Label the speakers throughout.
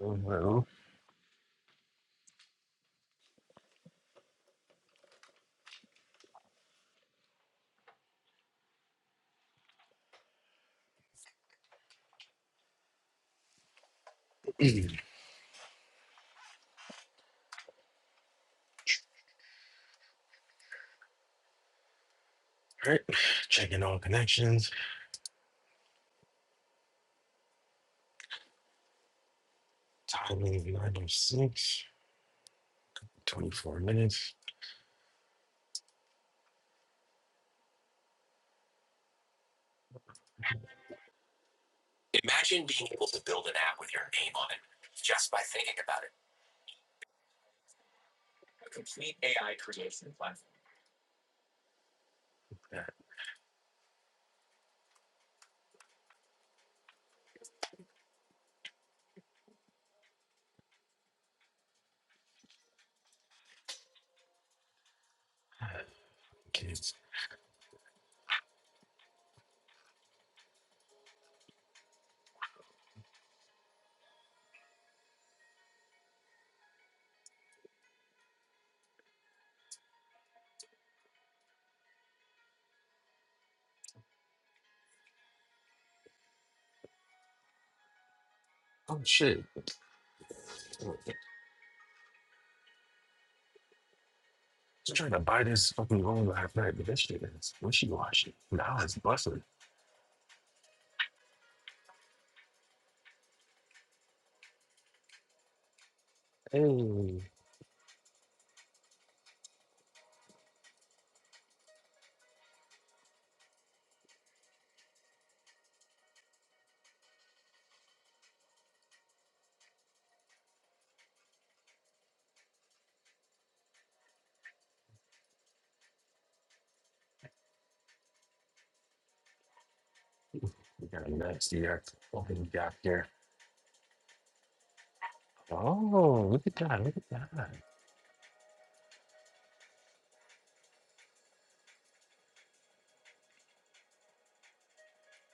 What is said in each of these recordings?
Speaker 1: Well, Alright, checking all connections. Time is 906, 24 minutes. Imagine being able to build an app with your name on it just by thinking about it. A complete AI creation platform. Yeah. Kids. Oh shit. I was trying to buy this fucking room last night, but this shit is wishy washy. Now it's busting. Hey, we got a nasty act open gap here. Oh, look at that. Look at that.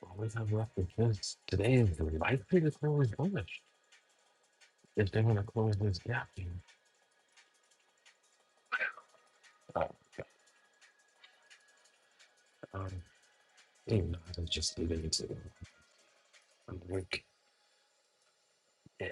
Speaker 1: All we have left is this. Today is the likely to close bullish. If they want to close this gap, you oh, God, um, you know, they just leave it to I'm like, yeah.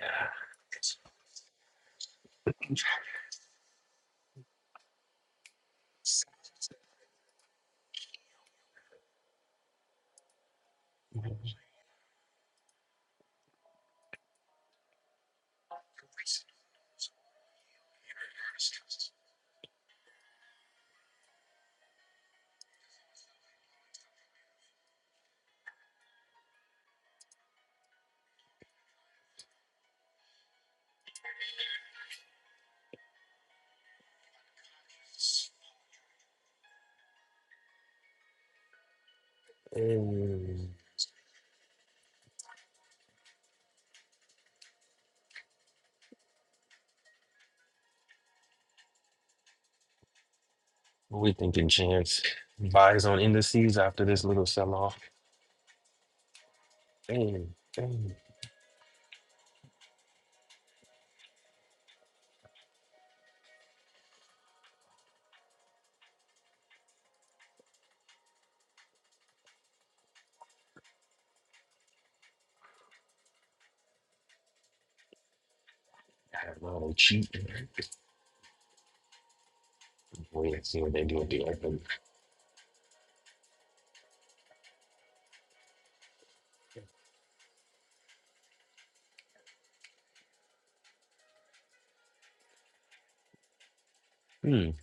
Speaker 1: Mm. What we thinking, Chance? Buys on indices after this little sell off. Dang, dang. I have not know, cheap. Wait and see what they do at the open. Hmm. I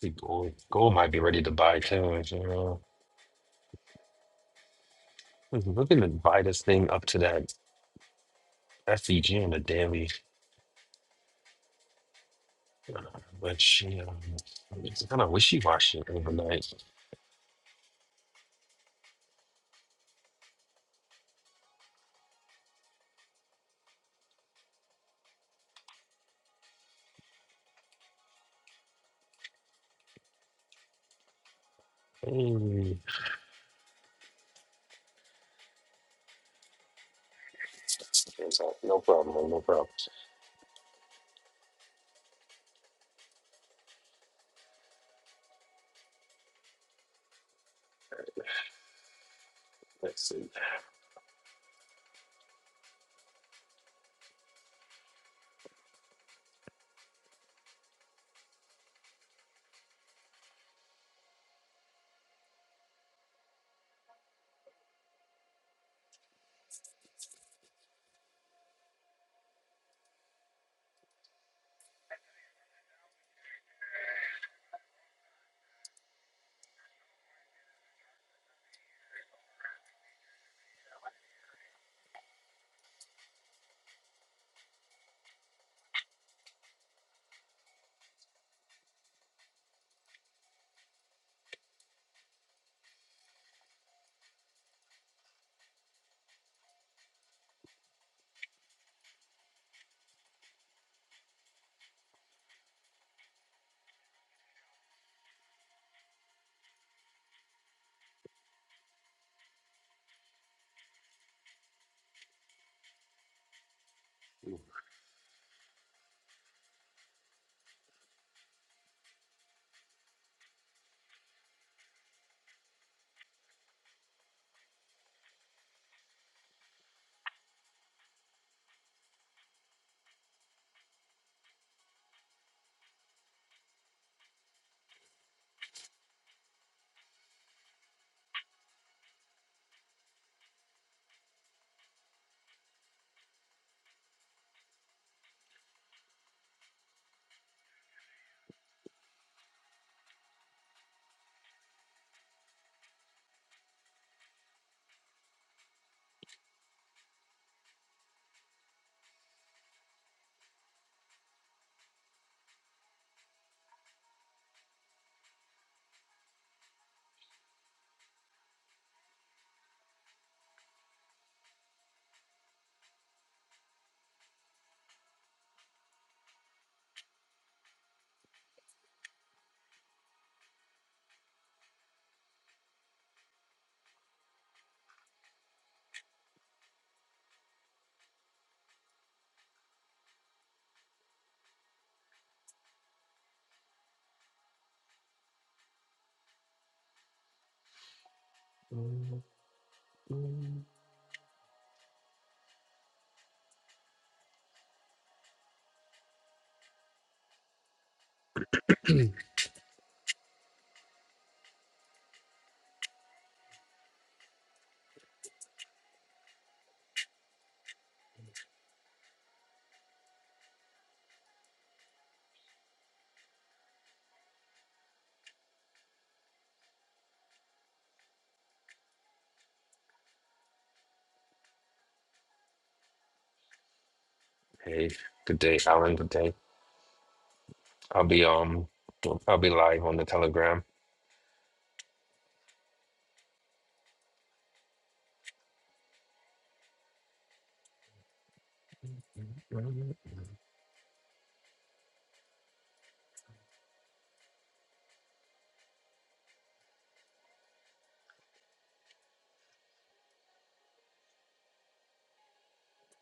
Speaker 1: think Gold, gold might be ready to buy too. You know. was looking to buy this thing up to that SEG on the daily, uh, but she um, it's kind of wishy washy overnight. Mm. No problem, no problem. Let's see. Mm, mm. Hey, good day, Alan. Good day. I'll be um, I'll be live on the Telegram. Mm,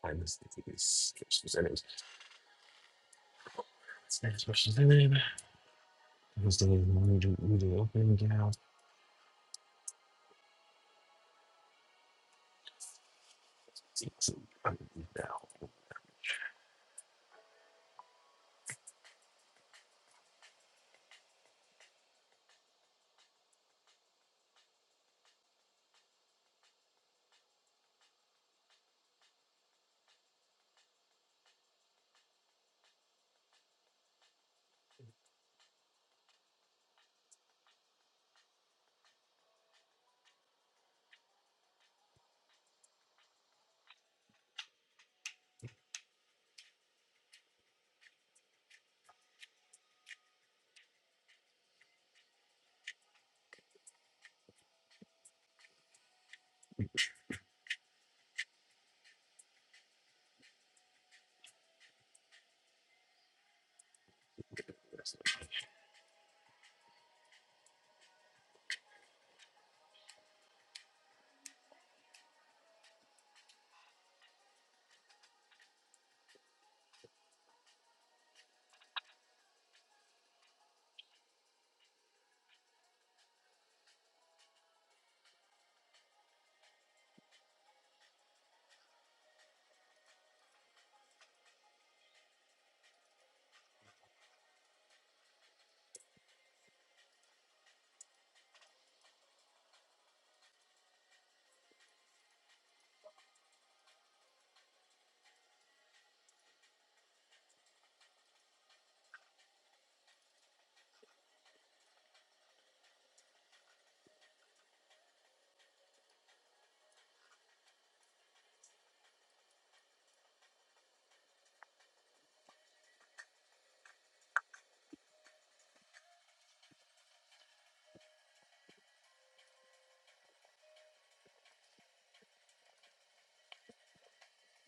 Speaker 1: I just think it's- it's just in it. It's what she's in. Thursday, Monday, Tuesday, open, get out. Six, um, now.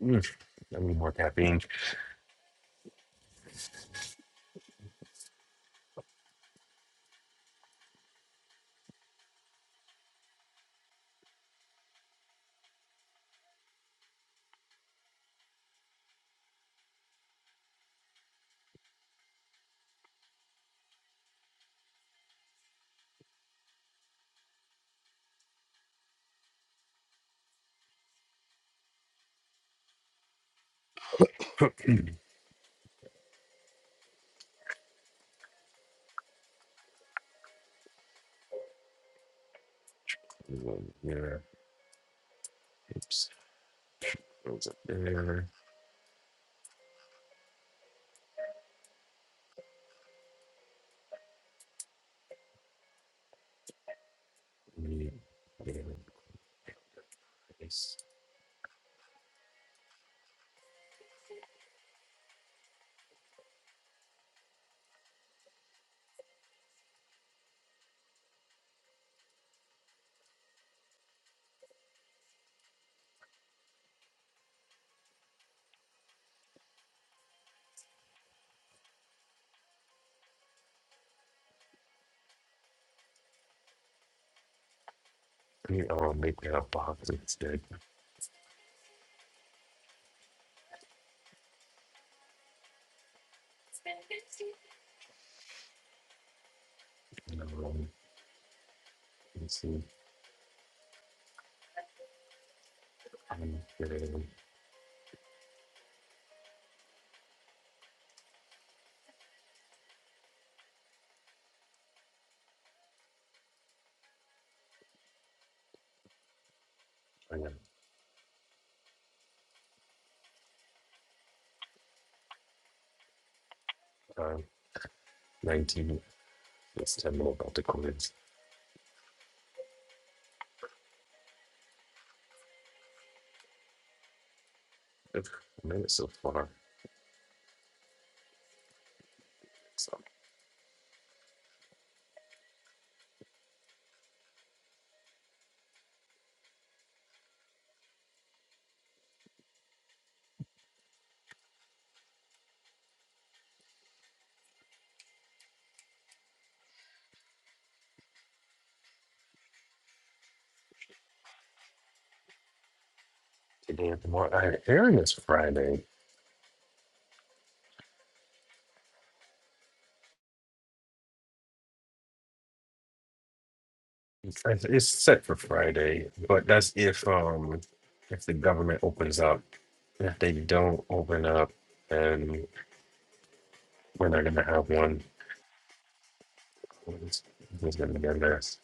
Speaker 1: Mm, I need more caffeine. One there. Oops. Goes up there. Me, there. Yes. Me, oh, make that a box instead. No, um, let's see. Um, um, I got, uh, 19. It's 10 more about the quiz. Ugh, a minute so far. So today and tomorrow. I'm airing this Friday. It's, it's it's set for Friday, but that's if um if the government opens up. If they don't open up, then we're not gonna have one He's going to get us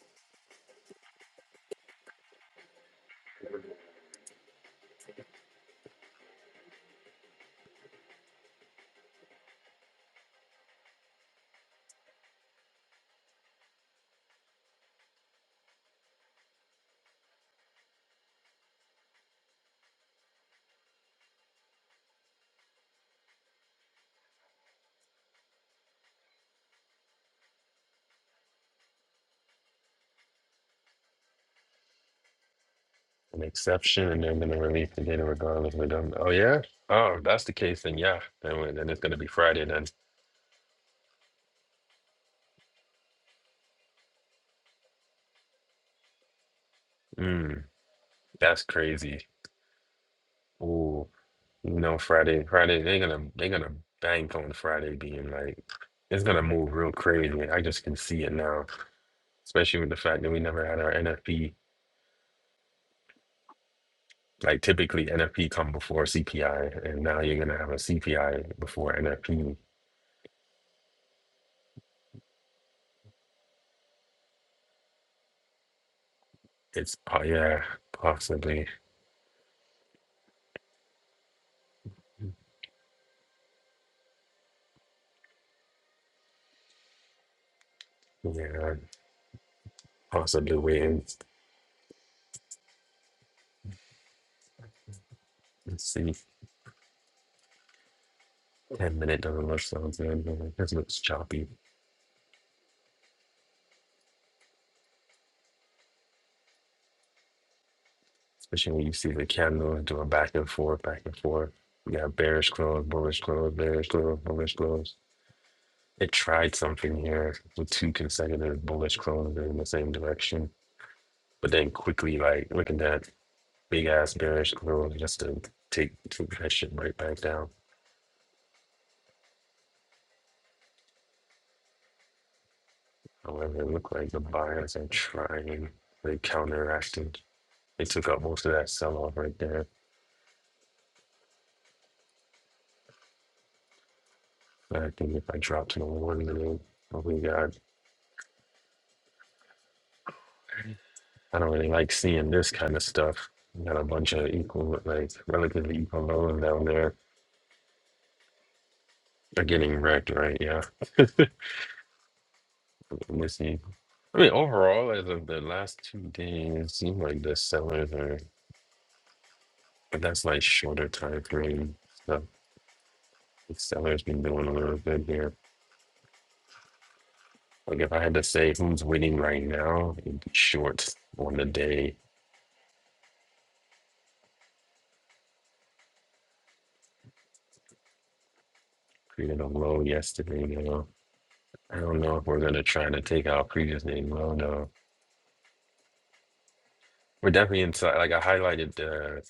Speaker 1: an exception, and then going to release the data regardless. We don't. Oh yeah. Oh, if that's the case. Then yeah. Then we- then it's going to be Friday. Then. Mm, that's crazy. Ooh. You know, Friday. Friday. They're gonna. They're gonna bank on Friday being like it's gonna move real crazy. I just can see it now, especially with the fact that we never had our NFP. Like typically NFP come before CPI, and now you're gonna have a CPI before NFP. It's oh yeah, possibly. Yeah, possibly waiting. Let's see, 10 minute doesn't look so good. man. This looks choppy, especially when you see the candles doing back and forth, back and forth. You got bearish close, bullish close, bearish close, bullish close. It tried something here with two consecutive bullish closes in the same direction, but then quickly, like, looking at that big ass bearish close just to take, take that shit right back down. However, it looked like the buyers are trying, they counteracted. They took up most of that sell off right there I think if I drop to the one minute, oh my I don't really like seeing this kind of stuff. You got a bunch of equal, like relatively equal lows down there. They're getting wrecked, right? Yeah. Let me see. I mean, overall, as of the last two days, it seems like the sellers are, but that's like shorter time frame stuff. The sellers been doing a little bit here. Like if I had to say who's winning right now, it'd be short on the day. Created a low yesterday, you know. I don't know if we're gonna try to take our previous name. I don't know. We're definitely inside. Like I highlighted the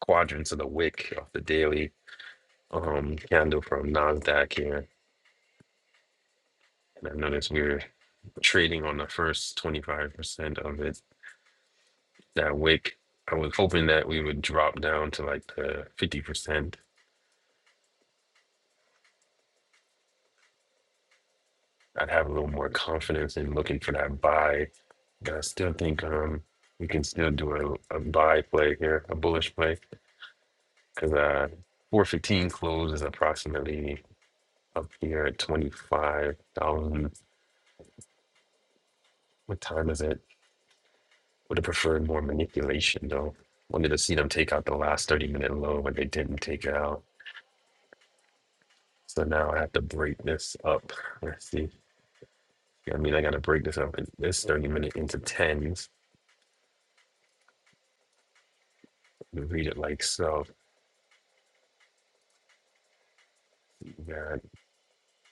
Speaker 1: quadrants of the wick of the daily um candle from Nasdaq here, and I noticed we are trading on the first twenty five percent of it. That wick. I was hoping that we would drop down to like the fifty percent. I'd have a little more confidence in looking for that buy. But I still think um we can still do a, a buy play here, a bullish play. because uh, 415 closes approximately up here at 25,000. What time is it? Would have preferred more manipulation though. Wanted to see them take out the last 30 minute low, but they didn't take it out. So now I have to break this up. Let's see. Yeah, I mean, I got to break this up in this 30 minute into tens. Read it like so. Got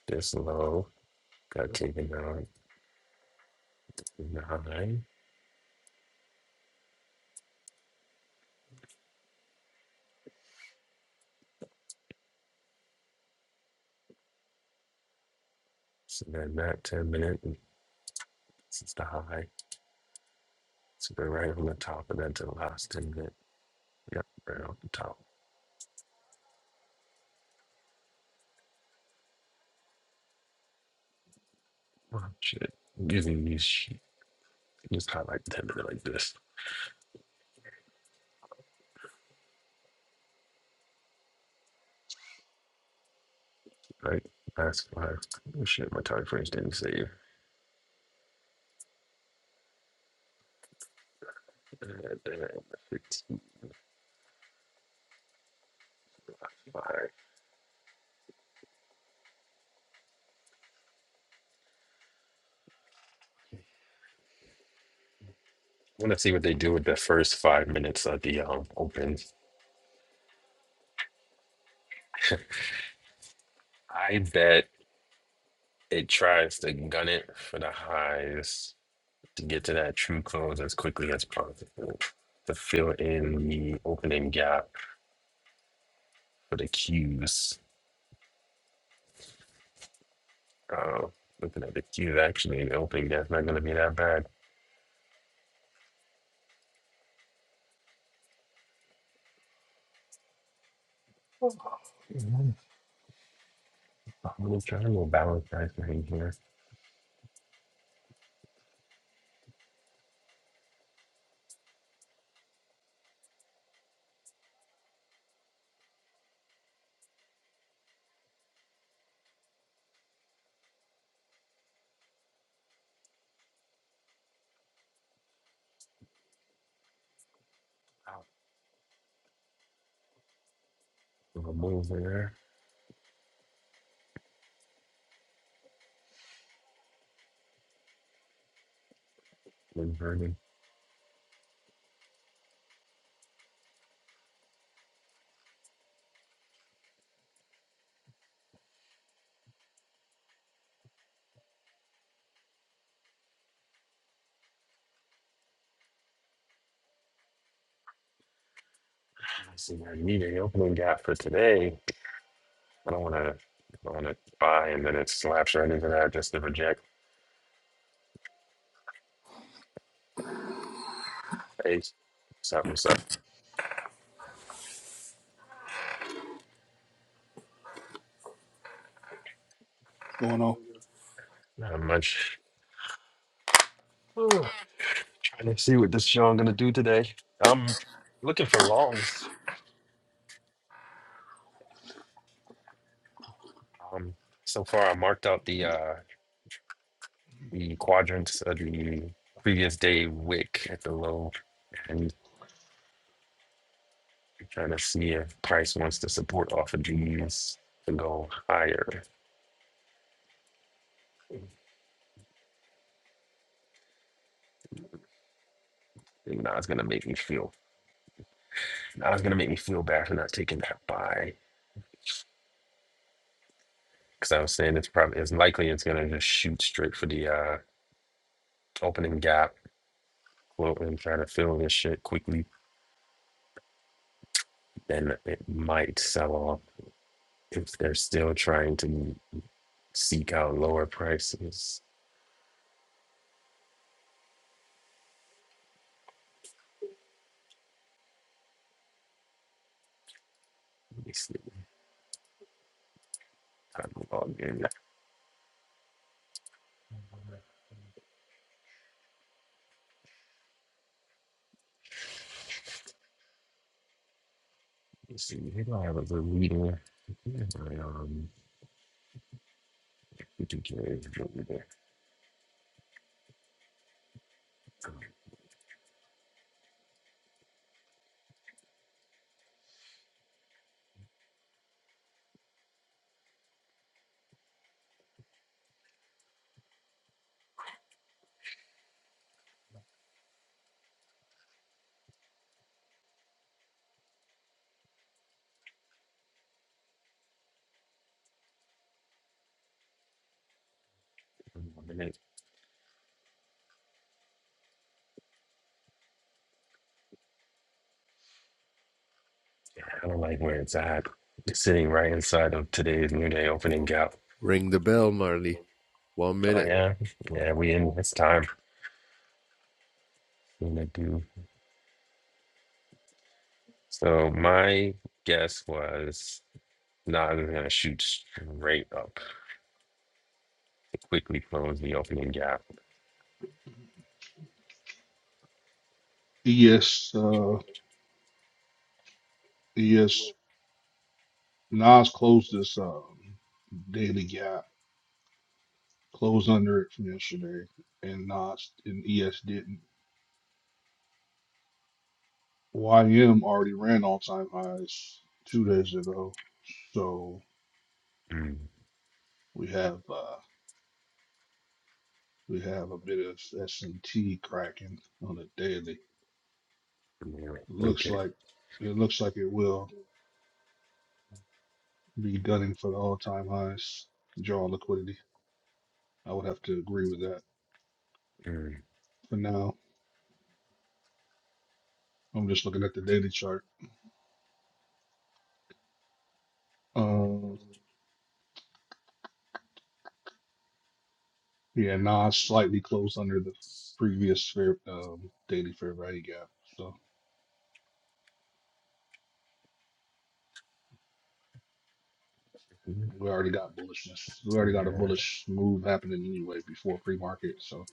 Speaker 1: this low, got taken out nine. So then that 10 minute, this is the high. So they're right on the top and then to the last ten minutes, yep, right on the top. Wow, shit. Using these sh- just highlight ten minutes like this. Right? last five. Oh shit, my time frames didn't save. Uh, they five. I wanna see what they do with the first five minutes of the um open. I bet it tries to gun it for the highs to get to that true close as quickly as possible. To fill in the opening gap for the cues Oh, looking at the queue, actually, the opening that's not going to be that bad. Mhm. I'm going to try a little balance right thing here. I'll move there. Inverted. I see I need an opening gap for today. I don't want to. I don't want to buy and then it slaps right into that just to reject. Hey, what's up? What's up?
Speaker 2: going on?
Speaker 1: Not much. Ugh, trying to see what this show I'm gonna do today. I'm looking for longs. Um, so far I marked out the uh the quadrants of the previous day wick at the low and trying to see if price wants to support off of these to go higher. And now it's gonna make me feel now it's gonna make me feel bad for not taking that buy. Cause I was saying it's probably it's likely it's gonna just shoot straight for the uh opening gap float and try to fill this shit quickly. Then it might sell off if they're still trying to seek out lower prices. Let me see. Time to log in. Let's see, here I have a reader. I, Um, we do get a reader. One minute. I don't like where it's at. It's sitting right inside of today's new day opening gap.
Speaker 3: Ring the bell, Marley. One
Speaker 1: Oh
Speaker 3: minute.
Speaker 1: yeah, yeah, we in this time. We're going do. So my guess was not even gonna shoot straight up. It quickly closed the opening gap.
Speaker 2: Yes, uh, yes. Nas closed this um, daily gap, closed under it from yesterday, and Nas and ES didn't. YM already ran all time highs two days ago, so
Speaker 1: Mm,
Speaker 2: we have uh, we have a bit of S and T cracking on the daily.
Speaker 1: yeah,
Speaker 2: Looks
Speaker 1: Okay.
Speaker 2: like it looks like it will be gunning for the all time highs, draw liquidity. I would have to agree with that.
Speaker 1: Mm,
Speaker 2: For now, I'm just looking at the daily chart. Uh, yeah, Nas slightly closed under the previous fair, um, daily fair value gap. So we already got bullishness. We already got a
Speaker 1: Yeah.
Speaker 2: bullish move happening anyway before pre-market. So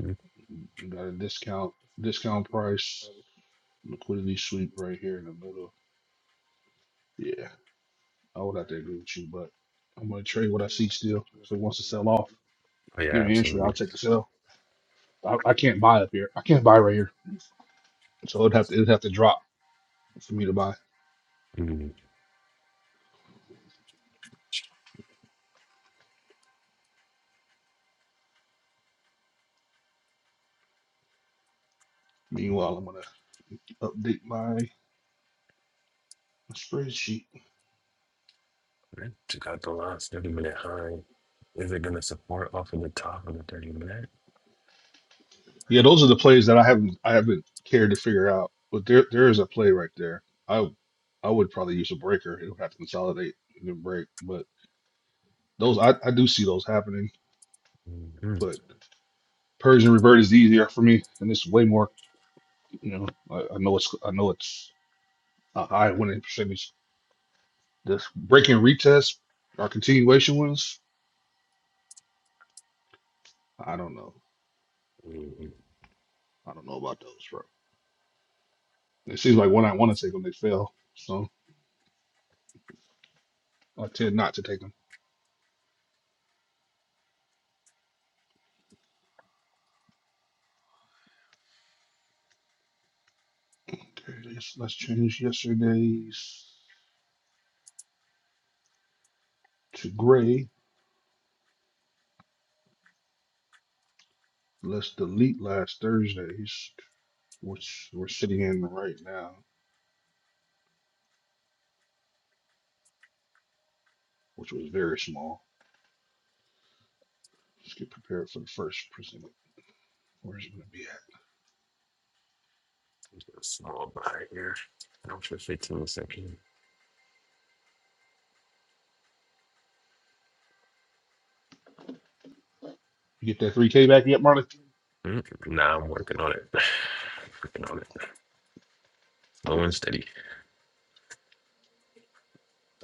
Speaker 1: Mm,
Speaker 2: you got a discount, discount price, liquidity sweep right here in the middle. Yeah, I would have to agree with you, but I'm gonna trade what I see still. If it wants to sell off,
Speaker 1: Oh yeah,
Speaker 2: give me an entry.
Speaker 1: absolutely.
Speaker 2: I'll take a sell. I, I can't buy up here. I can't buy right here. So it'd have to it'd have to drop for me to buy.
Speaker 1: Mm.
Speaker 2: Meanwhile, I'm gonna update my A spreadsheet.
Speaker 1: You got the last 30 minute high. Is it going to support off of the top of the 30 minute?
Speaker 2: Yeah, those are the plays that I haven't I haven't cared to figure out. But there there is a play right there. I I would probably use a breaker. It would have to consolidate and then break. But those I, I do see those happening.
Speaker 1: Mm-hmm.
Speaker 2: But Persian revert is easier for me, and it's way more. You know, I, I know it's I know it's a high winning percentage. This breaking retest or continuation wins. I don't know.
Speaker 1: Mm-hmm.
Speaker 2: I don't know about those, bro. It seems like when I want to take them, they fail. So I tend not to take them. Okay, let's let's change yesterday's to gray. Let's delete last Thursday's, which we're sitting in right now, which was very small. Let's get prepared for the first presentment. Where's it gonna be at?
Speaker 1: A Small buy here. Out for 15 seconds.
Speaker 2: You get that three K back yet, Marley?
Speaker 1: Mm, Nah, I'm working on it. working on it. Slow and steady.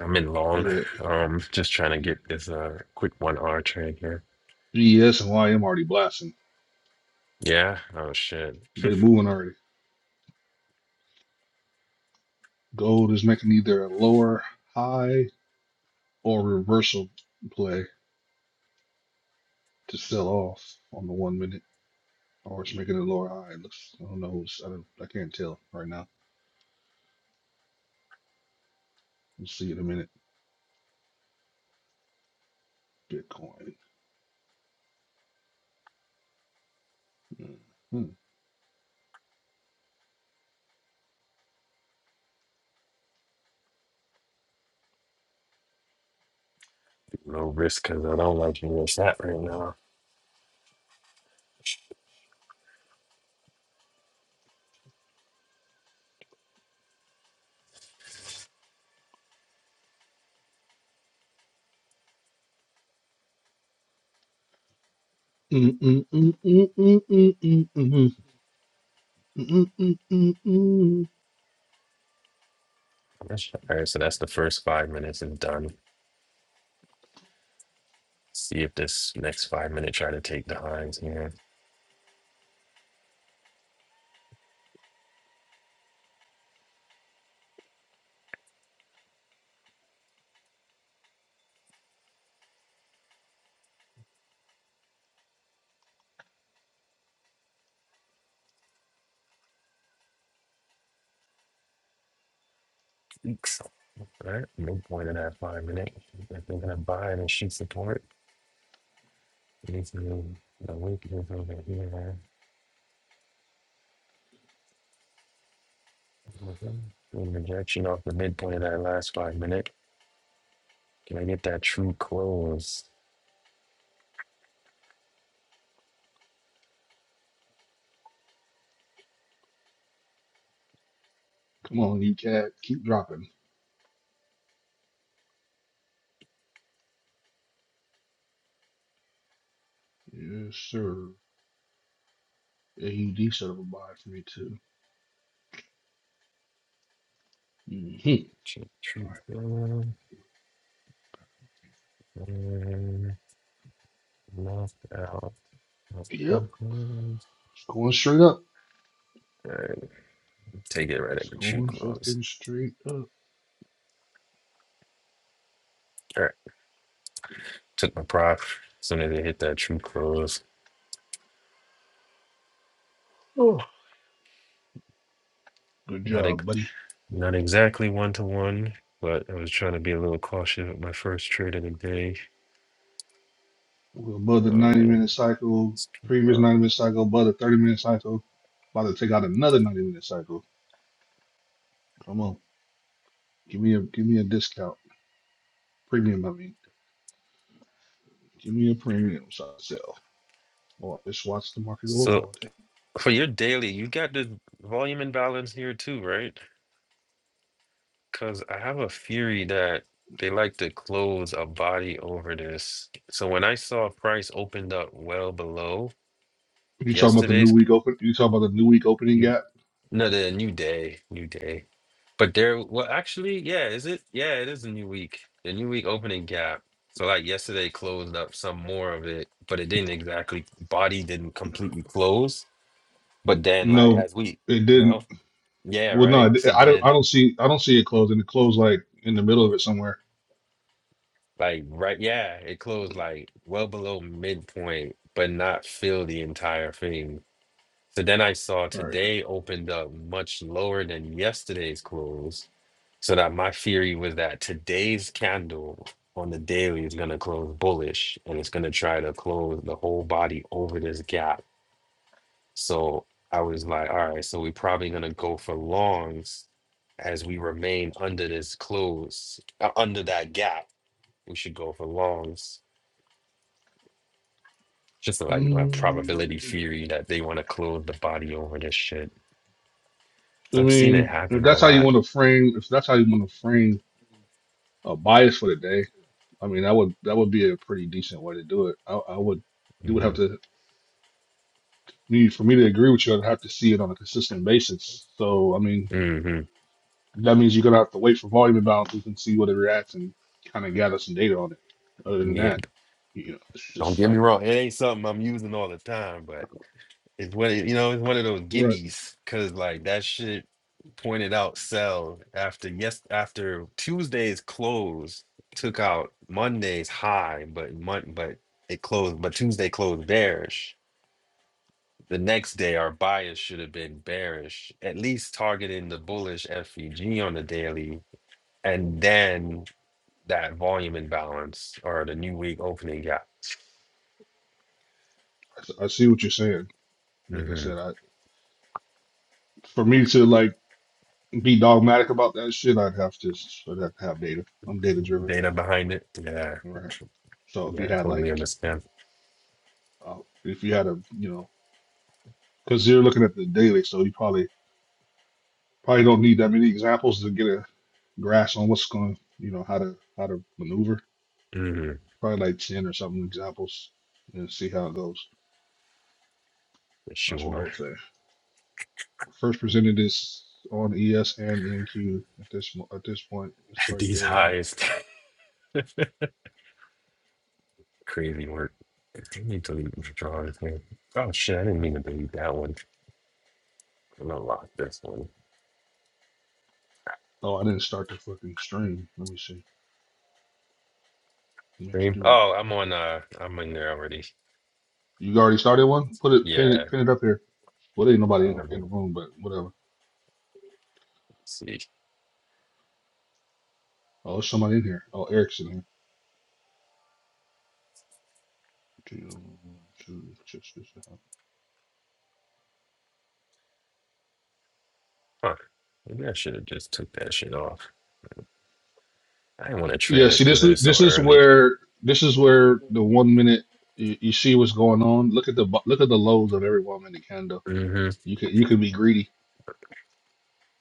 Speaker 1: I'm in long.
Speaker 2: Yeah,
Speaker 1: Um, just trying to
Speaker 2: the
Speaker 1: get this uh quick one R trade here.
Speaker 2: BS and YM already blasting.
Speaker 1: Yeah. Oh shit.
Speaker 2: They moving already. Gold is making either a lower high or reversal play to sell off on the one minute, or it's making a lower high. It looks, I don't know. It's, I don't, I can't tell right now. We'll see in a minute. Bitcoin. Mhm. Mm,
Speaker 1: No risk because I don't like where it's at right now.
Speaker 2: mm, mm, mm, mm, mm, mm, mhm. Mm, mm, mm, mm, mm.
Speaker 1: All right, so that's the first five minutes is done. See if this next five minute try to take the highs here. Weeks. All right, midpoint of that five minute. If they're gonna buy the sheet support, it needs to be a week or here. Doing rejection off the midpoint of that last five minute. Can I get that true close?
Speaker 2: Come on, you cat. Keep dropping. Yes, sir. AUD set up a buy for me, too. Mhm.
Speaker 1: True,
Speaker 2: All right.
Speaker 1: close. And knocked out. True
Speaker 2: Yep.
Speaker 1: close.
Speaker 2: It's going straight up.
Speaker 1: All right, take it right at
Speaker 2: It's
Speaker 1: the true
Speaker 2: going
Speaker 1: close.
Speaker 2: fucking straight up.
Speaker 1: All right. Took my prop as soon as it hit that true close. Oh.
Speaker 2: Good
Speaker 1: Not ex-
Speaker 2: job, buddy.
Speaker 1: not exactly one to one, but I was trying to be a little cautious with my first trade of the day.
Speaker 2: We're above the 90
Speaker 1: Uh,
Speaker 2: minute cycle.
Speaker 1: s-
Speaker 2: Previous
Speaker 1: uh,
Speaker 2: 90 minute cycle, above the 30 minute cycle. About to take out another 90 minute cycle. Come on. Give me a give me a discount. Premium, I mean. Give me a premium so I sell. Or just watch the market go up
Speaker 1: so
Speaker 2: all day.
Speaker 1: for your daily, you got the volume imbalance here too, right? Because I have a theory that they like to close a body over this. So when I saw price opened up well below
Speaker 2: You talking about the new
Speaker 1: yesterday's,
Speaker 2: week open? You talking about the new week opening
Speaker 1: you
Speaker 2: gap?
Speaker 1: No, the new day, new day. But there, well, actually, yeah, is it? Yeah, it is a new week. The new week opening gap. So like yesterday closed up some more of it, but it didn't exactly. Body didn't completely close, but then like
Speaker 2: No,
Speaker 1: as we,
Speaker 2: it
Speaker 1: no,
Speaker 2: didn't.
Speaker 1: yeah,
Speaker 2: Well, no,
Speaker 1: right.
Speaker 2: it-
Speaker 1: So
Speaker 2: I don't. I
Speaker 1: then
Speaker 2: don't see. I don't see it closing. It closed like in the middle of it somewhere.
Speaker 1: like right, yeah, it closed like well below midpoint, but not fill the entire thing. So then I saw
Speaker 2: All right.
Speaker 1: today opened up much lower than yesterday's close So that my theory was that today's candle on the daily is going to close bullish and it's going to try to close the whole body over this gap. So I was like, all right, so we're probably going to go for longs as we remain under this close, uh, under that gap. We should go for longs. Just like my probability
Speaker 2: Mm,
Speaker 1: theory that they want to close the body over this shit.
Speaker 2: I
Speaker 1: I've seen it
Speaker 2: mean, if
Speaker 1: happen a
Speaker 2: that's how you
Speaker 1: lot.
Speaker 2: want to frame, if that's how you want to frame a bias for the day, I mean, that would that would be a pretty decent way to do it. I, I would. You would have
Speaker 1: hmm
Speaker 2: to. Me for me to agree with you, I'd have to see it on a consistent basis. So, I mean,
Speaker 1: hmm
Speaker 2: That means you're gonna have to wait for volume imbalances and see what it reacts and kind of gather some data on it. Other than
Speaker 1: Yeah.
Speaker 2: that, you know, it's
Speaker 1: Don't
Speaker 2: just
Speaker 1: get me
Speaker 2: like
Speaker 1: wrong. It ain't something I'm using all the time, but It's one, of- you know, it's one of those
Speaker 2: right.
Speaker 1: gimmies because like that shit pointed out sell after yes after Tuesday's close took out Monday's high, but Mon but it closed, but Tuesday closed bearish. The next day, our bias should have been bearish, at least targeting the bullish FEG on the daily, and then that volume imbalance or the new week opening gap.
Speaker 2: I, s- I see what you're saying. Like I
Speaker 1: hmm
Speaker 2: said, I for me to like be dogmatic about that shit, I'd have to s- I'd have to have data. I'm data driven,
Speaker 1: Data behind it, yeah,
Speaker 2: right? So if you
Speaker 1: yeah,
Speaker 2: had like,
Speaker 1: totally understand.
Speaker 2: uh, if you had a, you know, because you're looking at the daily, so you probably probably don't need that many examples to get a grasp on what's going, you know, how to how to maneuver.
Speaker 1: Mm-hmm.
Speaker 2: Probably like ten or something examples, and see how it goes.
Speaker 1: For
Speaker 2: That's what I
Speaker 1: sure.
Speaker 2: would say. First presented is on ES and NQ at this mo- at this point. It's
Speaker 1: At
Speaker 2: right
Speaker 1: these
Speaker 2: there.
Speaker 1: highs, crazy work. I need to leave the drawers, man. Oh shit, I didn't mean to delete that one. I'm gonna lock this one.
Speaker 2: Oh, I didn't start the fucking stream. Let me see. I meant to
Speaker 1: Stream.
Speaker 2: do it.
Speaker 1: Oh, I'm on uh I'm in there already.
Speaker 2: You already started one? Put it, pin it,
Speaker 1: Yeah.
Speaker 2: pin it up here. Well, there ain't nobody in
Speaker 1: Um,
Speaker 2: the, in the room, but whatever.
Speaker 1: let's see.
Speaker 2: Oh, there's somebody in here. Oh, Eric's in here. Two, two, just- just-
Speaker 1: Huh. Maybe I should have just took that shit off. I didn't want to
Speaker 2: Yeah,
Speaker 1: trail it
Speaker 2: see, this
Speaker 1: because it
Speaker 2: is
Speaker 1: was so
Speaker 2: this is
Speaker 1: early.
Speaker 2: where this is where the one minute you, you see what's going on. Look at the bu- look at the lows of every one minute candle.
Speaker 1: Mm-hmm.
Speaker 2: You can you can be greedy.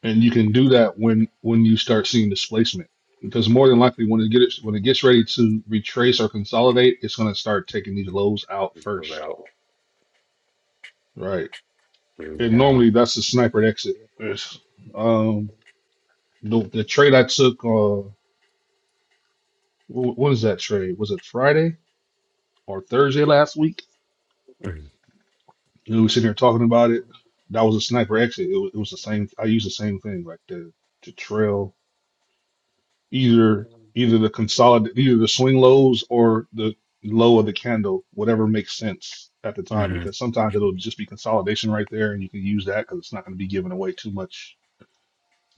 Speaker 2: and you can do that when when you start seeing displacement because more than likely when it gets when it gets ready to retrace or consolidate it's going to start taking these lows out first
Speaker 1: Without
Speaker 2: right and
Speaker 1: yeah.
Speaker 2: normally that's the sniper exit Yes. um the, the trade i took uh wh- what is that trade was it friday or thursday last week you know, we were sitting here talking about it that was a sniper exit it was, it was the same i used the same thing like the to trail either either the consolidate either the swing lows or the low of the candle whatever makes sense at the time
Speaker 1: Mm-hmm.
Speaker 2: because sometimes it'll just be consolidation right there and you can use that because it's not going to be giving away too much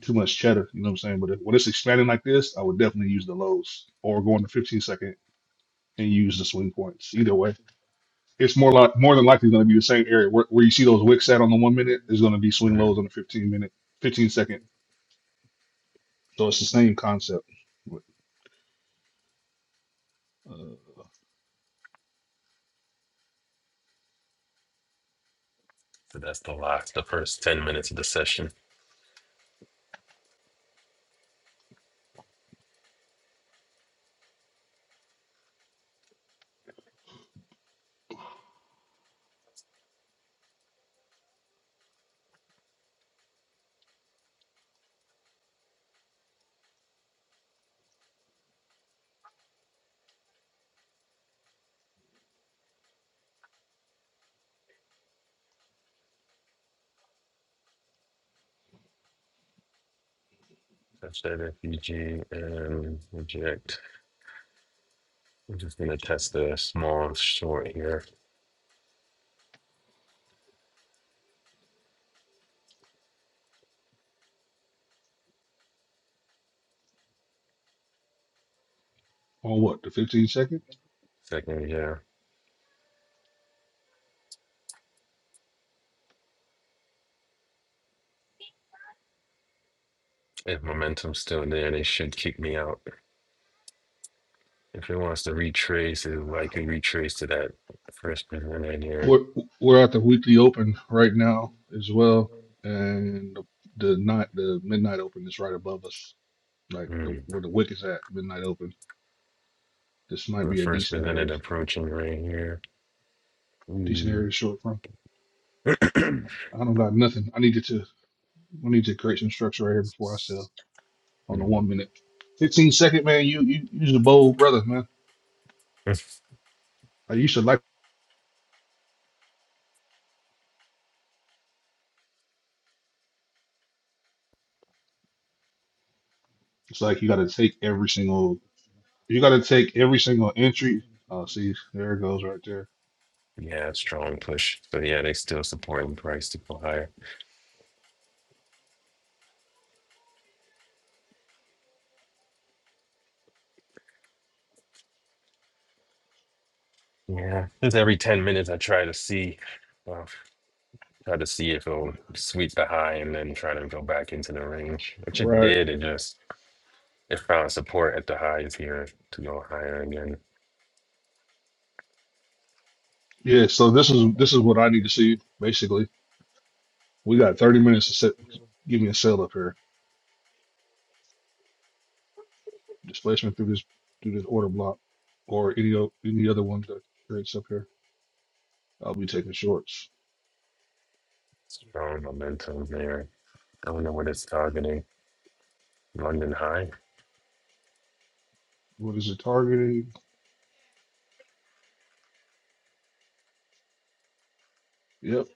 Speaker 2: too much cheddar you know what i'm saying but if, when it's expanding like this i would definitely use the lows or go on the 15 second and use the swing points either way it's more like more than likely going to be the same area where, where you see those wicks at on the one minute is going to be swing
Speaker 1: hmm
Speaker 2: lows on the 15 minute 15 second so it's the same concept What, uh,
Speaker 1: So that's the last the first ten minutes of the session. Touch that FUG and reject. I'm just gonna test the small short here.
Speaker 2: on what the 15 second
Speaker 1: Second here. If momentum's still there, they should kick me out. If it wants to retrace, it likely retrace to that first presented here.
Speaker 2: We're we're at the weekly open right now as well, and the, the night the midnight open is right above us, like the,
Speaker 1: Mm.
Speaker 2: where the wick is at. Midnight open. This might
Speaker 1: The
Speaker 2: be a
Speaker 1: first
Speaker 2: decent area,
Speaker 1: presented approaching right here.
Speaker 2: decent
Speaker 1: Mm.
Speaker 2: area to short from. I don't got nothing. I needed to. I need to create some structure right here before I sell on the
Speaker 1: Mm.
Speaker 2: one minute, fifteen second man. You you you's a bold brother, man. I used to like. It's like you got to take every single. You got to take every single entry. Oh, see, there it goes right there.
Speaker 1: yeah, strong push. So yeah, they still supporting price to go higher. Yeah, just every ten minutes I try to see, well, try to see if it'll sweep the high and then try to go back into the range, which it
Speaker 2: Right.
Speaker 1: did. It just it found support at the highs here to go higher again.
Speaker 2: Yeah, so this is this is what I need to see. Basically, we got 30 minutes to set. Give me a sale up here. Displacement through this through this order block, or any o- any other one that creates up here. I'll be taking shorts.
Speaker 1: Strong momentum there. I don't know what it's targeting. London high.
Speaker 2: What is it targeting? Yep,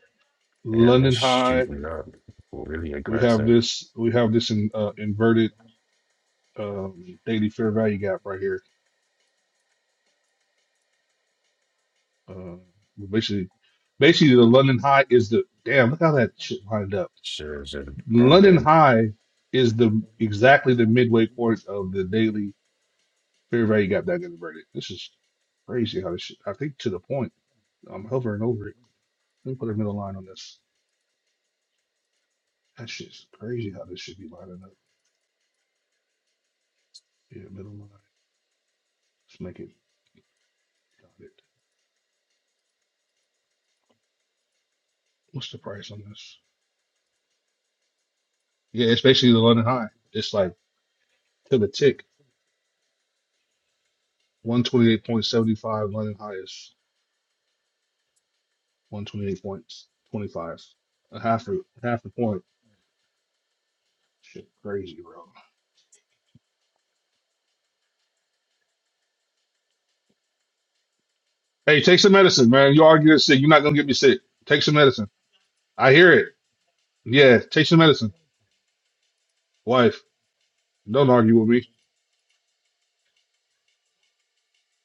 Speaker 1: Damn, it's
Speaker 2: London High.
Speaker 1: shooting up. Really
Speaker 2: We have
Speaker 1: aggressive.
Speaker 2: this. We have this in, uh, inverted um, daily fair value gap right here. Uh, basically, basically the London High is the damn. Look how that shit lined up.
Speaker 1: Sure, should jump
Speaker 2: London
Speaker 1: in.
Speaker 2: High is the exactly the midway point of the daily fair value gap that got inverted. This is crazy how this shit, I think to the point. I'm hovering over it. Let me put a middle line on this. That shit's crazy how this should be lining up. Yeah, middle line. Let's make it got What's the price on this? Yeah, it's basically the London High. It's like to the tick. 128.75 London High is 128.25. A half a half a point. Shit crazy, bro. Hey, take some medicine, man. You argue this sick. You're not gonna get me sick. Take some medicine. I hear it. Yeah, take some medicine. Wife, don't argue with me.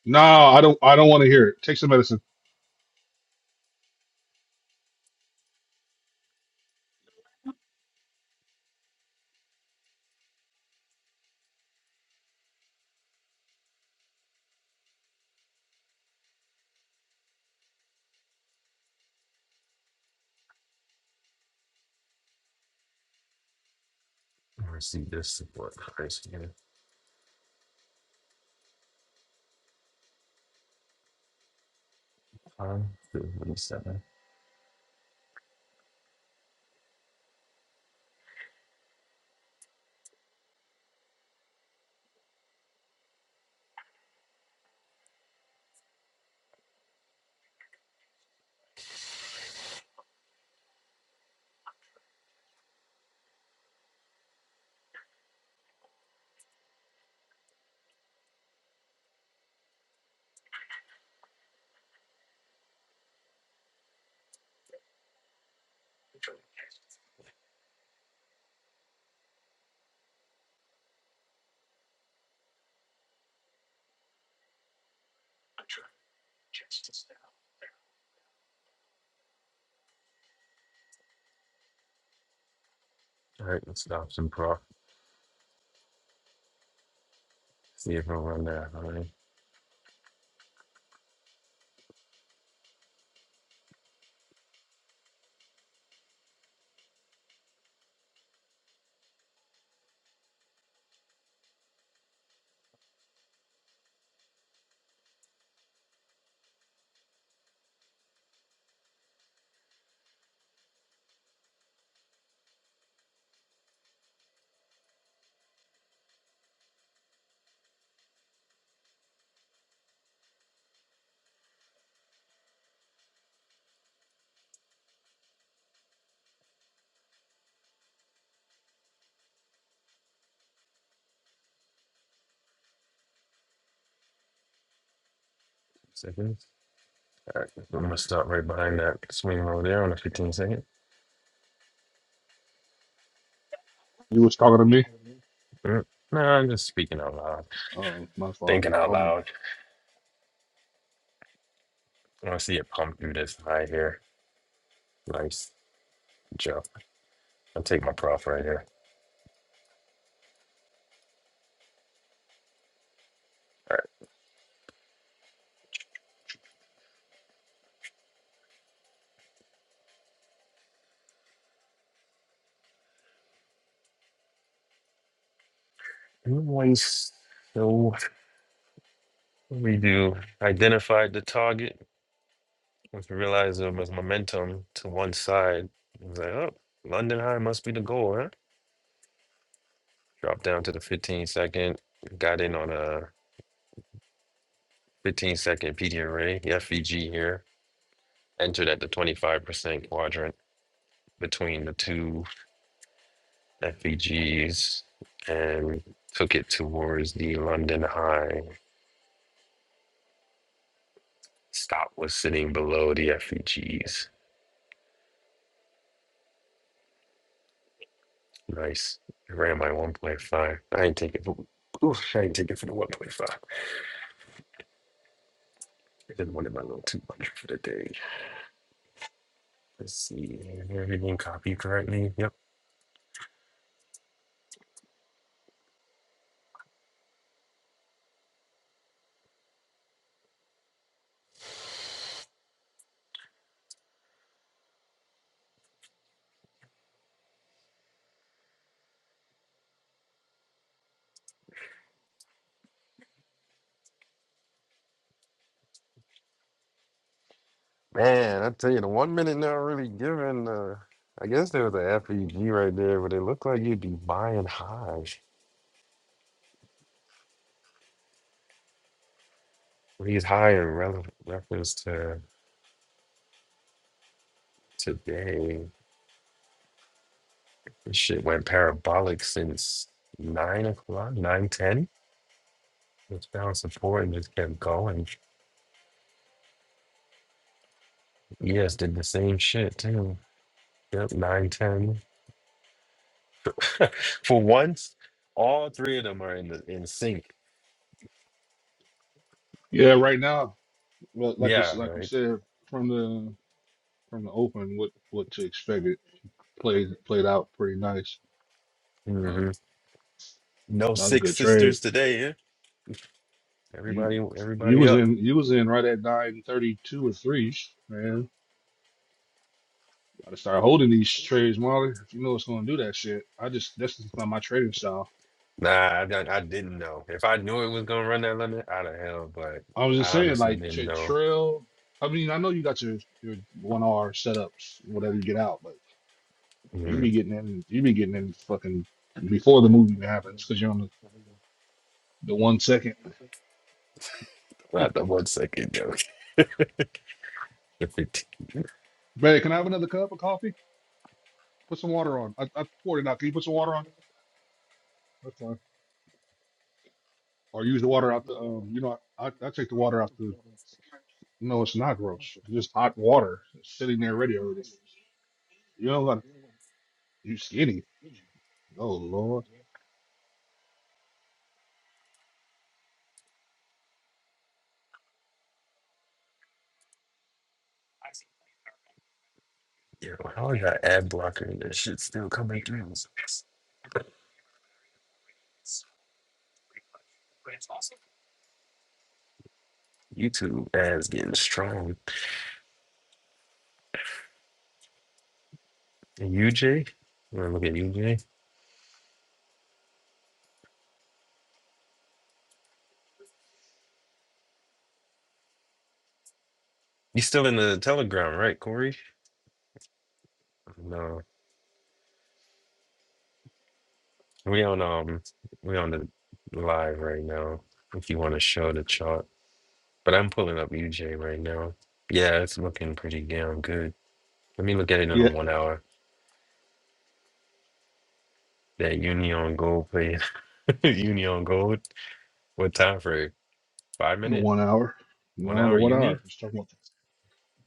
Speaker 2: No, I don't. I don't want to hear it. Take some medicine.
Speaker 1: I see this support price here. High, 247. All right, let's stop some prop. See if it'll run that high. Seconds. All right, I'm gonna stop right behind that swing over there on a 15 second.
Speaker 2: You was talking to me.
Speaker 1: Mm, No, I'm just speaking out loud,
Speaker 2: Oh, my fault.
Speaker 1: thinking out
Speaker 2: Um,
Speaker 1: loud. I want to see it pump through this high here. Nice jump. I'll take my prof right here. All right, nice. So we do identified the target. Once we realize there was momentum to one side, I was like, oh, London High must be the goal, huh? Drop down to the 15 second. Got in on a 15 second PD array, FVG here entered at the 25% quadrant between the two FVGs and took it towards the London high. Stop was sitting below the FVGs. Nice. I ran my 1.5. I ain't not take it. For, oof, I ain't not take it for the 1.5. I didn't want it my little 200 for the day. Let's see. Everything copied correctly. Yep. Man, I tell you, the one minute not really giving. Uh, I guess there was a FEG right there, but it looked like you'd be buying high. He's high in rele reference to today. This shit went parabolic since nine o'clock, nine ten. It's found support and just kept going. Yes, did the same shit too. Yep, nine ten. For once, all three of them are in the in sync.
Speaker 2: yeah, right now, well, like it's
Speaker 1: Yeah,
Speaker 2: like you
Speaker 1: right.
Speaker 2: said from the from the open, what what to expect? It played played out pretty nice. Uh,
Speaker 1: hmm No
Speaker 2: that was a
Speaker 1: six
Speaker 2: good trade.
Speaker 1: sisters today. Eh? Everybody,
Speaker 2: You you
Speaker 1: everybody
Speaker 2: was
Speaker 1: up.
Speaker 2: in you was in right at nine thirty two or three, man. Gotta start holding these trades, Marley. If you know it's gonna do that shit, I just that's just not my trading style.
Speaker 1: Nah, I, don't- I didn't know. If I knew it was gonna run that limit, I'd have held. But
Speaker 2: I was
Speaker 1: I
Speaker 2: just saying,
Speaker 1: honestly
Speaker 2: like
Speaker 1: didn't
Speaker 2: tra-
Speaker 1: know.
Speaker 2: trail. I mean, I know you got your your one R setups, whatever you get out, but you
Speaker 1: Mm-hmm.
Speaker 2: be getting in, you be getting in fucking before the movie even happens because you're on the, the one second.
Speaker 1: Not the one second joke. The 15
Speaker 2: Babe, can I have another cup of coffee? Put some water on. I, I poured it out. Can you put some water on? That's fine. Or use the water out the um. You know, I I take the water out the no, it's not gross. It's just hot water sitting there ready already. You know, You skinny. Oh Lord.
Speaker 1: year old. How is that ad blocker and that shit still coming through? YouTube ads getting strong. And UJ? You wanna look at UJ? You still in the telegram, right, Corey? No. We on um we on the live right now. If you want to show the chart. But I'm pulling up UJ right now. Yeah, it's looking pretty damn good. Let me look at it in a
Speaker 2: Yeah.
Speaker 1: one hour. That Union Gold play Union Gold. What time for it? Five
Speaker 2: In
Speaker 1: minute?
Speaker 2: one hour.
Speaker 1: One
Speaker 2: No, the
Speaker 1: hour
Speaker 2: one
Speaker 1: uni?
Speaker 2: hour. Just talking about.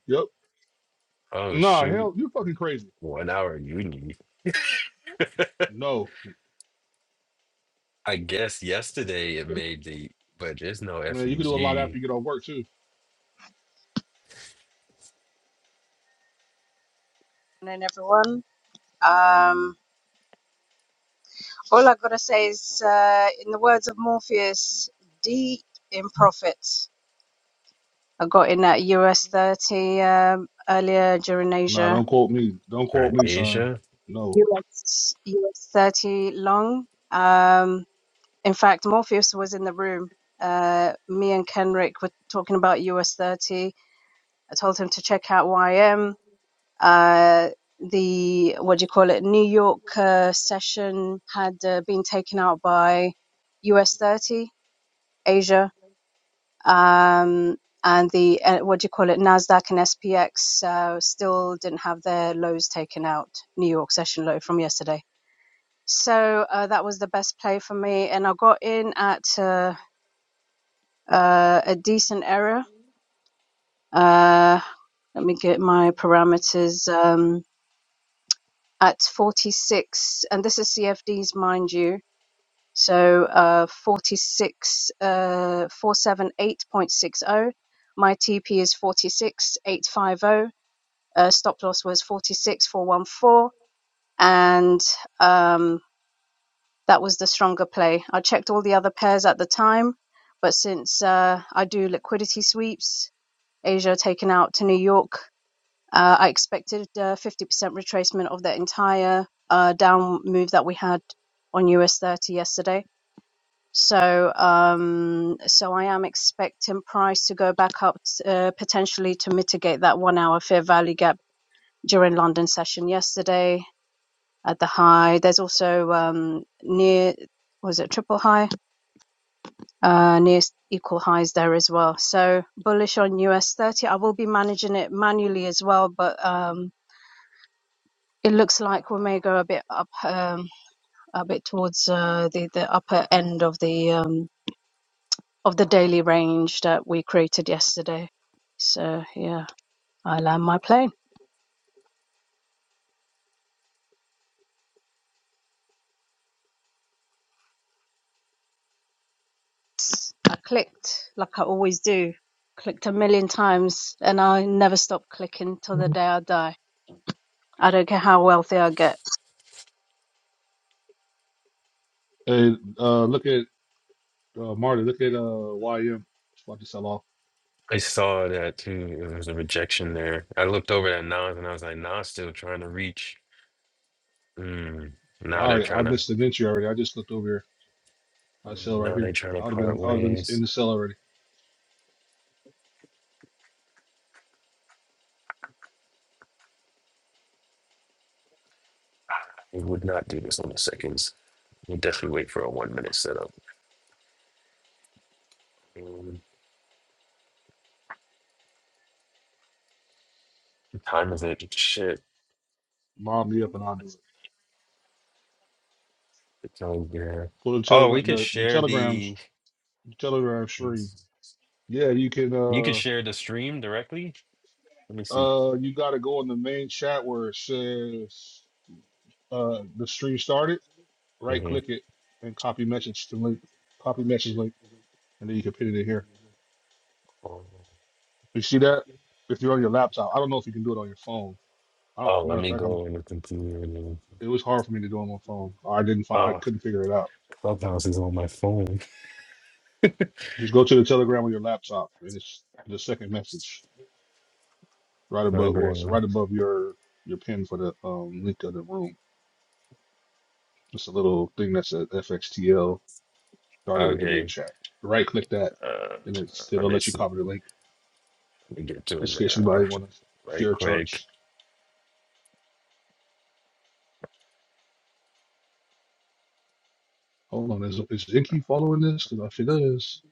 Speaker 2: Yep.
Speaker 1: Oh
Speaker 2: Nah,
Speaker 1: shoot.
Speaker 2: hell, you fucking crazy.
Speaker 1: One hour uni.
Speaker 2: No,
Speaker 1: I guess yesterday it made the but there's no
Speaker 2: man, you can do a lot after
Speaker 1: FUG
Speaker 2: you get off work too.
Speaker 4: morning, everyone. Um, all I've got to say is, uh, in the words of Morpheus, deep in profit. I got in at US 30 um, earlier during
Speaker 2: Nah,
Speaker 4: Asia.
Speaker 2: don't quote me. Don't quote
Speaker 1: during
Speaker 2: me, son.
Speaker 1: Asia.
Speaker 2: No.
Speaker 4: US, US 30 long. Um, in fact, Morpheus was in the room. Uh, me and Kenrick were talking about US 30. I told him to check out YM Uh, the what do you call it? New York uh, session had uh, been taken out by US 30 Asia, um, and the uh, what do you call it? Nasdaq and SPX uh, still didn't have their lows taken out. New York session low from yesterday. So uh, that was the best play for me, and I got in at uh, uh, a decent error. Uh, let me get my parameters. Um, at 46, and this is CFDs, mind you. So uh, 46, uh, 478.60. My TP is 46850. Uh, stop loss was 46414. And um, that was the stronger play. I checked all the other pairs at the time, but since uh, I do liquidity sweeps, Asia taken out to New York uh, I expected uh, 50% retracement of the entire uh, down move that we had on US 30 yesterday. So, um, so I am expecting price to go back up uh, potentially to mitigate that one hour fair value gap during London session yesterday at the high. There's also um, near, was it triple high? Uh, near equal highs there as well. So bullish on US 30. I will be managing it manually as well, but um, It looks like we may go a bit up, um, a bit towards uh, the the upper end of the um, of the daily range that we created yesterday. So yeah, I land my plane. I clicked like I always do. Clicked a million times, and I never stop clicking till the day I die. I don't care how wealthy I get.
Speaker 2: Hey, uh, look at uh, Marty. Look at uh, YM. It's about to sell off.
Speaker 1: I saw that too. There was a rejection there. I looked over at Nas and I was like, Nas still trying to reach. Mm,
Speaker 2: I
Speaker 1: now they're
Speaker 2: already. I
Speaker 1: trying to
Speaker 2: missed an entry already. I just looked over here. I sell right
Speaker 1: now they're
Speaker 2: here.
Speaker 1: trying to
Speaker 2: I would have
Speaker 1: part
Speaker 2: been. I would have been in
Speaker 1: ways.
Speaker 2: the cell already.
Speaker 1: We would not do this on the seconds. We'll definitely wait for a one minute setup. Mm, what time is it? Shit.
Speaker 2: Mob me up and I'll do it.
Speaker 1: It's on there.
Speaker 2: Pull the
Speaker 1: Oh, we
Speaker 2: telegram.
Speaker 1: could
Speaker 2: The, the
Speaker 1: share
Speaker 2: telegrams.
Speaker 1: the
Speaker 2: The telegram stream. Yeah, you can.
Speaker 1: You
Speaker 2: Uh,
Speaker 1: can share the stream directly. Let me see.
Speaker 2: Uh, you got to go in the main chat where it says uh, the stream started. Right
Speaker 1: hmm
Speaker 2: click it and copy message to link. Copy message link, and then you can pin it in here. You see that? If you're on your laptop, I don't know if you can do it on your phone. I don't,
Speaker 1: Oh, let
Speaker 2: matter of
Speaker 1: me
Speaker 2: fact, I'm.
Speaker 1: go on the computer. and then-
Speaker 2: It was hard for me to do it on my phone. I didn't. Fi- I
Speaker 1: Oh,
Speaker 2: couldn't figure it out.
Speaker 1: Clubhouse is on my phone.
Speaker 2: Just go to the Telegram on your laptop, and it's the second message right
Speaker 1: No
Speaker 2: above. Well, it's
Speaker 1: grand.
Speaker 2: right above your your pin for the um, link of the room. It's a little thing that says FXTL started a video
Speaker 1: Okay.
Speaker 2: chat. Right click that,
Speaker 1: Uh,
Speaker 2: and it's,
Speaker 1: let
Speaker 2: it'll
Speaker 1: me
Speaker 2: let you
Speaker 1: see.
Speaker 2: copy the link
Speaker 1: Let me get to it
Speaker 2: just in case
Speaker 1: now.
Speaker 2: anybody want to
Speaker 1: Right
Speaker 2: share
Speaker 1: click.
Speaker 2: charts. Hold on, is is Inky following this? Because if it is,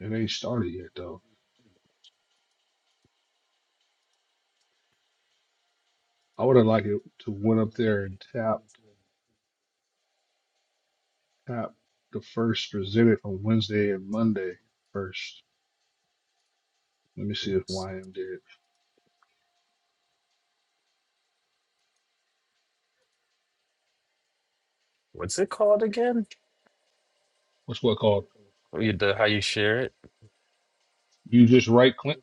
Speaker 2: it ain't started yet though. I would have liked it to went up there and tap tap the first presented on Wednesday and Monday first. Let me see if
Speaker 1: Oops.
Speaker 2: YM did.
Speaker 1: What's it called again?
Speaker 2: What's what called?
Speaker 1: Oh, you- The, how you share it?
Speaker 2: You just right click.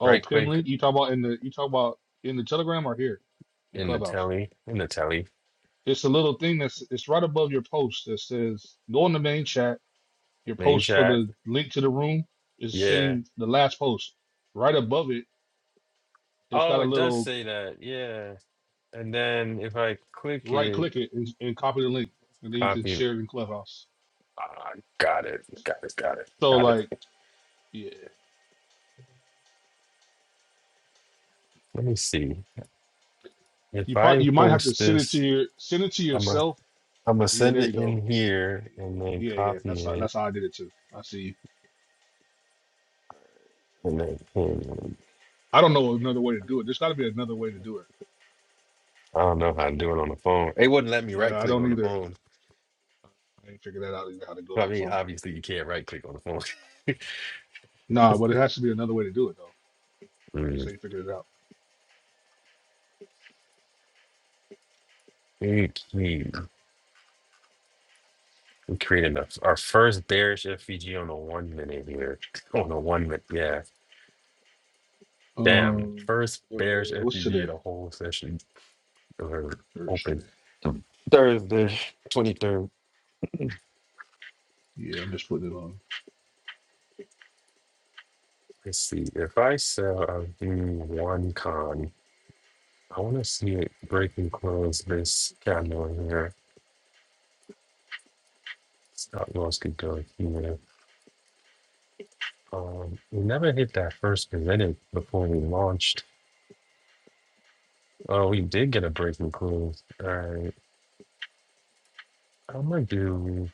Speaker 2: Oh,
Speaker 1: Right
Speaker 2: pin
Speaker 1: click
Speaker 2: link. You talk about in the you talk about in the Telegram or here in
Speaker 1: in the
Speaker 2: Clubhouse.
Speaker 1: telly. In the telly.
Speaker 2: It's a little thing that's it's right above your post that says go in the main chat Your
Speaker 1: Main
Speaker 2: post for
Speaker 1: chat.
Speaker 2: the link to the room is
Speaker 1: Yeah.
Speaker 2: sitting the last post. Right above it, it's got
Speaker 1: Oh,
Speaker 2: a
Speaker 1: it does
Speaker 2: little
Speaker 1: say that. Yeah. And then if I click
Speaker 2: right
Speaker 1: it,
Speaker 2: click it and, and copy the link, and then you can
Speaker 1: copy.
Speaker 2: share it in Clubhouse.
Speaker 1: Ah, got it. Got it. Got it.
Speaker 2: So
Speaker 1: Got it.
Speaker 2: like, yeah,
Speaker 1: Let me see. If
Speaker 2: you
Speaker 1: I
Speaker 2: probably you might have to
Speaker 1: post
Speaker 2: send it to
Speaker 1: this,
Speaker 2: your send it to
Speaker 1: I'm gonna
Speaker 2: yourself.
Speaker 1: I'm gonna
Speaker 2: Yeah,
Speaker 1: send
Speaker 2: there
Speaker 1: it
Speaker 2: you go.
Speaker 1: in here and then
Speaker 2: Yeah, yeah,
Speaker 1: copy
Speaker 2: that's how,
Speaker 1: it
Speaker 2: that's how I did it too. I see. you.
Speaker 1: and then pin it.
Speaker 2: I don't know another way to do it. There's got to be another way to do it.
Speaker 1: I don't know how to do it on the phone. It wouldn't let me right
Speaker 2: I, I
Speaker 1: click
Speaker 2: don't
Speaker 1: on the
Speaker 2: either.
Speaker 1: phone.
Speaker 2: I ain't figured that out either how to do it
Speaker 1: I
Speaker 2: on
Speaker 1: mean,
Speaker 2: phone.
Speaker 1: obviously you can't right click on the phone.
Speaker 2: Nah, but it has to be another way to do it though. I just
Speaker 1: Mm.
Speaker 2: ain't figured it out.
Speaker 1: We, we we created a, our first bearish FVG on a one minute here. On a one minute, yeah. Damn,
Speaker 2: Um,
Speaker 1: first
Speaker 2: uh,
Speaker 1: bearish
Speaker 2: what's
Speaker 1: FVG
Speaker 2: today?
Speaker 1: in the whole session. or open
Speaker 2: Thursday.
Speaker 1: Um, Thursday, 23rd.
Speaker 2: Yeah, I'm just putting it on.
Speaker 1: Let's see. If I sell a one con, I want to see it break and close this candle in here. Stop loss could go here. Um, we never hit that first minute before we launched. Oh, we did get a break and close. All right. I'm going to do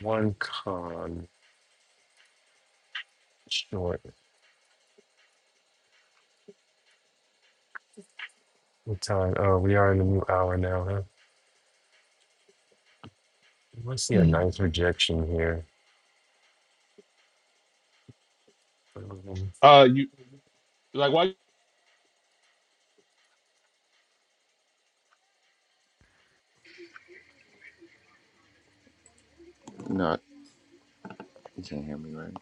Speaker 1: one con short. What time? Oh, we are in the new hour now, huh? Let's see a
Speaker 2: Mm.
Speaker 1: nice rejection here. Um,
Speaker 2: Uh, you like why?
Speaker 5: No, you can't hear me, right?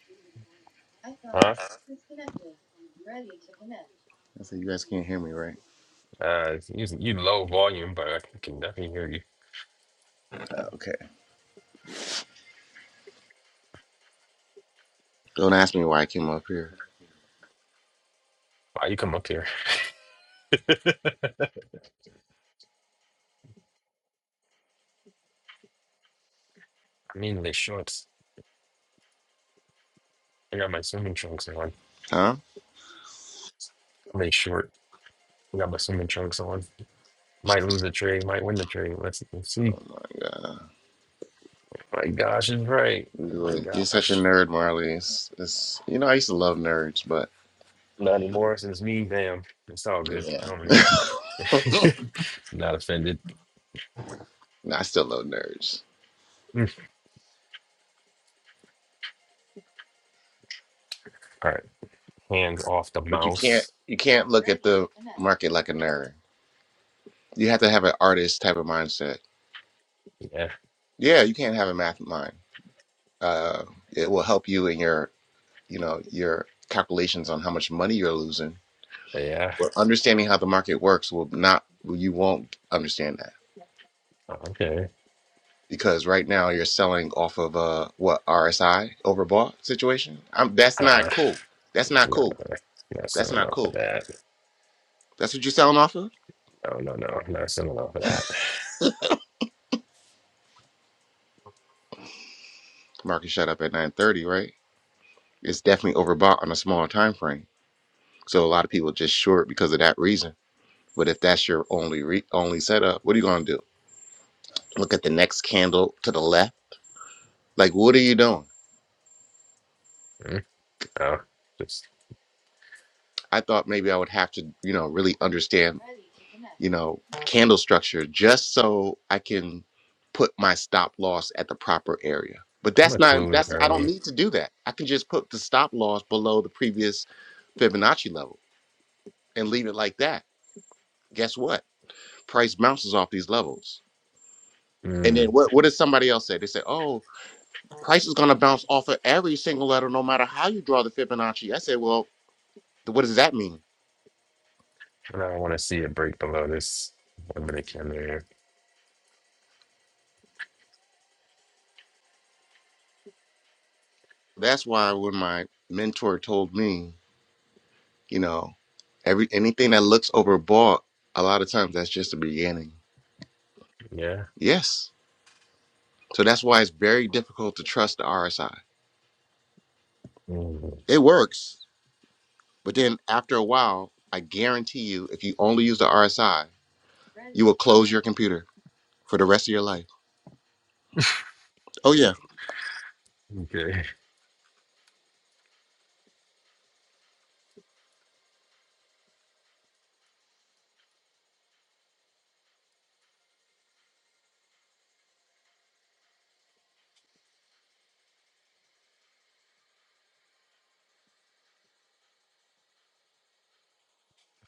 Speaker 1: huh?
Speaker 5: I said you guys can't hear me, right?
Speaker 1: Uh, it's using you low volume, but I can definitely hear you.
Speaker 5: Uh, okay. Don't ask me why I came up here,
Speaker 1: Wow, you come up here. I'm in the shorts. I got my swimming trunks on.
Speaker 5: huh?
Speaker 1: I'm in short. I got my swimming trunks on. Might lose the trade, might win the trade. Let's, let's see.
Speaker 5: Oh my god,
Speaker 1: My gosh, is right. Oh
Speaker 5: you
Speaker 1: my
Speaker 5: are- you're such a
Speaker 1: gosh.
Speaker 5: nerd, Marley. It's, it's you know I used to love nerds, but
Speaker 1: Not anymore since me, damn. It's all
Speaker 5: but
Speaker 1: good. I
Speaker 5: yeah,
Speaker 1: don't really. Not offended.
Speaker 5: Nah, I still love nerds.
Speaker 1: Mm. All right. Hands off the
Speaker 5: But you can't
Speaker 1: mouse.
Speaker 5: you can't look at the market like a nerd. You have to have an artist type of mindset.
Speaker 1: Yeah.
Speaker 5: Yeah, you can't have a math mind. Uh, it will help you in your you know your calculations on how much money you're losing
Speaker 1: Yeah.
Speaker 5: understanding how the market works will not you won't understand that
Speaker 1: Oh, Okay.
Speaker 5: because right now you're selling off of a what RSI overbought situation. I'm, that's
Speaker 1: Uh uh
Speaker 5: not cool. That's not
Speaker 1: No, no,
Speaker 5: cool.
Speaker 1: no. Not
Speaker 5: That's
Speaker 1: selling
Speaker 5: not
Speaker 1: off of
Speaker 5: cool.
Speaker 1: that.
Speaker 5: That's what you're selling off of.
Speaker 1: No, no, no. Not selling off of that.
Speaker 5: Market shut up at 9:30, right? It's definitely overbought on a smaller time frame. So a lot of people just short because of that reason. But if that's your only re- only setup, what are you gonna do? Look at the next candle to the left. Like what are you doing?
Speaker 1: Mm, No, just
Speaker 5: I thought maybe I would have to, you know, really understand, you know, candle structure just so I can put my stop loss at the proper area. But
Speaker 1: I'm
Speaker 5: that's
Speaker 1: gonna
Speaker 5: not
Speaker 1: close
Speaker 5: that's I don't
Speaker 1: early.
Speaker 5: need to do that. I can just put the stop loss below the previous Fibonacci level and leave it like that. Guess what? Price bounces off these levels. And then
Speaker 1: Mm,
Speaker 5: what, what did somebody else say? They said, oh, price is going to bounce off of every single letter no matter how you draw the Fibonacci. I said, well, th- what does that mean?
Speaker 1: and I want to see it break below this one minute candle here.
Speaker 5: That's why when my mentor told me You know, every anything that looks overbought, a lot of times that's just the beginning.
Speaker 1: Yeah.
Speaker 5: Yes. So that's why it's very difficult to trust the RSI.
Speaker 1: Mm,
Speaker 5: It works, but then after a while, I guarantee you, if you only use the RSI, you will close your computer for the rest of your life. Oh yeah.
Speaker 1: okay.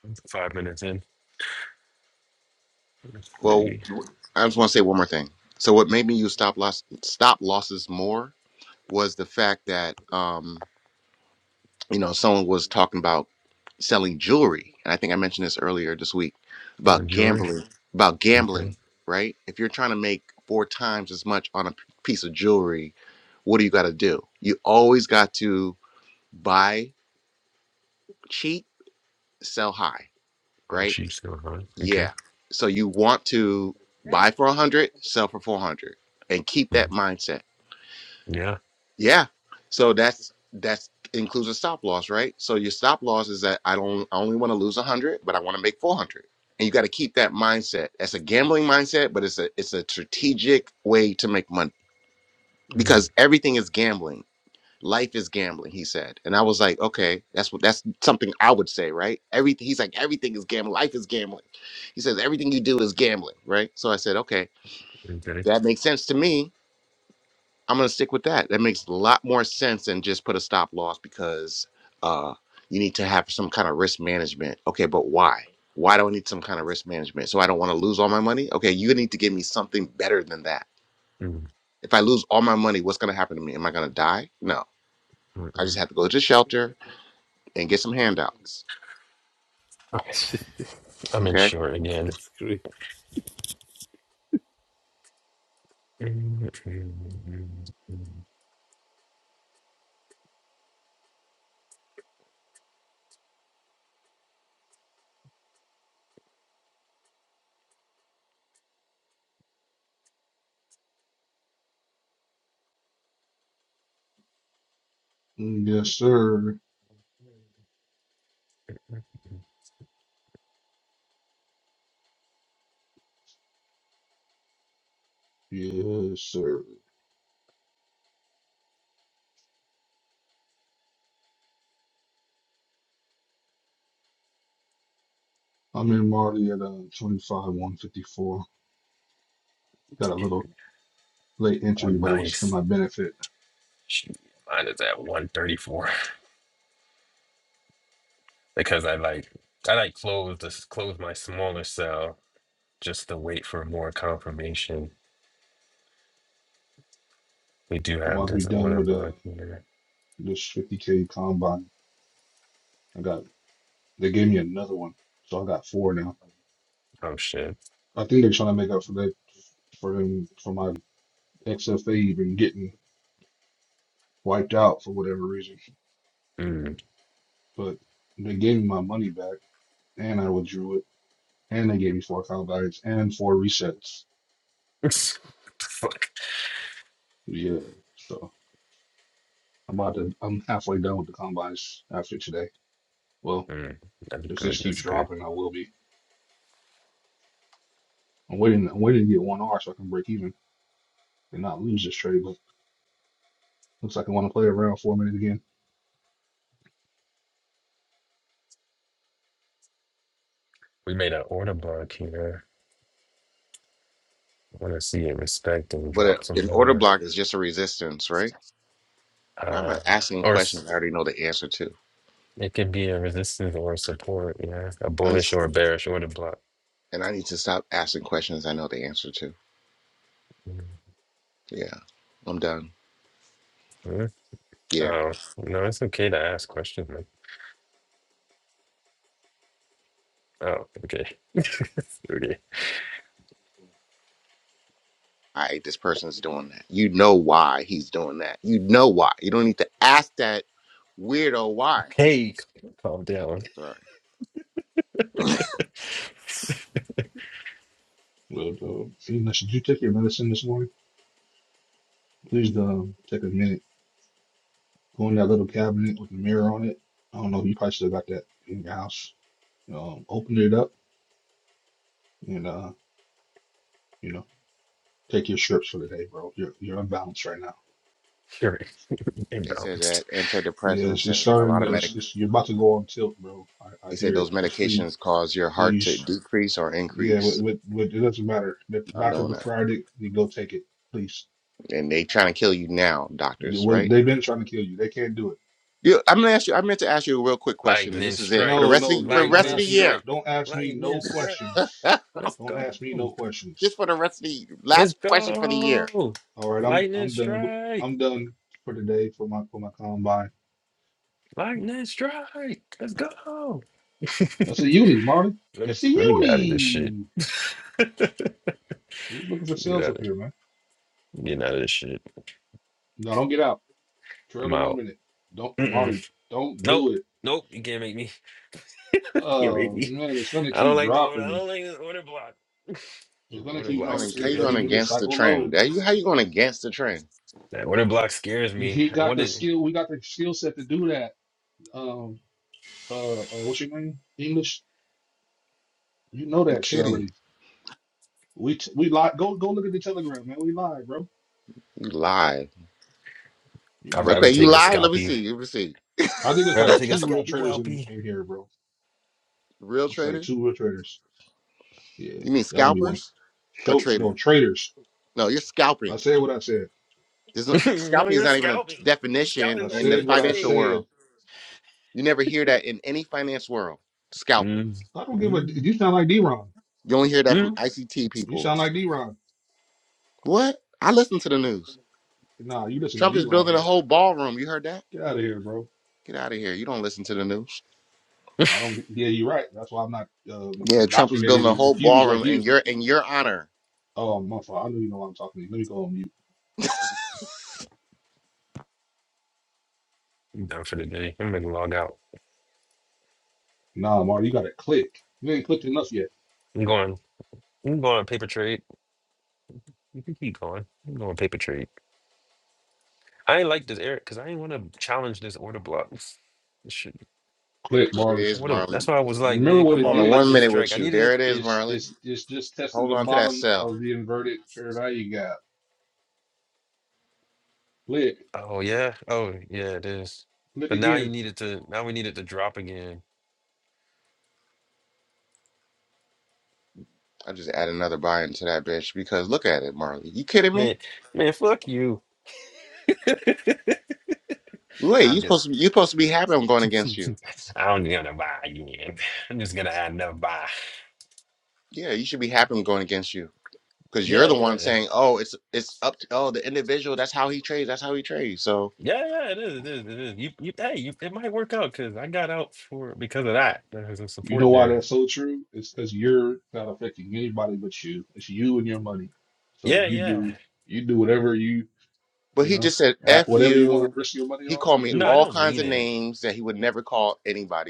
Speaker 1: Five minutes in. Let's
Speaker 5: Well,
Speaker 1: see.
Speaker 5: I just want to say one more thing. So what made me use stop loss stop losses more was the fact that um, you know, someone was talking about selling jewelry, and I think I mentioned this earlier this week
Speaker 1: Oh,
Speaker 5: about
Speaker 1: jewelry.
Speaker 5: gambling, about
Speaker 1: Okay.
Speaker 5: gambling, right? If you're trying to make four times as much on a p- piece of jewelry, what do you got to do? You always got to buy cheap, sell high,
Speaker 1: My
Speaker 5: right?
Speaker 1: cheeks so hot. Okay.
Speaker 5: Yeah. So you want to buy for 100, sell for 400 and keep that
Speaker 1: Mm,
Speaker 5: mindset
Speaker 1: yeah.
Speaker 5: Yeah. So that's that's includes a stop loss, right? So your stop loss is that I don't I only want to lose 100, but I want to make 400. And you got to keep that mindset. That's a gambling mindset, but it's a it's a strategic way to make money
Speaker 1: Mm,
Speaker 5: because everything is gambling. Life is gambling, he said. And I was like, okay, that's what that's something I would say, right? Everything he's like everything is gambling. Life is gambling. He says everything you do is gambling, right? So I said, okay,
Speaker 1: okay.
Speaker 5: that makes sense to me I'm going to stick with that. That makes a lot more sense than just put a stop loss because uh, you need to have some kind of risk management. Okay, but why? Why do I need some kind of risk management? So I don't want to lose all my money? Okay, you need to give me something better than that.
Speaker 1: Mm, mm,
Speaker 5: If I lose all my money, what's going to happen to me? Am I going to die? No. I
Speaker 1: mm.
Speaker 5: just have to go to the shelter and get some handouts.
Speaker 1: okay.
Speaker 3: That's
Speaker 1: I'm in
Speaker 5: Okay.
Speaker 1: short again.
Speaker 3: great.
Speaker 1: Mm, mm, mm, mm.
Speaker 2: Mm, Yes, sir. Yes, sir. I'm in Marty at uh, 25, 154. Got a little late
Speaker 1: Oh,
Speaker 2: entry, but it was to
Speaker 1: nice.
Speaker 2: my benefit.
Speaker 1: Shoot, Mine is at 134. because I like I like close this close my smaller cell just to wait for more confirmation. We do
Speaker 2: I'm
Speaker 1: have
Speaker 2: about to be
Speaker 1: this
Speaker 2: done
Speaker 1: order
Speaker 2: with uh,
Speaker 1: book here.
Speaker 2: this 50K combine. I got, they gave me another one. So I got four now.
Speaker 1: Oh shit.
Speaker 2: I think they're trying to make up for that, for him, for my XFA even getting wiped out for whatever reason.
Speaker 1: Mm.
Speaker 2: But they gave me my money back and I withdrew it. and they gave me four combines and four resets.
Speaker 1: Fuck.
Speaker 2: Yeah, so I'm about to. I'm halfway done with the combines after today. Well,
Speaker 1: Mm. That's
Speaker 2: if
Speaker 1: good.
Speaker 2: this
Speaker 1: That's
Speaker 2: keeps
Speaker 1: good.
Speaker 2: dropping, I will be. I'm waiting. I'm waiting to get one R so I can break even and not lose this trade. But looks like I want to play around for a minute again.
Speaker 1: We made an order book here. I want to see it respect and
Speaker 5: But uh,
Speaker 1: drop some
Speaker 5: an order
Speaker 1: more.
Speaker 5: block is just a resistance, right? Why am
Speaker 1: Uh,
Speaker 5: I asking
Speaker 1: or s-
Speaker 5: questions I already know the answer to?
Speaker 1: it could be a resistance or support. Yeah, a
Speaker 5: I'm,
Speaker 1: bullish or a bearish order block.
Speaker 5: and I need to stop asking questions I know the answer to.
Speaker 1: Mm.
Speaker 5: Yeah, I'm done.
Speaker 1: Mm.
Speaker 5: yeah,
Speaker 1: Oh no, it's okay to ask questions, man. Oh, okay. okay.
Speaker 5: all right, this person's doing that. You know why he's doing that. You know why. You don't need to ask that weirdo why.
Speaker 1: Calm down.
Speaker 5: Sorry.
Speaker 2: But uh, Ina, should you take your medicine this morning? Please um, take a minute. Go in that little cabinet with the mirror on it. I don't know. You probably still got that in your house. Um, open it up and uh, you know, take your strips for the day, bro. You're you're unbalanced right now.
Speaker 1: You're
Speaker 5: They said that
Speaker 1: imbalanced.
Speaker 2: Yeah, it's,
Speaker 5: antidepressants
Speaker 2: it's
Speaker 5: and a
Speaker 2: starting.
Speaker 5: lot of medic.
Speaker 2: It's, it's you're about to go on tilt, bro. I, I
Speaker 5: They said
Speaker 2: hear it.
Speaker 5: those
Speaker 2: Just please,
Speaker 5: medications cause your heart to
Speaker 2: please.
Speaker 5: decrease or
Speaker 2: Yeah, with,
Speaker 5: increase.
Speaker 2: with, with it doesn't matter. If the
Speaker 5: i
Speaker 2: doctor
Speaker 5: know that,
Speaker 2: prescribed it, you go take it, please.
Speaker 5: and they trying to kill you now, doctors.
Speaker 2: What-
Speaker 5: Right?
Speaker 2: They've been trying to kill you. They can't do it.
Speaker 5: You, I'm gonna ask you. I meant to ask you a real quick question, and this is it for the
Speaker 2: No,
Speaker 5: rest of
Speaker 2: no,
Speaker 5: the for
Speaker 1: Like,
Speaker 5: the
Speaker 2: nigga, don't
Speaker 5: rest of the
Speaker 2: ask me no.
Speaker 5: year.
Speaker 2: Don't ask me no questions.
Speaker 1: let's
Speaker 2: Don't
Speaker 1: go.
Speaker 2: ask me no
Speaker 5: Just
Speaker 2: questions.
Speaker 5: for the rest of the
Speaker 1: Let's
Speaker 5: last question for the year.
Speaker 1: go.
Speaker 2: All right, I'm
Speaker 1: Lightning
Speaker 2: I'm done with
Speaker 1: strike.
Speaker 2: I'm done for today for my for my combine.
Speaker 1: Lightning strike. Let's go.
Speaker 2: That's a uni, Marty.
Speaker 1: Let me
Speaker 2: It's a
Speaker 1: let me get out of this shit.
Speaker 2: uni. We're just looking for
Speaker 1: Get
Speaker 2: sales
Speaker 1: out
Speaker 2: up
Speaker 1: of
Speaker 2: here, man.
Speaker 1: I'm getting out of this shit.
Speaker 2: No, don't get out. Trail
Speaker 1: I'm
Speaker 2: to one
Speaker 1: out.
Speaker 2: minute. Don't
Speaker 1: Mm-mm.
Speaker 2: Marty, don't do
Speaker 1: Nope.
Speaker 2: it.
Speaker 1: Nope. You can't make me. You can't make
Speaker 2: Oh
Speaker 1: me.
Speaker 2: man, it's gonna
Speaker 1: I don't
Speaker 2: keep
Speaker 1: like the order. I
Speaker 2: dropping.
Speaker 1: don't like the order block.
Speaker 2: It's gonna
Speaker 5: How
Speaker 1: Order
Speaker 5: you
Speaker 2: keep
Speaker 1: block
Speaker 2: dropping
Speaker 5: going?
Speaker 2: to
Speaker 5: How
Speaker 2: the
Speaker 5: you
Speaker 1: scares
Speaker 5: going
Speaker 2: 30 minute
Speaker 1: me.
Speaker 5: against the
Speaker 2: cycle low.
Speaker 5: trend? How you how you going against the trend?
Speaker 1: That order block scares me.
Speaker 2: He
Speaker 1: I
Speaker 2: got the
Speaker 1: wanted.
Speaker 2: skill, we got the skill set to do that. Um uh, uh what's your name? English? You know
Speaker 5: I'm
Speaker 2: that shit
Speaker 5: kidding.
Speaker 2: already. We t we live go go look at the telegram, man. We live, bro.
Speaker 5: You lie.
Speaker 2: You
Speaker 1: I'd
Speaker 2: niggas are
Speaker 1: rather
Speaker 5: Okay, you
Speaker 1: take a
Speaker 2: scared,
Speaker 5: lie.
Speaker 2: bro.
Speaker 5: Let me
Speaker 1: scalpy.
Speaker 5: see. Let me see.
Speaker 2: I think it's
Speaker 1: Rather
Speaker 2: like
Speaker 1: take a
Speaker 2: two real
Speaker 1: scalpy
Speaker 2: traders in,
Speaker 1: whelpy.
Speaker 2: in here, bro.
Speaker 5: Real
Speaker 2: It's like
Speaker 5: trader?
Speaker 2: two real traders. Yeah.
Speaker 5: You mean
Speaker 2: Y'all don't be one.
Speaker 5: scalpers or
Speaker 2: Show no
Speaker 5: trader?
Speaker 2: traders.
Speaker 5: No, you're
Speaker 2: I
Speaker 5: scalping.
Speaker 2: said what I said.
Speaker 5: There's no,
Speaker 1: no,
Speaker 5: scalping is
Speaker 1: you're
Speaker 5: not even a
Speaker 1: scalping.
Speaker 5: definition
Speaker 1: Scalping's
Speaker 2: I
Speaker 1: not
Speaker 5: in
Speaker 1: even
Speaker 5: the
Speaker 1: a
Speaker 2: said what I
Speaker 5: financial
Speaker 1: trade.
Speaker 2: said.
Speaker 5: world. You never hear that in any finance world. Scalping.
Speaker 1: Mm,
Speaker 2: I don't give a.
Speaker 1: mm,
Speaker 2: You sound like D-Ron.
Speaker 5: You only hear that from
Speaker 1: mm.
Speaker 5: ICT
Speaker 2: You
Speaker 5: people.
Speaker 2: sound like D-Ron.
Speaker 5: What? I listen to the news.
Speaker 2: Nah, you listen to
Speaker 5: Trump is
Speaker 2: D-Ron,
Speaker 5: building a
Speaker 2: nigga.
Speaker 5: whole ballroom. You heard that?
Speaker 2: Get out of here, bro.
Speaker 5: Get out of here. You don't listen to the news.
Speaker 2: I don't. Yeah, you're right. That's why I'm not um,
Speaker 5: Yeah, Trump is building
Speaker 2: indoctrinated
Speaker 5: a
Speaker 2: and
Speaker 5: whole
Speaker 2: confused like
Speaker 5: ballroom in
Speaker 2: you.
Speaker 5: your in your honor.
Speaker 2: Oh, motherfucker, I know you know what I'm talking to. Let me go on mute.
Speaker 1: I'm done for the day. I'm gonna log out.
Speaker 2: Nah, Marley, you gotta click. You ain't clicked enough yet.
Speaker 1: I'm going. I'm going on paper trade. You can keep going. I'm going paper trade. I ain't like this Eric because I ain't want to challenge this order block. This shit-
Speaker 2: Click,
Speaker 5: There it
Speaker 2: Marley.
Speaker 5: is,
Speaker 1: what a-
Speaker 5: Marley.
Speaker 1: that's why I was
Speaker 2: You
Speaker 1: like,
Speaker 2: remember
Speaker 1: man,
Speaker 2: what
Speaker 1: come
Speaker 5: I'm
Speaker 2: it
Speaker 5: on a
Speaker 1: on,
Speaker 2: did?
Speaker 5: one
Speaker 1: lightning
Speaker 2: It
Speaker 5: minute
Speaker 1: strike.
Speaker 5: with
Speaker 1: I
Speaker 5: you.
Speaker 1: needed
Speaker 5: There
Speaker 1: it.
Speaker 5: it is,
Speaker 2: it's
Speaker 5: Marley.
Speaker 2: it's it's just testing
Speaker 5: Hold
Speaker 2: the
Speaker 5: on to that
Speaker 2: bottom
Speaker 5: cell.
Speaker 2: of the inverted fair value gap. Click,
Speaker 1: Oh yeah. Oh yeah, it is.
Speaker 2: click
Speaker 1: But now you
Speaker 2: again.
Speaker 1: needed to. Now we needed to drop again.
Speaker 5: I just add another buy-in to that bitch because look at it, Marley. You kidding
Speaker 1: Man,
Speaker 5: me?
Speaker 1: man, fuck you.
Speaker 5: Wait, you
Speaker 1: I'm
Speaker 5: supposed to be you supposed to be happy I'm going
Speaker 1: just.
Speaker 5: against you.
Speaker 1: I don't even want to buy again. I'm just gonna add another buy.
Speaker 5: Yeah, you should be happy I'm going against you because you're
Speaker 1: Yeah,
Speaker 5: the one
Speaker 1: yeah.
Speaker 5: saying, "Oh, it's it's up to oh the individual. That's how he trades. That's how he trades." So,
Speaker 1: Yeah, yeah, it is, it is, it is. You, you, hey, you, it might work out because I got out for because of that. There's some
Speaker 2: You know
Speaker 1: support
Speaker 2: why
Speaker 1: there.
Speaker 2: that's so true? It's because you're not affecting anybody but you. It's you and your money. So
Speaker 1: Yeah,
Speaker 2: you
Speaker 1: yeah.
Speaker 2: do you do whatever you
Speaker 5: but
Speaker 2: you
Speaker 5: he
Speaker 2: know
Speaker 5: just said,
Speaker 2: ha-
Speaker 5: "F
Speaker 2: whatever you want to
Speaker 5: you."
Speaker 2: risk your money
Speaker 5: He
Speaker 2: on,
Speaker 5: called
Speaker 2: you
Speaker 5: me
Speaker 1: No,
Speaker 2: do it.
Speaker 1: I
Speaker 5: all
Speaker 1: don't
Speaker 5: kinds
Speaker 1: mean
Speaker 5: of
Speaker 1: it.
Speaker 5: names that he would never call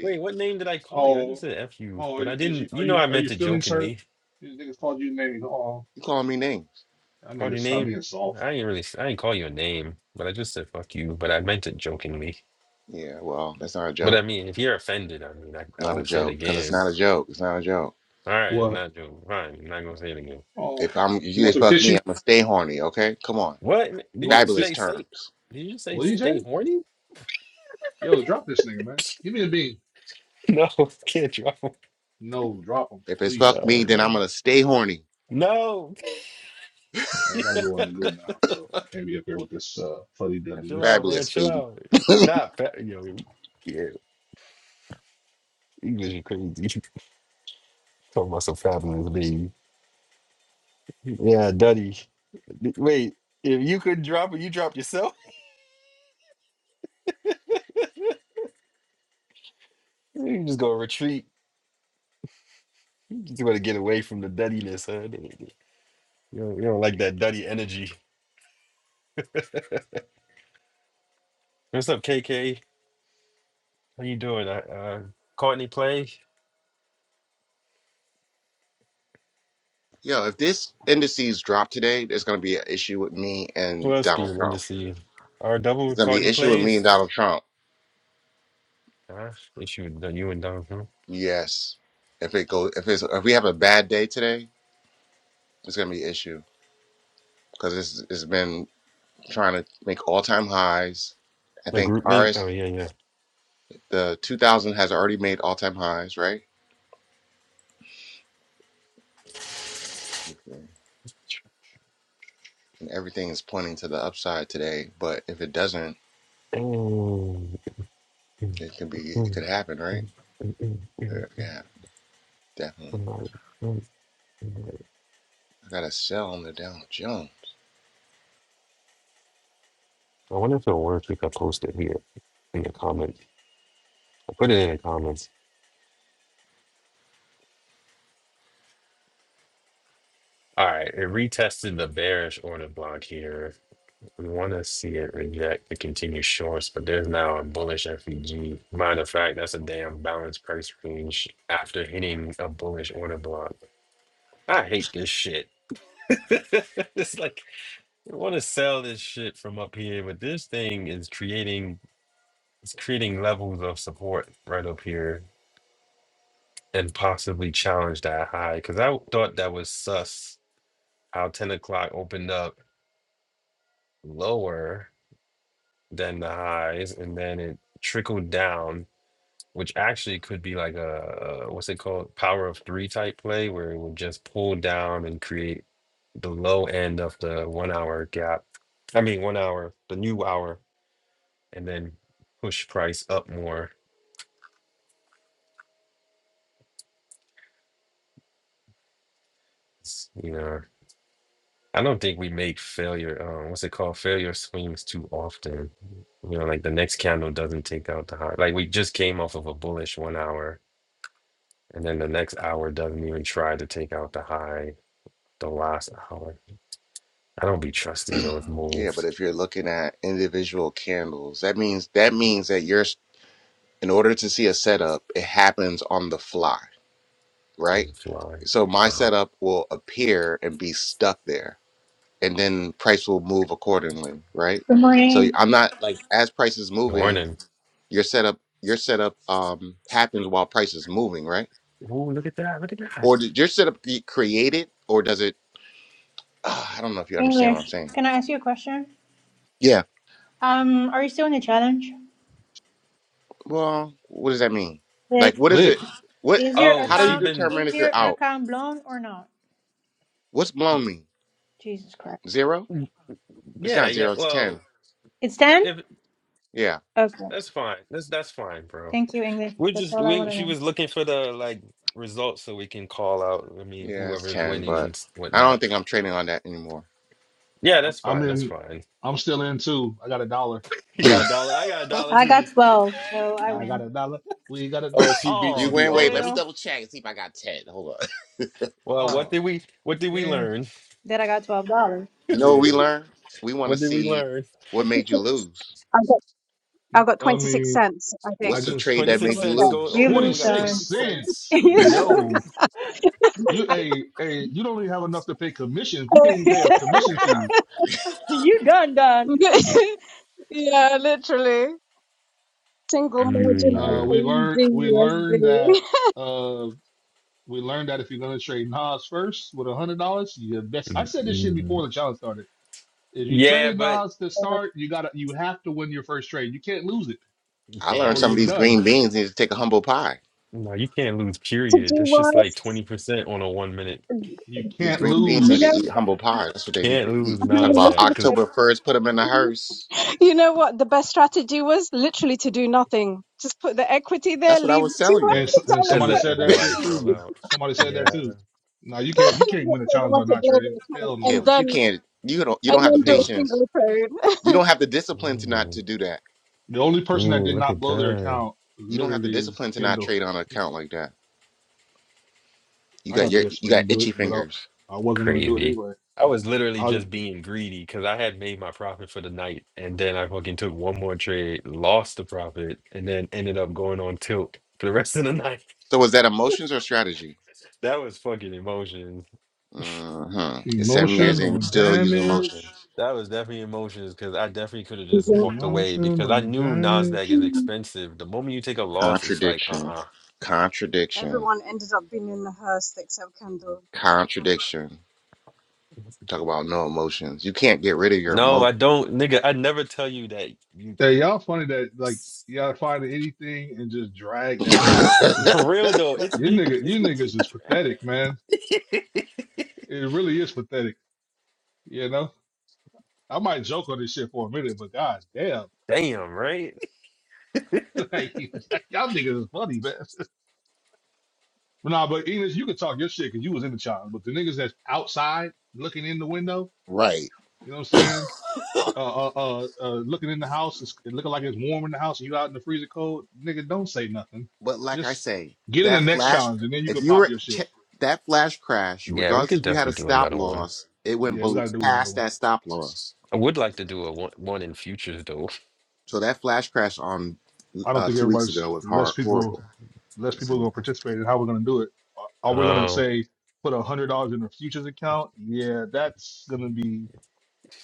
Speaker 1: Wait, what name did I call you? I just
Speaker 2: Oh,
Speaker 1: said F you,
Speaker 2: oh,
Speaker 1: but I
Speaker 2: is you
Speaker 1: didn't.
Speaker 2: are
Speaker 1: You know,
Speaker 2: you
Speaker 1: I
Speaker 2: are
Speaker 1: meant
Speaker 2: you
Speaker 1: to
Speaker 2: feeling hurt?
Speaker 1: jokingly
Speaker 2: These niggas called you names. Oh,
Speaker 5: He called me names.
Speaker 2: that
Speaker 1: call
Speaker 2: nigga
Speaker 1: your
Speaker 2: stop
Speaker 1: name.
Speaker 2: being soft.
Speaker 1: I ain't really, I I didn't call you a name, but I just said fuck you, but I meant it jokingly.
Speaker 5: Yeah, well, that's not a
Speaker 1: But I
Speaker 5: joke.
Speaker 1: mean, if you're offended, I mean, I, I
Speaker 5: Not a
Speaker 1: won't say it
Speaker 5: joke because it's
Speaker 1: again.
Speaker 5: not a joke. It's not a joke.
Speaker 1: All right, if
Speaker 2: What?
Speaker 1: not joking, fine, I'm not gonna say it again.
Speaker 2: Oh,
Speaker 5: If I'm if
Speaker 2: you
Speaker 5: you
Speaker 2: want some
Speaker 5: fuck me,
Speaker 2: tissue?
Speaker 5: I'm gonna stay horny. Okay, come on.
Speaker 1: What
Speaker 2: You
Speaker 1: did
Speaker 2: want
Speaker 1: you
Speaker 2: some tissue?
Speaker 5: Fabulous
Speaker 1: say? Stay?
Speaker 5: terms.
Speaker 1: Did you say
Speaker 2: What you say?
Speaker 1: stay horny?
Speaker 2: Yo, drop this nigga, man. Give me a bean.
Speaker 1: No, can't you?
Speaker 2: No, drop him,
Speaker 5: If it's
Speaker 2: please.
Speaker 5: fuck me,
Speaker 1: No,
Speaker 5: then
Speaker 1: no,
Speaker 5: I'm gonna stay horny.
Speaker 1: no.
Speaker 2: I gotta go on the goo now, bro. I can't be up here with this uh, fuddy
Speaker 5: That's
Speaker 1: chill
Speaker 2: duddy.
Speaker 1: out, man.
Speaker 5: fabulous,
Speaker 1: Chill
Speaker 5: baby.
Speaker 1: out. Not fa- yo. Yeah, English is crazy. Talking about some fabulous baby. Yeah, Duddy. Wait, if you could drop it, you dropped yourself. You just gonna retreat. You just want to get away from the duddiness, huh? You don't, you don't like that duddy energy. What's up, KK? How you doing? Uh, uh, Courtney play?
Speaker 5: Yo, if this indices drop today, there's gonna be an issue with me
Speaker 1: Who
Speaker 5: and
Speaker 1: else
Speaker 5: Donald
Speaker 1: being in the
Speaker 5: Trump.
Speaker 1: scene? R double
Speaker 5: It's gonna be
Speaker 1: Courtney
Speaker 5: an issue with me and
Speaker 1: plays?
Speaker 5: Donald Trump.
Speaker 1: Gosh, issue with the- you and Don, huh?
Speaker 5: Yes. If it goes, if it's if we have a bad day today, it's gonna be an issue because it's it's been trying to make all time highs. I
Speaker 1: The
Speaker 5: think
Speaker 1: group link? Oh
Speaker 5: RS
Speaker 1: yeah, yeah.
Speaker 5: the 2000 has already made all time highs, right? Okay. And everything is pointing to the upside today. But if it doesn't,
Speaker 1: I
Speaker 5: it could be it could happen, right? Yeah. Definitely. I got to sell on the Dow Jones.
Speaker 1: wonder if it are words we could post it here in the comments. I put it in the comments. All right, it retested the bearish order block here. We want to see it reject the continued shorts, but there's now a bullish FEG. Matter of fact, that's a damn balanced price range after hitting a bullish order block. I hate this shit. it's like You want to sell this shit from up here, but this thing is creating it's creating levels of support right up here and possibly challenge that high. Because I thought that was sus how 10 o'clock opened up lower than the highs and then it trickled down, which actually could be like a what's it called? Power of three type play where it would just pull down and create the low end of the one hour gap. I mean, one hour, the new hour and then push price up more. It's, you know, I don't think we make failure. Um, what's it called? Failure swings too often. You know, like the next candle doesn't take out the high. Like we just came off of a bullish one hour, and then the next hour doesn't even try to take out the high. The last hour, I don't be trusting those
Speaker 5: yeah, but
Speaker 1: moves
Speaker 5: if you're looking at individual candles, that means that means that you're in order to see a setup, it happens on the fly, right?
Speaker 1: and the fly.
Speaker 5: So my
Speaker 1: Uh,
Speaker 5: setup will appear and be stuck there, and then price will move accordingly, right?
Speaker 6: Good
Speaker 5: So
Speaker 6: morning,
Speaker 5: I'm not like as price is moving,
Speaker 1: morning.
Speaker 5: your setup your setup um happens while price is moving, right?
Speaker 1: Oh, look at that! Look at that!
Speaker 5: Or did your setup get created, or does it? Uh, I don't know if you understand what I'm
Speaker 6: English.
Speaker 5: saying.
Speaker 6: Can I ask you a question?
Speaker 5: Yeah.
Speaker 6: Um, are you still in the challenge?
Speaker 5: Well, what does that mean?
Speaker 6: Yes.
Speaker 5: Like, what is it?
Speaker 2: Click.
Speaker 5: What?
Speaker 6: Is your
Speaker 1: Oh,
Speaker 5: How do
Speaker 1: she
Speaker 5: you
Speaker 6: account
Speaker 1: been.
Speaker 6: is
Speaker 5: determine if
Speaker 6: your
Speaker 5: you're out?
Speaker 6: account blown or not?
Speaker 5: What's blown mean?
Speaker 6: Jesus Christ!
Speaker 5: Zero?
Speaker 1: mm,
Speaker 5: It's
Speaker 1: Yeah,
Speaker 5: not
Speaker 1: yeah.
Speaker 5: zero. It's ten.
Speaker 1: Well,
Speaker 6: It's ten.
Speaker 1: if
Speaker 5: Yeah,
Speaker 6: Okay.
Speaker 1: that's fine, that's that's fine, bro.
Speaker 6: Thank you, English.
Speaker 1: We're
Speaker 6: That's
Speaker 1: just
Speaker 6: all I want
Speaker 1: we
Speaker 6: to
Speaker 1: she
Speaker 6: know.
Speaker 1: was looking for the like results so we can call out. I mean,
Speaker 5: yeah, it's
Speaker 1: whoever is
Speaker 5: ten.
Speaker 1: winning
Speaker 5: But
Speaker 1: and s-
Speaker 5: I don't
Speaker 1: whatnot.
Speaker 5: think I'm trading on that anymore.
Speaker 1: Yeah,
Speaker 2: I'm,
Speaker 1: that's
Speaker 2: I'm
Speaker 1: fine. That's
Speaker 2: in.
Speaker 1: fine.
Speaker 2: I'm still in too. I got a dollar on
Speaker 1: You got a
Speaker 2: mine.
Speaker 5: you
Speaker 1: dollar. I got a dollar
Speaker 6: I got
Speaker 1: too.
Speaker 6: twelve, so I
Speaker 2: I got
Speaker 6: win.
Speaker 2: a dollar. We got a. do-
Speaker 1: Oh, she beat she
Speaker 2: Oh
Speaker 1: beat
Speaker 5: win.
Speaker 1: all
Speaker 5: Wait,
Speaker 1: of
Speaker 5: let me
Speaker 1: us.
Speaker 2: damn.
Speaker 5: double check and see if I got ten. Hold on.
Speaker 1: Well, what
Speaker 2: Oh
Speaker 1: did we what did we
Speaker 2: damn.
Speaker 1: learn?
Speaker 6: Then I got twelve dollars.
Speaker 5: You know what we
Speaker 2: Shit.
Speaker 5: learned? We want
Speaker 1: What
Speaker 5: to
Speaker 1: did we
Speaker 5: see
Speaker 1: learn?
Speaker 5: what made you
Speaker 4: 26.
Speaker 5: lose.
Speaker 4: I got I got
Speaker 2: I
Speaker 4: 26
Speaker 2: mean,
Speaker 4: cents, I
Speaker 2: I
Speaker 5: What's
Speaker 4: think.
Speaker 5: the
Speaker 2: just
Speaker 5: trade
Speaker 4: Let
Speaker 1: Twenty
Speaker 4: me
Speaker 5: that
Speaker 1: six
Speaker 5: made
Speaker 4: double
Speaker 5: you
Speaker 1: cents.
Speaker 4: check.
Speaker 1: Go
Speaker 5: lose?
Speaker 6: You
Speaker 1: over here.
Speaker 2: twenty
Speaker 6: lose,
Speaker 1: We got twenty
Speaker 2: six
Speaker 6: darn.
Speaker 1: six cents.
Speaker 2: cents.
Speaker 6: you
Speaker 2: Yo,
Speaker 6: lose.
Speaker 2: you hey hey. You don't even have enough to pay commission. You can't even pay a commission
Speaker 5: And uh,
Speaker 2: fee.
Speaker 6: you done done.
Speaker 4: yeah, yeah, literally. single margin on
Speaker 2: Uh,
Speaker 1: Mm,
Speaker 2: we learned we
Speaker 4: AUDUSD
Speaker 2: learned that uh we learned that if you're gonna trade Nas first with a hundred dollars, you best. I
Speaker 1: mm,
Speaker 2: said this shit before
Speaker 1: mm.
Speaker 2: the challenge started. If you
Speaker 1: Yeah,
Speaker 2: traded
Speaker 1: but
Speaker 2: Nas to start, you gotta you have to win your first trade. You can't lose it
Speaker 1: you
Speaker 5: I learned
Speaker 2: or
Speaker 5: some
Speaker 2: you're
Speaker 5: of
Speaker 1: can't.
Speaker 5: these
Speaker 2: done.
Speaker 5: green beans need to take a humble pie.
Speaker 1: No, you can't lose.
Speaker 4: to
Speaker 1: Period.
Speaker 4: do
Speaker 1: That's just
Speaker 4: what?
Speaker 1: like twenty percent on a one minute.
Speaker 2: You
Speaker 5: These
Speaker 2: can't
Speaker 5: green beans
Speaker 4: You
Speaker 5: need to
Speaker 4: know,
Speaker 2: lose.
Speaker 5: eat humble pie. That's what they need to
Speaker 1: Can't
Speaker 5: eat.
Speaker 1: lose
Speaker 4: hang
Speaker 5: Talk
Speaker 4: on
Speaker 5: about
Speaker 1: Nasdaq
Speaker 4: a
Speaker 1: because
Speaker 5: October first. Put them in the hearse.
Speaker 4: You know what the best strategy was? Literally to do nothing. Just put the equity there,
Speaker 5: That's what I
Speaker 4: leave
Speaker 5: was
Speaker 4: two
Speaker 5: telling you.
Speaker 2: And, s-
Speaker 4: hundred
Speaker 2: and
Speaker 1: that
Speaker 4: dollars,
Speaker 2: somebody
Speaker 1: let
Speaker 4: wait
Speaker 2: said
Speaker 4: for
Speaker 2: that
Speaker 1: everybody
Speaker 2: shit
Speaker 4: equity,
Speaker 1: fall
Speaker 2: too.
Speaker 1: out.
Speaker 2: Somebody said that
Speaker 1: Yeah.
Speaker 2: too. No, you can't you can't
Speaker 4: wait
Speaker 2: win a
Speaker 4: for the
Speaker 2: challenge by
Speaker 4: one to
Speaker 2: not
Speaker 4: blow
Speaker 2: trading.
Speaker 4: the account,
Speaker 2: Hell
Speaker 5: Yeah,
Speaker 4: and
Speaker 2: no.
Speaker 5: but you
Speaker 4: then
Speaker 5: can't. You don't. You
Speaker 4: and
Speaker 5: don't have the
Speaker 4: then do a
Speaker 2: No.
Speaker 5: patience.
Speaker 4: single
Speaker 5: You
Speaker 4: trade.
Speaker 5: don't have the discipline to not
Speaker 1: Ooh,
Speaker 5: to do that.
Speaker 2: The only person that
Speaker 1: ooh,
Speaker 2: did
Speaker 1: look
Speaker 2: not
Speaker 1: at
Speaker 2: blow their
Speaker 1: that!
Speaker 2: account
Speaker 5: You don't have the
Speaker 2: literally is
Speaker 5: discipline to not
Speaker 2: Kendall.
Speaker 5: trade on an account like that. You
Speaker 2: I
Speaker 5: got
Speaker 2: got the
Speaker 5: your. You
Speaker 2: discipline
Speaker 5: got
Speaker 2: to do it,
Speaker 5: itchy
Speaker 2: but I
Speaker 5: fingers.
Speaker 2: I wasn't gonna do it
Speaker 1: Crazy.
Speaker 2: anyway.
Speaker 1: I was literally
Speaker 2: I
Speaker 1: just being greedy because I had made my profit for the night, and then I fucking took one more trade, lost the profit, and then ended up going on tilt for the rest of the night.
Speaker 5: So is that emotions or strategy?
Speaker 1: That was fucking emotions,
Speaker 5: Mm-hmm. It's seven years
Speaker 1: and
Speaker 5: in. You
Speaker 2: emotional
Speaker 5: still using
Speaker 2: damage.
Speaker 5: emotions.
Speaker 1: that was definitely emotions because I definitely could have just
Speaker 4: Isn't-
Speaker 1: walked away because I
Speaker 2: Emotional
Speaker 1: knew
Speaker 2: damage.
Speaker 1: Nasdaq is
Speaker 4: Mm.
Speaker 1: expensive. The moment you take a loss, it's like uh
Speaker 5: Contradiction.
Speaker 1: uh.
Speaker 5: Contradiction.
Speaker 4: Everyone ended up being in the Hearst except Kendall.
Speaker 5: Contradiction. Talk about no emotions. You can't get rid of your
Speaker 1: No, I
Speaker 5: emotions.
Speaker 1: don't, nigga. I never tell you that. You
Speaker 2: Yeah, y'all funny that like y'all find anything and just drag that shit. It-
Speaker 1: for real though. It's
Speaker 2: You
Speaker 1: been
Speaker 2: nigga,
Speaker 1: it's
Speaker 2: you
Speaker 1: been
Speaker 2: niggas
Speaker 1: getting
Speaker 2: is
Speaker 1: dragged.
Speaker 2: pathetic, man. It really is pathetic. You know, I might joke on this shit for a minute, but god damn,
Speaker 1: Damn, right?
Speaker 2: like, y'all niggas is funny, man. But nah, but Enos, you can talk your shit because you was in the child, but the niggas that's outside looking in the window,
Speaker 5: right.
Speaker 2: you know what I'm saying? Uh, uh, uh, uh looking in the house, it's it looking like it's warm in the house, and you out in the freezer cold, nigga. Don't say nothing.
Speaker 5: But like I
Speaker 2: Just
Speaker 5: say,
Speaker 2: get in the
Speaker 5: that
Speaker 2: next
Speaker 5: flash,
Speaker 2: challenge, and then you
Speaker 5: if
Speaker 2: can
Speaker 5: you
Speaker 2: pop
Speaker 5: were
Speaker 2: your shit.
Speaker 5: che- that flash crash,
Speaker 1: Yeah, we
Speaker 5: regardless
Speaker 1: could
Speaker 5: if you had
Speaker 1: definitely
Speaker 5: a
Speaker 1: do
Speaker 5: stop
Speaker 1: another one.
Speaker 5: loss, it went
Speaker 2: Yeah, we got
Speaker 5: bel
Speaker 2: to do another
Speaker 5: past
Speaker 2: one.
Speaker 5: that stop loss.
Speaker 1: I would like to do a one, one in futures though.
Speaker 5: So that flash crash on
Speaker 2: I don't
Speaker 5: uh,
Speaker 2: think
Speaker 5: two weeks
Speaker 2: everybody's
Speaker 5: ago was
Speaker 2: less
Speaker 5: hor-
Speaker 2: people
Speaker 5: horrible.
Speaker 2: less people are
Speaker 5: Listen,
Speaker 2: gonna participate in how we're gonna do it. Are are we gonna
Speaker 1: Um,
Speaker 2: say put a hundred dollars in a futures account? Yeah, that's gonna be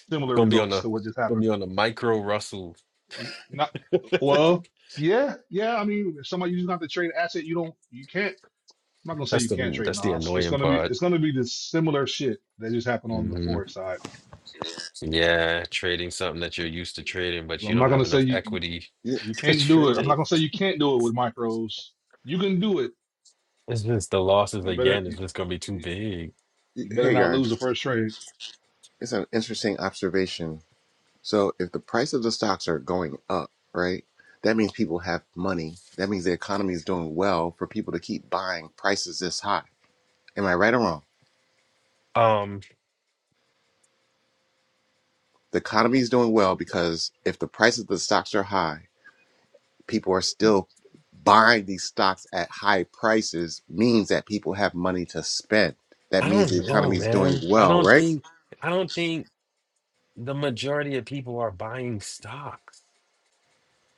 Speaker 2: similar
Speaker 1: gonna be on
Speaker 2: results
Speaker 1: the
Speaker 2: to what just
Speaker 1: gonna
Speaker 2: happened.
Speaker 1: be on the micro Russell.
Speaker 2: N- Not well, yeah, yeah. I mean, if somebody you just got to trade asset, you don't, you can't. I'm not gonna say
Speaker 1: That's
Speaker 2: you can't
Speaker 1: the
Speaker 2: trade
Speaker 1: that's the
Speaker 2: Nas. It's
Speaker 1: annoying
Speaker 2: gonna be
Speaker 1: part.
Speaker 2: it's gonna be the similar shit that just happened on the
Speaker 1: hmm
Speaker 2: forex side.
Speaker 1: Yeah, trading something that you're used to trading, but you
Speaker 2: I'm not
Speaker 1: don't have
Speaker 2: gonna say
Speaker 1: enough
Speaker 2: you you
Speaker 1: equity
Speaker 5: you,
Speaker 2: you
Speaker 1: to
Speaker 2: can't do
Speaker 1: trade
Speaker 2: it. I'm not
Speaker 1: it.
Speaker 2: gonna say you can't do it with micros. You can do it.
Speaker 1: It's just the losses
Speaker 2: You better.
Speaker 1: again. It's just gonna be too
Speaker 2: You
Speaker 1: big.
Speaker 5: you,
Speaker 2: you better
Speaker 5: hey
Speaker 2: not lose the
Speaker 5: guys,
Speaker 2: first trade.
Speaker 5: it's an interesting observation. So if the price of the stocks are going up, right, that means people have money. That means the economy is doing well for people to keep buying prices this high. Am I right or wrong?
Speaker 1: Um,
Speaker 5: The economy is doing well because if the price of the stocks are high people are still buying these stocks at high prices means that people have money to spend. That
Speaker 1: I
Speaker 5: means
Speaker 1: don't
Speaker 5: the
Speaker 1: know,
Speaker 5: economy is doing
Speaker 1: man. I
Speaker 5: well,
Speaker 1: don't
Speaker 5: right?
Speaker 1: think I don't think the majority of people are buying stocks.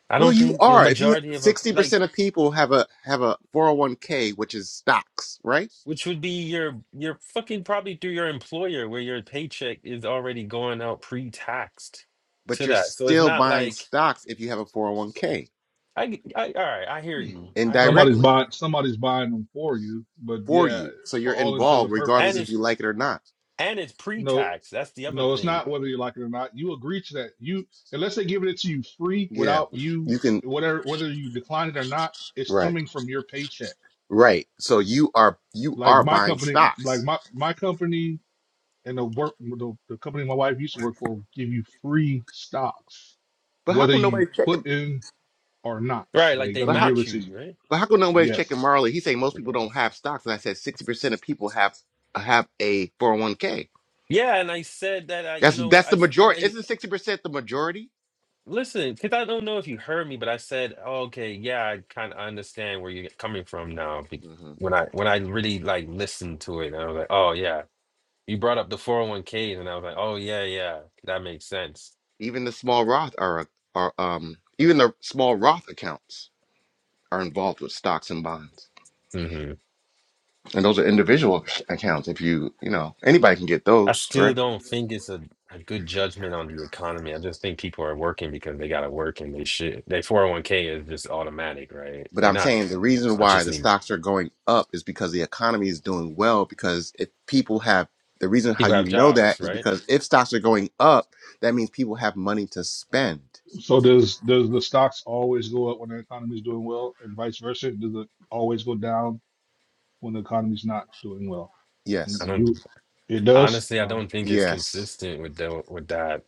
Speaker 1: I
Speaker 5: Well,
Speaker 1: don't
Speaker 5: you
Speaker 1: think the
Speaker 5: are. If you
Speaker 1: majority of a,
Speaker 5: sixty
Speaker 1: like.
Speaker 5: percent of people have a have a four hundred one k, which is stocks, right?
Speaker 1: Which would be your your fucking probably through your employer where your paycheck is already going out pre-taxed
Speaker 5: But
Speaker 1: to
Speaker 5: you're
Speaker 1: that. So it's
Speaker 5: still
Speaker 1: not
Speaker 5: buying
Speaker 1: like
Speaker 5: stocks if you have a four hundred one k
Speaker 1: I, g- I- all right, I hear you. I hear
Speaker 2: Somebody's
Speaker 1: you.
Speaker 5: indirectly
Speaker 2: buying somebody's buying them for you. But
Speaker 5: for
Speaker 2: yeah,
Speaker 5: you. So
Speaker 2: for
Speaker 5: you're
Speaker 2: all intents
Speaker 5: involved,
Speaker 2: and
Speaker 1: And
Speaker 5: regardless if
Speaker 1: it's
Speaker 5: you
Speaker 2: purposes,
Speaker 5: like it or not.
Speaker 1: and it's
Speaker 2: no,
Speaker 1: pre-tax. That's the other
Speaker 2: no, it's
Speaker 1: thing.
Speaker 2: not whether you like it or not. You agree to that. You unless they give it to you free
Speaker 5: Yeah,
Speaker 2: without you
Speaker 5: you can.
Speaker 2: whatever whether you decline it or not, it's
Speaker 5: Right,
Speaker 2: coming from your paycheck.
Speaker 5: right. So you are you
Speaker 2: Like
Speaker 5: are
Speaker 2: my
Speaker 5: buying
Speaker 2: company, like
Speaker 5: stocks.
Speaker 2: my my company and the work the, the company my wife used to work for give you free stocks,
Speaker 5: But how
Speaker 2: whether
Speaker 5: come
Speaker 2: you
Speaker 5: nobody's
Speaker 2: put
Speaker 5: checking?
Speaker 2: in or not.
Speaker 1: Right, like
Speaker 2: They're
Speaker 1: they
Speaker 5: But
Speaker 2: gonna
Speaker 5: how?
Speaker 2: give
Speaker 1: match
Speaker 2: it to
Speaker 1: you,
Speaker 2: you.
Speaker 1: right?
Speaker 5: But how come nobody's
Speaker 2: Yes.
Speaker 5: checking Marley? He saying most people don't
Speaker 1: Yes.
Speaker 5: have stocks, and I said sixty percent of people have have a four hundred one k.
Speaker 1: Yeah, and I said that I you
Speaker 5: That's
Speaker 1: know
Speaker 5: that's
Speaker 1: I
Speaker 5: the
Speaker 1: s- and
Speaker 5: majority.
Speaker 1: I
Speaker 5: Isn't sixty percent the majority?
Speaker 1: listen, cuz I don't know if you heard me, but I said, oh, "Okay, yeah, I kind of understand where you're coming from now." be-
Speaker 5: hmm
Speaker 1: When I when I really like listened to it, and I was like, "Oh, yeah." you brought up the 401k and I was like, oh yeah, yeah, that makes sense.
Speaker 5: Even the small Roth are are um even the small Roth accounts are involved with stocks and bonds,
Speaker 1: hmm
Speaker 5: and those are individual accounts. If you you know anybody can get
Speaker 1: I
Speaker 5: those, right?
Speaker 1: still don't think it's a, a good judgment on the economy. I just think people are working because they gotta work and they should. Their 401k is just automatic, right?
Speaker 5: But
Speaker 1: They're
Speaker 5: I'm
Speaker 1: not
Speaker 5: saying the reason why the
Speaker 1: consciously
Speaker 5: stocks are going up is because the economy is doing well. Because if people have the reason how
Speaker 1: people have
Speaker 5: you know that
Speaker 1: jobs,
Speaker 5: is
Speaker 1: right?
Speaker 5: because if stocks are going up, that means people have money to spend.
Speaker 2: So does does the stocks always go up when the economy's doing well, and vice versa? Does it always go down when the economy's not doing well? You,
Speaker 1: I
Speaker 5: Yes,
Speaker 1: don't
Speaker 2: it does.
Speaker 1: honestly I
Speaker 2: Uh,
Speaker 1: don't think it's
Speaker 5: yes,
Speaker 1: consistent with the, with that.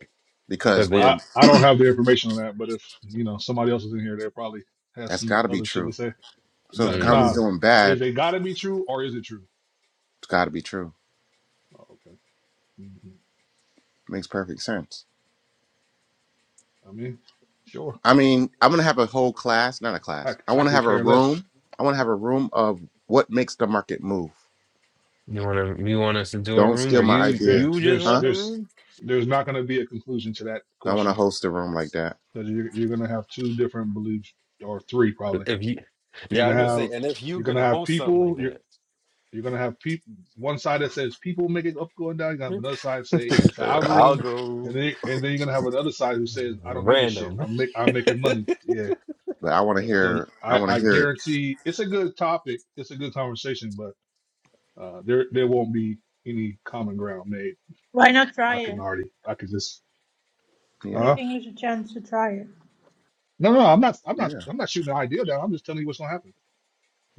Speaker 1: Cause
Speaker 5: because when
Speaker 1: they
Speaker 2: I
Speaker 5: the,
Speaker 2: I don't have the information on that, but if you know somebody else is in here, they probably has
Speaker 5: that's
Speaker 2: some
Speaker 5: got to be
Speaker 2: other shit to
Speaker 5: true.
Speaker 2: say.
Speaker 5: So if the
Speaker 2: Nah,
Speaker 5: economy's
Speaker 1: hmm
Speaker 2: nah
Speaker 5: doing
Speaker 2: is
Speaker 5: bad,
Speaker 2: it gotta be true or is it true?
Speaker 5: it's got to be true.
Speaker 2: Oh, okay. hmm
Speaker 5: Makes perfect sense.
Speaker 2: I mean, sure.
Speaker 5: I mean, I'm gonna have a whole class, not a
Speaker 2: I
Speaker 5: class. I
Speaker 2: I
Speaker 5: want to have
Speaker 2: could
Speaker 5: a
Speaker 2: care less.
Speaker 5: room. I want to have a room of what makes the market move.
Speaker 1: you wanna you want us to do a
Speaker 5: Don't
Speaker 1: room
Speaker 5: steal
Speaker 1: or
Speaker 5: my
Speaker 1: you
Speaker 2: There's
Speaker 5: idea,
Speaker 1: you just
Speaker 2: there's
Speaker 5: huh?
Speaker 1: want the
Speaker 2: there's
Speaker 1: room?
Speaker 2: there's not gonna be a conclusion to that
Speaker 5: I want to
Speaker 2: question.
Speaker 5: host a room like that.
Speaker 2: because you're you're gonna have two different beliefs or three probably.
Speaker 1: If you
Speaker 2: You're
Speaker 1: yeah, I was
Speaker 2: gonna
Speaker 5: Yeah.
Speaker 1: gonna say,
Speaker 2: have
Speaker 1: and if you
Speaker 2: you're gonna
Speaker 1: gonna
Speaker 2: have
Speaker 1: host something like
Speaker 2: people. You're
Speaker 1: that.
Speaker 2: you're gonna have people. One side that says people make it up, going down. You're gonna have another side say it's an
Speaker 1: I'll
Speaker 2: algorithm,
Speaker 1: go
Speaker 2: and then and then you're gonna have another side who says I don't give a shit.
Speaker 1: random.
Speaker 2: I'm make I'm making money. Yeah.
Speaker 5: But I want to
Speaker 2: So
Speaker 5: hear. I
Speaker 2: I
Speaker 5: want to
Speaker 2: I
Speaker 5: hear it.
Speaker 2: guarantee it's a good topic. It's a good conversation, but uh, there there won't be any common ground made.
Speaker 6: Why not try
Speaker 2: I can
Speaker 6: it?
Speaker 2: already I can just
Speaker 5: Yeah.
Speaker 6: Give
Speaker 2: uh
Speaker 6: English a chance to try it.
Speaker 2: no no I'm not I'm not
Speaker 5: Yeah.
Speaker 2: I'm not shooting the idea down. I'm just telling you what's gonna happen.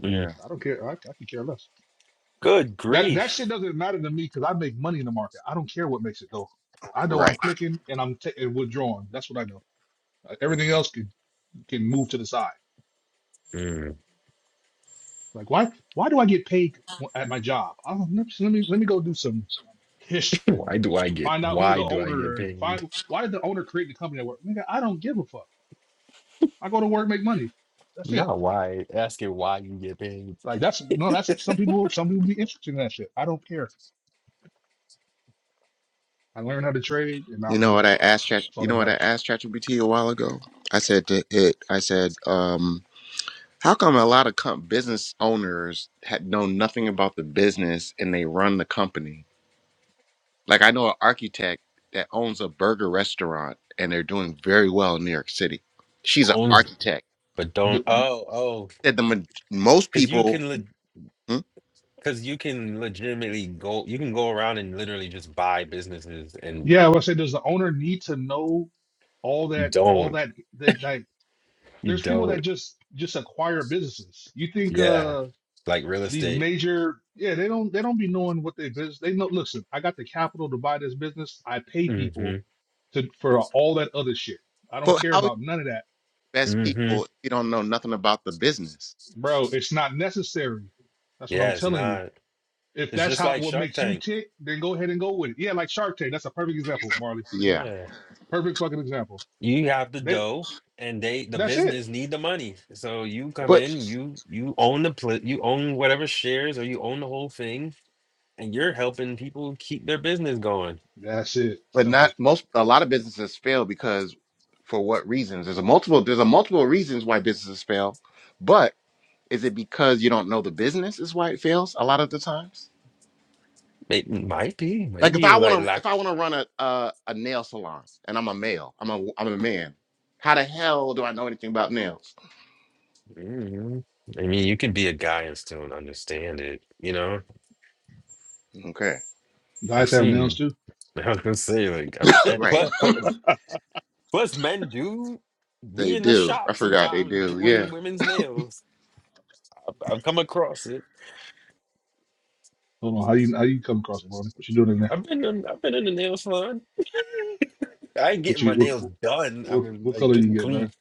Speaker 1: Mm.
Speaker 5: Yeah.
Speaker 2: I don't care. I, I could care less.
Speaker 1: Good
Speaker 2: That that shit
Speaker 1: grief.
Speaker 2: doesn't matter to me because I make money in the market. I don't care what makes it go. I know I'm
Speaker 5: Right.
Speaker 2: clicking and I'm ta- and withdrawing. That's what I know. Uh, Everything else can can move to the side.
Speaker 1: Mm.
Speaker 2: Like why why do I get paid w- at my job? I don't, let me let me let me go do some history and
Speaker 1: Why do I get
Speaker 2: find out who
Speaker 1: why
Speaker 2: the
Speaker 1: do I get
Speaker 2: owner
Speaker 1: paid?
Speaker 2: find why did the owner create the company I work? Nigga, I don't give a fuck. I go to work, make money. That's it.
Speaker 1: Not why. Ask it why you get paid.
Speaker 2: Like that's no, that's some people some people be interested in that shit. I don't care. I learned how to trade and now
Speaker 5: You
Speaker 2: I'm
Speaker 5: know
Speaker 2: good
Speaker 5: what
Speaker 2: at
Speaker 5: I
Speaker 2: it.
Speaker 5: asked Chat?
Speaker 2: That's all
Speaker 5: You know
Speaker 2: that
Speaker 5: what I
Speaker 2: matters.
Speaker 5: asked ChatGPT a while ago? I said to it. I said, um, how come a lot of com- business owners had know nothing about the business and they run the company? Like I know an architect that owns a burger restaurant and they're doing very well in New York City. She's an
Speaker 1: Only,
Speaker 5: architect.
Speaker 1: but don't. Oh, oh,
Speaker 5: Said the ma- most
Speaker 1: because you
Speaker 5: people.
Speaker 1: can, le-
Speaker 5: Hmm?
Speaker 1: because you can legitimately go. You can go around and literally just buy businesses, and
Speaker 2: Yeah, I would say, does the owner need to know all
Speaker 1: you
Speaker 2: that? All
Speaker 1: don't.
Speaker 2: that they like.
Speaker 1: You
Speaker 2: There's people
Speaker 1: don't.
Speaker 2: that just just acquire businesses. You think
Speaker 1: Yeah,
Speaker 2: uh
Speaker 1: like real
Speaker 2: these
Speaker 1: estate.
Speaker 2: major? Yeah, they don't they don't be knowing what they business. They know. Listen, I got the capital to buy this business. I pay people
Speaker 1: Mm-hmm.
Speaker 2: to for all that other shit. I don't
Speaker 5: But
Speaker 2: care
Speaker 5: how you
Speaker 2: about none of that,
Speaker 5: best
Speaker 1: Mm-hmm.
Speaker 5: people if you don't know nothing about the business?
Speaker 2: bro. It's not necessary. That's what
Speaker 1: Yeah,
Speaker 2: I'm
Speaker 1: it's
Speaker 2: telling you.
Speaker 1: not.
Speaker 2: If
Speaker 1: It's
Speaker 2: that's
Speaker 1: just
Speaker 2: how
Speaker 1: like
Speaker 2: what
Speaker 1: Shark
Speaker 2: makes you
Speaker 1: Tank.
Speaker 2: tick, then go ahead and go with it. Yeah, like Shark Tank. That's a perfect example, Marley.
Speaker 5: Yeah.
Speaker 1: Yeah.
Speaker 2: Perfect fucking example.
Speaker 1: you have the
Speaker 2: That
Speaker 1: dough and they the
Speaker 2: that's it.
Speaker 1: business need the money so you come
Speaker 5: But
Speaker 1: in you you own the pl- you own whatever shares or you own the whole thing and you're helping people keep their business going
Speaker 2: That's it.
Speaker 5: but
Speaker 2: Simple.
Speaker 5: not most a lot of businesses fail because for what reasons there's a multiple there's a multiple reasons why businesses fail but is it because you don't know the business is why it fails a lot of the times
Speaker 1: it might be
Speaker 5: like if
Speaker 1: maybe
Speaker 5: i
Speaker 1: like
Speaker 5: want to
Speaker 1: like
Speaker 5: if i want to run a, a a nail salon and i'm a male i'm a i'm a man how the hell do i know anything about nails
Speaker 1: mm, i mean you can be a guy and still understand it you know
Speaker 5: okay
Speaker 1: i've
Speaker 2: Guys have nails
Speaker 1: seen
Speaker 2: too.
Speaker 1: i was gonna say like I mean, and
Speaker 5: right
Speaker 1: plus, plus, plus men do be
Speaker 5: they
Speaker 1: in the
Speaker 5: do i
Speaker 1: shop
Speaker 5: forgot they
Speaker 1: sometimes
Speaker 5: do yeah
Speaker 1: doing women's nails i've, I've come across it
Speaker 2: Hold on. How you how you come across it, Ronnie? What you doing in there?
Speaker 1: I've been in, I've been in the nail salon I ain't
Speaker 2: What
Speaker 1: getting my
Speaker 2: you
Speaker 1: nails
Speaker 2: what
Speaker 1: done. I
Speaker 2: what
Speaker 1: mean,
Speaker 2: what
Speaker 1: like
Speaker 2: color you
Speaker 1: getting
Speaker 2: get, man?
Speaker 1: clean.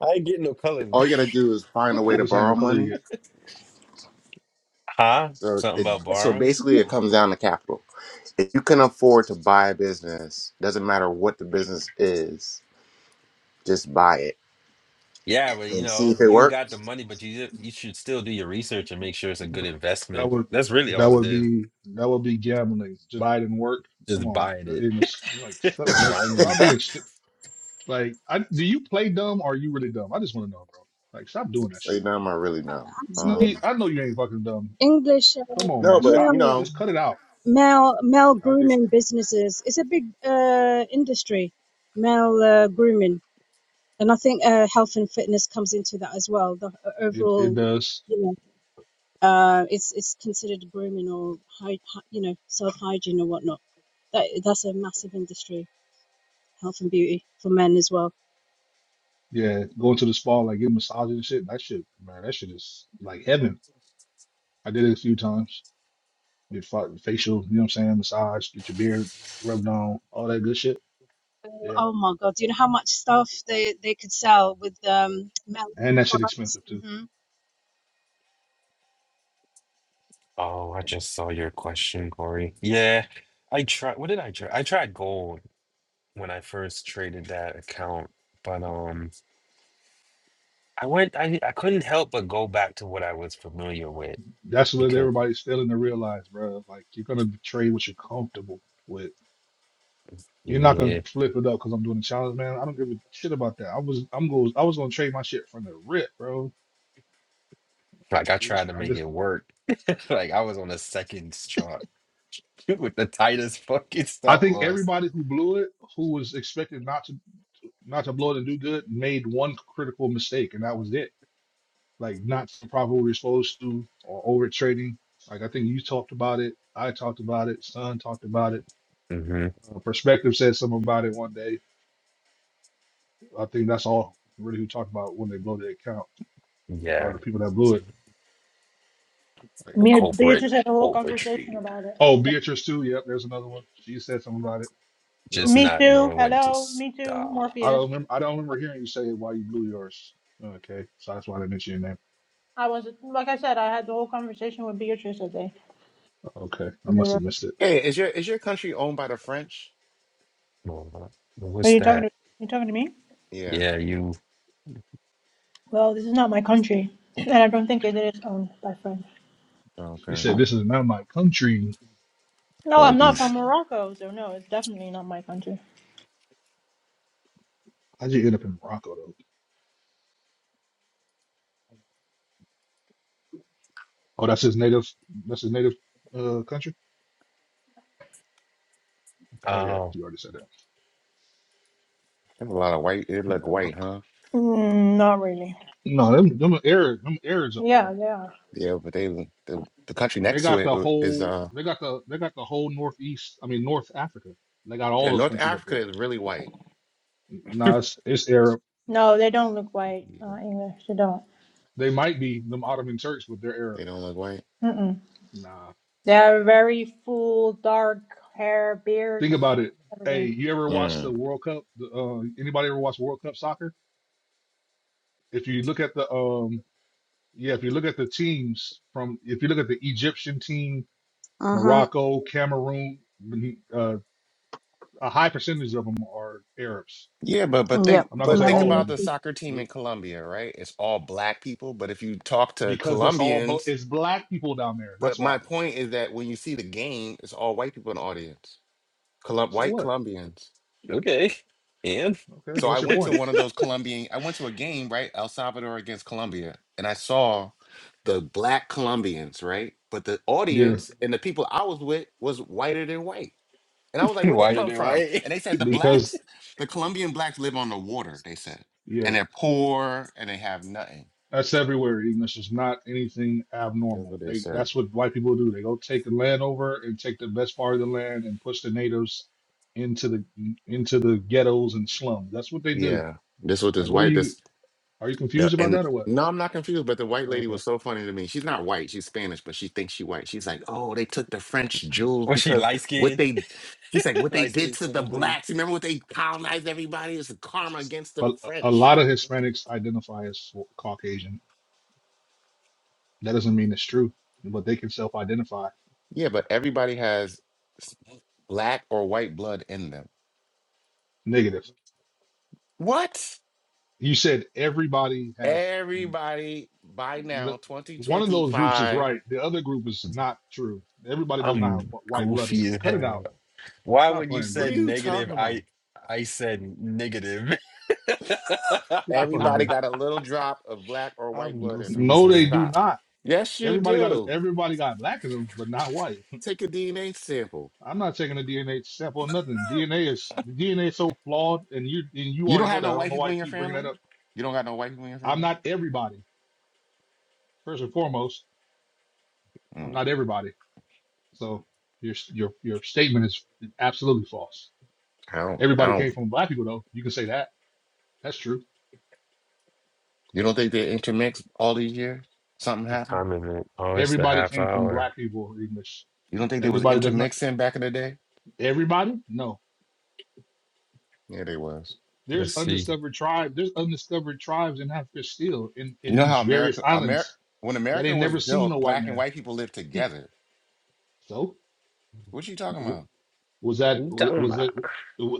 Speaker 1: I ain't getting no colors.
Speaker 5: all you gotta do is find a way
Speaker 2: I'm
Speaker 5: to
Speaker 2: just saying,
Speaker 5: borrow
Speaker 2: what color you
Speaker 5: money
Speaker 2: get?
Speaker 1: Huh?
Speaker 5: so
Speaker 1: Something
Speaker 5: it,
Speaker 1: about
Speaker 5: so
Speaker 1: borrowing?
Speaker 4: Mhm.
Speaker 5: basically it comes down to capital If you can afford to buy a business, doesn't matter what the business is, just buy it
Speaker 1: Yeah, but you
Speaker 5: and see
Speaker 1: know,
Speaker 5: if it
Speaker 1: you got the
Speaker 5: works.
Speaker 1: money, but you you should still do your research and make sure it's a good
Speaker 2: No. That
Speaker 1: investment.
Speaker 2: would
Speaker 1: That's really
Speaker 2: that
Speaker 1: all it
Speaker 2: would
Speaker 1: is.
Speaker 2: be that would be gambling. Just buy it and work. Come
Speaker 1: Just
Speaker 2: on,
Speaker 1: buying
Speaker 2: in this like stop,
Speaker 1: it
Speaker 2: like stop
Speaker 1: blindly.
Speaker 2: being stu- like. I do you play dumb or are you really dumb? I just want to know, bro. Like stop doing that
Speaker 5: Right
Speaker 2: shit.
Speaker 5: now, I'm not really numb.
Speaker 2: No,
Speaker 4: Actually,
Speaker 2: you-
Speaker 5: Um,
Speaker 2: I know you ain't fucking dumb.
Speaker 4: English uh,
Speaker 2: Come on,
Speaker 5: no,
Speaker 2: man.
Speaker 5: but
Speaker 2: Stop.
Speaker 5: you
Speaker 4: male.
Speaker 5: know,
Speaker 2: Just cut it out.
Speaker 4: male male grooming businesses. It's a big uh, industry, male uh, grooming, and I think uh, health and fitness comes into that as well. The o-
Speaker 2: It it
Speaker 4: overall,
Speaker 2: does.
Speaker 4: you know, uh, it's it's considered grooming or hy- hy- you know self hygiene or whatnot. That that's a massive industry, health and beauty for men as well.
Speaker 2: Yeah, going to the spa, like getting massages and shit. That shit, man, that shit is like heaven. I did it a few times. Get fa- facial, you know what I'm saying? Massage, get your beard rubbed on, all that good shit.
Speaker 4: Oh
Speaker 2: Yeah.
Speaker 4: oh my God, do you know how much stuff they they could sell with um male
Speaker 2: And that shit
Speaker 4: products?
Speaker 2: expensive too.
Speaker 4: hmm
Speaker 1: Oh, I just saw your question, Corey. Yeah, I tried. What did I try? I tried gold when I first traded that account, but um, I went. I I couldn't help but go back to what I was familiar with
Speaker 2: That's what
Speaker 1: because
Speaker 2: everybody's failing to realize, bro. Like you're gonna trade what you're comfortable with. You're not gonna
Speaker 1: yeah.
Speaker 2: flip it up because I'm doing a challenge, man. I don't give a shit about that. I was I'm going I was gonna trade my shit from the rip, bro.
Speaker 1: Like I tried
Speaker 2: Just,
Speaker 1: to
Speaker 2: I
Speaker 1: make it
Speaker 2: just
Speaker 1: work. Like I was on the second chart with the tightest fucking
Speaker 2: I
Speaker 1: stop
Speaker 2: think
Speaker 1: loss.
Speaker 2: everybody who blew it, who was expected not to not to blow it and do good, made one critical mistake, and that was it. Like not the proper what we were supposed to, or over trading. Like I think you talked about it, I talked about it, Son talked about it.
Speaker 1: hmm
Speaker 2: Uh, Perspective said something about it one day. I think that's all really who talked about when they blow the account or
Speaker 1: Yeah,
Speaker 2: the people that blew it. Like,
Speaker 1: the
Speaker 6: Me and
Speaker 1: culprit
Speaker 6: Beatrice had a whole conversation
Speaker 1: overtree.
Speaker 6: about it.
Speaker 2: oh, Beatrice too. Yep, there's another one. She said something about it. Yep.
Speaker 1: Just
Speaker 6: Me
Speaker 1: not
Speaker 6: too.
Speaker 1: knowing when to
Speaker 6: Hello. Me too.
Speaker 1: stop.
Speaker 2: I
Speaker 6: Morpheus.
Speaker 2: don't remember. I don't remember hearing you say why you blew yours. Okay, so that's why I didn't mention your name.
Speaker 6: I was like I said, I had the whole conversation with Beatrice today.
Speaker 2: Okay, I
Speaker 6: In the
Speaker 2: must have
Speaker 6: room.
Speaker 2: missed it.
Speaker 5: hey, is your is your country owned by the French?
Speaker 1: Well,
Speaker 6: Are
Speaker 1: What's
Speaker 6: you talking
Speaker 1: that?
Speaker 6: to you talking to me?
Speaker 5: Yeah.
Speaker 1: Yeah, you.
Speaker 6: Well, this is not my country, and I don't think it is owned by French.
Speaker 5: Oh,
Speaker 2: He
Speaker 5: Okay.
Speaker 2: said, "This is not my country."
Speaker 6: No, I'm
Speaker 5: Like
Speaker 6: not from
Speaker 5: these,
Speaker 6: Morocco, so no, it's definitely not my country.
Speaker 2: I just end up in Morocco though? Oh, that's his native. That's his native uh, country. Oh yeah,
Speaker 1: Oh,
Speaker 2: you already said that.
Speaker 5: there's a lot of white. They look white,
Speaker 2: Morocco.
Speaker 5: huh?
Speaker 6: Mm, not really.
Speaker 2: No, them them Arab, them Arabs up
Speaker 6: Yeah,
Speaker 2: there.
Speaker 6: they are.
Speaker 5: Yeah, but they the the country
Speaker 2: They
Speaker 5: next to
Speaker 2: got
Speaker 5: it
Speaker 2: the
Speaker 5: uh, is
Speaker 2: whole.
Speaker 5: uh
Speaker 2: They got the. They got the whole northeast. I mean, North Africa. They got all
Speaker 5: yeah
Speaker 2: those
Speaker 5: North
Speaker 2: countries up
Speaker 5: Africa
Speaker 2: there.
Speaker 5: is really white.
Speaker 2: Nah, it's it's Arab.
Speaker 6: No, they don't look white
Speaker 5: Yeah,
Speaker 6: uh, English. They don't.
Speaker 2: They might be them Ottoman Turks, but they're
Speaker 5: they
Speaker 2: Arab.
Speaker 5: don't look
Speaker 6: Mm-mm.
Speaker 2: Nah,
Speaker 6: They are very full, dark hair,
Speaker 2: think
Speaker 6: beards,
Speaker 2: about it. Hey,
Speaker 6: everything.
Speaker 2: you ever watch
Speaker 5: white.
Speaker 2: the World Cup? The, uh, anybody ever watch World Cup soccer? if you look at the um yeah, if you look at the teams from if you look at the Egyptian team,
Speaker 4: Uh huh.
Speaker 2: Morocco, Cameroon, uh, a high percentage of them are Arabs.
Speaker 5: Yeah, but but
Speaker 4: Yep,
Speaker 5: think
Speaker 2: I'm not gonna
Speaker 5: but
Speaker 2: say
Speaker 5: think
Speaker 2: all of
Speaker 5: about
Speaker 2: them,
Speaker 4: melanin.
Speaker 5: the soccer team
Speaker 2: but
Speaker 5: in Colombia, right? It's all black people, but if you talk to
Speaker 2: because it's all bl-
Speaker 5: Colombians,
Speaker 2: it's black people down there. That's
Speaker 5: but my
Speaker 2: why.
Speaker 5: point is that when you see the game, it's all white people in the audience. Colum
Speaker 2: So
Speaker 5: white
Speaker 2: what?
Speaker 5: Colombians.
Speaker 1: okay. And
Speaker 2: Okay,
Speaker 5: So
Speaker 2: what's
Speaker 5: I
Speaker 2: your
Speaker 5: went to
Speaker 2: point?
Speaker 5: one of those Colombian I went to a game, right? El Salvador against Colombia, and I saw the black Colombians, right? But the
Speaker 2: Yeah,
Speaker 5: audience and the people I was with was whiter than white. And I was like, where they
Speaker 1: whiter
Speaker 5: come
Speaker 1: than
Speaker 5: from?
Speaker 1: white.
Speaker 5: And they said the
Speaker 2: because
Speaker 5: blacks, the Colombian blacks live on the water, they said.
Speaker 2: yeah.
Speaker 5: And they're poor and they have nothing.
Speaker 2: That's everywhere, Eden. This is not anything
Speaker 5: That's
Speaker 2: abnormal.
Speaker 5: what they
Speaker 2: They
Speaker 5: said.
Speaker 2: that's what white people do. They go take the land over and take the best part of the land and push the natives into the into the ghettos and slums. That's what they do.
Speaker 5: Yeah. This was this
Speaker 2: Like, what are
Speaker 5: white
Speaker 2: you
Speaker 5: this
Speaker 2: are you
Speaker 5: no,
Speaker 2: confused about
Speaker 5: and
Speaker 2: that or what?
Speaker 5: no, I'm not confused, but the white lady
Speaker 2: Okay.
Speaker 5: was so funny to me. She's not white, she's Spanish, but she thinks she white. She's like, Oh, they took the French jewels
Speaker 1: Was she
Speaker 5: because
Speaker 1: light
Speaker 5: what
Speaker 1: skinned?
Speaker 5: they she's like, what they
Speaker 1: light
Speaker 5: did
Speaker 1: skinned
Speaker 5: to the
Speaker 1: Spanish lady.
Speaker 5: blacks. Remember what they colonized everybody? It's karma against the
Speaker 2: But a a
Speaker 5: French.
Speaker 2: lot of Hispanics identify as Caucasian. That doesn't mean it's true, but they can self-identify.
Speaker 5: Yeah, but everybody has s- black or white blood in them.
Speaker 2: Negative.
Speaker 5: What?
Speaker 2: You said everybody has.
Speaker 5: Everybody by
Speaker 2: The,
Speaker 5: now,
Speaker 2: one of those groups is
Speaker 5: 2025.
Speaker 2: right. The other group is not true. Everybody does not have
Speaker 1: I'm
Speaker 2: white blood in
Speaker 1: goofy
Speaker 2: them.
Speaker 1: as
Speaker 2: Cut it
Speaker 1: hell.
Speaker 2: out.
Speaker 1: Why
Speaker 2: Stop
Speaker 1: when you
Speaker 2: playing, bro.
Speaker 5: What are
Speaker 1: said
Speaker 5: you talking
Speaker 1: negative,
Speaker 5: about?
Speaker 1: I I said negative.
Speaker 2: Get the fuck out of
Speaker 5: Everybody
Speaker 2: here.
Speaker 5: got a little drop of black or white
Speaker 1: I'm
Speaker 5: blood in them.
Speaker 1: goofy as
Speaker 2: No,
Speaker 5: So
Speaker 2: they
Speaker 1: hell.
Speaker 2: do
Speaker 5: stop.
Speaker 2: not.
Speaker 5: Yes, you
Speaker 2: Everybody got
Speaker 5: do.
Speaker 2: everybody got black in them, but not white.
Speaker 5: Take a DNA sample.
Speaker 2: I'm not taking a DNA sample or nothing. DNA is DNA is so flawed, and you and you
Speaker 5: You
Speaker 2: already
Speaker 5: don't
Speaker 2: know
Speaker 5: have
Speaker 2: that.
Speaker 5: no
Speaker 2: I don't
Speaker 5: white
Speaker 2: know why
Speaker 5: people
Speaker 2: you
Speaker 5: in your
Speaker 2: keep bringing that
Speaker 5: family?
Speaker 2: up.
Speaker 5: You don't got no white people in your
Speaker 2: I'm
Speaker 5: family?
Speaker 2: not everybody. First and foremost, I'm
Speaker 5: Mm,
Speaker 2: not everybody. So your your your statement is absolutely false.
Speaker 5: I don't I
Speaker 2: Everybody
Speaker 5: don't
Speaker 2: came from black people, though. You can say that. That's true.
Speaker 5: you don't think they intermixed all these years? Something
Speaker 1: What
Speaker 5: happened?
Speaker 1: time is it? Oh, it's the
Speaker 2: Everybody
Speaker 1: half
Speaker 2: came from
Speaker 1: hour.
Speaker 2: black people English.
Speaker 5: You don't think they was
Speaker 2: Everybody does not.
Speaker 5: intermixing back in the day?
Speaker 2: Everybody? No.
Speaker 5: Yeah, they was.
Speaker 1: Let's
Speaker 2: There's
Speaker 1: see.
Speaker 2: undiscovered tribe. There's undiscovered tribes in Africa still in
Speaker 5: You
Speaker 2: in
Speaker 5: know
Speaker 2: these
Speaker 5: how
Speaker 2: various
Speaker 5: America America
Speaker 2: islands
Speaker 5: when
Speaker 2: that
Speaker 5: America
Speaker 2: ain't
Speaker 5: was
Speaker 2: never seen no
Speaker 5: built,
Speaker 2: white
Speaker 5: black and
Speaker 2: man.
Speaker 5: white people lived together.
Speaker 2: So
Speaker 5: What you talking
Speaker 2: w-
Speaker 5: about?
Speaker 2: was that
Speaker 1: What you
Speaker 2: wa-
Speaker 1: talking
Speaker 2: was
Speaker 1: about?
Speaker 2: that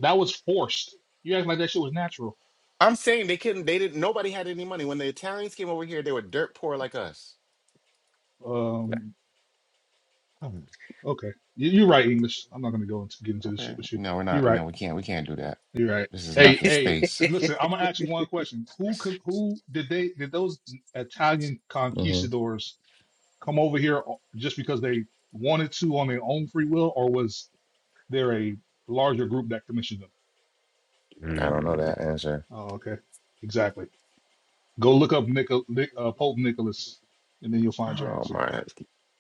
Speaker 2: that was forced? You act like that shit was natural.
Speaker 5: I'm saying they couldn't. They didn't. Nobody had any money when the Italians came over here. They were dirt poor like us.
Speaker 2: Um. Oh, Okay. You, you're right, English. I'm not gonna go into get into this
Speaker 5: Okay,
Speaker 2: shit with you.
Speaker 5: no, we're
Speaker 2: You're
Speaker 5: not.
Speaker 2: right.
Speaker 5: No, we can't. We can't do that.
Speaker 2: You're right.
Speaker 5: This is not
Speaker 2: Hey,
Speaker 5: the
Speaker 2: hey.
Speaker 5: space.
Speaker 2: Listen, I'm gonna ask you one question. Who con- who did they did those Italian
Speaker 5: hmm
Speaker 2: conquistadors? come over here just because they wanted to on their own free will, or was there a larger group that commissioned them?
Speaker 5: I don't know
Speaker 1: Mm.
Speaker 5: that answer.
Speaker 2: Oh, okay, exactly. Go look up Nicol- Nic- uh, Pope Nicholas, and then you'll find your
Speaker 5: Oh
Speaker 2: answer.
Speaker 5: my,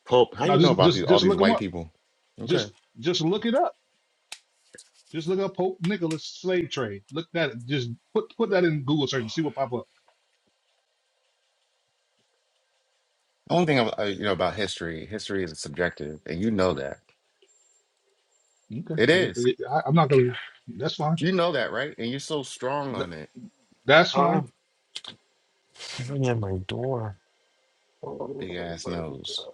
Speaker 5: Pope, how
Speaker 2: Now,
Speaker 5: you know
Speaker 2: just
Speaker 5: about these
Speaker 2: just
Speaker 5: all
Speaker 2: just
Speaker 5: these
Speaker 2: look him
Speaker 5: white
Speaker 2: up.
Speaker 5: people? Okay,
Speaker 2: Just just look it up. Just look up Pope Nicholas slave trade. Look that. Just put put that in Google search and see what pop up.
Speaker 5: only thing I, I- you know about history. History is subjective, and you know that
Speaker 2: Okay,
Speaker 5: it
Speaker 2: well,
Speaker 5: is.
Speaker 2: it- I, am not gonna. That's fine.
Speaker 5: You know that, right? And you're so strong
Speaker 2: That,
Speaker 5: on it.
Speaker 2: that's
Speaker 1: Huh?
Speaker 2: fine.
Speaker 1: Something at my door. Oh
Speaker 5: Big ass nose.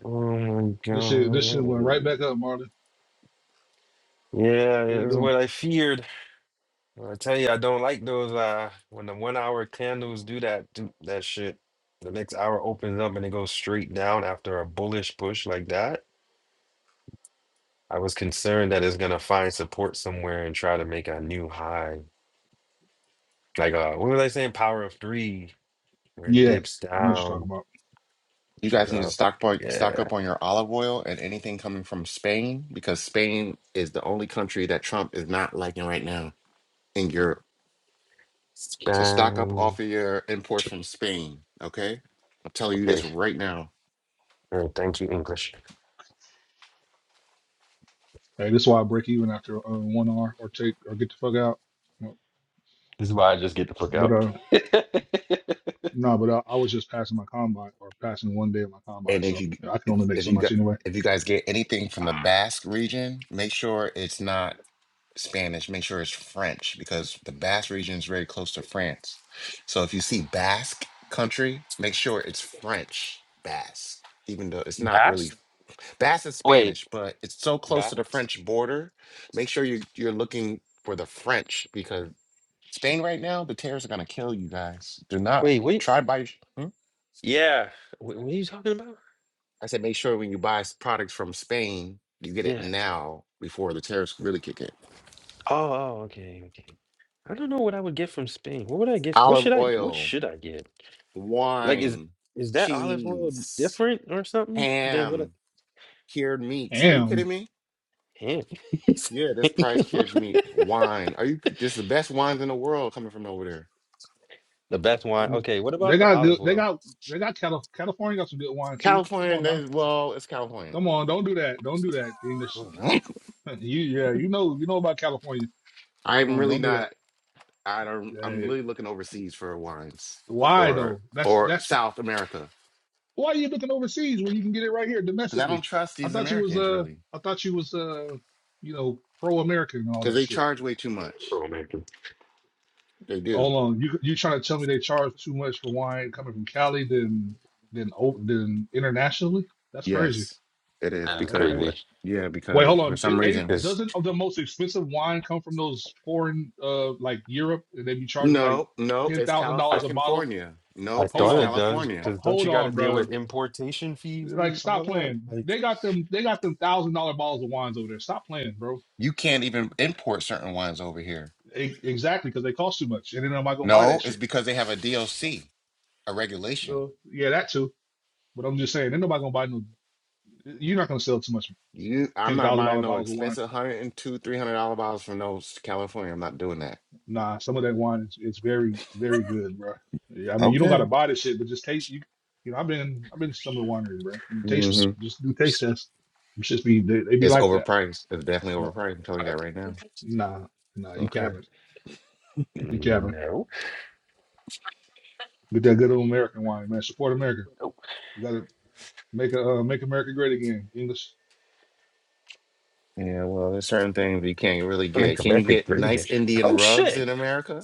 Speaker 1: my
Speaker 2: This shit this shit went right
Speaker 1: god.
Speaker 2: back up, Marlon.
Speaker 1: Yeah,
Speaker 2: What we
Speaker 1: it's
Speaker 2: doing?
Speaker 1: what I feared. Well, I tell you, I don't like those uh when the one hour candles do that do that shit. The next hour opens up and it goes straight down after a bullish push like that. I was concerned that it's gonna find support somewhere and try to make a new high. Like uh what was I saying? Power of three where it
Speaker 2: Yeah,
Speaker 1: dips
Speaker 2: I know what you're talking
Speaker 1: down
Speaker 2: about.
Speaker 5: You
Speaker 1: She's
Speaker 5: guys need to
Speaker 1: up.
Speaker 5: stock up- stock
Speaker 1: Yeah.
Speaker 5: up on your olive oil and anything coming from Spain because Spain is the only country that Trump is not liking right now in Europe. So stock up
Speaker 1: Bang.
Speaker 5: off of your imports from Spain, okay? I'm telling you
Speaker 1: Okay.
Speaker 5: this right now.
Speaker 1: All right. Thank you, English.
Speaker 2: Hey, this is why I break even after uh, one hour or take or get the fuck out.
Speaker 1: This is why I just get the fuck
Speaker 2: But
Speaker 1: out.
Speaker 2: uh, no, but I, I was just passing my combine or passing one day of my combine,
Speaker 5: And if
Speaker 2: so
Speaker 5: you
Speaker 2: I can
Speaker 5: if,
Speaker 2: only make
Speaker 5: if
Speaker 2: so
Speaker 5: you
Speaker 2: much
Speaker 5: got
Speaker 2: anyway.
Speaker 5: if you guys get anything from the
Speaker 1: Ah,
Speaker 5: Basque region, make sure it's not Spanish. Make sure it's French because the Basque region is very close to France. So if you see Basque country, make sure it's French Basque, even though it's not
Speaker 1: Bass?
Speaker 5: really Basque is
Speaker 1: Wait.
Speaker 5: Spanish, but it's so close to the
Speaker 1: Bass?
Speaker 5: French border. Make sure you you're looking for the French because Spain right now, the terrorists are gonna kill you guys. Do not
Speaker 1: Wait, wait.
Speaker 5: try by.
Speaker 1: Yeah. Wh- What are you talking about?
Speaker 5: I said, make sure when you buy s- products from Spain, you get it
Speaker 1: Yeah.
Speaker 5: now before the tariffs really kick in.
Speaker 1: Oh, oh, okay, okay. I don't know what I would get from Spain. What would I get? What
Speaker 5: Olive
Speaker 1: should I what
Speaker 5: oil,
Speaker 1: should I get? Like is
Speaker 5: wine,
Speaker 1: is that olive oil
Speaker 5: cheese,
Speaker 1: different or something than what a
Speaker 5: ham, cured meats. Are you kidding
Speaker 2: And
Speaker 5: me?
Speaker 1: ham?
Speaker 5: Yeah, this price cured meat, wine. Are you? This is the best wines in the world coming from over there.
Speaker 1: the best wine. Okay, what
Speaker 2: they
Speaker 1: about the
Speaker 2: got
Speaker 1: olive
Speaker 2: good. They
Speaker 1: oil?
Speaker 2: got they got Cali- California got some good wine too. Come
Speaker 5: California,
Speaker 2: on
Speaker 5: that
Speaker 2: now,
Speaker 5: is, well, it's California.
Speaker 2: come on, don't do that. Don't do that, English. you yeah, you know you know about California. Come
Speaker 5: I'm
Speaker 2: on,
Speaker 5: really
Speaker 2: don't do
Speaker 5: not.
Speaker 2: that.
Speaker 5: I don't. I'm
Speaker 2: Hey,
Speaker 5: really looking overseas for wines
Speaker 2: why
Speaker 5: or
Speaker 2: though? That's
Speaker 5: or
Speaker 2: that's
Speaker 5: South America
Speaker 2: Why are you looking overseas when you can get it right here
Speaker 5: because I don't
Speaker 2: domestically?
Speaker 5: trust
Speaker 2: I
Speaker 5: these
Speaker 2: thought you was
Speaker 5: Americans
Speaker 2: uh
Speaker 5: really.
Speaker 2: I thought you was uh you know pro American and all
Speaker 5: because
Speaker 2: that
Speaker 5: they
Speaker 2: shit.
Speaker 5: charge way too much.
Speaker 1: Oh man,
Speaker 5: They do.
Speaker 2: Hold on, you you trying to tell me they charge too much for wine coming from Cali than than o- than internationally? That's crazy.
Speaker 5: Yes, it is
Speaker 1: that is
Speaker 5: because
Speaker 2: Okay.
Speaker 1: crazy.
Speaker 5: what? Yeah,
Speaker 2: Wait,
Speaker 5: because
Speaker 2: hold
Speaker 5: for
Speaker 2: on.
Speaker 5: some
Speaker 2: It, ain't
Speaker 5: reason
Speaker 1: Because
Speaker 2: doesn't the most expensive wine come from those foreign uh like Europe and they be charging like
Speaker 5: No, nope,
Speaker 2: ten
Speaker 5: it's
Speaker 2: thousand
Speaker 1: I
Speaker 2: dollars a bottle?
Speaker 5: California.
Speaker 1: I
Speaker 5: Nope,
Speaker 2: Hold
Speaker 5: it's
Speaker 1: thought it
Speaker 2: on,
Speaker 1: does.
Speaker 5: California.
Speaker 2: Ho-
Speaker 1: Because don't
Speaker 2: hold
Speaker 1: you got to
Speaker 2: on,
Speaker 1: deal
Speaker 2: bro.
Speaker 1: with importation fees
Speaker 2: Like,
Speaker 1: and
Speaker 2: stop
Speaker 1: all that?
Speaker 2: playing.
Speaker 1: Like,
Speaker 2: They got them. They got them thousand dollar bottles of wines over there. Stop playing, bro.
Speaker 5: You can't even import certain ones over here.
Speaker 2: E- exactly, because they cost too much, and then nobody gonna buy that
Speaker 5: No, it's
Speaker 2: shit.
Speaker 5: because they have a DOC, a regulation.
Speaker 2: Well, yeah, that too. But I'm just saying, ain't nobody gonna buy no. You're not gonna sell too much
Speaker 5: You, I'm
Speaker 2: ten
Speaker 5: not
Speaker 2: thousand
Speaker 5: buying
Speaker 2: dollar
Speaker 5: no
Speaker 2: bottles of wine.
Speaker 5: expensive one hundred and two, three hundred dollar bottles from those California. I'm not doing that.
Speaker 2: Nah, some of that wine is it's very very good, bro. Yeah, I mean, you don't gotta
Speaker 5: Okay.
Speaker 2: buy this shit, but just taste. You, you know, I've been I've been to some of the wineries, bro. You taste them.
Speaker 5: hmm
Speaker 2: Just do taste tests. You should be they, they be
Speaker 5: It's
Speaker 2: like that.
Speaker 5: overpriced. It's definitely
Speaker 2: No,
Speaker 5: overpriced. I'm telling you that right now.
Speaker 2: nah, nah, you
Speaker 5: Okay.
Speaker 2: capping. You capping.
Speaker 1: no,
Speaker 2: Get that good old American wine, man. Support America.
Speaker 1: no.
Speaker 2: You gotta make a uh, make America great again. English.
Speaker 5: Yeah, well, there's certain things you can't really
Speaker 1: I mean,
Speaker 5: get. Can you
Speaker 1: America
Speaker 5: get
Speaker 1: great again.
Speaker 5: nice Indian
Speaker 1: Oh
Speaker 5: rugs
Speaker 1: shit!
Speaker 5: in America?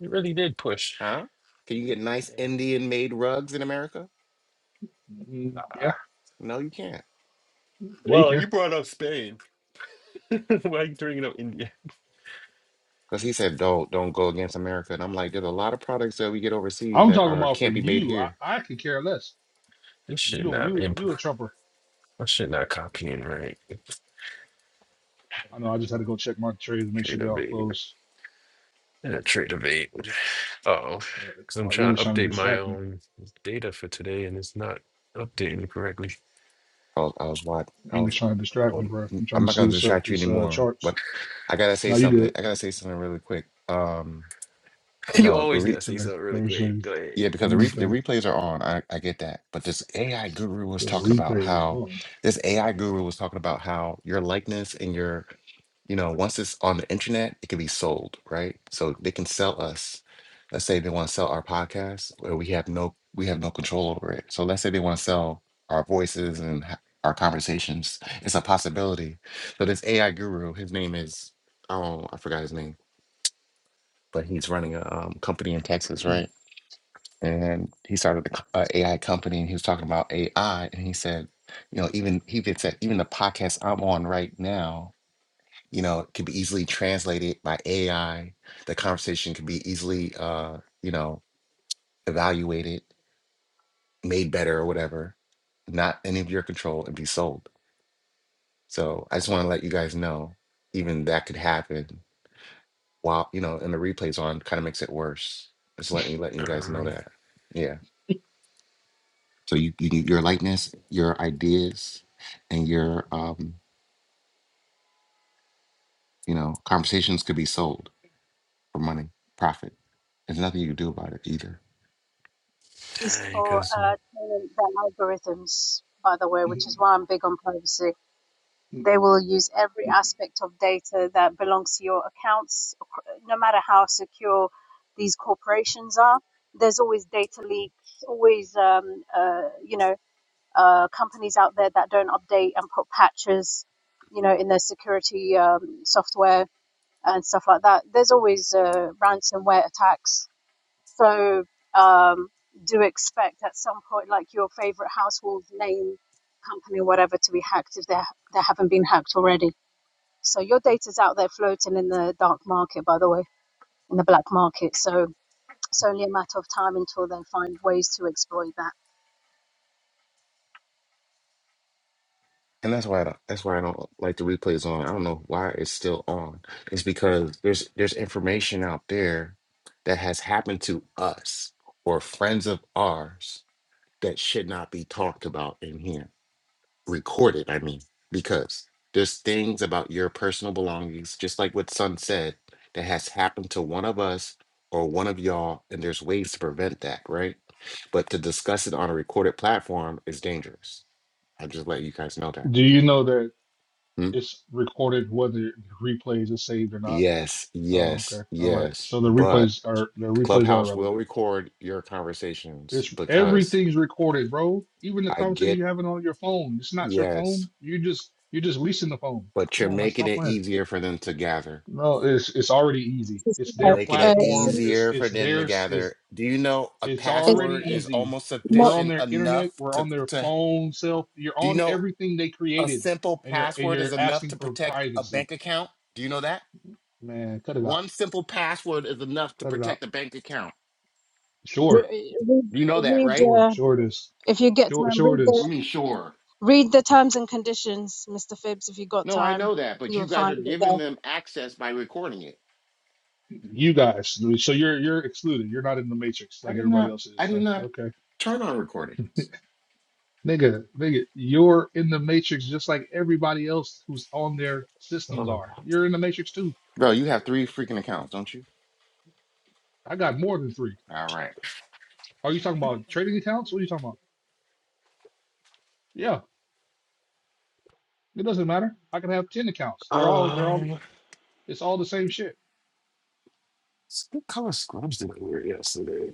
Speaker 1: You really did push.
Speaker 5: Huh? Can you get nice
Speaker 1: Yeah.
Speaker 5: Indian made rugs in America?
Speaker 2: Mm,
Speaker 1: Ah.
Speaker 2: yeah,
Speaker 5: No, you can't.
Speaker 2: yeah, you
Speaker 1: well, you
Speaker 2: can.
Speaker 1: brought up Spain. Why are you bringing up India?
Speaker 5: Because he said, don't don't go against America. And I'm like, there's a lot of products that we get overseas
Speaker 2: I'm
Speaker 5: that
Speaker 2: talking
Speaker 5: are
Speaker 2: about for
Speaker 5: can't be made
Speaker 2: you.
Speaker 5: here.
Speaker 2: I, I could care less.
Speaker 1: This
Speaker 2: You
Speaker 1: shit
Speaker 2: don't.
Speaker 1: not
Speaker 2: You you a
Speaker 1: import.
Speaker 2: Trumper.
Speaker 1: This shit not copying right.
Speaker 2: I know. I just had to go check my trades, make sure
Speaker 1: Trade
Speaker 2: they all
Speaker 1: evade.
Speaker 2: closed.
Speaker 1: Yeah, trade evade. Oh,
Speaker 2: Uh,
Speaker 1: because I'm
Speaker 2: Or
Speaker 1: trying
Speaker 2: English
Speaker 1: to
Speaker 2: trying to
Speaker 1: update my
Speaker 2: distract me.
Speaker 1: own data for today, and it's not updating correctly.
Speaker 5: I was I was watch I
Speaker 2: English
Speaker 5: was
Speaker 2: trying to
Speaker 5: I
Speaker 2: distract me,
Speaker 5: was-
Speaker 2: bro.
Speaker 5: mm,
Speaker 2: I'm trying
Speaker 5: I'm
Speaker 2: to
Speaker 5: not
Speaker 2: see
Speaker 5: gonna
Speaker 2: what's up with
Speaker 5: distract you
Speaker 2: this uh
Speaker 5: anymore,
Speaker 2: charts.
Speaker 5: but I gotta say
Speaker 2: Now you
Speaker 5: something.
Speaker 2: good.
Speaker 5: I gotta say something really quick. Um, you
Speaker 1: You.
Speaker 5: know, the re
Speaker 2: What's today? Thursday,
Speaker 5: Yeah, because the, re- the
Speaker 2: Wednesday.
Speaker 5: replays are on. I, I get that. But this AI guru was
Speaker 2: The
Speaker 5: talking about
Speaker 2: replays is
Speaker 5: how
Speaker 2: on.
Speaker 5: this AI guru was talking about how your likeness and your, you know, once it's on the internet, it can be sold, right? So they can sell us. Let's say they want to sell our podcast, where we have no we have no control over it. So let's say they want to sell our voices and h- our conversations. It's a possibility. So this AI guru, his name is oh, I forgot his name, but he's running a um, company in Texas, right? and he started an AI company, and he was talking about AI, and he said, you know, even he even said even the podcast I'm on right now, you know, can be easily translated by AI. The conversation can be easily, uh, you know, evaluated, made better, or whatever, not any of your control, and be sold. So I just want to let you guys know, even that could happen while you know, and the replays on kind of makes it worse. Just letting letting you guys know
Speaker 1: Um,
Speaker 5: that. yeah. So you, you can- your likeness, your ideas, and your um, you know conversations could be sold for money, profit. There's nothing you can do about it either.
Speaker 4: used for uh, training their algorithms, by the way,
Speaker 2: Do
Speaker 4: which is why I'm big on privacy. They will use every aspect of data that belongs to your accounts, no matter how secure these corporations are. There's always data leaks, always, um, uh, you know, uh, companies out there that don't update and put patches, you know, in their security um, software and stuff like that. There's always uh, ransomware attacks so um, do expect at some point, like your favorite household name company, whatever, to be hacked if they they haven't been hacked already. So your data's out there floating in the dark market, by the way, in the black market. So it's only a matter of time until they find ways to exploit that.
Speaker 5: And that's why I don't, that's why I don't like the replays on. I don't know why it's still on. It's because there's there's information out there that has happened to us or friends of ours that should not be talked about in here recorded. I mean, because there's things about your personal belongings, just like what Son said, that has happened to one of us or one of y'all, and there's ways to prevent that, right? But to discuss it on a recorded platform is dangerous. I just let you guys know that.
Speaker 2: you know that
Speaker 5: Hmm?
Speaker 2: it's recorded whether the replays is saved or not?
Speaker 5: Yes,
Speaker 2: Oh, okay.
Speaker 5: yes,
Speaker 2: All right.
Speaker 5: yes.
Speaker 2: So the
Speaker 5: But
Speaker 2: replays are the replays are
Speaker 5: Clubhouse will
Speaker 2: irrelevant.
Speaker 5: record your conversations
Speaker 2: It's
Speaker 5: because
Speaker 2: everything's recorded, bro. Even the
Speaker 5: I
Speaker 2: conversation
Speaker 5: get,
Speaker 2: you're having on your phone. It's not your
Speaker 5: yes,
Speaker 2: phone. You just you're just leasing the phone.
Speaker 5: but
Speaker 2: Come
Speaker 5: you're
Speaker 2: on, man.
Speaker 5: making
Speaker 2: Stop
Speaker 5: it
Speaker 2: playing.
Speaker 5: easier for them to gather.
Speaker 2: No, it's it's already easy.
Speaker 4: Just, you
Speaker 2: It's
Speaker 5: You're
Speaker 4: know,
Speaker 2: their
Speaker 5: making
Speaker 4: uh,
Speaker 5: it
Speaker 2: platform.
Speaker 4: sim-
Speaker 2: It's
Speaker 5: easier for
Speaker 2: it's
Speaker 5: them to
Speaker 2: theirs. It's
Speaker 5: gather. Do you know a
Speaker 2: it's
Speaker 4: it's
Speaker 2: already
Speaker 5: password is
Speaker 2: easy.
Speaker 5: almost
Speaker 4: not
Speaker 2: We're on
Speaker 5: sufficient
Speaker 2: their
Speaker 5: enough
Speaker 2: internet. We're
Speaker 5: to
Speaker 2: on their
Speaker 5: to
Speaker 2: phone. Self. You're
Speaker 5: do you
Speaker 2: on
Speaker 5: know
Speaker 2: everything they
Speaker 5: a
Speaker 2: created,
Speaker 5: simple
Speaker 2: and you're and
Speaker 5: password
Speaker 2: you're
Speaker 5: is enough
Speaker 2: asking
Speaker 5: to
Speaker 2: for
Speaker 5: protect a
Speaker 2: privacy.
Speaker 5: bank account? Do you know that?
Speaker 2: Man, cut it out.
Speaker 5: One simple password is enough to
Speaker 2: Cut it out.
Speaker 5: protect a bank account.
Speaker 2: Sure,
Speaker 4: re- read,
Speaker 5: You know that,
Speaker 4: read
Speaker 5: right?
Speaker 2: sure,
Speaker 4: uh,
Speaker 2: sure. It is.
Speaker 4: if you get
Speaker 2: Sure,
Speaker 4: time,
Speaker 2: sure.
Speaker 4: read
Speaker 2: It
Speaker 4: the
Speaker 5: We
Speaker 2: is.
Speaker 5: mean sure.
Speaker 4: read the terms and conditions, Mr. Phibbs. If you got
Speaker 5: No, I
Speaker 4: time,
Speaker 5: know that, but
Speaker 4: you'll
Speaker 5: you guys
Speaker 4: find
Speaker 5: are
Speaker 4: it
Speaker 5: giving them access by recording it.
Speaker 2: You guys. So you're you're excluded. You're not in the matrix
Speaker 5: I
Speaker 2: like
Speaker 5: did
Speaker 2: everybody
Speaker 5: not
Speaker 2: else
Speaker 5: I
Speaker 2: is,
Speaker 5: did
Speaker 2: huh?
Speaker 5: not
Speaker 2: Okay.
Speaker 5: turn on recording.
Speaker 2: Nigga, nigga, you're in the matrix just like everybody else who's on their
Speaker 1: I
Speaker 2: systems are. You're in the matrix too.
Speaker 5: Bro, you have three freaking accounts, don't you?
Speaker 2: I got more than three.
Speaker 5: All right.
Speaker 2: Are you talking about trading accounts? What are you talking about? Yeah, it doesn't matter. I can have ten accounts. They're all they're all
Speaker 1: Um,
Speaker 2: it's all the same shit.
Speaker 1: S- What color scrubs did I wear yesterday?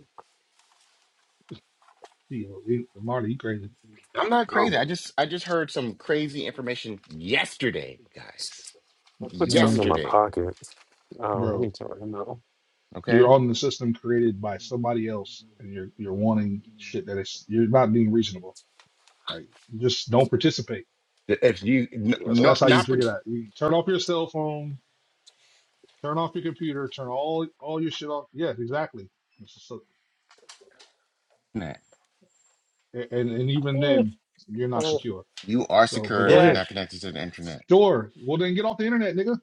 Speaker 2: You you- Marty, you crazy.
Speaker 5: I'm not
Speaker 1: Oh,
Speaker 5: crazy. I just I just heard some crazy information yesterday, guys.
Speaker 2: Man,
Speaker 5: Yesterday,
Speaker 2: bro. You're
Speaker 5: okay?
Speaker 2: on the system created by somebody else and you're you're wanting shit that is you're not being reasonable. Like just don't participate
Speaker 5: That If you n-
Speaker 2: That's
Speaker 5: no,
Speaker 2: that's how you
Speaker 5: not
Speaker 2: figure
Speaker 5: pretend
Speaker 2: that. You turn off your cell phone, turn off your computer, turn all all your shit off. Yes, exactly. So,
Speaker 5: that
Speaker 2: and and even then, you're not secure.
Speaker 5: you are
Speaker 2: So, but
Speaker 5: secure
Speaker 2: go
Speaker 5: if you're
Speaker 1: yeah,
Speaker 2: ahead.
Speaker 5: not connected to the internet.
Speaker 2: Sure. Well, then get off the internet, nigga.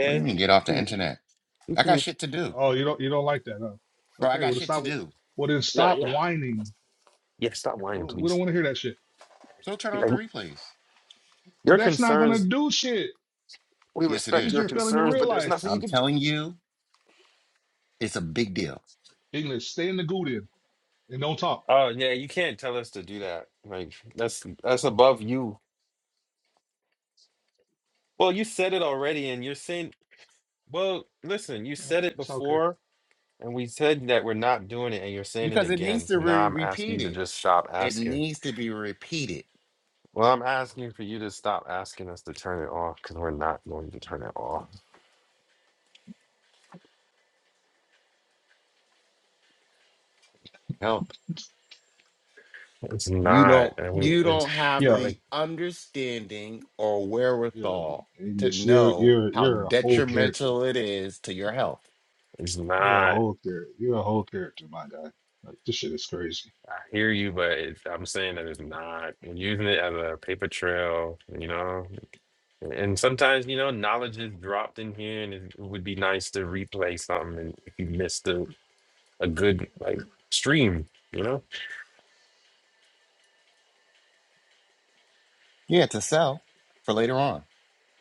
Speaker 5: What do you mean get off the
Speaker 1: Hmm,
Speaker 5: internet?
Speaker 1: You
Speaker 5: I got
Speaker 1: can,
Speaker 5: shit to do,
Speaker 2: Oh, you don't you don't like that, huh?
Speaker 5: bro. I
Speaker 2: Okay. Well,
Speaker 5: got
Speaker 2: then
Speaker 5: shit to
Speaker 2: stop.
Speaker 5: do.
Speaker 2: Well, then
Speaker 1: nah,
Speaker 2: stop
Speaker 1: yeah,
Speaker 2: whining.
Speaker 1: yeah. Stop
Speaker 2: We
Speaker 1: lying,
Speaker 2: don't, we don't
Speaker 1: please.
Speaker 2: want to hear that shit.
Speaker 5: So turn off the
Speaker 1: Like,
Speaker 5: replays.
Speaker 1: Your
Speaker 2: That's not gonna
Speaker 1: concerns,
Speaker 2: do shit.
Speaker 1: we
Speaker 5: Yes, it
Speaker 2: That's
Speaker 1: respect
Speaker 2: what
Speaker 1: your
Speaker 2: you're
Speaker 5: is.
Speaker 2: failing to
Speaker 1: concerns, but there's
Speaker 2: realize.
Speaker 1: nothing you
Speaker 5: I'm
Speaker 1: can do.
Speaker 5: telling you, it's a big deal
Speaker 2: English, stay in the Guden and don't talk.
Speaker 1: Oh yeah, you can't tell us to do that. Like that's that's above you. Well, you said it already, and you're saying, well, listen, you
Speaker 2: Uh,
Speaker 1: said it
Speaker 2: It's okay.
Speaker 1: before, and we said that we're not doing it, and you're saying it
Speaker 5: because it needs
Speaker 1: again.
Speaker 5: to
Speaker 1: So now
Speaker 5: be
Speaker 1: I'm asking you to
Speaker 5: repeated.
Speaker 1: just stop
Speaker 5: It
Speaker 1: asking.
Speaker 5: needs to be repeated.
Speaker 1: Well, I'm asking for you to stop asking us to turn it off because we're not going to turn it off. It's
Speaker 5: You
Speaker 1: not.
Speaker 5: don't
Speaker 1: And we,
Speaker 5: you
Speaker 1: it's
Speaker 5: don't have
Speaker 2: Yeah,
Speaker 1: like
Speaker 5: the understanding or
Speaker 2: yeah.
Speaker 5: wherewithal to
Speaker 2: English, you're
Speaker 5: know
Speaker 2: you're
Speaker 5: how
Speaker 2: you're a whole character.
Speaker 5: detrimental it is to your health.
Speaker 1: it's
Speaker 2: You're a
Speaker 1: not.
Speaker 2: whole character. You're a whole character, my guy. Like this shit is crazy.
Speaker 1: I hear you, but it's, I'm saying that it's not. We're using it as a paper trail, you know. And sometimes, you know, knowledge is dropped in here, and it would be nice to replay something. And if you missed a, a good like stream, you know,
Speaker 5: Yeah, to sell for later on.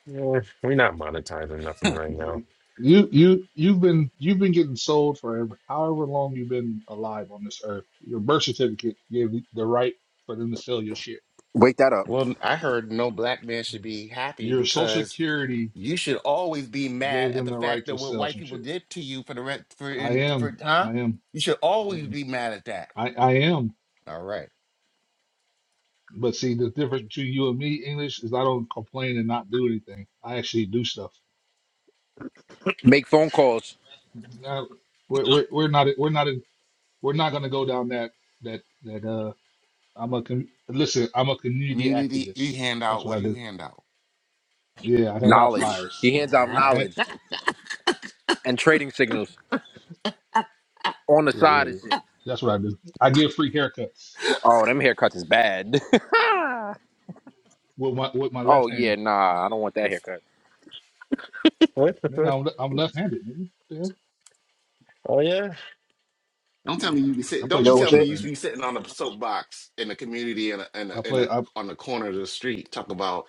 Speaker 1: yeah, we're not monetizing nothing right now.
Speaker 2: You you you- you've been you've been getting sold forever. However long you've been alive on this earth, your birth certificate gave you the right for them to sell your shit.
Speaker 7: Wake that up.
Speaker 5: Well, I heard no black man should be happy
Speaker 2: Your social
Speaker 5: because
Speaker 2: security
Speaker 5: you should always be mad
Speaker 2: gave
Speaker 5: at
Speaker 2: them
Speaker 5: the
Speaker 2: the right
Speaker 5: fact that
Speaker 2: to
Speaker 5: what
Speaker 2: sell
Speaker 5: white
Speaker 2: some
Speaker 5: people
Speaker 2: shit.
Speaker 5: did to you for the rent for
Speaker 2: I
Speaker 5: in
Speaker 2: am.
Speaker 5: for
Speaker 2: I
Speaker 5: huh?
Speaker 2: am.
Speaker 5: You should
Speaker 2: I
Speaker 5: always
Speaker 2: am.
Speaker 5: be mad at that.
Speaker 2: I, I am.
Speaker 5: All right.
Speaker 2: But see, the difference between you and me, English, is I don't complain and not do anything. I actually do stuff.
Speaker 7: Make phone calls.
Speaker 2: Now, We're, we're, we're not we're not we're not going to go down that that that uh i'm a com- listen i'm a community
Speaker 5: Community, you
Speaker 2: activist
Speaker 5: hand
Speaker 2: that's
Speaker 5: out
Speaker 2: what
Speaker 5: what
Speaker 2: i
Speaker 5: do you
Speaker 2: do
Speaker 5: hand out?
Speaker 2: yeah i hand out
Speaker 7: Knowledge.
Speaker 2: flyers
Speaker 7: He hands out
Speaker 2: i had
Speaker 7: knowledge and trading signals on the
Speaker 2: yeah yeah
Speaker 7: side and
Speaker 2: yeah
Speaker 7: shit.
Speaker 2: that's what i do i give free haircuts
Speaker 7: Oh, them haircuts is bad.
Speaker 2: with my with my
Speaker 7: oh
Speaker 2: left
Speaker 7: yeah,
Speaker 2: hand
Speaker 7: nah, I don't want that haircut.
Speaker 1: What?
Speaker 2: nigga i'm, le- I'm left-handed nigga what the hell
Speaker 1: oh yeah,
Speaker 5: Don't tell me you be
Speaker 2: i
Speaker 5: sit.
Speaker 2: play
Speaker 5: Don't you
Speaker 7: Yo,
Speaker 5: tell
Speaker 2: sports
Speaker 5: me
Speaker 7: fit.
Speaker 5: you
Speaker 2: left-handed
Speaker 5: be sitting on a soapbox in the community in a, in a,
Speaker 2: i
Speaker 5: in
Speaker 2: play
Speaker 5: a,
Speaker 2: I,
Speaker 5: on the corner of the street talk about,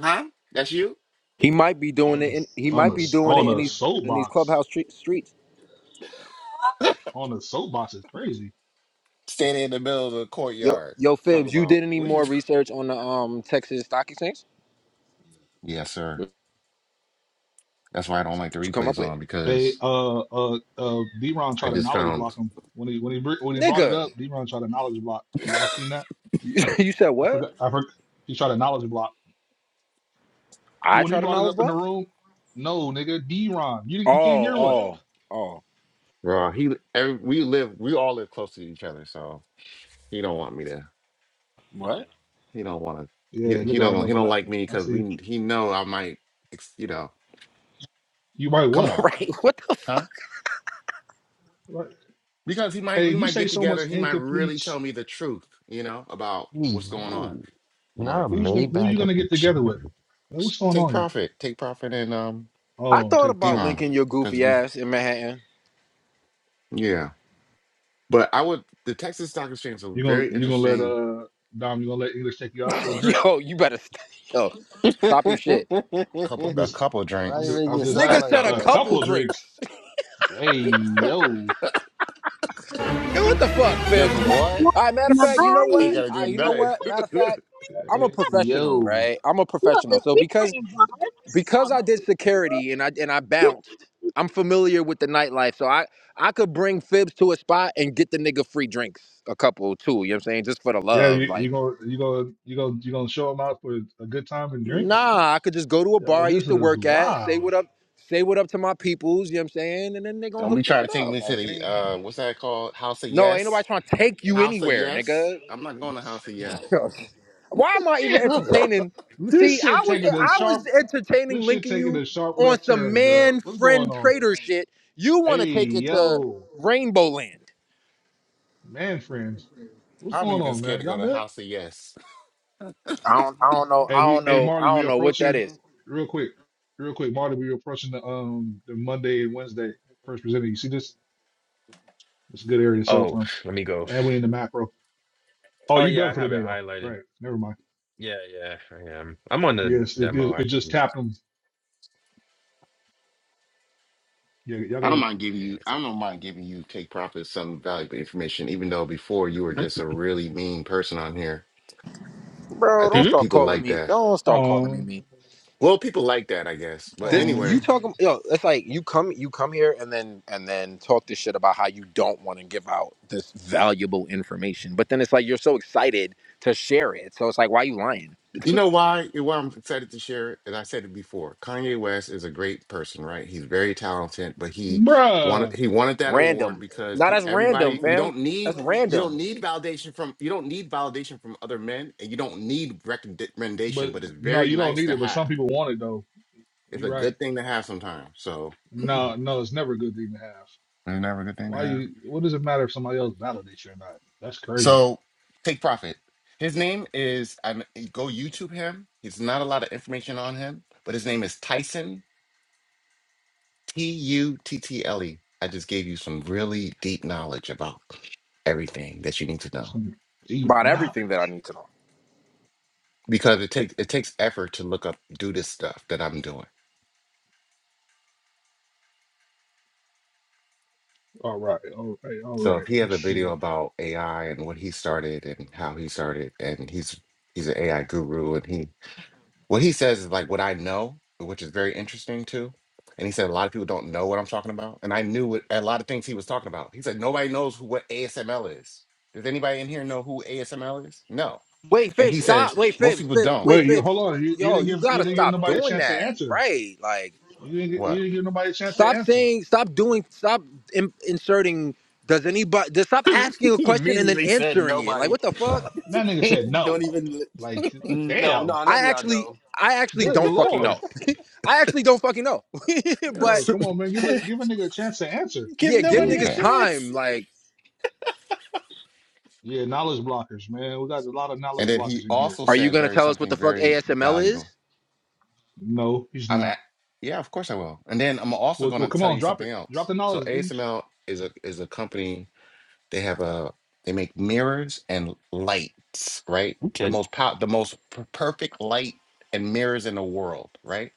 Speaker 5: huh? That's you
Speaker 7: He might be doing it. In, he
Speaker 2: on a
Speaker 7: might be
Speaker 2: s-
Speaker 7: doing it
Speaker 2: on
Speaker 7: in
Speaker 2: a
Speaker 7: these in these
Speaker 2: soapbox
Speaker 7: clubhouse tre- streets.
Speaker 2: on a soapbox is crazy
Speaker 5: standing in the middle of the
Speaker 7: Yo,
Speaker 5: courtyard
Speaker 7: yo,
Speaker 5: talk
Speaker 7: Fibs, you did
Speaker 5: about
Speaker 7: any
Speaker 5: what you.
Speaker 7: more
Speaker 5: Talk-
Speaker 7: research on the um Texas Stock Exchange?
Speaker 5: yes, sir. That's why I don't like the
Speaker 7: What you come up
Speaker 5: replays
Speaker 7: with,
Speaker 5: on
Speaker 2: they
Speaker 5: because
Speaker 2: uh uh uh d-ron
Speaker 5: I
Speaker 2: tried to
Speaker 5: just
Speaker 2: knowledge block
Speaker 5: found
Speaker 2: him when he when he br- when he brought it
Speaker 7: nigga?
Speaker 2: up d-ron tried to knowledge block y'all seen that
Speaker 7: you said
Speaker 2: I
Speaker 7: what?
Speaker 2: forgot. I forgot. He tried a knowledge block.
Speaker 7: I
Speaker 2: When he
Speaker 7: tried a
Speaker 2: brought it
Speaker 7: knowledge
Speaker 2: up in the
Speaker 7: block.
Speaker 2: room, no, nigga, D-Ron. You,
Speaker 7: Oh,
Speaker 2: you can't hear what?
Speaker 7: oh, oh.
Speaker 5: raw. He every, we live we all live close to each other, so he don't want me to.
Speaker 7: What?
Speaker 5: He don't want to.
Speaker 2: Yeah,
Speaker 5: He
Speaker 2: look
Speaker 5: he
Speaker 2: at our
Speaker 5: don't he
Speaker 2: double
Speaker 5: don't like
Speaker 2: laughing.
Speaker 5: me
Speaker 2: I
Speaker 5: because
Speaker 2: see.
Speaker 5: we he know I might. ex- You know,
Speaker 2: You right,
Speaker 5: come
Speaker 2: what?
Speaker 5: on,
Speaker 7: right. What
Speaker 2: Right.
Speaker 5: Because he might,
Speaker 2: Hey,
Speaker 5: we
Speaker 2: you
Speaker 5: might
Speaker 2: say
Speaker 5: get
Speaker 2: so
Speaker 5: together.
Speaker 2: much
Speaker 5: He might really
Speaker 2: incompletes.
Speaker 5: tell me the truth, you know, about what's going on
Speaker 1: no,
Speaker 5: in the
Speaker 1: not a
Speaker 5: market.
Speaker 2: Who's gonna who you
Speaker 1: Maybach at
Speaker 2: gonna
Speaker 1: the
Speaker 2: get
Speaker 1: gym.
Speaker 2: together with? Like, what's going
Speaker 5: Take
Speaker 2: on here?
Speaker 5: profit, take profit, and um,
Speaker 7: I
Speaker 2: Oh,
Speaker 7: thought
Speaker 2: take
Speaker 7: about
Speaker 2: profit.
Speaker 5: Deron,
Speaker 7: linking your
Speaker 5: because
Speaker 7: goofy
Speaker 5: we,
Speaker 7: ass in Manhattan.
Speaker 5: yeah. But I would the Texas Stock Exchange is a
Speaker 2: You gonna
Speaker 5: very
Speaker 2: you gonna let
Speaker 5: interesting
Speaker 2: uh Dom, you gonna let English take you out for a drink?
Speaker 7: Yo, you better st- yo stop your shit.
Speaker 5: couple,
Speaker 2: I'm
Speaker 5: a
Speaker 2: just
Speaker 5: couple of
Speaker 1: Why
Speaker 2: I'm
Speaker 1: you
Speaker 2: just
Speaker 5: drinks.
Speaker 1: make
Speaker 2: I'm
Speaker 1: it
Speaker 2: just at
Speaker 1: sound
Speaker 5: Guess
Speaker 7: Nigga
Speaker 1: like
Speaker 7: said a
Speaker 2: a
Speaker 1: that?
Speaker 7: couple
Speaker 2: couple of
Speaker 7: drinks.
Speaker 2: drinks. Hey yo.
Speaker 4: there.
Speaker 7: Yo, what the fuck, Fibs?
Speaker 4: I'm
Speaker 5: what?
Speaker 4: not
Speaker 7: All right, matter
Speaker 4: in
Speaker 7: of
Speaker 4: the
Speaker 7: fact, you
Speaker 5: Shit,
Speaker 7: know
Speaker 5: I ain't
Speaker 7: what?
Speaker 4: bayou,
Speaker 5: gotta
Speaker 7: All
Speaker 5: do
Speaker 7: right, you know
Speaker 5: nothing.
Speaker 7: what? Matter of fact, I'm a
Speaker 2: Hey
Speaker 7: professional,
Speaker 2: yo.
Speaker 7: right? I'm a
Speaker 4: You know,
Speaker 7: professional.
Speaker 4: the
Speaker 7: So
Speaker 4: tea
Speaker 7: because
Speaker 4: cream vibes.
Speaker 7: because
Speaker 4: I'm
Speaker 7: I
Speaker 4: not
Speaker 7: did security and I and I bounced, I'm familiar with the nightlife. So I I could bring Fibs to a spot and get the nigga free drinks, a couple too. You know what I'm saying? Just for the
Speaker 2: Yeah,
Speaker 7: love,
Speaker 2: you,
Speaker 7: like.
Speaker 2: you gonna you gonna you gonna you gonna show them out for a good time and drinks?
Speaker 7: Nah, I could just go to a bar
Speaker 2: Yo,
Speaker 7: I used
Speaker 2: this
Speaker 7: to
Speaker 2: is
Speaker 7: work at, say
Speaker 2: wild.
Speaker 7: what up, say what up to my peoples, you know what I'm saying? And then they gonna
Speaker 5: Don't
Speaker 7: hook
Speaker 5: be
Speaker 7: the
Speaker 5: trying
Speaker 7: shit
Speaker 5: to take
Speaker 7: up.
Speaker 5: me to
Speaker 7: Like it
Speaker 5: the
Speaker 7: ain't
Speaker 5: uh, what's that called? House of
Speaker 7: No, ain't nobody
Speaker 5: Yes,
Speaker 7: trying to take you
Speaker 5: House of
Speaker 7: anywhere,
Speaker 5: Yes.
Speaker 7: nigga.
Speaker 5: I'm not going to House of Yes.
Speaker 7: Why am I even
Speaker 2: Yeah,
Speaker 7: entertaining? See,
Speaker 2: this
Speaker 7: I
Speaker 2: shit
Speaker 7: was
Speaker 2: taking a
Speaker 7: I
Speaker 2: sharp
Speaker 7: was entertaining
Speaker 2: this shit
Speaker 7: linking
Speaker 2: taking
Speaker 7: you
Speaker 2: a sharp
Speaker 7: on
Speaker 2: left
Speaker 7: some
Speaker 2: turn, bro.
Speaker 7: man
Speaker 2: What's going
Speaker 7: friend
Speaker 2: on?
Speaker 7: trader shit. You wanna
Speaker 2: Hey
Speaker 7: take it to
Speaker 2: yo,
Speaker 7: Rainbow Land.
Speaker 2: man, friends, what's
Speaker 5: I'm
Speaker 2: going
Speaker 5: even
Speaker 2: on,
Speaker 5: scared
Speaker 2: man?
Speaker 5: to go
Speaker 2: Y'all
Speaker 5: to
Speaker 2: good?
Speaker 5: House of Yes.
Speaker 7: I don't I don't know.
Speaker 2: Hey,
Speaker 7: I
Speaker 2: we
Speaker 7: don't
Speaker 2: hey
Speaker 7: know. I
Speaker 2: Marty, we
Speaker 7: don't know what that
Speaker 2: approaching
Speaker 7: is.
Speaker 2: real quick, real quick, Marty. We approaching the um the Monday and Wednesday first presenting. You see this? It's a good area to sell
Speaker 1: Oh,
Speaker 2: from,
Speaker 1: let me go.
Speaker 2: and we in the macro. Oh,
Speaker 1: Oh
Speaker 2: you
Speaker 1: yeah,
Speaker 2: done
Speaker 1: I
Speaker 2: for the
Speaker 1: have it
Speaker 2: day though,
Speaker 1: highlighted.
Speaker 2: right? Never mind.
Speaker 1: Yeah, yeah, I am. I'm on the
Speaker 2: Yes, it
Speaker 1: demo.
Speaker 2: it,
Speaker 1: I
Speaker 2: it just
Speaker 1: can.
Speaker 2: tapped 'em Yeah, y'all
Speaker 5: I
Speaker 2: go
Speaker 5: don't
Speaker 2: ahead.
Speaker 5: mind giving you.
Speaker 1: Yeah.
Speaker 5: I don't mind giving you take profit some valuable information, even though before you were just a really mean person on here. I
Speaker 7: Bro, don't
Speaker 1: Hmm?
Speaker 5: think
Speaker 7: start
Speaker 5: people
Speaker 7: calling
Speaker 5: like
Speaker 7: me.
Speaker 5: that.
Speaker 7: Don't start calling me
Speaker 2: Um,
Speaker 7: mean.
Speaker 5: Well, people like that, I guess. But
Speaker 7: This you
Speaker 2: um,
Speaker 5: anyway,
Speaker 7: talking? Yo, it's like you come you come here and then and then talk this shit about how you don't want to give out this valuable information, but then it's like you're so excited to share it. So it's like, why you lying?
Speaker 5: you know why? Why I'm excited to share it, and I said it before. Kanye West is a great person, right? He's very talented, but he wanted
Speaker 2: bruh.
Speaker 5: he wanted that award
Speaker 7: Random.
Speaker 5: because
Speaker 7: Now
Speaker 5: pe-
Speaker 7: that's random,
Speaker 5: everybody you
Speaker 7: fam.
Speaker 5: don't
Speaker 7: That's
Speaker 5: need you
Speaker 7: random
Speaker 5: don't need validation from you don't need validation from other men, and you don't need recommendation,
Speaker 2: But
Speaker 5: but it's
Speaker 2: no,
Speaker 5: very
Speaker 2: you don't
Speaker 5: nice
Speaker 2: need
Speaker 5: to
Speaker 2: it. But some
Speaker 5: have
Speaker 2: people want it though.
Speaker 5: It's
Speaker 2: You're
Speaker 5: a
Speaker 2: right.
Speaker 5: good thing to have sometimes. So it's
Speaker 2: No, no, it's never a good thing to have.
Speaker 5: never a good thing to
Speaker 2: Why
Speaker 5: have.
Speaker 2: you? What does it matter if somebody else validates you or not? That's crazy.
Speaker 5: So take profit. His name is I go YouTube him. He's not a lot of information on him, but his name is Tyson T U T T L E. I just gave you some really deep knowledge about everything that you need to know
Speaker 2: Some deep
Speaker 7: about everything that I
Speaker 2: knowledge.
Speaker 7: need to know.
Speaker 5: because it takes it takes effort to look up do this stuff that I'm doing.
Speaker 2: All right, all right, all
Speaker 5: So
Speaker 2: right.
Speaker 5: if he has
Speaker 2: Let's
Speaker 5: a video
Speaker 2: see.
Speaker 5: about AI and what he started and how he started, and he's he's an AI guru and he What he says is like what I know, which is very interesting too. And he said a lot of people don't know what I'm talking about. And I knew what, a lot of things he was talking about. He said nobody knows who, what ASML is. Does anybody in here know who ASML is? No.
Speaker 7: Wait,
Speaker 5: And
Speaker 7: Fibs,
Speaker 5: he
Speaker 7: stop.
Speaker 5: says
Speaker 7: Wait,
Speaker 5: most
Speaker 7: Fibs,
Speaker 5: people
Speaker 7: Fibs,
Speaker 5: don't.
Speaker 7: wait,
Speaker 2: Wait, you
Speaker 7: Fibs.
Speaker 2: hold on. You, you
Speaker 7: Yo,
Speaker 2: didn't
Speaker 7: you
Speaker 2: give you
Speaker 7: gotta
Speaker 2: didn't give
Speaker 7: stop
Speaker 2: nobody a
Speaker 7: doing
Speaker 2: chance to
Speaker 7: that,
Speaker 2: answer.
Speaker 7: right? Like,
Speaker 2: You didn't you
Speaker 5: What?
Speaker 2: didn't give nobody a chance to
Speaker 7: stop
Speaker 2: answer.
Speaker 7: saying, stop doing, stop in- inserting. Does anybody? Just stop asking a
Speaker 1: He
Speaker 7: question and then
Speaker 1: immediately said
Speaker 7: answering it. Like,
Speaker 1: nobody.
Speaker 7: what the fuck?
Speaker 2: That nigga said no.
Speaker 1: Don't even.
Speaker 2: Like
Speaker 1: No,
Speaker 2: damn,
Speaker 1: no, none
Speaker 7: I
Speaker 1: of y'all
Speaker 7: actually,
Speaker 1: know.
Speaker 7: I actually
Speaker 2: good
Speaker 7: don't fucking
Speaker 2: lord.
Speaker 7: know. I actually don't fucking know. but
Speaker 2: Yo, come on, man. Give a give a nigga a chance to answer.
Speaker 1: Give
Speaker 7: yeah, give
Speaker 1: nobody a
Speaker 2: Jeez.
Speaker 7: niggas
Speaker 5: Okay.
Speaker 1: chance.
Speaker 7: time. Like,
Speaker 2: Yeah, knowledge blockers, man. We got a lot of
Speaker 5: And
Speaker 2: knowledge
Speaker 5: then he
Speaker 2: blockers in here.
Speaker 5: also
Speaker 7: are you
Speaker 5: said
Speaker 7: gonna
Speaker 5: very
Speaker 7: tell us what the
Speaker 5: something
Speaker 7: fuck
Speaker 5: very
Speaker 7: ASML is?
Speaker 5: valuable.
Speaker 2: No, he's
Speaker 5: I'm
Speaker 2: not.
Speaker 5: at, yeah, of course I will. And then I'm also
Speaker 2: Well,
Speaker 5: going
Speaker 2: well,
Speaker 5: to
Speaker 2: come
Speaker 5: tell
Speaker 2: on,
Speaker 5: you
Speaker 2: drop it.
Speaker 5: something
Speaker 2: Drop
Speaker 5: else.
Speaker 2: the
Speaker 5: So
Speaker 2: knowledge, English.
Speaker 5: ASML is a is a company They have a they make mirrors and lights, right? The
Speaker 1: Okay,
Speaker 5: most pow- the most per- perfect light and mirrors in the world, right?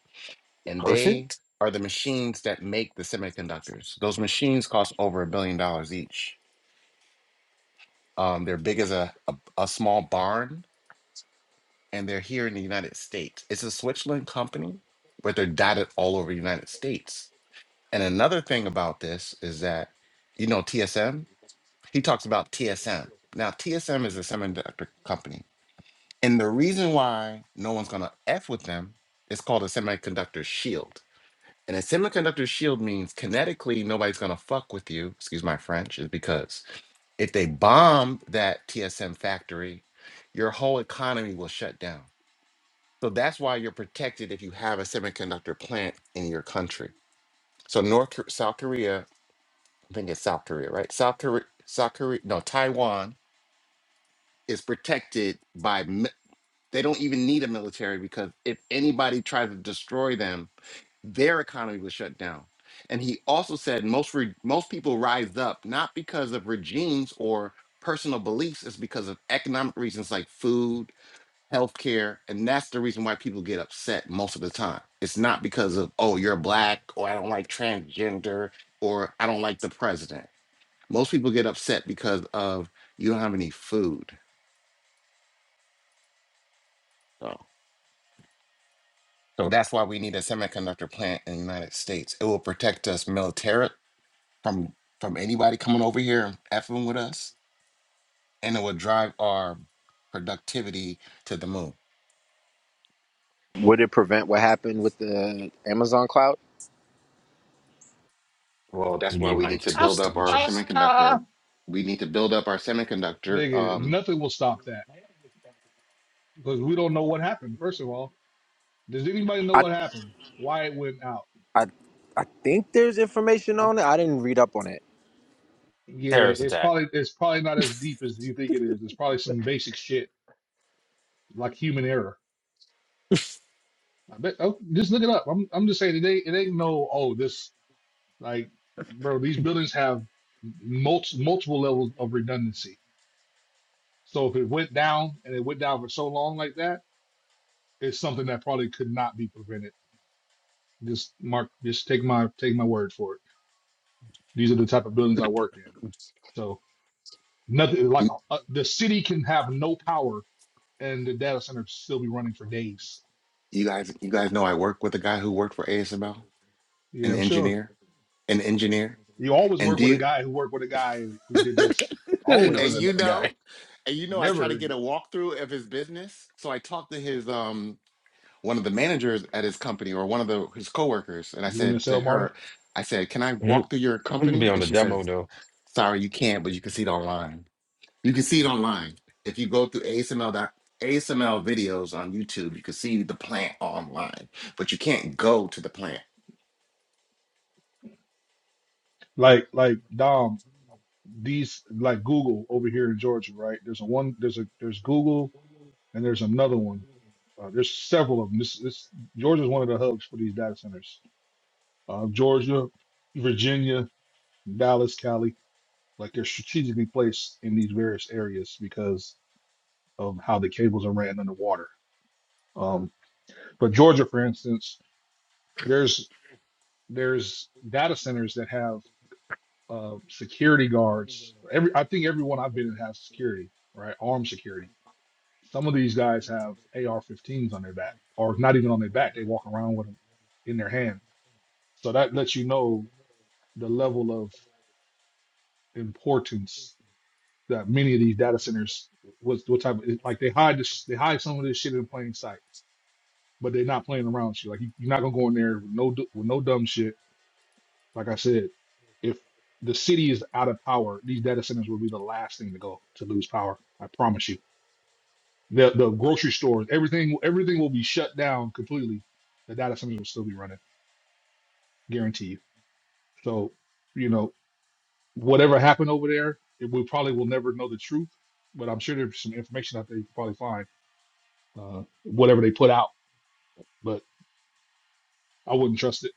Speaker 5: And they
Speaker 1: perfect.
Speaker 5: are the machines that make the semiconductors. Those machines cost over a billion dollars each. Um, they're big as a, a a small barn, and they're here in the United States. It's a Switzerland company, but they're dotted all over the United States. And another thing about this is that you know TSM. He talks about TSM. Now, TSM is a semiconductor company. And the reason why no one's going to F with them is called a semiconductor shield. And a semiconductor shield means kinetically nobody's going to fuck with you, excuse my French, is because if they bomb that TSM factory, your whole economy will shut down. So that's why you're protected if you have a semiconductor plant in your country. So North Kor- South Korea, I think it's South Korea, right? South Korea, South Korea, no, Taiwan is protected by mi- they don't even need a military because if anybody tries to destroy them their economy was shut down and he also said most re- most people rise up not because of regimes or personal beliefs it's because of economic reasons like food healthcare and that's the reason why people get upset most of the time it's not because of oh you're black or i don't like transgender or i don't like the president most people get upset because of you don't have any food So, So that's why we need a semiconductor plant in the United States. It will protect us militarily from from anybody coming over here and effing with us, and it will drive our productivity to the moon.
Speaker 7: Would it prevent what happened with the Amazon cloud?
Speaker 5: Well, that's
Speaker 1: We
Speaker 5: why
Speaker 1: need
Speaker 5: we need
Speaker 1: like
Speaker 5: to
Speaker 1: two
Speaker 5: build up our
Speaker 1: stages.
Speaker 5: semiconductor. We need to build up our semiconductor.
Speaker 2: Nigga,
Speaker 5: Um,
Speaker 2: nothing will stop that because we don't know what happened. First of all, does anybody know
Speaker 7: I,
Speaker 2: what happened? Why it went out?
Speaker 7: I, I think there's information
Speaker 2: I,
Speaker 7: on it. I didn't read up on it.
Speaker 2: yeah,
Speaker 1: Terrorist
Speaker 2: it's
Speaker 1: attack.
Speaker 2: probably it's probably not as deep as you think it is. It's probably some basic shit like human error. I bet. Oh, just look it up. I'm I'm just saying it ain't it ain't no. Oh, this Like, bro, these buildings have multi multiple levels of redundancy. So if it went down and it went down for so long like that, it's something that probably could not be prevented. Just mark, just take my take my word for it. These are the type of buildings I work in. So nothing like
Speaker 5: you,
Speaker 2: uh, the city can have no power and the data center still be running for days.
Speaker 5: you guys, you guys know I work with a guy who worked for ASML,
Speaker 2: Yeah,
Speaker 5: an
Speaker 2: I'm sure.
Speaker 5: engineer, an engineer,
Speaker 2: You always
Speaker 5: and
Speaker 2: work
Speaker 5: do
Speaker 2: with a
Speaker 5: you,
Speaker 2: guy who worked with a guy who did this.
Speaker 1: Who knows
Speaker 5: and
Speaker 2: Always,
Speaker 5: you
Speaker 1: another guy?
Speaker 5: know, and you know, I try to
Speaker 2: never.
Speaker 5: get a walkthrough of his business. So I talked to his um one of the managers at his company or one of the his coworkers, and I
Speaker 2: You want to
Speaker 5: said to
Speaker 2: sell, Marty?
Speaker 5: her, I said, "Can I
Speaker 1: Mm,
Speaker 5: walk through your
Speaker 1: I'm gonna
Speaker 5: company?"
Speaker 1: be on
Speaker 5: And
Speaker 1: the
Speaker 5: she
Speaker 1: demo
Speaker 5: says,
Speaker 1: though.
Speaker 5: "Sorry, you can't, but you can see it online. You can see it online if you go through ASML dot ASML videos on YouTube. You can see the plant online, but you can't go to the plant."
Speaker 2: Like, like Dom. these like Google over here in Georgia, right? There's a one, there's a there's Google, and there's another one. Uh, there's several of them. This this Georgia is one of the hubs for these data centers. Uh, Georgia, Virginia, Dallas, Cali, like they're strategically placed in these various areas because of how the cables are ran underwater. Um, but Georgia, for instance, there's there's data centers that have uh, security guards. Every I think everyone I've been in has security, right? Armed security Some of these guys have AR-15s on their back, or not even on their back. They walk around with them in their hand. So that lets you know the level of importance that many of these data centers what what type of like they hide this they hide some of this shit in plain sight, but they're not playing around with you. Like you, you're not gonna go in there with no du- with no dumb shit. Like I said, if the city is out of power, these data centers will be the last thing to go to lose power. I promise you. The the grocery stores, everything everything will be shut down completely. The data centers will still be running, guarantee you. So, you know, whatever happened over there, it, we probably will never know the truth. But I'm sure there's some information out there you can probably find. Uh, whatever they put out, but I wouldn't trust it.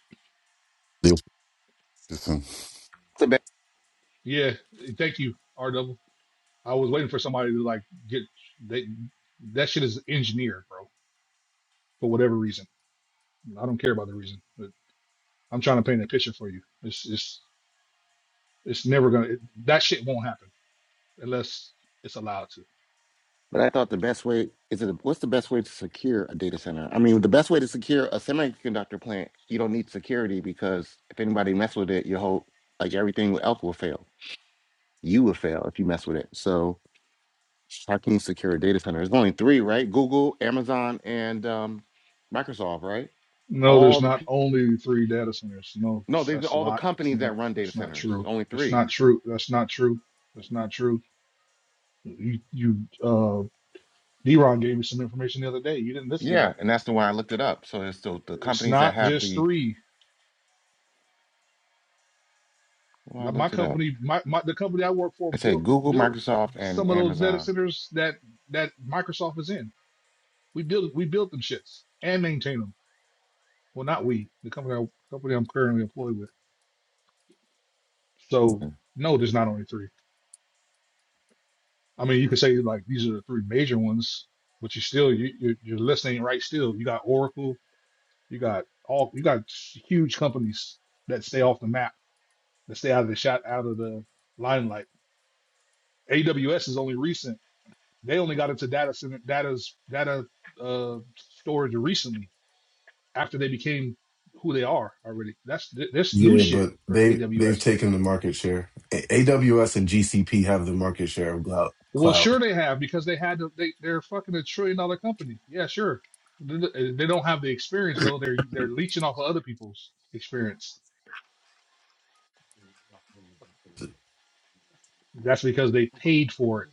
Speaker 8: Yep.
Speaker 5: It's a bad,
Speaker 2: Yeah, thank you, R double. I was waiting for somebody to like get they that shit is engineered, bro, for whatever reason. I don't care about the reason, but I'm trying to paint a picture for you. It's it's it's never gonna it, that shit won't happen. unless it's allowed to.
Speaker 5: but I thought the best way is it. What's the best way to secure a data center? I mean, the best way to secure a semiconductor plant, you don't need security because if anybody mess with it, your whole like everything else will fail. You will fail if you mess with it. So How can you secure a data center? There's only three, right? Google, Amazon, and um, Microsoft, right?
Speaker 2: No, there's
Speaker 5: All the
Speaker 2: not
Speaker 5: pe-
Speaker 2: only three data centers. No,
Speaker 5: no,
Speaker 2: that's
Speaker 5: these are
Speaker 2: that's a
Speaker 5: all the
Speaker 2: lot. That's
Speaker 5: companies
Speaker 2: not.
Speaker 5: that run data
Speaker 2: That's not
Speaker 5: centers.
Speaker 2: true.
Speaker 5: Only
Speaker 2: That's
Speaker 5: three.
Speaker 2: not true. That's not true. That's not true. You, you, uh, D-Ron gave me some information the other day. You didn't listen though.
Speaker 5: Yeah, and that's the one I looked it up. So it's the, the
Speaker 2: It's
Speaker 5: companies that
Speaker 2: not
Speaker 5: have
Speaker 2: just
Speaker 5: the.
Speaker 2: three.
Speaker 5: Well, I
Speaker 2: My my
Speaker 5: looked it up.
Speaker 2: company, my, my the company I work for
Speaker 5: I said
Speaker 2: built
Speaker 5: Google,
Speaker 2: built
Speaker 5: Microsoft, and
Speaker 2: some of those data
Speaker 5: Amazon.
Speaker 2: centers that that Microsoft is in. We build we build them shits and maintain them. Well, not we. The company I, company I'm currently employed with. So
Speaker 5: Mm-mm.
Speaker 2: no, there's not only three. I mean, you could say like these are the three major ones, but you still you you're, you're listening right still. You got Oracle, you got all you got huge companies that stay off the map, that stay out of the shot, out of the limelight. AWS is only recent. They only got into data center, data's data uh, storage recently after they became who they are already. That's th- this new
Speaker 9: Yeah,
Speaker 2: shit
Speaker 9: but
Speaker 2: for
Speaker 9: they
Speaker 2: AWS.
Speaker 9: they've taken the market share. A- AWS and GCP have the market share of glou-
Speaker 2: Well,
Speaker 9: cloud.
Speaker 2: sure they have because they had to, they they're fucking a trillion dollar company. Yeah, sure. They they don't have the experience though. They're they're leeching off of other people's experience. That's because they paid for it.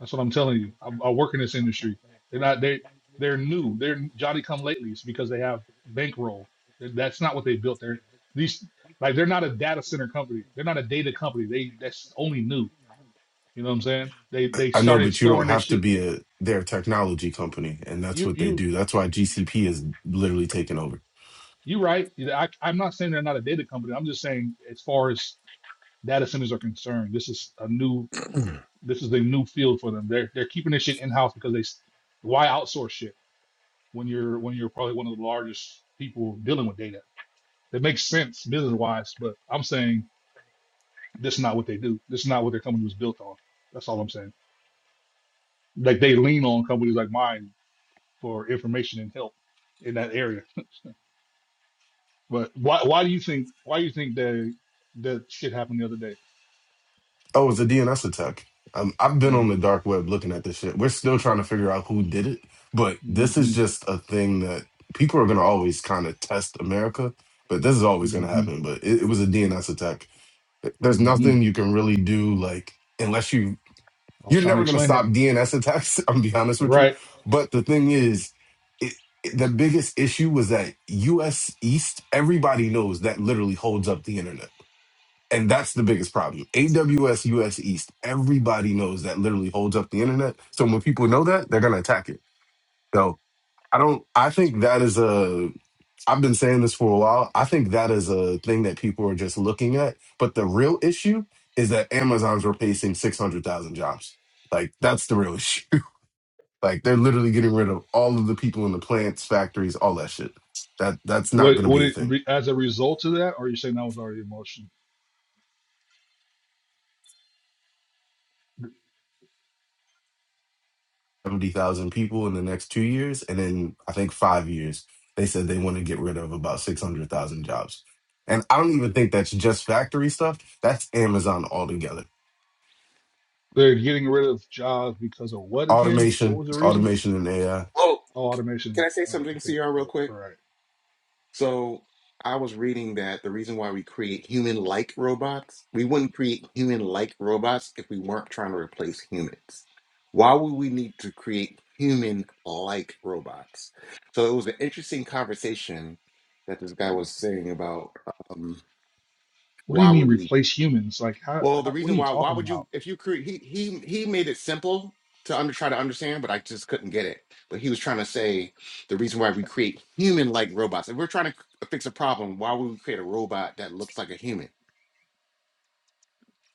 Speaker 2: That's what I'm telling you. I, I work in this industry. They're not they they're new. They're Johnny come latelys because they have bankroll. That- That's not what they built. They're these like they're not a data center company. They're not a data company. They that's only new. You know what I'm saying? They they
Speaker 9: I know,
Speaker 2: started
Speaker 9: but you don't
Speaker 2: storing this
Speaker 9: have to
Speaker 2: shit.
Speaker 9: be a they're a technology company, and that's
Speaker 2: You
Speaker 9: what they
Speaker 2: you
Speaker 9: do. That's why GCP is literally taking over.
Speaker 2: You're right. You know, I, I'm not saying they're not a data company. I'm just saying, as far as data centers are concerned, this is a new, this is a new field for them. They're they're keeping this shit in house because they, s- why outsource shit when you're when you're probably one of the largest people dealing with data. That makes sense business wise, but I'm saying this is not what they do. This is not what their company was built on. That's all I'm saying. Like they lean on companies like mine for information and help in that area. But why why do you think why do you think that that shit happened the other day?
Speaker 9: Oh, it's a DNS attack. Um, I've
Speaker 2: Hmm.
Speaker 9: been on the dark web looking at this shit. We're still trying to figure out who did it, but this is
Speaker 2: hmm
Speaker 9: just a thing that people are going to always kind of test America. But this is always going to
Speaker 2: hmm
Speaker 9: happen. But it, it was a DNS attack there's
Speaker 2: hmm
Speaker 9: nothing you can really do like unless you
Speaker 2: I was
Speaker 9: You're
Speaker 2: trying to
Speaker 9: never going to
Speaker 2: explain it.
Speaker 9: stop DNS attacks. I'm gonna be honest
Speaker 2: You're
Speaker 9: with you.
Speaker 2: right. I
Speaker 9: But the thing is, it, it- the
Speaker 2: was-
Speaker 9: biggest issue was that US East, everybody knows that literally holds up the internet. And that's the biggest problem. AWS US East, everybody knows that literally holds up the internet. So when people know that, they're going to attack it. So I don't, I think that is a, I've been saying this for a while. I think that is a thing that people are just looking at. But the real issue is that Amazon's replacing 600,000 jobs. Like that's the real issue. Like they're literally getting rid of all of the people in the plants, factories, all that shit. That that's not
Speaker 2: What
Speaker 9: going to
Speaker 2: what
Speaker 9: be a
Speaker 2: it,
Speaker 9: thing.
Speaker 2: re- as a result of that, or are you saying that was already in motion?
Speaker 9: Seventy thousand people in the next two years, and then I think five years. They said they want to get rid of about six hundred thousand jobs. And I don't even think that's just factory stuff. That's Amazon altogether.
Speaker 2: They're getting rid of jobs because of what again? What
Speaker 9: Automation,
Speaker 2: was the reason?
Speaker 9: automation, and AI.
Speaker 5: Oh,
Speaker 2: Oh,
Speaker 5: can
Speaker 2: automation.
Speaker 5: I say
Speaker 2: All right,
Speaker 5: something to
Speaker 2: okay,
Speaker 5: y'all real
Speaker 2: all
Speaker 5: quick?
Speaker 2: right.
Speaker 5: So I was reading that the reason why we create human-like robots, we wouldn't create human-like robots if we weren't trying to replace humans. Why would we need to create human-like robots? So it was an interesting conversation that this guy was saying about um,
Speaker 2: What do you
Speaker 5: why would
Speaker 2: mean
Speaker 5: we
Speaker 2: replace humans? Like how,
Speaker 5: well, the
Speaker 2: how? What are
Speaker 5: reason
Speaker 2: you
Speaker 5: why why
Speaker 2: talking
Speaker 5: would you
Speaker 2: about?
Speaker 5: if you create he he he made it simple to under try to understand, but I just couldn't get it. But he was trying to say the reason why we create human-like robots. If we're trying to c- uh, fix a problem, why would we create a robot that looks like a human?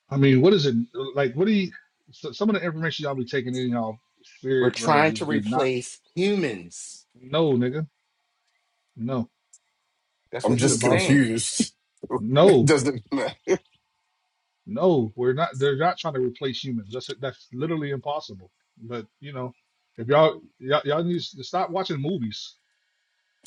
Speaker 2: I mean, what is it like? What do you? So, some of the information y'all be taking in y'all
Speaker 5: We're
Speaker 2: spirit, bro,
Speaker 5: trying to
Speaker 2: just be not.
Speaker 5: replace humans.
Speaker 2: No, nigga, no.
Speaker 5: That's
Speaker 9: I'm
Speaker 5: what he
Speaker 2: It's
Speaker 9: just
Speaker 5: was
Speaker 2: impossible.
Speaker 5: saying.
Speaker 9: confused. it
Speaker 2: No,
Speaker 9: doesn't matter.
Speaker 2: No, we're not. They're not trying to replace humans. That's that's literally impossible. But you know, if y'all y'all, y'all need to stop watching movies.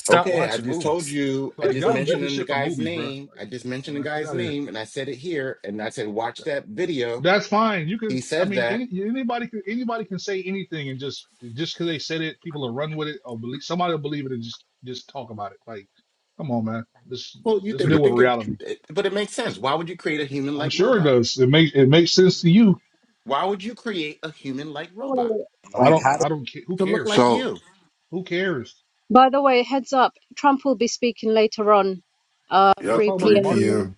Speaker 5: Okay, I just told you, I
Speaker 2: Like
Speaker 5: just
Speaker 2: y'all get
Speaker 5: mentioned
Speaker 2: this
Speaker 5: in the
Speaker 2: shit from
Speaker 5: guy's
Speaker 2: movies, bro.
Speaker 5: name.
Speaker 2: Like,
Speaker 5: I just
Speaker 2: come on,
Speaker 5: mentioned the
Speaker 2: man, get
Speaker 5: guy's
Speaker 2: out of here.
Speaker 5: name and I said it here and I said watch that video.
Speaker 2: That's fine. You
Speaker 5: He
Speaker 2: can. I
Speaker 5: said
Speaker 2: mean,
Speaker 5: that.
Speaker 2: any, anybody can anybody can say anything and just just because they said it, people will run with it or believe somebody will believe it and just just talk about it. Like, come on, man. Just
Speaker 5: Well, you
Speaker 2: just
Speaker 5: think
Speaker 2: deal with
Speaker 5: think it,
Speaker 2: reality.
Speaker 5: it but it makes sense. Why would you create a
Speaker 2: I'm
Speaker 5: human-like
Speaker 2: sure it
Speaker 5: robot?
Speaker 2: does. It makes it makes sense to you.
Speaker 5: Why would you create a human-like robot
Speaker 4: Wait.
Speaker 2: I
Speaker 7: Like
Speaker 2: don't
Speaker 7: how did
Speaker 2: I don't care. Who
Speaker 5: to look like
Speaker 2: cares?
Speaker 7: So
Speaker 5: you?
Speaker 2: Who cares?
Speaker 4: By the way, heads up, Trump will be speaking later on, uh,
Speaker 2: Yeah, let's
Speaker 9: Yep,
Speaker 4: 3
Speaker 2: talk about the
Speaker 9: three
Speaker 2: market.
Speaker 4: p.m.
Speaker 9: p.m.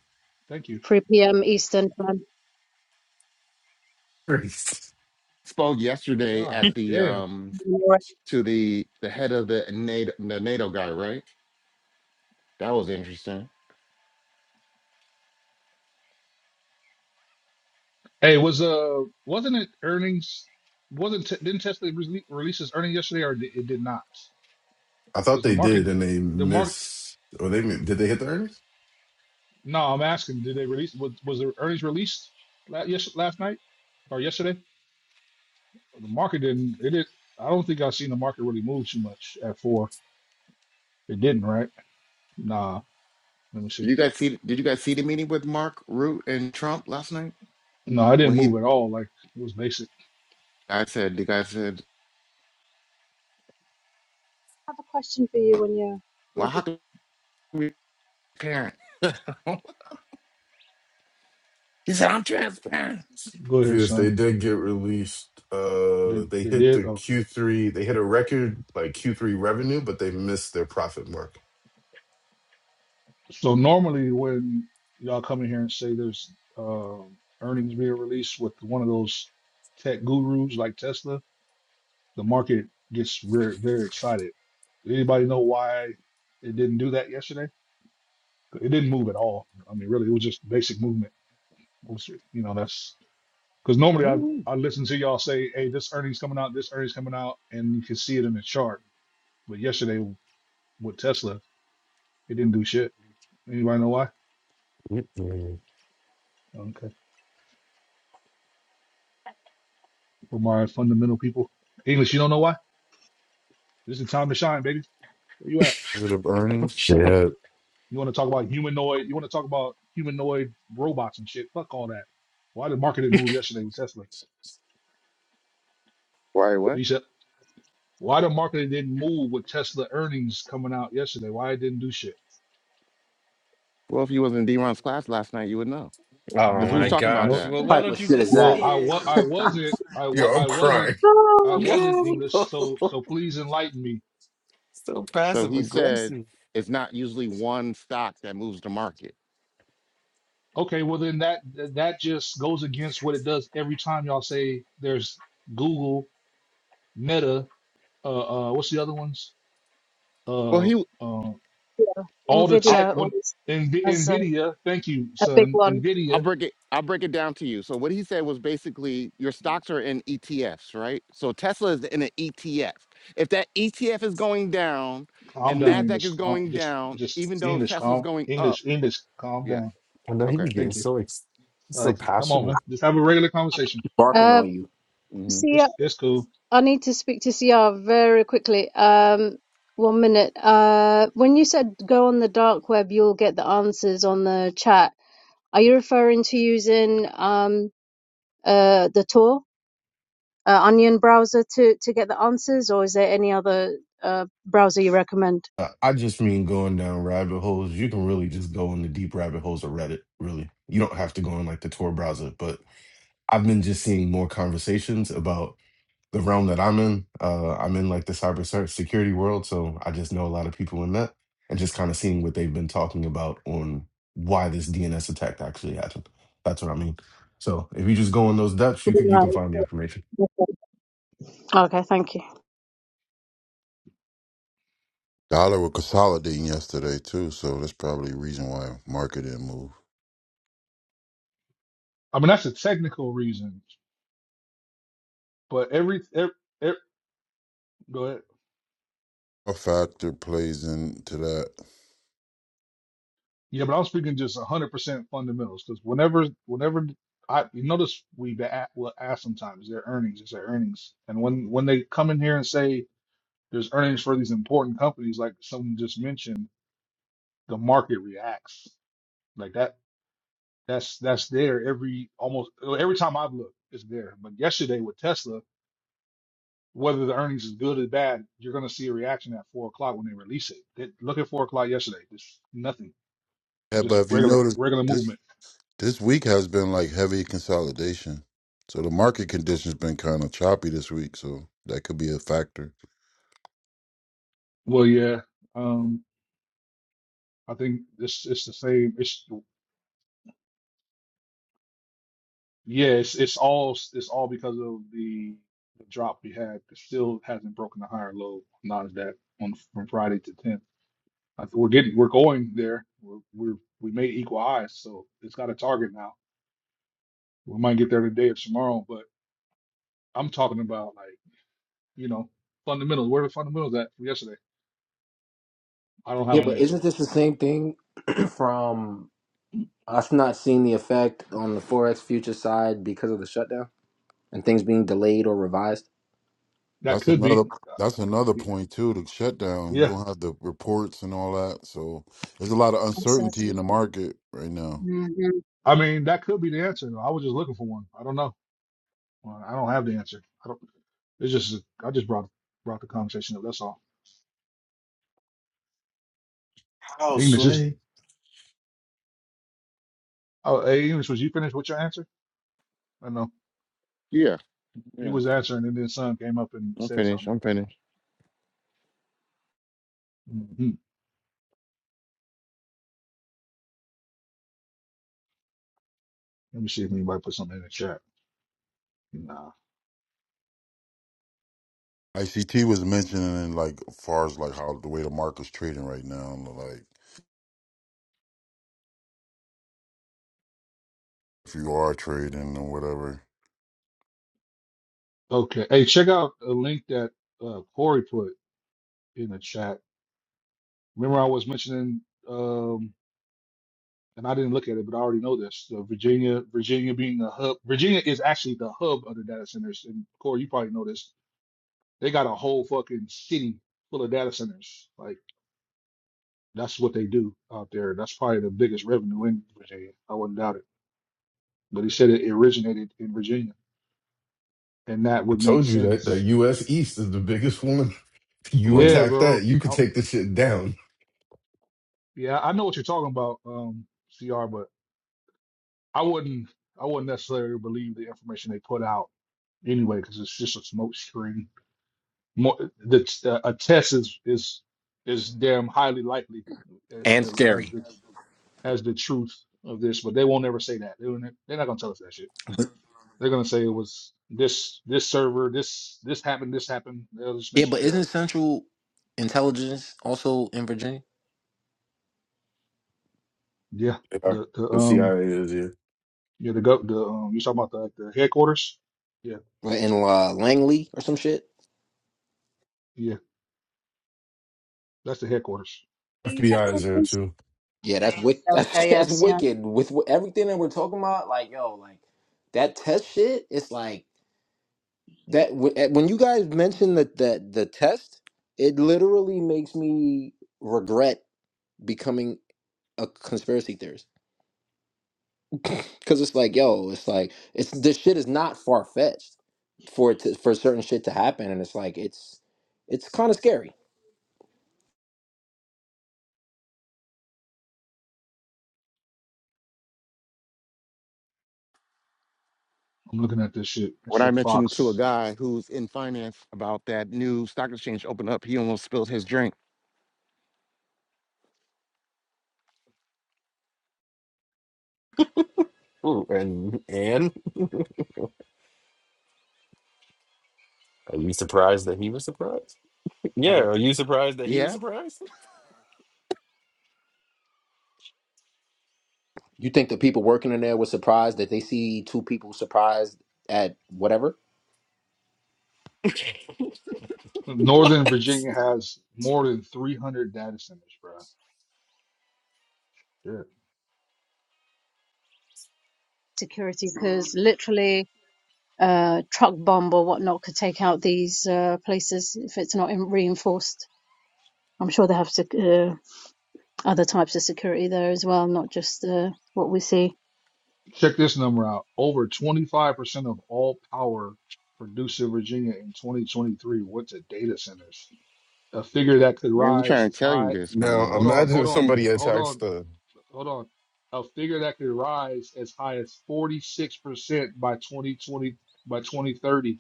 Speaker 2: Thank you.
Speaker 4: 3 p.m. Eastern time.
Speaker 5: Spoke yesterday at
Speaker 2: God
Speaker 5: the
Speaker 2: damn.
Speaker 5: um
Speaker 4: I
Speaker 5: to the the head of the NATO, the NATO guy, right? That was interesting.
Speaker 2: Hey, was uh wasn't it earnings? Wasn't t- didn't Tesla rele- release its earnings yesterday, or di- it did not?
Speaker 9: I thought
Speaker 2: Because the
Speaker 9: they
Speaker 2: market,
Speaker 9: did, and they
Speaker 2: the market.
Speaker 9: missed. Or they did they hit the earnings?
Speaker 2: No, I'm asking. Did they release? Was was the earnings released last yes last night or yesterday? Well, The market didn't. It did. I don't think I've seen the market really move too much at four. It didn't, right? Nah. Let me see.
Speaker 5: Did you guys see? Did you guys see the meeting with Mark Root and Trump last night?
Speaker 2: No, I didn't
Speaker 5: When he,
Speaker 2: move at all. Like it was basic.
Speaker 5: I said, the guy said,
Speaker 4: have a question for you when you're
Speaker 5: "Well, how
Speaker 4: ready.
Speaker 5: can we be transparent?" he said, "I'm transparent."
Speaker 2: Go ahead,
Speaker 9: If they
Speaker 2: son.
Speaker 9: did get released,
Speaker 2: They,
Speaker 9: uh, they
Speaker 2: they
Speaker 9: hit
Speaker 2: did.
Speaker 9: the
Speaker 2: Okay.
Speaker 9: Q3. They hit a record like Q3 revenue, but they missed their profit mark.
Speaker 2: So normally when y'all come in here and say there's uh, earnings being released with one of those tech gurus like Tesla, the market gets very very excited. Anybody know why it didn't do that yesterday? It didn't move at all. I mean, really, it was just basic movement. It was, you know, that's because normally I I listen to y'all say, "Hey, this earnings coming out, this earnings coming out," and you can see it in the chart. But yesterday with Tesla, it didn't do shit. Anybody know why?
Speaker 1: Mm-mm.
Speaker 2: Okay. for my fundamental people. English, you don't know why? This is time to shine, baby. Where you at?
Speaker 8: Positive earnings.
Speaker 1: Sure.
Speaker 8: Yeah.
Speaker 2: You want to talk about humanoid? You want to talk about humanoid robots and shit? Fuck all that. Why the market didn't move yesterday with Tesla?
Speaker 5: Why? What?
Speaker 2: He said, why the market didn't move with Tesla earnings coming out yesterday? Why it didn't do shit?
Speaker 5: Well, if you was in D-Ron's class last night, you would know
Speaker 1: Oh
Speaker 5: because he was
Speaker 1: my
Speaker 2: No,
Speaker 5: talking about
Speaker 1: gosh.
Speaker 2: no.
Speaker 5: that.
Speaker 1: Well, why
Speaker 7: type
Speaker 1: don't
Speaker 7: of
Speaker 1: you
Speaker 7: shit is
Speaker 1: just say
Speaker 2: Well,
Speaker 7: that?
Speaker 2: I wa-
Speaker 1: it?
Speaker 2: I wasn't, I
Speaker 9: Yo,
Speaker 2: wa-
Speaker 9: I'm
Speaker 2: I wasn't,
Speaker 9: crying.
Speaker 2: I
Speaker 4: Oh,
Speaker 1: Yo,
Speaker 2: wasn't
Speaker 4: okay.
Speaker 2: English. So, so please enlighten me.
Speaker 1: so
Speaker 5: So
Speaker 1: passive
Speaker 5: he said
Speaker 1: aggressive.
Speaker 5: it's not usually one stock that moves the market.
Speaker 2: Okay, well then that that just goes against what it does every time y'all say there's Google, Meta. uh, uh, what's the other ones?
Speaker 5: Well,
Speaker 2: Uh,
Speaker 5: he
Speaker 2: uh,
Speaker 4: Yeah,
Speaker 2: all the
Speaker 5: I'll,
Speaker 2: tech.
Speaker 4: Nvidia
Speaker 2: What
Speaker 4: always
Speaker 2: Nv-
Speaker 4: has a,
Speaker 2: Nvidia? Thank you,
Speaker 4: a big
Speaker 2: son.
Speaker 4: one.
Speaker 5: I'll
Speaker 2: Nvidia.
Speaker 5: break it I'll break it down to you. So what he said was basically your stocks are in ETFs, right? So Tesla is in an ETF. If that ETF is going down
Speaker 2: Calm
Speaker 5: and
Speaker 2: down,
Speaker 5: Nasdaq
Speaker 2: English.
Speaker 5: is
Speaker 2: Calm,
Speaker 5: going
Speaker 2: just,
Speaker 5: down,
Speaker 2: just
Speaker 5: even though
Speaker 2: English.
Speaker 5: Tesla's
Speaker 2: Calm,
Speaker 5: going up,
Speaker 2: English, English. Calm
Speaker 5: yeah,
Speaker 2: down.
Speaker 1: I know he be
Speaker 5: okay,
Speaker 1: getting
Speaker 2: Thank you.
Speaker 1: so ex- so
Speaker 2: Like, come on,
Speaker 1: passionate.
Speaker 2: man. Just have a regular conversation.
Speaker 7: Barking
Speaker 4: Uh,
Speaker 7: on you.
Speaker 5: hmm
Speaker 4: see.
Speaker 2: It's, it's cool.
Speaker 4: I need to speak to CR very quickly. Um, one minute. Uh, when you said go on the dark web, you'll get the answers on the chat. Are you referring to using um, uh, the Tor uh, Onion browser to to get the answers, or is there any other uh, browser you recommend?
Speaker 9: Uh, I just mean going down rabbit holes. You can really just go in the deep rabbit holes of Reddit. Really, you don't have to go in like the Tor browser. But I've been just seeing more conversations about. the realm that I'm in. Uh, I'm in like the cyber se- security world, so I just know a lot of people in that, and just kind of seeing what they've been talking about on why this DNS attack actually happened. That's what I mean. So if you just go in those depths, you can you can find the information.
Speaker 4: No. Okay, thank you.
Speaker 8: Dollar was consolidating yesterday too, so that's probably the reason why market didn't move.
Speaker 2: I mean, that's a technical reason, but every, every, every go ahead.
Speaker 8: A factor plays into that.
Speaker 2: Yeah, but I'm speaking just 100% fundamentals because whenever, whenever I you notice we be at, will ask sometimes their earnings is their earnings, and when when they come in here and say there's earnings for these important companies, like someone just mentioned, the market reacts. Like that, that's that's there every almost well, every time I've looked, it's there. But yesterday with Tesla, whether the earnings is good or bad, you're gonna see a reaction at four o'clock when they release it. They, look at four o'clock yesterday, just nothing,
Speaker 8: Yeah, but
Speaker 2: just
Speaker 8: if you
Speaker 2: regular
Speaker 8: notice
Speaker 2: regular
Speaker 8: this
Speaker 2: movement.
Speaker 8: this week has been like heavy consolidation. So the market conditions been kind of choppy this week, so that could be a factor.
Speaker 2: Well, yeah, um, I think this it's the same. It's Yeah, it's it's all it's all because of the, the drop we had. It still hasn't broken the higher low. Not that on from Friday to 10th. I think we're getting we're going there. We're we're we made equal highs, so it's got a target now. We might get there today or tomorrow, but I'm talking about like you know fundamentals. Where are the fundamentals at from yesterday? I don't
Speaker 7: Yeah,
Speaker 2: have an
Speaker 7: but
Speaker 2: answer.
Speaker 7: isn't this the same thing from us not seeing the effect on the forex future side because of the shutdown and things being delayed or revised?
Speaker 2: That
Speaker 8: That's
Speaker 2: could be.
Speaker 8: another that's another point too, the shutdown. You
Speaker 2: Yeah,
Speaker 8: don't have the reports and all that. So there's a lot of uncertainty in the market right now.
Speaker 4: Mhm.
Speaker 2: I mean that could be the answer. I was just looking for one. I don't know. Uh, I don't have the answer. I don't. It's just I just brought brought the conversation up. That's all.
Speaker 9: How
Speaker 2: English is
Speaker 9: Sway?
Speaker 2: oh hey, English, was you finished with your answer? I know.
Speaker 5: yeah,
Speaker 2: He
Speaker 5: yeah.
Speaker 2: was answering and then son came up and
Speaker 5: I'm
Speaker 2: said
Speaker 5: finished.
Speaker 2: something.
Speaker 5: I'm finished.
Speaker 2: hmm Let me see if anybody put something in the chat. Nah.
Speaker 8: ICT was mentioning like far as like how the way the market's trading right now, like if you are trading or whatever.
Speaker 2: Okay. Hey, check out a link that uh Corey put in the chat. Remember I was mentioning um and I didn't look at it, but I already know this. So Virginia, Virginia being the hub, Virginia is actually the hub of the data centers. And Corey, you probably know this. They got a whole fucking city full of data centers. Like That's what they do out there. That's probably the biggest revenue in Virginia. I wouldn't doubt it. But he said it originated in Virginia, and that
Speaker 9: I
Speaker 2: would make
Speaker 9: told you that the
Speaker 2: sense.
Speaker 9: U.S. East is the biggest one. You
Speaker 2: Yeah,
Speaker 8: Link.
Speaker 9: attack that,
Speaker 2: bro.
Speaker 9: you could
Speaker 2: I,
Speaker 9: take the shit down.
Speaker 2: yeah, I know what you're talking about, um, CR. But I wouldn't, I wouldn't necessarily believe the information they put out anyway, because it's just a smoke screen. More, the, uh, a test is is is damn highly likely as
Speaker 7: and
Speaker 2: the as
Speaker 7: scary.
Speaker 2: the as the truth of this, but they won't ever say that. They won't, they're not gonna tell us that shit.
Speaker 7: But-
Speaker 2: They're gonna say it was this this server, this this happened, this happened. They'll just make
Speaker 7: Yeah,
Speaker 2: some
Speaker 7: but
Speaker 2: shit
Speaker 7: isn't
Speaker 2: up.
Speaker 7: Central Intelligence also in Virginia?
Speaker 2: Yeah,
Speaker 9: Yeah,
Speaker 2: the the
Speaker 9: the
Speaker 2: um
Speaker 9: CIA is here.
Speaker 2: yeah the go the um you talking about the like, the headquarters? Yeah,
Speaker 7: Right, In uh, Langley or some shit?
Speaker 2: yeah, that's the headquarters.
Speaker 9: FBI is there
Speaker 4: Headquarters.
Speaker 9: too.
Speaker 7: Yeah, that's wick-
Speaker 4: There we
Speaker 7: that's,
Speaker 4: go.
Speaker 7: that's
Speaker 4: Yes, yeah.
Speaker 7: wicked. With wh- everything that we're talking about, like yo, like that test shit. It's like that w- eh, when you guys mention that that the test, it literally makes me regret becoming a conspiracy theorist because it's like yo, it's like it's this shit is not far fetched for it to, for certain shit to happen, and it's like it's it's kind of scary.
Speaker 2: I'm looking at this shit.
Speaker 5: When
Speaker 2: It's
Speaker 5: I
Speaker 2: a
Speaker 5: mentioned to a
Speaker 2: Fox.
Speaker 5: guy who's in finance about that new stock exchange opened up, he almost spilled his drink.
Speaker 1: Ooh, and and are you surprised that he was surprised?
Speaker 5: I
Speaker 1: Yeah,
Speaker 5: did-
Speaker 1: are you surprised that he was
Speaker 5: yeah,
Speaker 1: surprised?
Speaker 7: You think the people working in there were surprised that they see two people surprised at whatever?
Speaker 2: Northern Virginia has more than 300 data centers, bro. Yeah.
Speaker 4: Security, because literally. uh, truck bomb or whatnot could take out these uh, places if it's not in- reinforced. I'm sure they have sec- uh, other types of security there as well, not just uh, what we see.
Speaker 2: Check this number out. Over 25% of all power produced in Virginia in 2023 went to data centers. A figure that could
Speaker 5: man, we
Speaker 2: rise
Speaker 5: trying to
Speaker 2: as
Speaker 5: tell you
Speaker 2: high
Speaker 5: this, my
Speaker 9: Now
Speaker 2: hold
Speaker 5: man.
Speaker 2: on,
Speaker 9: imagine
Speaker 2: hold
Speaker 9: if
Speaker 2: on,
Speaker 9: somebody
Speaker 2: hold
Speaker 9: attacks
Speaker 2: on.
Speaker 9: the
Speaker 2: hold on, a figure that could rise as high as 46% by 2020 by 2030.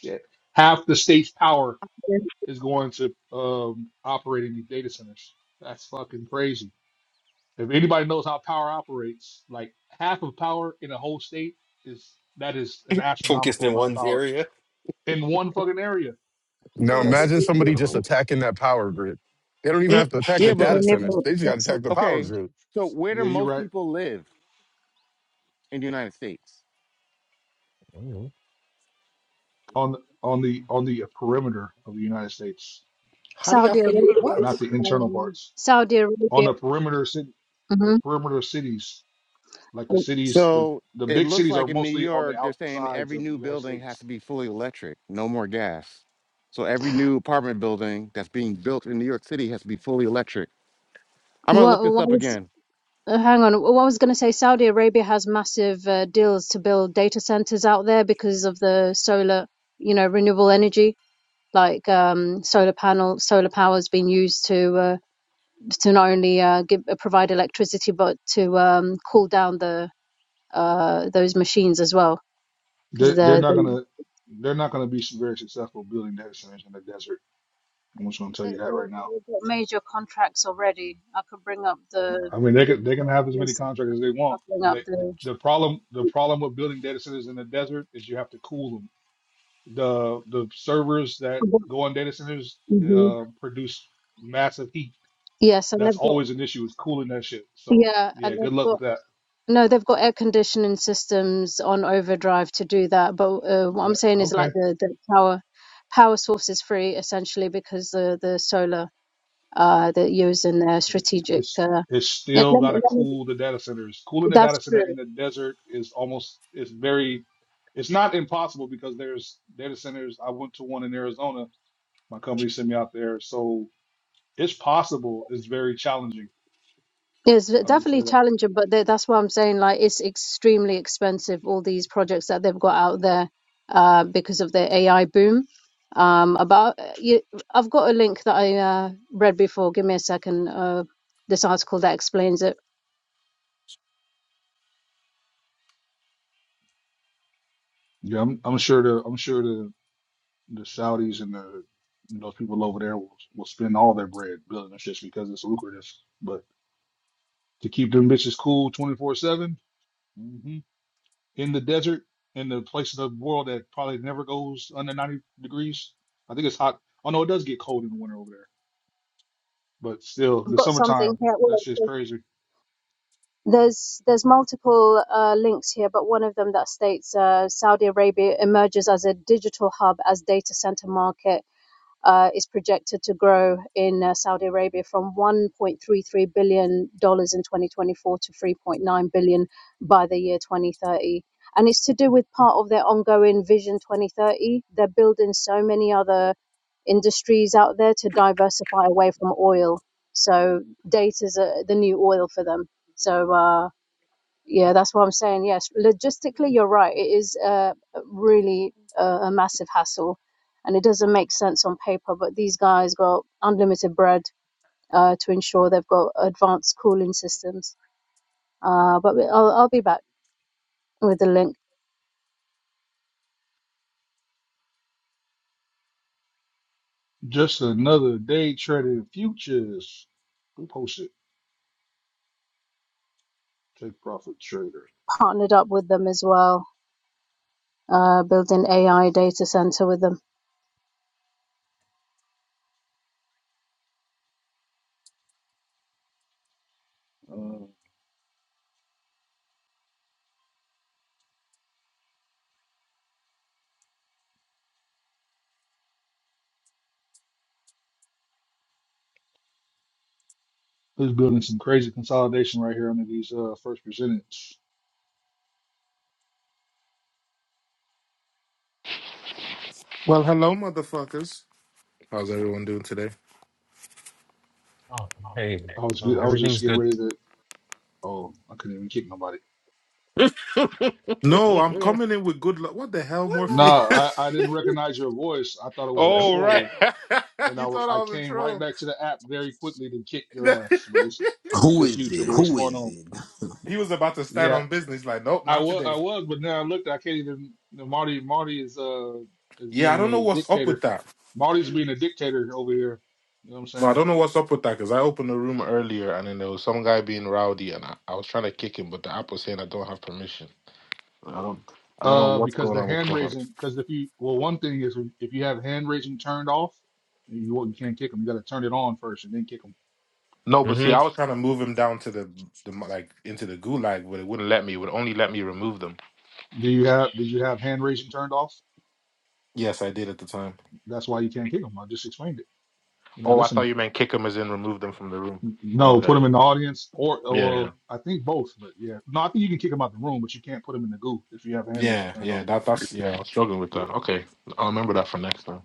Speaker 2: Shit. Half the state's power
Speaker 4: Yes.
Speaker 2: is going to um, operate in these data centers. That's fucking crazy. If anybody knows how power operates, like half of power in a whole state is that is an
Speaker 1: Focused
Speaker 2: astronomical
Speaker 1: in
Speaker 2: amount of
Speaker 1: one's
Speaker 2: power
Speaker 1: area.
Speaker 2: in one fucking area.
Speaker 9: Now
Speaker 1: That's
Speaker 9: imagine somebody just
Speaker 1: incredible.
Speaker 9: attacking that power grid. They don't even have
Speaker 1: Mm.
Speaker 9: to attack the
Speaker 5: Yeah, but
Speaker 9: data centers. They just got to attack the power
Speaker 5: okay.
Speaker 9: grid.
Speaker 5: So where do
Speaker 2: Yeah, you're
Speaker 5: most
Speaker 2: right.
Speaker 5: people live in the United States?
Speaker 1: Mhm.
Speaker 2: On the on the on the perimeter of the United States,
Speaker 7: How do y'all
Speaker 4: Saudi
Speaker 7: figure
Speaker 4: Arabia.
Speaker 7: what?
Speaker 2: not the internal
Speaker 4: Um,
Speaker 2: parts.
Speaker 4: Saudi
Speaker 2: on
Speaker 4: Arabia.
Speaker 2: the perimeter city, the
Speaker 4: hmm
Speaker 2: perimeter cities, like the cities, the
Speaker 5: So
Speaker 2: the
Speaker 5: it
Speaker 2: big
Speaker 5: looks
Speaker 2: cities are
Speaker 5: like in New
Speaker 2: mostly on the
Speaker 5: York, they're saying
Speaker 2: outsides
Speaker 5: every
Speaker 2: of the
Speaker 5: new
Speaker 2: United
Speaker 5: building has
Speaker 2: States.
Speaker 5: to be fully electric, no more gas. So every new apartment building that's being built in New York City has to be fully electric. I'm gonna
Speaker 4: What,
Speaker 5: look this
Speaker 4: what
Speaker 5: up
Speaker 4: was,
Speaker 5: again.
Speaker 4: uh, hang on. What I was going to say, Saudi Arabia has massive uh, deals to build data centers out there because of the solar, you know, renewable energy like um, solar panel solar power has been used to uh, to not only uh, give, uh, provide electricity but to um, cool down the uh, those machines as well because
Speaker 2: They're they're
Speaker 4: the,
Speaker 2: not
Speaker 4: the
Speaker 2: gonna they're not gonna be very successful building data centers in the desert. I'm just gonna tell
Speaker 4: they
Speaker 2: you that right now.
Speaker 4: have got major contracts already. I could bring up the
Speaker 2: I mean, they can they can have
Speaker 4: give
Speaker 2: as
Speaker 4: me a
Speaker 2: many
Speaker 4: 2nd
Speaker 2: contractors
Speaker 4: i
Speaker 2: as they
Speaker 4: I'll
Speaker 2: want.
Speaker 4: bring up
Speaker 2: They, the,
Speaker 4: the
Speaker 2: the problem the problem with building data centers in the desert is you have to cool them. The the servers that go on data centers
Speaker 4: Mhm.
Speaker 2: uh, produce massive heat.
Speaker 4: yes, and
Speaker 2: That's
Speaker 4: they've got
Speaker 2: always an issue is cooling that shit. So
Speaker 4: yeah,
Speaker 2: yeah,
Speaker 4: and they've
Speaker 2: good luck
Speaker 4: got
Speaker 2: with that.
Speaker 4: No, they've got air conditioning systems on overdrive to do that. But uh, what
Speaker 2: Yeah,
Speaker 4: I'm saying is
Speaker 2: okay.
Speaker 4: like the, the power power source is free essentially because the the solar uh they're using their
Speaker 2: It- it-
Speaker 4: strategic
Speaker 2: It's
Speaker 4: uh
Speaker 2: it's
Speaker 4: yeah,
Speaker 2: still
Speaker 4: let
Speaker 2: got
Speaker 4: me,
Speaker 2: to
Speaker 4: let me,
Speaker 2: cool the data centers. Cooling the
Speaker 4: that's
Speaker 2: data
Speaker 4: true.
Speaker 2: center in the desert is almost it's very it's not impossible because there's data centers. I went to one in Arizona. My company sent me out there, so it's possible. It's very challenging.
Speaker 4: It's
Speaker 2: I'll just say
Speaker 4: definitely
Speaker 2: that.
Speaker 4: challenging, but tha- that's why I'm saying like it's extremely expensive all these projects that they've got out there uh because of the AI boom. Um about uh, you, I've got a link that I uh read before. Give me a second. Uh this article that explains it
Speaker 2: Yeah, I'm I'm sure the I'm sure the the Saudis and the those people over there will will spend all their bread building this shit because it's lucrative. But to keep them bitches cool 24 seven. mm-hmm. in the desert, in the place of the world that probably never goes under 90 degrees. I think it's hot. Oh no, it does get cold in the winter over there, but still,
Speaker 4: I've
Speaker 2: the
Speaker 4: got something
Speaker 2: summertime,
Speaker 4: here. Well,
Speaker 2: that's just crazy.
Speaker 4: there's there's multiple uh, links here, but one of them that states uh, Saudi Arabia emerges as a digital hub as data center market uh, is projected to grow in uh, Saudi Arabia from 1.33 billion dollars in 2024 to 3.9 billion dollars by the year 2030. And it's to do with part of their ongoing Vision 2030. They're building so many other industries out there to diversify away from oil. So data is uh, the new oil for them. So. Uh, yeah, that's what I'm saying. Yes, logistically, you're right. It is uh, really a, a massive hassle, and it doesn't make sense on paper. But these guys got unlimited bread uh, to ensure they've got advanced cooling systems. Uh, but we- I'll, I'll be back with the link.
Speaker 2: Just another day trading futures. Who posted? Take profit trader.
Speaker 4: Partnered up with them as well, uh, building AI data center with them.
Speaker 2: Uh, who's building some crazy consolidation right here under these uh first percentage?
Speaker 10: Well, hello, motherfuckers. How's everyone doing today?
Speaker 1: Oh, hey,
Speaker 2: I was good.
Speaker 1: um,
Speaker 2: I was just
Speaker 1: everything's
Speaker 2: getting
Speaker 1: good.
Speaker 2: ready to. Oh, I couldn't even kick nobody.
Speaker 10: No, I'm coming in with good luck. What the hell,
Speaker 2: Nah,
Speaker 10: Morpheus?
Speaker 2: I, I didn't recognize your voice. I thought it was a
Speaker 10: oh, right.
Speaker 2: troll and I
Speaker 10: you
Speaker 2: w-
Speaker 10: thought I
Speaker 2: I
Speaker 10: was a
Speaker 2: came right
Speaker 10: troll.
Speaker 2: back to the app very quickly to kick your ass. But it's it's
Speaker 7: Who
Speaker 2: just you,
Speaker 7: is it?
Speaker 2: Triple. What's
Speaker 7: Who
Speaker 2: going
Speaker 7: is
Speaker 2: on?
Speaker 7: it?
Speaker 10: he was about to stand
Speaker 2: Yeah,
Speaker 10: on business. Like, nope,
Speaker 2: I
Speaker 10: not
Speaker 2: was I
Speaker 10: today.
Speaker 2: was, but now I looked. I can't even. no, Marty Marty is uh is
Speaker 10: Yeah, I
Speaker 2: being
Speaker 10: don't know
Speaker 2: a
Speaker 10: what's up with
Speaker 2: dictator.
Speaker 10: that.
Speaker 2: Marty's being a dictator over here. You know what I'm
Speaker 10: No, I
Speaker 2: saying?
Speaker 10: don't know what's up with that because I opened the room earlier and then there was some guy being rowdy and I, I was trying to kick him, but the app was saying I don't have permission. I don't. I don't know
Speaker 2: Uh,
Speaker 10: what's
Speaker 2: because
Speaker 10: going
Speaker 2: the
Speaker 10: on with
Speaker 2: hand raising.
Speaker 10: Clubhouse.
Speaker 2: Because if you well, one thing is if you have hand raising turned off, you you can't kick them. You got to turn it on first and then kick them.
Speaker 10: No, but see,
Speaker 1: hmm
Speaker 10: I was trying to move him down to the, the like into the gulag, but it wouldn't let me. It would only let me remove them.
Speaker 2: Do you have did you have hand raising turned off?
Speaker 10: Yes, I did at the time.
Speaker 2: That's why you can't kick them. I just explained it. You're not
Speaker 10: Oh, I thought
Speaker 2: listening.
Speaker 10: you meant kick them as in remove them from the room. Oh,
Speaker 2: No,
Speaker 10: okay.
Speaker 2: put him in the audience or, or
Speaker 10: Yeah, yeah.
Speaker 2: well, I think both, but yeah. No, I think you can kick him out the room, but you can't put him in the goo if you have hand raising
Speaker 10: Yeah,
Speaker 2: turned
Speaker 10: yeah.
Speaker 2: off.
Speaker 10: That that's Yeah, I was struggling with
Speaker 2: Yeah.
Speaker 10: that. Okay. I'll remember that for next time.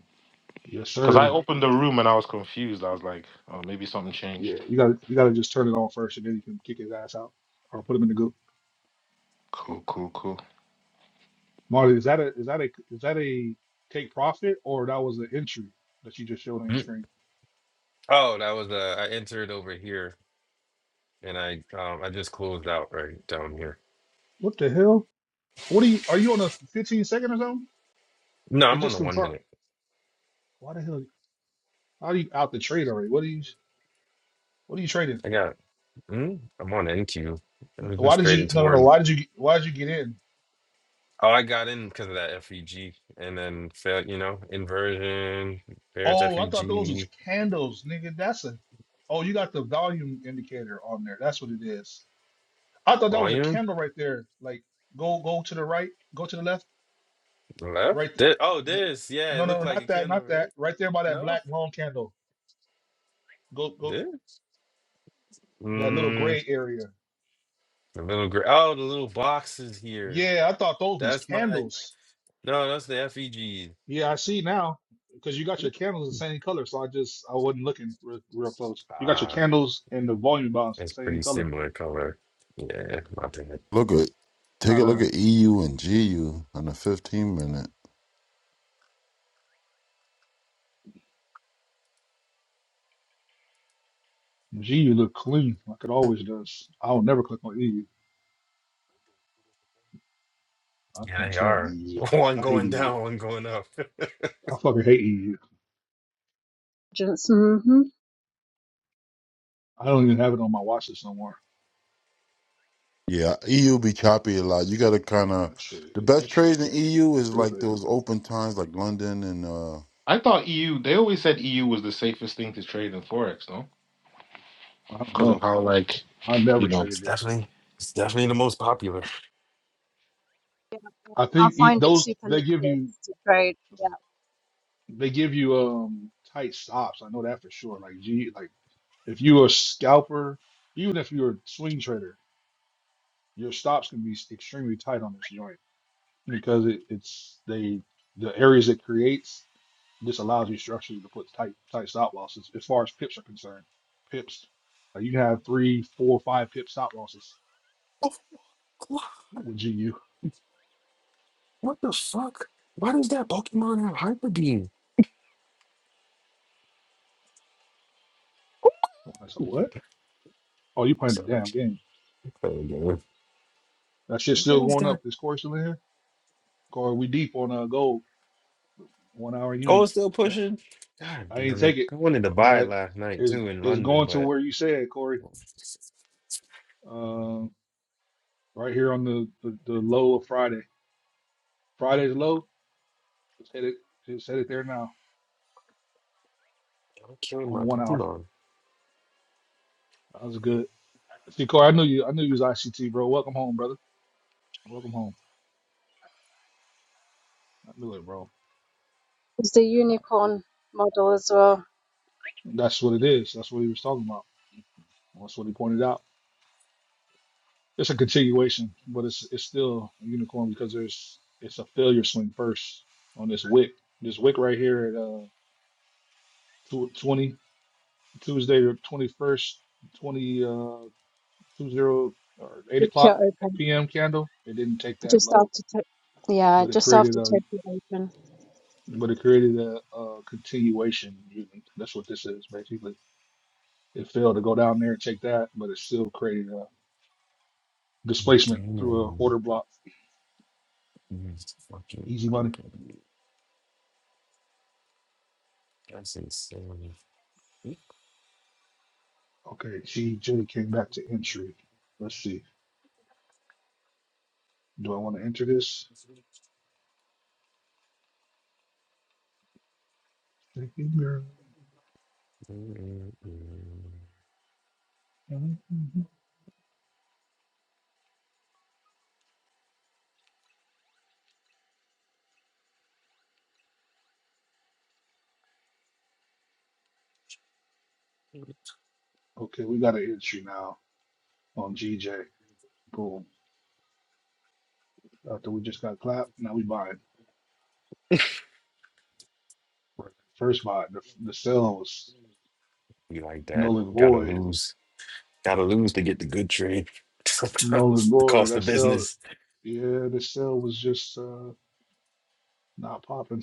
Speaker 2: Yes,
Speaker 10: Because I
Speaker 2: sir.
Speaker 10: opened the room and I was confused. I was like, oh, maybe something
Speaker 2: Yeah.
Speaker 10: changed.
Speaker 2: You gotta you gotta just turn it on first and then you can kick his ass out or put him in the goo.
Speaker 10: Cool, cool, cool.
Speaker 2: Marty, is that a is that a is that a take profit or that was the entry that you just showed on your screen?
Speaker 1: Oh, that was uh, I entered over here and I um I just closed out right down here.
Speaker 2: What the hell? What are you are you on a 15 second or something?
Speaker 1: No,
Speaker 2: It
Speaker 1: I'm on
Speaker 2: just
Speaker 1: the one
Speaker 2: confirmed.
Speaker 1: minute.
Speaker 2: Why the hell how are you out the trade already? What are you what are you trading?
Speaker 1: I got mm, I'm on NQ. I was
Speaker 2: Why
Speaker 1: just
Speaker 2: did you
Speaker 1: trading
Speaker 2: no no no
Speaker 1: towards
Speaker 2: why did you why did you get in?
Speaker 1: Oh, I got in because of that FEG and then fail, you know, inversion, there's
Speaker 2: Oh, I thought those was
Speaker 1: FEG
Speaker 2: candles, nigga. That's a. Oh, you got the volume indicator on there. That's what it is. I thought that was a
Speaker 1: volume
Speaker 2: candle right there. Like, go go to the right, go to the left,
Speaker 1: left.
Speaker 2: right. th-
Speaker 1: Thi- oh,
Speaker 2: n-
Speaker 1: this. Yeah,
Speaker 2: No,
Speaker 1: it looked
Speaker 2: no,
Speaker 1: like
Speaker 2: not
Speaker 1: a
Speaker 2: that,
Speaker 1: candle,
Speaker 2: not that.
Speaker 1: right?
Speaker 2: Right there by that
Speaker 1: No,
Speaker 2: black long candle. Go go
Speaker 1: this.
Speaker 2: that little
Speaker 1: Mm,
Speaker 2: gray area.
Speaker 1: the little gray. Oh, the little boxes here.
Speaker 2: Yeah, I thought those was
Speaker 1: That's my.
Speaker 2: candles.
Speaker 1: No, that's the FEG.
Speaker 2: Yeah, I see now because you got your candles the same color. So I just I wasn't looking real, real close. You got your
Speaker 1: Ah,
Speaker 2: candles and the volume balance the
Speaker 1: it's
Speaker 2: same
Speaker 1: pretty
Speaker 2: color.
Speaker 1: similar color. Yeah, my bad.
Speaker 8: Look at take
Speaker 2: No,
Speaker 8: a look
Speaker 2: no.
Speaker 8: at EU and GU on the fifteen minute.
Speaker 2: Gee, you look clean, like it always does. I will never click on EU. I
Speaker 1: Yeah,
Speaker 2: can't
Speaker 1: they
Speaker 2: stand
Speaker 1: are.
Speaker 2: EU.
Speaker 1: One
Speaker 2: I hate
Speaker 1: going
Speaker 2: EU.
Speaker 1: down, one going up.
Speaker 2: I fucking hate EU.
Speaker 4: Just, hmm
Speaker 2: I don't even have it on my watch list no more.
Speaker 8: Yeah, EU be choppy a lot. You gotta kinda
Speaker 2: That shit,
Speaker 8: the
Speaker 2: that
Speaker 8: best
Speaker 2: shit,
Speaker 8: trades in EU is like
Speaker 2: stupid.
Speaker 8: those open times like London and uh
Speaker 10: I thought EU, they always said EU was the safest thing to trade in Forex, no?
Speaker 2: I don't
Speaker 10: Because of
Speaker 2: know.
Speaker 10: how, like,
Speaker 2: I
Speaker 10: you
Speaker 2: never
Speaker 10: know.
Speaker 1: It's
Speaker 2: traded it.
Speaker 1: definitely, it's definitely the most popular.
Speaker 2: I
Speaker 4: I
Speaker 2: think e-
Speaker 4: find it
Speaker 2: those
Speaker 4: super
Speaker 2: they
Speaker 4: liquid
Speaker 2: give you,
Speaker 4: to trade. Yeah,
Speaker 2: they give you um tight stops. I know that for sure. Like G. like if you're a scalper, even if you're a swing trader, your stops can be extremely tight on this joint because it, it's they the areas it creates This allows you structurally to put tight tight stop losses as far as pips are concerned. Pips, uh, you can have three, four, five pip stop losses with GU.
Speaker 1: What the fuck? Why does that Pokemon have Hyper Beam?
Speaker 2: I said, what? Oh, you playing the
Speaker 1: Sorry,
Speaker 2: damn game.
Speaker 1: play again.
Speaker 2: That shit's
Speaker 1: Why
Speaker 2: still
Speaker 1: does
Speaker 2: going
Speaker 1: that?
Speaker 2: up. This course still in here? Corey, we deep on uh, gold, one hour
Speaker 1: Oh,
Speaker 2: uni.
Speaker 1: still
Speaker 2: I,
Speaker 1: pushing. God
Speaker 2: I ain't
Speaker 1: damn it!
Speaker 2: take it.
Speaker 1: I wanted to buy
Speaker 2: Not
Speaker 1: it last night
Speaker 2: is
Speaker 1: too in
Speaker 2: is
Speaker 1: London,
Speaker 2: going to
Speaker 1: but
Speaker 2: where you said, Corey.
Speaker 1: I'm
Speaker 2: Um, right here on the, the, the low of Friday. Friday's low. Just hit it. Just hit it there now
Speaker 1: killing
Speaker 2: on
Speaker 1: my
Speaker 2: the one hour.
Speaker 1: Pokemon.
Speaker 2: That was good. See, Corey, I knew you. I knew you was ICT, bro. Welcome home, brother. Welcome home. I knew it, bro.
Speaker 4: it's the
Speaker 2: Uh,
Speaker 4: unicorn model as well.
Speaker 2: That's what it is. That's what he was talking about. That's what he pointed out. It's a continuation, but it's it's still a unicorn because there's it's a failure swing first on this wick. This wick right here at uh tw- Tuesday the twenty first twenty uh two zero or eight
Speaker 4: With
Speaker 2: o'clock
Speaker 4: Kyoto Open.
Speaker 2: p.m. candle. It didn't take that
Speaker 4: just
Speaker 2: low,
Speaker 4: after to- yeah,
Speaker 2: but it
Speaker 4: just
Speaker 2: created
Speaker 4: after
Speaker 2: a
Speaker 4: Tokyo Open.
Speaker 2: but it created a, a continuation. That's what this is basically. It failed to go down there and check that, but it still created a displacement
Speaker 1: Damn
Speaker 2: through a order
Speaker 1: it!
Speaker 2: block.
Speaker 1: Use Fucking
Speaker 2: Easy money.
Speaker 1: Hyper Beam. That's insane.
Speaker 2: Okay, GJ came back to entry. Let's see. Do I want to enter this? Okay, we got an entry now on GJ. Boom. After we just got clapped, now we buying. First buy, the, the sell was
Speaker 1: You like that?
Speaker 2: null and
Speaker 1: Gotta
Speaker 2: void.
Speaker 1: lose. Gotta lose to get the good trade.
Speaker 2: Null and
Speaker 1: Sometimes the
Speaker 2: void.
Speaker 1: cost
Speaker 2: That
Speaker 1: of
Speaker 2: sell,
Speaker 1: business.
Speaker 2: yeah, the sell was just uh, not popping.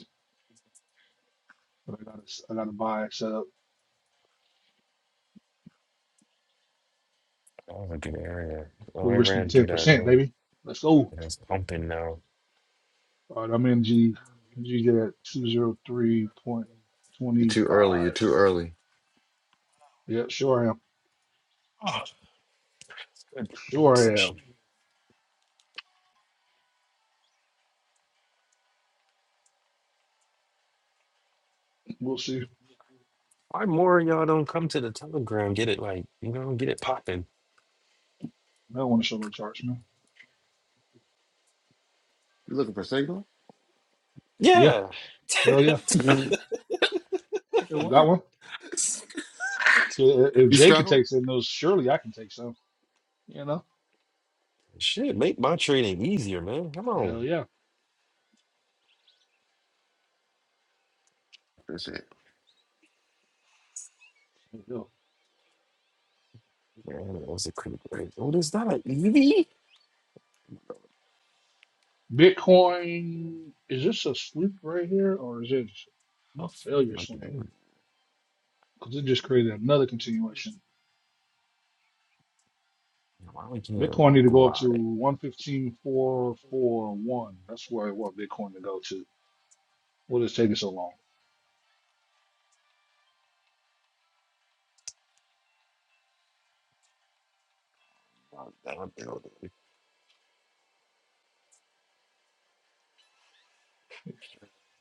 Speaker 2: But I got to, I got to buy set up.
Speaker 1: Oh, was a good area. Oh,
Speaker 2: We
Speaker 1: I
Speaker 2: risking
Speaker 1: ran through that.
Speaker 2: 10%,
Speaker 1: Well,
Speaker 2: baby. Let's go.
Speaker 1: it's pumping now.
Speaker 2: All right, I'm in G, G at
Speaker 5: You're too early. You're
Speaker 2: 203.25.
Speaker 5: too early.
Speaker 2: Yeah, sure am.
Speaker 1: Good good
Speaker 2: Sure
Speaker 1: session.
Speaker 2: am. We'll see.
Speaker 1: Why more of y'all don't come to the Telegram? Get it like you know, get it popping.
Speaker 2: I don't want to show no charts, man.
Speaker 5: You looking for signal?
Speaker 2: Yeah,
Speaker 1: Yeah,
Speaker 2: hell yeah.
Speaker 5: Nigga,
Speaker 2: You
Speaker 5: what?
Speaker 2: got one? If if
Speaker 5: You
Speaker 2: Jay can
Speaker 5: struggling?
Speaker 2: take some of those, surely I can take some. You know?
Speaker 1: shit, make my trading easier, man. Come on,
Speaker 2: Hell yeah.
Speaker 5: That's it.
Speaker 2: Yeah.
Speaker 1: man. That was a creep. Wait, What is that? An EV?
Speaker 2: Bitcoin, is this a sweep right here or is it a
Speaker 1: That's
Speaker 2: failure
Speaker 1: like,
Speaker 2: swing?
Speaker 1: damn,
Speaker 2: Because it just created another continuation.
Speaker 1: Why we can't
Speaker 2: Bitcoin need
Speaker 1: like,
Speaker 2: to go up
Speaker 1: block
Speaker 2: to
Speaker 1: it?
Speaker 2: one fifteen four four one. That's where I want Bitcoin to go to. What is taking so long?
Speaker 1: That building.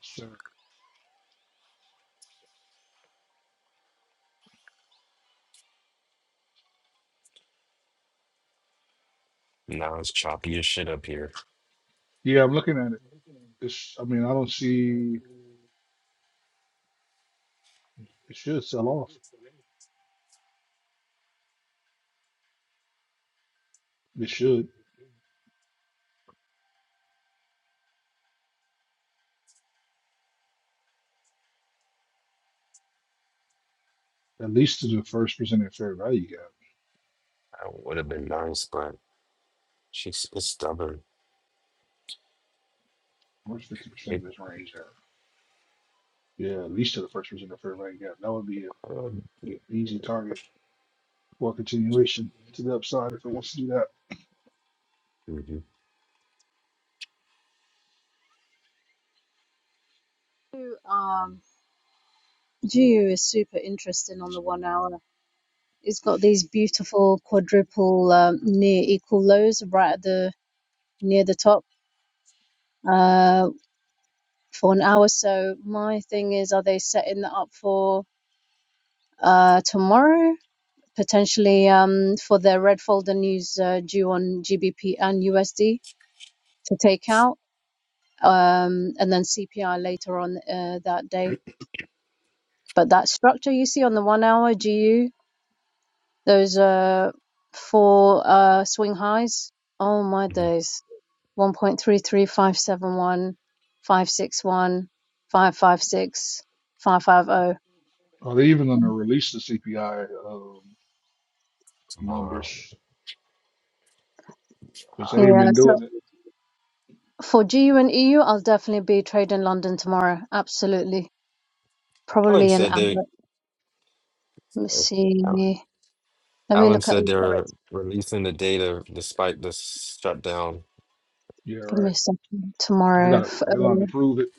Speaker 2: Sir,
Speaker 1: Now it's choppy as shit up here.
Speaker 2: Yeah, I'm looking at it. It's, I mean, I don't see it should sell off. It should at least to the first percent of fair value gap.
Speaker 1: That would have been nice, but she's it's stubborn.
Speaker 2: First fifty percent
Speaker 1: It,
Speaker 2: of this range there. Yeah, at least to the first percent of fair value gap. That would be an
Speaker 1: um, yeah.
Speaker 2: easy target for continuation to the upside if it wants to do that.
Speaker 1: Mhm,
Speaker 4: Who, Um, Jiu is super interesting on the one hour. He's got these beautiful quadruple um, near equal lows right at the near the top uh, for an hour. So my thing is, are they setting that up for uh, tomorrow? Potentially um, for their red folder news uh, due on GBP and USD to take out, um, and then CPI later on uh, that day. But that structure you see on the one hour GU, those uh four uh swing highs, oh my
Speaker 1: mhm.
Speaker 4: days. One point three three five seven one, five six one, five five six, five five zero.
Speaker 2: Are they even going to release the CPI um,
Speaker 1: Tomorrow.
Speaker 2: numbers? Because they ain't
Speaker 4: Yeah,
Speaker 2: been
Speaker 4: so
Speaker 2: doing it.
Speaker 4: for GU and EU, I'll definitely be trading London tomorrow. Absolutely.
Speaker 1: Owen
Speaker 4: Probably an
Speaker 1: said, dude.
Speaker 4: hour. Let me see. Let me
Speaker 1: Alan
Speaker 4: look at
Speaker 1: said
Speaker 4: the
Speaker 1: they're
Speaker 4: forex.
Speaker 1: releasing the data despite the shutdown.
Speaker 2: Yeah,
Speaker 4: Give
Speaker 2: right.
Speaker 4: me a second.
Speaker 2: They
Speaker 4: Tomorrow,
Speaker 2: gotta
Speaker 4: f- uh,
Speaker 2: they're gonna have to prove it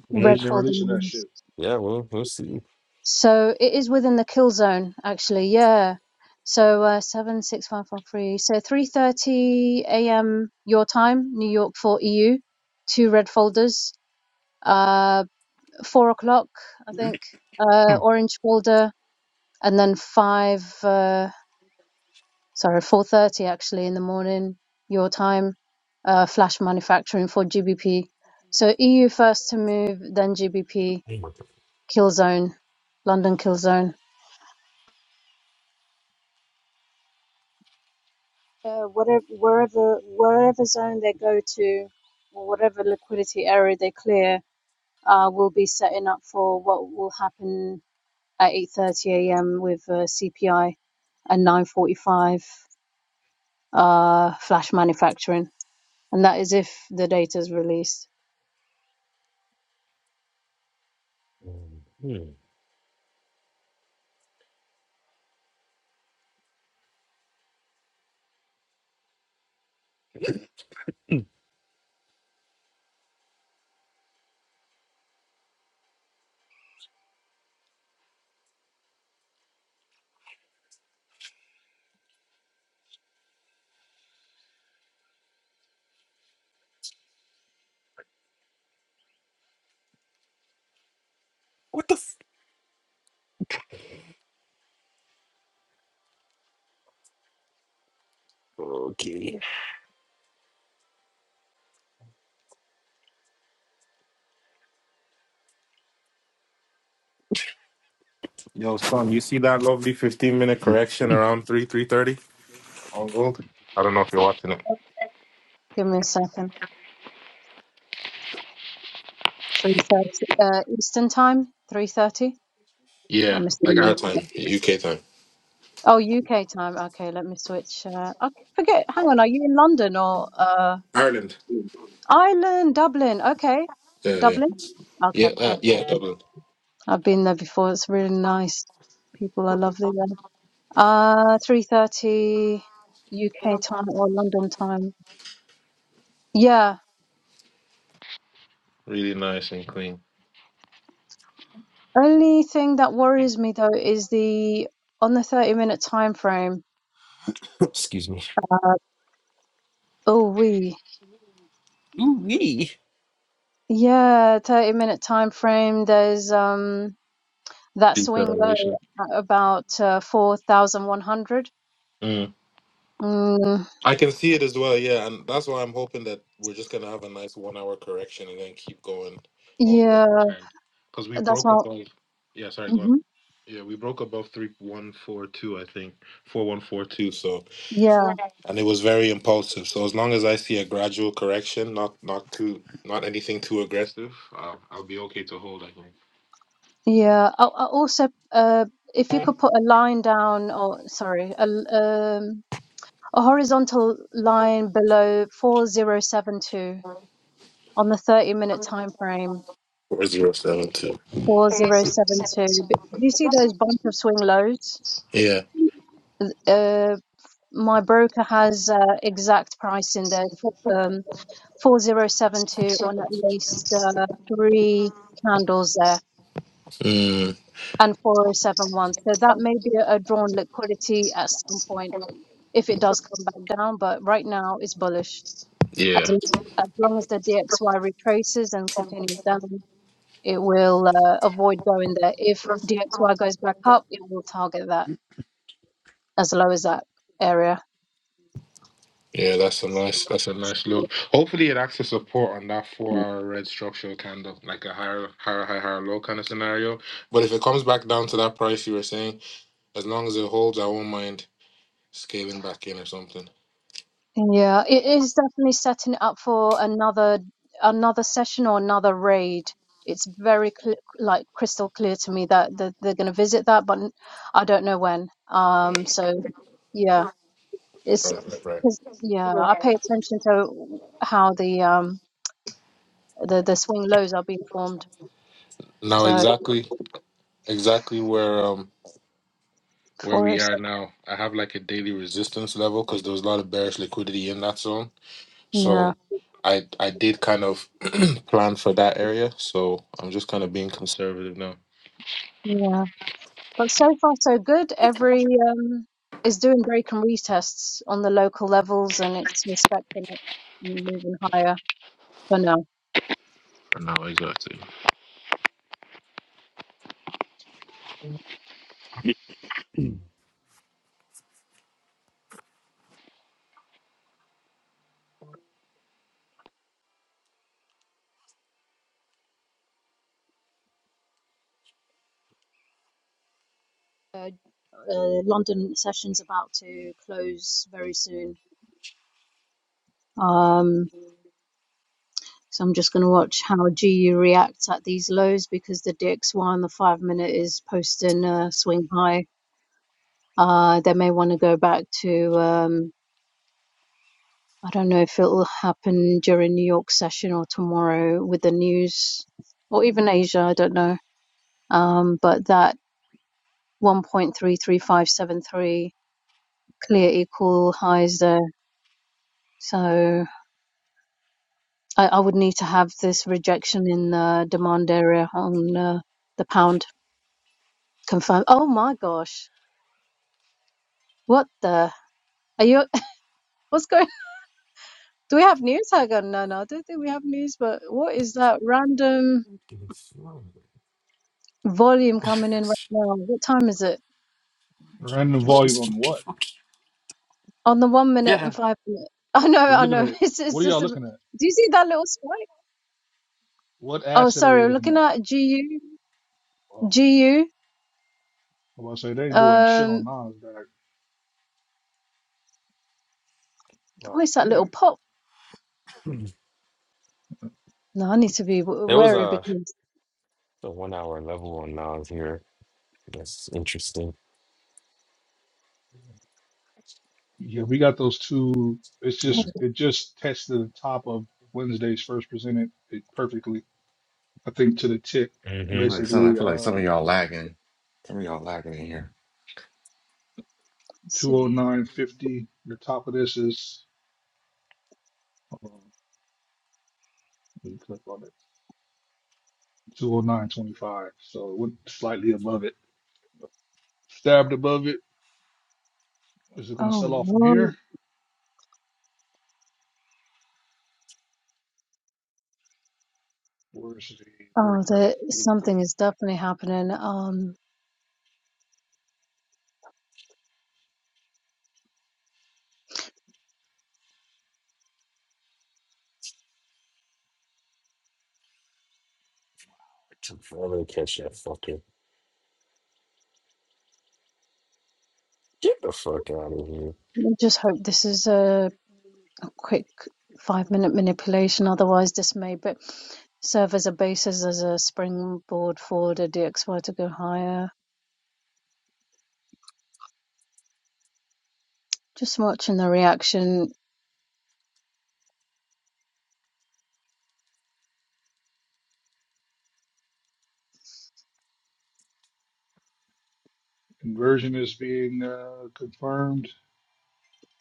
Speaker 2: because
Speaker 1: Mm,
Speaker 2: they've
Speaker 4: red
Speaker 2: been releasing that
Speaker 4: folding
Speaker 2: shit.
Speaker 1: Yeah, well, we'll see.
Speaker 4: So it is within the kill zone, actually. Yeah. So uh, seven, six, five, four, three. So three thirty a.m. your time, New York for EU. Two red folders. Uh, four o'clock, I think. Uh, orange folder, and then five. Uh, sorry, four thirty actually in the morning your time. Uh, flash manufacturing for GBP. So EU first to move, then GBP kill zone, London kill zone. uh, whatever wherever wherever zone they go to or whatever liquidity area they clear uh, will be setting up for what will happen at 8:30 a.m. with uh, CPI and 9:45 uh, flash manufacturing, and that is if the data is released.
Speaker 1: Mm. Oh,
Speaker 10: yo son. You see that lovely fifteen minute correction around three three thirty on gold. I don't know if you're watching it.
Speaker 4: Give me a second. 3:30 uh, Eastern time. 3:30.
Speaker 10: Yeah,
Speaker 4: I'm
Speaker 10: like our
Speaker 4: assuming.
Speaker 10: time, UK time.
Speaker 4: Oh, UK time. Okay, let me switch. Uh, I forget. Hang on. Are you in London or? uh,
Speaker 10: Ireland.
Speaker 4: Ireland, Dublin. Okay.
Speaker 10: Yeah, yeah.
Speaker 4: Dublin?
Speaker 10: Yeah,
Speaker 4: Okay,
Speaker 10: uh, yeah,
Speaker 4: perfect.
Speaker 10: Dublin.
Speaker 4: I've been there before. It's really nice. People are lovely there. Uh, 3:30 UK time or London time. Yeah.
Speaker 10: Really nice and clean.
Speaker 4: Only thing that worries me though is the on the 30 minute time frame.
Speaker 1: Excuse me.
Speaker 4: Uh, oh, we. Yeah, 30 minute time frame. There's um that swing low
Speaker 10: Deceleration.
Speaker 4: at about uh, 4,100.
Speaker 10: Mm.
Speaker 4: Mm,
Speaker 10: I can see it as well, yeah, and that's why I'm hoping that we're just gonna have a nice one hour correction and then keep going all the way
Speaker 4: yeah,
Speaker 10: to ten. Because we
Speaker 4: that's
Speaker 10: broke
Speaker 4: all.
Speaker 10: above yeah, sorry, go
Speaker 4: mm-hmm.
Speaker 10: on. Yeah, we broke above three one four two, I think. Four one four two, so
Speaker 4: Yeah,
Speaker 10: and it was very impulsive. So as long as I see a gradual correction, not not too not anything too aggressive, uh, I'll be okay to hold, I think.
Speaker 4: yeah. I, I also, uh, if you could put a line down, or sorry, a, l- um, a horizontal line below 4072 on the 30 minute time frame,
Speaker 10: Four zero seven two.
Speaker 4: 4072. Do you see those bunch of swing lows?
Speaker 10: Yeah.
Speaker 4: Uh, my broker has uh, exact price in there, for, um, 4072 on at least uh, three candles there.
Speaker 10: Mm,
Speaker 4: and 4071. So that may be a drawn liquidity at some point if it does come back down, but right now it's bullish. As
Speaker 10: yeah.
Speaker 4: long as, long as the DXY retraces and continues down, it will uh, avoid going there. If DXY goes back up, it will target that as low as that area.
Speaker 10: Yeah, that's a nice that's a nice look. Hopefully it acts as support on that four hour red structure kind of like a higher higher high higher low kind of scenario. But if it comes back down to that price you were saying, as long as it holds, I won't mind scaling back in or something.
Speaker 4: Yeah, it is definitely setting it up for another another session or another raid. It's very cl like crystal clear to me that, that they're going to visit that, but n- I don't know when. Um, so yeah, it's
Speaker 10: Right, right, right.
Speaker 4: 'cause- yeah, I pay attention to how the um the the swing lows are being formed.
Speaker 10: Now
Speaker 4: So
Speaker 10: exactly exactly where um where we are
Speaker 4: 407,
Speaker 10: now, I have like a daily resistance level because there was a lot of bearish liquidity in that zone.
Speaker 4: yeah,
Speaker 10: So I I did kind of plan for that area. So I'm just kind of being conservative now.
Speaker 4: yeah. Well, so far so good. Every um, is doing break and retests on the local levels, and it's respecting it and moving higher for now.
Speaker 10: For now, exactly.
Speaker 4: Uh, uh, London session's about to close very soon, um, so I'm just going to watch how GU reacts at these lows because the DXY the five minute is posting a swing high. Uh, they may want to go back to um, I don't know if it'll happen during New York session or tomorrow with the news or even Asia, I don't know. Um, but that 1.33573 clear equal highs there. So I, I would need to have this rejection in the demand area on uh, the pound confirmed. Oh my gosh. What the? Are you, what's going, do we have news? I go, no, no, I don't think we have news, but what is that random volume coming in right now? What time is it?
Speaker 2: Random volume on what?
Speaker 4: on the one minute and five minute. I know,
Speaker 2: Are you
Speaker 4: I
Speaker 2: looking
Speaker 4: know.
Speaker 2: at
Speaker 4: It's it's
Speaker 2: what are
Speaker 4: just
Speaker 2: y'all
Speaker 4: a.
Speaker 2: looking at?
Speaker 4: Do you see that little spike?
Speaker 2: What
Speaker 4: Oh,
Speaker 2: asset are
Speaker 4: sorry.
Speaker 2: you
Speaker 4: I'm
Speaker 2: looking
Speaker 4: looking
Speaker 2: at?
Speaker 4: at GU.
Speaker 2: Oh,
Speaker 4: GU.
Speaker 2: well, I say they ain't doing shit on
Speaker 4: Um,
Speaker 2: Nasdaq. back.
Speaker 4: where's
Speaker 2: Well,
Speaker 4: that
Speaker 2: it
Speaker 4: little
Speaker 2: ain't.
Speaker 4: pop? No, I need to be w-
Speaker 1: There was
Speaker 4: wary
Speaker 1: a,
Speaker 4: because.
Speaker 1: a one hour level on Nas here. That's interesting.
Speaker 2: Yeah, we got those two. It's
Speaker 5: All
Speaker 4: Oh,
Speaker 1: So,
Speaker 2: just
Speaker 5: right.
Speaker 4: let's
Speaker 2: it just tested the top of Wednesday's first presented it perfectly. I think to the tick,
Speaker 1: Mm-hmm.
Speaker 5: Like some, I
Speaker 2: basically
Speaker 5: feel like some of
Speaker 2: uh
Speaker 5: y'all lagging. Some of y'all lagging in here.
Speaker 4: see.
Speaker 2: 209.50. The top of this is hold on, let me click on it. 209.25. So it went slightly above it, stabbed above it Is it going to
Speaker 4: Oh
Speaker 2: sell off from
Speaker 4: no.
Speaker 2: here? Where's the
Speaker 4: Oh,
Speaker 2: breaker?
Speaker 4: there
Speaker 2: Here we go.
Speaker 4: something is definitely happening. Um,
Speaker 1: Took forever to catch that fucking. Get the fuck out of here.
Speaker 4: I just hope this is a, a quick five minute manipulation. Otherwise, this may but serve as a basis as a springboard for the DXY to go higher. Just watching the reaction
Speaker 2: Conversion is being uh, confirmed.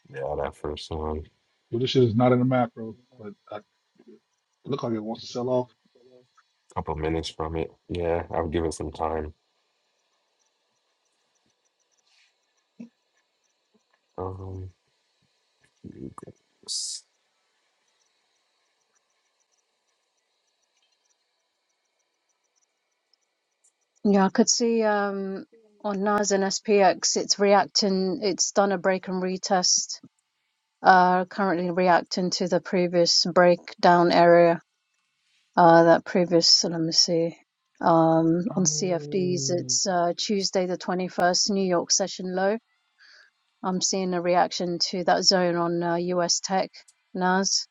Speaker 1: Yeah, that first one.
Speaker 2: Well, this shit is not in the macro, but I, it looked like it wants to sell off.
Speaker 1: Couple minutes from it. Yeah, I would give it some time. Um, mm-hmm.
Speaker 4: Yeah, I could see um, on NAS and SPX, it's reacting, it's done a break and retest, uh, currently reacting to the previous breakdown area, uh, that previous, let me see, um, on CFDs, it's uh, Tuesday the 21st, New York session low. I'm seeing a reaction to that zone on uh, US tech, NAS,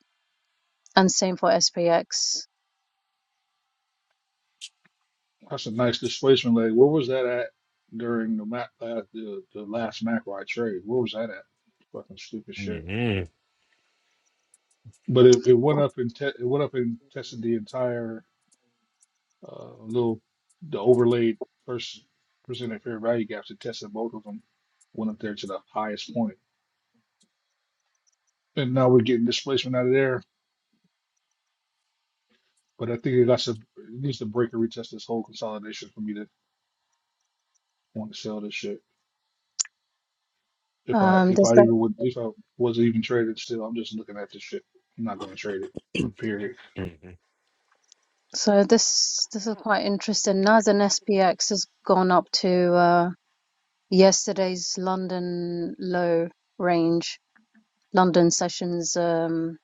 Speaker 4: and same for SPX.
Speaker 2: That's a nice displacement leg. Where was that at during the ma- uh, the, the last macro I trade? Where was that at? Fucking stupid shit. But it, it went up and te- it went up and tested the entire uh, little the overlaid first percent at fair value gaps. It tested both of them. Went up there to the highest point. And now we're getting displacement out of there. But I think it got to it needs to break and retest this whole consolidation for me to want to sell this shit. If I
Speaker 4: Um,
Speaker 2: if
Speaker 4: there's
Speaker 2: I
Speaker 4: that.
Speaker 2: even would if I wasn't even traded still, I'm just looking at this shit. I'm not gonna trade it. Period.
Speaker 1: Mm-hmm.
Speaker 4: So this this is quite interesting. NAS and SPX has gone up to uh, yesterday's London low range, London sessions. Um,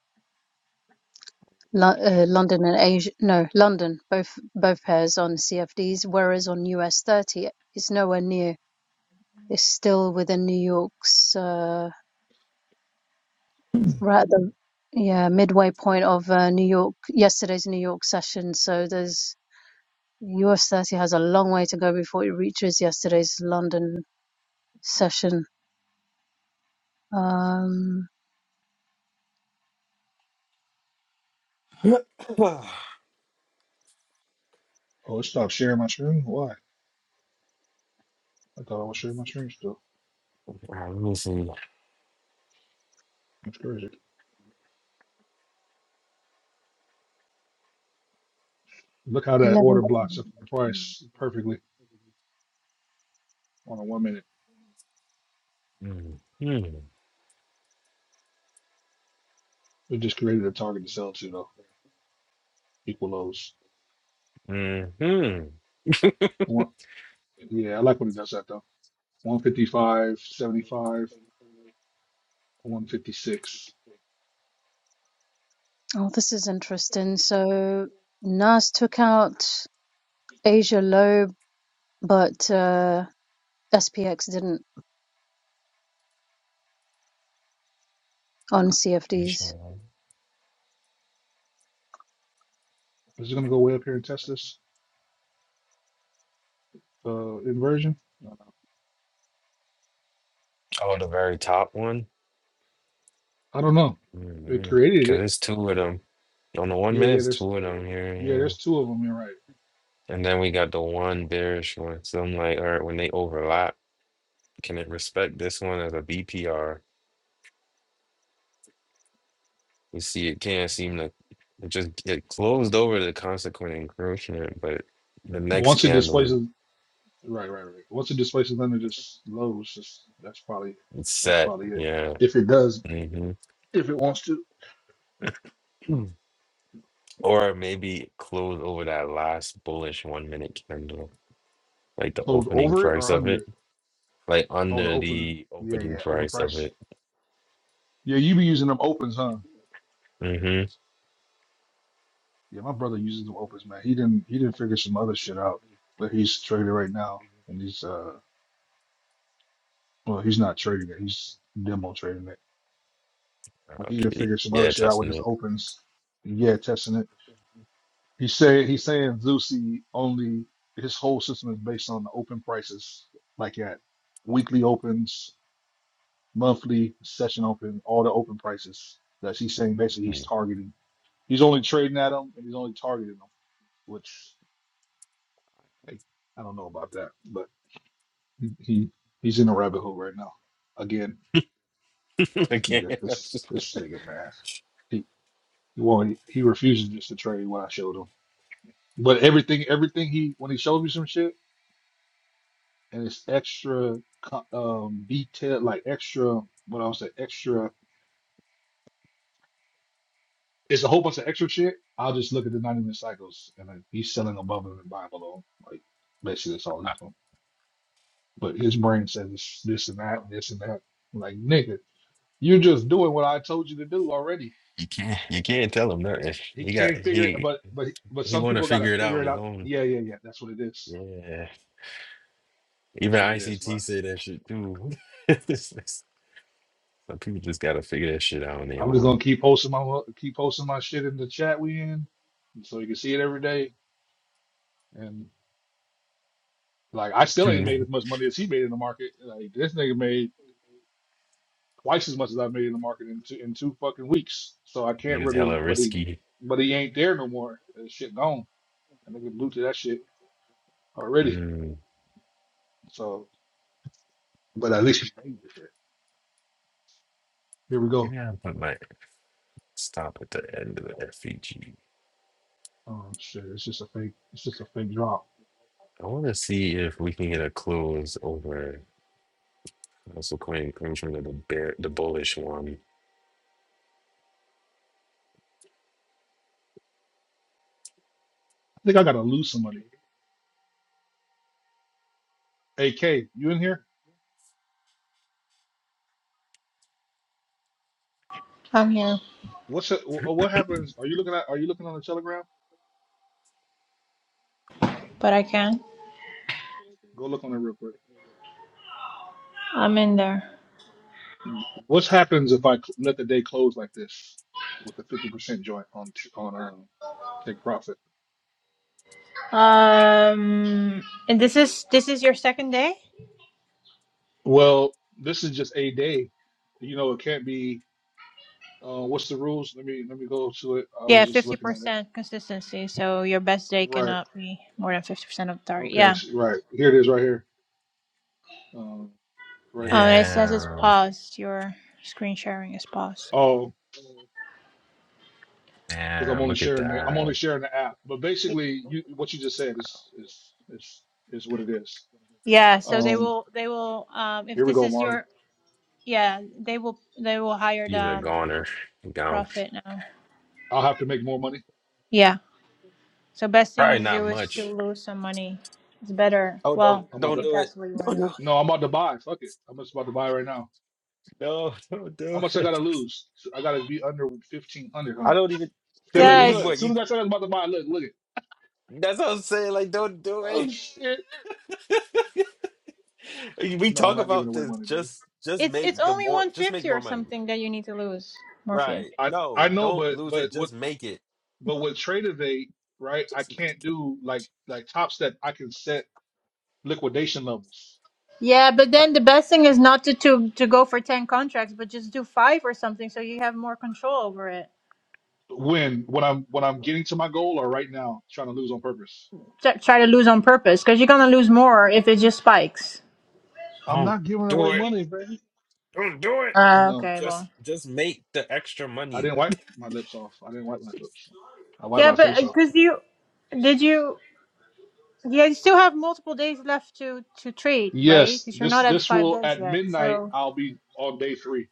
Speaker 4: Lo-
Speaker 2: This
Speaker 4: uh,
Speaker 2: shit.
Speaker 4: London and Asia. No, London, both both pairs on CFDs, whereas on US 30, it's nowhere near. It's still within New York's, uh, right at the yeah midway point of uh, New York yesterday's New York session. So there's US 30 has a long way to go before it reaches yesterday's London session. Um,
Speaker 1: All
Speaker 2: Oh, it stopped sharing my screen? Why? I thought I was sharing my screen still.
Speaker 1: right, let me see.
Speaker 2: That's crazy. Look how that
Speaker 4: 11.
Speaker 2: order blocks up the price perfectly on a one minute.
Speaker 1: Mm-hmm.
Speaker 2: It just created a target to sell to though. Equal lows.
Speaker 1: Mm-hmm.
Speaker 2: One, yeah, I like when it does that though. One fifty five, seventy 156.
Speaker 4: Oh, this is interesting. So Nas took out Asia low, but. Uh, SPX didn't on
Speaker 1: Which
Speaker 4: CFDs
Speaker 1: one?
Speaker 2: Is it going to go way up here and test this uh, inversion?
Speaker 1: Oh, the very top one?
Speaker 2: I don't know. It
Speaker 1: Mm-hmm.
Speaker 2: created it.
Speaker 1: Because it's two of them. On the one
Speaker 2: Yeah,
Speaker 1: minute,
Speaker 2: yeah.
Speaker 1: it's
Speaker 2: There's
Speaker 1: two of them here.
Speaker 2: yeah, there's
Speaker 1: Yeah.
Speaker 2: two of them. You're right.
Speaker 1: And then we got the one bearish one. So I'm like, all right, when they overlap, can it respect this one as a BPR? You see, it can't seem to it just it closed over the consequent encroachment, but the next
Speaker 2: Once it
Speaker 1: candle
Speaker 2: displaces, right, right, right. Once it displaces under this low, it's just that's probably
Speaker 1: it's
Speaker 2: that's
Speaker 1: set.
Speaker 2: probably it.
Speaker 1: Yeah.
Speaker 2: If it does,
Speaker 1: hmm
Speaker 2: if it wants to
Speaker 1: Or maybe close over that last bullish one minute candle. like the
Speaker 2: close
Speaker 1: opening
Speaker 2: over it
Speaker 1: price
Speaker 2: or
Speaker 1: of
Speaker 2: under
Speaker 1: it,
Speaker 2: it.
Speaker 1: like
Speaker 2: Oh, the
Speaker 1: under
Speaker 2: opener.
Speaker 1: the
Speaker 2: Yeah,
Speaker 1: opening
Speaker 2: yeah. Open
Speaker 1: price of
Speaker 2: price.
Speaker 1: it.
Speaker 2: Yeah, you be using them opens, huh?
Speaker 1: Mm-hmm.
Speaker 2: Yeah, my brother uses them opens, man. He didn't he didn't figure some other shit out, but he's trading right now, and he's uh well, he's not trading it. He's demo trading it Like he didn't
Speaker 1: Okay.
Speaker 2: figure some other
Speaker 1: Yeah,
Speaker 2: shit out with
Speaker 1: testing
Speaker 2: his
Speaker 1: it.
Speaker 2: opens. Yeah, testing it. He said he's saying Zusi only his whole system is based on the open prices, like at weekly opens, monthly session open, all the open prices that he's saying basically he's
Speaker 1: Mhm.
Speaker 2: targeting. He's only trading at them and he's only targeting them, which like, I don't know about that, but he, he he's in a rabbit hole right now. Again,
Speaker 1: I
Speaker 2: nigga,
Speaker 1: can't. that's
Speaker 2: this
Speaker 1: just-
Speaker 2: this nigga man, he he won't he refuses just to trade what I showed him. But everything, everything he when he shows me some shit and it's extra co- um detailed, like extra what I will say, extra. It's a whole bunch of extra shit. I'll just look at the ninety minute cycles and like, he's selling above them and buying below. him. Like basically that's all he's doing. But his brain says this, this and that, and this and that. Like nigga, you're just doing what I told you to do already.
Speaker 1: You can't. You can't tell him nothing.
Speaker 2: He
Speaker 1: He got
Speaker 2: can't figure it,
Speaker 1: he
Speaker 2: but but but
Speaker 1: he
Speaker 2: some
Speaker 1: want to
Speaker 2: people gotta
Speaker 1: figure it out
Speaker 2: figure
Speaker 1: on
Speaker 2: it
Speaker 1: his
Speaker 2: out.
Speaker 1: own.
Speaker 2: Yeah, yeah, yeah. That's what it is.
Speaker 1: Yeah.
Speaker 2: That's
Speaker 1: Even
Speaker 2: what it is,
Speaker 1: ICT
Speaker 2: man.
Speaker 1: said that shit too. This- this- Some people just gotta figure that shit out on their
Speaker 2: I'm just
Speaker 1: own.
Speaker 2: gonna keep posting my wo- keep posting my shit in the chat we in, so you can see it every day. And like, I still ain't made as much money as he made in the market. Like this nigga made twice as much as I made in the market in two in two fucking weeks. So I
Speaker 1: he
Speaker 2: can't
Speaker 1: was
Speaker 2: really,
Speaker 1: hella
Speaker 2: but he,
Speaker 1: risky.
Speaker 2: but he ain't there no more. That shit gone. I nigga blew to that shit already.
Speaker 1: Mm.
Speaker 2: So, but at least he made the shit. Here we go.
Speaker 1: Maybe I'll put my stop at the end of the FEG.
Speaker 2: Oh shit, it's just a fake. It's just a fake drop.
Speaker 1: I want to see if we can get a close over Also, coin comes from the the, bear, the bullish one.
Speaker 2: I think I gotta lose some money. AK, you in here?
Speaker 6: I'm here,
Speaker 2: What's it, wh- what happens? Are you looking at? Are you looking on the Telegram?
Speaker 6: but I can't.
Speaker 2: Go look on it real quick.
Speaker 6: I'm in there.
Speaker 2: What happens if I cl- let the day close like this with a fifty percent joint on t- on um take profit?
Speaker 6: Um, and this is this is your second day.
Speaker 2: Well, this is just a day. You know, it can't be. Uh, what's the rules? Let me let me go to it. I was
Speaker 6: Yeah,
Speaker 2: just
Speaker 6: fifty
Speaker 2: looking at it.
Speaker 6: percent consistency. So your best day
Speaker 2: Right.
Speaker 6: cannot be more than fifty percent of the target.
Speaker 2: Okay.
Speaker 6: Yeah.
Speaker 2: s- Right. Here it is. Right here. Um. Right
Speaker 6: Oh,
Speaker 2: here.
Speaker 6: and it says it's
Speaker 1: Damn,
Speaker 6: paused. Your screen sharing is paused.
Speaker 2: Oh, because I'm
Speaker 1: damn!
Speaker 2: only
Speaker 1: Look at
Speaker 2: sharing the I'm only
Speaker 1: that.
Speaker 2: sharing the app. But
Speaker 6: Y-
Speaker 2: basically, you what you just said is is is is what it is.
Speaker 6: Yeah. So they
Speaker 2: Um.
Speaker 6: will. They will. Um. If
Speaker 2: Here we
Speaker 6: this
Speaker 2: go,
Speaker 6: is
Speaker 2: Marley.
Speaker 6: your. Yeah. They will. They will hire
Speaker 1: She's a
Speaker 6: the
Speaker 1: goner. Gone.
Speaker 6: profit now.
Speaker 2: I'll have to make more money.
Speaker 6: Yeah. So best thing
Speaker 1: Probably
Speaker 6: to
Speaker 2: Oh
Speaker 1: not
Speaker 6: do is to
Speaker 2: shit.
Speaker 1: much.
Speaker 6: lose some money. It's better.
Speaker 1: Oh, don't
Speaker 6: Well,
Speaker 2: I'm about
Speaker 1: don't
Speaker 2: to.
Speaker 6: if
Speaker 1: do it.
Speaker 6: that's what you want
Speaker 1: Don't
Speaker 6: to
Speaker 1: do
Speaker 6: do.
Speaker 1: it.
Speaker 2: No, I'm about to buy. Fuck it. I'm just about to buy right now.
Speaker 1: No, don't
Speaker 2: How
Speaker 1: do
Speaker 2: much I gotta
Speaker 1: it.
Speaker 2: lose? I gotta be under fifteen hundred,
Speaker 1: I
Speaker 2: huh?
Speaker 1: don't even
Speaker 2: See,
Speaker 1: because
Speaker 2: Look,
Speaker 6: Yeah.
Speaker 2: look,
Speaker 1: you
Speaker 6: It's
Speaker 2: look.
Speaker 1: what
Speaker 2: As soon
Speaker 1: you.
Speaker 2: as I said I was about to buy, look, look it.
Speaker 1: That's what I'm saying. Like, don't do
Speaker 2: Oh
Speaker 1: it.
Speaker 2: shit.
Speaker 1: we
Speaker 2: No, I'm
Speaker 1: talk
Speaker 2: not giving
Speaker 1: about
Speaker 2: away
Speaker 1: this.
Speaker 2: money, baby.
Speaker 1: Just just
Speaker 6: it's it's
Speaker 1: make the
Speaker 6: only
Speaker 1: more.
Speaker 6: one
Speaker 1: Just make
Speaker 6: fifty or
Speaker 1: more money.
Speaker 6: something that you need to lose, Morpheus.
Speaker 1: Right?
Speaker 2: I I
Speaker 1: No,
Speaker 2: know,
Speaker 1: don't
Speaker 2: but
Speaker 1: lose
Speaker 2: but
Speaker 1: it.
Speaker 2: what
Speaker 1: Just make it.
Speaker 2: but with trade evade, right? I
Speaker 1: Just make
Speaker 2: can't
Speaker 1: it.
Speaker 2: do like like top step. I can set liquidation levels.
Speaker 6: Yeah, but
Speaker 2: I,
Speaker 6: then the best thing is not to, to to go for ten contracts, but just do five or something, so you have more control over it.
Speaker 2: when when I'm when I'm getting to my goal or right now trying to lose on purpose.
Speaker 6: T- try to lose on purpose, because you're gonna lose more if it just spikes.
Speaker 2: I'm
Speaker 1: Don't
Speaker 2: not giving
Speaker 1: do
Speaker 2: away
Speaker 1: it.
Speaker 2: money, baby.
Speaker 1: Don't do it.
Speaker 6: Uh,
Speaker 2: No,
Speaker 6: okay,
Speaker 1: Just
Speaker 6: well,
Speaker 1: just make the extra
Speaker 2: I
Speaker 1: money.
Speaker 2: didn't wipe my lips off. I didn't wipe my lips. I wiped
Speaker 6: yeah,
Speaker 2: my
Speaker 6: but
Speaker 2: face off.
Speaker 6: because you did you yeah, you still have multiple days left to to trade, right?
Speaker 2: Yes,
Speaker 6: Because you're
Speaker 2: this
Speaker 6: not at
Speaker 2: this
Speaker 6: five
Speaker 2: will
Speaker 6: days
Speaker 2: at
Speaker 6: yet.
Speaker 2: midnight.
Speaker 6: So
Speaker 2: I'll be on day three.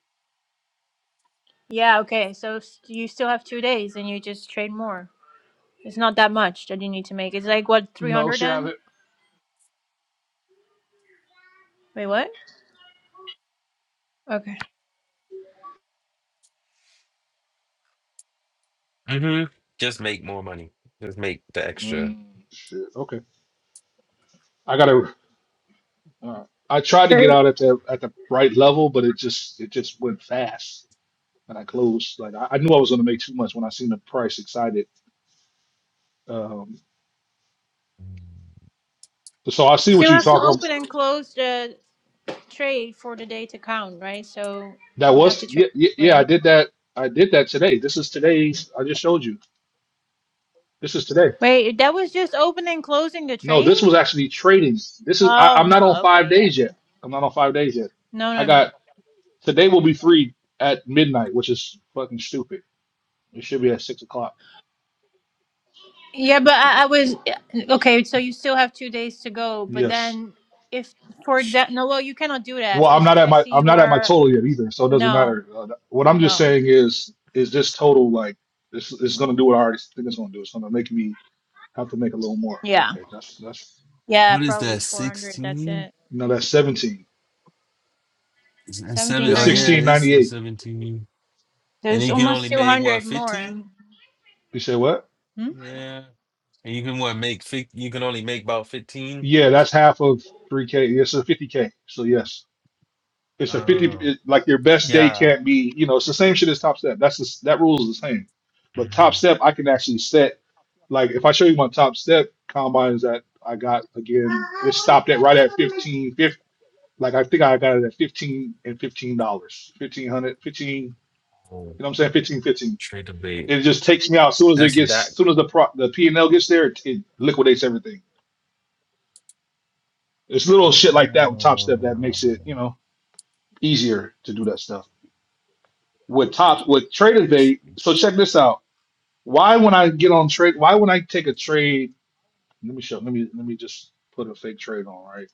Speaker 6: yeah, okay, so s- you still have two days, and you just trade more. It's not that much that you need to make. It's like what three
Speaker 2: No,
Speaker 6: hundred
Speaker 2: she have
Speaker 6: then?
Speaker 2: it.
Speaker 6: Wait, what? Okay.
Speaker 1: hmm Just make more money. Just make the extra.
Speaker 2: Mm, shit. Okay, I gotta. Uh, I tried to get
Speaker 6: Sure.
Speaker 2: out at the at the right level, but it just it just went fast, and I closed. Like I, I knew I was gonna make too much when I seen the price. Excited. Um, so I see
Speaker 6: So
Speaker 2: what you
Speaker 6: have to
Speaker 2: talking.
Speaker 6: open and close trade for the day to count, right? So
Speaker 2: That
Speaker 6: you have
Speaker 2: was
Speaker 6: to trade.
Speaker 2: yeah, yeah yeah. I
Speaker 6: Wait,
Speaker 2: did that. I did that today. This is today's. I just showed you. This is today.
Speaker 6: wait, that was just open and closing the
Speaker 2: No,
Speaker 6: trade.
Speaker 2: this was actually trading. This is. I,
Speaker 6: Oh
Speaker 2: I'm not on
Speaker 6: no.
Speaker 2: five
Speaker 6: Okay. Yeah.
Speaker 2: days yet.
Speaker 6: Okay.
Speaker 2: I'm not on five days yet.
Speaker 6: No.
Speaker 2: I
Speaker 6: No. No.
Speaker 2: got Today will be free at midnight, which is fucking stupid. It should be at six o'clock.
Speaker 6: Yeah, but I, I was uh, okay. So you still have two days to go, but
Speaker 2: Yes.
Speaker 6: then if, for example, no, well, you cannot do
Speaker 2: Well,
Speaker 6: that
Speaker 2: I'm
Speaker 6: because
Speaker 2: not at
Speaker 6: I
Speaker 2: my
Speaker 6: see
Speaker 2: I'm
Speaker 6: you
Speaker 2: not at my
Speaker 6: are.
Speaker 2: total yet either, so it doesn't
Speaker 6: No.
Speaker 2: matter. Uh, what I'm just
Speaker 6: No.
Speaker 2: saying is is this total like this is gonna do what I already think it's gonna do. It's gonna make me have to make a little more.
Speaker 6: Yeah.
Speaker 2: Okay, that's that's
Speaker 6: Yeah.
Speaker 1: What is
Speaker 6: Probably
Speaker 1: that?
Speaker 6: four hundred. That's
Speaker 1: Sixteen?
Speaker 6: it.
Speaker 2: no, that's seventeen.
Speaker 1: Is that seven?
Speaker 6: Seventeen
Speaker 2: It's
Speaker 1: Oh yeah,
Speaker 6: ninety
Speaker 2: sixteen
Speaker 6: eight.
Speaker 1: this
Speaker 2: ninety
Speaker 1: is
Speaker 2: eight.
Speaker 1: seventeen. And
Speaker 6: There's
Speaker 1: you can
Speaker 6: almost
Speaker 1: only
Speaker 6: two
Speaker 1: make what
Speaker 6: hundred more.
Speaker 1: fifteen?
Speaker 2: You say what?
Speaker 6: Hmm?
Speaker 1: Yeah. And you can what make fi- you can only make about fifteen?
Speaker 2: Yeah, that's half of three K. Yes, so fifty K. So yes. It's a fifty.
Speaker 1: Oh
Speaker 2: It, like your best day
Speaker 1: yeah.
Speaker 2: can't be. You know, it's the same shit as top step. That's the, that rule is the same. But top step, I can actually set. Like if I show you my top step combines that I got again, it stopped at right at fifteen. Fif, like I think I got it at fifteen and fifteen dollars, fifteen hundred, fifteen. You
Speaker 1: Oh,
Speaker 2: know what I'm saying? Fifteen, fifteen.
Speaker 1: trade the bait.
Speaker 2: It just takes me out as soon as it
Speaker 1: That's
Speaker 2: gets,
Speaker 1: that.
Speaker 2: as soon as the pro, the P and L gets there, it, it liquidates everything. It's little shit like that with top step that
Speaker 1: Oh.
Speaker 2: makes it, you know, easier to do that stuff. with top with trader day. So check this out. Why when I get on trade? Why when I take a trade? Let me show. Let me let me just put a fake trade on. Right.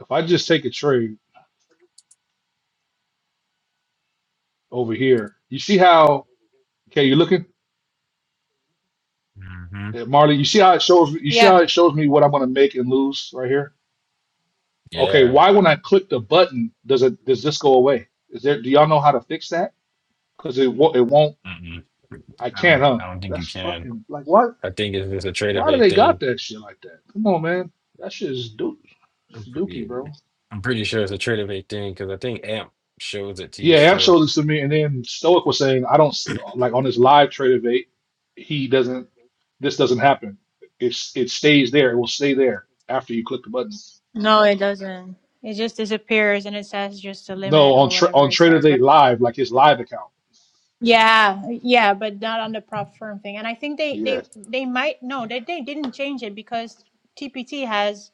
Speaker 2: If I just take a trade over here, you see how? Okay, you looking,
Speaker 1: hmm
Speaker 2: Uh, Marley. You see how it shows? You see how
Speaker 6: Yeah.
Speaker 2: it shows me what I'm gonna make and lose right here. Okay.
Speaker 1: Yeah.
Speaker 2: Why when I click the button does it does this go away? Is there? Do y'all know how to fix that? Because it won't. It won't.
Speaker 1: Mm-mm.
Speaker 2: I
Speaker 1: I
Speaker 2: can't.
Speaker 1: don't.
Speaker 2: Huh?
Speaker 1: I don't think you
Speaker 2: That's
Speaker 1: can.
Speaker 2: fucking like what?
Speaker 1: I think it's just a trade of
Speaker 2: Why do
Speaker 1: a
Speaker 2: they
Speaker 1: thing.
Speaker 2: got that shit like that? Come on, man. That shit is dude.
Speaker 1: I'm
Speaker 2: Dookie,
Speaker 1: pretty,
Speaker 2: bro.
Speaker 1: I'm pretty sure it's a trait of a thing because I think AMP shows it to you
Speaker 2: Yeah, Ham
Speaker 1: still.
Speaker 2: showed this to me, and then Stoic was saying, I don't like on his live trade of eight, he doesn't, this doesn't happen. It's it stays there. It will stay there after you click the button.
Speaker 6: No, it doesn't. It just disappears and it says just the
Speaker 2: No,
Speaker 6: limit
Speaker 2: on
Speaker 6: or
Speaker 2: tra
Speaker 6: whatever
Speaker 2: on
Speaker 6: it
Speaker 2: trade of
Speaker 6: says. But
Speaker 2: eight live, like his live account.
Speaker 6: yeah, yeah, but not on the prop firm thing. And I think they
Speaker 2: Yeah.
Speaker 6: they they might no, they they didn't change it because TPT has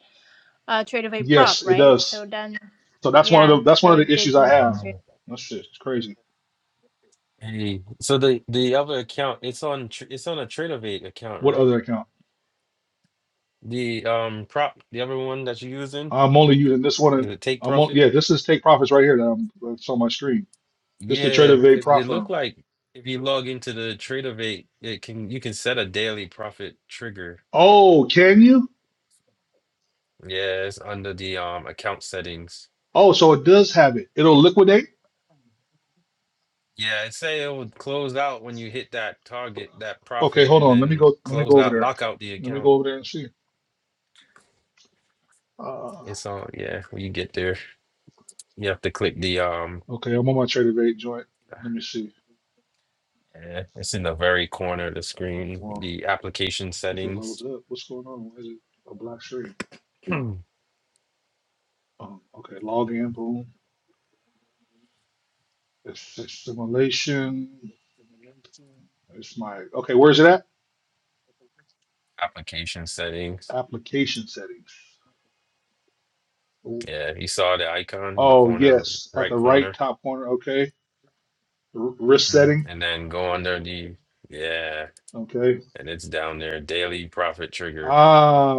Speaker 6: uh trade of a prop,
Speaker 2: Yes, it
Speaker 6: right?
Speaker 2: does.
Speaker 6: So then
Speaker 2: So that's one of
Speaker 6: yeah,
Speaker 2: the that's one
Speaker 6: so
Speaker 2: of the
Speaker 6: it they
Speaker 2: issues I
Speaker 6: didn't
Speaker 2: have.
Speaker 6: change it.
Speaker 1: Oh,
Speaker 2: That's shit, it's crazy.
Speaker 1: Hey, so the the other account, it's on tr- it's on a Tradeovate account,
Speaker 2: What
Speaker 1: right?
Speaker 2: other account?
Speaker 1: The um prop, the other one that you're using,
Speaker 2: I'm only using this one.
Speaker 1: is
Speaker 2: And
Speaker 1: it Take
Speaker 2: I'm on,
Speaker 1: Profit?
Speaker 2: yeah, this is Take Profits right here that I'm that's on my screen. This is the trade
Speaker 1: Yeah,
Speaker 2: of eight
Speaker 1: because it
Speaker 2: prop
Speaker 1: look
Speaker 2: firm.
Speaker 1: like if you log into the Tradeovate, it can you can set a daily profit trigger.
Speaker 2: Oh, can you?
Speaker 1: Yeah, it's under the um account settings.
Speaker 2: Oh, so it does have it. It'll liquidate.
Speaker 1: Yeah, it say it would close out when you hit that target, that
Speaker 2: Okay,
Speaker 1: profit,
Speaker 2: hold
Speaker 1: and
Speaker 2: on. Let me
Speaker 1: then
Speaker 2: go. Let me
Speaker 1: close
Speaker 2: go over
Speaker 1: out,
Speaker 2: there.
Speaker 1: lock out the
Speaker 2: Let me go
Speaker 1: account.
Speaker 2: over there and see. Uh,
Speaker 1: It's on, yeah, when you get there, you have to click the um
Speaker 2: okay, I'm on my trader bait joint. Let me see.
Speaker 1: yeah, it's in the very corner of the screen,
Speaker 2: Well,
Speaker 1: the application
Speaker 2: if it
Speaker 1: settings.
Speaker 2: loads up, what's going on? Why is it a black screen?
Speaker 1: Hmm.
Speaker 2: Um, okay, log in. Boom. It's it's simulation. It's my okay. Where's it at?
Speaker 1: Application settings.
Speaker 2: Application settings. Oh,
Speaker 1: Yeah, you saw the icon in the
Speaker 2: oh,
Speaker 1: corner,
Speaker 2: yes, at
Speaker 1: right
Speaker 2: the right
Speaker 1: corner.
Speaker 2: top corner. Okay, R- risk
Speaker 1: Mhm.
Speaker 2: setting.
Speaker 1: And then go under the yeah,
Speaker 2: Okay.
Speaker 1: and it's down there, daily profit trigger.
Speaker 2: Ah,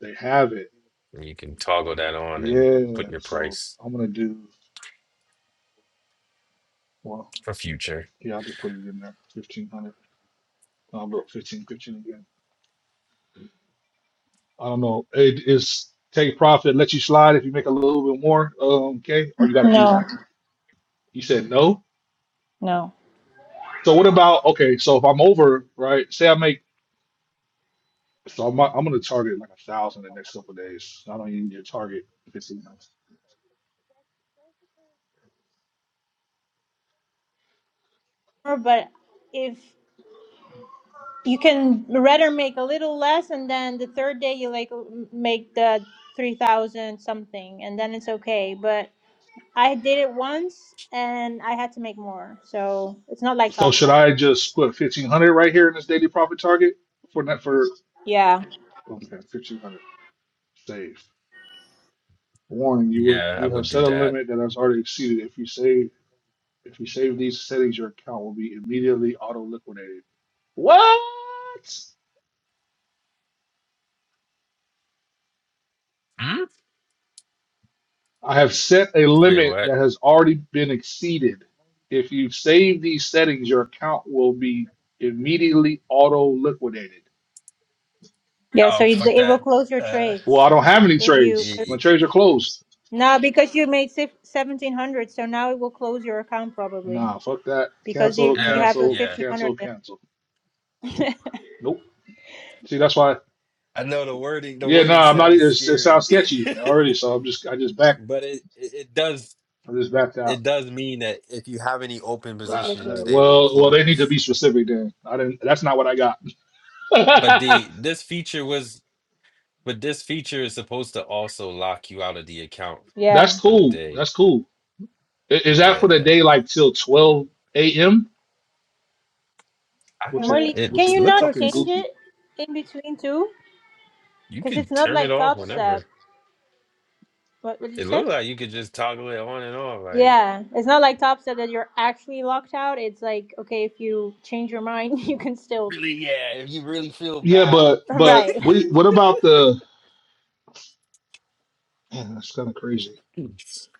Speaker 2: they have it.
Speaker 1: And you can toggle that on and
Speaker 2: Yeah,
Speaker 1: put your
Speaker 2: so
Speaker 1: price
Speaker 2: I'm gonna do well.
Speaker 1: for future.
Speaker 2: Yeah, I just put it in there, fifteen hundred. I'll go fifteen, fifteen again. I don't know. It is take profit, let you slide if you make a little bit more. Um, okay, or you gotta be
Speaker 6: No,
Speaker 2: like you said no.
Speaker 6: no.
Speaker 2: So what about okay? So if I'm over, right? Say I make so I'm I'm gonna target like a thousand the next couple of days. I don't even need to target fifteen hundred.
Speaker 6: Or, But if you can rather make a little less, and then the third day you like make the three thousand something, and then it's okay. But I did it once and I had to make more. So it's not like
Speaker 2: So
Speaker 6: Top
Speaker 2: should
Speaker 6: Step.
Speaker 2: I just put fifteen hundred right here in this daily profit target for that for
Speaker 6: Yeah.
Speaker 2: okay fifteen hundred save? Warning: You would
Speaker 1: Yeah, I
Speaker 2: you have
Speaker 1: would do
Speaker 2: set a
Speaker 1: that.
Speaker 2: limit that has already exceeded. If you save if you save these settings, your account will be immediately auto liquidated. What?
Speaker 1: Hmm?
Speaker 2: I have set a
Speaker 1: Wait,
Speaker 2: limit
Speaker 1: what?
Speaker 2: that has already been exceeded. If you save these settings, your account will be immediately auto liquidated.
Speaker 6: Yeah, so
Speaker 1: Oh,
Speaker 6: it,
Speaker 1: fuck
Speaker 6: it will
Speaker 1: that.
Speaker 6: close your
Speaker 1: Uh,
Speaker 2: Well, I
Speaker 6: trades
Speaker 2: don't have any
Speaker 6: if you.
Speaker 1: y-
Speaker 2: trades.
Speaker 1: y-
Speaker 2: My trades are closed.
Speaker 6: No, because you made sif- 1700, so now it will close your account probably
Speaker 2: Nah, fuck that.
Speaker 6: because you,
Speaker 2: Cancel,
Speaker 6: you
Speaker 1: yeah,
Speaker 6: have a
Speaker 2: cancel,
Speaker 1: yeah.
Speaker 6: 1500
Speaker 2: cancel, cancel. Nope. See, that's why.
Speaker 1: I know the wording the
Speaker 2: Yeah, no,
Speaker 1: wording
Speaker 2: nah, I'm not.
Speaker 1: sound is
Speaker 2: It's, it
Speaker 1: scary,
Speaker 2: sounds sketchy already. So I'm just, I just back.
Speaker 1: but it, it it does
Speaker 2: I just backed
Speaker 1: it
Speaker 2: out.
Speaker 1: does mean that if you have any open
Speaker 2: Uh,
Speaker 6: Just
Speaker 2: uh,
Speaker 1: positions,
Speaker 6: liquidate
Speaker 1: they
Speaker 6: it.
Speaker 1: will
Speaker 2: well, well, they need to
Speaker 1: close.
Speaker 2: be specific then. I didn't. That's not what I got.
Speaker 1: But the this feature was but this feature is supposed to also lock you out of the account
Speaker 6: Yeah.
Speaker 2: that's
Speaker 1: for the
Speaker 2: cool.
Speaker 1: day.
Speaker 2: That's cool. I- Is that for the
Speaker 1: Yeah.
Speaker 2: day like till twelve a.m.
Speaker 1: I,
Speaker 2: Which is
Speaker 6: Marley,
Speaker 2: which
Speaker 6: can
Speaker 1: it
Speaker 2: is
Speaker 6: you
Speaker 1: looked
Speaker 6: not
Speaker 1: like
Speaker 2: fucking
Speaker 1: it's
Speaker 6: change
Speaker 2: goofy.
Speaker 6: it in between too?
Speaker 1: you
Speaker 6: Because it's
Speaker 1: could
Speaker 6: not
Speaker 1: turn it
Speaker 6: like
Speaker 1: off
Speaker 6: Top Step.
Speaker 1: whenever.
Speaker 6: What, what did you
Speaker 1: It
Speaker 6: say?
Speaker 1: looked like you could just toggle it on and off. Like
Speaker 6: Yeah, it's not like Top Step that you're actually locked out. It's like, okay, if you change your mind, you can still
Speaker 1: really, yeah, if you really feel
Speaker 2: Yeah,
Speaker 1: bad.
Speaker 2: but but
Speaker 6: Right.
Speaker 2: we. What about the? Man, that's kind of crazy.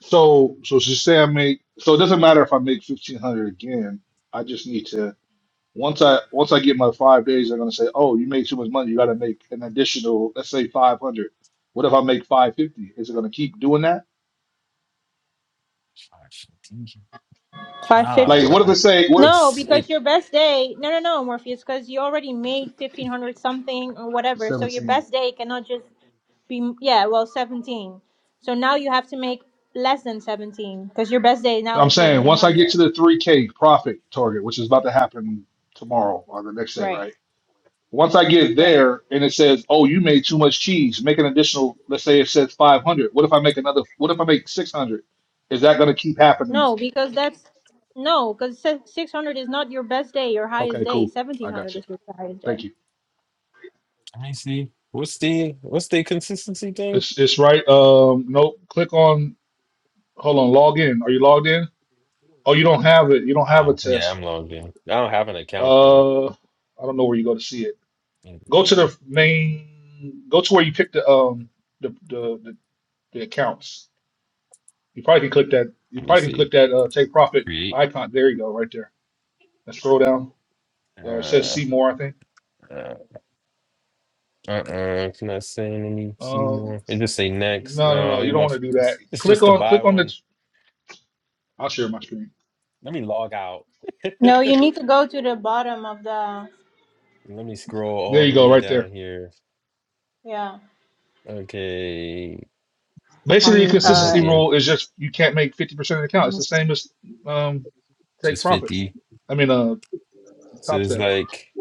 Speaker 2: So so she say I make. So it doesn't matter if I make fifteen hundred again. I just need to. Once I once I get my five days, they're gonna say, "Oh, you made too much money. You got to make an additional, let's say, five hundred. What if I make five fifty? Is it gonna keep doing that?
Speaker 1: Nah,
Speaker 2: Like,
Speaker 6: 550.
Speaker 1: no,
Speaker 2: what if
Speaker 1: I,
Speaker 2: they say what
Speaker 6: No,
Speaker 1: it's it
Speaker 6: because your best day, no, no, no, Morpheus, because you already made 1500 something or whatever. So your
Speaker 2: seventeen?
Speaker 6: best day cannot just be, yeah, well, 17. So now you have to make less than 17 because your best day now
Speaker 2: I'm
Speaker 6: is
Speaker 2: saying once I get
Speaker 6: 1700.
Speaker 2: to the three K profit target, which is about to happen tomorrow or the next day,
Speaker 6: Right,
Speaker 2: right? Once I get
Speaker 6: right.
Speaker 2: there and it says, "Oh, you made too much cheese. Make an additional, let's say it says five hundred. What if I make another? What if I make six hundred? Is that gonna keep happening?
Speaker 6: No, because that's, no, because 600 is not your best day, your highest
Speaker 2: Okay,
Speaker 6: day.
Speaker 2: cool. I got
Speaker 6: 1700
Speaker 2: you.
Speaker 6: is your highest day.
Speaker 2: Thank you.
Speaker 1: I see. What's the what's the consistency thing?
Speaker 2: It's it's right. Um, nope. Click on. Hold on. Log in. Are you logged in? Oh, you don't have it. You don't have a
Speaker 1: Uh, yeah,
Speaker 2: test.
Speaker 1: I'm logged in. I don't have an account though.
Speaker 2: Uh, I don't know where you go to see it.
Speaker 1: Mm,
Speaker 2: Go to the main. Go to where you pick the um the the the, the accounts. You probably can click that. You
Speaker 1: Let me
Speaker 2: probably can
Speaker 1: see.
Speaker 2: click that uh, take profit
Speaker 1: Create.
Speaker 2: icon. There you go. Right there. And scroll down. Uh, it says
Speaker 1: Uh,
Speaker 2: see more. I think.
Speaker 1: uh, uh-uh, it's not saying any
Speaker 2: Uh,
Speaker 1: anymore. It just say next.
Speaker 2: no, no,
Speaker 1: No,
Speaker 2: no.
Speaker 1: it
Speaker 2: You don't want
Speaker 1: wants.
Speaker 2: to do that.
Speaker 1: It's, it's
Speaker 2: Click
Speaker 1: just to
Speaker 2: on.
Speaker 1: buy
Speaker 2: Click on the.
Speaker 1: one.
Speaker 2: I'll share my screen.
Speaker 1: Let me log out.
Speaker 6: No, you
Speaker 1: Let
Speaker 6: need to go to the bottom of the,
Speaker 1: me scroll all
Speaker 2: There
Speaker 1: the
Speaker 2: you go.
Speaker 1: way
Speaker 2: Right there.
Speaker 1: down here.
Speaker 6: yeah,
Speaker 1: Okay,
Speaker 2: Basically, the
Speaker 4: on
Speaker 1: I'm
Speaker 2: consistency
Speaker 4: uh
Speaker 1: looking.
Speaker 2: rule is just you can't make fifty percent of the count. It's the
Speaker 4: Nas-
Speaker 2: same as um, take
Speaker 1: Just
Speaker 2: profit.
Speaker 1: fifty.
Speaker 2: I mean, uh,
Speaker 1: So
Speaker 2: top
Speaker 1: it's
Speaker 2: step.
Speaker 1: like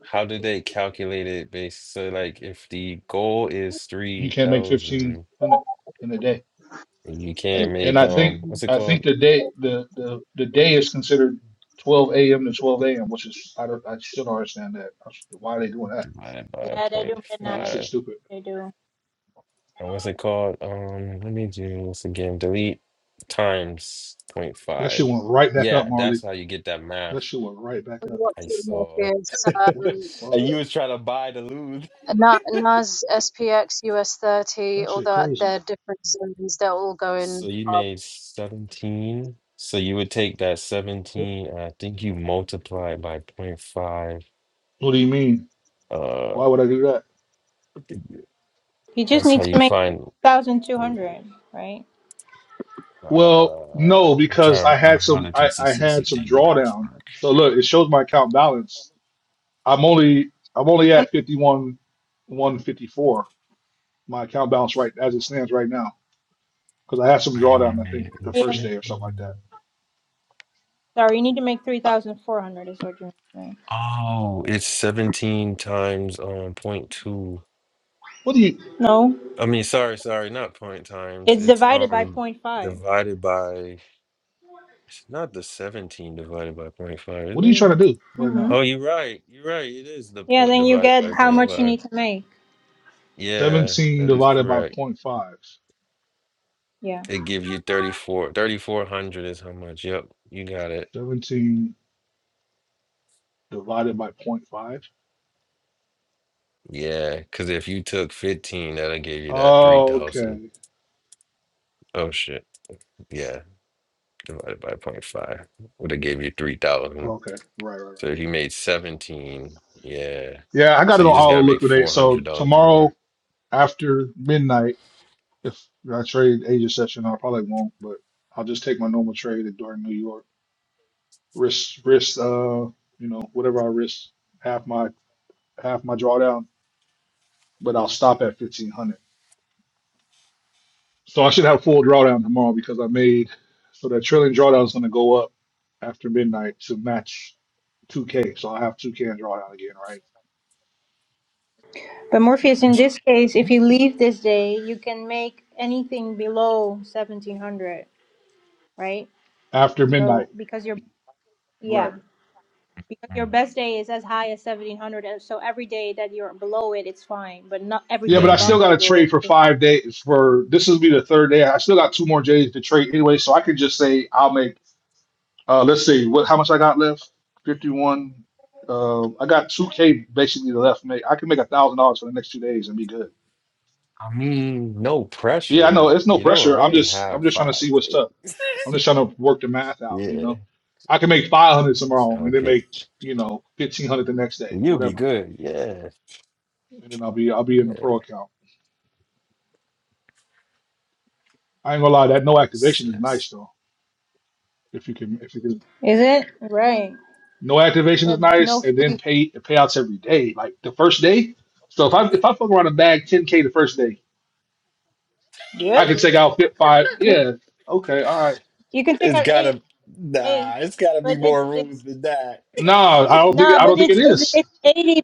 Speaker 1: how did they calculate it based so like if the goal is
Speaker 2: You can't make
Speaker 1: 3000
Speaker 2: fifteen hundred in a day.
Speaker 1: And You can't
Speaker 2: And
Speaker 1: make
Speaker 2: I think
Speaker 1: um what's it
Speaker 2: I
Speaker 1: called?
Speaker 2: think the day the, the the day is considered twelve a.m. to twelve a.m., which is I don't I still don't understand that. I s- Why are they doing that?
Speaker 1: Divide by
Speaker 6: yeah, they
Speaker 1: point
Speaker 6: do
Speaker 2: Yeah, that
Speaker 6: midnight.
Speaker 2: shit's
Speaker 1: five.
Speaker 2: stupid.
Speaker 6: They do.
Speaker 1: Or what's it called? Um let me do this again. Delete times point
Speaker 2: That shit
Speaker 1: five.
Speaker 2: went right back up,
Speaker 1: Yeah,
Speaker 2: Marley.
Speaker 1: that's how you get that math
Speaker 2: That shit went right back up.
Speaker 4: what
Speaker 1: I
Speaker 4: to
Speaker 1: saw.
Speaker 4: make is
Speaker 2: What the
Speaker 4: um
Speaker 2: fuck?
Speaker 1: And you was trying to buy to lose.
Speaker 4: Na- Nas SPX US thirty,
Speaker 2: That shit
Speaker 4: although
Speaker 2: crazy.
Speaker 4: they're different zones, they're all
Speaker 1: So
Speaker 4: going
Speaker 1: you
Speaker 4: up.
Speaker 1: made 17. So you would take that 17, and I think you multiply it by point five.
Speaker 2: What do you mean?
Speaker 1: Uh
Speaker 2: Why would I do that?
Speaker 6: You just
Speaker 1: that's how
Speaker 6: need to
Speaker 1: you
Speaker 6: make
Speaker 1: find
Speaker 6: 3,200, right?
Speaker 1: uh,
Speaker 2: Well, no,
Speaker 1: I'm
Speaker 2: because
Speaker 1: trying
Speaker 2: I
Speaker 1: to
Speaker 2: had
Speaker 1: remember how
Speaker 2: some
Speaker 1: the
Speaker 2: I, I had
Speaker 1: consistency
Speaker 2: some
Speaker 1: thing
Speaker 2: drawdown. So look, it shows my account balance. I'm only I'm only
Speaker 6: When-
Speaker 2: at 51 154. My account balance right as it stands right now because I had some drawdown I think the
Speaker 6: yeah,
Speaker 2: first day or something like that.
Speaker 6: Sorry, you need to make
Speaker 2: Uh,
Speaker 6: 3,400 is what you need to make.
Speaker 1: Oh, it's 17 times um point two.
Speaker 2: What do you
Speaker 6: No,
Speaker 1: I mean, sorry, sorry, not point times.
Speaker 6: it's
Speaker 1: It's
Speaker 6: divided by
Speaker 1: um
Speaker 6: point five.
Speaker 1: divided by it's not the 17 divided by point five, is
Speaker 2: what are you
Speaker 1: it?
Speaker 2: trying to do right
Speaker 6: Mm-hmm.
Speaker 2: now?
Speaker 1: Oh, you're right. You're right. It is the
Speaker 6: Yeah,
Speaker 1: point
Speaker 6: then you
Speaker 1: divided
Speaker 6: get
Speaker 1: by
Speaker 6: how
Speaker 1: point
Speaker 6: much you
Speaker 1: five.
Speaker 6: need to make.
Speaker 1: Yeah,
Speaker 2: 17
Speaker 1: that is
Speaker 2: divided by zero
Speaker 1: correct.
Speaker 2: point 0.5.
Speaker 6: Yeah.
Speaker 1: It gives you 34 3400 is how much. Yep, you got it.
Speaker 2: 17 divided by zero point 0.5.
Speaker 1: Yeah, because if you took 15, that'll give you that
Speaker 2: Oh,
Speaker 1: 3000.
Speaker 2: okay.
Speaker 1: Oh shit. Yeah, divided by point five would have gave you 3000.
Speaker 2: Okay. Right, right, right.
Speaker 1: So he made 17. Yeah.
Speaker 2: Yeah, I got
Speaker 1: So
Speaker 2: it on
Speaker 1: you just
Speaker 2: auto
Speaker 1: gotta make
Speaker 2: liquidate. So
Speaker 1: $400 more.
Speaker 2: tomorrow after midnight If I trade Asia session, I probably won't, but I'll just take my normal trade at during New York. Risk, risk, uh, you know, whatever I risk, half my half my drawdown, but I'll stop at fifteen hundred. So I should have full drawdown tomorrow because I made so that trailing drawdown is going to go up after midnight to match two K. So I have two K in drawdown again, right
Speaker 6: But Morpheus, in this case, if you leave this day, you can make anything below 1,700, right?
Speaker 2: after midnight,
Speaker 6: So because your
Speaker 2: right?
Speaker 6: yeah, because your best day is as high as 1,700, and so every day that you're below it, it's fine, but not
Speaker 2: Yeah,
Speaker 6: everything
Speaker 2: but I
Speaker 1: Mm-hmm.
Speaker 6: above
Speaker 2: still got
Speaker 6: it
Speaker 2: to
Speaker 6: will.
Speaker 2: trade for
Speaker 6: will count.
Speaker 2: five days. For this is be the third day. I still got two more days to trade anyway, so I could just say I'll make. Uh, let's see what how much I got left. Fifty one. Uh, I got two K basically left. Make I can make a thousand dollars for the next two days and be good.
Speaker 1: I mean, no
Speaker 2: Yeah, I
Speaker 1: pressure.
Speaker 2: know it's no
Speaker 1: You don't
Speaker 2: pressure. I'm
Speaker 1: really
Speaker 2: just
Speaker 1: have
Speaker 2: I'm just trying to
Speaker 1: five.
Speaker 2: see what's
Speaker 1: days.
Speaker 2: up. I'm just trying to work the math out. You
Speaker 1: Yeah.
Speaker 2: know, I can make five hundred tomorrow and then
Speaker 1: Okay.
Speaker 2: make you know fifteen hundred the next day,
Speaker 1: You'll be
Speaker 2: whatever,
Speaker 1: good. Yeah.
Speaker 2: and then I'll be I'll be in the
Speaker 1: Yeah.
Speaker 2: pro account. I ain't gonna lie, that no activation is nice though. If you can if you can
Speaker 6: Is it right?
Speaker 2: no activation is
Speaker 6: There's no
Speaker 2: nice, and
Speaker 6: free.
Speaker 2: then pay the payouts every day. Like the first day. So if I if I fuck around and bag ten K the first day. I
Speaker 6: Yep.
Speaker 2: can take out Fit Five.
Speaker 6: You,
Speaker 2: Yeah. Okay. All right.
Speaker 6: you can take
Speaker 1: It's
Speaker 6: out eight,
Speaker 1: gotta,
Speaker 6: eight,
Speaker 1: nah, it's gotta be
Speaker 6: but it's
Speaker 1: more rules
Speaker 6: it's
Speaker 1: than that.
Speaker 2: No, I don't think
Speaker 6: nah,
Speaker 2: I don't
Speaker 6: but
Speaker 2: think it
Speaker 6: it's it's
Speaker 2: is.
Speaker 6: it's eighty.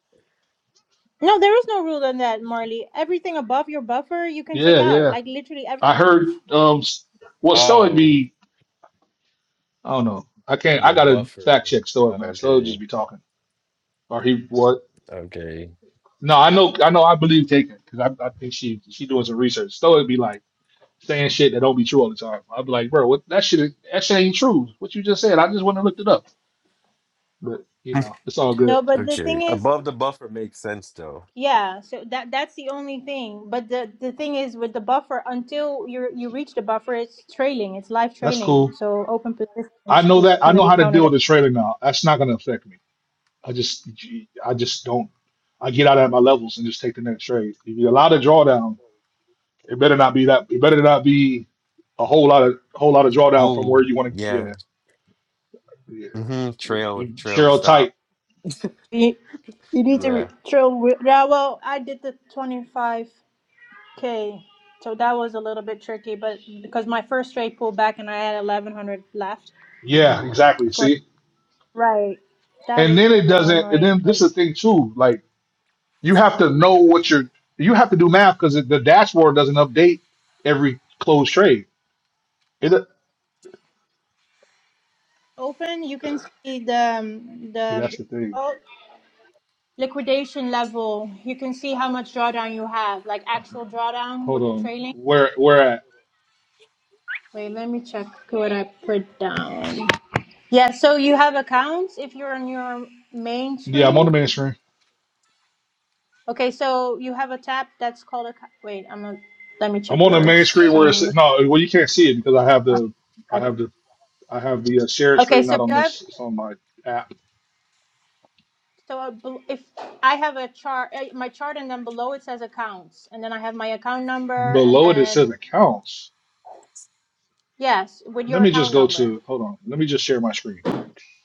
Speaker 6: No, there is no rule on that, Marley. Everything above your buffer you can take
Speaker 2: Yeah,
Speaker 6: out,
Speaker 2: yeah.
Speaker 6: like literally
Speaker 2: I
Speaker 6: everything.
Speaker 2: heard. Um. s- Well, Stoic
Speaker 1: Oh,
Speaker 2: be. I don't know. I can't.
Speaker 1: your
Speaker 2: I gotta fact
Speaker 1: buffer.
Speaker 2: check Stoic, man. Stoic
Speaker 1: Okay.
Speaker 2: just be talking. Or he what?
Speaker 1: Okay.
Speaker 2: No, I know. I know. I believe taken because I, I think she she doing some research. Stoic be like saying shit that don't be true all the time. I'd be like, bro, what that shit that shit ain't true. What you just said. I just went and looked it up. But you know, it's all good.
Speaker 6: No, but the
Speaker 1: Okay.
Speaker 6: thing is,
Speaker 1: Above the buffer makes sense though.
Speaker 6: yeah. So that that's the only thing. But the the thing is with the buffer, until you you reach the buffer, it's trailing. It's live
Speaker 2: That's
Speaker 6: trailing.
Speaker 2: cool.
Speaker 6: So open position
Speaker 2: I
Speaker 6: is,
Speaker 2: know
Speaker 6: is
Speaker 2: that. I
Speaker 6: going to
Speaker 2: know
Speaker 6: be
Speaker 2: how to deal
Speaker 6: counted as.
Speaker 2: with the trailer now. That's not gonna affect me. I just I just don't. I get out at my levels and just take the next trade. If you allow the drawdown, it better not be that. It better not be a whole lot of whole lot of drawdown from where
Speaker 1: Oh,
Speaker 2: you want to.
Speaker 1: yeah.
Speaker 2: Yeah, yeah.
Speaker 1: Mm-hmm. Trail,
Speaker 2: You-
Speaker 1: trail to
Speaker 2: Cheryl tight.
Speaker 1: stop.
Speaker 6: You, you need to
Speaker 1: Yeah.
Speaker 6: re- trail. With, yeah, well, I did the twenty-five. Okay, so that was a little bit tricky, but because my first straight pulled back and I had 1100 left
Speaker 2: Yeah, exactly.
Speaker 6: for
Speaker 2: See,
Speaker 6: right, that
Speaker 2: and
Speaker 6: was a
Speaker 2: then it
Speaker 6: little
Speaker 2: doesn't. And then
Speaker 6: annoying. But
Speaker 2: this is the thing too. Like you have to know what you're. You have to do math because the dashboard doesn't update every closed trade. It.
Speaker 6: open, you can see the um,
Speaker 2: See, that's
Speaker 6: the
Speaker 2: the thing.
Speaker 6: oh, liquidation level. You can see how much drawdown you have, like actual drawdown
Speaker 2: Hold
Speaker 6: with the
Speaker 2: on.
Speaker 6: trailing.
Speaker 2: Where where at?
Speaker 6: Wait, let me check what I put down. Yeah, so you have accounts if you're on your main
Speaker 2: Yeah, I'm on
Speaker 6: screen.
Speaker 2: the main mainstream.
Speaker 6: Okay, so you have a tab that's called a. Wait, I'm not. Let me
Speaker 2: I'm
Speaker 6: check
Speaker 2: on the main
Speaker 6: yours.
Speaker 2: screen where
Speaker 6: So
Speaker 2: it's no. Well, you can't see it because I have the I have the I have the uh, shared
Speaker 6: Okay,
Speaker 2: screen
Speaker 6: so
Speaker 2: not on
Speaker 6: you have
Speaker 2: this. It's on my app.
Speaker 6: so I bel- if I have a chart, eh, my chart, and then below it says accounts, and then I have my account number, and
Speaker 2: Below it, it says
Speaker 6: then
Speaker 2: accounts.
Speaker 6: yes, with
Speaker 2: Let
Speaker 6: your
Speaker 2: me just
Speaker 6: account
Speaker 2: go
Speaker 6: number.
Speaker 2: to. Hold on. Let me just share my screen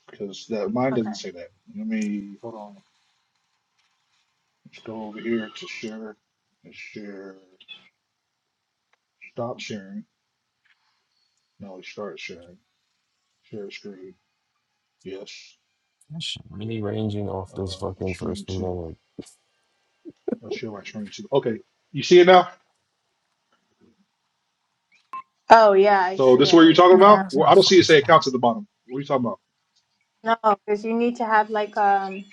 Speaker 2: because that mine doesn't
Speaker 6: Okay.
Speaker 2: say that. Let me hold on. Let's go over here to share. and share. Stop sharing. No, start sharing. Share screen. Yes.
Speaker 1: Shit Really ranging off this
Speaker 2: Uh,
Speaker 1: fucking
Speaker 2: screen
Speaker 1: first move.
Speaker 2: two.
Speaker 1: I'm like,
Speaker 2: I'll share my screen two. Okay. You see it now?
Speaker 6: Oh yeah, I
Speaker 2: So
Speaker 6: see
Speaker 2: this is where
Speaker 6: it.
Speaker 2: you're talking
Speaker 6: Damn.
Speaker 2: about? Well, I don't see it say accounts at the bottom. What are you talking about?
Speaker 6: No, because you need to have like um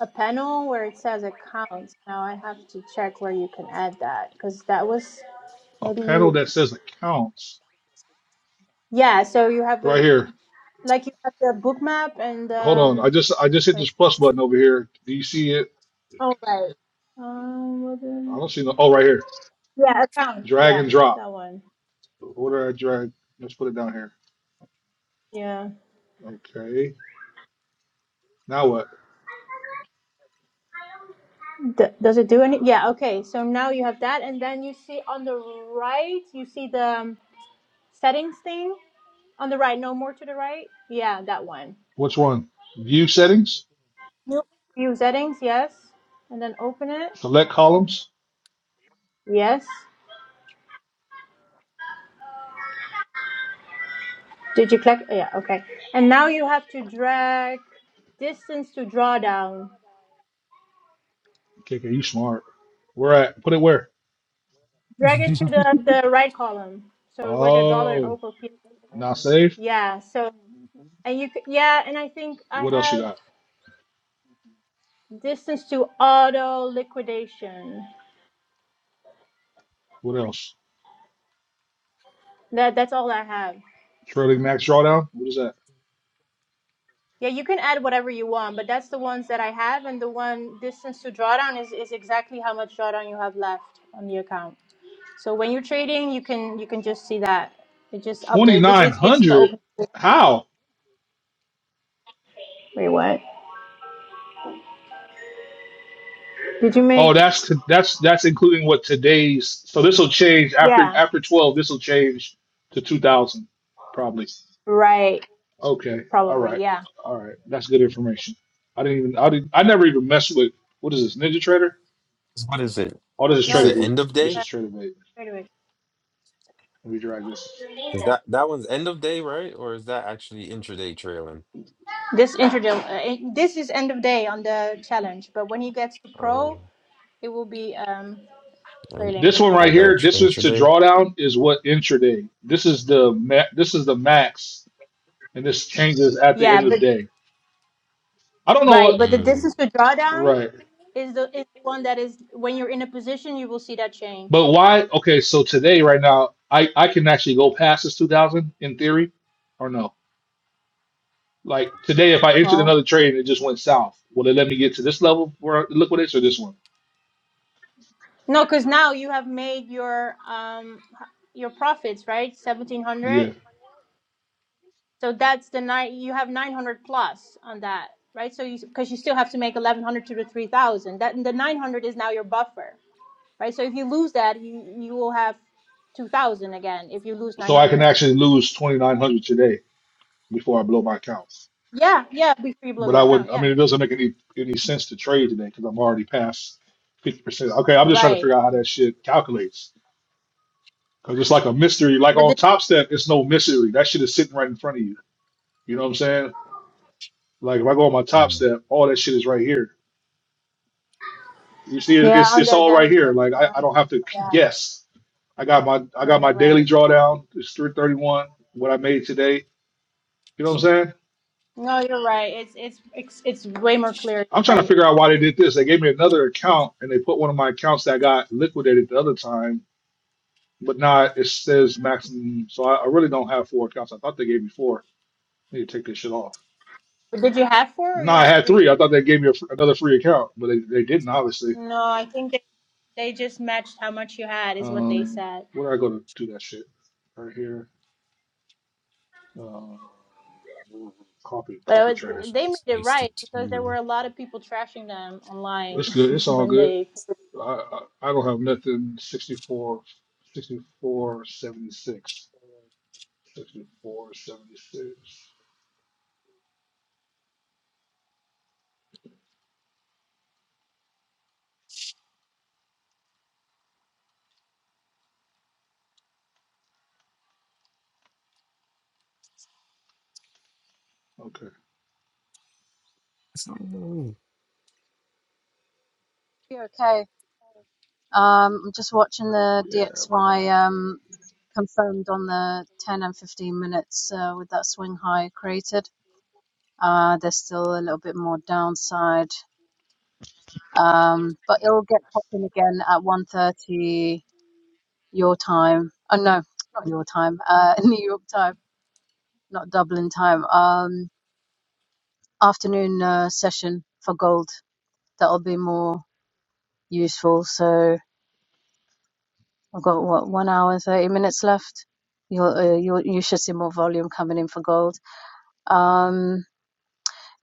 Speaker 6: a panel where it says accounts. Now I have to check where you can add that because that was
Speaker 2: a
Speaker 6: maybe
Speaker 2: panel
Speaker 6: you.
Speaker 2: that says accounts
Speaker 6: Yeah, so you have a
Speaker 2: right here.
Speaker 6: like you have the book map and
Speaker 2: Hold on.
Speaker 6: um.
Speaker 2: I just I just hit
Speaker 6: Wait.
Speaker 2: this plus button over here. Do you see it?
Speaker 6: Oh right. Um. What is?
Speaker 2: I don't see no. Oh, right here.
Speaker 6: Yeah, accounts.
Speaker 2: Drag
Speaker 6: Yeah,
Speaker 2: and drop.
Speaker 6: that one.
Speaker 2: What did I drag? Let's put it down here.
Speaker 6: Yeah.
Speaker 2: Okay. Now what?
Speaker 6: D- does it do any? Yeah. Okay. So now you have that, and then you see on the right, you see the um, settings thing on the right. No more to the right. Yeah, that one.
Speaker 2: Which one? View settings.
Speaker 6: Nope. View settings. Yes. And then open it.
Speaker 2: Select columns.
Speaker 6: Yes. Did you click? Yeah. Okay. And now you have to drag distance to drawdown.
Speaker 2: KK, you smart. Where at? Put it where?
Speaker 6: Drag it to the the right column. So where the dollar
Speaker 2: Oh,
Speaker 6: open.
Speaker 2: now save.
Speaker 6: Yeah. So and you c- yeah, and I think I
Speaker 2: What else you
Speaker 6: have.
Speaker 2: got?
Speaker 6: Distance to auto liquidation.
Speaker 2: What else?
Speaker 6: That that's all I have.
Speaker 2: Trailing max drawdown. What is that?
Speaker 6: Yeah, you can add whatever you want, but that's the ones that I have, and the one distance to drawdown is, is exactly how much drawdown you have left on the account. So when you're trading, you can you can just see that it just
Speaker 2: Twenty
Speaker 6: updates. It's
Speaker 2: nine
Speaker 6: it's, it's the
Speaker 2: hundred.
Speaker 6: open.
Speaker 2: How?
Speaker 6: Wait, what? Did you
Speaker 2: Oh,
Speaker 6: make?
Speaker 2: that's that's that's including what today's. So this will change after
Speaker 6: Yeah.
Speaker 2: after twelve. This will change to two thousand, probably.
Speaker 6: Right.
Speaker 2: Okay. All
Speaker 6: Probably.
Speaker 2: right.
Speaker 6: Yeah.
Speaker 2: All right. That's good information. I didn't even. I didn't. I never even messed with. What is this Ninja Trader?
Speaker 1: what is it?
Speaker 2: Oh, this is
Speaker 1: Is
Speaker 6: No,
Speaker 2: Trader
Speaker 1: it
Speaker 6: this is.
Speaker 2: View.
Speaker 1: end of day?
Speaker 2: This is
Speaker 6: Uh,
Speaker 2: Trader View.
Speaker 6: wait a minute.
Speaker 2: Let me drag this.
Speaker 1: Is that that one's end of day, right? Or is that actually intraday trailing?
Speaker 6: This introduce. Uh, it- this is end of day on the challenge, but when he gets to pro,
Speaker 1: Oh,
Speaker 6: it will be. Um.
Speaker 1: um,
Speaker 6: trailing
Speaker 2: This one right
Speaker 6: live
Speaker 1: like that
Speaker 6: trailing.
Speaker 2: here.
Speaker 1: tr-
Speaker 2: This is to
Speaker 1: intraday.
Speaker 2: drawdown. Is what intraday. This is the ma- This is the max, and this changes at the end
Speaker 6: Yeah,
Speaker 2: of
Speaker 6: but
Speaker 2: the day. I don't know
Speaker 6: right,
Speaker 2: what.
Speaker 6: but the
Speaker 1: Mm,
Speaker 6: distance to drawdown
Speaker 2: Right.
Speaker 6: is the is one that is when you're in a position you will see that change.
Speaker 2: But why? Okay, so today, right now, I I can actually go past this two thousand in theory, or no? Like today, if I entered
Speaker 6: Well,
Speaker 2: another trade and it just went south, will it let me get to this level where it liquidates or this one?
Speaker 6: no, because now you have made your um your profits right seventeen hundred.
Speaker 2: Yeah.
Speaker 6: So that's the nine you have nine hundred plus on that right. So you because you still have to make eleven hundred to the three thousand. That the nine hundred is now your buffer right. So if you lose that, you you will have two thousand again. If you lose nine
Speaker 2: So I can
Speaker 6: hundred,
Speaker 2: actually lose twenty nine hundred today before I blow my accounts.
Speaker 6: yeah, yeah, before you blow
Speaker 2: But I
Speaker 6: your
Speaker 2: would.
Speaker 6: account,
Speaker 2: I
Speaker 6: yeah,
Speaker 2: mean, it doesn't make any any sense to trade today because I'm already past fifty percent. Okay, I'm just trying to
Speaker 6: right.
Speaker 2: figure out how that shit calculates because it's like a mystery. Like
Speaker 6: but
Speaker 2: on
Speaker 6: this.
Speaker 2: Top Step, it's no mystery. That shit is sitting right in front of you. You know what I'm saying? Like if I go on my top
Speaker 1: mm.
Speaker 2: step, all that shit is right here. You see, it-
Speaker 6: Yeah,
Speaker 2: it's
Speaker 6: on
Speaker 2: it's
Speaker 6: the
Speaker 2: all right here.
Speaker 6: dashboard.
Speaker 2: Like I,
Speaker 6: Yeah,
Speaker 2: I don't have to
Speaker 6: yeah.
Speaker 2: guess. I got my I
Speaker 6: No,
Speaker 2: got
Speaker 6: you're
Speaker 2: my daily
Speaker 6: right.
Speaker 2: drawdown. It's three thirty one. What I made today. You know what I'm saying?
Speaker 6: No, you're right. It's it's it's it's way more clear,
Speaker 2: I'm trying to
Speaker 6: right?
Speaker 2: figure out why they did this. They gave me another account and they put one of my accounts that got liquidated the other time, but not. It says maximum. So I, I really don't have four accounts. I thought they gave me four. I need to take this shit off.
Speaker 6: But did you have four or
Speaker 2: No,
Speaker 6: you
Speaker 2: I
Speaker 6: had
Speaker 2: had
Speaker 6: three?
Speaker 2: three. I thought they gave me a, fr- another free account, but they, they didn't obviously.
Speaker 6: No, I think they they just matched how much you had is what they
Speaker 2: Um,
Speaker 6: said.
Speaker 2: where do I go to do that shit? Right here. Uh, copy,
Speaker 6: But I
Speaker 2: copy trader.
Speaker 6: would, they made it
Speaker 1: Wasted
Speaker 6: right because there were
Speaker 1: two.
Speaker 6: a lot of people trashing them
Speaker 2: It's
Speaker 6: online
Speaker 2: good. It's all
Speaker 6: when
Speaker 2: good.
Speaker 6: they.
Speaker 2: I, I, I don't have nothing 64, 64, seventy-six. sixty-four, seventy-six. Okay.
Speaker 4: Be okay. Um, I'm just watching the
Speaker 2: Yeah, bro.
Speaker 4: DXY um confirmed on the 10 and 15 minutes uh, with that swing high created. Uh, there's still a little bit more downside, um, but it'll get popping again at 1:30. your time. Oh no, not your time. Uh, New York time, not Dublin time. Um, afternoon uh, session for gold. That'll be more useful. So I've got what one hour and thirty minutes left. You'll, uh, you you should see more volume coming in for gold. Um,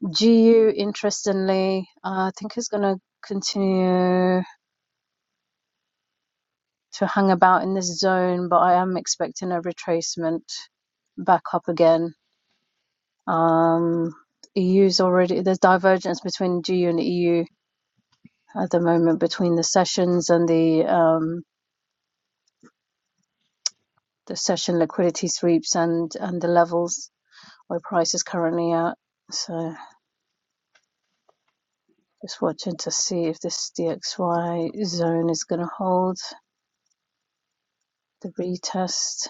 Speaker 4: GU interestingly, uh, I think is going to continue to hang about in this zone, but I am expecting a retracement back up again Um, EU's already there's divergence between GU and EU at the moment between the sessions and the um, the session liquidity sweeps and and the levels where price is currently at. So just watching to see if this DXY zone is going to hold the retest.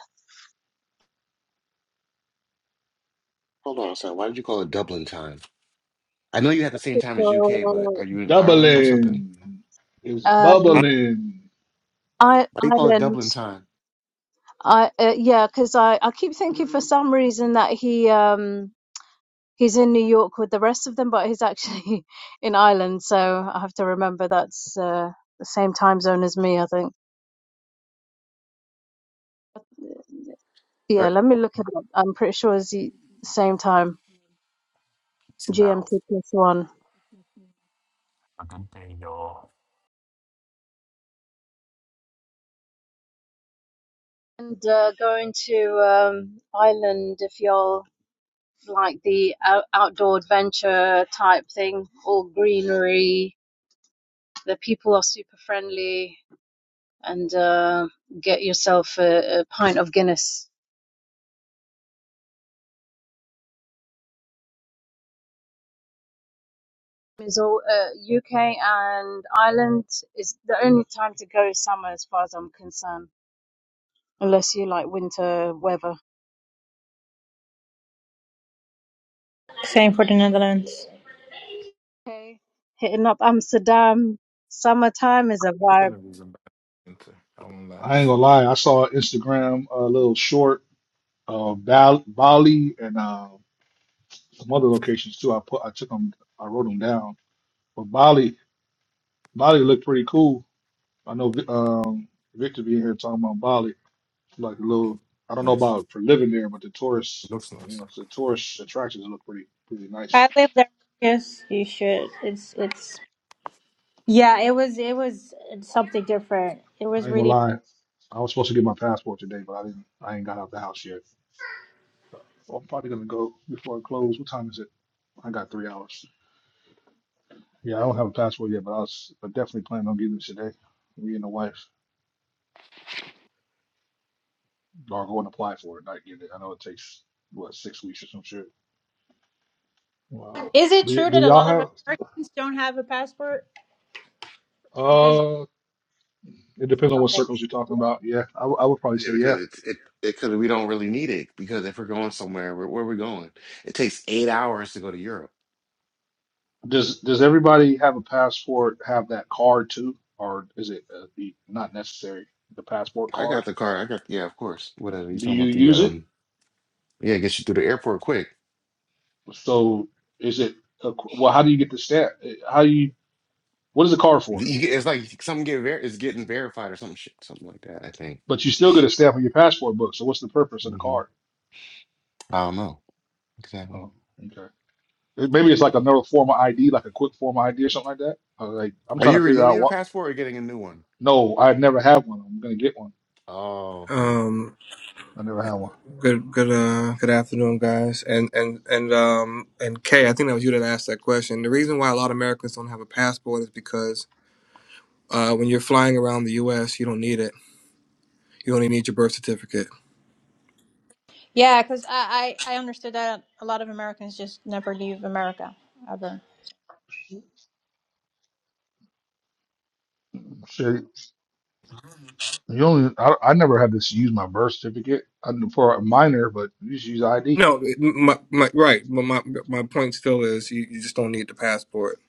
Speaker 5: Hold on, son. Why did you call it Dublin time? I know you had the same time as UK, but
Speaker 4: Well,
Speaker 5: are you in Ireland or something?
Speaker 2: Doubling is
Speaker 5: Huh?
Speaker 4: um,
Speaker 2: bubbling.
Speaker 4: I
Speaker 5: Why you call it
Speaker 4: Ireland,
Speaker 5: Dublin time?
Speaker 4: I uh, yeah, because I I keep thinking for some reason that he um. he's in New York with the rest of them, but he's actually in Ireland, so I have to remember that's uh, the same time zone as me, I think. Yeah,
Speaker 1: Er,
Speaker 4: let me look it up. I'm pretty sure it's the same time,
Speaker 1: It's an
Speaker 4: GMT plus one.
Speaker 1: A good day, y'all.
Speaker 4: And uh, going to um, Ireland if you're like the out- outdoor adventure type thing, all greenery. The people are super friendly, and uh, get yourself a, a pint of Guinness is all uh, UK and Ireland is the only time to go is summer, as far as I'm concerned, unless you like winter weather.
Speaker 6: Same for the Netherlands.
Speaker 4: Okay, hitting up Amsterdam, summertime is a vibe.
Speaker 10: Nothing is a bad painter. I won't lie.
Speaker 2: I ain't
Speaker 10: It's not
Speaker 2: gonna lie. I saw an Instagram a little short of Bal Bali and uh, some other locations too. I put, I took them, I wrote them down. But Bali, Bali looked pretty cool I know um, Victor being here talking about Bali, like a
Speaker 10: yeah,
Speaker 2: little. I don't know
Speaker 10: nice.
Speaker 2: about for living there, but the
Speaker 10: It
Speaker 2: tourists,
Speaker 10: looks
Speaker 2: you
Speaker 10: nice.
Speaker 2: know, the tourist attractions look pretty pretty
Speaker 6: I
Speaker 2: nice.
Speaker 6: live there. Yes, you should. It's it's. Yeah, it was it was something different. It
Speaker 2: I
Speaker 6: was
Speaker 2: ain't gonna
Speaker 6: really.
Speaker 2: lie. I was supposed to get my passport today, but I didn't. I ain't got out the house yet. So I'm probably gonna go before it closes. What time is it? I got three hours. Yeah, I don't have a passport yet, but I was I definitely planning on getting it today. Me and the wife are going to apply for it, not get it. I know it takes what six weeks or some shit. Wow.
Speaker 6: Is it
Speaker 2: Do,
Speaker 6: true
Speaker 2: do
Speaker 6: that a lot of
Speaker 2: y'all
Speaker 6: Americans don't have a passport? Because
Speaker 2: have? It depends
Speaker 4: And
Speaker 2: on
Speaker 4: I
Speaker 2: what
Speaker 4: think
Speaker 2: circles you're talking about. Yeah, I w- I would probably
Speaker 5: Yeah,
Speaker 2: say yeah.
Speaker 5: because it's it because we don't really need it. Because if we're going somewhere, where, where are we going? It takes eight hours to go to Europe.
Speaker 2: Does Does everybody have a passport? Have that card too, or is it uh, the, not necessary? The passport
Speaker 5: I got
Speaker 2: card.
Speaker 5: the car. I got yeah, of course. Whatever you
Speaker 2: Do
Speaker 5: talking
Speaker 2: you
Speaker 5: about the
Speaker 2: use it?
Speaker 5: um yeah, it gets you through the airport quick.
Speaker 2: So is it a, well? How do you get the stamp? Uh, How you? What is the card for?
Speaker 5: You get- it's like something get ver- is getting verified or some shit, something like that. I think.
Speaker 2: But you still get a stamp on your passport book. So what's the purpose of the
Speaker 5: Mm-hmm.
Speaker 2: card?
Speaker 5: I don't know exactly.
Speaker 2: Oh, okay. Uh, Maybe it's like another form of ID, like a quick form of ID or something like that. Uh, Like I'm
Speaker 5: Are
Speaker 2: trying to
Speaker 5: you
Speaker 2: figure
Speaker 5: renewing
Speaker 2: out
Speaker 5: your
Speaker 2: what.
Speaker 5: passport or getting a new one?
Speaker 2: No, I've never had one. I'm gonna get one.
Speaker 5: Oh, okay.
Speaker 11: Um,
Speaker 2: I never had one.
Speaker 11: good, good, uh, good afternoon, guys. And and and um and Kay, I think that was you that asked that question. The reason why a lot of Americans don't have a passport is because uh, when you're flying around the U.S., you don't need it. You only need your birth certificate.
Speaker 6: yeah, because I, I I understood that a lot of Americans just never leave America ever.
Speaker 2: Shit. You only I, I never had to use my birth certificate I, knew for a minor, but you just use ID.
Speaker 11: No, it- my, my right, but my my point still is you, you just don't need the passport.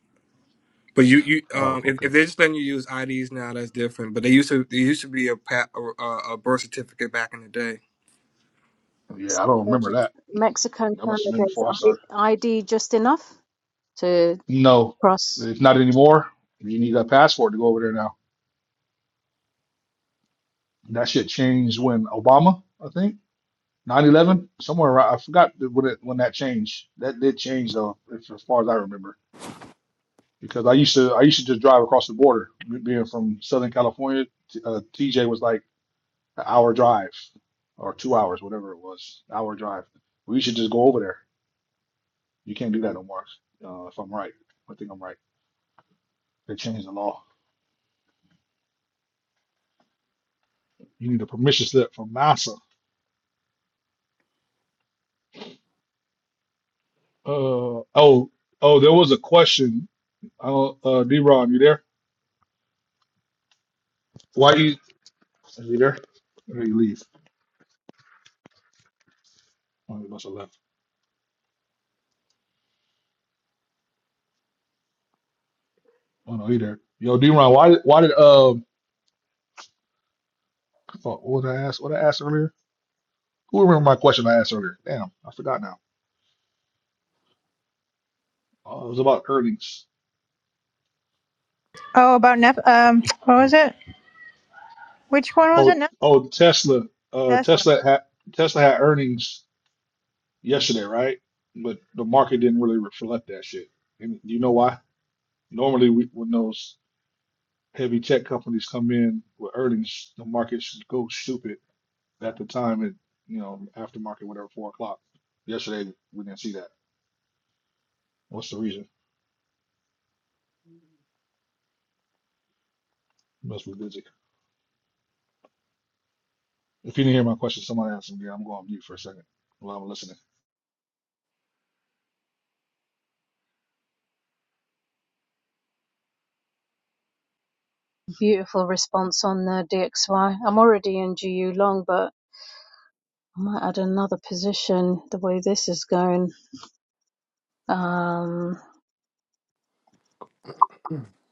Speaker 11: But you you
Speaker 2: Oh,
Speaker 11: um if,
Speaker 2: okay.
Speaker 11: if they're just letting you use IDs now, that's different. But they used to there used to be a pa- a, a birth certificate back in the day.
Speaker 2: Yeah, I don't remember that.
Speaker 4: Mexico and
Speaker 2: That must have been
Speaker 4: Canada is
Speaker 2: before I started.
Speaker 4: I- ID just enough to
Speaker 2: No,
Speaker 4: cross.
Speaker 2: it's not anymore. You need a passport to go over there now. That shit changed when Obama, I think, nine eleven somewhere around. I forgot the- when it, when that changed. That did change though, as as far as I remember, because I used to I used to just drive across the border. Being from Southern California, t- uh, TJ was like. an hour drive or two hours, whatever it was, hour drive. We should just go over there. You can't do that no more. Uh, if I'm right, I think I'm right. They changed the law. You need a permission slip from NASA. Uh oh oh, there was a question. I don't, uh, D-Ron, you there? Why you? Is he there? Or did he leave? Oh, he must have left. Oh no, he there. Yo, D-Ron, why why did um? fuck, what did I ask? What did I asked earlier? Who remember my question I asked earlier? Damn, I forgot now. Uh, it was about earnings.
Speaker 6: Oh, about Nep. Um, what was it? Which one was it?
Speaker 2: Oh,
Speaker 6: Nep-
Speaker 2: oh, Tesla. Uh,
Speaker 6: Tesla.
Speaker 2: Tesla had Tesla had earnings yesterday, right? But the market didn't really reflect that shit. And you know why? Normally, we, when those heavy tech companies come in with earnings, the market should go stupid at the time and you know after market, whatever, four o'clock. Yesterday, we didn't see that. What's the reason? Must be busy. If you didn't hear my question, somebody asked me. Again, I'm going on mute for a second while I'm listening.
Speaker 4: Beautiful response on the DXY. I'm already in GU long, but I might add another position the way this is going. Um,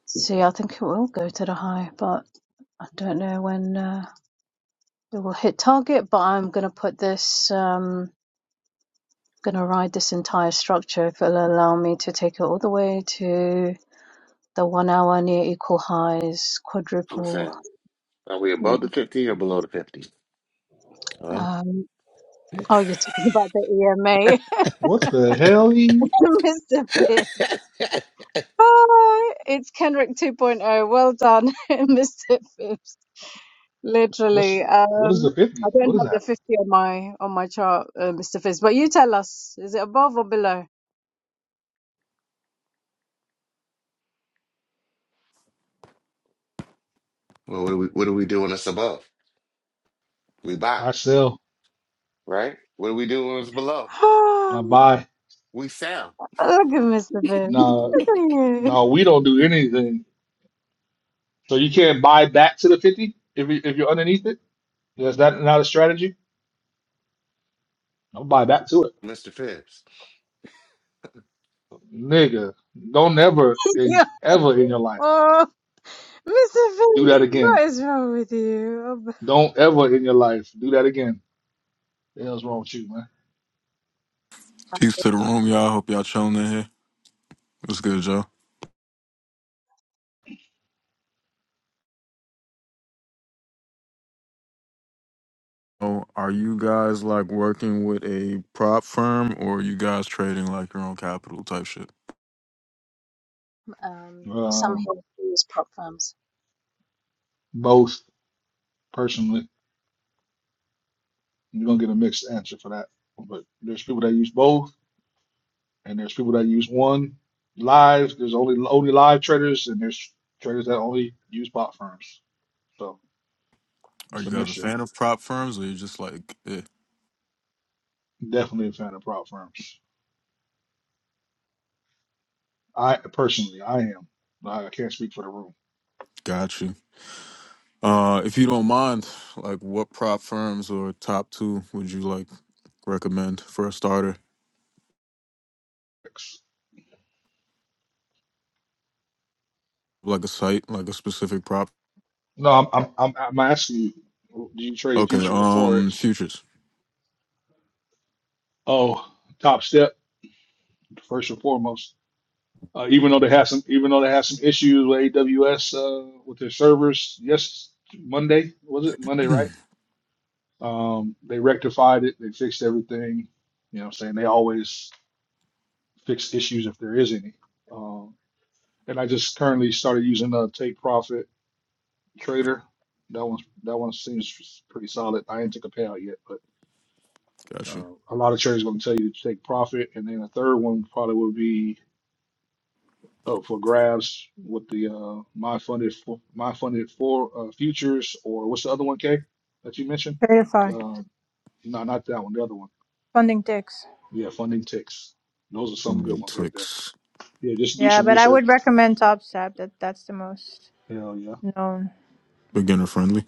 Speaker 4: See, I think it will go to the high, but I don't know when uh, it will hit target. But I'm going to put this, um, going to ride this entire structure if it'll allow me to take it all the way to the one hour near equal highs, quadruple.
Speaker 5: Listen, are we
Speaker 4: Near,
Speaker 5: above the fifty or below the fifty? All right.
Speaker 4: um, oh, you're talking about the EMA,
Speaker 2: What the hell? E?
Speaker 4: Mr. Pibb. Oh, it's Kenrick 2.0. Well done, Mr. Pibb.
Speaker 2: What's
Speaker 4: Literally,
Speaker 2: what is the
Speaker 4: um, I
Speaker 2: fifty?
Speaker 4: don't
Speaker 2: What is
Speaker 4: have the
Speaker 2: that?
Speaker 4: 50 on my on my chart, uh, Mr. Fizz, but you tell us, is it above or below?
Speaker 5: well, what do we what do we do when it's above? We buy,
Speaker 2: I sell.
Speaker 5: right? What do we do when it's below?
Speaker 2: I
Speaker 4: Look
Speaker 2: buy.
Speaker 5: We sell,
Speaker 4: at Mr. Fizz.
Speaker 2: No,
Speaker 4: Look at you.
Speaker 2: no, we don't do anything. So you can't buy back to the 50 if you, if you're underneath it? Is that not a strategy? Don't buy back to it.
Speaker 5: Mister Phipps.
Speaker 2: Nigga, don't ever in
Speaker 4: Yeah.
Speaker 2: ever in your life
Speaker 4: Oh, Mr.
Speaker 2: do
Speaker 4: Fizz,
Speaker 2: that again.
Speaker 4: what is wrong with you? Oh,
Speaker 2: Don't ever in your life do that again. The hell's wrong with you, man?
Speaker 12: Peace to the room, y'all. Hope y'all chilling in here. What's good, Joe? Oh, are you guys like working with a prop firm, or are you guys trading like your own capital type shit?
Speaker 4: Um, some
Speaker 2: Um,
Speaker 4: here use prop firms.
Speaker 2: both personally, you're gonna get a mixed answer for that. But there's people that use both, and there's people that use one live. There's only only live traders, and there's traders that only use bot firms. So
Speaker 12: Are
Speaker 2: it's a
Speaker 12: you guys a
Speaker 2: mixture.
Speaker 12: fan of prop firms, or you just like, eh,
Speaker 2: Definitely a fan of prop firms. I personally, I am. Like, I can't speak for the room.
Speaker 12: got you? Uh, if you don't mind, like, what prop firms or top two would you like recommend for a starter? Like a site, like a specific prop.
Speaker 2: No, I'm, I'm, I'm, I'm asking you, do you trade
Speaker 12: Okay,
Speaker 2: futures or
Speaker 12: um,
Speaker 2: forex?
Speaker 12: futures.
Speaker 2: Oh, Top Step, first and foremost. Uh, even though they have some, even though they have some issues with AWS uh, with their servers, yes, Monday was it Monday, right? Um, they rectified it. They fixed everything. You know, what I'm saying they always fix issues if there is any. Um, and I just currently started using uh, Take Profit Trader. That one that one seems pretty solid. I ain't took a payout yet, but
Speaker 12: Got
Speaker 2: uh, a lot of traders gonna tell you to take profit, and then a third one probably would be up for grabs with the uh, my funded for my funded for uh, futures or what's the other one, K, that you mentioned?
Speaker 6: Verify
Speaker 2: Uh, no, not that one. The other one.
Speaker 6: funding ticks.
Speaker 2: Yeah, funding ticks. Those are some
Speaker 12: you.
Speaker 2: good ones right there.
Speaker 12: Ticks.
Speaker 2: Yeah, just do
Speaker 6: Yeah,
Speaker 2: some
Speaker 6: but I
Speaker 2: research.
Speaker 6: would recommend TopSap. That that's the most
Speaker 2: Hell yeah.
Speaker 6: known.
Speaker 12: Beginner friendly.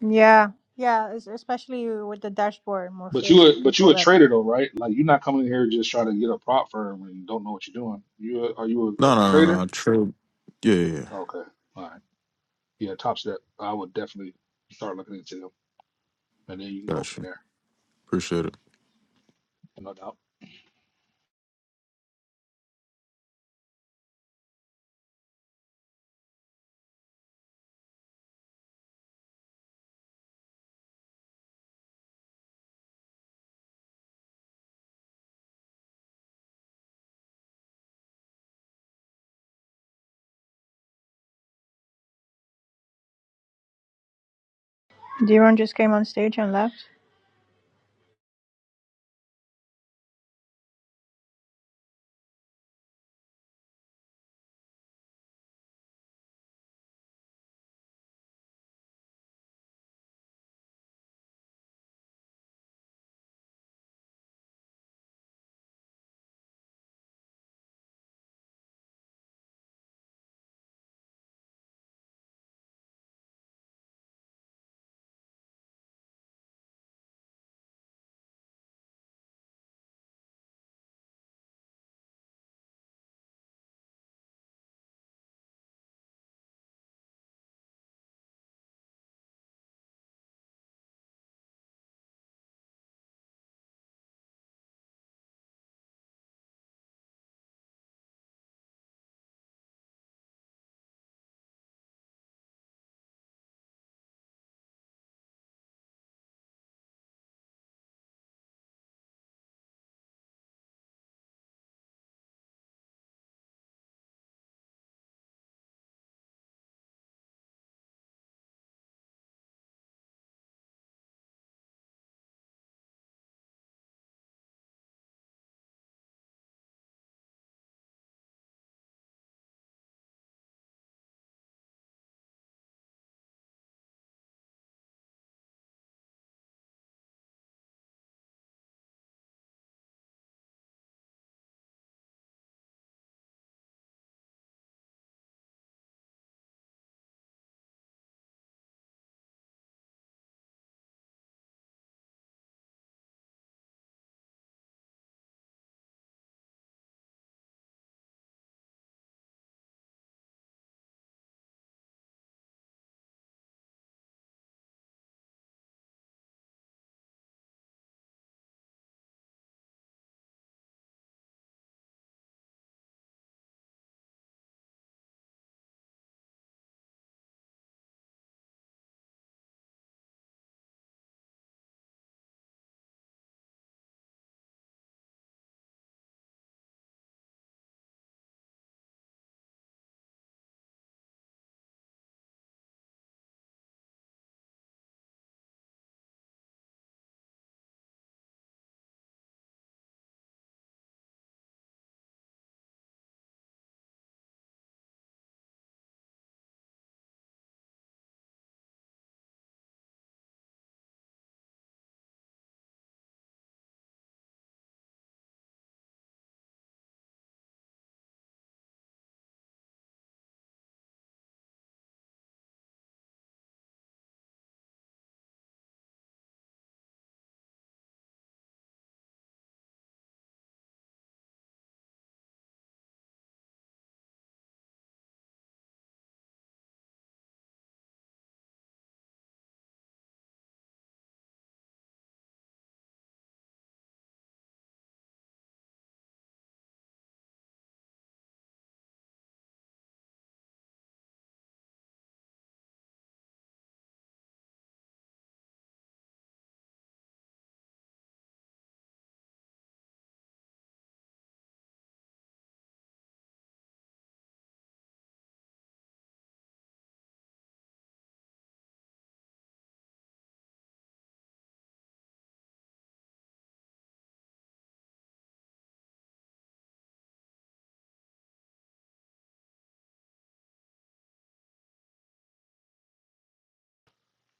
Speaker 6: Yeah, yeah, es- especially with the dashboard
Speaker 2: But you
Speaker 6: Morpheus for
Speaker 2: a but you
Speaker 6: people
Speaker 2: a
Speaker 6: that.
Speaker 2: trader though, right? Like you're not coming in here just trying to get a prop firm and don't know what you're doing. You a, are you
Speaker 12: No,
Speaker 2: a
Speaker 12: no, no, no.
Speaker 2: trader?
Speaker 12: Trade. Yeah, yeah, yeah.
Speaker 2: Okay, all right. Yeah, top step. I would definitely start looking into them, and then you can go
Speaker 12: Got
Speaker 2: from
Speaker 12: you.
Speaker 2: there.
Speaker 12: Appreciate it.
Speaker 2: No doubt.
Speaker 6: Deron just came on stage and left.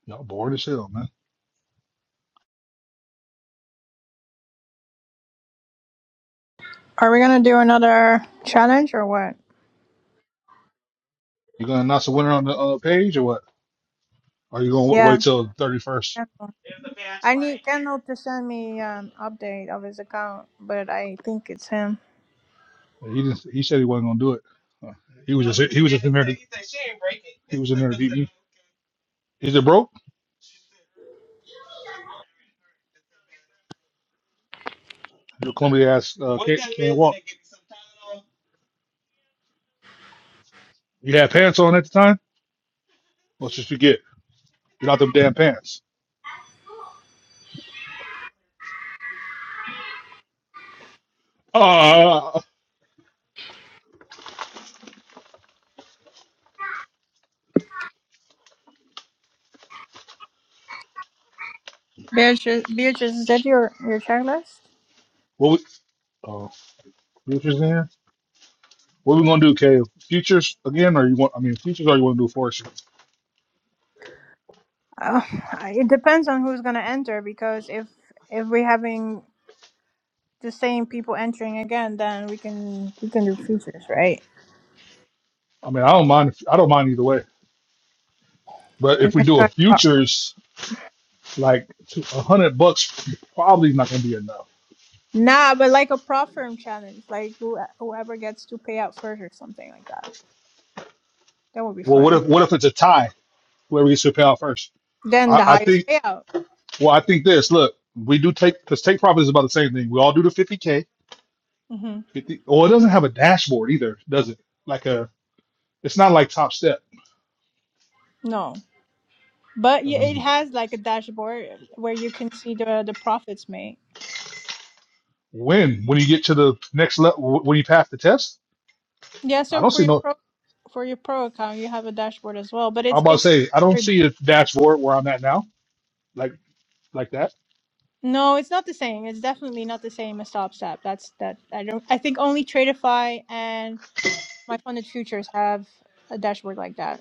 Speaker 2: Y'all bored as hell, man.
Speaker 6: Are we gonna do another challenge or what?
Speaker 2: You gonna announce a winner on the uh, page or what? Or you gonna wa- wait
Speaker 6: Yeah.
Speaker 2: till the thirty first?
Speaker 6: I need Kendall to send me an update of his account, but I think it's him.
Speaker 2: He didn't. He said he wasn't gonna do it. Uh, He was just he was just in there. to- He was in there. to eat. Is it broke? Your clumsy ass uh, can't, can't walk. You had pants on at the time. Let's just forget. Get out them damn pants. Ah,
Speaker 6: Beatrice, Beatrice is that your, your checklist?
Speaker 2: what we, uh, futures in? What we gonna do, Kay? Futures again, or you want? I mean, futures, or you want to do forestry?
Speaker 6: Uh, it depends on who's gonna enter because if if we're having the same people entering again, then we can we can do features, right?
Speaker 2: I mean, I don't mind. If, I don't mind either way. But if
Speaker 6: You
Speaker 2: we
Speaker 6: can
Speaker 2: do a
Speaker 6: start off-
Speaker 2: futures, like two- a hundred bucks, probably not gonna be enough.
Speaker 6: Nah, but like a prop firm challenge, like who, whoever gets to pay out first or something like that. That would be
Speaker 2: Well, what
Speaker 6: fun.
Speaker 2: if what if it's a tie? Whoever gets to pay out first.
Speaker 6: Then
Speaker 2: I,
Speaker 6: the
Speaker 2: I
Speaker 6: highest
Speaker 2: think.
Speaker 6: payout.
Speaker 2: Well, I think this. Look, we do take because take profit is about the same thing. We all do the fifty k.
Speaker 6: Mm-hmm.
Speaker 2: Fifty. Well, it doesn't have a dashboard either, does it? Like a. It's not like Top Step.
Speaker 6: No. But yeah, it has like a dashboard where you can see the the profits made.
Speaker 2: When? When you get to the next level, when you pass the test?
Speaker 6: Yeah,
Speaker 2: I
Speaker 6: so
Speaker 2: don't
Speaker 6: for
Speaker 2: see
Speaker 6: your
Speaker 2: no.
Speaker 6: pro for your pro account, you have a dashboard as well, but
Speaker 2: I'm
Speaker 6: it's
Speaker 2: about to
Speaker 6: it's
Speaker 2: say I don't
Speaker 6: very-
Speaker 2: see a dashboard where I'm at now, like like that.
Speaker 6: no, it's not the same. It's definitely not the same as StopStep. That's that I don't I think only Tradeify and my funded futures have a dashboard like that,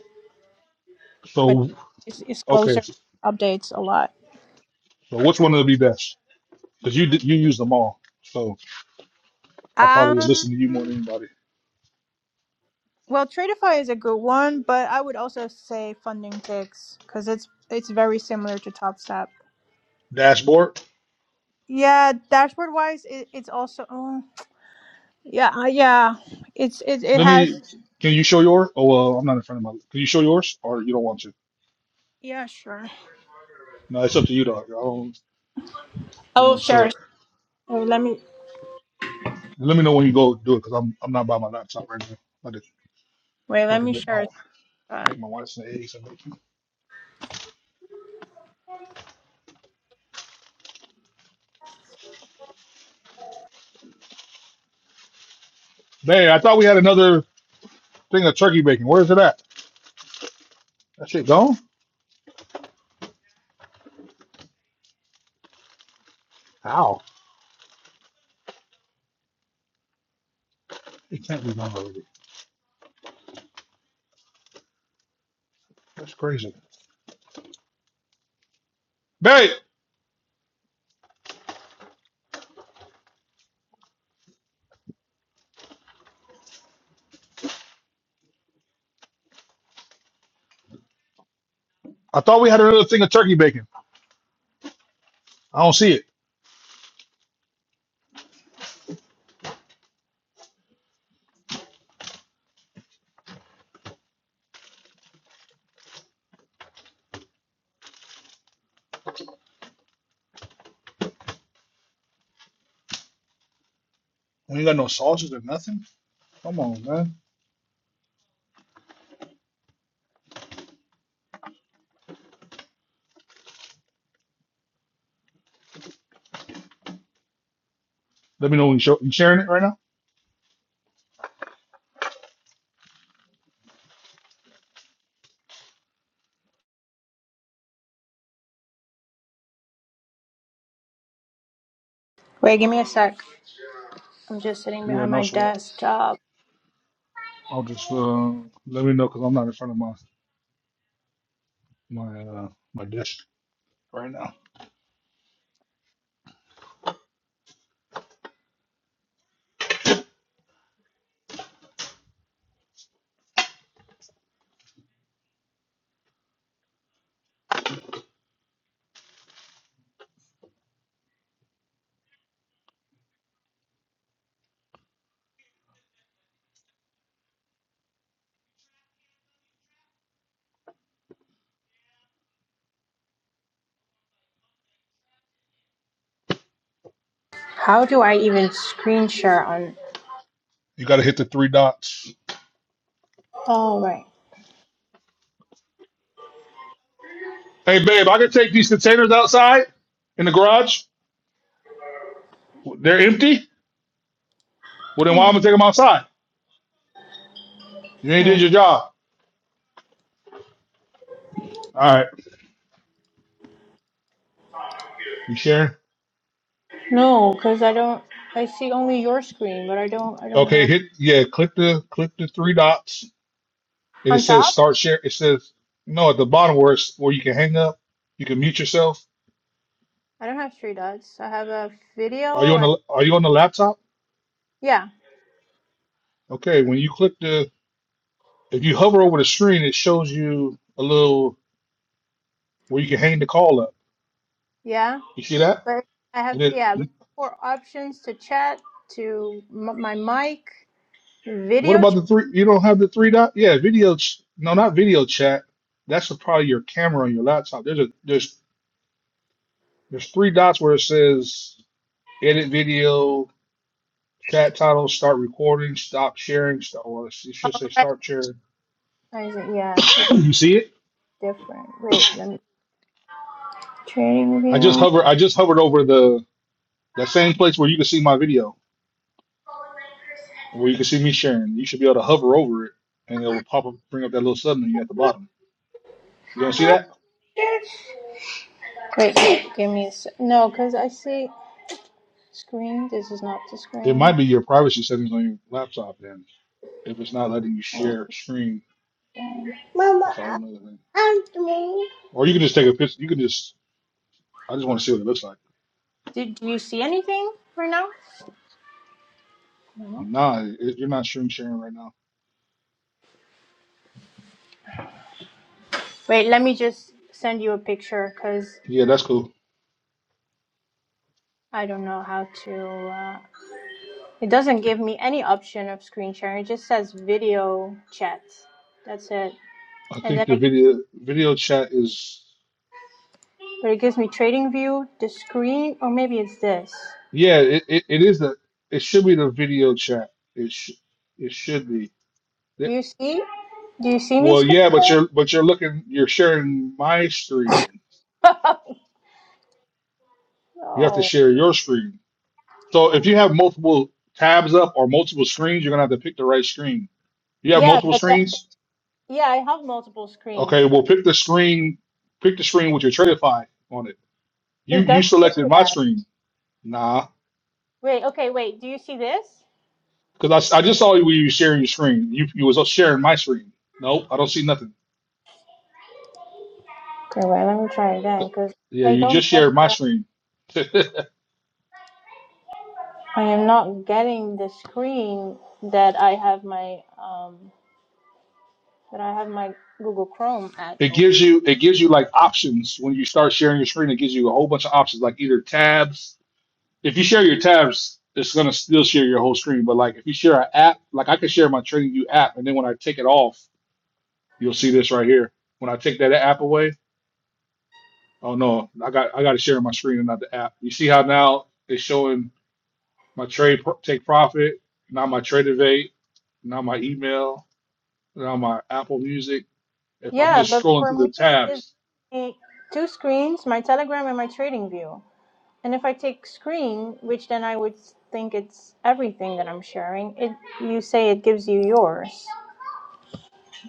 Speaker 6: but
Speaker 2: So
Speaker 6: it's it's
Speaker 2: okay,
Speaker 6: closer, updates a lot.
Speaker 2: so which one will be best? Because you did- you use them all, so I probably will
Speaker 6: Um,
Speaker 2: listen to you more than anybody.
Speaker 6: well, Tradeify is a good one, but I would also say Funding Ticks because it's it's very similar to TopStep.
Speaker 2: Dashboard.
Speaker 6: Yeah, dashboard wise, it, it's also. Oh, yeah, uh, yeah. It's it it
Speaker 2: Let me.
Speaker 6: has.
Speaker 2: Can you show yours? Oh well, I'm not in front of my. Can you show yours, or you don't want to?
Speaker 6: Yeah, sure.
Speaker 2: No, it's up to you, dog. I don't.
Speaker 6: I
Speaker 2: You don't
Speaker 6: will
Speaker 2: want to show
Speaker 6: share.
Speaker 2: it.
Speaker 6: Wait, let me
Speaker 2: Let me know when you go do it, because I'm I'm not by my laptop right now. I'm about to,
Speaker 6: wait.
Speaker 2: about
Speaker 6: Let
Speaker 2: to
Speaker 6: me
Speaker 2: make my
Speaker 6: share. Uh,
Speaker 2: make my wife some eggs and bacon. Man, I thought we had another. thing of turkey bacon. Where is it at? That shit gone? How? It can't be gone already. That's crazy. Babe, I thought we had another thing of turkey bacon. I don't see it. We ain't got no sauces or nothing. Come on, man. Let me know when you, show, you sharing it right now.
Speaker 6: wait, give me a sec. I'm just sitting
Speaker 2: Yeah,
Speaker 6: behind
Speaker 2: no
Speaker 6: my
Speaker 2: sweat.
Speaker 6: desktop.
Speaker 2: I'll just uh, let me know because I'm not in front of my my uh, my dish right now.
Speaker 6: How do I even screen share on?
Speaker 2: You got to hit the three dots.
Speaker 6: Oh right.
Speaker 2: Hey, babe, I can take these containers outside in the garage. They're empty. Well, then why am I gonna take them outside? You ain't did
Speaker 6: Oh.
Speaker 2: your job. All right, you sharing?
Speaker 6: No, because I don't. I see only your screen, but I don't. I don't
Speaker 2: Okay,
Speaker 6: know.
Speaker 2: hit yeah, click the click the three dots and it
Speaker 6: On
Speaker 2: says
Speaker 6: top,
Speaker 2: start share. It says no at the bottom where it's where you can hang up, you can mute yourself.
Speaker 6: I don't have three dots. I have a video.
Speaker 2: Are you on
Speaker 6: I,
Speaker 2: the are you on the laptop?
Speaker 6: yeah,
Speaker 2: Okay, when you click the if you hover over the screen, it shows you a little where you can hang the call up.
Speaker 6: yeah.
Speaker 2: You see that?
Speaker 6: But I
Speaker 2: And
Speaker 6: have,
Speaker 2: it
Speaker 6: yeah, but four options to chat to m- my mic,
Speaker 2: what
Speaker 6: video
Speaker 2: about the
Speaker 6: chat.
Speaker 2: three you don't have the three dot? Yeah, video ch- no, not video chat. That's probably your camera on your laptop. There's a there's there's three dots where it says edit video, Chat title, start recording, stop sharing, start, or it should say start sharing.
Speaker 6: I said, yeah, it's
Speaker 2: you see it?
Speaker 6: different. Wait, let me. Training
Speaker 2: I just
Speaker 6: view.
Speaker 2: hover I just hovered over the that same place where you can see my video,
Speaker 6: Wait,
Speaker 2: where you can see me sharing. You should be able to hover over it and it will pop up bring up that little sub menu at the bottom. You don't see that?
Speaker 6: give me a sec. No, because I see screen. This is not the
Speaker 2: It
Speaker 6: screen.
Speaker 2: might be your privacy settings on your laptop then. If it's not letting you share screen, that's all
Speaker 6: Mama,
Speaker 2: another thing.
Speaker 6: I'm doing.
Speaker 2: Or you can just take a picture you can just I just want to see what it looks like.
Speaker 6: Did you see anything for now?
Speaker 2: Nah, it, you're not stream sharing right now.
Speaker 6: Wait, let me just send you a picture because
Speaker 2: Yeah, that's cool.
Speaker 6: I don't know how to. uh, It doesn't give me any option of screen sharing. It just says video chat. That's it.
Speaker 2: I
Speaker 6: And
Speaker 2: think
Speaker 6: then
Speaker 2: the
Speaker 6: I,
Speaker 2: video video chat is.
Speaker 6: but it gives me trading view, the screen, or maybe it's this.
Speaker 2: Yeah, it, it, it is a it should be the video chat. It sh it should be.
Speaker 6: Do
Speaker 2: Th-
Speaker 6: you see? Do you see me
Speaker 2: Well,
Speaker 6: screen?
Speaker 2: yeah, but you're
Speaker 6: share?
Speaker 2: but you're looking you're sharing my screen. You have to
Speaker 6: no.
Speaker 2: share your screen. So if you have multiple tabs up or multiple screens, you're gonna have to pick the right screen. You have
Speaker 6: Yeah,
Speaker 2: multiple
Speaker 6: but that, that-
Speaker 2: screens?
Speaker 6: yeah, I have multiple screens,
Speaker 2: Okay, well
Speaker 6: but
Speaker 2: pick the screen pick the screen with your Tradify on it. You
Speaker 6: it
Speaker 2: you
Speaker 6: doesn't
Speaker 2: selected
Speaker 6: do
Speaker 2: my
Speaker 6: that.
Speaker 2: screen. Nah.
Speaker 6: Wait, okay, wait. Do you see this?
Speaker 2: Because I, s- I just saw you were sharing your screen. You you was sharing my screen. Nope, I don't see nothing.
Speaker 6: Okay, wait. Let me try again, because
Speaker 2: Yeah,
Speaker 6: I
Speaker 2: you
Speaker 6: don't
Speaker 2: just
Speaker 6: get
Speaker 2: shared my
Speaker 6: the.
Speaker 2: screen.
Speaker 6: I am not getting the screen that I have my um that I have my Google Chrome at
Speaker 2: It
Speaker 6: open.
Speaker 2: gives you it gives you like options when you start sharing your screen. It gives you a whole bunch of options, like either tabs. If you share your tabs, it's gonna still share your whole screen. But like if you share an app, like I can share my TradingView app, and then when I take it off, you'll see this right here. When I take that app away, oh no, I got I got to share my screen and not the app. You see how now it's showing my trade pro- take profit, not my trade evade, not my email, not my Apple Music. If I'm
Speaker 6: Yeah,
Speaker 2: just
Speaker 6: but
Speaker 2: scrolling
Speaker 6: for
Speaker 2: through
Speaker 6: me,
Speaker 2: the
Speaker 6: it is
Speaker 2: tabs,
Speaker 6: eh, two screens, my Telegram and my Trading View. And if I take screen, which then I would think it's everything that I'm sharing, it you say it gives you yours.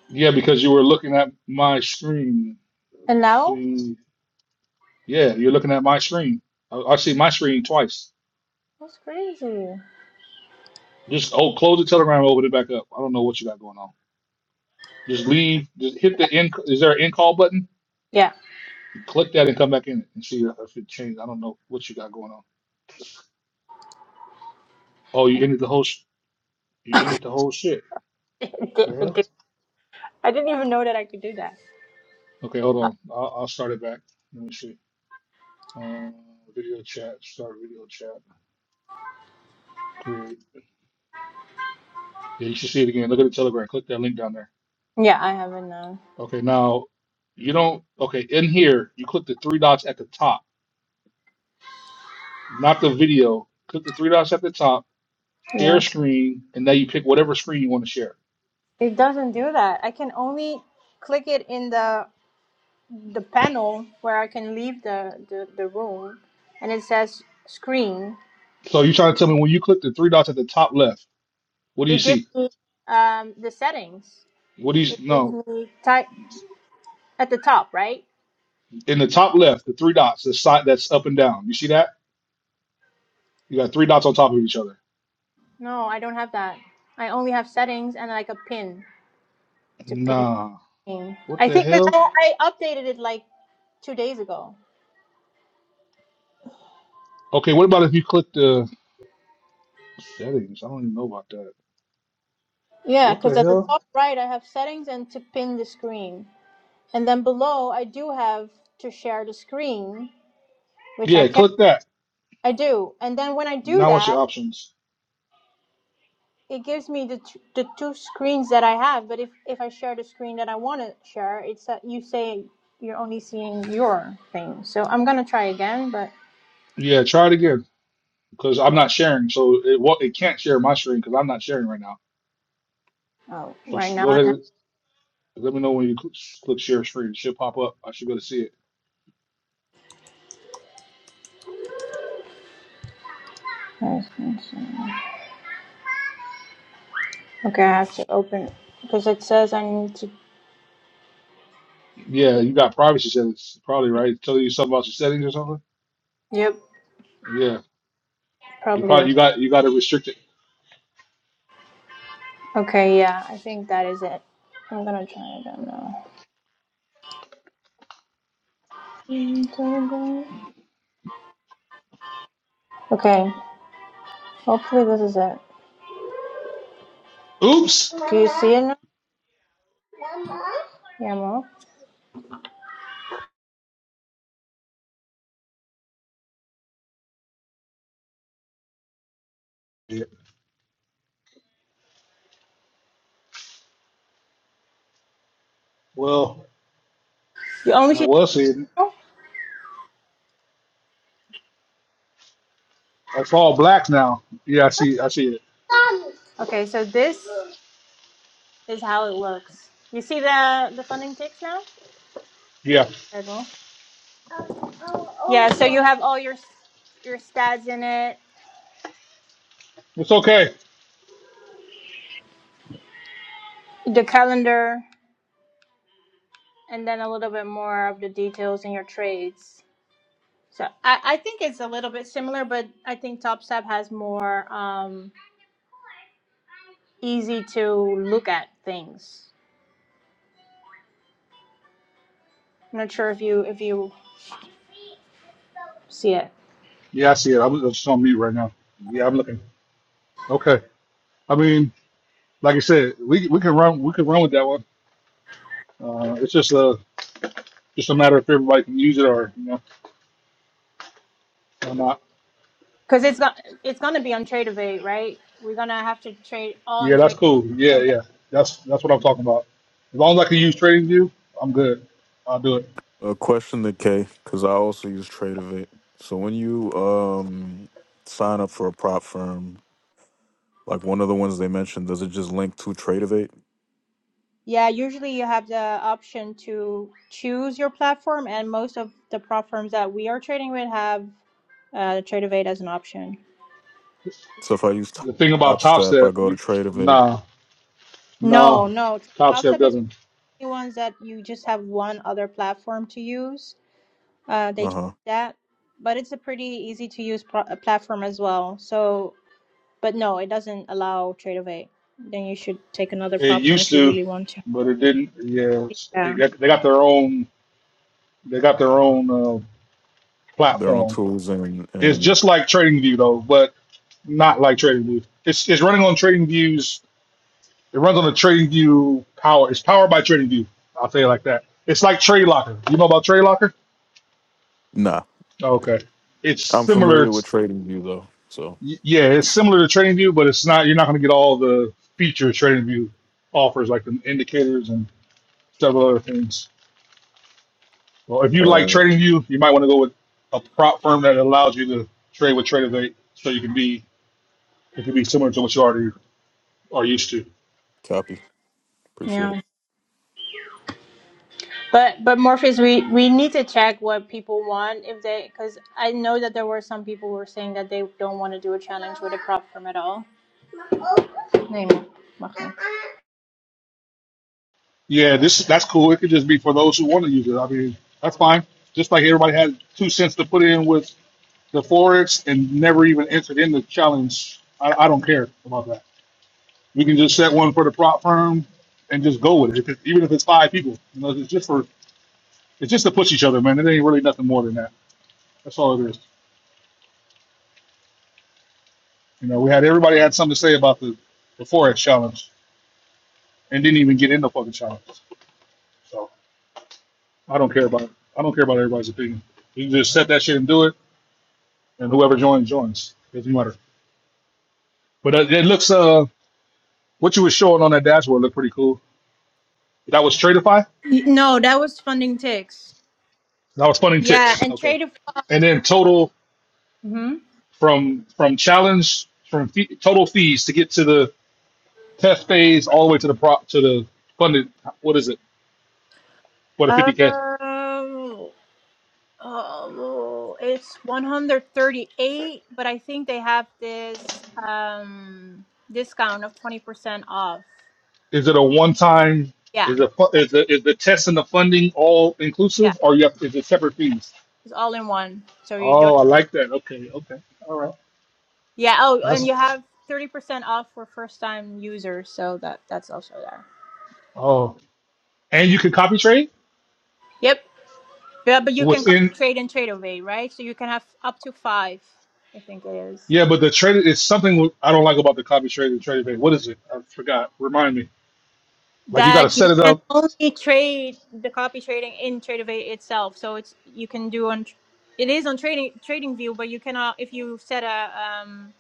Speaker 2: yeah, because you were looking at my screen.
Speaker 6: And
Speaker 2: Let's
Speaker 6: now?
Speaker 2: see, yeah, you're looking at my screen. I, I see my screen twice.
Speaker 6: That's crazy.
Speaker 2: Just oh, close the Telegram, open it back up. I don't know what you got going on. Just leave. Just hit the end. Is there an end call button?
Speaker 6: Yeah,
Speaker 2: Click that and come back in it and see if it changed. I don't know what you got going on. Oh, you ended the whole. sh- You ended the whole shit.
Speaker 6: it
Speaker 2: The
Speaker 6: did. It
Speaker 2: hell?
Speaker 6: did. I didn't even know that I could do that.
Speaker 2: Okay, hold on. I'll, I'll start it back. Let me see. Uh, video chat. Start video chat. Create. Yeah, you should see it again. Look at the Telegram. Click that link down there.
Speaker 6: Yeah, I haven't now.
Speaker 2: Okay, now you don't. Okay, in here, you click the three dots at the top, not the video. Click the three dots at the top, share
Speaker 6: Yeah.
Speaker 2: screen, and now you pick whatever screen you want to share.
Speaker 6: It doesn't do that. I can only click it in the the panel where I can leave the, the, the room and it says screen
Speaker 2: So you're trying to tell me when you click the three dots at the top left, what do
Speaker 6: It
Speaker 2: you
Speaker 6: gives
Speaker 2: see?
Speaker 6: me um, the settings.
Speaker 2: What do
Speaker 6: It
Speaker 2: you
Speaker 6: gives
Speaker 2: no?
Speaker 6: me type at the top, right?
Speaker 2: In the top left, the three dots, the side that's up and down. You see that? You got three dots on top of each other.
Speaker 6: No, I don't have that. I only have settings and like a pin to pin.
Speaker 2: Nah.
Speaker 6: thing.
Speaker 2: What
Speaker 6: I
Speaker 2: the
Speaker 6: think because
Speaker 2: hell?
Speaker 6: I, I updated it like two days ago.
Speaker 2: Okay, what about if you click the settings? I don't even know about that.
Speaker 6: Yeah,
Speaker 2: What the
Speaker 6: because at the
Speaker 2: hell?
Speaker 6: top right, I have settings and to pin the screen. And then below, I do have to share the screen, which I
Speaker 2: Yeah,
Speaker 6: can.
Speaker 2: click that.
Speaker 6: I do. And then when I do
Speaker 2: Now what's
Speaker 6: that,
Speaker 2: your options?
Speaker 6: it gives me the t- the two screens that I have. But if if I share the screen that I want to share, it's that you say you're only seeing your thing. So I'm gonna try again, but
Speaker 2: Yeah, try it again because I'm not sharing, so it will it can't share my screen because I'm not sharing right now.
Speaker 6: oh,
Speaker 2: So
Speaker 6: right
Speaker 2: sh go
Speaker 6: now
Speaker 2: ahead,
Speaker 6: I have.
Speaker 2: and let me know when you cl click share screen. It should pop up. I should go to see it.
Speaker 6: yes, yes, yes. Okay, I have to open because it says I need to.
Speaker 2: Yeah, you got privacy settings, probably right. Tell you something about your settings or something.
Speaker 6: Yep,
Speaker 2: Yeah, you
Speaker 6: probably
Speaker 2: probably
Speaker 6: was.
Speaker 2: you got you got to restrict it.
Speaker 6: Okay, yeah, I think that is it. I'm gonna try again now. Okay, hopefully this is it.
Speaker 2: Oops.
Speaker 6: Do you see it now? Yeah, mom.
Speaker 2: Yeah. Well,
Speaker 6: You only
Speaker 2: I
Speaker 6: see. it
Speaker 2: was seeing. it.
Speaker 6: now?
Speaker 2: It's all black now. Yeah, I see. I see it.
Speaker 6: Okay, so this is how it looks. You see the the funding ticks now?
Speaker 2: Yeah,
Speaker 6: Purple. Yeah, so you have all your your stats in it,
Speaker 2: it's okay.
Speaker 6: the calendar, and then a little bit more of the details in your trades. So I, I think it's a little bit similar, but I think TopSap has more um, easy to look at things. I'm not sure if you if you see it
Speaker 2: Yeah, I see it. I'm just on mute right now. Yeah, I'm looking. Okay. I mean. like I said, we we can run we can run with that one. Uh, it's just a just a matter of if everybody can use it or you know or not.
Speaker 6: because it's got it's gonna be on Tradeovate, right? We're gonna have to trade all
Speaker 2: Yeah,
Speaker 6: on
Speaker 2: that's
Speaker 6: Trade.
Speaker 2: cool. Yeah,
Speaker 6: and.
Speaker 2: yeah, that's that's what I'm talking about. As long as I can use TradingView, I'm good. I'll do it.
Speaker 12: A question to K, because I also use TradeOvate. So when you um sign up for a prop firm, like one of the ones they mentioned, does it just link to TradeOvate?
Speaker 6: Yeah, usually you have the option to choose your platform, and most of the platforms that we are trading with have uh, Trade of Eight as an option.
Speaker 12: So if I use
Speaker 2: The thing about
Speaker 12: Top
Speaker 2: Top
Speaker 12: Step, I
Speaker 2: Step,
Speaker 12: go to
Speaker 2: you,
Speaker 12: TradeOvate.
Speaker 2: nah,
Speaker 6: No,
Speaker 2: nah,
Speaker 6: no,
Speaker 2: Top Step
Speaker 6: TopStep is one of
Speaker 2: doesn't.
Speaker 6: the ones that you just have one other platform to use. Uh, they
Speaker 12: Uh huh.
Speaker 6: changed that, but it's a pretty easy to use pro- uh, platform as well. So, but no, it doesn't allow Trade of Eight. Then you should take another
Speaker 2: It
Speaker 6: platform
Speaker 2: used
Speaker 6: if you
Speaker 2: to,
Speaker 6: really want to.
Speaker 2: but it didn't. Yeah, it's- it
Speaker 6: Yeah,
Speaker 2: got, they got their own they got their own uh,
Speaker 12: Their own
Speaker 2: platform.
Speaker 12: tools and
Speaker 2: It's
Speaker 12: and
Speaker 2: just like TradingView though, but not like TradingView. It's it's running on TradingView's It runs on the TradingView power. It's powered by TradingView. I'll tell you like that. It's like TradeLocker. You know about TradeLocker?
Speaker 12: nah,
Speaker 2: okay. It's
Speaker 12: I'm
Speaker 2: similar.
Speaker 12: familiar with
Speaker 2: It's,
Speaker 12: TradingView though. So
Speaker 2: yeah, it's similar to TradingView, but it's not. You're not going to get all the features TradingView offers, like the indicators and several other things. Well, if you like
Speaker 12: uh,
Speaker 2: TradingView, you might want to go with a prop firm that allows you to trade with TradeAvate, so you can be it could be similar to what you already are used to.
Speaker 12: copy. Appreciate it.
Speaker 6: yeah. But but Morpheus, we we need to check what people want if they because I know that there were some people who were saying that they don't want to do a challenge with a prop firm at all. Nee, ma- mag niet.
Speaker 2: Yeah, this that's cool. It could just be for those who want to use it. I mean, that's fine. Just like everybody had two cents to put in with the forex and never even entered in the challenge. I, I don't care about that. We can just set one for the prop firm and just go with it. If it even if it's five people, you know, it's just for it's just to push each other, man. It ain't really nothing more than that. That's all it is. You know, we had everybody had something to say about the the forex challenge and didn't even get in the fucking challenge. So I don't care about it. I don't care about everybody's opinion. You can just set that shit and do it and whoever joins joins. Doesn't matter. But uh, it looks uh what you were showing on that dashboard looked pretty cool. That was Tradeify.
Speaker 6: Y- No, that was funding ticks.
Speaker 2: That was funding
Speaker 6: Yeah,
Speaker 2: ticks.
Speaker 6: and
Speaker 2: Okay.
Speaker 6: trade of
Speaker 2: And then total
Speaker 6: hmm
Speaker 2: from from challenge from fee, total fees to get to the test phase all the way to the prop to the funded. What is it? What a
Speaker 6: um
Speaker 2: fifty k?
Speaker 6: oh, oh, it's 138, but I think they have this um discount of 20% off.
Speaker 2: Is it a one time?
Speaker 6: Yeah.
Speaker 2: Is a fu-
Speaker 6: that-
Speaker 2: is the is the test and the funding all
Speaker 6: Yeah.
Speaker 2: inclusive, or you have is it separate fees?
Speaker 6: It's all in one. So you don't
Speaker 2: Oh, I like that. Okay, okay, all right.
Speaker 6: Yeah. Oh, and you
Speaker 2: That's
Speaker 6: have 30% off for first time users. So that that's also there.
Speaker 2: oh, and you can copy trade.
Speaker 6: Yep. Yeah, but you can copy
Speaker 2: within
Speaker 6: trade and trade away, right? So you can have up to five, I think it is.
Speaker 2: yeah, but the trade it's something wh- I don't like about the copy trade and trading pay. What is it? I forgot. Remind me. Like you got to
Speaker 6: That you
Speaker 2: set it
Speaker 6: can
Speaker 2: up. It's,
Speaker 6: only trade the copy trading in TradeAway itself. So it's you can do on it is on trading trading view, but you cannot if you set a um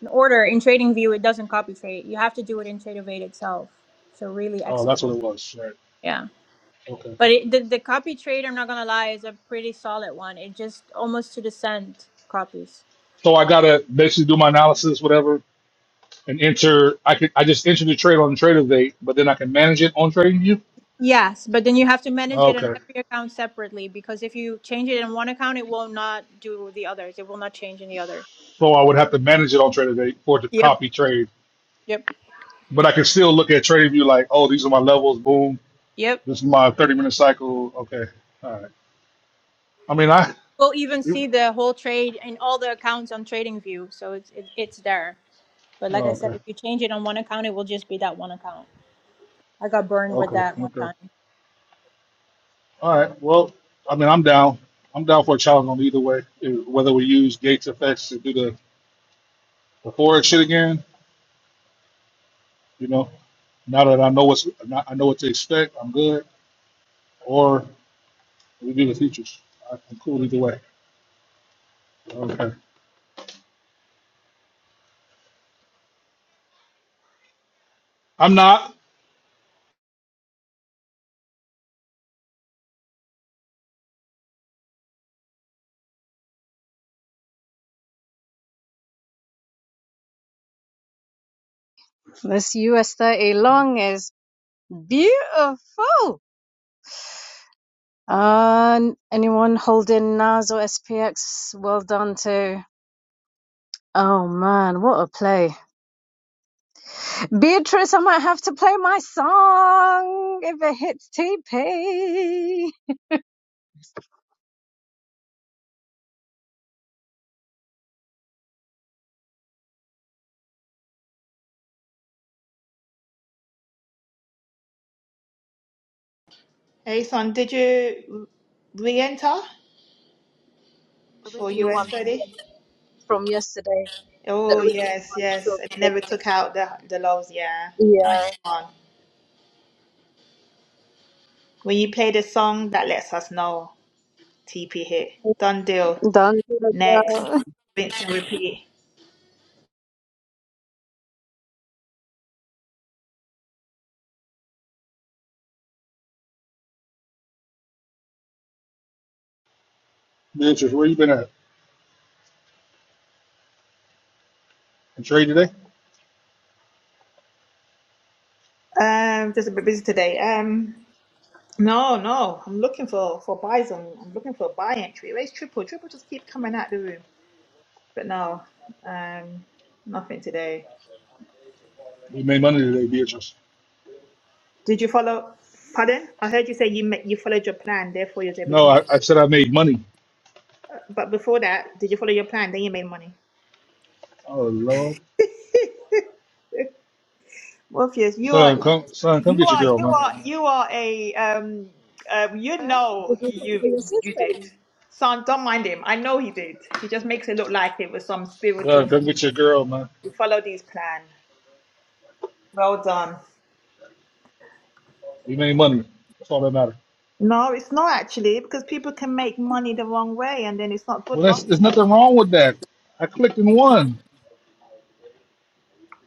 Speaker 6: an order in trading view it doesn't copy trade. You have to do it in TradeAway itself. So really
Speaker 2: Oh, that's
Speaker 6: execute.
Speaker 2: what it was. Right.
Speaker 6: Yeah.
Speaker 2: Okay.
Speaker 6: But it, the the copy trade, I'm not gonna lie, is a pretty solid one. It just almost to the cent copies.
Speaker 2: So I gotta basically do my analysis, whatever, and enter. I could I just enter the trade on Trader Date, but then I can manage it on TradingView.
Speaker 6: Yes, but then you have to manage it on
Speaker 2: Okay.
Speaker 6: every account separately because if you change it in one account, it will not do the others. It will not change in the other.
Speaker 2: So I would have to manage it on Trader Date for it to
Speaker 6: Yep,
Speaker 2: copy trade,
Speaker 6: yep,
Speaker 2: but I can still look at TradingView like, oh, these are my levels. Boom.
Speaker 6: yep.
Speaker 2: This is my 30 minute cycle. Okay. All right. I mean, I.
Speaker 6: We'll even
Speaker 2: you-
Speaker 6: see the whole trade in all the accounts on TradingView, so it's it, it's there. But like
Speaker 2: oh,
Speaker 6: I said,
Speaker 2: okay.
Speaker 6: if you change it on one account, it will just be that one account. I got burned with
Speaker 2: Okay.
Speaker 6: that one
Speaker 2: Okay.
Speaker 6: time.
Speaker 2: All right. Well, I mean, I'm down. I'm down for a challenge on either way. It- Whether we use Gates effects to do the the forward shit again, you know, now that I know what's now I know what to expect, I'm good. Or we do the features. I- I'm cool either way. Okay. I'm not
Speaker 4: This US 30 long is beautiful. And anyone holding NAS or SPX? Well done too. Oh man, what a play. Beatrice, I might have to play my song if it hits TP.
Speaker 13: Hey, son, did you re-enter for
Speaker 4: Original
Speaker 13: US
Speaker 4: one from,
Speaker 13: study?
Speaker 4: from yesterday. The
Speaker 13: Oh,
Speaker 4: original
Speaker 13: yes,
Speaker 4: one.
Speaker 13: yes.
Speaker 4: from
Speaker 13: And It never took
Speaker 4: the-
Speaker 13: out the the lows. Yeah, nice
Speaker 4: Yeah.
Speaker 13: one. When you play the song, that lets us know TP hit. Done deal.
Speaker 4: Done. Did you
Speaker 13: Next, rinse and repeat.
Speaker 2: Beatrice. Where you been at? In trade today?
Speaker 13: Um, just a bit busy today. Um, no, no. I'm looking for for buys. I'm, I'm looking for a buy entry. Where's triple? Triple just keep coming out the room, but no, um, nothing today.
Speaker 2: We made money today, Beatrice.
Speaker 13: Did you follow? Pardon? I heard you say you ma- you followed your plan, therefore you was able to
Speaker 2: No,
Speaker 13: make
Speaker 2: I, I
Speaker 13: money.
Speaker 2: said I made money.
Speaker 13: But before that, did you follow your plan? Then you made money.
Speaker 2: Oh Lord,
Speaker 13: Morpheus, you are
Speaker 2: son, come, son, come
Speaker 13: you
Speaker 2: get your
Speaker 13: are
Speaker 2: girl,
Speaker 13: you
Speaker 2: man.
Speaker 13: are you are a um uh, you
Speaker 4: put
Speaker 13: know
Speaker 4: it
Speaker 13: you
Speaker 4: in your
Speaker 13: you did.
Speaker 4: system?
Speaker 13: Son, don't mind him. I know he did. He just makes it look like it was some spiritual.
Speaker 2: Son, come get your girl, man.
Speaker 13: You followed his plan. Well done.
Speaker 2: We made money. That's all that matters.
Speaker 13: No, it's not actually because people can make money the wrong way and then it's not good
Speaker 2: Well, that's,
Speaker 13: long
Speaker 2: there's
Speaker 13: term.
Speaker 2: nothing wrong with that. I clicked and won.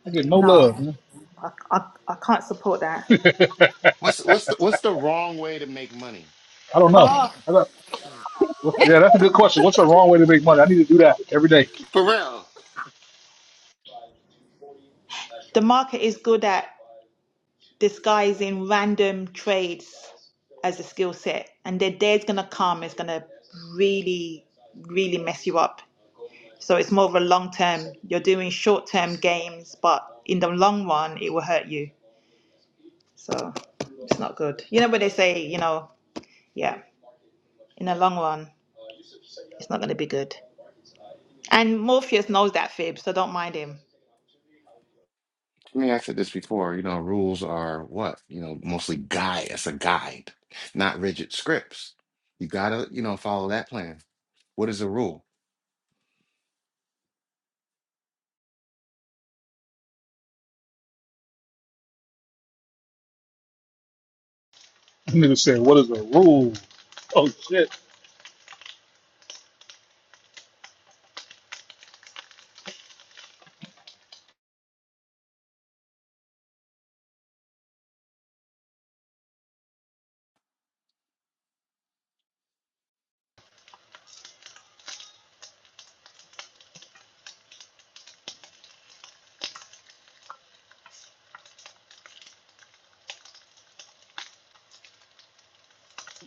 Speaker 2: I get no
Speaker 13: No,
Speaker 2: love, man.
Speaker 13: I, I, I can't support that.
Speaker 2: I
Speaker 5: What's what's the, what's the wrong way to make money?
Speaker 2: don't know.
Speaker 13: Oh,
Speaker 2: I got, what- yeah, that's a good question. What's the wrong way to make money? I need to do that every day.
Speaker 5: For real.
Speaker 13: The market is good at disguising random trades as a skill set, and the day's gonna come, it's gonna really, really mess you up. So it's more of a long term. You're doing short term games, but in the long run, it will hurt you. So it's not good. You know what they say, you know, yeah, in the long run, it's not gonna be good. And Morpheus knows that, Fib, so don't mind him.
Speaker 5: I mean, I said this before, you know, rules are what? You know, mostly guide. It's a guide, not rigid scripts. You gotta, you know, follow that plan. What is a rule?
Speaker 2: Nigga said, what is the rule? Oh, shit.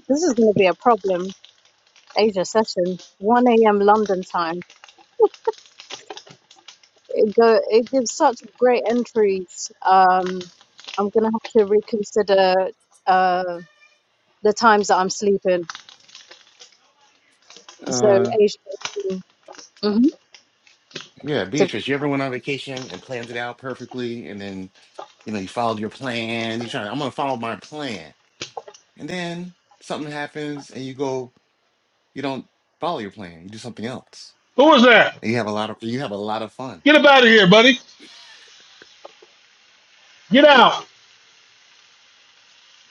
Speaker 4: This is going to be a problem. Asia session, 1 a.m. London time. It go. It gives such great entries. Um, I'm going to have to reconsider uh, the times that I'm sleeping. So
Speaker 5: Uh
Speaker 4: Asia. hmm
Speaker 5: yeah, Beatrice, you ever went on vacation and planned it out perfectly and then, you know, you followed your plan, you trying, I'm gonna follow my plan. And then something happens and you go, you don't follow your plan, you do something else.
Speaker 2: Who was that?
Speaker 5: And you have a lot of you have a lot of fun.
Speaker 2: Get up out of here, buddy. Get out,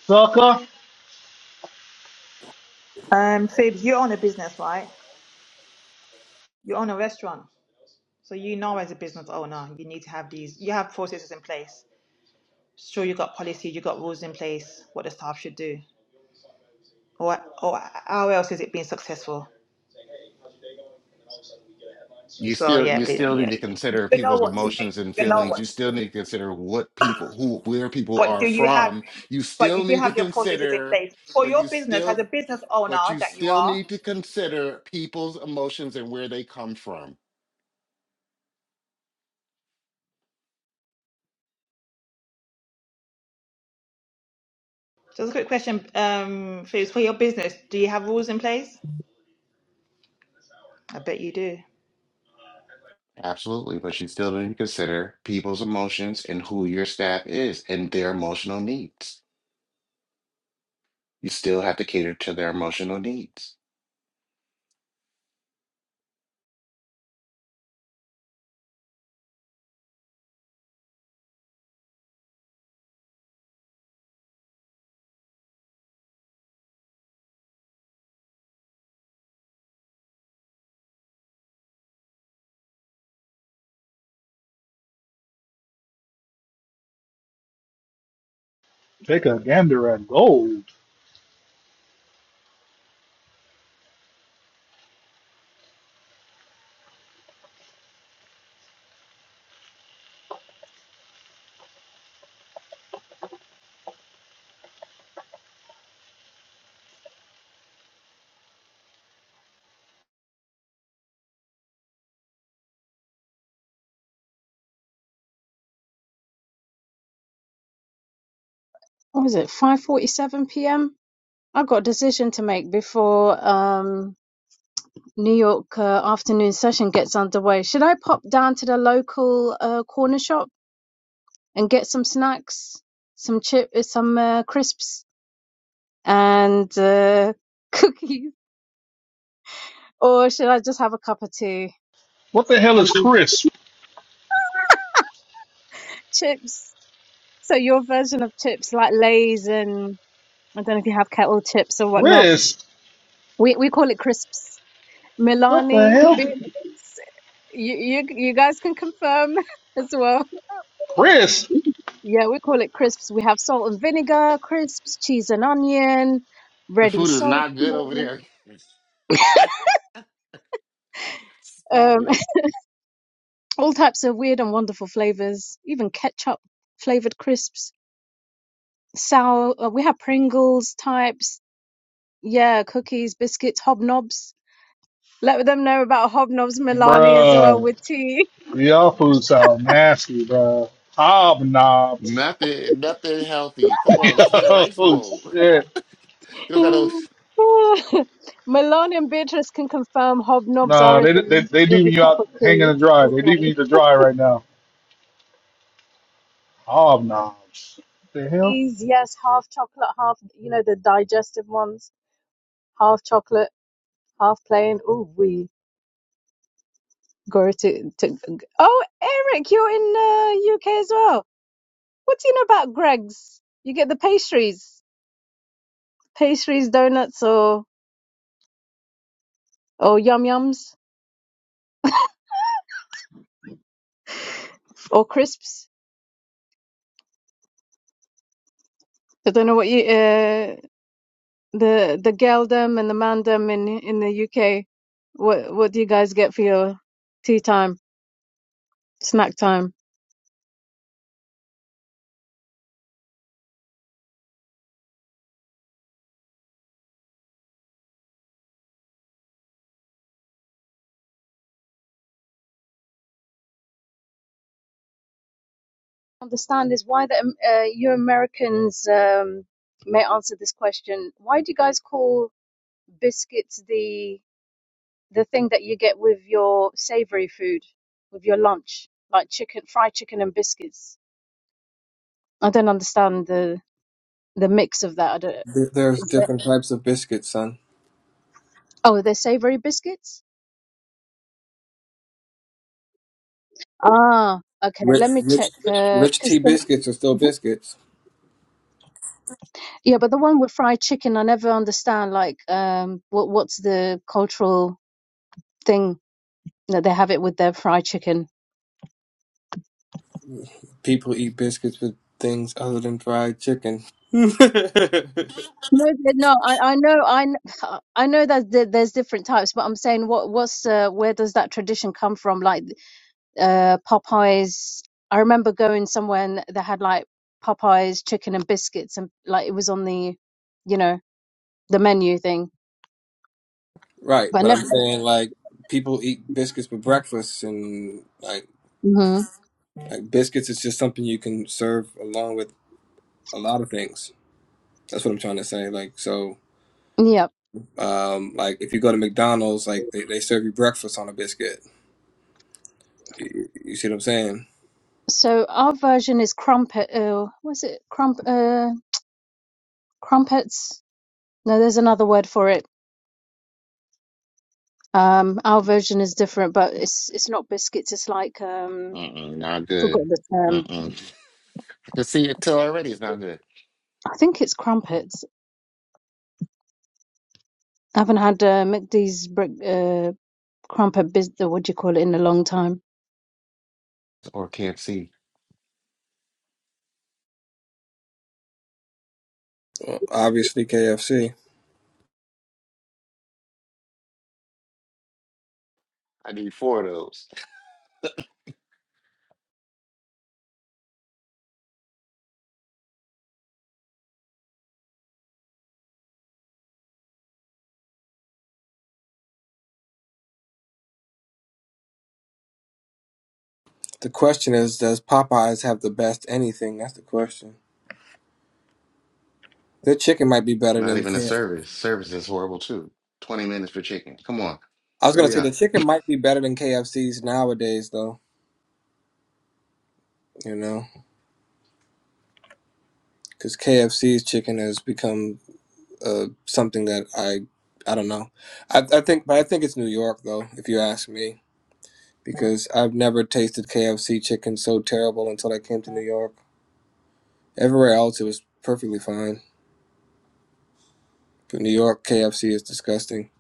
Speaker 2: sucker.
Speaker 13: Um, Fib, you own a business, right? You own a restaurant. So you know as a business owner, you need to have these, you have processes in place. Sure, you got policy, you got rules in place, what the staff should do. Or, or how else is it being successful?
Speaker 5: you
Speaker 13: So
Speaker 5: still
Speaker 13: yeah,
Speaker 5: you still
Speaker 13: yeah,
Speaker 5: need to consider
Speaker 13: you know
Speaker 5: people's
Speaker 13: what to do.
Speaker 5: emotions and
Speaker 13: You know
Speaker 5: feelings
Speaker 13: what
Speaker 5: you
Speaker 13: to
Speaker 5: still
Speaker 13: do.
Speaker 5: need to consider what people who where people
Speaker 13: But
Speaker 5: are
Speaker 13: do you have,
Speaker 5: from you
Speaker 13: but
Speaker 5: still
Speaker 13: you do
Speaker 5: need to
Speaker 13: have your processes in
Speaker 5: consider
Speaker 13: place for
Speaker 5: but
Speaker 13: your
Speaker 5: you
Speaker 13: business as
Speaker 5: still
Speaker 13: a business
Speaker 5: but
Speaker 13: owner
Speaker 5: you
Speaker 13: that you
Speaker 5: still
Speaker 13: are.
Speaker 5: need to consider people's emotions and where they come from
Speaker 13: Just a quick question, um, for for your business, do you have rules in place? I bet you do.
Speaker 5: absolutely but you still need to consider people's emotions and who your staff is and their emotional needs you still have to cater to their emotional needs
Speaker 2: Take a gander at gold.
Speaker 4: what was it 5:47 p.m. I've got a decision to make before um, New York uh, afternoon session gets underway. Should I pop down to the local uh, corner shop and get some snacks, some chip, uh, some uh, crisps, and uh, cookies, or should I just have a cup of tea
Speaker 2: What the hell
Speaker 4: and
Speaker 2: is Chris?
Speaker 4: chips? So your version of chips, like Lay's, and I don't know if you have kettle chips or whatnot.
Speaker 2: Chris?
Speaker 4: We we call it crisps.
Speaker 2: What the
Speaker 4: Milani
Speaker 2: hell?
Speaker 4: beans. You, you, you guys can confirm as well.
Speaker 2: Chris?
Speaker 4: Yeah, we call it crisps. We have salt and vinegar crisps, cheese and onion,
Speaker 5: the
Speaker 4: ready
Speaker 5: food is
Speaker 4: salt,
Speaker 5: not good over there stop
Speaker 4: um,
Speaker 5: it
Speaker 4: all types of weird and wonderful flavors, even ketchup flavored crisps, sour. uh, We have Pringles types. Yeah, cookies, biscuits, hobnobs. Let them know about hobnobs, Milani, as well
Speaker 2: Bruh.
Speaker 4: with tea.
Speaker 2: Y'all food sound nasty, bruh. Hobnobs.
Speaker 5: Nothing, nothing healthy. Come on, let's get a rice
Speaker 2: Yo,
Speaker 5: bowl.
Speaker 2: shit.
Speaker 5: you don't got those.
Speaker 4: Malone and Beatrice can confirm hobnobs
Speaker 2: Nah,
Speaker 4: are a
Speaker 2: they they
Speaker 4: thing
Speaker 2: they
Speaker 4: with
Speaker 2: leaving
Speaker 4: a
Speaker 2: you
Speaker 4: cup
Speaker 2: out
Speaker 4: of
Speaker 2: hanging
Speaker 4: tea
Speaker 2: to dry.
Speaker 4: as
Speaker 2: They
Speaker 4: well.
Speaker 2: leaving you to dry right now. Hobnobs. What the hell?
Speaker 4: These, yes, half chocolate, half, you know, the digestive ones, half chocolate, half plain. Oh, we go to, to. Oh, Eric, you're in uh, UK as well. What do you know about Greg's? You get the pastries, pastries, donuts, or or yum yums or crisps. I don't know what you. uh, the the geldom and the mandem in in the UK. What what do you guys get for your tea time, snack time? Understand is why the um, uh, you Americans um, may answer this question. Why do you guys call biscuits the the thing that you get with your savory food, with your lunch, like chicken, fried chicken and biscuits? I don't understand the the mix of that. I don't.
Speaker 11: There- There's
Speaker 4: Is there,
Speaker 11: different types of biscuits, son.
Speaker 4: oh, they're savory biscuits. Ah, okay.
Speaker 11: Rich,
Speaker 4: Let me
Speaker 11: rich,
Speaker 4: check.
Speaker 11: rich, rich tea
Speaker 4: Because the
Speaker 11: biscuits are still biscuits.
Speaker 4: Yeah, but the one with fried chicken, I never understand. Like, um, what what's the cultural thing that they have it with their fried chicken?
Speaker 11: People eat biscuits with things other than fried chicken. right,
Speaker 4: No, they- no, I, I know, I, kn- I know that there- there's different types, but I'm saying what what's uh, where does that tradition come from? Like, uh, Popeyes. I remember going somewhere and they had like Popeyes chicken and biscuits, and like it was on the, you know, the menu thing. But I
Speaker 11: but
Speaker 4: never.
Speaker 11: I'm saying like people eat biscuits for breakfast, and like
Speaker 4: hmm
Speaker 11: like biscuits is just something you can serve along with a lot of things. That's what I'm trying to say. Like so,
Speaker 4: Yeah.
Speaker 11: um, like if you go to McDonald's, like they, they serve you breakfast on a biscuit. You, you see what I'm saying?
Speaker 4: So our version is crumpet. Uh, was it crump? uh, crumpets. No, there's another word for it. Um, our version is different, but it's it's not biscuits. It's like um,
Speaker 5: Mm-mm, not
Speaker 4: I forgot
Speaker 5: good.
Speaker 4: the term.
Speaker 5: Mm-mm. I can see it Tell already. It's not good.
Speaker 4: I think it's crumpets. I haven't had uh, McD's brick, uh, crumpet. Bis- uh, what do you call it in a long time?
Speaker 5: Or can't see.
Speaker 11: Well, obviously, KFC.
Speaker 5: I need four of those.
Speaker 11: The question is, does Popeyes have the best anything? That's the question. The chicken might be better
Speaker 5: Not
Speaker 11: than. K-
Speaker 5: even a
Speaker 11: F C.
Speaker 5: service. Service is horrible too. Twenty minutes for chicken. Come on,
Speaker 11: I was gonna
Speaker 5: hurry
Speaker 11: say the
Speaker 5: up.
Speaker 11: chicken might be better than KFC's nowadays, though. You know, because KFC's chicken has become uh, something that I, I don't know. I, I think, but I think it's New York, though, if you ask me, because I've never tasted KFC chicken so terrible until I came to New York. Everywhere else, it was perfectly fine, but New York KFC is disgusting.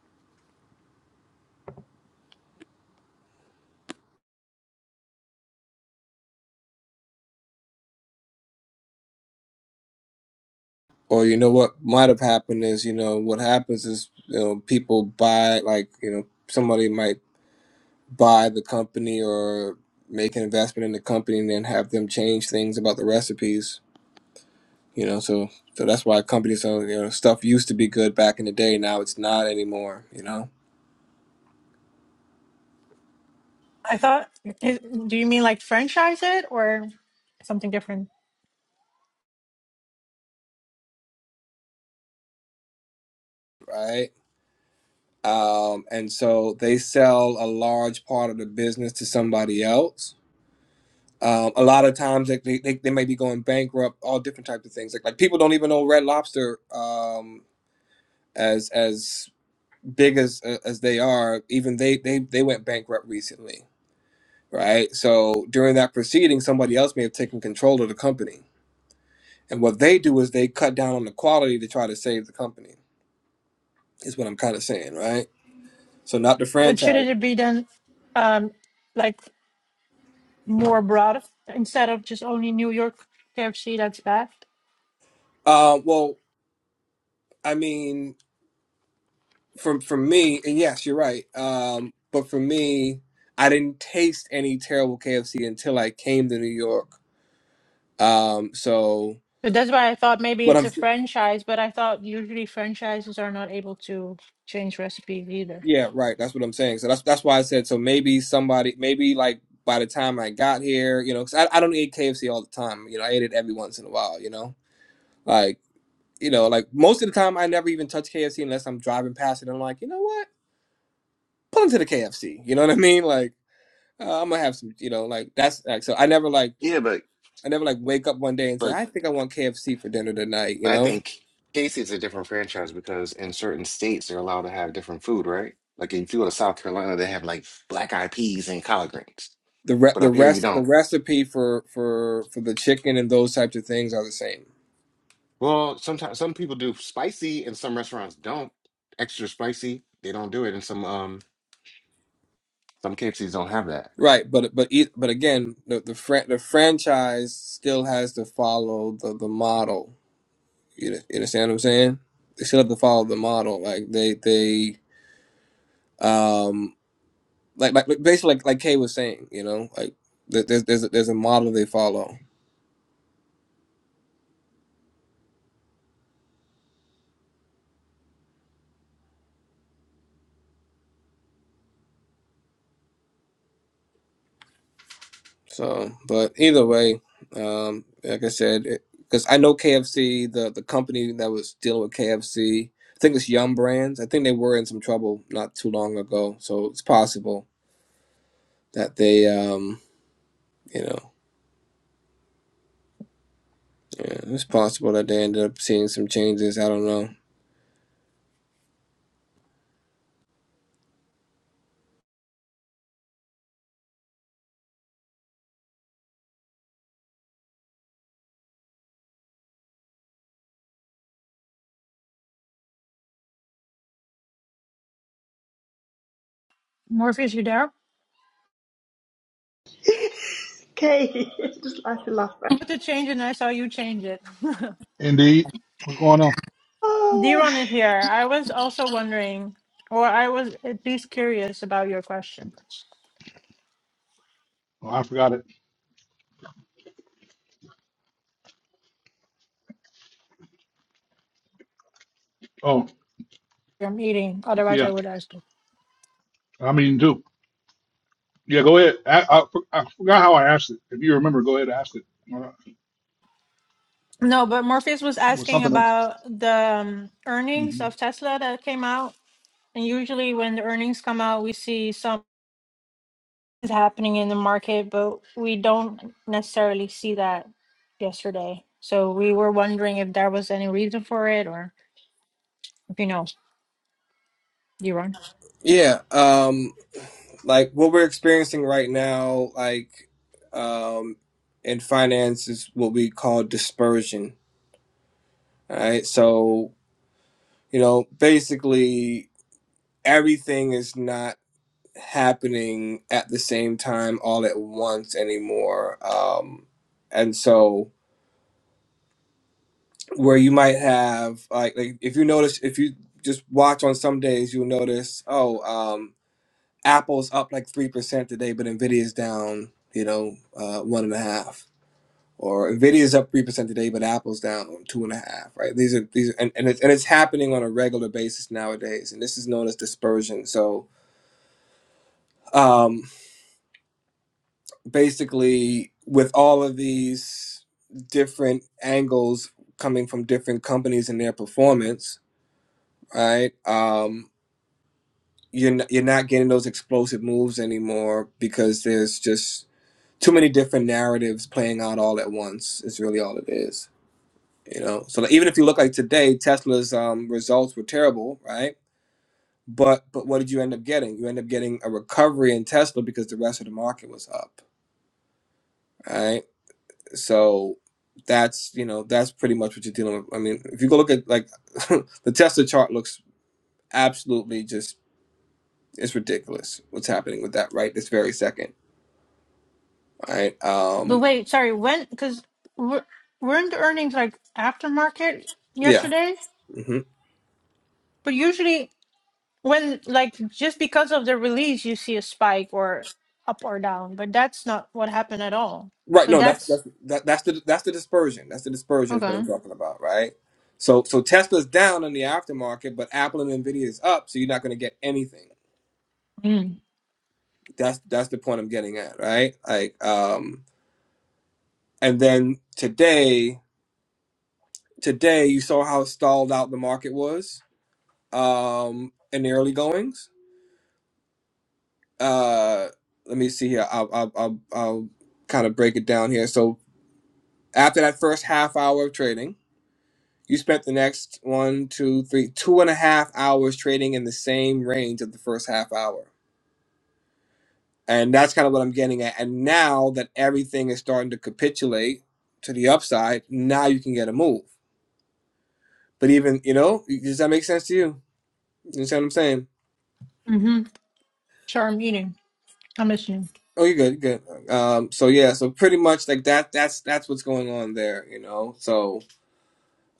Speaker 11: Or you know what might have happened is, you know, what happens is, you know, people buy like, you know, somebody might buy the company or make an investment in the company and then have them change things about the recipes you know so so that's why companies so you know stuff used to be good back in the day now it's not anymore you know
Speaker 6: I thought, i- do you mean like franchise it or something different?
Speaker 11: right um and so they sell a large part of the business to somebody else um, a lot of times like, they, they, they may be going bankrupt all different types of things like, like people don't even know red lobster um as as big as as they are even they they they went bankrupt recently right? So during that proceeding, somebody else may have taken control of the company. And what they do is they cut down on the quality to try to save the company, is what I'm kind of saying, right? So not the
Speaker 6: But
Speaker 11: franchise.
Speaker 6: shouldn't it be then um, like more broad instead of just only New York KFC that's backed?
Speaker 11: Uh, well, I mean, from for me, and yes, you're right. Um, but for me, I didn't taste any terrible KFC until I came to New York. Um, so
Speaker 6: But that's why I thought maybe
Speaker 11: what
Speaker 6: it's a
Speaker 11: I'm
Speaker 6: franchise, but I thought usually franchises are not able to change recipes either.
Speaker 11: Yeah, right. That's what I'm saying. So that's that's why I said so maybe somebody maybe like by the time I got here, you know, 'cause I I don't eat KFC all the time. You know, I ate it every once in a while. You know, like you know, like most of the time I never even touch KFC unless I'm driving past it. I'm like, you know what, pull into the KFC. You know what I mean? Like uh, I'm gonna have some. You know, like that's like so I never like
Speaker 5: Yeah, but
Speaker 11: I never like wake up one day and say
Speaker 5: but
Speaker 11: I think I want KFC for dinner tonight. You
Speaker 5: I
Speaker 11: know.
Speaker 5: think Casey's a different franchise because in certain states they're allowed to have different food, right? Like if you go to South Carolina, they have like black eyed peas and collard greens,
Speaker 11: The, re-
Speaker 5: but
Speaker 11: the
Speaker 5: up here you
Speaker 11: rest the
Speaker 5: don't.
Speaker 11: recipe for, for for the chicken and those types of things are the same
Speaker 5: Well, sometimes some people do spicy, and some restaurants don't. Extra spicy, they don't do it, and some um some KFCs don't have that.
Speaker 11: Right, but but e- but again, the the, fran- the franchise still has to follow the, the model. You, know- you understand what I'm saying? They still have to follow the model. Like they they um like like like basically like, like Kay was saying, you know, like there- there's there's a, there's a model they follow. So, but either way, um, like I said, because I know KFC, the the company that was dealing with KFC, I think it's Yum Brands. I think they were in some trouble not too long ago, so it's possible that they um you know, yeah, it's possible that they ended up seeing some changes. I don't know.
Speaker 6: Morpheus, you there? I
Speaker 13: Okay, just like to laugh. Right?
Speaker 6: Put the change and I saw you change it.
Speaker 2: Indeed. What's going on?
Speaker 13: Oh,
Speaker 6: Deron is here. I was also wondering, or I was at least curious about your question.
Speaker 2: Oh, I forgot it. Oh
Speaker 6: I'm eating, otherwise I
Speaker 2: yeah,
Speaker 6: would ask it.
Speaker 2: I'm eating too. Yeah, go ahead. I, I, I forgot how I asked it. If you remember, go ahead and ask it. Uh,
Speaker 6: No, but Morpheus was
Speaker 2: It was
Speaker 6: asking
Speaker 2: something of
Speaker 6: about the um, earnings
Speaker 2: hmm
Speaker 6: of Tesla that came out And usually when the earnings come out, we see something's happening in the market, but we don't necessarily see that yesterday. So we were wondering if there was any reason for it or if you know, you run.
Speaker 11: Yeah, um, like what we're experiencing right now, like um, in finance, is what we call dispersion. All right, so you know, basically everything is not happening at the same time all at once anymore. Um, and so where you might have like, like if you notice if you just watch on some days you'll notice oh um. Apple's up like three percent today, but Nvidia's down, you know, uh, one and a half. Or Nvidia's up three percent today, but Apple's down two and a half. Right? These are these, are, and and it's, and it's happening on a regular basis nowadays, and this is known as dispersion. So um, basically, with all of these different angles coming from different companies and their performance, right? Um, you're n- you're not getting those explosive moves anymore because there's just too many different narratives playing out all at once is really all it is you know so like, even if you look like today tesla's um, results were terrible right but but what did you end up getting you end up getting a recovery in tesla because the rest of the market was up right so that's you know that's pretty much what you're dealing with i mean if you go look at like the tesla chart looks absolutely just it's ridiculous what's happening with that right this very second right
Speaker 6: But
Speaker 11: um
Speaker 6: wait, sorry, when, because we're, weren't the earnings like after market
Speaker 11: yeah
Speaker 6: yesterday?
Speaker 11: hmm
Speaker 6: But usually when, like, just because of the release, you see a spike or up or down, but that's not what happened at all.
Speaker 11: Right.
Speaker 6: So
Speaker 11: No, that's
Speaker 6: that's
Speaker 11: that's that, that's the that's the dispersion. That's the dispersion is what
Speaker 6: okay.
Speaker 11: I'm talking about, right? So so Tesla's down in the aftermarket, but Apple and Nvidia is up, so you're not going to get anything. That's that's the point I'm getting at, right? Like, um, and then today today you saw how stalled out the market was, um, in the early goings. Uh, let me see here. I'll I'll I'll, I'll kind of break it down here. So after that first half hour of trading. You spent the next one, two, three, two and a half hours trading in the same range of the first half hour. And that's kind of what I'm getting at. And now that everything is starting to capitulate to the upside, now you can get a move. But even, you know, does that make sense to you? You understand what I'm saying?
Speaker 6: Mm-hmm. Sure, I'm eating. I'm listening.
Speaker 11: Oh, you're good, you're good. Um, so yeah, so pretty much like that. That's that's what's going on there, you know. So,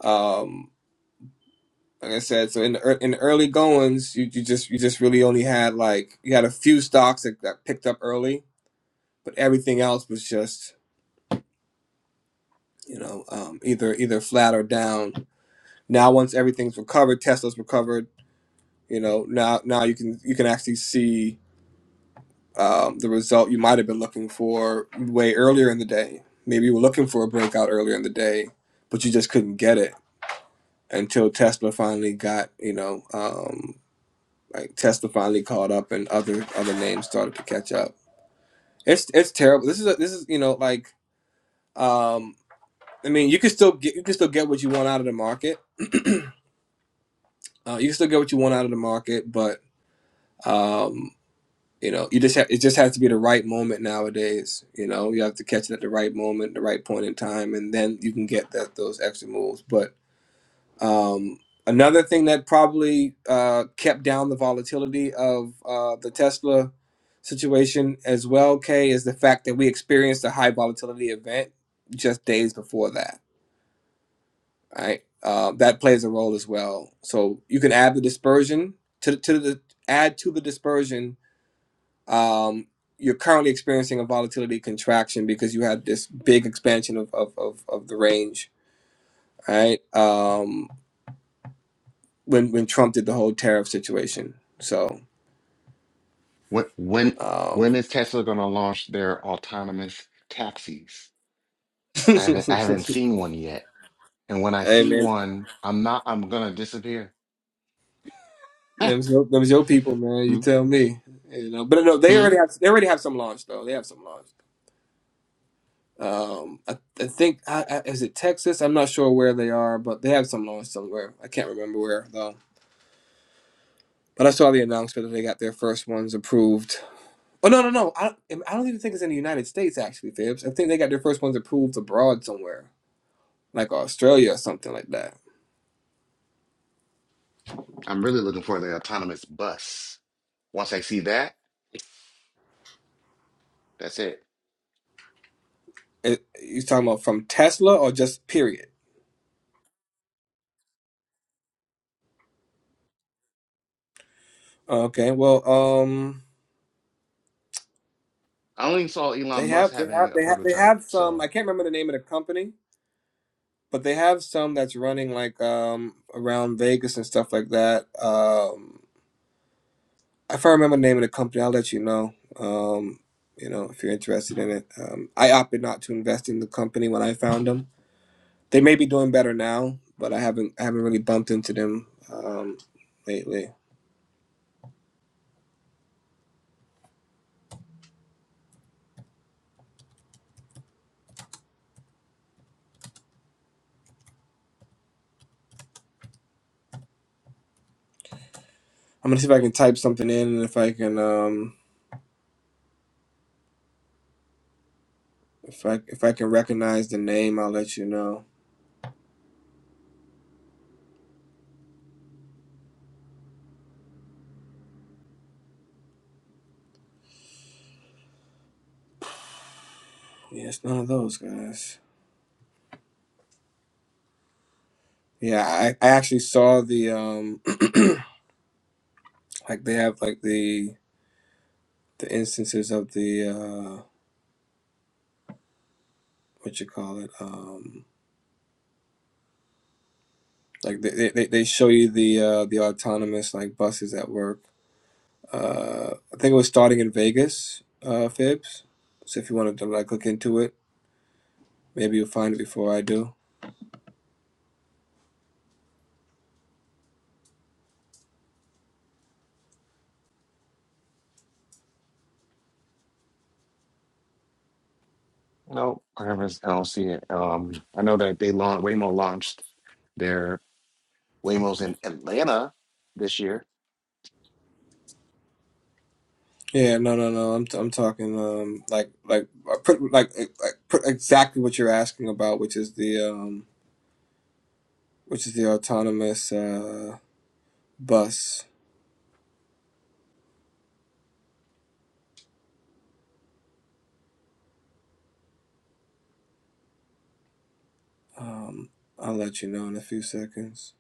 Speaker 11: um, like I said, so in the ear- in the early goings, you, you just you just really only had like you had a few stocks that, that picked up early, but everything else was just you know um, either either flat or down. Now once everything's recovered, Tesla's recovered. You know now now you can you can actually see um, the result you might have been looking for way earlier in the day. Maybe you were looking for a breakout earlier in the day, but you just couldn't get it until Tesla finally got you know um, like Tesla finally caught up and other other names started to catch up. It's it's terrible. This is a, this is you know like Um, I mean, you can still get you can still get what you want out of the market. Uh, you can still get what you want out of the market, but um, you know, you just ha- it just has to be the right moment nowadays. You know, you have to catch it at the right moment, the right point in time, and then you can get that those extra moves. But um, another thing that probably uh, kept down the volatility of uh, the Tesla situation as well, Kay, is the fact that we experienced a high volatility event just days before that right? Uh, that plays a role as well. So you can add the dispersion to to the add to the dispersion. Um, you're currently experiencing a volatility contraction because you had this big expansion of of of, of the range, right? Um, when when Trump did the whole tariff situation, so
Speaker 5: When when
Speaker 11: um,
Speaker 5: when is Tesla going to launch their autonomous taxis?
Speaker 11: hey
Speaker 5: I haven't I haven't seen one yet, and when I see
Speaker 11: man,
Speaker 5: one, I'm not I'm gonna disappear.
Speaker 11: them's your, them's your people, man. You
Speaker 5: hmm
Speaker 11: tell me, you know. But no, they already
Speaker 5: I'm
Speaker 11: have they already have some launch though. They have some launch. Um, I, I think I, I, is it Texas? I'm not sure where they are, but they have some launch somewhere. I can't remember where though. But I saw the announcement that they got their first ones approved. Oh no, no, no! I, I don't even think it's in the United States actually, Fibs. I think they got their first ones approved abroad somewhere, like Australia or something like that.
Speaker 5: really looking for the autonomous bus. Once I see that, that's it.
Speaker 11: It, you talking about from Tesla or just period? Okay, well, um,
Speaker 5: I only saw
Speaker 11: they
Speaker 5: Elon Musk
Speaker 11: have they
Speaker 5: having
Speaker 11: have
Speaker 5: a
Speaker 11: they have they
Speaker 5: prototype,
Speaker 11: have some.
Speaker 5: so.
Speaker 11: I can't remember the name of the company, but they have some that's running like um around Vegas and stuff like that. Um, if I remember the name of the company, I'll let you know. Um, you know, if you're interested in it, um, I opted not to invest in the company when I found them. They may be doing better now, but I haven't I haven't really bumped into them um, lately. I'm gonna see if I can type something in, and if I can um, if I if I can recognize the name, I'll let you know. Yeah, it's none of those guys. Yeah, I, I actually saw the um like they have like the the instances of the uh what you call it um like they they, they show you the uh the autonomous like buses at work uh i think it was starting in vegas uh fibs so if you wanted to like look into it maybe you'll find it before i do
Speaker 5: No, I haven't. I don't see it. Um, I know that they launched Waymo launched their Waymos in Atlanta this year.
Speaker 11: yeah no no no i'm, I'm talking um like like I put like, uh, like put exactly what you're asking about which is the um which is the autonomous uh bus um i'll let you know in a few seconds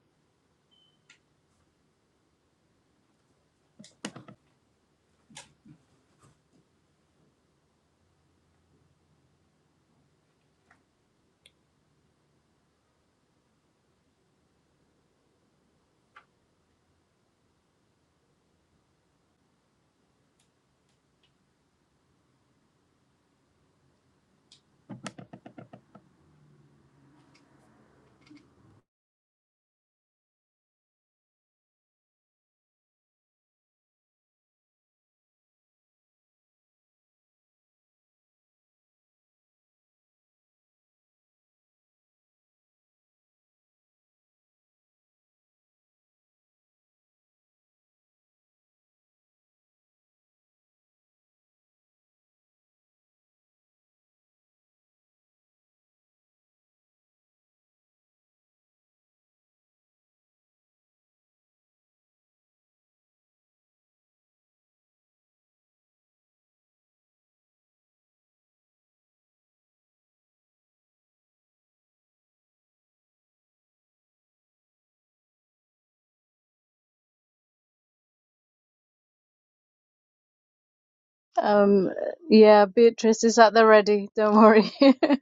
Speaker 4: Um, yeah, Beatrice is at the ready. Don't worry.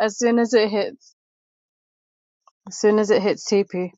Speaker 4: as soon as it hits, as soon as it hits TP.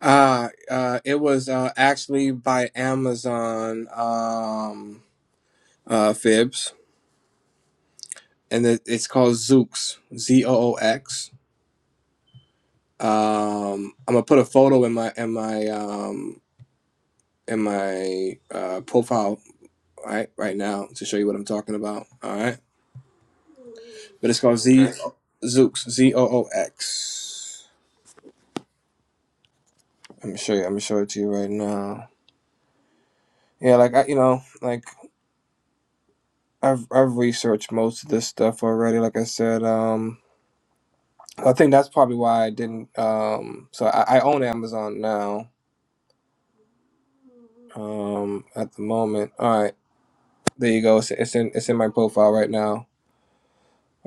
Speaker 11: Uh, uh, it was uh, actually by Amazon um, uh, Fibs, and it, it's called Zooks, Z O O X. Um, I'm gonna put a photo in my in my um, in my uh, profile right right now to show you what I'm talking about. All right, but it's called
Speaker 5: Okay.
Speaker 11: Z Zooks, Z O O X. I'm gonna show you. I'm gonna show it to you right now. Yeah, like I, you know, like I've I've researched most of this stuff already. Like I said, um. I think that's probably why I didn't. Um, so I, I own Amazon now. Um, at the moment, all right, there you go. It's, it's in it's in my profile right now,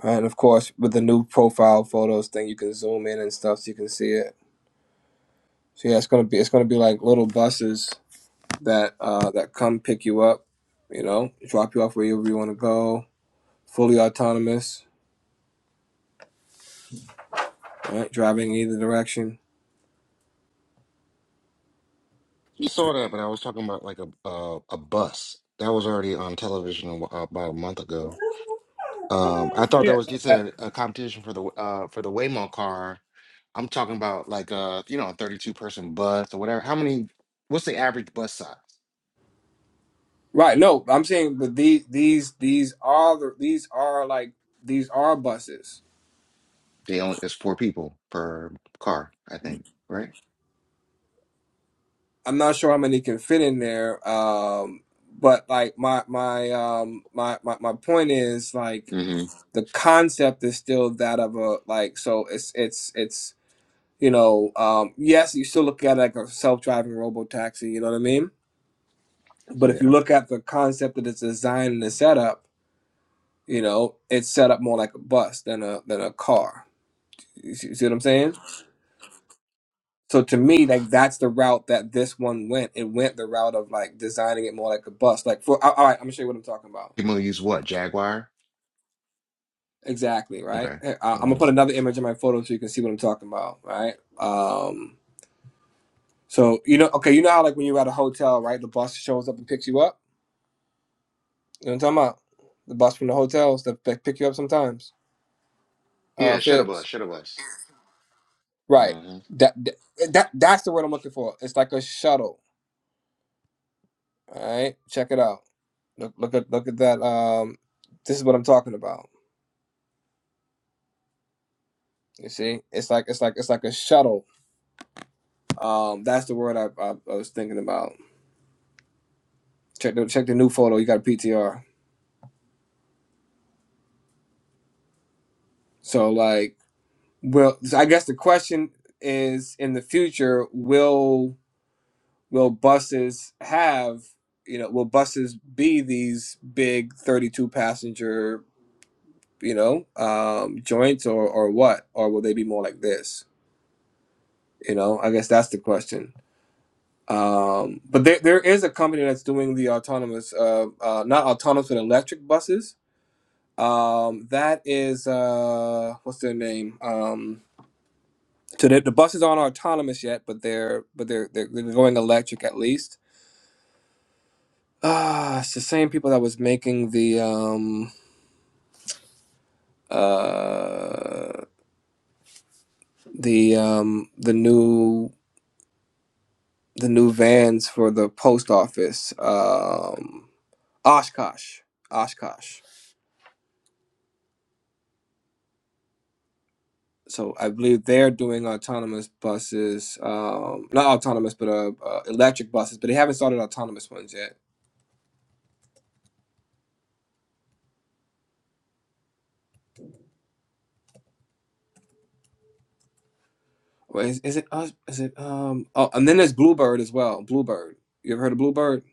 Speaker 11: and of course with the new profile photos thing, you can zoom in and stuff so you can see it. So yeah, it's gonna be it's gonna be like little buses that uh that come pick you up, you know, drop you off wherever you want to go, fully autonomous, right, driving in either direction.
Speaker 5: You saw that, but I was talking about like a a, a bus that was already on television a wh- uh, about a month ago. Um, I thought that was just a, a competition for the uh for the Waymo car. I'm talking about like a you know a 32 person bus or whatever. How many? What's the average bus size?
Speaker 11: Right. No, I'm saying, but these these these are the, these are like these are buses
Speaker 5: They only it's four people per car, I think, right?
Speaker 11: I'm not sure how many can fit in there. Um, but like my my um my, my my point is like
Speaker 5: Mm-hmm.
Speaker 11: the concept is still that of a like so it's it's it's you know um yes you still look at it like a self driving robo taxi you know what I mean but if you
Speaker 5: Yeah.
Speaker 11: look at the concept that it's designed and the setup you know it's set up more like a bus than a than a car you see, see what I'm saying So to me, like that's the route that this one went. It went the route of like designing it more like a bus. Like for all all right, I'm gonna show you what I'm talking about.
Speaker 5: People use what? Jaguar?
Speaker 11: Exactly right.
Speaker 5: Okay.
Speaker 11: Here, I-
Speaker 5: Good
Speaker 11: I'm gonna
Speaker 5: one.
Speaker 11: put another image in my photo so you can see what I'm talking about. Right. Um. So you know, okay, you know how like when you're at a hotel, right? The bus shows up and picks you up. You know what I'm talking about? The bus from the hotels that that pick you up sometimes. Uh,
Speaker 5: Yeah, shuttle bus,
Speaker 11: fibs.
Speaker 5: shuttle bus.
Speaker 11: Right.
Speaker 5: hmm
Speaker 11: That that, that that's the word I'm looking for. It's like a shuttle. All right. Check it out. Look look at look at that. Um. This is what I'm talking about You see, it's like it's like it's like a shuttle. Um, that's the word I, I, I was thinking about. Check the check the new photo. You got a PTR. So like, well, so I guess the question is, in the future, will will buses have you know will buses be these big thirty two passenger you know um, joints or or what or will they be more like this? You know, I guess that's the question. Um, but there, there is a company that's doing the autonomous, uh, uh, not autonomous, but electric buses. Um, that is, uh, what's their name? Um, so the, the buses aren't autonomous yet, but they're, but they're, they're, they're going electric at least. Ah, it's the same people that was making the, um, uh, the, um, the new, the new vans for the post office. Um, Oshkosh, Oshkosh. so I believe they're doing autonomous buses, um, not autonomous, but uh, uh, electric buses. But they haven't started autonomous ones yet. Or is, is it us? Is it um? Oh, and then there's Bluebird as well. Bluebird, you ever heard of Bluebird?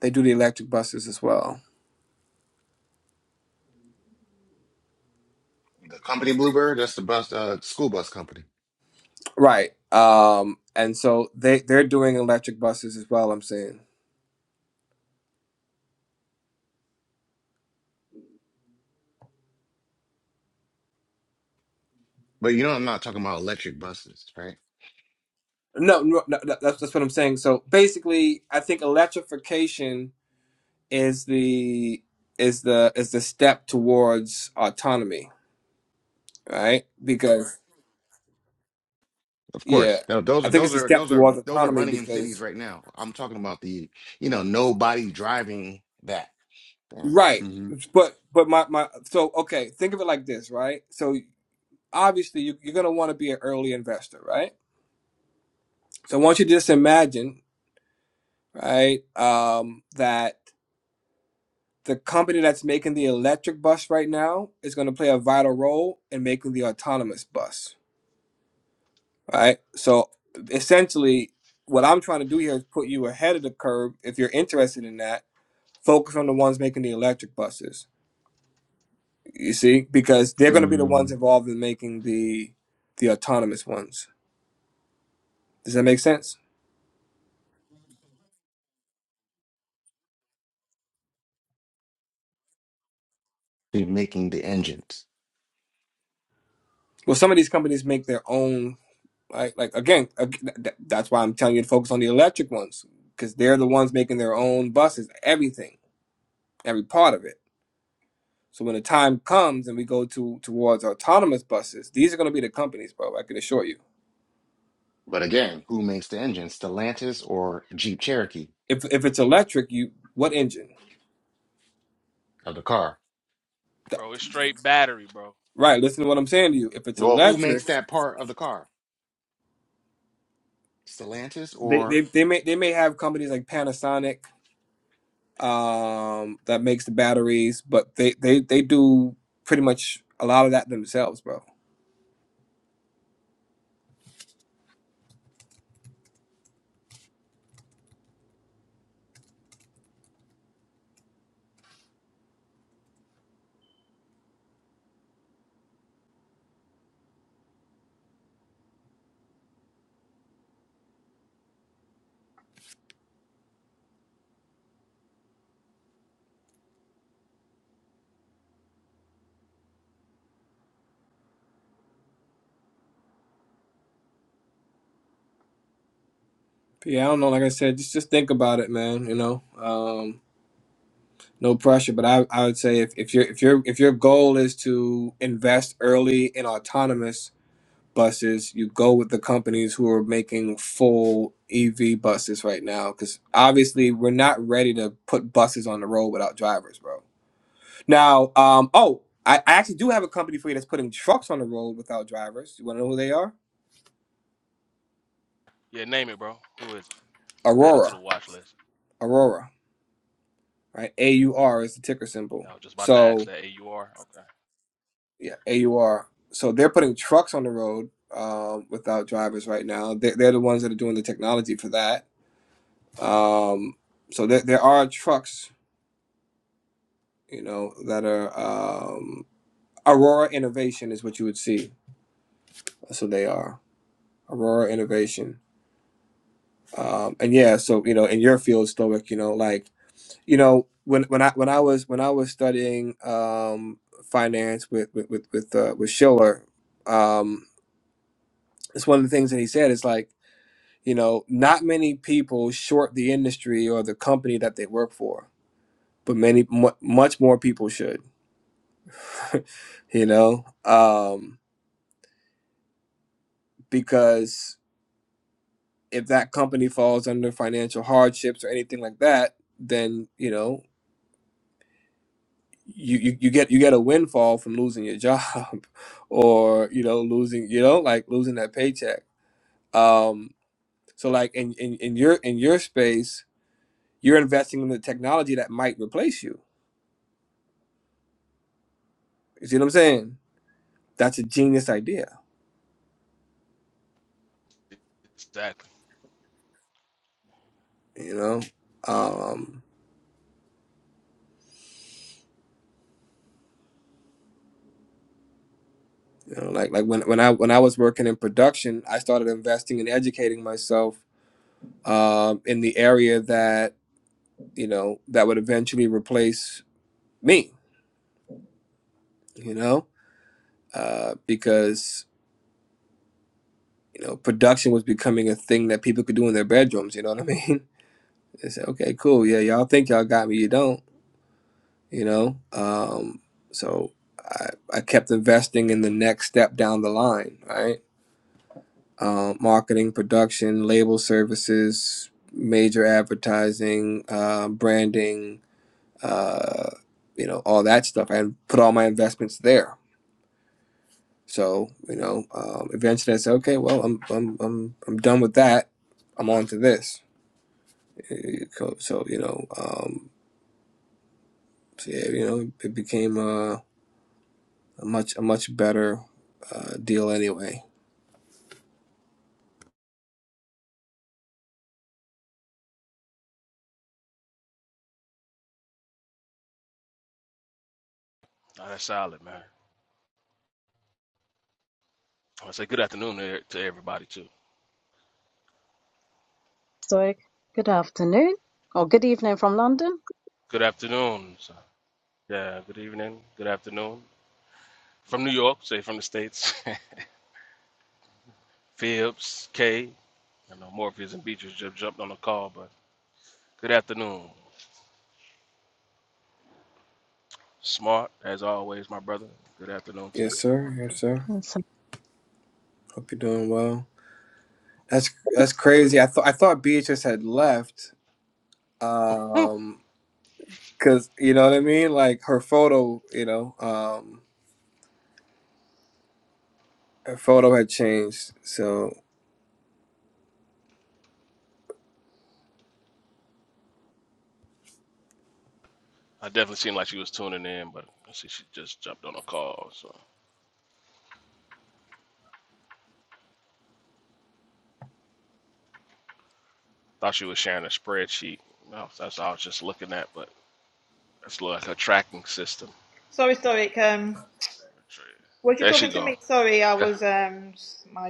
Speaker 11: They do the electric buses as well,
Speaker 5: The company Bluebird, that's the bus, uh, school bus company.
Speaker 11: right? Um, and so they they're doing electric buses as well. I'm saying
Speaker 5: But you know, I'm not talking about electric buses, right?
Speaker 11: no, no, no that- that's that's what I'm saying. So basically, I think electrification is the is the is the step towards autonomy, right? Because
Speaker 5: Of
Speaker 11: Yeah,
Speaker 5: course. No, those
Speaker 11: I
Speaker 5: are
Speaker 11: think
Speaker 5: those
Speaker 11: it's a
Speaker 5: are
Speaker 11: step
Speaker 5: those are
Speaker 11: towards
Speaker 5: those are
Speaker 11: autonomy
Speaker 5: running in cities
Speaker 11: because
Speaker 5: right now. I'm talking about the, you know, nobody driving that.
Speaker 11: right,
Speaker 5: Mm-hmm.
Speaker 11: but but my my so okay, think of it like this, right? So obviously you, you're gonna want to be an early investor, right? So I want you to just imagine, right, um, that the company that's making the electric bus right now is gonna play a vital role in making the autonomous bus, right? So essentially, what I'm trying to do here is put you ahead of the curve if you're interested in that. Focus on the ones making the electric buses You see, because they're going to be the ones
Speaker 5: mm
Speaker 11: involved in making the the autonomous ones. Does that make sense?
Speaker 5: They're making the engines.
Speaker 11: Well, some of these companies make their own. Like, like again, ag- th- that's why I'm telling you to focus on the electric ones because they're the ones making their own buses, everything, every part of it. So when the time comes and we go to towards autonomous buses, these are going to be the companies, bro. I can assure you.
Speaker 5: But again, who makes the engines? Stellantis or Jeep Cherokee
Speaker 11: If if it's electric, you what engine?
Speaker 5: of the car?
Speaker 11: Th-
Speaker 14: Bro, it's straight battery, bro.
Speaker 11: Right. Listen to what I'm saying to you. If it's
Speaker 5: Well, who
Speaker 11: electric,
Speaker 5: makes that part of the car? Stellantis
Speaker 11: they
Speaker 5: or
Speaker 11: they, they may they may have companies like Panasonic um, that makes the batteries, but they, they, they do pretty much a lot of that themselves, bro. But yeah, I don't know. Like I said, just just think about it, man. You know, um, no pressure. But I, I would say if, if your if your if your goal is to invest early in autonomous buses, you go with the companies who are making full EV buses right now, because obviously we're not ready to put buses on the road without drivers, bro Now, um, oh, I, I actually do have a company for you that's putting trucks on the road without drivers. You want to know who they are?
Speaker 14: Yeah, name it, bro. Who is it? Add it to the
Speaker 11: Aurora.
Speaker 14: watch list.
Speaker 11: Aurora, right? A U R is the ticker symbol.
Speaker 14: Yeah, I was just about to ask
Speaker 11: So
Speaker 14: that. AUR? Okay.
Speaker 11: yeah, A U R. So they're putting trucks on the road um, without drivers right now. They're, they're the ones that are doing the technology for that. Um, so there, there are trucks, you know, that are um, Aurora Innovation is what you would see. So they are Aurora Innovation. Um, and yeah, so you know, in your field, Stoic, you know, like you know when when I when I was when I was studying um, finance with with with with, uh, with Schiller, um, it's one of the things that he said is like you know not many people short the industry or the company that they work for, but many mu much more people should, you know, um, because if that company falls under financial hardships or anything like that, then you know. you, you you get you get a windfall from losing your job or you know losing you know like losing that paycheck um so like in in, in your in your space you're investing in the technology that might replace you you see what i'm saying that's a genius idea
Speaker 14: Exactly.
Speaker 11: you know
Speaker 14: hmm
Speaker 11: um you know like like when, when i when i was working in production i started investing and educating myself um in the area that you know that would eventually replace me you know uh, because you know, production was becoming a thing that people could do in their bedrooms. You know what I mean? They said, okay, cool. Yeah, y'all think y'all got me. You don't, you know? Um, so I, I kept investing in the next step down the line, right? Um, marketing, production, label services, major advertising, uh, branding, uh, you know, all that stuff. I put all my investments there. So, you know, um, eventually I said, okay, well, I'm, I'm, I'm, I'm done with that. I'm on to this So you know, um, so yeah, you know, it became a, a much a much better uh, deal anyway.
Speaker 14: that's solid, man. I say good afternoon to to everybody, too.
Speaker 4: So, good afternoon or good evening from London.
Speaker 14: Good afternoon. So, yeah, good evening. Good afternoon. From New York, say from the States. Phibbs, K. I know Morpheus and Beatrice just jumped on the call, but good afternoon. Smart, as always, my brother. Good afternoon to you.
Speaker 11: Yes, sir. Yes, sir.
Speaker 4: Awesome.
Speaker 11: Hope you're doing well. That's that's crazy. I thought I thought Beatrice had left.
Speaker 14: Hmm.
Speaker 11: Um, cause you know what I mean. Like her photo, you know, um, her photo had changed. So
Speaker 14: I definitely seemed like she was tuning in, but I see she just jumped on a call. So. Thought she was sharing a spreadsheet. No, that's all I was just looking at, but that's like a tracking system.
Speaker 13: sorry, sorry. Um, Was you
Speaker 14: There she
Speaker 13: talking to
Speaker 14: go.
Speaker 13: me? Sorry, I
Speaker 14: Yeah.
Speaker 13: was um s- my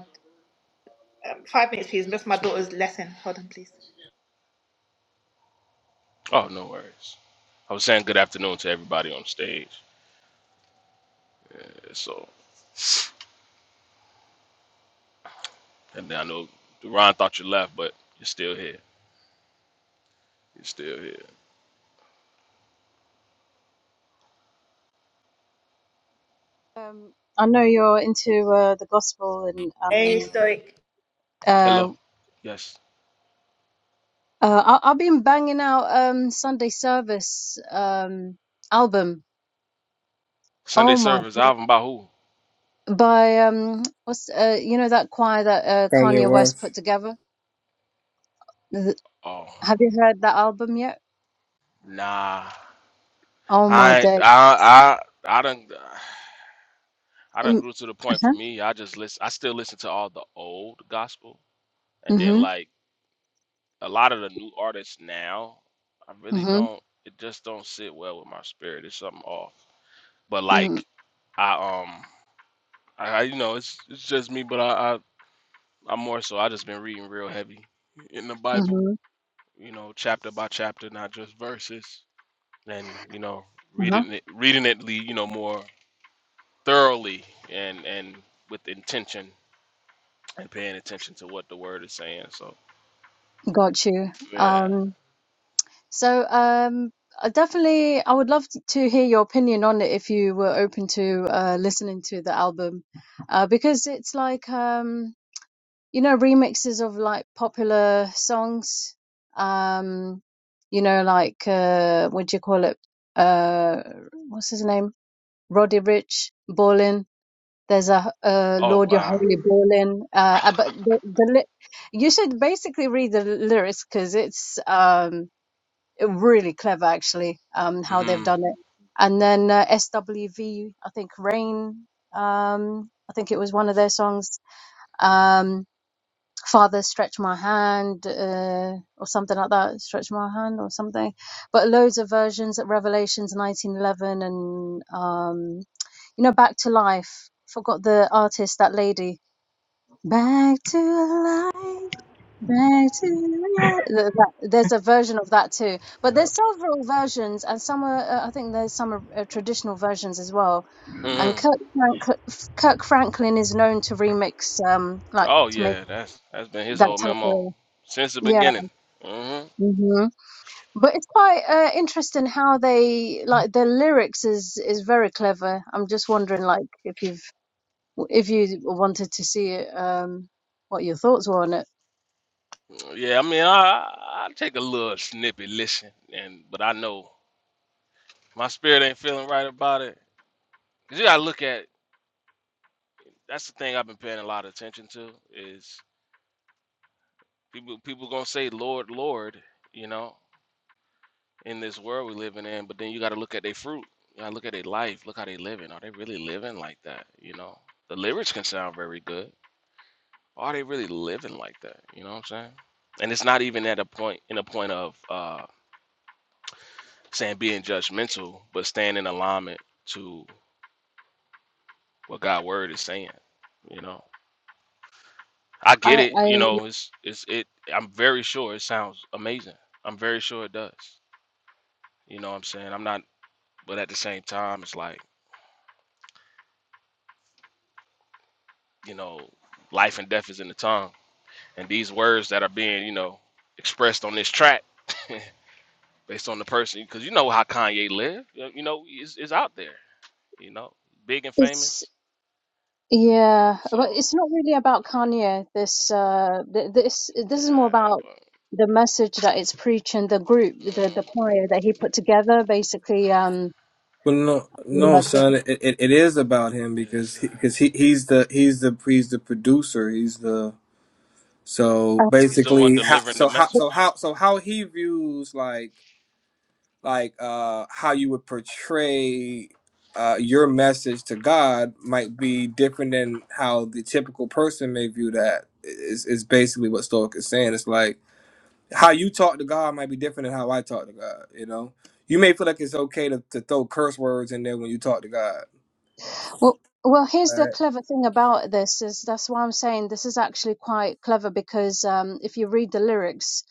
Speaker 13: um, five minutes, please. That's my daughter's lesson. Hold on, please.
Speaker 14: Oh, no worries. I was saying good afternoon to everybody on stage. Yeah, so, and then I know Duran thought you left, but you're still here. You're still here.
Speaker 4: Um, I know you're into uh, the gospel, and
Speaker 13: A
Speaker 4: um,
Speaker 13: stoic
Speaker 4: uh,
Speaker 14: Hello. Yes.
Speaker 4: uh, I- I've been banging out um Sunday service um album.
Speaker 14: Sunday
Speaker 4: Oh my!
Speaker 14: service album by who?
Speaker 4: By um, what's uh, you know that choir that uh,
Speaker 11: Kanye
Speaker 4: Kanye West
Speaker 11: West.
Speaker 4: put together. Th-
Speaker 14: Oh,
Speaker 4: Have you heard that album yet?
Speaker 14: nah.
Speaker 4: Oh my
Speaker 14: I
Speaker 4: day!
Speaker 14: I I I done I done
Speaker 4: Um,
Speaker 14: grew to the point for me. I just listen. I still listen to all the old gospel. And then
Speaker 4: Mm-hmm.
Speaker 14: like a lot of the new artists now, I really
Speaker 4: Mm-hmm.
Speaker 14: don't it just don't sit well with my spirit. It's something off. But
Speaker 4: Mm,
Speaker 14: like I um I I- you know, it's it's just me, but I, I I'm more so I just been reading real heavy in the Bible,
Speaker 4: mhm,
Speaker 14: you know, chapter by chapter, not just verses. And, you know,
Speaker 4: Uh-huh.
Speaker 14: reading it reading it le- you know, more thoroughly and and with intention and paying attention to what the word is saying. So
Speaker 4: Got you.
Speaker 14: yeah.
Speaker 4: Um, so um, I definitely, I would love t- to hear your opinion on it if you were open to uh, listening to the album, uh, because it's like um, you know remixes of like popular songs. Um, you know, like uh, what do you call it? Uh, what's his name? Roddy Rich, Ballin There's a uh,
Speaker 14: Oh
Speaker 4: Lord Your
Speaker 14: wow.
Speaker 4: Holy Ballin. Uh, uh, but the, the ly- you should basically read the lyrics because it's um, really clever, actually, um, how they've
Speaker 14: mhm.
Speaker 4: done it. And then uh, SWV, I think Rain, um, I think it was one of their songs. Um, Father, stretch my hand, uh, or something like that. Stretch my hand, or something. But loads of versions at Revelations 1911 and um, you know, Back to Life. Forgot the artist, that lady. Back to life, back to life. Th- that- There's a version of that too, but there's several versions, and some are. Uh, I think there's some are, uh, traditional versions as well. And
Speaker 14: hmm
Speaker 4: Kirk, Frank- Kirk Franklin is known to remix, um, like
Speaker 14: Oh
Speaker 4: to make
Speaker 14: yeah, that's that's been his
Speaker 4: that
Speaker 14: whole
Speaker 4: type
Speaker 14: memo
Speaker 4: of
Speaker 14: since the
Speaker 4: yeah.
Speaker 14: beginning. hmm
Speaker 4: hmm But it's quite uh, interesting how they like their lyrics is is very clever. I'm just wondering, like, if you've if you wanted to see it, um, what your thoughts were on it.
Speaker 14: Yeah, I mean, I I take a little snippet, listen, and but I know my spirit ain't feeling right about it. Cause you gotta look at that's the thing I've been paying a lot of attention to is people people gonna say Lord, Lord, you know, in this world we living in, but then you gotta look at their fruit. You gotta look at their life. Look how they living. Are they really living like that? You know, the lyrics can sound very good Are they really living like that? You know what I'm saying? And it's not even at a point in a point of uh, saying being judgmental, but staying in alignment to what God's word is saying. You know, I get
Speaker 4: I,
Speaker 14: it.
Speaker 4: I
Speaker 14: You know, it's it's it. I'm very sure it sounds amazing. I'm very sure it does. You know what I'm saying? I'm not, but at the same time, it's like you know, life and death is in the tongue, and these words that are being you know expressed on this track. based on the person because you know how Kanye live. You know, you know, is is out there. you know, big and
Speaker 4: it's
Speaker 14: famous.
Speaker 4: yeah, but
Speaker 14: So
Speaker 4: it's not really about Kanye. This uh, th- this this is more
Speaker 14: yeah,
Speaker 4: about the message that it's preaching. The group, the the
Speaker 14: but
Speaker 4: choir that he put together, basically. Um,
Speaker 11: Well, no, no,
Speaker 4: uh,
Speaker 11: son. It, it, it is about him
Speaker 14: mm,
Speaker 11: because
Speaker 14: this,
Speaker 11: he,
Speaker 14: uh,
Speaker 11: cause he he's the he's the he's the producer. He's the So
Speaker 14: he's the one
Speaker 11: basically, how
Speaker 14: delivering the
Speaker 11: so how so
Speaker 14: message.
Speaker 11: how so how he views like like uh how you would portray uh your message to God might be different than how the typical person may view that. Is is basically what Stoic is saying. It's like how you talk to God might be different than how I talk to God. You know, you may feel like it's okay to, to throw curse words in there when you talk to God.
Speaker 4: well, well, here's the
Speaker 11: Right,
Speaker 4: clever thing about this is that's why I'm saying this is actually quite clever because um, if you read the lyrics.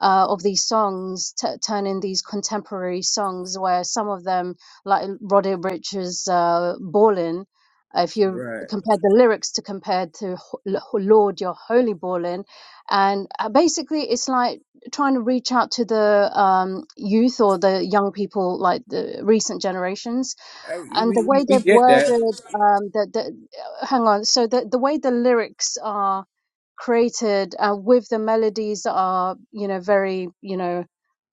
Speaker 4: uh, of these songs, t- turning these contemporary songs where some of them, like Roddy Rich's uh, Ballin', uh, if you
Speaker 11: right.
Speaker 4: compare the lyrics to compared to Ho- L- Lord, are Holy Ballin', and uh, basically it's like trying to reach out to the um, youth or the young people, like the recent generations,
Speaker 11: I,
Speaker 4: and the
Speaker 11: we, we
Speaker 4: way
Speaker 11: we
Speaker 4: they've
Speaker 11: get that.
Speaker 4: worded um, the the. Hang on, so the the way the lyrics are created uh, with the melodies that are you know very you know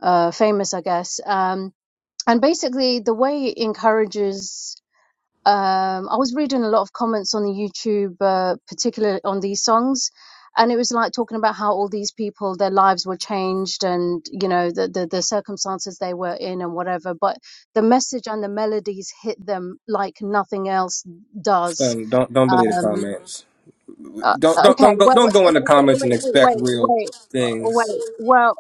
Speaker 4: uh, famous I guess um, and basically the way it encourages um, I was reading a lot of comments on the YouTube uh, particularly on these songs and it was like talking about how all these people their lives were changed and you know the, the the circumstances they were in and whatever but the message and the melodies hit them like nothing else does
Speaker 11: Um, don't don't believe the
Speaker 4: Um,
Speaker 11: comments.
Speaker 4: uh,
Speaker 11: Don't don't
Speaker 4: okay,
Speaker 11: don't go
Speaker 4: well,
Speaker 11: don't
Speaker 4: wait,
Speaker 11: go in the comments
Speaker 4: wait,
Speaker 11: and
Speaker 4: wait, wait,
Speaker 11: expect
Speaker 4: wait,
Speaker 11: real
Speaker 4: wait. uh,
Speaker 11: things.
Speaker 4: wait. Well,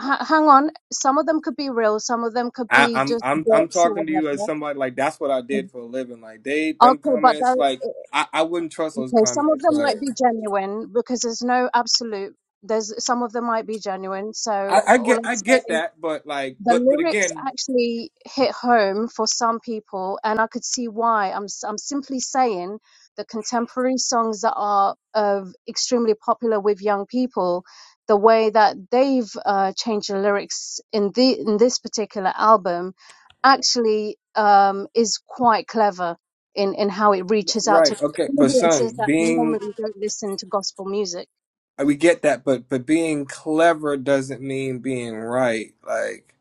Speaker 4: h- hang on. Some of them could be real. Some of them could
Speaker 11: I,
Speaker 4: be
Speaker 11: I'm
Speaker 4: just
Speaker 11: I'm I'm
Speaker 4: bots or
Speaker 11: talking to you as
Speaker 4: whatever.
Speaker 11: somebody like that's what I did for a living. Like they them
Speaker 4: Okay, but
Speaker 11: comments
Speaker 4: that,
Speaker 11: like I, I wouldn't trust those
Speaker 4: okay, some of
Speaker 11: comments.
Speaker 4: them
Speaker 11: Like
Speaker 4: might be genuine because there's no absolute. There's some of them might be genuine. So
Speaker 11: I, I
Speaker 4: all
Speaker 11: get
Speaker 4: I'm
Speaker 11: I get
Speaker 4: saying
Speaker 11: that, but like
Speaker 4: the
Speaker 11: but but
Speaker 4: lyrics
Speaker 11: again,
Speaker 4: actually hit home for some people, and I could see why. I'm s- I'm simply saying the contemporary songs that are of extremely popular with young people, the way that they've uh, changed the lyrics in the in this particular album, actually um, is quite clever in in how it reaches out to
Speaker 11: right? Okay, but
Speaker 4: audiences
Speaker 11: son,
Speaker 4: that
Speaker 11: being
Speaker 4: normally don't listen to gospel music.
Speaker 11: we get that, but but being clever doesn't mean being right. Like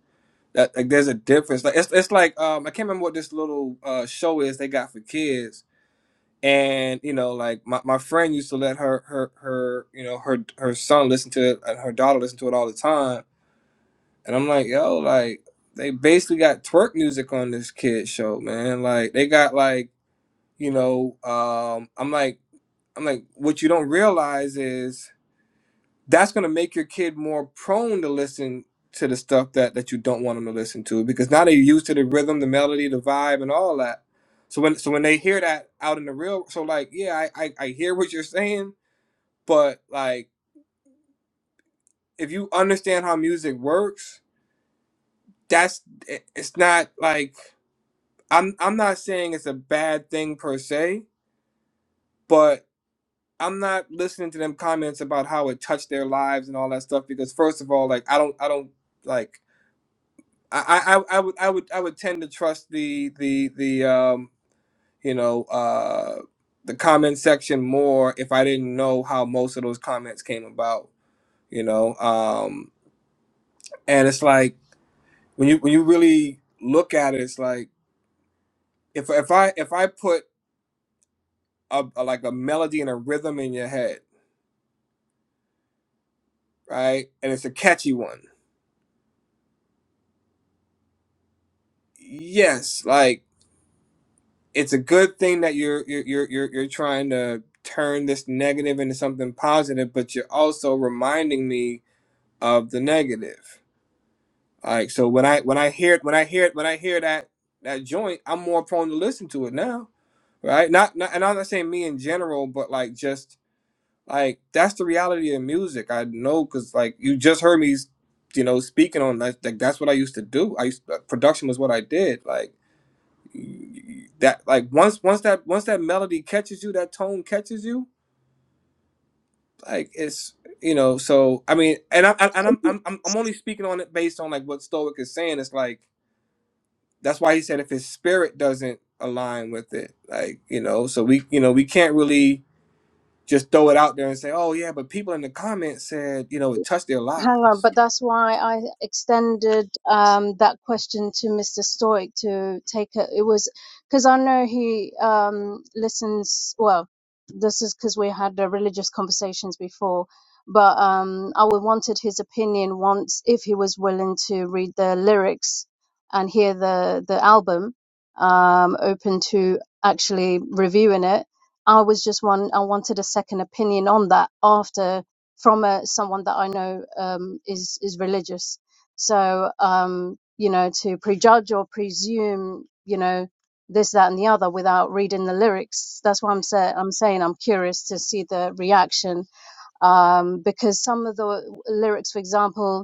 Speaker 11: that like there's a difference. Like it's it's like um I can't remember what this little uh show is they got for kids and you know like my, my friend used to let her her her you know her her son listen to it and her daughter listen to it all the time and i'm like yo like they basically got twerk music on this kid show man like they got like you know um i'm like i'm like what you don't realize is that's going to make your kid more prone to listen to the stuff that that you don't want them to listen to because now they're used to the rhythm, the melody, the vibe, and all that. So when so when they hear that out in the real, so like yeah, I I, I hear what you're saying, but like if you understand how music works, that's it- it's not like I'm I'm not saying it's a bad thing per se, but I'm not listening to them comments about how it touched their lives and all that stuff because first of all, like I don't I don't like. I, I I would I would I would tend to trust the the the um you know uh the comment section more if I didn't know how most of those comments came about you know um and it's like when you when you really look at it it's like if if I if I put a, a like a melody and a rhythm in your head right and it's a catchy one yes like. it's a good thing that you're you're you're you're, trying to turn this negative into something positive but you're also reminding me of the negative like so when i when i hear it when i hear it when i hear that that joint i'm more prone to listen to it now right not, not and i'm not saying me in general but like just like that's the reality of music i know because like you just heard me you know speaking on that like that's what i used to do i used uh, production was what i did like that like once once that once that melody catches you, that tone catches you, like it's you know. So I mean, and I, I and I'm I'm I'm I'm only speaking on it based on like what Stoic is saying. It's like that's why he said if his spirit doesn't align with it, like you know, so we you know we can't really just throw it out there and say, oh yeah, but people in the comments said you know it touched their
Speaker 4: Hang on,
Speaker 11: lives.
Speaker 4: but that's why I extended um, that question to Mr. Stoic to take it. It was because I know he um, listens. Well, this is because we had uh, religious conversations before, but um, I would wanted his opinion once if he was willing to read the lyrics and hear the the album, um, open to actually reviewing it. I was just one. I wanted a second opinion on that after from a someone that I know um, is is religious. So um, you know, to prejudge or presume, you know, this, that, and the other without reading the lyrics. That's why I'm say I'm saying I'm curious to see the reaction um, because some of the uh, lyrics, for example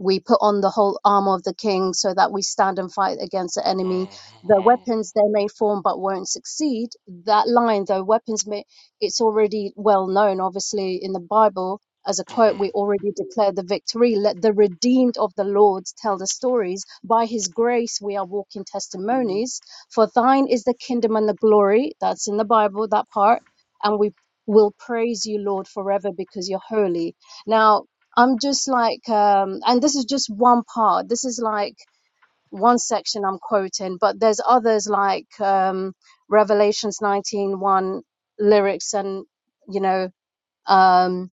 Speaker 4: we put on the whole armor of the king so that we stand and fight against the enemy
Speaker 14: Mhm,
Speaker 4: the weapons they may form but won't succeed that line though weapons may it's already well known obviously in the bible as a quote
Speaker 14: mhm.
Speaker 4: we already declare the victory let the redeemed of the lord tell the stories by his grace we are walking testimonies for thine is the kingdom and the glory that's in the bible that part and we will praise you lord forever because you're holy now I'm just like, um, and this is just one part. This is like one section I'm quoting, but there's others like um, Revelations nineteen one lyrics and, you know, um,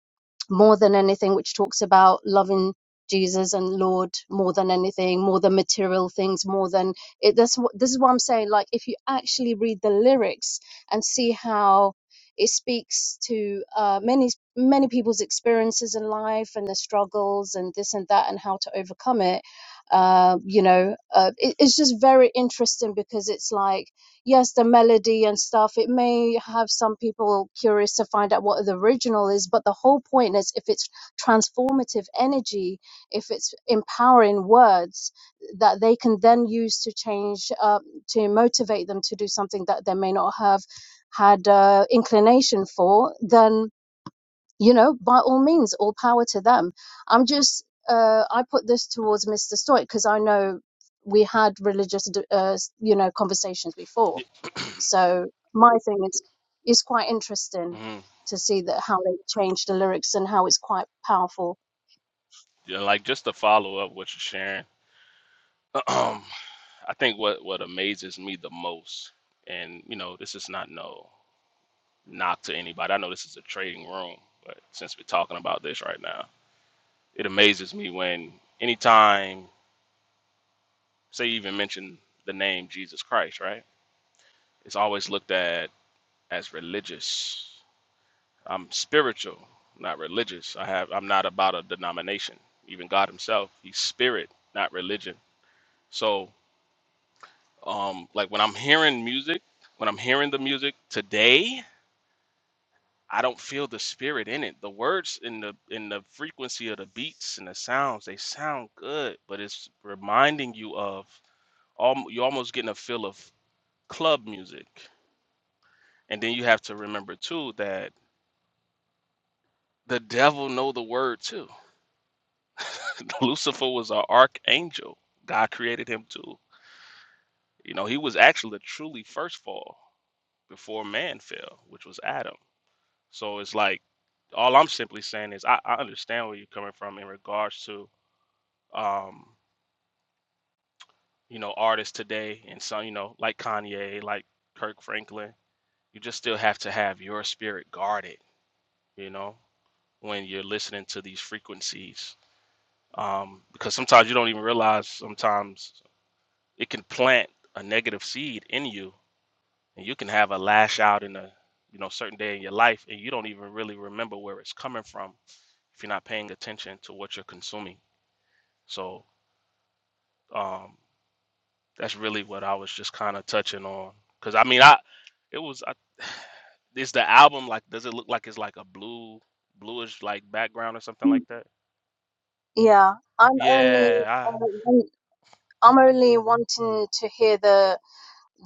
Speaker 4: more than anything, which talks about loving Jesus and Lord more than anything, more than material things, more than it. That's what this is what I'm saying. Like if you actually read the lyrics and see how it speaks to uh, many many people's experiences in life and their struggles and this and that and how to overcome it. Uh, you know, uh, it, it's just very interesting because it's like yes, the melody and stuff, it may have some people curious to find out what the original is, but the whole point is if it's transformative energy, if it's empowering words that they can then use to change, uh, to motivate them to do something that they may not have had uh, inclination for, then, you know, by all means, all power to them. I'm just, uh, I put this towards Mr. Stoic because I know we had religious, uh, you know, conversations before
Speaker 14: Ye-
Speaker 4: so my thing is is quite interesting
Speaker 14: mhm.
Speaker 4: to see that how they changed the lyrics and how it's quite powerful.
Speaker 14: Yeah, like just to follow up what you're sharing, I think what what amazes me the most, and you know, this is not no knock to anybody. I know this is a trading room, but since we're talking about this right now, it amazes me when anytime, say, you even mention the name Jesus Christ, right? It's always looked at as religious. I'm spiritual, not religious. I have I'm not about a denomination. Even God himself, he's spirit, not religion. So, um like when I'm hearing music, when I'm hearing the music today, I don't feel the spirit in it. The words in the in the frequency of the beats and the sounds, they sound good, but it's reminding you of all you're almost getting a feel of club music. And then you have to remember too that the devil know the word too Lucifer was an archangel. God created him too. You know, he was actually the truly first fall before man fell, which was Adam. So it's like all I'm simply saying is I, I understand where you're coming from in regards to um, you know, artists today and some, you know, like Kanye, like Kirk Franklin. You just still have to have your spirit guarded, you know, when you're listening to these frequencies. Um, because sometimes you don't even realize sometimes It can plant a negative seed in you, and you can have a lash out in a you know certain day in your life, and you don't even really remember where it's coming from if you're not paying attention to what you're consuming. So um, that's really what I was just kind of touching on, because I mean, I it was I, is the album like does it look like it's like a blue bluish like background or something
Speaker 4: Mm.
Speaker 14: like that
Speaker 4: Yeah, I'm only
Speaker 14: yeah
Speaker 4: uh, I'm only wanting to hear the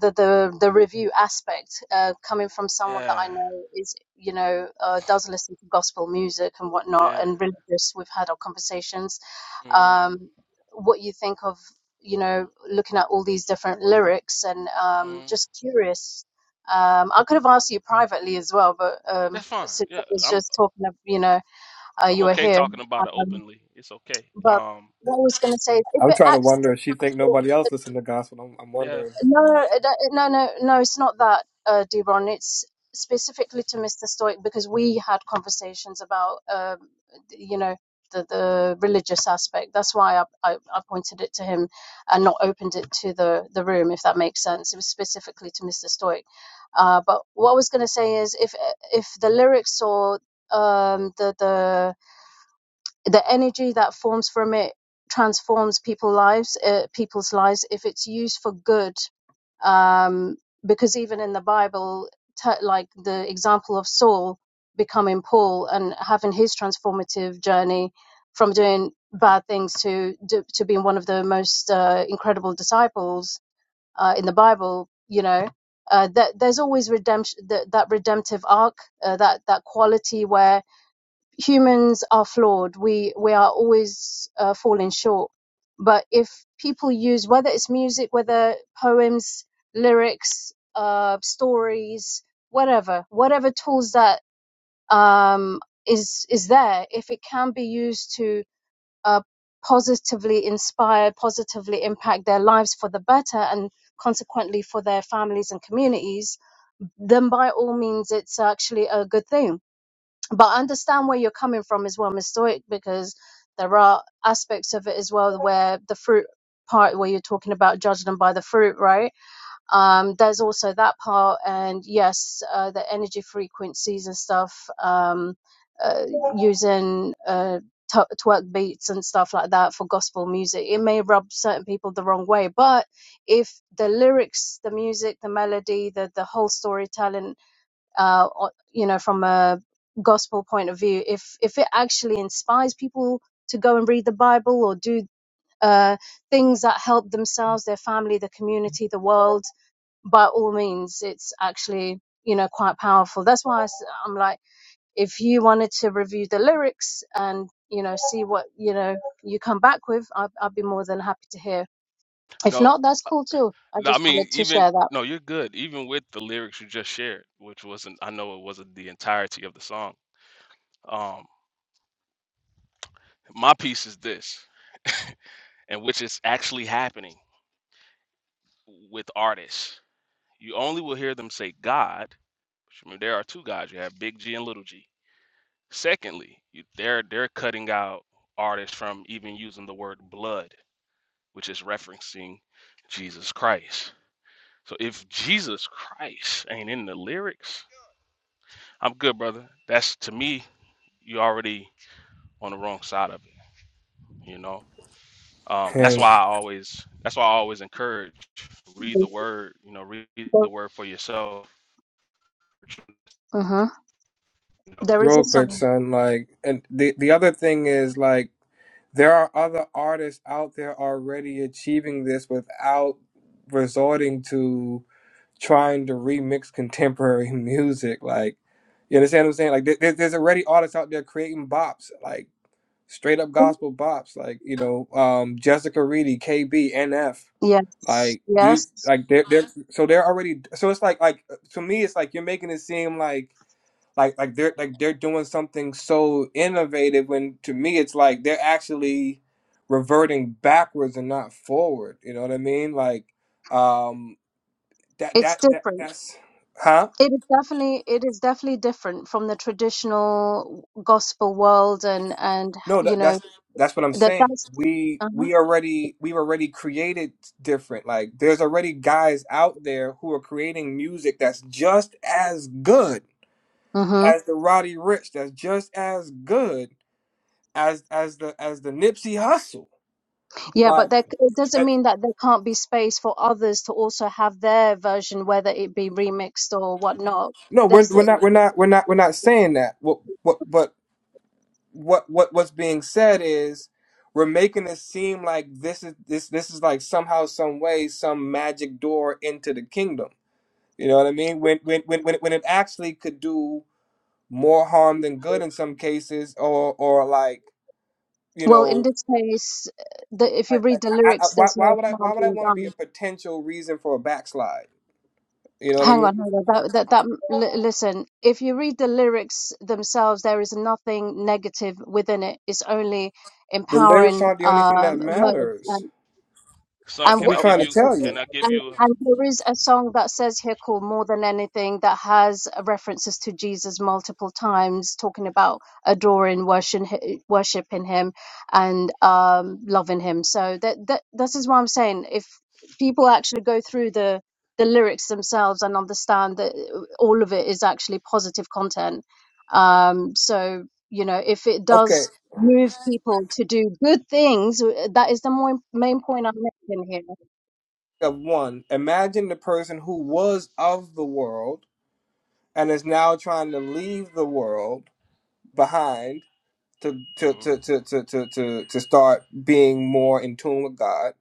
Speaker 4: the the the review aspect uh, coming from
Speaker 14: I,
Speaker 4: someone that
Speaker 14: yeah
Speaker 4: I know is you know uh, does listen to gospel music and whatnot
Speaker 14: yeah
Speaker 4: and religious. We've had our conversations.
Speaker 14: hmm
Speaker 4: Um, what you think of you know looking at all these different lyrics and um,
Speaker 14: hmm
Speaker 4: just curious. Um, I could have asked you privately as well, but um,
Speaker 14: that's fine
Speaker 4: since
Speaker 14: yeah
Speaker 4: I was
Speaker 14: i'm
Speaker 4: just talking, of, you know, uh,
Speaker 14: I'm
Speaker 4: you were
Speaker 14: okay
Speaker 4: here.
Speaker 14: talking about it
Speaker 4: Um,
Speaker 14: openly. It's okay.
Speaker 4: but
Speaker 14: Um,
Speaker 4: what I was going to say, is if
Speaker 11: I'm
Speaker 4: it
Speaker 11: trying to
Speaker 4: acts as
Speaker 11: wonder if she think
Speaker 4: a tool
Speaker 11: nobody else listen to gospel. I'm, I'm
Speaker 14: yeah.
Speaker 11: wondering.
Speaker 4: no, it- it- no, no, no. It's not that, uh, Debron. It's specifically to Mr. Stoic because we had conversations about, um, th- you know, the the religious aspect. That's why I, I I pointed it to him and not opened it to the the room, if that makes sense. It was specifically to Mr. Stoic. Uh, but what I was going to say is, if if the lyrics or um the the the energy that forms from it transforms people's lives uh, people's lives if it's used for good um, because even in the bible t- like the example of saul becoming paul and having his transformative journey from doing bad things to to, to being one of the most uh, incredible disciples uh, in the bible you know uh, that there's always redemption that, that redemptive arc uh, that that quality where humans are flawed. We we are always uh, falling short. But if people use whether it's music, whether poems, lyrics, uh, stories, whatever, whatever tools that um, is is there, if it can be used to uh, positively inspire, positively impact their lives for the better, and consequently for their families and communities, then by all means, it's actually a good thing but I understand where you're coming from as well, Mr. Stoic, because there are aspects of it as well where the fruit part where you're talking about judging them by the fruit, right? Um, there's also that part, and yes, uh, the energy frequencies and stuff, um, uh, using uh, t- twerk beats and stuff like that for gospel music. It may rub certain people the wrong way, but if the lyrics, the music, the melody, the the whole storytelling uh, or, you know, from a gospel point of view, if if it actually inspires people to go and read the Bible or do uh, things that help themselves, their family, the community, the world, by all means, it's actually you know quite powerful. That's why I s- I'm like, if you wanted to review the lyrics and you know see what you know you come back with, I'd, I'd be more than happy to hear. If
Speaker 14: No,
Speaker 4: not, that's cool too. I
Speaker 14: no. I
Speaker 4: just
Speaker 14: mean,
Speaker 4: wanted to
Speaker 14: even
Speaker 4: share that.
Speaker 14: no, you're good. Even with the lyrics you just shared, which wasn't, I know it wasn't the entirety of the song. Um, my piece is this, and which is actually happening with artists. You only will hear them say God. Which, I mean, there are two gods. You have Big G and Little G. Secondly, you, they're they're cutting out artists from even using the word blood, which is referencing Jesus Christ So if Jesus Christ ain't in the lyrics, I'm good, brother. That's to me, you already on the wrong side of it, you know. Um, that's
Speaker 11: And
Speaker 14: why I always that's why I always encourage read the word, you know, read the word for yourself.
Speaker 4: hmm
Speaker 14: You know?
Speaker 4: There is a
Speaker 11: real quick,
Speaker 14: So
Speaker 4: song.
Speaker 11: son, like, and the the other thing is like. There are other artists out there already achieving this without resorting to trying to remix contemporary music. Like, you understand what I'm saying? Like, there, there- there's already artists out there creating bops, like straight up gospel bops, like you know, um, Jessica Reedy, KB, NF.
Speaker 4: Yes,
Speaker 11: Like,
Speaker 4: yes,
Speaker 11: these, like they're, they're so they're already so it's like like to me it's like you're making it seem like like like they're like they're doing something so innovative when to me it's like they're actually reverting backwards and not forward. You know what I mean? Like um that
Speaker 4: it's
Speaker 11: that that
Speaker 4: different.
Speaker 11: that's huh?
Speaker 4: It is definitely it is definitely different from the traditional gospel world and and
Speaker 11: No,
Speaker 4: you
Speaker 11: that,
Speaker 4: know
Speaker 11: that's that's what I'm
Speaker 4: that
Speaker 11: saying.
Speaker 4: that's
Speaker 11: We
Speaker 4: uh-huh.
Speaker 11: we already we've already created different. Like there's already guys out there who are creating music that's just as good
Speaker 4: hmm
Speaker 11: as the Roddy Rich, that's just as good as as the as the Nipsey Hustle.
Speaker 4: Yeah, but
Speaker 11: Like
Speaker 4: that it doesn't mean that there can't be space for others to also have their version, whether it be remixed or whatnot.
Speaker 11: No, we're
Speaker 4: There's
Speaker 11: we're not we're not we're not we're not saying that. What what but what what what's being said is we're making it seem like this is this this is like somehow some way some magic door into the kingdom. You know what I mean? When when when when it, when it actually could do more harm than good in some cases, or or like you
Speaker 4: Well, in
Speaker 11: know,
Speaker 4: this case, the, if you
Speaker 11: like, like
Speaker 4: read the
Speaker 11: I, I,
Speaker 4: lyrics,
Speaker 11: why
Speaker 4: there's
Speaker 11: why
Speaker 4: no
Speaker 11: would I
Speaker 4: harm
Speaker 11: why would I
Speaker 4: being
Speaker 11: want to be a
Speaker 4: done.
Speaker 11: potential reason for a backslide? You know what I
Speaker 4: Hang
Speaker 11: mean?
Speaker 4: on, hang on. That, that, that, li- listen, if you read the lyrics themselves, there is nothing negative within it. It's only
Speaker 11: The lyrics
Speaker 4: empowering
Speaker 11: aren't the only thing that
Speaker 4: um, words
Speaker 11: matters.
Speaker 14: son,
Speaker 11: That's
Speaker 4: And,
Speaker 11: what
Speaker 14: can I
Speaker 11: we're
Speaker 14: give
Speaker 11: trying to
Speaker 14: you
Speaker 4: wh-
Speaker 11: tell
Speaker 14: can
Speaker 11: you.
Speaker 14: I give
Speaker 4: and
Speaker 14: you a,
Speaker 4: and there is a song that says here called more than anything that has references to Jesus multiple times, talking about adoring, worshiping, worshiping Him, and um, loving Him. So that that this is what I'm saying. If people actually go through the the lyrics themselves and understand that uh, all of it is actually positive content, um, so you know if it does
Speaker 11: Okay,
Speaker 4: move people to do good things. That is the more, main point I'm making here.
Speaker 11: of one, imagine the person who was of the world and is now trying to leave the world behind to to
Speaker 14: Mhm.
Speaker 11: to to to to, to, to start being more in tune with God.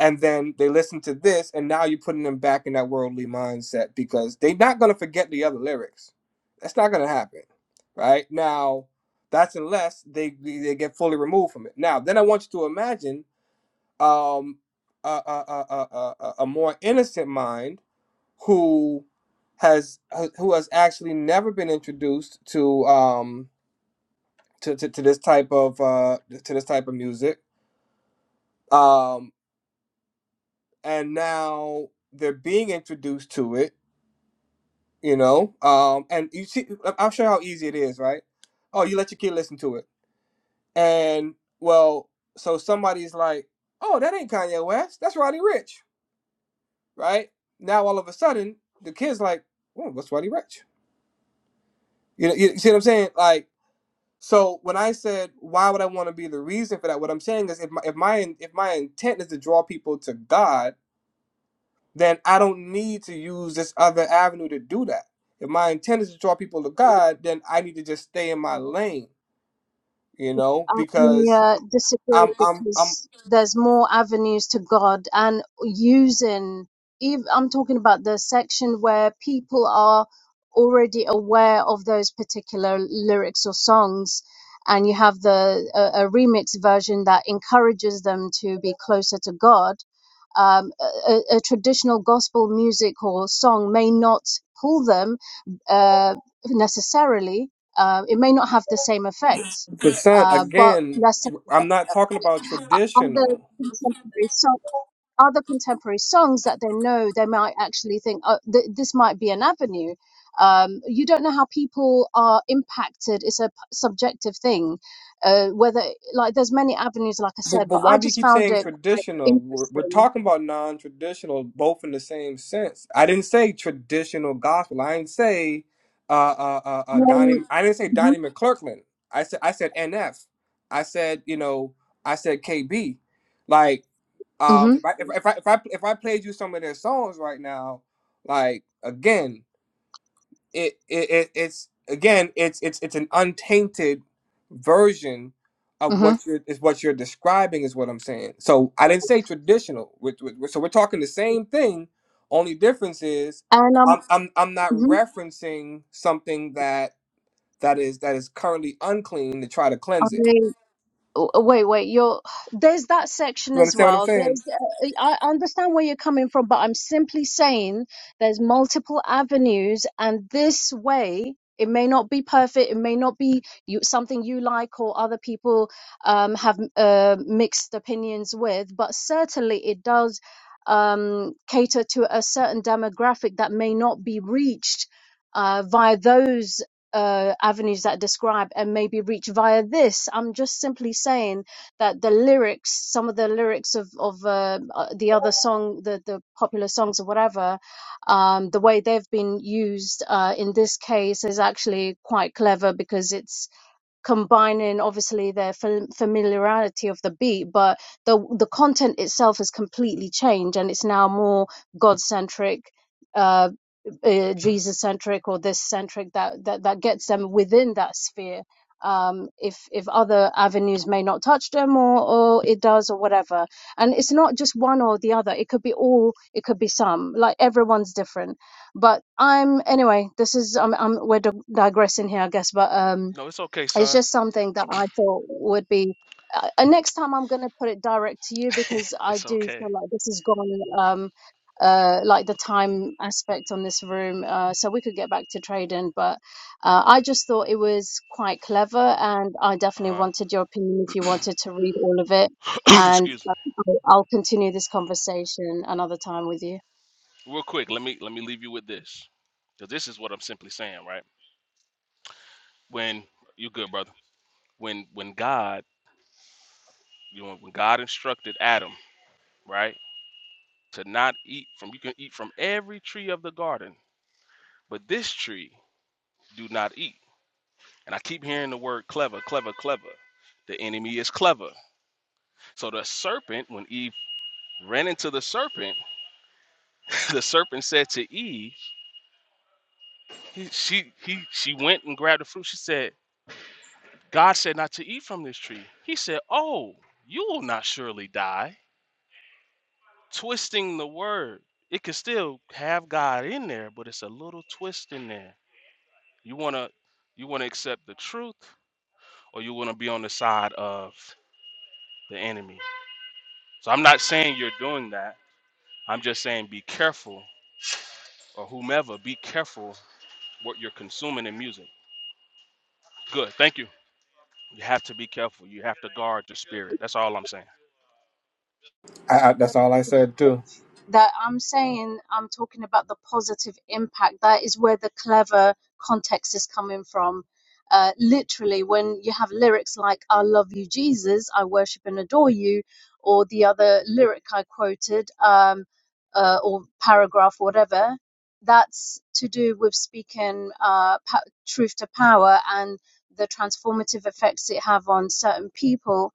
Speaker 11: And then they listen to this, and now you're putting them back in that worldly mindset because they're not going to forget the other lyrics. That's not going to happen, right? Now, that's unless they they get fully removed from it. Now, then I want you to imagine um, a, a, a, a, a a- a more innocent mind who has uh, who has actually never been introduced to um to, to, to this type of uh to this type of music um and now they're being introduced to it you know um and you see I- i'll show you how easy it is right oh you let your kid listen to it and well so somebody's like oh that ain't kanye west that's roddy rich right now all of a sudden the kid's like oh what's roddy rich you know you see what i'm saying like So when I said why would I want to be the reason for that, what I'm saying is if my if my if my intent is to draw people to God, then I don't need to use this other avenue to do that. If my intent is to draw people to God, then I need to just stay in my lane, you know,
Speaker 4: I
Speaker 11: because
Speaker 4: uh, disagree
Speaker 11: I'm I'm I'm
Speaker 4: because there's more avenues to God and using, ev- I'm talking about the section where people are already aware of those particular lyrics or songs. And you have the a, a remix version that encourages them to be closer to God. Um, a, a a traditional gospel music or song may not pull them uh, necessarily. Uh, it may not have the same effect
Speaker 11: percent
Speaker 4: uh, but
Speaker 11: again.
Speaker 4: let
Speaker 11: I'm not talking about
Speaker 4: other
Speaker 11: traditional.
Speaker 4: contemporary songs, other contemporary songs that they know, they might actually think, oh, th- this might be an avenue. Um, you don't know how people are impacted. It's a p- subjective thing. Uh, whether like there's many avenues, like I
Speaker 11: But,
Speaker 4: said, but
Speaker 11: but why
Speaker 4: I
Speaker 11: do you
Speaker 4: just
Speaker 11: keep
Speaker 4: found
Speaker 11: saying
Speaker 4: it quite
Speaker 11: traditional? We're, we're
Speaker 4: interesting.
Speaker 11: talking about non-traditional, both in the same sense. I didn't say traditional gospel. I didn't say uh, uh, uh, uh, Donnie.
Speaker 4: Um,
Speaker 11: I didn't say
Speaker 4: hmm
Speaker 11: Donnie McClurkin. I said I said NF. I said you know I said KB. Like um,
Speaker 4: hmm
Speaker 11: if I if, I- if I if I if I played you some of their songs right now, like again it, it, it it's again it's it's it's an untainted version of
Speaker 4: hmm
Speaker 11: what you're is what you're describing is what I'm saying. So I didn't say traditional. Which, which, so we're talking the same thing. Only difference is
Speaker 4: And um,
Speaker 11: I'm I'm I'm not referencing something that that is that is currently unclean to try to cleanse it.
Speaker 4: mhm. w- wait wait you're there's that section
Speaker 11: You
Speaker 4: as
Speaker 11: understand what I'm
Speaker 4: well
Speaker 11: saying?
Speaker 4: there's uh, i understand where you're coming from but i'm simply saying there's multiple avenues and this way it may not be perfect it may not be you, something you like or other people um, have uh, mixed opinions with but certainly it does um, cater to a certain demographic that may not be reached uh, via those uh, avenues that I describe and maybe reach via this. I'm just simply saying that the lyrics, some of the lyrics of of uh, uh, the other song, the the popular songs or whatever, um, the way they've been used uh, in this case is actually quite clever because it's combining obviously their familiarity of the beat but the the content itself has completely changed and it's now more god centric uh, uh jesus centric or this centric that, that that gets them within that sphere um if if other avenues may not touch them or or it does or whatever and it's not just one or the other it could be all it could be some like everyone's different but i'm anyway this is i'm, I'm we're digressing here i guess but um
Speaker 14: no, it's okay,
Speaker 4: it's
Speaker 14: son.
Speaker 4: just something that I thought would be. Uh, and next time I'm going to put it direct to you because I
Speaker 14: it's
Speaker 4: do
Speaker 14: okay.
Speaker 4: feel like this has gone, um, uh, like the time aspect on this room. Uh, so we could get back to trading, but uh, I just thought it was quite clever, and I definitely
Speaker 14: Uh-huh.
Speaker 4: wanted your opinion if you wanted to read all of it. And
Speaker 14: Excuse
Speaker 4: uh,
Speaker 14: me.
Speaker 4: I'll I'll continue this conversation another time with you.
Speaker 14: Real quick, let me let me leave you with this. Because this is what I'm simply saying, right? When you good, brother. When when God You know, when God instructed Adam, right, to not eat from, you can eat from every tree of the garden, but this tree do not eat. And I keep hearing the word clever, clever, clever. The enemy is clever. So the serpent, when Eve ran into the serpent, the serpent said to Eve, he, she he she went and grabbed the fruit. She said, God said not to eat from this tree. He said, Oh, you will not surely die. Twisting the word. It can still have God in there, but it's a little twist in there. You want to you want to accept the truth or you want to be on the side of the enemy. So I'm not saying you're doing that. I'm just saying be careful or whomever, be careful what you're consuming in music. Good. Thank you. You have to be careful. You have to guard your spirit. That's all I'm saying.
Speaker 11: I, I, that's all I said too.
Speaker 4: that I'm saying I'm talking about the positive impact. That is where the clever context is coming from. Uh, literally, when you have lyrics like "I love you, Jesus," "I worship and adore you," or the other lyric I quoted, um, uh, or paragraph, whatever, that's to do with speaking uh, pa- truth to power and the transformative effects it have on certain people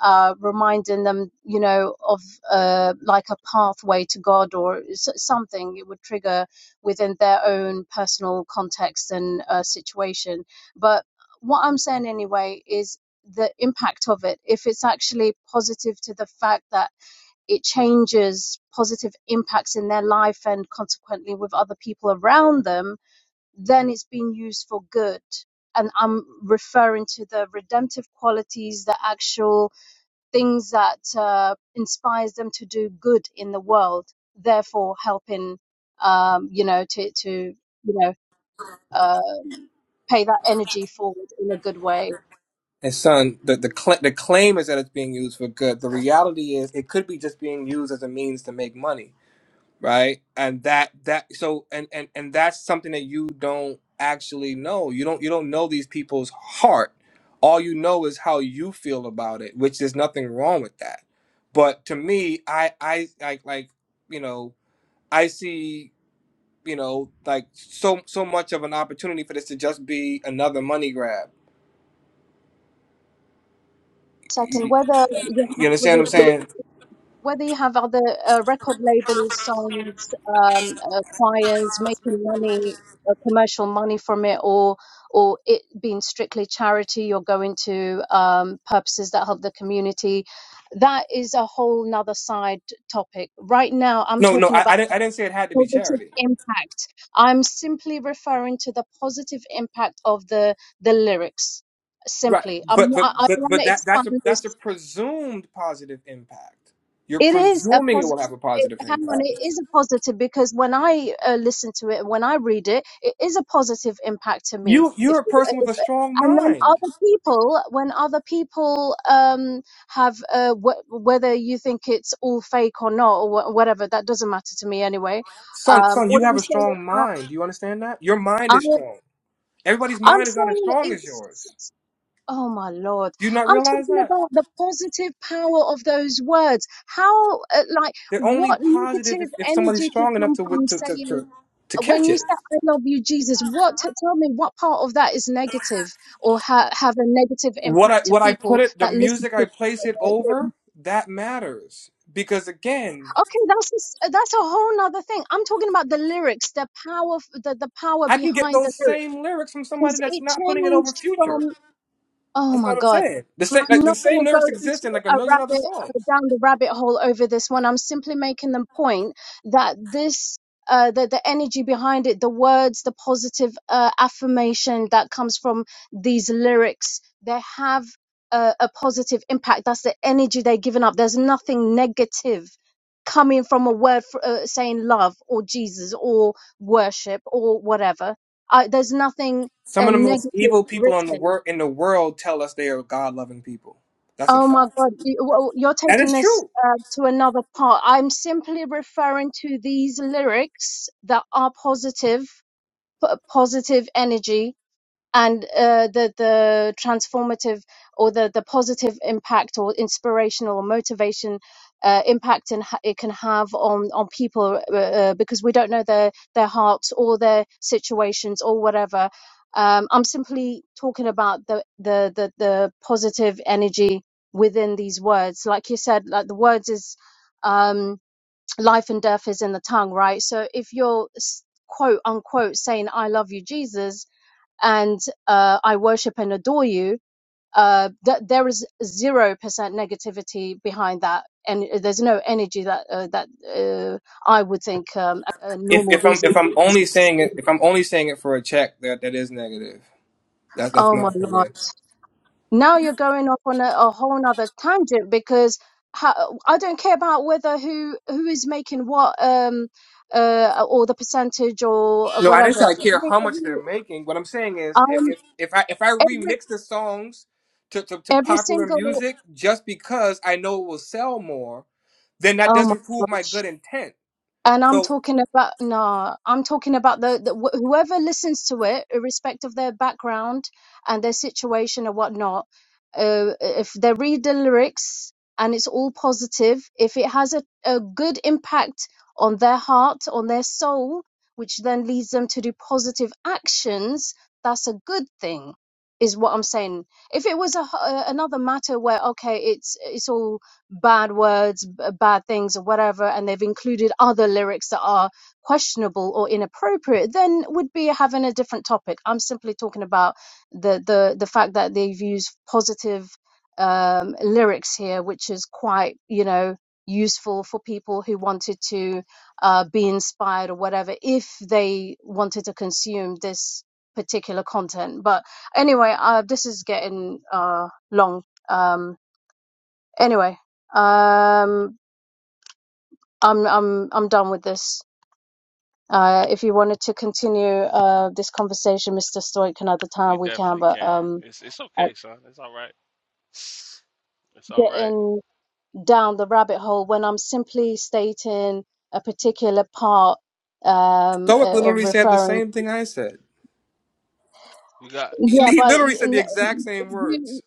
Speaker 4: uh, reminding them, you know, of uh, like a pathway to God or s- something. It would trigger within their own personal context and uh, situation. But what I'm saying anyway is the impact of it. If it's actually positive to the fact that it changes positive impacts in their life and consequently with other people around them, then it's being used for good. And I'm referring to the redemptive qualities, the actual things that uh, inspires them to do good in the world, therefore helping, um, you know, to, to you know, um, pay that energy forward in a good way.
Speaker 11: And son, the the, cl- the claim is that it's being used for good. The reality is it could be just being used as a means to make money right and that that so and and and that's something that you don't actually know you don't you don't know these people's heart all you know is how you feel about it which there's nothing wrong with that but to me i i like like you know i see you know like so so much of an opportunity for this to just be another money grab
Speaker 4: Second,
Speaker 11: you,
Speaker 4: whether
Speaker 11: you understand what i'm saying
Speaker 4: whether you have other uh, record labels, songs, um, uh, choirs making money, uh, commercial money from it, or or it being strictly charity, you're going to um, purposes that help the community. That is a whole nother side topic. Right now, I'm
Speaker 11: no no
Speaker 4: talking
Speaker 11: I,
Speaker 4: about
Speaker 11: I didn't i didn't say it had to be
Speaker 4: positive
Speaker 11: charity
Speaker 4: impact. I'm simply referring to the positive impact of the the lyrics.
Speaker 11: Right,
Speaker 4: Simply, I'm
Speaker 11: but but
Speaker 4: not. I, I
Speaker 11: but
Speaker 4: want
Speaker 11: but
Speaker 4: to
Speaker 11: that
Speaker 4: expand
Speaker 11: that's a
Speaker 4: this
Speaker 11: that's a presumed positive impact. You're
Speaker 4: It is a
Speaker 11: presuming it will have
Speaker 4: positive.
Speaker 11: a
Speaker 4: It,
Speaker 11: positive
Speaker 4: hang on, it
Speaker 11: impact.
Speaker 4: is a positive because when I uh, listen to it, and when I read it, it is a positive impact to me.
Speaker 11: You you're
Speaker 4: If,
Speaker 11: a
Speaker 4: you- uh,
Speaker 11: person with
Speaker 4: if
Speaker 11: a strong
Speaker 4: and then
Speaker 11: mind,
Speaker 4: other people, when other people um, have, uh, wh- whether you think it's all fake or not or wh- whatever, that doesn't matter to me anyway.
Speaker 11: son.
Speaker 4: Um,
Speaker 11: Son,
Speaker 4: all
Speaker 11: you have
Speaker 4: I'm
Speaker 11: a
Speaker 4: saying,
Speaker 11: strong mind. Do you understand that? Your
Speaker 4: I,
Speaker 11: mind is
Speaker 4: I,
Speaker 11: strong. Everybody's
Speaker 4: I'm
Speaker 11: mind is not as
Speaker 4: saying
Speaker 11: strong as yours.
Speaker 4: it's. Oh my Lord.
Speaker 11: Do you not
Speaker 4: I'm
Speaker 11: realize
Speaker 4: talking
Speaker 11: that?
Speaker 4: about the positive power of those words. How, uh, like,
Speaker 11: They're only
Speaker 4: what
Speaker 11: positive if,
Speaker 4: negative
Speaker 11: if somebody's
Speaker 4: energy can
Speaker 11: strong enough
Speaker 4: come
Speaker 11: to,
Speaker 4: from
Speaker 11: to to
Speaker 4: saying,
Speaker 11: to to
Speaker 4: when
Speaker 11: catch
Speaker 4: you
Speaker 11: it.
Speaker 4: say, I love you, Jesus, what, t- tell me what part of that is negative or ha- have a negative
Speaker 11: What I
Speaker 4: impact to
Speaker 11: what I put
Speaker 4: people
Speaker 11: it, the
Speaker 4: that listen
Speaker 11: music I
Speaker 4: to
Speaker 11: place it
Speaker 4: the lyrics?
Speaker 11: over, that matters because again.
Speaker 4: Okay, that's, a s- that's a whole nother thing. I'm talking about the lyrics, the power, f- the, the power
Speaker 11: I can get
Speaker 4: behind the
Speaker 11: those
Speaker 4: lyrics.
Speaker 11: same lyrics from somebody
Speaker 4: Because
Speaker 11: that's
Speaker 4: it
Speaker 11: not putting it over
Speaker 4: changed
Speaker 11: Future.
Speaker 4: Oh
Speaker 11: That's
Speaker 4: my
Speaker 11: what I'm
Speaker 4: God.
Speaker 11: saying. The
Speaker 4: I'm
Speaker 11: same, like the
Speaker 4: not going
Speaker 11: same
Speaker 4: to go
Speaker 11: lyrics exist
Speaker 4: into
Speaker 11: in like a
Speaker 4: a
Speaker 11: million other
Speaker 4: rabbit
Speaker 11: songs.
Speaker 4: uh, down the rabbit hole over this one. I'm simply making the point that this. Uh, the, the energy behind it, the words, the positive uh, affirmation that comes from these lyrics, they have a, a positive impact. That's the energy they're giving up. There's nothing negative coming from a word fr uh, saying love or Jesus or worship or whatever. I, there's nothing
Speaker 11: Some
Speaker 4: uh,
Speaker 11: of the most
Speaker 4: negative
Speaker 11: evil people on the
Speaker 4: written.
Speaker 11: world in the world tell us they are God loving people. That's a
Speaker 4: Oh my
Speaker 11: fact.
Speaker 4: God, you- well, you're
Speaker 11: That
Speaker 4: taking
Speaker 11: is
Speaker 4: this
Speaker 11: true.
Speaker 4: uh, to another part. I'm simply referring to these lyrics that are positive, p- positive energy and uh, the the transformative or the the positive impact or inspirational or motivation uh, impact in, it can have on on people uh, uh, because we don't know their their hearts or their situations or whatever. Um, I'm simply talking about the, the the the positive energy within these words. Like you said, like the words is um, life and death is in the tongue, right? So if you're s- quote unquote saying "I love you, Jesus," and uh, I worship and adore you, uh, th- there is zero percent negativity behind that, and uh, there's no energy that uh, that uh, I would think um, a, a
Speaker 11: If
Speaker 4: normal,
Speaker 11: if I'm if
Speaker 4: reasonable.
Speaker 11: I'm only
Speaker 4: person-
Speaker 11: saying it if I'm only saying it for a check, that that is negative. That's that's
Speaker 4: Oh
Speaker 11: my
Speaker 4: my lord!
Speaker 11: opinion.
Speaker 4: Now you're going off on a, a whole other tangent because how, I don't care about whether who who is making what. Um, uh, or the percentage or
Speaker 11: No, I didn't
Speaker 4: whatever.
Speaker 11: say I care
Speaker 4: Every,
Speaker 11: how much they're
Speaker 4: every,
Speaker 11: making. What I'm saying
Speaker 4: I,
Speaker 11: is, if if, if I if I
Speaker 4: every,
Speaker 11: remix the songs to, to, to
Speaker 4: every
Speaker 11: popular
Speaker 4: single,
Speaker 11: music just because I know it will sell more, then that
Speaker 4: oh my
Speaker 11: doesn't prove my
Speaker 4: gosh.
Speaker 11: good intent.
Speaker 4: And I'm
Speaker 11: So
Speaker 4: talking about nah. I'm talking about the, the wh- whoever listens to it, irrespective of their background and their situation or whatnot. Uh, if they read the lyrics and it's all positive, if it has a, a good impact on their heart, on their soul, which then leads them to do positive actions, that's a good thing, is what I'm saying. If it was a, h- uh, another matter where okay, it's it's all bad words, b- bad things, or whatever, and they've included other lyrics that are questionable or inappropriate, then would be having a different topic. I'm simply talking about the the the fact that they've used positive um, lyrics here, which is quite you know useful for people who wanted to uh, be inspired or whatever if they wanted to consume this particular content but anyway uh, this is getting uh, long Um Anyway, um, I'm I'm I'm done with this. Uh, if you wanted to continue uh, this conversation, Mr. Stoic, another
Speaker 14: We
Speaker 4: time we can.
Speaker 14: definitely
Speaker 4: But
Speaker 14: can.
Speaker 4: um,
Speaker 14: It's it's
Speaker 4: uh,
Speaker 14: okay, son. It's all right. It's all right.
Speaker 4: getting down the rabbit hole when I'm simply stating a particular part, um,
Speaker 11: Stoic
Speaker 4: uh, uh,
Speaker 11: literally said the
Speaker 4: referring.
Speaker 11: same thing I said.
Speaker 14: You got
Speaker 11: He
Speaker 4: Yeah,
Speaker 11: he
Speaker 4: but
Speaker 11: literally
Speaker 4: y-
Speaker 11: said the
Speaker 4: n-
Speaker 11: exact same
Speaker 4: you,
Speaker 11: words.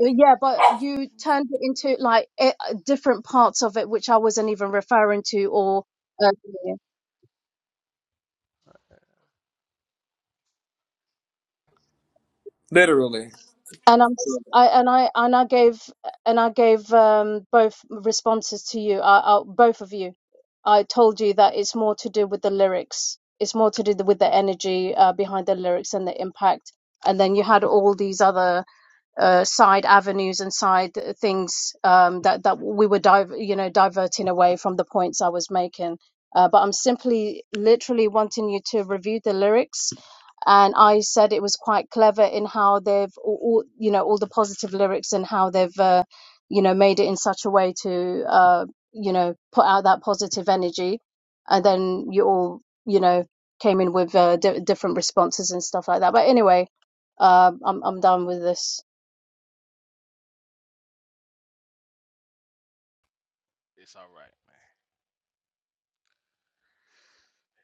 Speaker 4: yeah, but you turned it into like eh, different parts of it, which I wasn't even referring to, or. Uh,
Speaker 11: Literally,
Speaker 4: And I'm, I and I and I gave and I gave um, both responses to you, I, I, both of you. I told you that it's more to do with the lyrics. It's more to do with the energy uh, behind the lyrics and the impact. And then you had all these other uh, side avenues and side things um, that that we were div- you know diverting away from the points I was making. Uh, but I'm simply literally wanting you to review the lyrics. And I said it was quite clever in how they've all, all you know all the positive lyrics and how they've uh, you know made it in such a way to uh, you know put out that positive energy. And then you all you know came in with uh, di- different responses and stuff like that. But anyway, um, I'm I'm done with this.
Speaker 14: it's all right, man.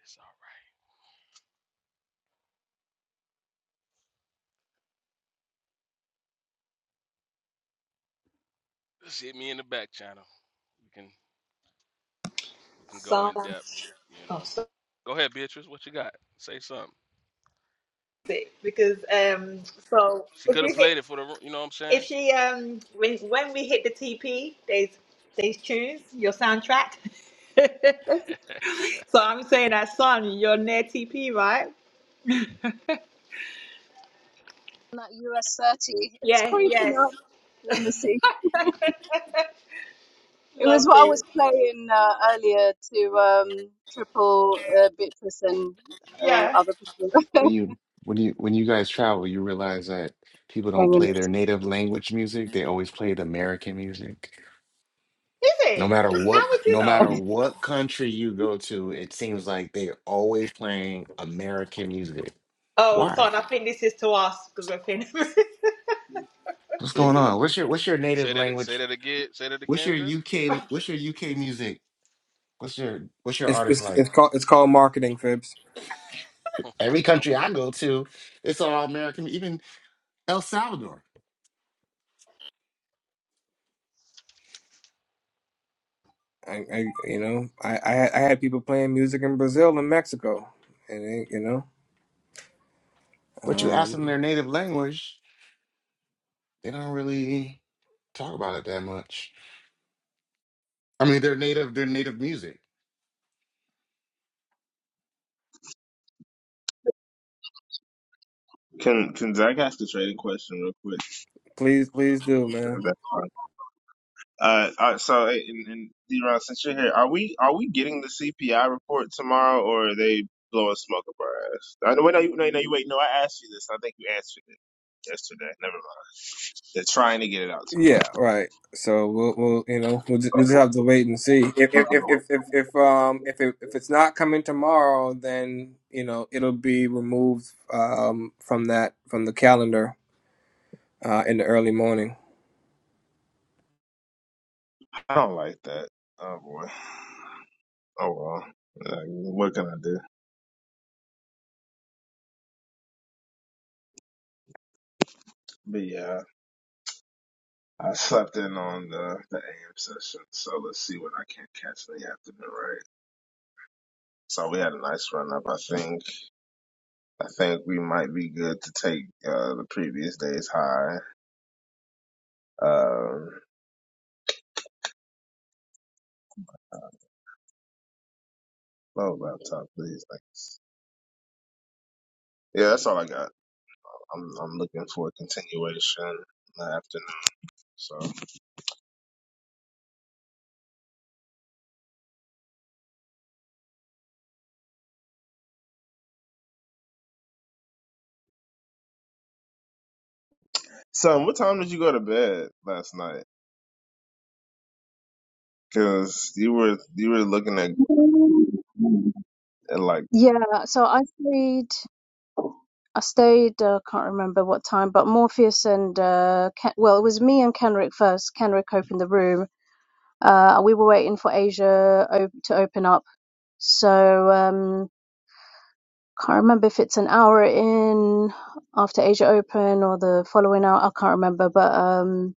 Speaker 14: It's all right. Just hit me in the back channel. You can We can go in depth,
Speaker 13: silence.
Speaker 14: you
Speaker 13: Oh,
Speaker 14: know.
Speaker 13: sorry,
Speaker 14: Go ahead, Beatrice. What you got? Say something.
Speaker 13: because um, so
Speaker 14: She
Speaker 13: if
Speaker 14: could have
Speaker 13: you
Speaker 14: played
Speaker 13: hit,
Speaker 14: it for the, you know what I'm saying?
Speaker 13: if she um, when when we hit the TP, there's there's tunes your soundtrack. so I'm saying that song. You're near TP, right?
Speaker 4: that US 30. It's
Speaker 13: Yes, yes.
Speaker 4: creeping up. Let me see. It was what I
Speaker 13: Lovely.
Speaker 4: was playing uh, earlier to um, triple uh, Beatrice and uh,
Speaker 13: Yeah. Is
Speaker 4: other people.
Speaker 5: When you when you when you guys travel, you realize that people don't
Speaker 4: Hang
Speaker 5: play their native language music. They always played American music. No
Speaker 13: it?
Speaker 5: matter
Speaker 13: How
Speaker 5: what c-
Speaker 13: would you
Speaker 5: no
Speaker 13: know?
Speaker 5: matter what country you go to, it seems like they're always playing American music.
Speaker 13: Oh,
Speaker 5: Why?
Speaker 13: son, I think this is to us because we're paying.
Speaker 5: What's going on? What's your what's your native
Speaker 14: Say that. Say
Speaker 5: language?
Speaker 14: that again. Say that
Speaker 5: What's
Speaker 14: again,
Speaker 5: your
Speaker 14: Phipps.
Speaker 5: UK what's your UK music? What's your what's your
Speaker 11: it's
Speaker 5: artist
Speaker 11: it's, it's
Speaker 5: like?
Speaker 11: called it's called marketing fibs.
Speaker 5: Every country I go to, it's all American, even El Salvador.
Speaker 11: I, I you know I, I had- I had people playing music in Brazil and Mexico, and they, you know
Speaker 5: But you ask them
Speaker 11: um
Speaker 5: their native language, they don't really talk about it that much. I mean, they're native. They're native music.
Speaker 15: Can can Zach ask a trading question real quick?
Speaker 11: please please do
Speaker 15: If
Speaker 11: man.
Speaker 15: that's fine. Uh, uh, so hey, and, and D-Ron, since you're here, are we are we getting the CPI report tomorrow, or are they blowing smoke up our ass? I know, wait, no, you, no, no, you wait. No, I asked you this. I think you answered it yesterday. Never mind. They're trying to get it out
Speaker 11: Yeah, right. So we'll, we'll you know, we'll just, we'll just have to wait and see. If if if if
Speaker 15: tomorrow.
Speaker 11: if, if um
Speaker 15: Okay.
Speaker 11: if it, if it's not coming tomorrow, then you know it'll be removed um from that from the calendar uh in the early morning.
Speaker 15: I don't like that. Oh boy. Oh well. Like, what can I do? But yeah, I slept in on the the AM session, so let's see what I can catch in the afternoon, right? So we had a nice run up. I think I think we might be good to take uh, the previous day's high. Um, low laptop, please. Thanks. Yeah, that's all I got. I'm I'm looking for a continuation in the afternoon. So, so what time did you go to bed last night? Cause you were you were looking at
Speaker 4: on.
Speaker 15: and like
Speaker 4: Yeah, so I stayed. I stayed, I uh, can't remember what time, but Morpheus and, uh, Ken- well, it was me and Kenrick first. Kenrick opened the room. Uh, we were waiting for Asia op- to open up. So, um, Can't remember if it's an hour in after Asia Open or the following hour. I can't remember, but um,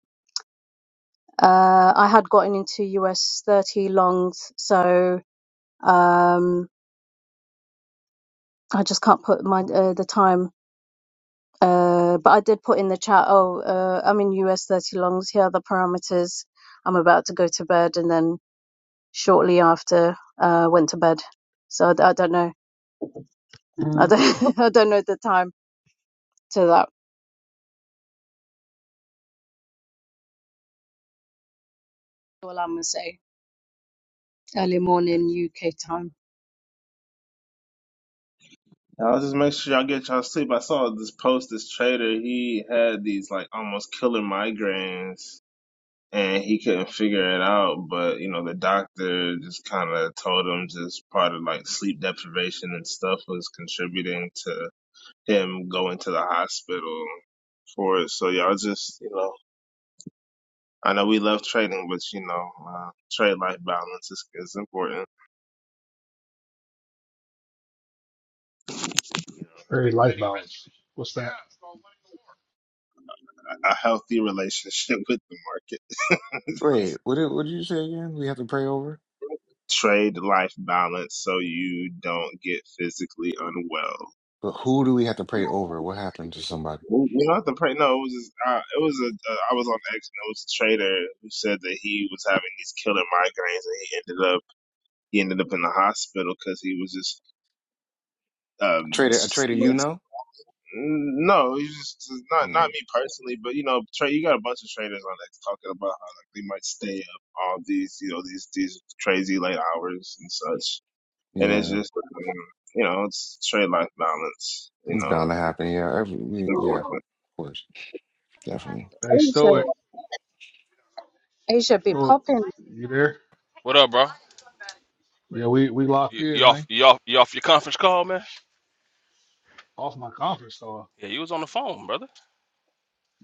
Speaker 4: uh, I had gotten into US 30 longs, so um, I just can't put my uh, the time. Uh, but I did put in the chat. Oh, uh, I'm in US 30 longs. Here are the parameters. I'm about to go to bed, and then shortly after, uh, went to bed. So I, d- I don't know. I Mm. don't. I don't know the time to that. All I'm gonna say. Early morning UK time.
Speaker 15: I'll just make sure y'all get y'all sleep. I saw this post. This trader he had these like almost killer migraines and he couldn't figure it out. But you know, the doctor just kind of told him just part of like sleep deprivation and stuff was contributing to him going to the hospital for it. So y'all just you know. I know we love trading, but you know, uh, trade life balance is, is important.
Speaker 2: very life balance. What's that?
Speaker 15: A a healthy relationship with the market.
Speaker 5: Wait, what did, what did you say again? We have to pray over?
Speaker 15: trade life balance so you don't get physically unwell.
Speaker 5: But who do we have to pray over? What happened to somebody?
Speaker 15: Well, You know, at the point, no, it was just, uh, it was a uh, I was on X and it was a trader who said that he was having these killer migraines and he ended up he ended up in the hospital because he was just um
Speaker 5: A traitor, a
Speaker 15: s-
Speaker 5: traitor you
Speaker 15: s-
Speaker 5: know?
Speaker 15: no, he's just not
Speaker 5: Hmm.
Speaker 15: not me personally, but you know, Trey, you got a bunch of traders on X talking about how like they might stay up all these you know these these crazy late hours and such, and it's
Speaker 5: Yeah,
Speaker 15: just um, you know it's trade life balance, you
Speaker 5: it's
Speaker 15: know.
Speaker 5: bound to
Speaker 15: It's
Speaker 5: happen. Yeah, every, we, yeah, of
Speaker 15: important.
Speaker 5: course, definitely.
Speaker 2: Hey,
Speaker 4: Asia,
Speaker 2: stoic.
Speaker 4: Asia be
Speaker 2: Stoic.
Speaker 4: popping.
Speaker 2: You there?
Speaker 14: what up, bro?
Speaker 2: Yeah, we we locked
Speaker 14: You, you
Speaker 2: in,
Speaker 14: off?
Speaker 2: man.
Speaker 14: You off? You off your conference call, man?
Speaker 2: Off my conference call.
Speaker 14: Yeah, you was on the phone, brother.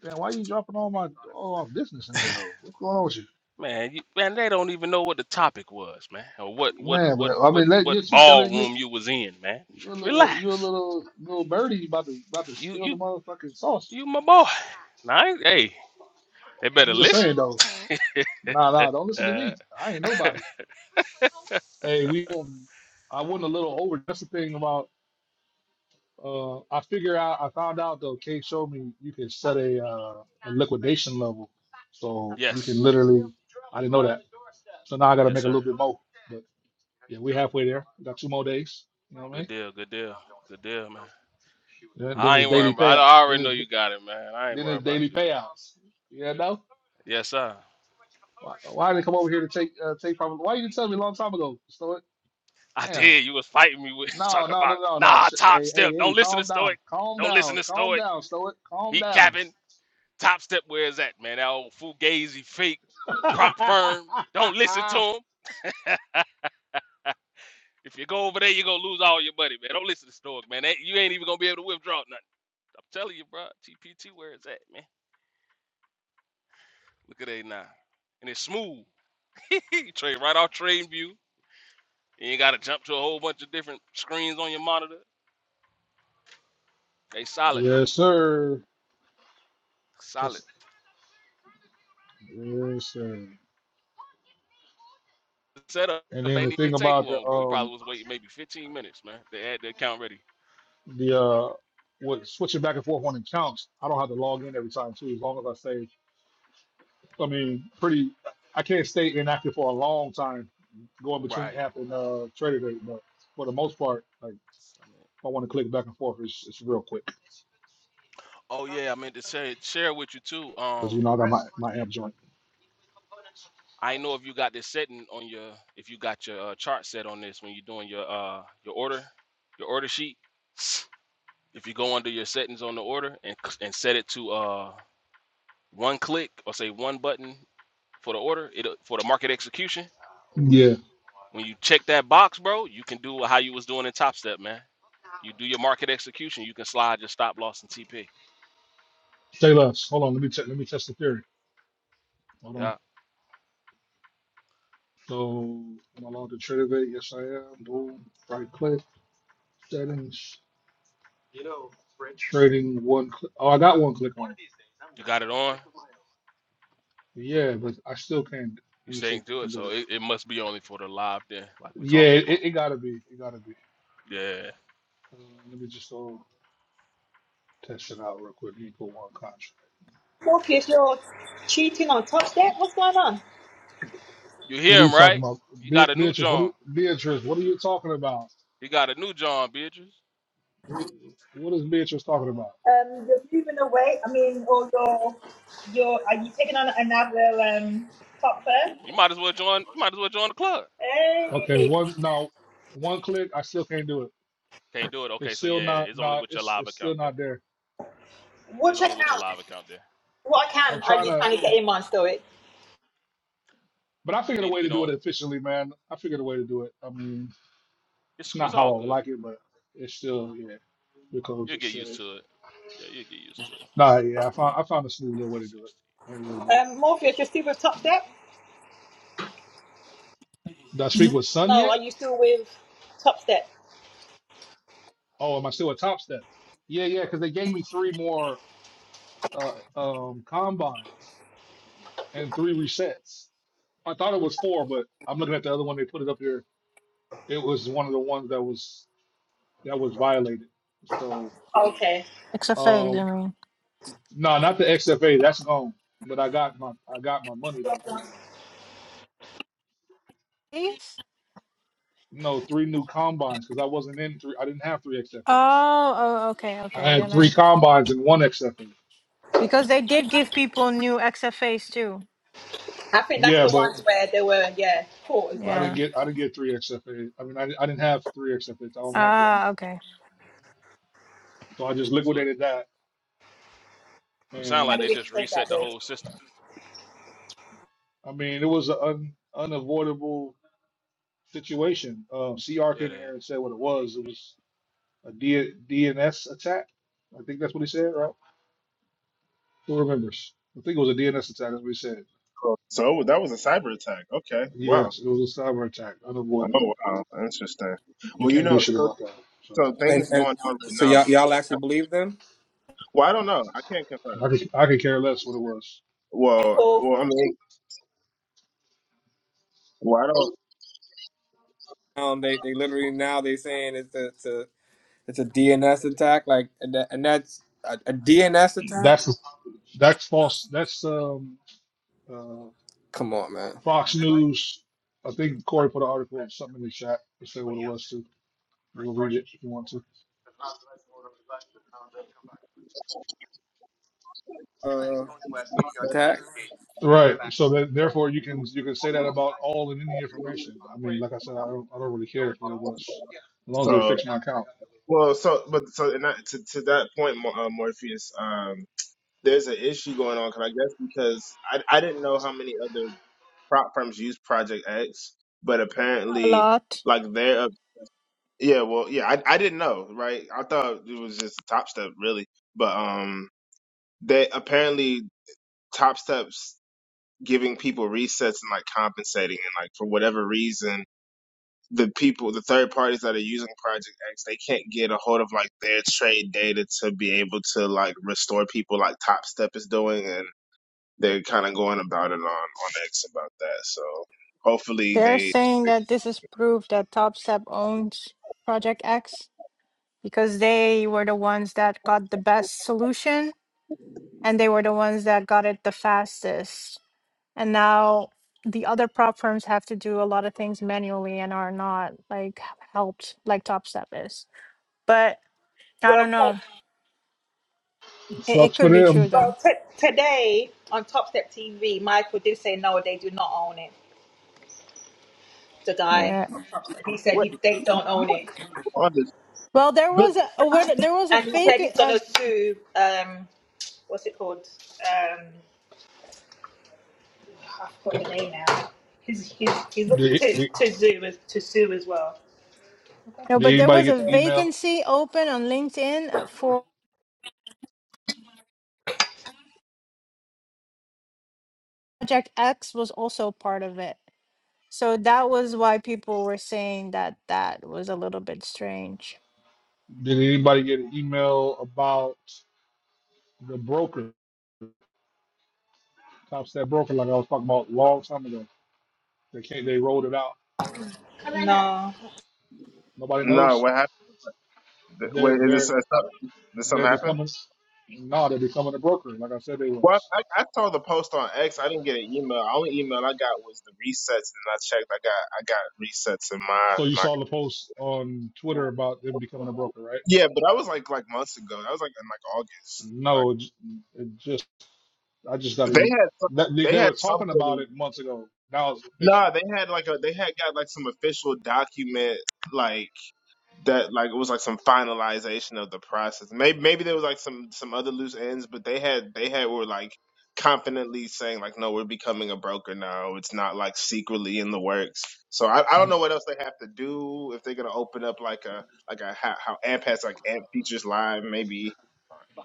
Speaker 2: Damn, why you dropping all my all our business in here though? What's going on with you?
Speaker 14: Man, you, man, they don't even know what the topic was, man, or what, what,
Speaker 2: Man,
Speaker 14: what,
Speaker 2: but I
Speaker 14: what,
Speaker 2: mean, let,
Speaker 14: what
Speaker 2: you, she telling you.
Speaker 14: ballroom you was in, man.
Speaker 2: Your little, your
Speaker 14: Relax.
Speaker 2: little, little birdie about to about to
Speaker 14: You,
Speaker 2: spill
Speaker 14: you,
Speaker 2: the motherfucking sauce.
Speaker 14: you, my boy. Nice. Hey, they better
Speaker 2: I'm just
Speaker 14: listen.
Speaker 2: saying though. Nah, nah, don't listen to
Speaker 14: Uh,
Speaker 2: me. I ain't nobody. Hey, we. don't- I went a little over. That's the thing about. Uh, I figure out. I found out though. Kate showed me you can set a uh, a liquidation level, so you can
Speaker 14: yes.
Speaker 2: literally. I didn't know that. So now I gotta
Speaker 14: Yes,
Speaker 2: make a little
Speaker 14: sir.
Speaker 2: bit more. But yeah, we halfway there. We got two more days. You know what I
Speaker 14: Good
Speaker 2: mean?
Speaker 14: deal, good deal, good deal, man.
Speaker 2: Then, then
Speaker 14: I
Speaker 2: it's
Speaker 14: ain't worrying
Speaker 2: daily
Speaker 14: about. I
Speaker 2: payouts. Then
Speaker 14: already know
Speaker 2: it's
Speaker 14: you got it, man. I ain't
Speaker 2: then
Speaker 14: worrying
Speaker 2: it's
Speaker 14: about
Speaker 2: daily
Speaker 14: you though.
Speaker 2: payouts. You know?
Speaker 14: Yes, sir.
Speaker 2: Why, why did they come over here to take uh, take from? Why you didn't tell me a long time ago? So
Speaker 14: I
Speaker 2: damn.
Speaker 14: did. You was fighting me with
Speaker 2: No,
Speaker 14: talking
Speaker 2: no,
Speaker 14: about
Speaker 2: no, no, no.
Speaker 14: nah
Speaker 2: Sh-
Speaker 14: top
Speaker 2: Hey, hey,
Speaker 14: step.
Speaker 2: hey,
Speaker 14: Don't listen to
Speaker 2: calm down,
Speaker 14: Stoic.
Speaker 2: calm
Speaker 14: Don't listen
Speaker 2: down,
Speaker 14: to
Speaker 2: calm
Speaker 14: Stoic.
Speaker 2: down, Stoic, calm
Speaker 14: He
Speaker 2: down.
Speaker 14: capping. Top step. Where is that man? That old fugazi fake prop firm. Don't listen to him. If you go over there, you gonna lose all your money, man. Don't listen to Stoic, man. They- you ain't even gonna be able to withdraw nothing. I'm telling you, bro. TPT, where is that, man? Look at that now, and it's smooth. Trade right off trade You ain't gotta jump to a whole bunch of different screens on your monitor. They solid, man.
Speaker 2: yes, sir.
Speaker 14: Solid.
Speaker 2: Yes, yes, sir.
Speaker 14: The setup
Speaker 2: And then the
Speaker 14: ain't even
Speaker 2: thing
Speaker 14: take
Speaker 2: about the
Speaker 14: long, bro. We
Speaker 2: um
Speaker 14: probably was waiting maybe 15 minutes, man. They had the account ready.
Speaker 2: the uh what switching back and forth on accounts, I don't have to log in every time too, as long as I say I mean, pretty. I can't stay inactive for a long time, going between
Speaker 14: Right.
Speaker 2: app and uh, trader day. But for the most part, like if
Speaker 14: So, man.
Speaker 2: I want to click back and forth, it's, it's real quick
Speaker 14: Oh yeah, I meant to share share with you too.
Speaker 2: because
Speaker 14: Um,
Speaker 2: you know I got my, my app joint.
Speaker 14: I know if you got this setting on your if you got your uh, chart set on this when you're doing your uh your order your order sheet. If you go under your settings on the order and c- and set it to uh one click or say one button for the order, it for the market execution
Speaker 2: Yeah,
Speaker 14: When you check that box, bro, you can do how you was doing in Top Step, man. You do your market execution, you can slide your stop loss and TP.
Speaker 2: stay less. Hold on, let me check. Let me test the theory. Hold on.
Speaker 14: Yeah,
Speaker 2: So am I logged to trader day? Yes, I am. Boom. Right click settings trading one click. Oh, I got one click on it.
Speaker 14: you got it on.
Speaker 2: Yeah, but I still can't.
Speaker 14: You
Speaker 2: Let me see. if
Speaker 14: staying
Speaker 2: I
Speaker 14: to
Speaker 2: can
Speaker 14: it,
Speaker 2: do
Speaker 14: so
Speaker 2: it.
Speaker 14: it, it must be only for the live then, like we
Speaker 2: Yeah,
Speaker 14: talked
Speaker 2: it,
Speaker 14: about.
Speaker 2: it gotta be. It gotta be.
Speaker 14: Yeah,
Speaker 2: Uh, let me just uh, Test it out real quick. Equal one contract.
Speaker 13: Morpheus, you're cheating on touch debt, what's going on?
Speaker 14: you
Speaker 2: What are
Speaker 14: hear
Speaker 2: you
Speaker 14: him
Speaker 2: talking
Speaker 14: right?
Speaker 2: about,
Speaker 14: You got
Speaker 2: Be-
Speaker 14: a new
Speaker 2: Beatrice? What are
Speaker 14: John.
Speaker 2: you, Beatrice? What are you talking about?
Speaker 14: You got a new John, Beatrice.
Speaker 2: What what is Beatrice talking about?
Speaker 13: Um, you're moving away. I mean, or you're, you're, are you taking on another um top firm?
Speaker 14: You might as well join. You might as well join the club.
Speaker 2: Okay,
Speaker 13: Hey,
Speaker 2: one no, one click. I still can't do it.
Speaker 14: Can't do it. Okay,
Speaker 2: It's
Speaker 14: so yeah,
Speaker 2: still not
Speaker 14: it's only
Speaker 2: no.
Speaker 14: with your
Speaker 2: It's
Speaker 14: live
Speaker 2: it's
Speaker 14: account
Speaker 2: still
Speaker 14: there.
Speaker 2: not there.
Speaker 14: It's
Speaker 13: watch it
Speaker 14: only with your
Speaker 13: out.
Speaker 14: live account there.
Speaker 13: What I
Speaker 2: I'm
Speaker 13: can, are
Speaker 2: trying
Speaker 13: you
Speaker 2: to,
Speaker 13: trying to get in on story?
Speaker 2: but I
Speaker 14: You
Speaker 2: figured a
Speaker 14: need to
Speaker 2: way to
Speaker 14: get
Speaker 2: do
Speaker 14: on.
Speaker 2: it efficiently, man. I figured a way to do it. I mean,
Speaker 14: It's
Speaker 2: it's
Speaker 14: it's
Speaker 2: not
Speaker 14: all
Speaker 2: how I would
Speaker 14: good.
Speaker 2: like it, but it's still yeah. Because
Speaker 14: You'll
Speaker 2: it's
Speaker 14: get used
Speaker 2: shit.
Speaker 14: to it. Yeah, you'll get used to it.
Speaker 2: Nah, yeah. I found I found a smooth little way to do
Speaker 14: 60.
Speaker 2: it. I Ain't really about it.
Speaker 13: Um, Morpheus, you're still with Top Step?
Speaker 2: Did I speak with Sun
Speaker 13: No,
Speaker 2: yet?
Speaker 13: are you still with Top Step?
Speaker 2: Oh, am I still a top step? Yeah, yeah, because they gave me three more. uh, um, combines and three resets. I thought it was four, but I'm looking at the other one. They put it up here. It was one of the ones that was that was violated. So
Speaker 13: Okay.
Speaker 6: XFAs,
Speaker 2: um,
Speaker 6: I mean.
Speaker 2: no, not the XFA. That's gone. But I got my I got my money though.
Speaker 6: Please?
Speaker 2: No, three new combines because I wasn't in three. I didn't have three XFAs.
Speaker 6: Oh, oh, okay,
Speaker 2: I
Speaker 6: okay.
Speaker 2: had
Speaker 6: Then
Speaker 2: three
Speaker 6: I
Speaker 2: combines and one XFA.
Speaker 6: because they did give people new XFAs too.
Speaker 13: I think that's
Speaker 2: Yeah,
Speaker 13: the
Speaker 2: but
Speaker 13: ones where they were, yeah, caught as
Speaker 2: I
Speaker 13: well.
Speaker 2: didn't
Speaker 6: Yeah.
Speaker 2: get I didn't get three XFAs. I mean, I, I didn't have three XFAs. I only had one.
Speaker 6: Ah, okay.
Speaker 2: So I just
Speaker 14: So
Speaker 2: liquidated that
Speaker 14: So it sounds
Speaker 13: I
Speaker 14: like they
Speaker 2: and
Speaker 13: didn't
Speaker 14: just
Speaker 13: play
Speaker 14: reset the whole system.
Speaker 2: I mean, it was an un, unavoidable situation. Um, CR
Speaker 14: Yeah,
Speaker 2: came in
Speaker 14: they
Speaker 2: here and said what it was. It was a D, DNS attack. I think that's what he said, right? Who remembers? I think it was a DNS attack. That's what he said.
Speaker 15: So that was a cyber attack. Okay, wow.
Speaker 2: Yes, it was a cyber attack,
Speaker 15: Oh
Speaker 2: unavoidable.
Speaker 15: wow, interesting.
Speaker 2: You
Speaker 15: Well, you
Speaker 2: can't do
Speaker 15: know,
Speaker 2: shit
Speaker 15: so
Speaker 2: about that. So
Speaker 15: so
Speaker 11: And
Speaker 15: things
Speaker 11: and
Speaker 15: going on right
Speaker 11: so
Speaker 15: now.
Speaker 11: y'all
Speaker 15: People,
Speaker 11: y'all actually believe them?
Speaker 15: well, I don't know. I can't confirm.
Speaker 2: I could I could care less what it was.
Speaker 13: hey,
Speaker 15: Well,
Speaker 13: Paul,
Speaker 15: well, I mean, well, I don't.
Speaker 11: Um, they they literally now they saying it's a it's a it's a DNS attack, like and, that, and that's a, a DNS attack.
Speaker 2: That's that's false. That's um uh,
Speaker 11: Come on, man.
Speaker 2: Fox News. I think Corey put an article or something in the chat to say what it was too. We'll read it if you want to.
Speaker 11: Uh, attack.
Speaker 2: Right. So that therefore you can you can say that about all and any information. I mean, like I said, I don't I don't really care who it was as long as they
Speaker 15: So,
Speaker 2: fix my account.
Speaker 15: well, so, but so, and that, to to that point, Mor- uh, Morpheus, um, there's an issue going on because I guess because I I didn't know how many other prop firms use Project X, but
Speaker 6: A
Speaker 15: apparently,
Speaker 6: lot.
Speaker 15: like they're a- yeah, well, yeah, I I didn't know, right? I thought it was just Top Step, really, but um, they apparently Top Step. giving people resets and like compensating and like for whatever reason the people the third parties that are using project x they can't get a hold of like their trade data to be able to like restore people like top step is doing and they're kind of going about it on on x about that so hopefully
Speaker 6: They're
Speaker 15: they
Speaker 6: saying that this is proof that Top Step owns Project X because they were the ones that got the best solution and they were the ones that got it the fastest. And now the other prop firms have to do a lot of things manually and are not like helped like Top Step is. But I don't know.
Speaker 13: well,
Speaker 6: It, it
Speaker 2: Sucks for
Speaker 6: could be true
Speaker 2: them.
Speaker 13: Well,
Speaker 6: though.
Speaker 13: t- today on Top Step TV, Michael did say no, they do not own it. The guy,
Speaker 6: Yeah.
Speaker 13: on Top Step, he said
Speaker 15: Wait,
Speaker 13: he they don't
Speaker 15: I
Speaker 13: own
Speaker 15: want
Speaker 13: it,
Speaker 15: to understand.
Speaker 6: Well, there
Speaker 15: But
Speaker 6: was a a what- there was a
Speaker 13: and he said
Speaker 6: fake
Speaker 13: he's
Speaker 6: uh,
Speaker 13: gonna sue. Um, what's it called? Um, I forgot the name now. He's he's he's looking
Speaker 2: Did,
Speaker 13: to
Speaker 2: did,
Speaker 13: to sue as to sue as well.
Speaker 6: no,
Speaker 2: did
Speaker 6: but there
Speaker 2: anybody
Speaker 6: was
Speaker 2: get
Speaker 6: a
Speaker 2: the email?
Speaker 6: vacancy open on LinkedIn uh, for Project X was also part of it. So that was why people were saying that that was a little bit strange.
Speaker 2: Did anybody get an email about the broker, top step broker, like I was talking about a long time ago? They can't. They rolled it out.
Speaker 13: No.
Speaker 2: Nobody
Speaker 15: no,
Speaker 2: knows.
Speaker 15: what happened? Wait,
Speaker 2: They're
Speaker 15: is this
Speaker 2: they're
Speaker 15: something? Did
Speaker 2: they're
Speaker 15: something happen?
Speaker 2: becoming. No, they're becoming a broker. Like I said, they
Speaker 15: Well,
Speaker 2: was.
Speaker 15: I, I saw the post on X. I didn't get an email. The only email I got was the resets, and I checked. I got I got resets in my
Speaker 2: So you saw the post on
Speaker 15: my.
Speaker 2: Twitter about them becoming a broker, right?
Speaker 15: Yeah, but that was like like months ago. That was like in like August.
Speaker 2: No,
Speaker 15: Like
Speaker 2: it, j- it just I just got
Speaker 15: they
Speaker 2: to.
Speaker 15: had some-
Speaker 2: That they,
Speaker 15: they
Speaker 2: they were
Speaker 15: had
Speaker 2: talking about
Speaker 15: something.
Speaker 2: it months ago. Now it's official.
Speaker 15: Nah, they had like a they had got like some official document like that like it was like some finalization of the process. Maybe maybe there was like some some other loose ends, but they had they had were like confidently saying like no, we're becoming a broker now. It's not like secretly in the works. So I, I don't know what else they have to do if they're gonna open up like a like a how, how AMP has like AMP features live maybe.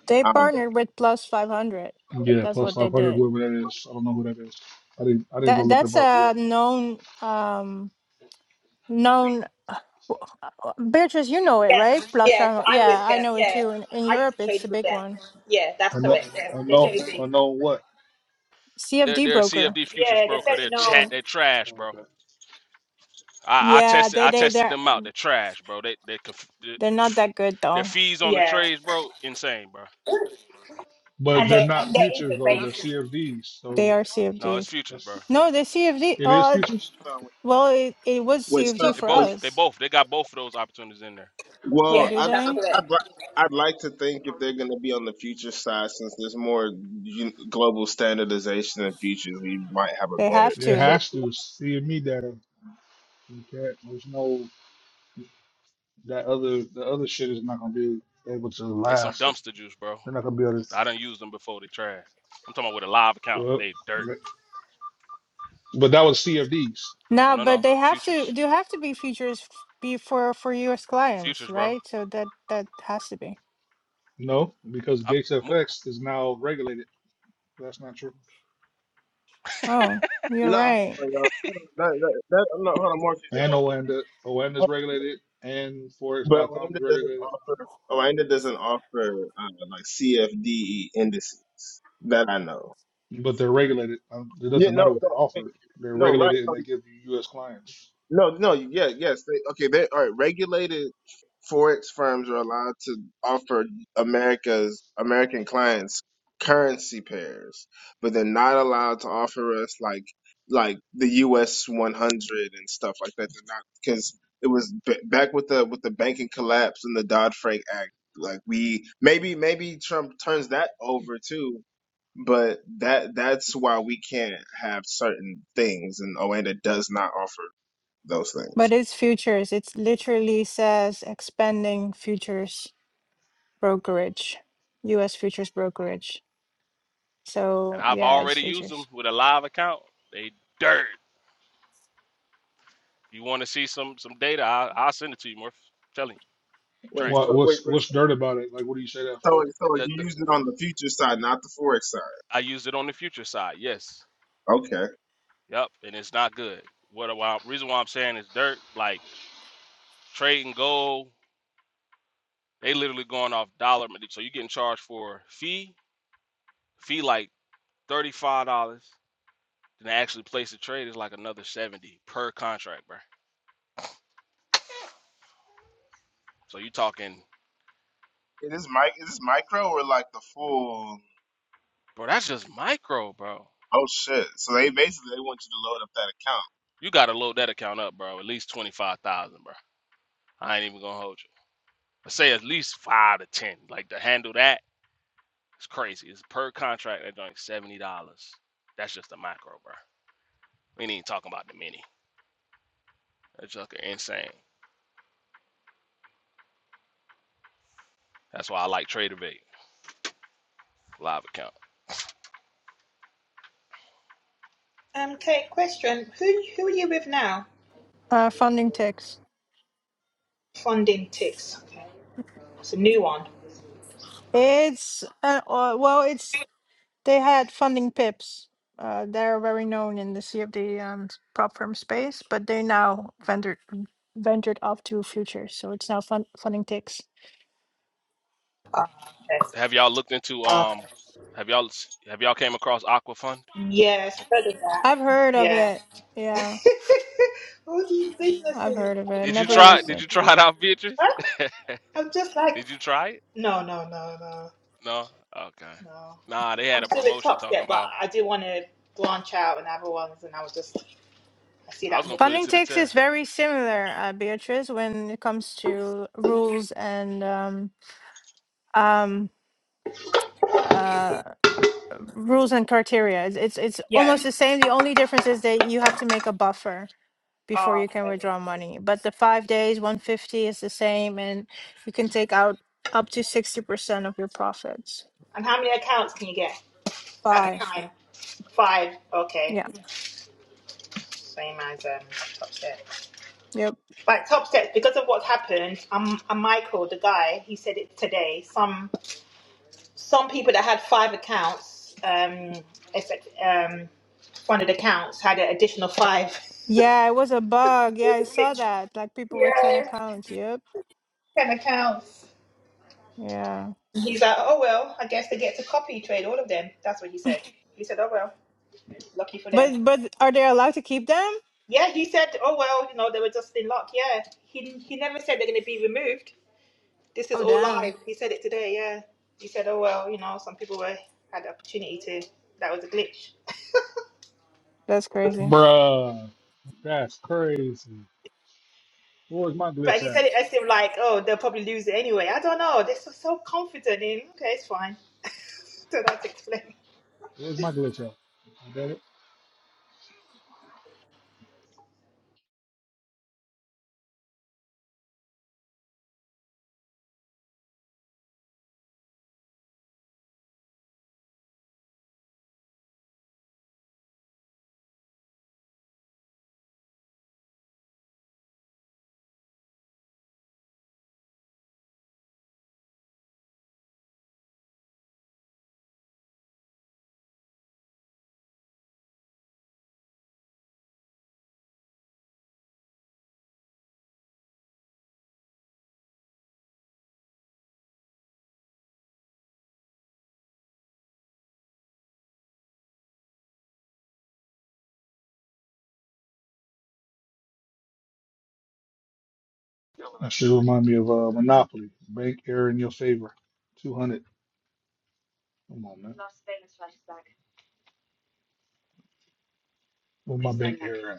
Speaker 6: They
Speaker 15: I don't
Speaker 6: partnered with Plus 500.
Speaker 2: Yeah,
Speaker 6: That's
Speaker 2: plus
Speaker 6: what they
Speaker 2: five hundred,
Speaker 6: did.
Speaker 2: whoever that is. I don't know who that is. I didn't I didn't go
Speaker 6: That
Speaker 2: look them
Speaker 6: that's
Speaker 2: up yet.
Speaker 6: a known um known w- uh, Beatrice, you know it, right?
Speaker 13: Yes,
Speaker 6: Plus
Speaker 13: yes,
Speaker 6: 500.
Speaker 13: I'm
Speaker 6: Yeah,
Speaker 13: with
Speaker 6: I
Speaker 13: them.
Speaker 6: know it
Speaker 13: Yeah,
Speaker 6: too. In in
Speaker 13: I used
Speaker 6: Europe,
Speaker 13: to
Speaker 6: it's
Speaker 13: trade
Speaker 6: a
Speaker 13: with
Speaker 6: big
Speaker 13: them.
Speaker 6: one.
Speaker 13: Yeah, that's
Speaker 2: I know
Speaker 13: correct. Yeah,
Speaker 2: I
Speaker 13: they're
Speaker 2: know
Speaker 13: very
Speaker 2: I
Speaker 13: big.
Speaker 2: know what.
Speaker 14: they're,
Speaker 6: CFD
Speaker 14: they're a
Speaker 6: broker.
Speaker 14: CFD futures
Speaker 13: Yeah, they're
Speaker 14: broker.
Speaker 13: very
Speaker 14: They're chat.
Speaker 13: known.
Speaker 14: They're trash, bro.
Speaker 2: Okay.
Speaker 14: I, I
Speaker 6: Yeah,
Speaker 14: tested
Speaker 6: they
Speaker 14: I
Speaker 6: they
Speaker 14: tested
Speaker 6: they're
Speaker 14: them out. They're trash, bro. They they conf- they-
Speaker 6: they're not
Speaker 14: pff,
Speaker 6: that good
Speaker 14: their
Speaker 6: though.
Speaker 14: fees on the
Speaker 13: Yeah,
Speaker 14: trades, bro, insane, bro.
Speaker 2: But
Speaker 13: and
Speaker 14: Insane.
Speaker 2: they're
Speaker 13: they
Speaker 2: not
Speaker 13: and their
Speaker 2: futures though. They're
Speaker 13: interface.
Speaker 2: CFDs.
Speaker 6: They
Speaker 2: So
Speaker 6: are
Speaker 14: No, it's
Speaker 6: CFDs.
Speaker 14: futures, bro.
Speaker 2: that's
Speaker 6: No, they're CFD.
Speaker 2: it is
Speaker 6: Oh, th-
Speaker 2: futures.
Speaker 15: know.
Speaker 6: well, it, it was
Speaker 15: Wait, stop.
Speaker 6: CFD
Speaker 14: They
Speaker 6: for
Speaker 15: Wait.
Speaker 14: both they
Speaker 6: us.
Speaker 14: both they got both of those opportunities in there.
Speaker 6: Oh,
Speaker 15: Well,
Speaker 13: Yes,
Speaker 6: do
Speaker 15: I, I,
Speaker 13: that's
Speaker 6: they?
Speaker 13: correct.
Speaker 15: I'd, li- I'd like to think if they're going to be on the future side, since there's more u- global standardization in future, we might have a
Speaker 6: They
Speaker 15: better.
Speaker 6: have
Speaker 2: It
Speaker 6: to.
Speaker 2: has to CME data. You can't. There's no that other the other shit is not gonna be able to
Speaker 14: They some
Speaker 2: last. They're
Speaker 14: dumpster juice, bro.
Speaker 2: not gonna be able
Speaker 14: I done used them before. They trash. I'm talking about with a live account.
Speaker 2: to.
Speaker 14: They dirt.
Speaker 2: But but that was CFDs.
Speaker 14: No,
Speaker 6: No,
Speaker 14: no,
Speaker 6: but
Speaker 14: no.
Speaker 6: they have
Speaker 14: Futures,
Speaker 6: to. Do have to be features f- be for for U.S. clients,
Speaker 14: futures, bro.
Speaker 6: right? So that that has to be.
Speaker 2: No, because
Speaker 14: I'm
Speaker 2: Gates
Speaker 14: more,
Speaker 2: is now regulated. That's not true.
Speaker 6: Oh, you're
Speaker 15: No, hold
Speaker 6: right.
Speaker 15: on, y'all. Hold on. That, that, that, no, hold on, Morpheus. That
Speaker 2: And
Speaker 15: don't mean,
Speaker 2: Oanda, Oanda is regulated, and
Speaker 15: but
Speaker 2: Forex.com
Speaker 15: Lambda
Speaker 2: is
Speaker 15: doesn't
Speaker 2: regulated.
Speaker 15: offer. Lambda doesn't offer uh, like CFDE indices that I know.
Speaker 2: But they're regulated. Um, it
Speaker 15: Yeah,
Speaker 2: doesn't
Speaker 15: no,
Speaker 2: matter what they
Speaker 15: no, okay.
Speaker 2: offer. They're
Speaker 15: no, right?
Speaker 2: regulated,
Speaker 15: no,
Speaker 2: and they give you U.S. clients.
Speaker 15: No, no, yeah, yes. They, okay, they all right. Regulated forex firms are allowed to offer America's American clients currency pairs, but they're not allowed to offer us like like the U.S. 100 and stuff like that. They're not because it was b- back with the with the banking collapse and the Dodd Frank Act. Like we maybe maybe Trump turns that over too. But that that's why we can't have certain things, and Oanda does not offer those
Speaker 6: But
Speaker 15: things.
Speaker 6: it's futures. It literally says expanding futures brokerage, U.S. futures brokerage.
Speaker 14: and
Speaker 6: So
Speaker 14: I've
Speaker 6: yeah, it's
Speaker 14: already used them
Speaker 6: futures.
Speaker 14: with a live account. They dirt. You want to see some some data? I, I'll send it to you, Murph. Telling you, trash.
Speaker 15: Wait, so,
Speaker 2: What
Speaker 15: wait,
Speaker 2: what's
Speaker 15: wait.
Speaker 2: what's dirt about it? Like, what do you say that
Speaker 15: So,
Speaker 2: for,
Speaker 15: so
Speaker 14: The,
Speaker 15: you
Speaker 14: the,
Speaker 15: used it on the future side, not the forex side.
Speaker 14: I used it on the future side. Yes.
Speaker 15: Okay.
Speaker 14: Yep. And it's not good. What? Why, reason why I'm saying is dirt. Like trading gold, they literally going off dollar. So you're getting charged for fee. Fee like thirty five dollars. Then to actually place a trade is like another seventy per contract, bro. So you talking,
Speaker 15: It Is this mic? Is this micro or like the full?
Speaker 14: bro? That's just micro, bro.
Speaker 15: Oh shit! So they basically they want you to load up that account.
Speaker 14: You gotta load that account up, bro. At least twenty five thousand, bro. I ain't even gonna hold you. I say at least five to ten. Like to handle that, it's crazy. It's per contract. They're doing seventy dollars. That's just the macro, bro. We ain't even talking about the mini. That's just insane. That's why I like TraderVate live account.
Speaker 13: Um, Kate, question: Who who are you with now?
Speaker 6: Uh, funding ticks.
Speaker 13: Funding ticks. Okay, it's a new one.
Speaker 6: It's uh, uh, well, it's they had funding pips. Uh, they're very known in the CFD um, prop firm space, but they now ventured ventured off to futures, so it's now fun, funding ticks.
Speaker 13: Ah, okay.
Speaker 14: Have y'all looked into
Speaker 13: Ah,
Speaker 14: um? Have y'all have y'all came across Aqua Fund?
Speaker 13: yes, I've heard of that.
Speaker 6: I've heard of
Speaker 13: Yeah.
Speaker 6: it. Yeah,
Speaker 13: All these
Speaker 6: I've
Speaker 13: businesses.
Speaker 6: heard of it.
Speaker 14: Did you
Speaker 6: Never
Speaker 14: try?
Speaker 6: used
Speaker 14: Did
Speaker 6: it.
Speaker 14: you try
Speaker 13: Crazy.
Speaker 14: it out, Beatrice?
Speaker 13: Huh? I'm just like,
Speaker 14: Did you try it?
Speaker 13: no, no, no, no,
Speaker 14: No. Okay.
Speaker 13: no.
Speaker 14: Nah, they had
Speaker 13: I'm
Speaker 14: a
Speaker 13: still at
Speaker 14: promotion
Speaker 13: Top
Speaker 14: talking
Speaker 13: Step, but
Speaker 14: about.
Speaker 13: I do want to branch out and other ones, and I was just, I see
Speaker 14: I
Speaker 13: that
Speaker 14: was gonna put it
Speaker 13: movement.
Speaker 6: Funding
Speaker 14: to the
Speaker 6: ticks
Speaker 14: test.
Speaker 6: is very similar, uh, Beatrice, when it comes to rules and um, um, uh, rules and criteria. It's, it's it's
Speaker 13: Yeah.
Speaker 6: almost the same. The only difference is that you have to make a buffer before
Speaker 13: Oh,
Speaker 6: you can
Speaker 13: okay.
Speaker 6: withdraw money. But the five days, 150 is the same, and you can take out up to 60% of your profits.
Speaker 13: And how many accounts can you get at a
Speaker 6: Five.
Speaker 13: time? Five. Okay.
Speaker 6: Yeah.
Speaker 13: Same as um, top step.
Speaker 6: Yep.
Speaker 13: Like top step, because of what's happened, um, and Michael, the guy, he said it today. Some some people that had five accounts, um, effect, um, funded accounts, had an additional five.
Speaker 6: Yeah, it was a bug. Yeah,
Speaker 13: It
Speaker 6: I
Speaker 13: was a
Speaker 6: saw
Speaker 13: glitch.
Speaker 6: that. Like people with 10
Speaker 13: yeah,
Speaker 6: accounts. Yep.
Speaker 13: ten accounts.
Speaker 6: Yeah.
Speaker 13: He's like, oh well, I guess they get to copy trade all of them. That's what he said. He said, oh well, lucky for them.
Speaker 6: But but are they allowed to keep them?
Speaker 13: Yeah, he said, oh well, you know, they were just in luck. Yeah, he he never said they're going to be removed. This is
Speaker 6: Oh
Speaker 13: all live.
Speaker 6: damn.
Speaker 13: He said it today, yeah. He said, oh, well, you know, some people were had the opportunity to, that was a glitch.
Speaker 6: That's crazy.
Speaker 2: bruh? That's crazy. Where's my
Speaker 13: But
Speaker 2: glitch
Speaker 13: he
Speaker 2: at?
Speaker 13: said it as if, like, oh, they'll probably lose it anyway. I don't know. They're so, so confident in, okay, it's fine. don't know to explain.
Speaker 2: Where's my glitch at? You got it? That should remind me of uh, Monopoly. Bank error in your favor. Two hundred. Come on, man. Where's my bank error?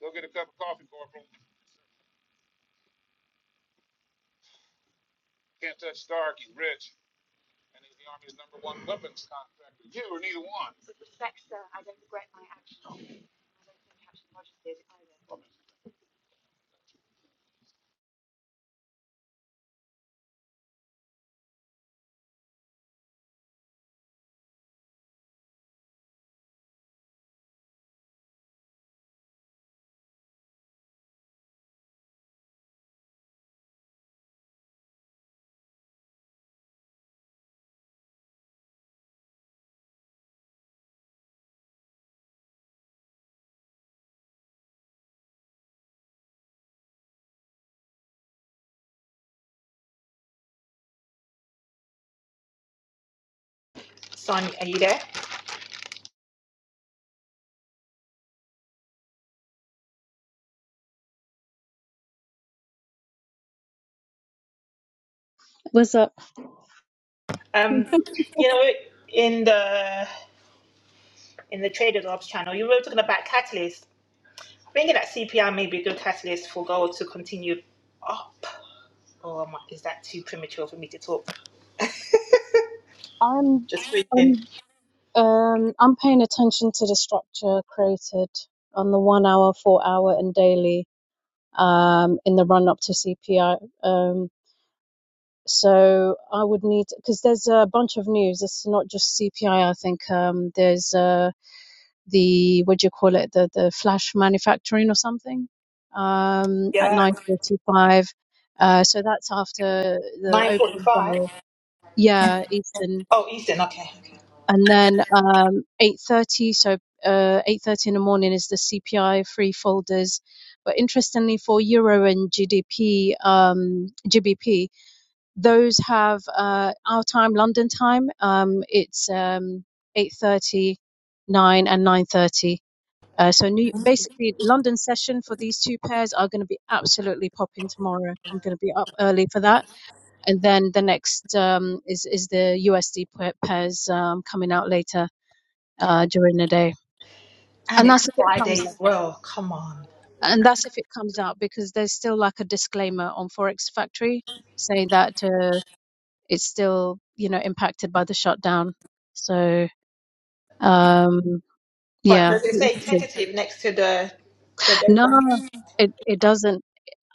Speaker 2: Go get a cup of coffee, Corporal. Can't touch Stark. He's rich, and he's the Army's number one weapons contractor. You are neither
Speaker 13: Son, are you there?
Speaker 4: What's up?
Speaker 13: Um, you know, in the in the Trader Jobs channel, you were talking about catalyst. Thinking that CPI may be a good catalyst for gold to continue up. Oh, am I- is that too premature for me to talk?
Speaker 4: I'm,
Speaker 13: Just thinking.
Speaker 4: I'm, um, I'm paying attention to the structure created on the one hour, four hour, and daily um, in the run up to CPI. Um, so I would need because there's a bunch of news. It's not just CPI. I I think um, there's uh, the what do you call it? The the flash manufacturing or something um, at
Speaker 13: Yeah,
Speaker 4: nine forty five. Uh, so that's after the
Speaker 13: nine
Speaker 4: opening
Speaker 13: forty-five.
Speaker 4: bell. Yeah, Eastern.
Speaker 13: Oh, Eastern. Okay, okay.
Speaker 4: and then um, 8.30 so uh, 8.30 in the morning is the cpi free folders but interestingly for euro and gdp um, gbp those have uh, our time london time um, it's um, 8.30 and 9.30 uh, so new, basically london session for these two pairs are going to be absolutely popping tomorrow i'm going to be up early for that and then the next um, is is the usd pairs um, coming out later uh, during the day.
Speaker 13: And
Speaker 4: And
Speaker 13: it's
Speaker 4: that's if it
Speaker 13: Friday
Speaker 4: comes up.
Speaker 13: as well. Come on.
Speaker 4: And that's if it comes out because there's still like a disclaimer on Forex Factory saying that uh, it's still, you know, impacted by the shutdown. So, um,
Speaker 13: But
Speaker 4: yeah.
Speaker 13: does it say tentative next to the the
Speaker 4: No,
Speaker 13: data?
Speaker 4: it, it doesn't.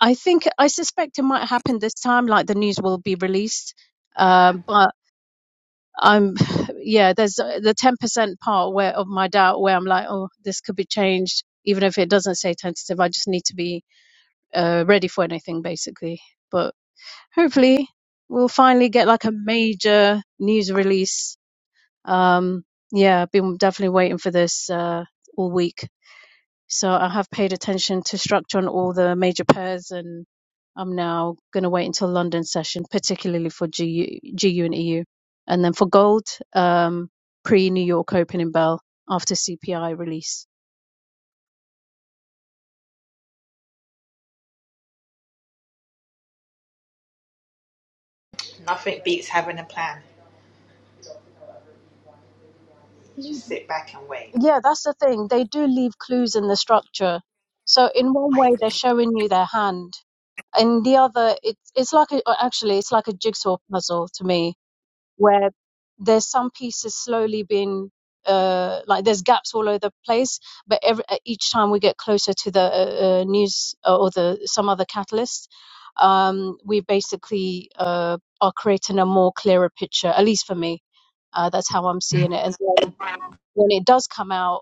Speaker 4: I think, I suspect it might happen this time, like the news will be released. Um, but I'm, yeah, there's uh, the 10% part where of my doubt where I'm like, oh, this could be changed. Even if it doesn't say tentative, I just need to be uh, ready for anything basically. But hopefully we'll finally get like a major news release. Um, yeah, I've been definitely waiting for this uh, all week. So I have paid attention to structure on all the major pairs and I'm now going to wait until London session, particularly for GU, GU and EU. And then for gold, um, pre New York opening bell after CPI release.
Speaker 13: Nothing beats having a plan. Just sit back and wait.
Speaker 4: Yeah, that's the thing. They do leave clues in the structure. So in one
Speaker 13: I
Speaker 4: way, they're
Speaker 13: agree.
Speaker 4: showing you their hand, and the other, it's it's like a, uh, actually, it's like a jigsaw puzzle to me, where there's some pieces slowly being uh like there's gaps all over the place, but every uh, each time we get closer to the uh, uh, news uh, or the some other catalyst, um, we basically uh are creating a more clearer picture. At least for me, uh, that's how I'm seeing it. And then when it does come out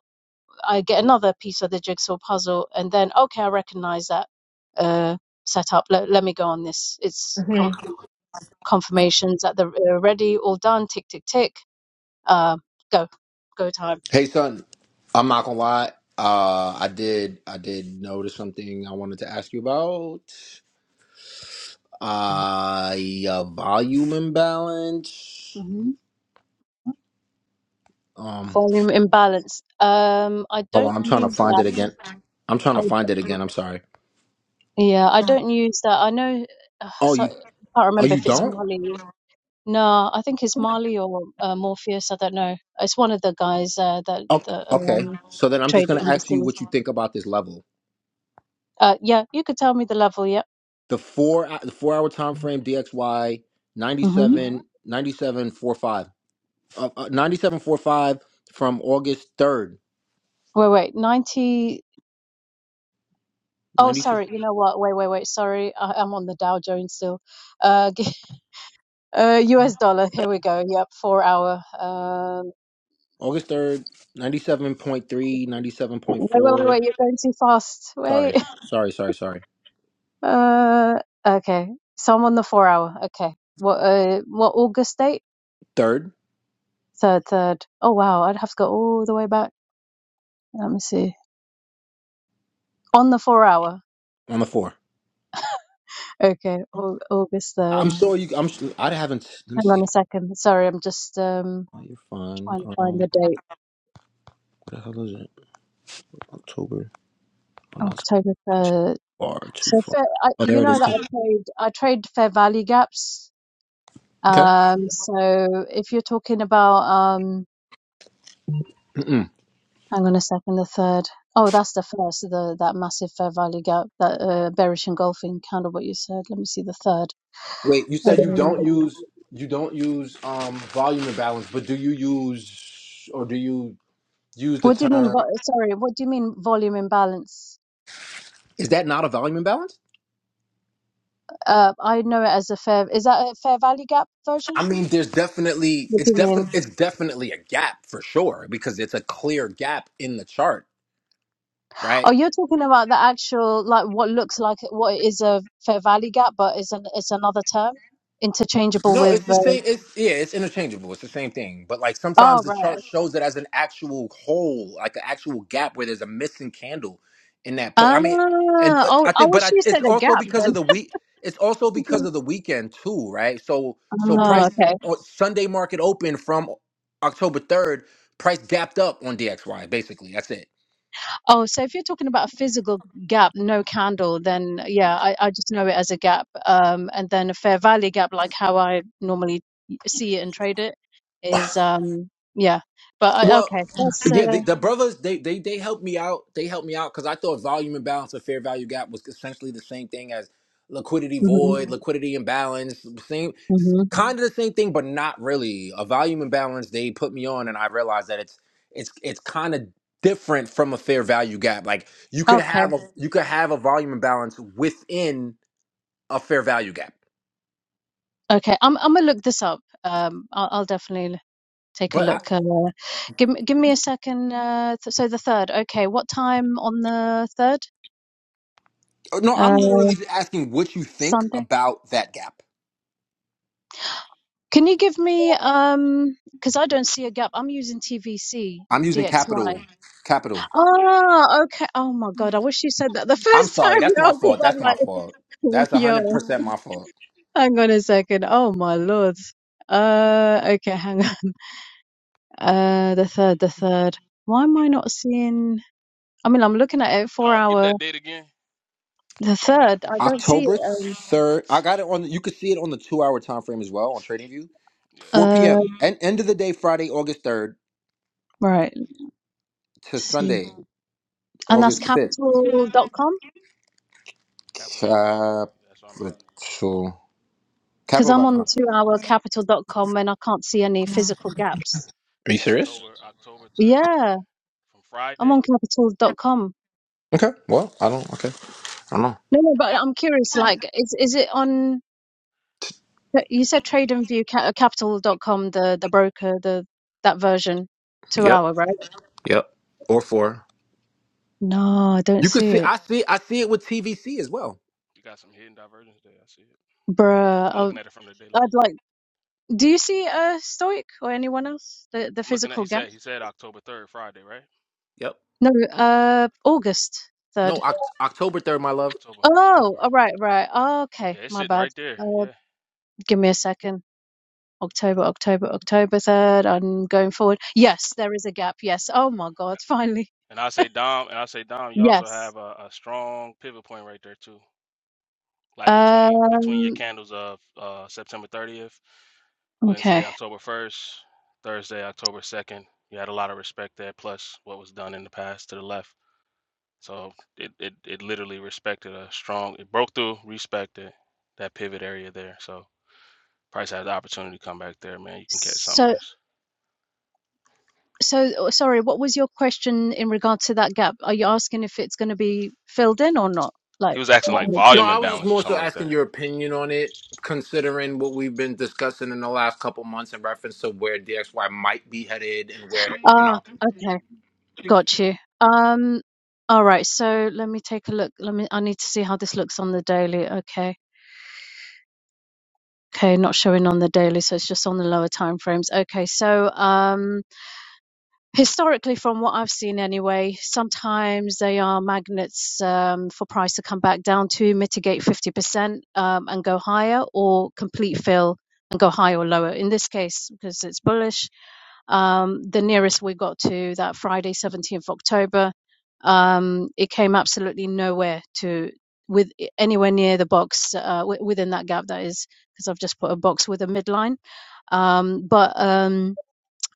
Speaker 4: I get another piece of the jigsaw puzzle, and then okay, I recognize that uh, setup. Let, let me go on this. It's com-
Speaker 13: Mhm.
Speaker 4: confirmations that they're uh, ready, all done. Tick tick tick. Uh, go, go time.
Speaker 7: Hey son, I'm not gonna lie. Uh, I did I did notice something I wanted to ask you about. Uh, yeah, volume imbalance.
Speaker 4: hmm
Speaker 7: Um,
Speaker 4: Volume imbalance. Um, I
Speaker 7: hold on,
Speaker 4: don't
Speaker 7: I'm trying to
Speaker 4: use
Speaker 7: find it
Speaker 4: that.
Speaker 7: again. I'm trying to
Speaker 4: I,
Speaker 7: find it again. I'm sorry.
Speaker 4: yeah, I don't use that. I know. Uh,
Speaker 7: Oh,
Speaker 4: so, I
Speaker 7: you
Speaker 4: can't
Speaker 7: oh
Speaker 4: remember
Speaker 7: you
Speaker 4: if it's
Speaker 7: don't?
Speaker 4: Marley. No, I think it's Marley or uh, Morpheus. I don't know. It's one of the guys uh, that
Speaker 7: Oh,
Speaker 4: that
Speaker 7: okay.
Speaker 4: um,
Speaker 7: So then I'm just
Speaker 4: trade the
Speaker 7: gonna ask you
Speaker 4: indices.
Speaker 7: what you think about this level.
Speaker 4: Uh, yeah, you could tell me the level. Yeah.
Speaker 7: the four uh, the four hour time frame DXY hmm
Speaker 4: hmm
Speaker 7: uh, uh, 97 forty-five from August 3rd
Speaker 4: Wait, wait. 90. Oh,
Speaker 7: ninety two
Speaker 4: sorry. You know what? Wait, wait, wait. Sorry. I, I'm on the Dow Jones still. Uh, g- uh, US dollar. Here we go. Yep. Four hour. Um,
Speaker 7: August 3rd three ninety seven point
Speaker 4: wait, wait,
Speaker 7: four
Speaker 4: wait, wait. You're going too fast.
Speaker 7: sorry
Speaker 4: Wait.
Speaker 7: sorry sorry sorry
Speaker 4: Uh, okay. So I'm on the four hour. Okay. What, uh, what August date?
Speaker 7: third
Speaker 4: Third, third. Oh, wow. I'd have to go all the way back. Let me see. On the four hour.
Speaker 7: on the four
Speaker 4: Okay. Au- August
Speaker 7: I'm
Speaker 4: 3rd.
Speaker 7: sure you I'm s- I am i have not let me
Speaker 4: Hang
Speaker 7: see
Speaker 4: on a second. Sorry. I'm just, um,
Speaker 7: oh, you're fine
Speaker 4: trying to
Speaker 7: um
Speaker 4: find
Speaker 7: what
Speaker 4: the date.
Speaker 7: the hell is it October oh no it's
Speaker 4: October
Speaker 7: too
Speaker 4: third.
Speaker 7: far too
Speaker 4: So
Speaker 7: far
Speaker 4: fair, I,
Speaker 7: oh there
Speaker 4: you
Speaker 7: it
Speaker 4: know
Speaker 7: is
Speaker 4: that I trade I trade fair value gaps.
Speaker 7: too.
Speaker 4: Um, so if you're talking about um,
Speaker 7: okay
Speaker 4: hang on a second, the third. Oh, that's the first. The that massive fair value gap, that uh, bearish engulfing candle. What you said. Let me see the third.
Speaker 7: Wait, you
Speaker 4: Um,
Speaker 7: said you don't
Speaker 4: What you-
Speaker 7: use you don't use um volume imbalance, but do you use or do you use the
Speaker 4: What do you mean?
Speaker 7: term?
Speaker 4: vo- Sorry, what do you mean volume imbalance?
Speaker 7: Is that not a volume imbalance?
Speaker 4: Uh, I know it as a fair. Is that a fair value gap version?
Speaker 7: I mean, there's definitely
Speaker 4: What do
Speaker 7: it's
Speaker 4: you mean?
Speaker 7: definitely it's definitely a gap for sure because it's a clear gap in the chart, right?
Speaker 4: Oh, you're talking about the actual like what looks like what it is a Fair value Gap, but it's an it's another term, interchangeable
Speaker 7: No,
Speaker 4: with.
Speaker 7: it's the
Speaker 4: Uh,
Speaker 7: same. It's yeah, it's interchangeable. It's the same thing. But like sometimes
Speaker 4: oh
Speaker 7: the
Speaker 4: right.
Speaker 7: chart
Speaker 4: okay.
Speaker 7: shows it as an actual hole, like an actual gap where there's a missing candle in that place.
Speaker 4: Ah.
Speaker 7: I mean, and uh,
Speaker 4: Oh,
Speaker 7: I
Speaker 4: I
Speaker 7: think, but
Speaker 4: wish
Speaker 7: I,
Speaker 4: you
Speaker 7: it's
Speaker 4: said a
Speaker 7: also
Speaker 4: gap
Speaker 7: because of
Speaker 4: then.
Speaker 7: the week. It's also because of the weekend too, right? So so
Speaker 4: Ah,
Speaker 7: price
Speaker 4: okay.
Speaker 7: on Sunday market open from October third. Price gapped up on DXY. Basically, that's it.
Speaker 4: Oh, so if you're talking about a physical gap, no candle, then yeah, I, I just know it as a gap. Um, and then a Fair value Gap, like how I normally see it and trade it, is um, yeah. But I,
Speaker 7: Well,
Speaker 4: okay, that's
Speaker 7: yeah,
Speaker 4: uh,
Speaker 7: the, the brothers they they they helped me out. They helped me out because I thought volume imbalance or fair value gap was essentially the same thing as liquidity void, liquidity imbalance, same
Speaker 4: hmm
Speaker 7: kind of the same thing, but not really. A volume imbalance they put me on, and I realized that it's it's it's kind of different from a fair value gap. Like you could have a you could have a volume imbalance within a fair value gap,
Speaker 4: Okay, I'm I'm gonna look this up. Um, I'll, I'll definitely take a
Speaker 7: but I,
Speaker 4: look. Uh, give me give me a second. Uh, th- so the third. Okay, what time on the third?
Speaker 7: no, I'm
Speaker 4: Uh,
Speaker 7: literally just asking what you think
Speaker 4: Sunday.
Speaker 7: about that gap.
Speaker 4: Can you give me um? Because I don't see a gap. I'm using TVC
Speaker 7: I'm using
Speaker 4: DXY.
Speaker 7: capital capital.
Speaker 4: Ah, okay. Oh my God, I wish you said that the
Speaker 7: I'm
Speaker 4: first time
Speaker 7: sorry. That's my
Speaker 4: round. Because
Speaker 7: fault.
Speaker 4: I'm
Speaker 7: That's my
Speaker 4: like,
Speaker 7: fault. That's hundred
Speaker 4: yo,
Speaker 7: percent my fault.
Speaker 4: hang on a second. Oh my Lord. Uh, okay, hang on. Uh, the third, the third. Why am I not seeing? I mean, I'm looking at it for
Speaker 14: Um, give me
Speaker 4: our
Speaker 14: that date again.
Speaker 4: The third, I don't see it.
Speaker 7: October
Speaker 4: Um,
Speaker 7: third. I got it on. You could see it on the two-hour time frame as well on TradingView.
Speaker 14: Yeah,
Speaker 7: 4
Speaker 4: uh,
Speaker 7: p.m. and end of the day, Friday, August third
Speaker 4: right. Let's
Speaker 7: to
Speaker 4: see.
Speaker 7: Sunday,
Speaker 4: And that's
Speaker 7: August fifth.
Speaker 4: Capital. dot com
Speaker 14: Capital capital.com.
Speaker 7: Capital.
Speaker 14: Yeah, that's what I'm using.
Speaker 4: because I'm on the
Speaker 7: Capital.com.
Speaker 4: two hour Capital. dot com and I can't see any physical gaps.
Speaker 7: Are you
Speaker 14: Said
Speaker 7: serious?
Speaker 14: October October third
Speaker 4: Yeah,
Speaker 14: from
Speaker 4: I'm
Speaker 14: Friday.
Speaker 4: on Capital. dot com.
Speaker 7: Okay. Well, I don't. Okay. I don't know.
Speaker 4: No, no, but I'm curious. Like, is is it on? You said Trade and View ca- uh, capital dot com, the the broker, the that version, two
Speaker 7: Yep.
Speaker 4: hour, right?
Speaker 7: Yep. Or four.
Speaker 4: No, I don't
Speaker 7: You
Speaker 4: see
Speaker 7: could see.
Speaker 4: it,
Speaker 7: I see. I see it with TVC as well.
Speaker 14: You got some hidden divergence day. I see it.
Speaker 4: bruh.
Speaker 14: I'm
Speaker 4: I,
Speaker 14: looking at it from the daily.
Speaker 4: I'd like. Do you see uh Stoic or anyone else the the
Speaker 14: I'm looking at. He
Speaker 4: physical gap?
Speaker 14: said he said October third, Friday, right?
Speaker 7: Yep.
Speaker 4: No, uh, August
Speaker 7: No.
Speaker 4: 3rd.
Speaker 7: Oct- October third, my love.
Speaker 14: October
Speaker 4: Oh,
Speaker 14: October.
Speaker 4: all right, right. Oh, okay,
Speaker 14: Yeah, it's
Speaker 4: my
Speaker 14: sitting
Speaker 4: bad.
Speaker 14: right there.
Speaker 4: Uh,
Speaker 14: Yeah.
Speaker 4: give me a second. October, October, October 3rd. I'm going forward. Yes, there is a gap. Yes. Oh my God, finally.
Speaker 14: And I say Dom, and I say Dom, you also
Speaker 4: Yes.
Speaker 14: have a, a strong pivot point right there too. Like between between your
Speaker 4: Um,
Speaker 14: candles of uh, September 30th, Wednesday,
Speaker 4: okay.
Speaker 14: October 1st, Thursday, October 2nd. You had a lot of respect there, plus what was done in the past to the left. So it, it, it literally respected a strong, it broke through, respected that pivot area there. So Price had the opportunity to come back there, man. You can catch something
Speaker 4: So,
Speaker 14: nice.
Speaker 4: so oh, sorry, what was your question in regard to that gap? Are you asking if it's going to be filled in or not?
Speaker 14: He
Speaker 4: Like,
Speaker 14: was asking
Speaker 4: w-
Speaker 14: like
Speaker 4: w-
Speaker 7: No,
Speaker 14: volume
Speaker 7: I was just
Speaker 14: imbalance or
Speaker 7: more
Speaker 14: something
Speaker 7: so
Speaker 14: like
Speaker 7: asking
Speaker 14: that.
Speaker 7: your opinion on it, considering what we've been discussing in the last couple months in reference to where DXY might be headed and where you
Speaker 4: ah,
Speaker 7: know.
Speaker 4: okay. Got you. Um, all right. So let me take a look. Let me. I need to see how this looks on the daily. Okay. Okay. Not showing on the daily, so it's just on the lower time frames. Okay. So um historically from what I've seen anyway, sometimes they are magnets um, for price to come back down to mitigate 50% um, and go higher or complete fill and go higher or lower. In this case, because it's bullish, um, the nearest we got to that Friday, 17th October, um, it came absolutely nowhere to with anywhere near the box uh, w- within that gap that is because I've just put a box with a midline. Um, but um,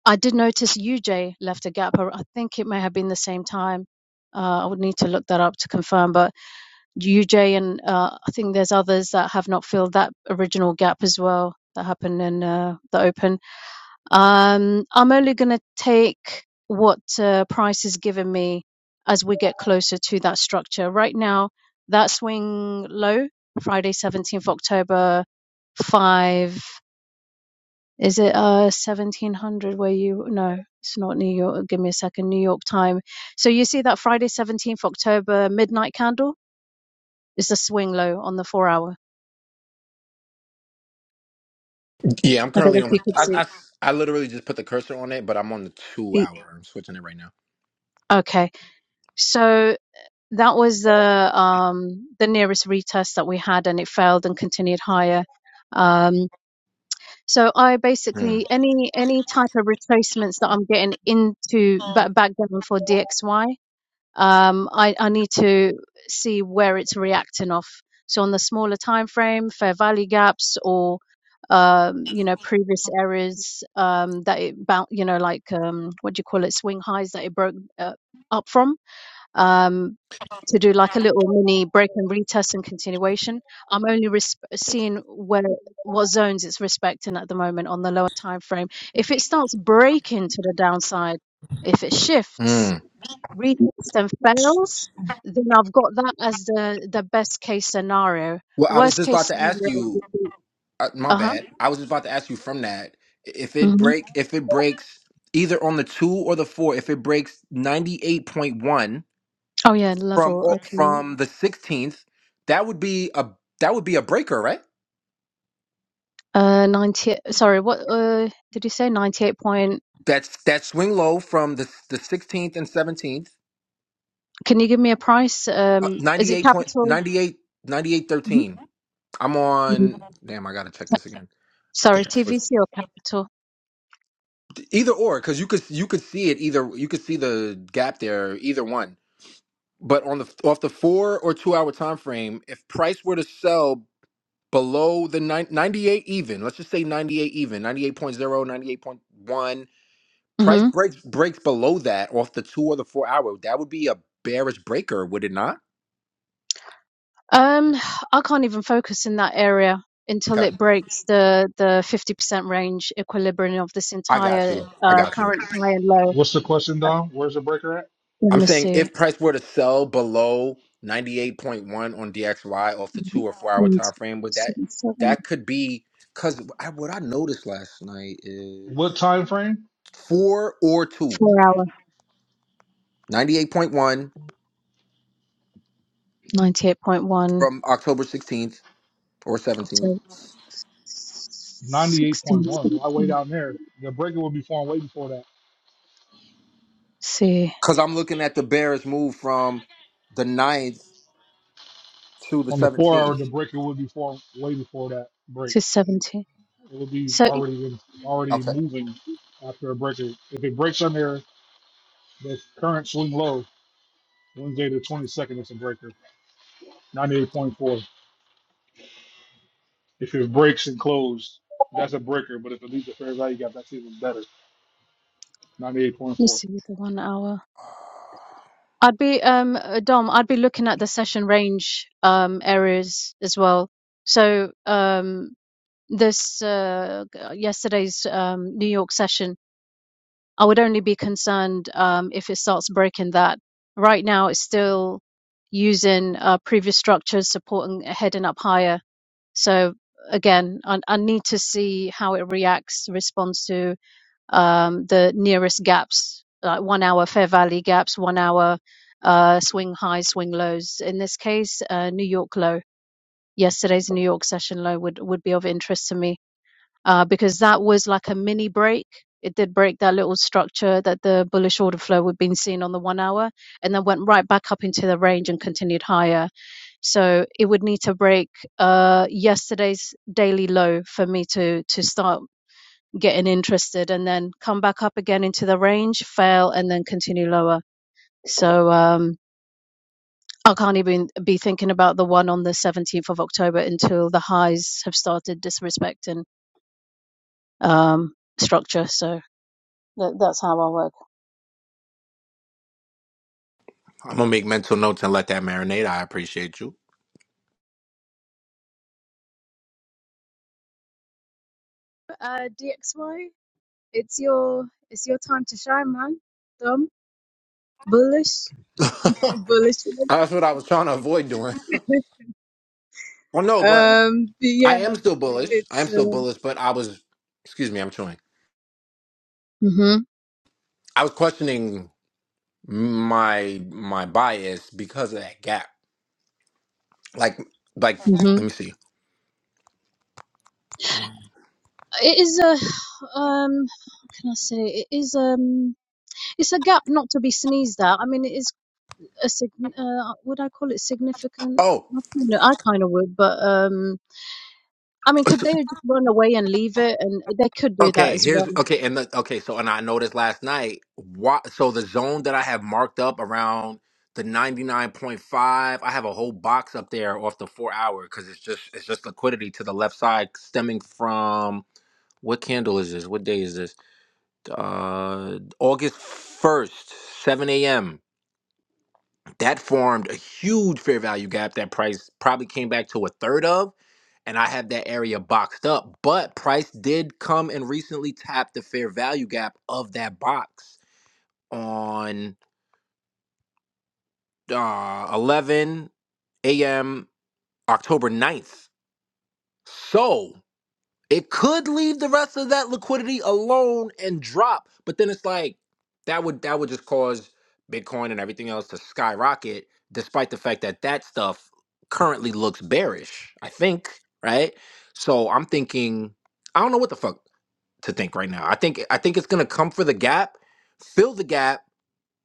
Speaker 4: I did notice UJ left a gap. I think it may have been the same time. Uh, I would need to look that up to confirm. But UJ and uh, I think there's others that have not filled that original gap as well that happened in uh, the Open. Um, I'm only going to take what uh, Price has given me as we get closer to that structure. Right now, that swing low, Friday, 17th October, five. Is it uh 1700 where you no, it's not New York. Give me a second. New York time. So you see that Friday 17th October midnight candle is the swing low on the 4 hour.
Speaker 7: Yeah, I'm
Speaker 4: I don't
Speaker 7: currently
Speaker 4: know
Speaker 7: on
Speaker 4: if you
Speaker 7: the.
Speaker 4: could
Speaker 7: I,
Speaker 4: see.
Speaker 7: I, I literally just put the cursor on it, but I'm on the two
Speaker 4: e-
Speaker 7: hour. I'm switching it right now.
Speaker 4: Okay. So that was the um the nearest retest that we had and it failed and continued higher. Um so I
Speaker 7: Mm.
Speaker 4: basically any any type of retracements that I'm getting into ba- back down for DXY um, I, I need to see where it's reacting off. So on the smaller time frame, fair value gaps or um, you know previous areas um, that it bound, you know like um, what do you call it, swing highs that it broke uh, up from. Um, to do like a little mini break and retest and continuation. I'm only resp- seeing where what zones it's respecting at the moment on the lower time frame. If it starts breaking to the downside, if it shifts,
Speaker 7: Mm.
Speaker 4: read it and fails, then I've got that as the the best case scenario.
Speaker 7: Well, I was
Speaker 4: Worst
Speaker 7: just
Speaker 4: case
Speaker 7: about to ask
Speaker 4: scenario
Speaker 7: you.
Speaker 4: would be
Speaker 7: Uh, my
Speaker 4: uh huh.
Speaker 7: bad. I was just about to ask you from that if it
Speaker 4: hmm
Speaker 7: break if it breaks either on the two or the four. If it breaks ninety eight point one
Speaker 4: Oh yeah,
Speaker 7: from
Speaker 4: level.
Speaker 7: o-
Speaker 4: Okay.
Speaker 7: from the 16th that would be a that would be a breaker right
Speaker 4: Uh, ninety. Sorry, what uh did you say? Ninety eight point.
Speaker 7: that's that swing low from the the 16th and 17th
Speaker 4: Can you give me a price?
Speaker 7: uh,
Speaker 4: Um, is it
Speaker 7: 98 point
Speaker 4: capital?
Speaker 7: 98 ninety-eight thirteen. i'm
Speaker 4: Mhm.
Speaker 7: on damn i gotta check this again i
Speaker 4: Sorry,
Speaker 7: think i was
Speaker 4: TVC or capital?
Speaker 7: either or because you could you could see it either you could see the gap there either one but on the off the four or two hour time frame if price were to sell below the nine ninety eight even let's just say 98 even 98 point zero ninety eight point one. Price
Speaker 4: hmm
Speaker 7: breaks breaks below that off the two or the four hour. That would be a bearish breaker, would it not?
Speaker 4: Um, I can't even focus in that area until
Speaker 7: Okay.
Speaker 4: it breaks the the fifty percent range equilibrium of this
Speaker 7: I got
Speaker 4: entire
Speaker 7: you. I
Speaker 4: uh
Speaker 7: got you.
Speaker 4: current high and low.
Speaker 2: one. What's the question,
Speaker 4: Uh,
Speaker 2: Dom? Where's the breaker at?
Speaker 4: Let
Speaker 7: I'm
Speaker 4: me
Speaker 7: saying
Speaker 4: see.
Speaker 7: if price were to sell below 98.1 on DXY off the two or four hour time frame, would that
Speaker 4: 1977,
Speaker 7: that could be because I, what I noticed last night is
Speaker 2: What time frame?
Speaker 7: four or two,
Speaker 4: 4 hour,
Speaker 7: 98.1
Speaker 4: 98.1,
Speaker 7: from October 16th or 17th.
Speaker 4: octave 16,
Speaker 2: 98.1. Why way
Speaker 4: seventeen,
Speaker 2: down there? The breaker would be formed way before that.
Speaker 4: see,
Speaker 7: Because I'm looking at the bearish move from the ninth to the
Speaker 2: On the four hour, the
Speaker 7: 17th.
Speaker 2: breaker would be formed way before that break.
Speaker 4: to 70.
Speaker 2: It would be
Speaker 4: So
Speaker 2: already in, already
Speaker 7: Okay,
Speaker 2: moving after a breaker. If it breaks on there, the current swing low, Wednesday the 22nd, it's a breaker. 98.4. If it breaks and closed, that's a breaker. But if it leaves a fair value gap, that's even better. Ninety-eight point
Speaker 4: you
Speaker 2: four.
Speaker 4: see the one hour. I'd be, um, uh, Dom, I'd be looking at the session range, um, areas as well. So, um, this, uh, g- yesterday's, um, New York session I would only be concerned um, if it starts breaking that. Right now, it's still using uh, previous structures, supporting uh, heading up higher. So again, I, I need to see how it reacts, responds to um, the nearest gaps, like one hour fair value gaps, one hour uh, swing highs, swing lows. In this case, uh, New York low. Yesterday's New York session low would, would be of interest to me uh, because that was like a mini break. It did break that little structure that the bullish order flow we've been seeing on the one hour, and then went right back up into the range and continued higher. So it would need to break uh, yesterday's daily low for me to to start getting interested, and then come back up again into the range, fail, and then continue lower. So um, I can't even be thinking about the one on the 17th of October until the highs have started disrespecting um, structure. So. That, that's how I work.
Speaker 7: I'm gonna make mental notes and let that marinate. I appreciate you.
Speaker 4: Uh, DXY, it's your it's your time to shine, man. Dumb, bullish,
Speaker 7: That's
Speaker 4: bullish.
Speaker 7: what I was trying to avoid doing. Well, no, but
Speaker 4: Um, but
Speaker 7: I
Speaker 4: yeah,
Speaker 7: am still bullish. I am
Speaker 4: it's
Speaker 7: still
Speaker 4: uh,
Speaker 7: bullish, but I was, excuse me, I'm chewing.
Speaker 4: Mhm.
Speaker 7: I was questioning my my bias because of that gap. Like, like, let
Speaker 4: Mhm.
Speaker 7: me see.
Speaker 4: it is a um. What can I say? It is um. It's a gap not to be sneezed at. I mean, it is a sig. Uh, would I call it significant?
Speaker 7: Oh.
Speaker 4: I don't know, I kind of would, but um. I mean, could they just run away and leave it? And they could do that
Speaker 7: Okay,
Speaker 4: as
Speaker 7: here's
Speaker 4: well.
Speaker 7: okay, and the, okay, so and I noticed last night. Why? So the zone that I have marked up around the ninety nine point five, I have a whole box up there off the four hour because it's just it's just liquidity to the left side stemming from what candle is this? What day is this? Uh, August first, seven a.m. That formed a huge fair value gap that price probably came back to a third of. And I have that area boxed up. But price did come and recently tap the fair value gap of that box on uh, 11 a.m. October ninth. So It could leave the rest of that liquidity alone and drop, but then it's like that would that would just cause Bitcoin and everything else to skyrocket, despite the fact that that stuff currently looks bearish. I think right. So I'm thinking I don't know what the fuck to think right now. I think I think it's gonna come for the gap, fill the gap,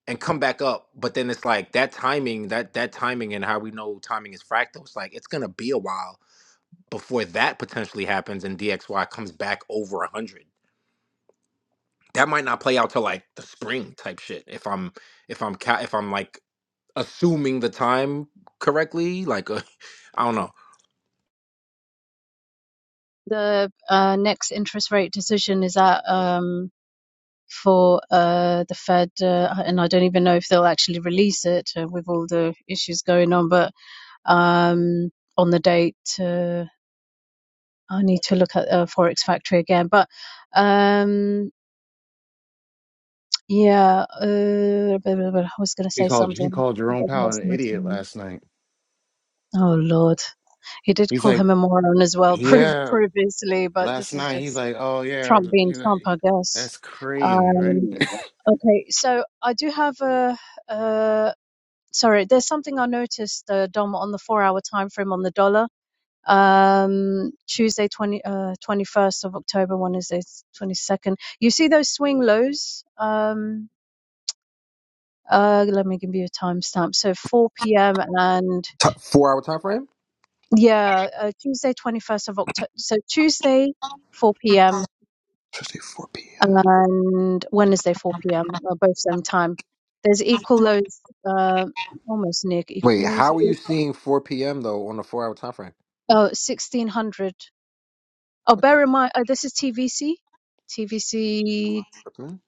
Speaker 7: and come back up. But then it's like that timing that that timing and how we know timing is fractal. It's like it's gonna be a while before that potentially happens and DXY comes back over 100. That might not play out till like the spring type shit if I'm if I'm ca- if I'm like assuming the time correctly, like uh, I don't know.
Speaker 4: The uh, next interest rate decision is that um, for uh, the Fed, uh, and I don't even know if they'll actually release it uh, with all the issues going on. But um, on the date, uh, I need to look at uh, Forex Factory again. But um, yeah, uh, I was going to
Speaker 5: He
Speaker 4: say
Speaker 5: called he
Speaker 4: something.
Speaker 5: called Jerome
Speaker 4: I've
Speaker 5: Powell an
Speaker 4: lost my
Speaker 5: idiot
Speaker 4: train.
Speaker 5: last night.
Speaker 4: Oh Lord, he did
Speaker 5: He's
Speaker 4: call
Speaker 5: like,
Speaker 4: him a moron as well pre-
Speaker 5: yeah,
Speaker 4: previously, but this
Speaker 5: last
Speaker 4: is
Speaker 5: night. He's
Speaker 4: just.
Speaker 5: like, oh yeah,
Speaker 4: Trump
Speaker 5: but,
Speaker 4: being
Speaker 5: you know,
Speaker 4: Trump, I guess.
Speaker 5: that's crazy, right?
Speaker 4: Um, okay, so I do have a. Uh, sorry, there's something I noticed, uh, Dom, on the four-hour time frame on the dollar. Um, Tuesday, 20, uh, 21st of October, when is it? 22nd. You see those swing lows? Um, uh, let me give you a timestamp. So 4 p.m. and
Speaker 7: T- 4 hour time frame?
Speaker 4: yeah, uh, Tuesday, 21st of October. So Tuesday, 4 p.m
Speaker 7: Tuesday, 4 p.m.
Speaker 4: and Wednesday 4 p.m. uh, both same time. There's equal loads, uh, almost near
Speaker 7: Wait,
Speaker 4: equal loads.
Speaker 7: how are
Speaker 4: I
Speaker 7: you
Speaker 4: think.
Speaker 7: seeing 4 p.m. though on a 4 hour time frame?
Speaker 4: Oh, 1600. Oh,
Speaker 7: What the
Speaker 4: bear in mind, uh, this is TVC, TVC
Speaker 7: fuck, man?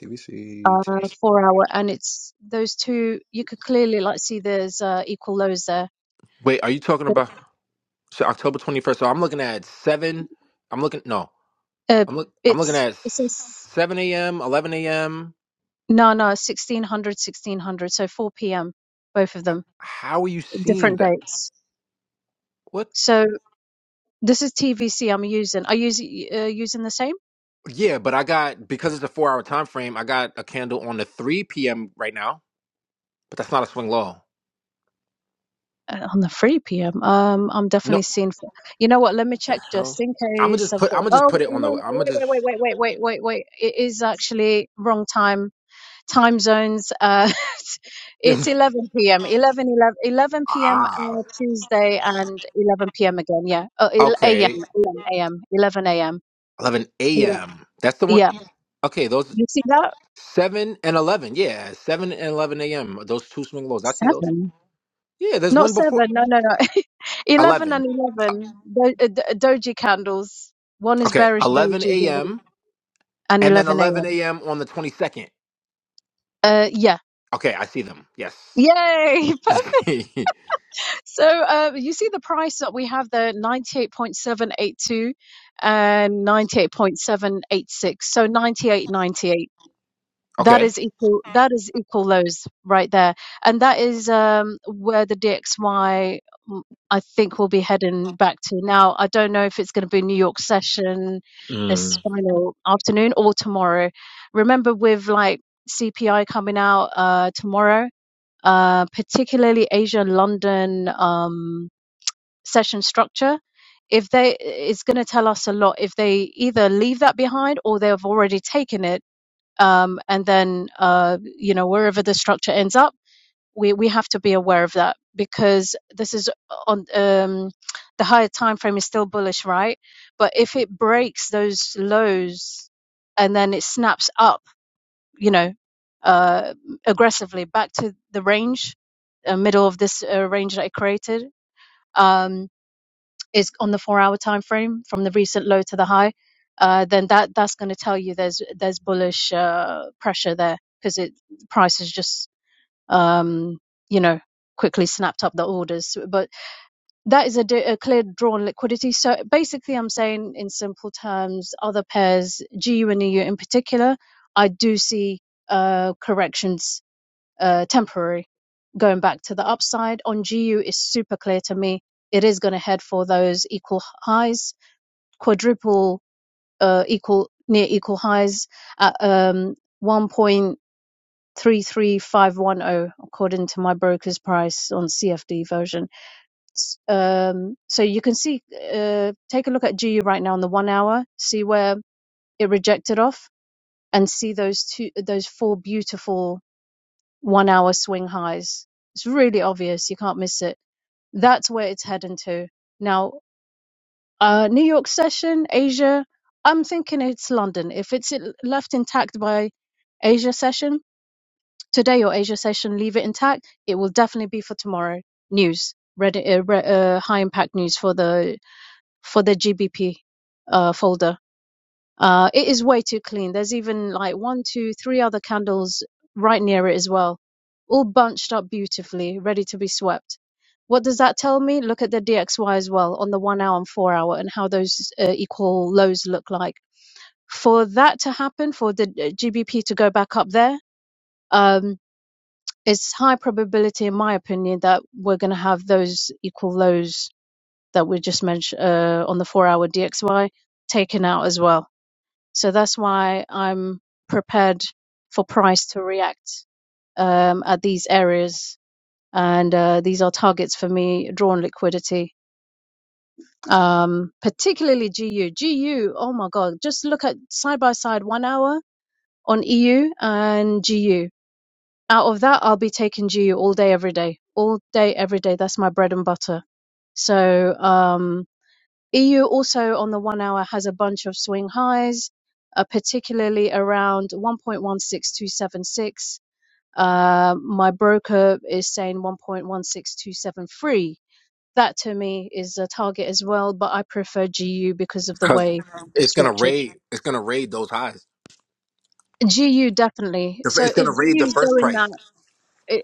Speaker 7: TBC.
Speaker 4: uh, four hour, and it's those two. You could clearly like see there's uh, equal lows there.
Speaker 7: Wait, are you talking about so October 21st? So I'm looking at 7 I'm looking no.
Speaker 4: Uh,
Speaker 7: I'm look I'm looking
Speaker 4: it's
Speaker 7: at
Speaker 4: it says
Speaker 7: 7 a.m., 11 a.m.
Speaker 4: no, no, 1600, 1600. So 4 p.m. both of them,
Speaker 7: How are you seeing
Speaker 4: different
Speaker 7: that?
Speaker 4: dates.
Speaker 7: What?
Speaker 4: So this is TVC I'm using. Are you uh, using the same?
Speaker 7: Yeah, but I got because it's a four hour time frame. I got a candle on the three p.m. right now, but that's not a swing low.
Speaker 4: Uh, on the free PM. Um, I'm
Speaker 7: No,
Speaker 4: definitely
Speaker 7: what
Speaker 4: seeing. f- You know what? Let me
Speaker 7: the
Speaker 4: check
Speaker 7: hell.
Speaker 4: just in
Speaker 7: I'm gonna
Speaker 4: case
Speaker 7: just
Speaker 4: I've
Speaker 7: put. I'm
Speaker 4: got.
Speaker 7: gonna just
Speaker 4: Oh,
Speaker 7: put it
Speaker 4: you
Speaker 7: on the.
Speaker 4: know,
Speaker 7: I'm gonna
Speaker 4: wait,
Speaker 7: just.
Speaker 4: wait, wait, wait, wait, wait, wait, wait. It is actually wrong time, time zones. Uh, it's 11 p.m. 11, 11, 11 p.m.
Speaker 7: ah,
Speaker 4: Uh, Tuesday and 11 p.m. again. Yeah. Oh, 11 a.m.
Speaker 7: okay.
Speaker 4: a.m. 11 a.m.
Speaker 7: Eleven
Speaker 4: Yeah.
Speaker 7: a.m. That's the one.
Speaker 4: yeah.
Speaker 7: Okay, those
Speaker 4: You see that?
Speaker 7: seven and eleven. Yeah, seven and eleven a.m. Those two swing lows. I see those.
Speaker 4: Seven.
Speaker 7: Yeah, there's
Speaker 4: Not
Speaker 7: one before
Speaker 4: seven. No, no, no. 11
Speaker 7: eleven.
Speaker 4: and
Speaker 7: Uh,
Speaker 4: 11 do- uh, d- doji candles. One is
Speaker 7: Okay,
Speaker 4: bearish
Speaker 7: eleven
Speaker 4: doji, the other
Speaker 7: a.m.
Speaker 4: and
Speaker 7: and then
Speaker 4: 11
Speaker 7: eleven
Speaker 4: a.m.
Speaker 7: a.m. on the twenty second.
Speaker 4: Uh, yeah.
Speaker 7: Okay, I see them. Yes.
Speaker 4: Yay! Perfect. so uh, you see the price that we have there, 98.782 and 98.786. So 98.98. That
Speaker 7: okay.
Speaker 4: is equal. That is equal lows right there, and that is um, where the DXY mm, I think will be heading back to. Now I don't know if it's going to be New York session this
Speaker 7: Mm.
Speaker 4: final afternoon or tomorrow. Remember, with like CPI coming out uh, tomorrow, uh, particularly Asia London um, session structure, if they it's going to tell us a lot if they either leave that behind or they've already taken it, um, and then uh, you know wherever the structure ends up, we we have to be aware of that because this is on um, the higher time frame is still bullish, right? But if it breaks those lows and then it snaps up you know, uh, aggressively back to the range, uh, middle of this uh, range that I created, um, is on the four-hour time frame from the recent low to the high. Uh, then that that's going to tell you there's there's bullish uh, pressure there because it price has just um, you know quickly snapped up the orders. But that is a, d- a clear drawn liquidity. So basically, I'm saying in simple terms, other pairs, GU and EU in particular, I do see uh, corrections uh, temporary going back to the upside. On GU is super clear to me. It is going to head for those equal highs, quadruple uh, equal near equal highs at um, 1.33510 according to my broker's price on CFD version. Um, so you can see, uh, take a look at GU right now on the one hour, see where it rejected off, and see those two, those four beautiful one hour swing highs. It's really obvious. You can't miss it. That's where it's heading to. Now, uh, New York session, Asia, I'm thinking it's London. If it's i- left intact by Asia session, today or Asia session, leave it intact. It will definitely be for tomorrow. News, red, uh, re- uh, high impact news for the, for the GBP, uh, folder. Uh, it is way too clean. There's even like one, two, three other candles right near it as well, all bunched up beautifully, ready to be swept. What does that tell me? Look at the DXY as well on the one hour and four hour and how those uh, equal lows look like. For that to happen, for the uh, GBP to go back up there, um, it's high probability, in my opinion, that we're going to have those equal lows that we just mentioned uh, on the four hour DXY taken out as well so that's why I'm prepared for price to react um, at these areas. And uh, these are targets for me, drawn liquidity, um, particularly GU. GU, oh my God, just look at side by side one hour on EU and GU. Out of that, I'll be taking GU all day, every day. All day, every day. That's my bread and butter. So, um, Eu also on the one hour has a bunch of swing highs, uh, particularly around 1.16276. Uh, my broker is saying 1.16273. That to me is a target as well, but I prefer GU because of the
Speaker 7: Cause
Speaker 4: way
Speaker 7: it's gonna
Speaker 4: structured.
Speaker 7: raid. It's gonna raid those highs.
Speaker 4: GU definitely.
Speaker 7: The fir-
Speaker 4: So
Speaker 7: It's
Speaker 4: if
Speaker 7: gonna raid
Speaker 4: GU
Speaker 7: the
Speaker 4: is
Speaker 7: first
Speaker 4: doing that.
Speaker 7: price.
Speaker 4: i-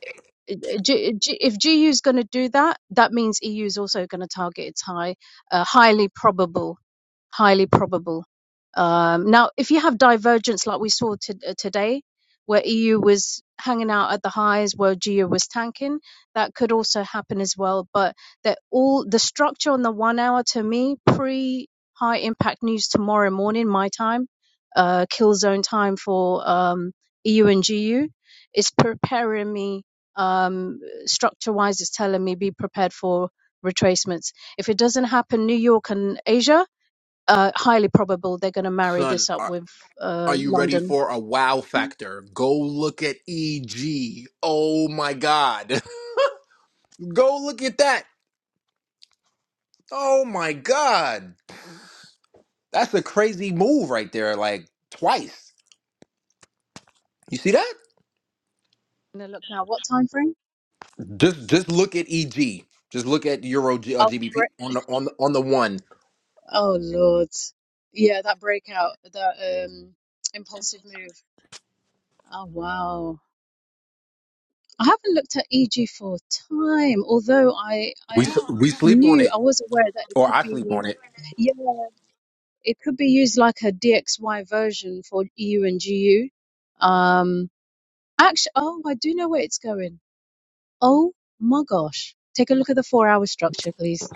Speaker 4: i- G- G- if GU is going to do that, that means EU is also going to target its high, uh, highly probable, highly probable. Um, now, if you have divergence like we saw to, uh, today, where EU was hanging out at the highs, where GU was tanking, that could also happen as well. But that all the structure on the one hour to me pre high impact news tomorrow morning my time, uh, kill zone time for um, EU and GU it's preparing me um, structure wise it's telling me be prepared for retracements if it doesn't happen new york and asia uh, highly probable they're going to marry
Speaker 7: Son,
Speaker 4: this up
Speaker 7: are,
Speaker 4: with uh,
Speaker 7: are you ready
Speaker 4: london
Speaker 7: for a wow
Speaker 4: i'm
Speaker 7: factor? Go look at EG. Oh my god. Go look at that. Oh my god. That's a crazy move right there. Like twice. You see that?
Speaker 4: going to look now what time frame
Speaker 7: Just just look at EG. Just look at Euro G, uh,
Speaker 4: After
Speaker 7: GBP
Speaker 4: break-
Speaker 7: on the on the, on the one.
Speaker 4: oh lord yeah that breakout that um, impulsive move oh wow i haven't looked at eg for time although i
Speaker 7: We
Speaker 4: i
Speaker 7: s- we sleep on
Speaker 4: knew
Speaker 7: it.
Speaker 4: i was aware that it
Speaker 7: or
Speaker 4: could
Speaker 7: I sleep
Speaker 4: be
Speaker 7: on it,
Speaker 4: yeah It could be used like a DXY version for EU and GU. Um, actually, oh, I do know where it's going. Oh my gosh. Take a look at the four hour structure, please.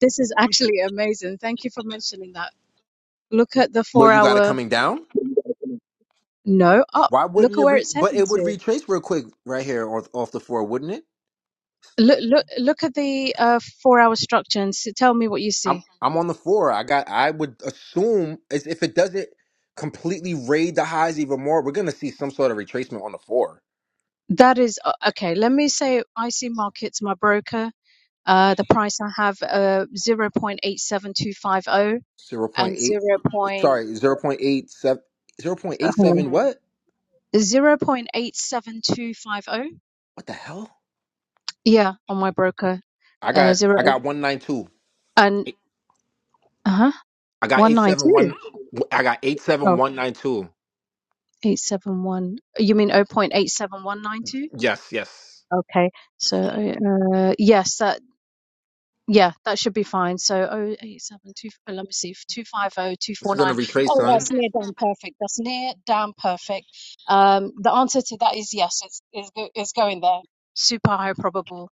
Speaker 4: This is actually amazing. Thank you for mentioning that. Look at the
Speaker 7: where
Speaker 4: four
Speaker 7: you got it
Speaker 4: hour.
Speaker 7: coming down.
Speaker 4: No, up.
Speaker 7: Why
Speaker 4: Look
Speaker 7: wouldn't
Speaker 4: at
Speaker 7: it
Speaker 4: where
Speaker 7: re?
Speaker 4: it's
Speaker 7: But
Speaker 4: heading
Speaker 7: it would
Speaker 4: to.
Speaker 7: retrace real quick right here off, off the four, wouldn't it?
Speaker 4: Look, look, look at the uh, four hour structure and s tell me what you
Speaker 7: I'm
Speaker 4: see.
Speaker 7: I'm on the four. I got. I would assume as if it doesn't completely raid the highs even more, we're gonna see some sort of retracement on the four.
Speaker 4: That is, uh, okay, let me say I see markets, my broker. Uh, the price I have uh, 0.87250
Speaker 7: Zero point
Speaker 4: and
Speaker 7: eight.
Speaker 4: 0.
Speaker 7: Sorry,
Speaker 4: uh,
Speaker 7: zero point eight seven. Zero point eight
Speaker 4: hold on.
Speaker 7: seven. What?
Speaker 4: 0.87250.
Speaker 7: What the hell?
Speaker 4: Yeah, on my broker.
Speaker 7: I
Speaker 4: Uh,
Speaker 7: got.
Speaker 4: zero
Speaker 7: I
Speaker 4: eight-
Speaker 7: got one nine two.
Speaker 4: and uh-huh,
Speaker 7: I got eight seven one.
Speaker 4: 192.
Speaker 7: I got eight seven
Speaker 4: Oh,
Speaker 7: one nine two.
Speaker 4: eight seven one. You mean 0.87192?
Speaker 7: Yes. Yes.
Speaker 4: Okay. So, uh, yes, that. Yeah, that should be fine. So 0872, uh, let me see, 250 two
Speaker 7: It's
Speaker 4: four
Speaker 7: gonna
Speaker 4: nine.
Speaker 7: retrace,
Speaker 4: Oh,
Speaker 7: son.
Speaker 4: that's near damn perfect. That's near damn perfect. Um, the answer to that is yes, it's, it's, go- it's going there. Super high probable.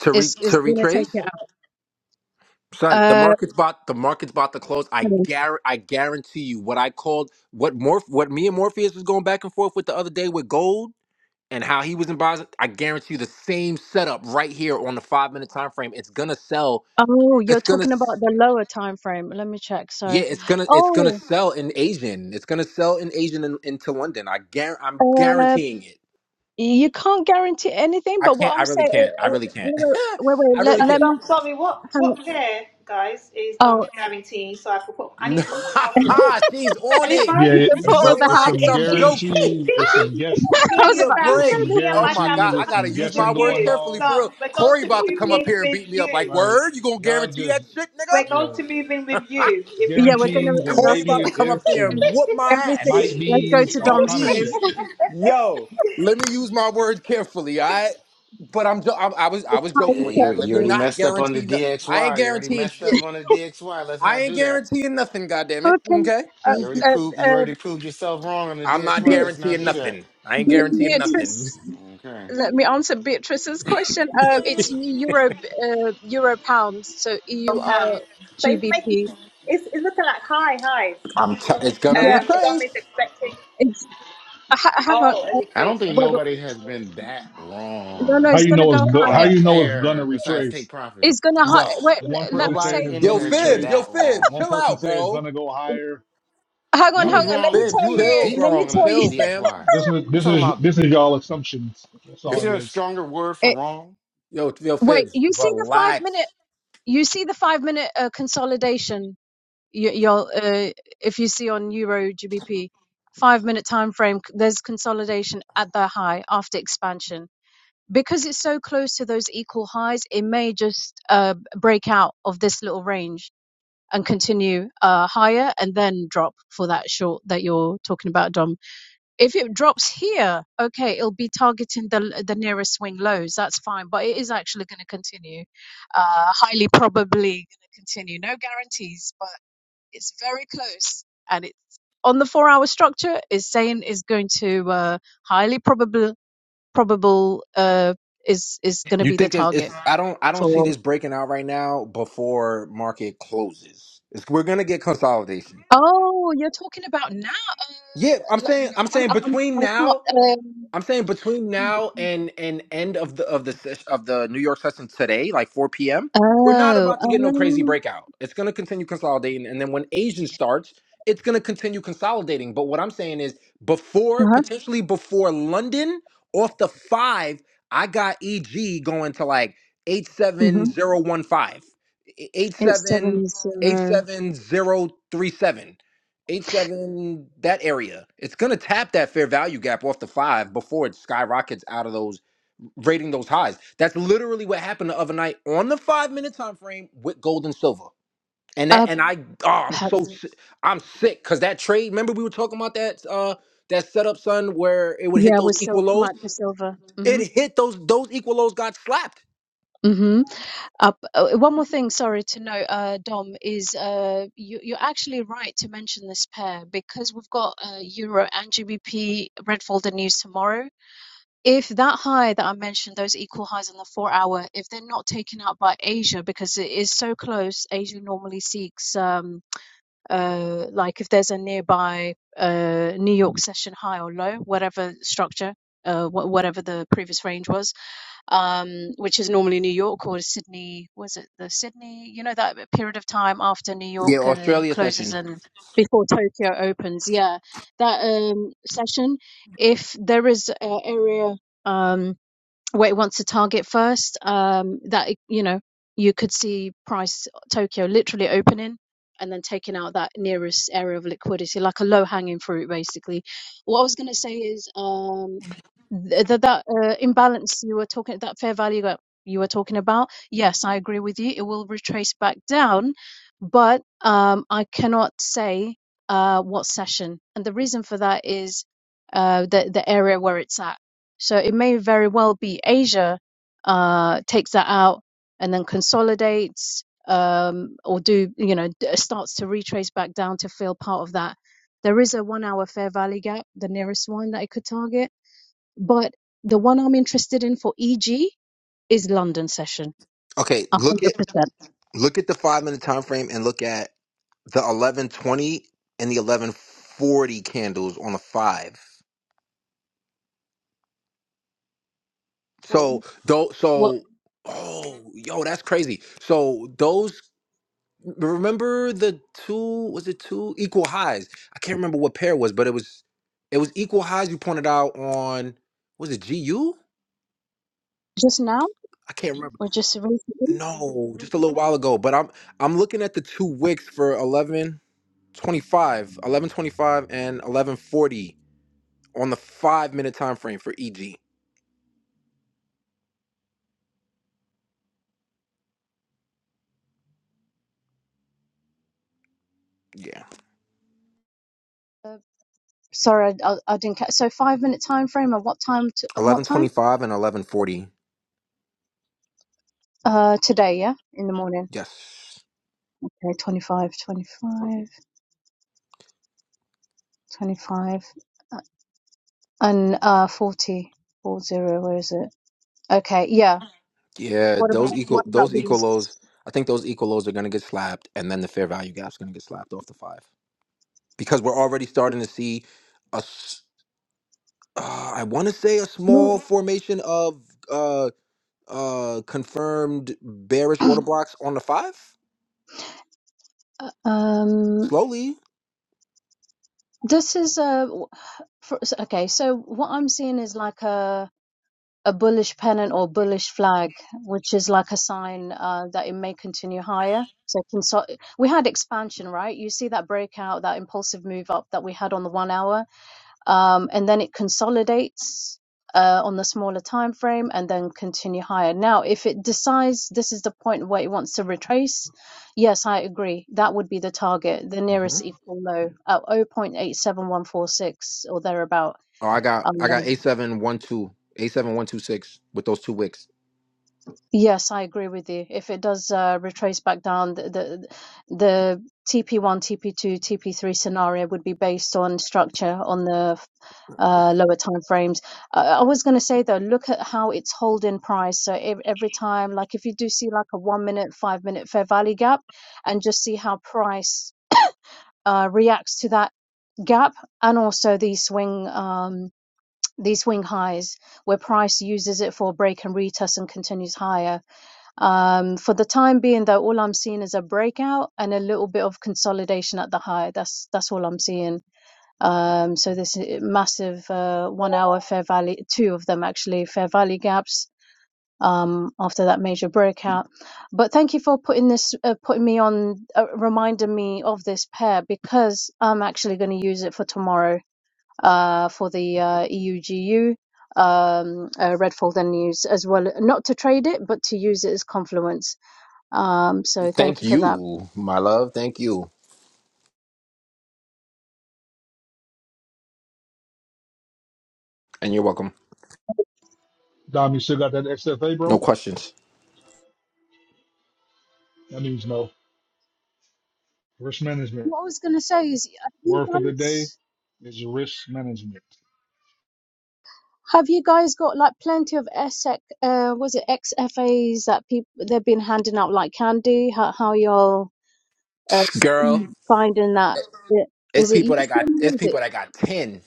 Speaker 7: To re
Speaker 4: It's, it's
Speaker 7: to
Speaker 4: gonna
Speaker 7: retrace.
Speaker 4: take it out.
Speaker 7: Son, the
Speaker 4: Uh,
Speaker 7: market's about the market's about to close. I
Speaker 4: hang on.
Speaker 7: guar I guarantee you what I called what Morph what me and Morpheus was going back and forth with the other day with gold and how he was in Boston. I guarantee you the same setup right here on the five minute time frame. It's gonna sell.
Speaker 4: oh, you're
Speaker 7: It's gonna
Speaker 4: talking about the lower time frame. Let me check.
Speaker 7: yeah,
Speaker 4: Sorry.
Speaker 7: it's gonna it's gonna
Speaker 4: Oh,
Speaker 7: sell in Asian. It's gonna sell in Asian in, into London. I guar I'm
Speaker 4: uh,
Speaker 7: guaranteeing it.
Speaker 4: you can't guarantee anything,
Speaker 7: I
Speaker 4: but what
Speaker 7: can't I
Speaker 4: I'm
Speaker 7: really
Speaker 4: saying,
Speaker 7: can't.
Speaker 4: uh,
Speaker 7: I
Speaker 4: wait,
Speaker 7: really can't.
Speaker 4: wait, wait, wait,
Speaker 7: I
Speaker 4: let,
Speaker 7: really
Speaker 4: let
Speaker 13: And
Speaker 7: can't.
Speaker 4: me,
Speaker 13: um, sorry, what
Speaker 4: hang on.
Speaker 13: what There, guys, is dumb
Speaker 4: Oh,
Speaker 13: guarantee? So I could put I need to put my house on that.
Speaker 7: She's on
Speaker 13: And if
Speaker 7: it.
Speaker 13: I
Speaker 2: Yeah,
Speaker 4: you
Speaker 2: it-
Speaker 4: can put
Speaker 2: it's
Speaker 4: on
Speaker 2: a,
Speaker 4: the
Speaker 2: it's
Speaker 4: house.
Speaker 7: Relax,
Speaker 2: some
Speaker 13: if
Speaker 7: I'm joking.
Speaker 2: guarantees. It's some guess.
Speaker 13: me
Speaker 4: I
Speaker 7: Give
Speaker 13: and
Speaker 4: was
Speaker 7: me
Speaker 13: your
Speaker 7: a
Speaker 4: about to
Speaker 2: It's
Speaker 13: family,
Speaker 7: break.
Speaker 2: some
Speaker 13: me
Speaker 4: say
Speaker 13: and
Speaker 7: Oh
Speaker 13: my
Speaker 7: my
Speaker 13: family,
Speaker 7: God,
Speaker 2: guarantees.
Speaker 13: we're
Speaker 7: I
Speaker 2: There's
Speaker 13: coming
Speaker 7: gotta
Speaker 2: some
Speaker 13: to live
Speaker 7: use
Speaker 13: with
Speaker 7: my
Speaker 2: guessing
Speaker 7: words
Speaker 2: going
Speaker 13: you.
Speaker 7: carefully
Speaker 2: on.
Speaker 7: for
Speaker 13: Plum,
Speaker 7: real.
Speaker 13: we're going
Speaker 7: Corey
Speaker 13: to
Speaker 7: about to
Speaker 13: move
Speaker 7: come
Speaker 4: this.
Speaker 7: up
Speaker 13: in
Speaker 7: here and
Speaker 13: with
Speaker 7: beat me up. Like,
Speaker 13: you.
Speaker 2: Like
Speaker 7: word, you gonna
Speaker 2: y'all
Speaker 7: guarantee
Speaker 2: just
Speaker 7: that shit, nigga?
Speaker 13: We're
Speaker 2: yeah
Speaker 13: going to move in with you if we
Speaker 4: Yeah, we're
Speaker 13: lose.
Speaker 4: gonna.
Speaker 2: guarantees and
Speaker 7: Corey
Speaker 4: That's it.
Speaker 7: about
Speaker 2: maybe
Speaker 7: to
Speaker 2: and
Speaker 7: come up
Speaker 2: ifs
Speaker 7: here and
Speaker 4: Ev-
Speaker 2: and
Speaker 7: whoop my
Speaker 4: Everything.
Speaker 2: might
Speaker 7: ass.
Speaker 4: Let's go
Speaker 2: be's
Speaker 4: to
Speaker 2: all
Speaker 4: Dom's
Speaker 2: kind of
Speaker 7: Yo,
Speaker 4: place.
Speaker 2: shit.
Speaker 7: let me use my words carefully, all right? But I'm, jo- I'm I was I
Speaker 4: It's
Speaker 7: was
Speaker 4: highly
Speaker 7: joking
Speaker 5: Yeah,
Speaker 7: with
Speaker 5: you
Speaker 7: that. Let
Speaker 5: you
Speaker 7: me
Speaker 4: probable.
Speaker 5: already
Speaker 7: not
Speaker 5: messed up on the
Speaker 7: guarantee. No- I ain't
Speaker 5: DXY. You already
Speaker 7: guaranteeing
Speaker 5: messed up
Speaker 7: shit.
Speaker 5: on the DXY. Let's
Speaker 7: I
Speaker 5: not
Speaker 7: ain't
Speaker 5: do that.
Speaker 7: guaranteeing nothing. goddamn it.
Speaker 4: Okay.
Speaker 7: Okay.
Speaker 5: You
Speaker 7: Mm.
Speaker 5: already
Speaker 4: Uh,
Speaker 5: proved
Speaker 4: uh,
Speaker 5: you
Speaker 4: uh,
Speaker 5: already proved yourself wrong on the
Speaker 7: I'm not
Speaker 4: Be-
Speaker 5: DXY. Let's not
Speaker 7: guaranteeing
Speaker 5: do that.
Speaker 7: nothing. I ain't
Speaker 4: Be-
Speaker 7: guaranteeing nothing.
Speaker 4: Beatrice,
Speaker 5: Okay.
Speaker 4: let me answer Beatrice's question. Uh, it's euro, uh, euro pounds, so
Speaker 13: pounds.
Speaker 4: EUR
Speaker 13: So it's making
Speaker 4: GBP.
Speaker 13: it's, it's looking like high highs.
Speaker 7: I'm. T-
Speaker 13: So
Speaker 7: it's gonna
Speaker 4: Yeah,
Speaker 13: um, Dom is
Speaker 7: retrace.
Speaker 13: expecting.
Speaker 4: it's. Uh, ha- hang on.
Speaker 13: Oh,
Speaker 4: Uh,
Speaker 13: every
Speaker 5: I don't
Speaker 13: face,
Speaker 5: think
Speaker 13: Okay.
Speaker 4: wait, wait.
Speaker 5: nobody has been that
Speaker 4: no,
Speaker 5: wrong
Speaker 4: no,
Speaker 2: How
Speaker 4: it's
Speaker 2: you
Speaker 4: gonna
Speaker 2: know it's
Speaker 4: go
Speaker 2: go-
Speaker 5: on
Speaker 2: how
Speaker 5: a
Speaker 4: higher.
Speaker 2: you know it's gonna
Speaker 5: pair besides take
Speaker 2: retrace?
Speaker 5: profit.
Speaker 4: It's gonna
Speaker 2: You
Speaker 4: hi
Speaker 2: got
Speaker 4: Wait,
Speaker 2: one
Speaker 4: l- let
Speaker 2: person
Speaker 4: me
Speaker 2: saying
Speaker 5: Nobody
Speaker 4: say.
Speaker 2: it's
Speaker 5: in
Speaker 7: Yo,
Speaker 2: gonna
Speaker 5: here has been
Speaker 7: Fibs.
Speaker 2: retrace.
Speaker 7: Yo,
Speaker 5: that
Speaker 7: Fibs.
Speaker 2: One
Speaker 5: wrong.
Speaker 7: Chill
Speaker 2: person
Speaker 7: out,
Speaker 2: saying it's
Speaker 7: bro.
Speaker 2: gonna go higher.
Speaker 4: Hang on,
Speaker 5: You
Speaker 2: Y'all
Speaker 4: hang
Speaker 5: was
Speaker 2: just
Speaker 4: on. Let me
Speaker 5: wrong.
Speaker 4: tell
Speaker 7: Fibs,
Speaker 5: You was
Speaker 4: you.
Speaker 7: chill,
Speaker 5: deep
Speaker 4: Let me
Speaker 5: wrong
Speaker 7: bro.
Speaker 5: on
Speaker 4: tell
Speaker 5: the
Speaker 7: Chill,
Speaker 4: you.
Speaker 7: fam.
Speaker 5: DXY.
Speaker 2: This is
Speaker 5: You
Speaker 2: this
Speaker 5: talking
Speaker 2: is
Speaker 5: about?
Speaker 2: this is y'all assumptions. That's
Speaker 5: Is
Speaker 7: Okay.
Speaker 2: all it
Speaker 5: there a
Speaker 2: is.
Speaker 5: stronger word for
Speaker 4: It,
Speaker 5: wrong?
Speaker 7: Yo, yo,
Speaker 4: wait,
Speaker 7: Fibs,
Speaker 4: you see the five minute.
Speaker 7: relax.
Speaker 4: you see the five minute uh, consolidation you, you'll uh, if you see on euro gbp five minute time frame there's consolidation at the high after expansion because it's so close to those equal highs it may just uh, break out of this little range and continue uh, higher and then drop for that short that you're talking about dom if it drops here, okay, it'll be targeting the the nearest swing lows. That's fine, but it is actually going to continue. Uh, highly probably going to continue. No guarantees, but it's very close, and it's on the four hour structure. Is saying is going to uh, highly probable probable uh, is is going to
Speaker 7: You
Speaker 4: be the
Speaker 7: think it's, it's
Speaker 4: target
Speaker 7: I don't I don't see
Speaker 4: for.
Speaker 7: this breaking out right now before market closes. It's, we're gonna get consolidation.
Speaker 4: Oh, you're talking about now. Uh,
Speaker 7: Yeah, I'm
Speaker 4: l-
Speaker 7: saying
Speaker 4: no,
Speaker 7: I'm
Speaker 4: I'm,
Speaker 7: saying
Speaker 4: I'm,
Speaker 7: between
Speaker 4: I
Speaker 7: now
Speaker 4: can't. Um,
Speaker 7: I'm saying between now and and end of the of the ses- of the New York session today, like 4 p.m. We're not
Speaker 4: oh,
Speaker 7: about to get no crazy
Speaker 4: um,
Speaker 7: breakout. It's going to continue consolidating, and then when Asian starts, it's going to continue consolidating. But what I'm saying is, before
Speaker 4: uh-huh.
Speaker 7: potentially before London off the five, I got EG going to like eight
Speaker 4: mm-hmm.
Speaker 7: seven zero one five, e-, eight
Speaker 4: It's
Speaker 7: seven
Speaker 4: seven
Speaker 7: eight
Speaker 4: zero
Speaker 7: seven zero three seven eight seven that area it's going to tap that fair value gap off the five before it skyrockets out of those rating those highs that's literally what happened the other night on the five minute time frame with gold and silver and that
Speaker 4: up.
Speaker 7: and i oh i'm
Speaker 4: ha-
Speaker 7: so si- i'm sick because that trade remember we were talking about that uh that setup son where it would hit
Speaker 4: Yeah,
Speaker 7: those
Speaker 4: with
Speaker 7: equal
Speaker 4: Sil-
Speaker 7: lows
Speaker 4: Mike for Silva. Mhm.
Speaker 7: it hit those those equal lows got slapped
Speaker 4: Mhm. Up. Oh, one more thing. Sorry to note, uh, Dom is uh, you, you're actually right to mention this pair because we've got uh, Euro and GBP red folder news tomorrow. If that high that I mentioned, those equal highs on the four hour, if they're not taken out by Asia because it is so close, Asia normally seeks. Um, uh, like if there's a nearby uh, New York session high or low, whatever structure, uh, wh- whatever the previous range was, um, which is normally New York or Sydney, was it the Sydney? You know, that period of time after New
Speaker 7: yeah
Speaker 4: York uh,
Speaker 7: australia session
Speaker 4: closes and before Tokyo opens. Yeah, that um, session. If there is an area. Um, where it wants to target first. Um, that you know, you could see price Tokyo literally opening and then taking out that nearest area of liquidity, like a low hanging fruit, basically. What I was going to say is um, th- th- that uh, imbalance you were talking, that fair value gap you were talking about. Yes, I agree with you. It will retrace back down, but um, I cannot say uh, what session, and the reason for that is uh, the the area where it's at so it may very well be Asia uh, takes that out and then consolidates um, or do, you know, d- starts to retrace back down to fill part of that. There is a one hour fair value gap, the nearest one that it could target. But the one I'm interested in for EG is London session,
Speaker 7: okay look
Speaker 4: 100%.
Speaker 7: Look at the five minute time frame and look at the 1120 and the 1140 candles on the five.
Speaker 4: What,
Speaker 7: So though
Speaker 4: what,
Speaker 7: so oh yo that's crazy. So those remember the two was it two equal highs? I can't remember what pair it was, but it was it was equal highs you pointed out on was it GU?
Speaker 4: just now
Speaker 7: I can't remember.
Speaker 4: or just recently?
Speaker 7: No, just a little while ago, but I'm I'm looking at the two wicks for eleven twenty five, eleven twenty five, and 1140 on the five minute time frame for EG. Yeah,
Speaker 4: Uh, Sorry, I, I, didn't catch. So five minute time frame and what time? To, and what
Speaker 7: eleven
Speaker 4: time?
Speaker 7: twenty five and eleven forty.
Speaker 4: Uh, today, yeah, in the morning.
Speaker 7: Yes.
Speaker 4: Okay, 25, 25, 25, uh, and uh, forty four zero. Where is it? Okay, yeah.
Speaker 7: Yeah,
Speaker 4: What
Speaker 7: those
Speaker 4: about
Speaker 7: equal
Speaker 4: what about
Speaker 7: those equal
Speaker 4: these?
Speaker 7: lows. I think those equal lows are gonna get slapped, and then the fair value gap's gonna get slapped off the five because we're already starting to see a. s- Uh, I want to say a
Speaker 4: No,
Speaker 7: small formation of uh uh confirmed bearish order blocks on the five
Speaker 4: uh, Um,
Speaker 7: slowly.
Speaker 4: this is a. For, so, okay, so what I'm seeing is like a. a bullish pennant or bullish flag, which is like a sign uh, that it may continue higher. So consol- we had expansion, right? You see that breakout, that impulsive move up that we had on the one hour, um, and then it consolidates uh, on the smaller time frame and then continue higher. Now, if it decides this is the point where it wants to retrace, yes, I agree. That would be the target, the
Speaker 7: hmm
Speaker 4: nearest equal low at 0.87146 or thereabout.
Speaker 7: Oh, I got
Speaker 4: Um,
Speaker 7: I got a seven one two a seven one two six with those two wicks.
Speaker 4: Yes, I agree with you. If it does uh, retrace back down, the, the the TP1, TP2, TP3 scenario would be based on structure on the uh, lower time frames. Uh, I was going to say though, look at how it's holding price. So ev- every time, like if you do see like a one minute, five minute fair value gap, and just see how price uh, reacts to that gap, and also the swing um, these swing highs where price uses it for break and retest and continues higher um, for the time being, though, all I'm seeing is a breakout and a little bit of consolidation at the high. That's that's all I'm seeing. Um, so this massive uh, one-hour fair value, two of them actually, fair value gaps um, after that major breakout. But thank you for putting this, uh, putting me on, uh, reminding me of this pair because I'm actually going to use it for tomorrow uh, for the uh, EUGU um uh, red folder news as well not to trade it but to use it as confluence um, so thank
Speaker 7: Thank
Speaker 4: you for that.
Speaker 7: you, my love. Thank you. And you're welcome.
Speaker 2: Dom, you still got that XFA,
Speaker 7: No
Speaker 2: bro?
Speaker 7: questions.
Speaker 2: That means no. Risk management.
Speaker 4: What I was going to say is, have you
Speaker 2: Word for the day
Speaker 4: guys
Speaker 2: is risk management.
Speaker 4: have you guys got like plenty of SEC, uh, was it XFAs that people they've been handing out like candy? How how y'all uh,
Speaker 7: Girl,
Speaker 4: finding that? Yeah.
Speaker 7: it's
Speaker 4: Is it
Speaker 7: people that
Speaker 4: useful?
Speaker 7: got it's
Speaker 4: Is
Speaker 7: people
Speaker 4: it?
Speaker 7: that got 10.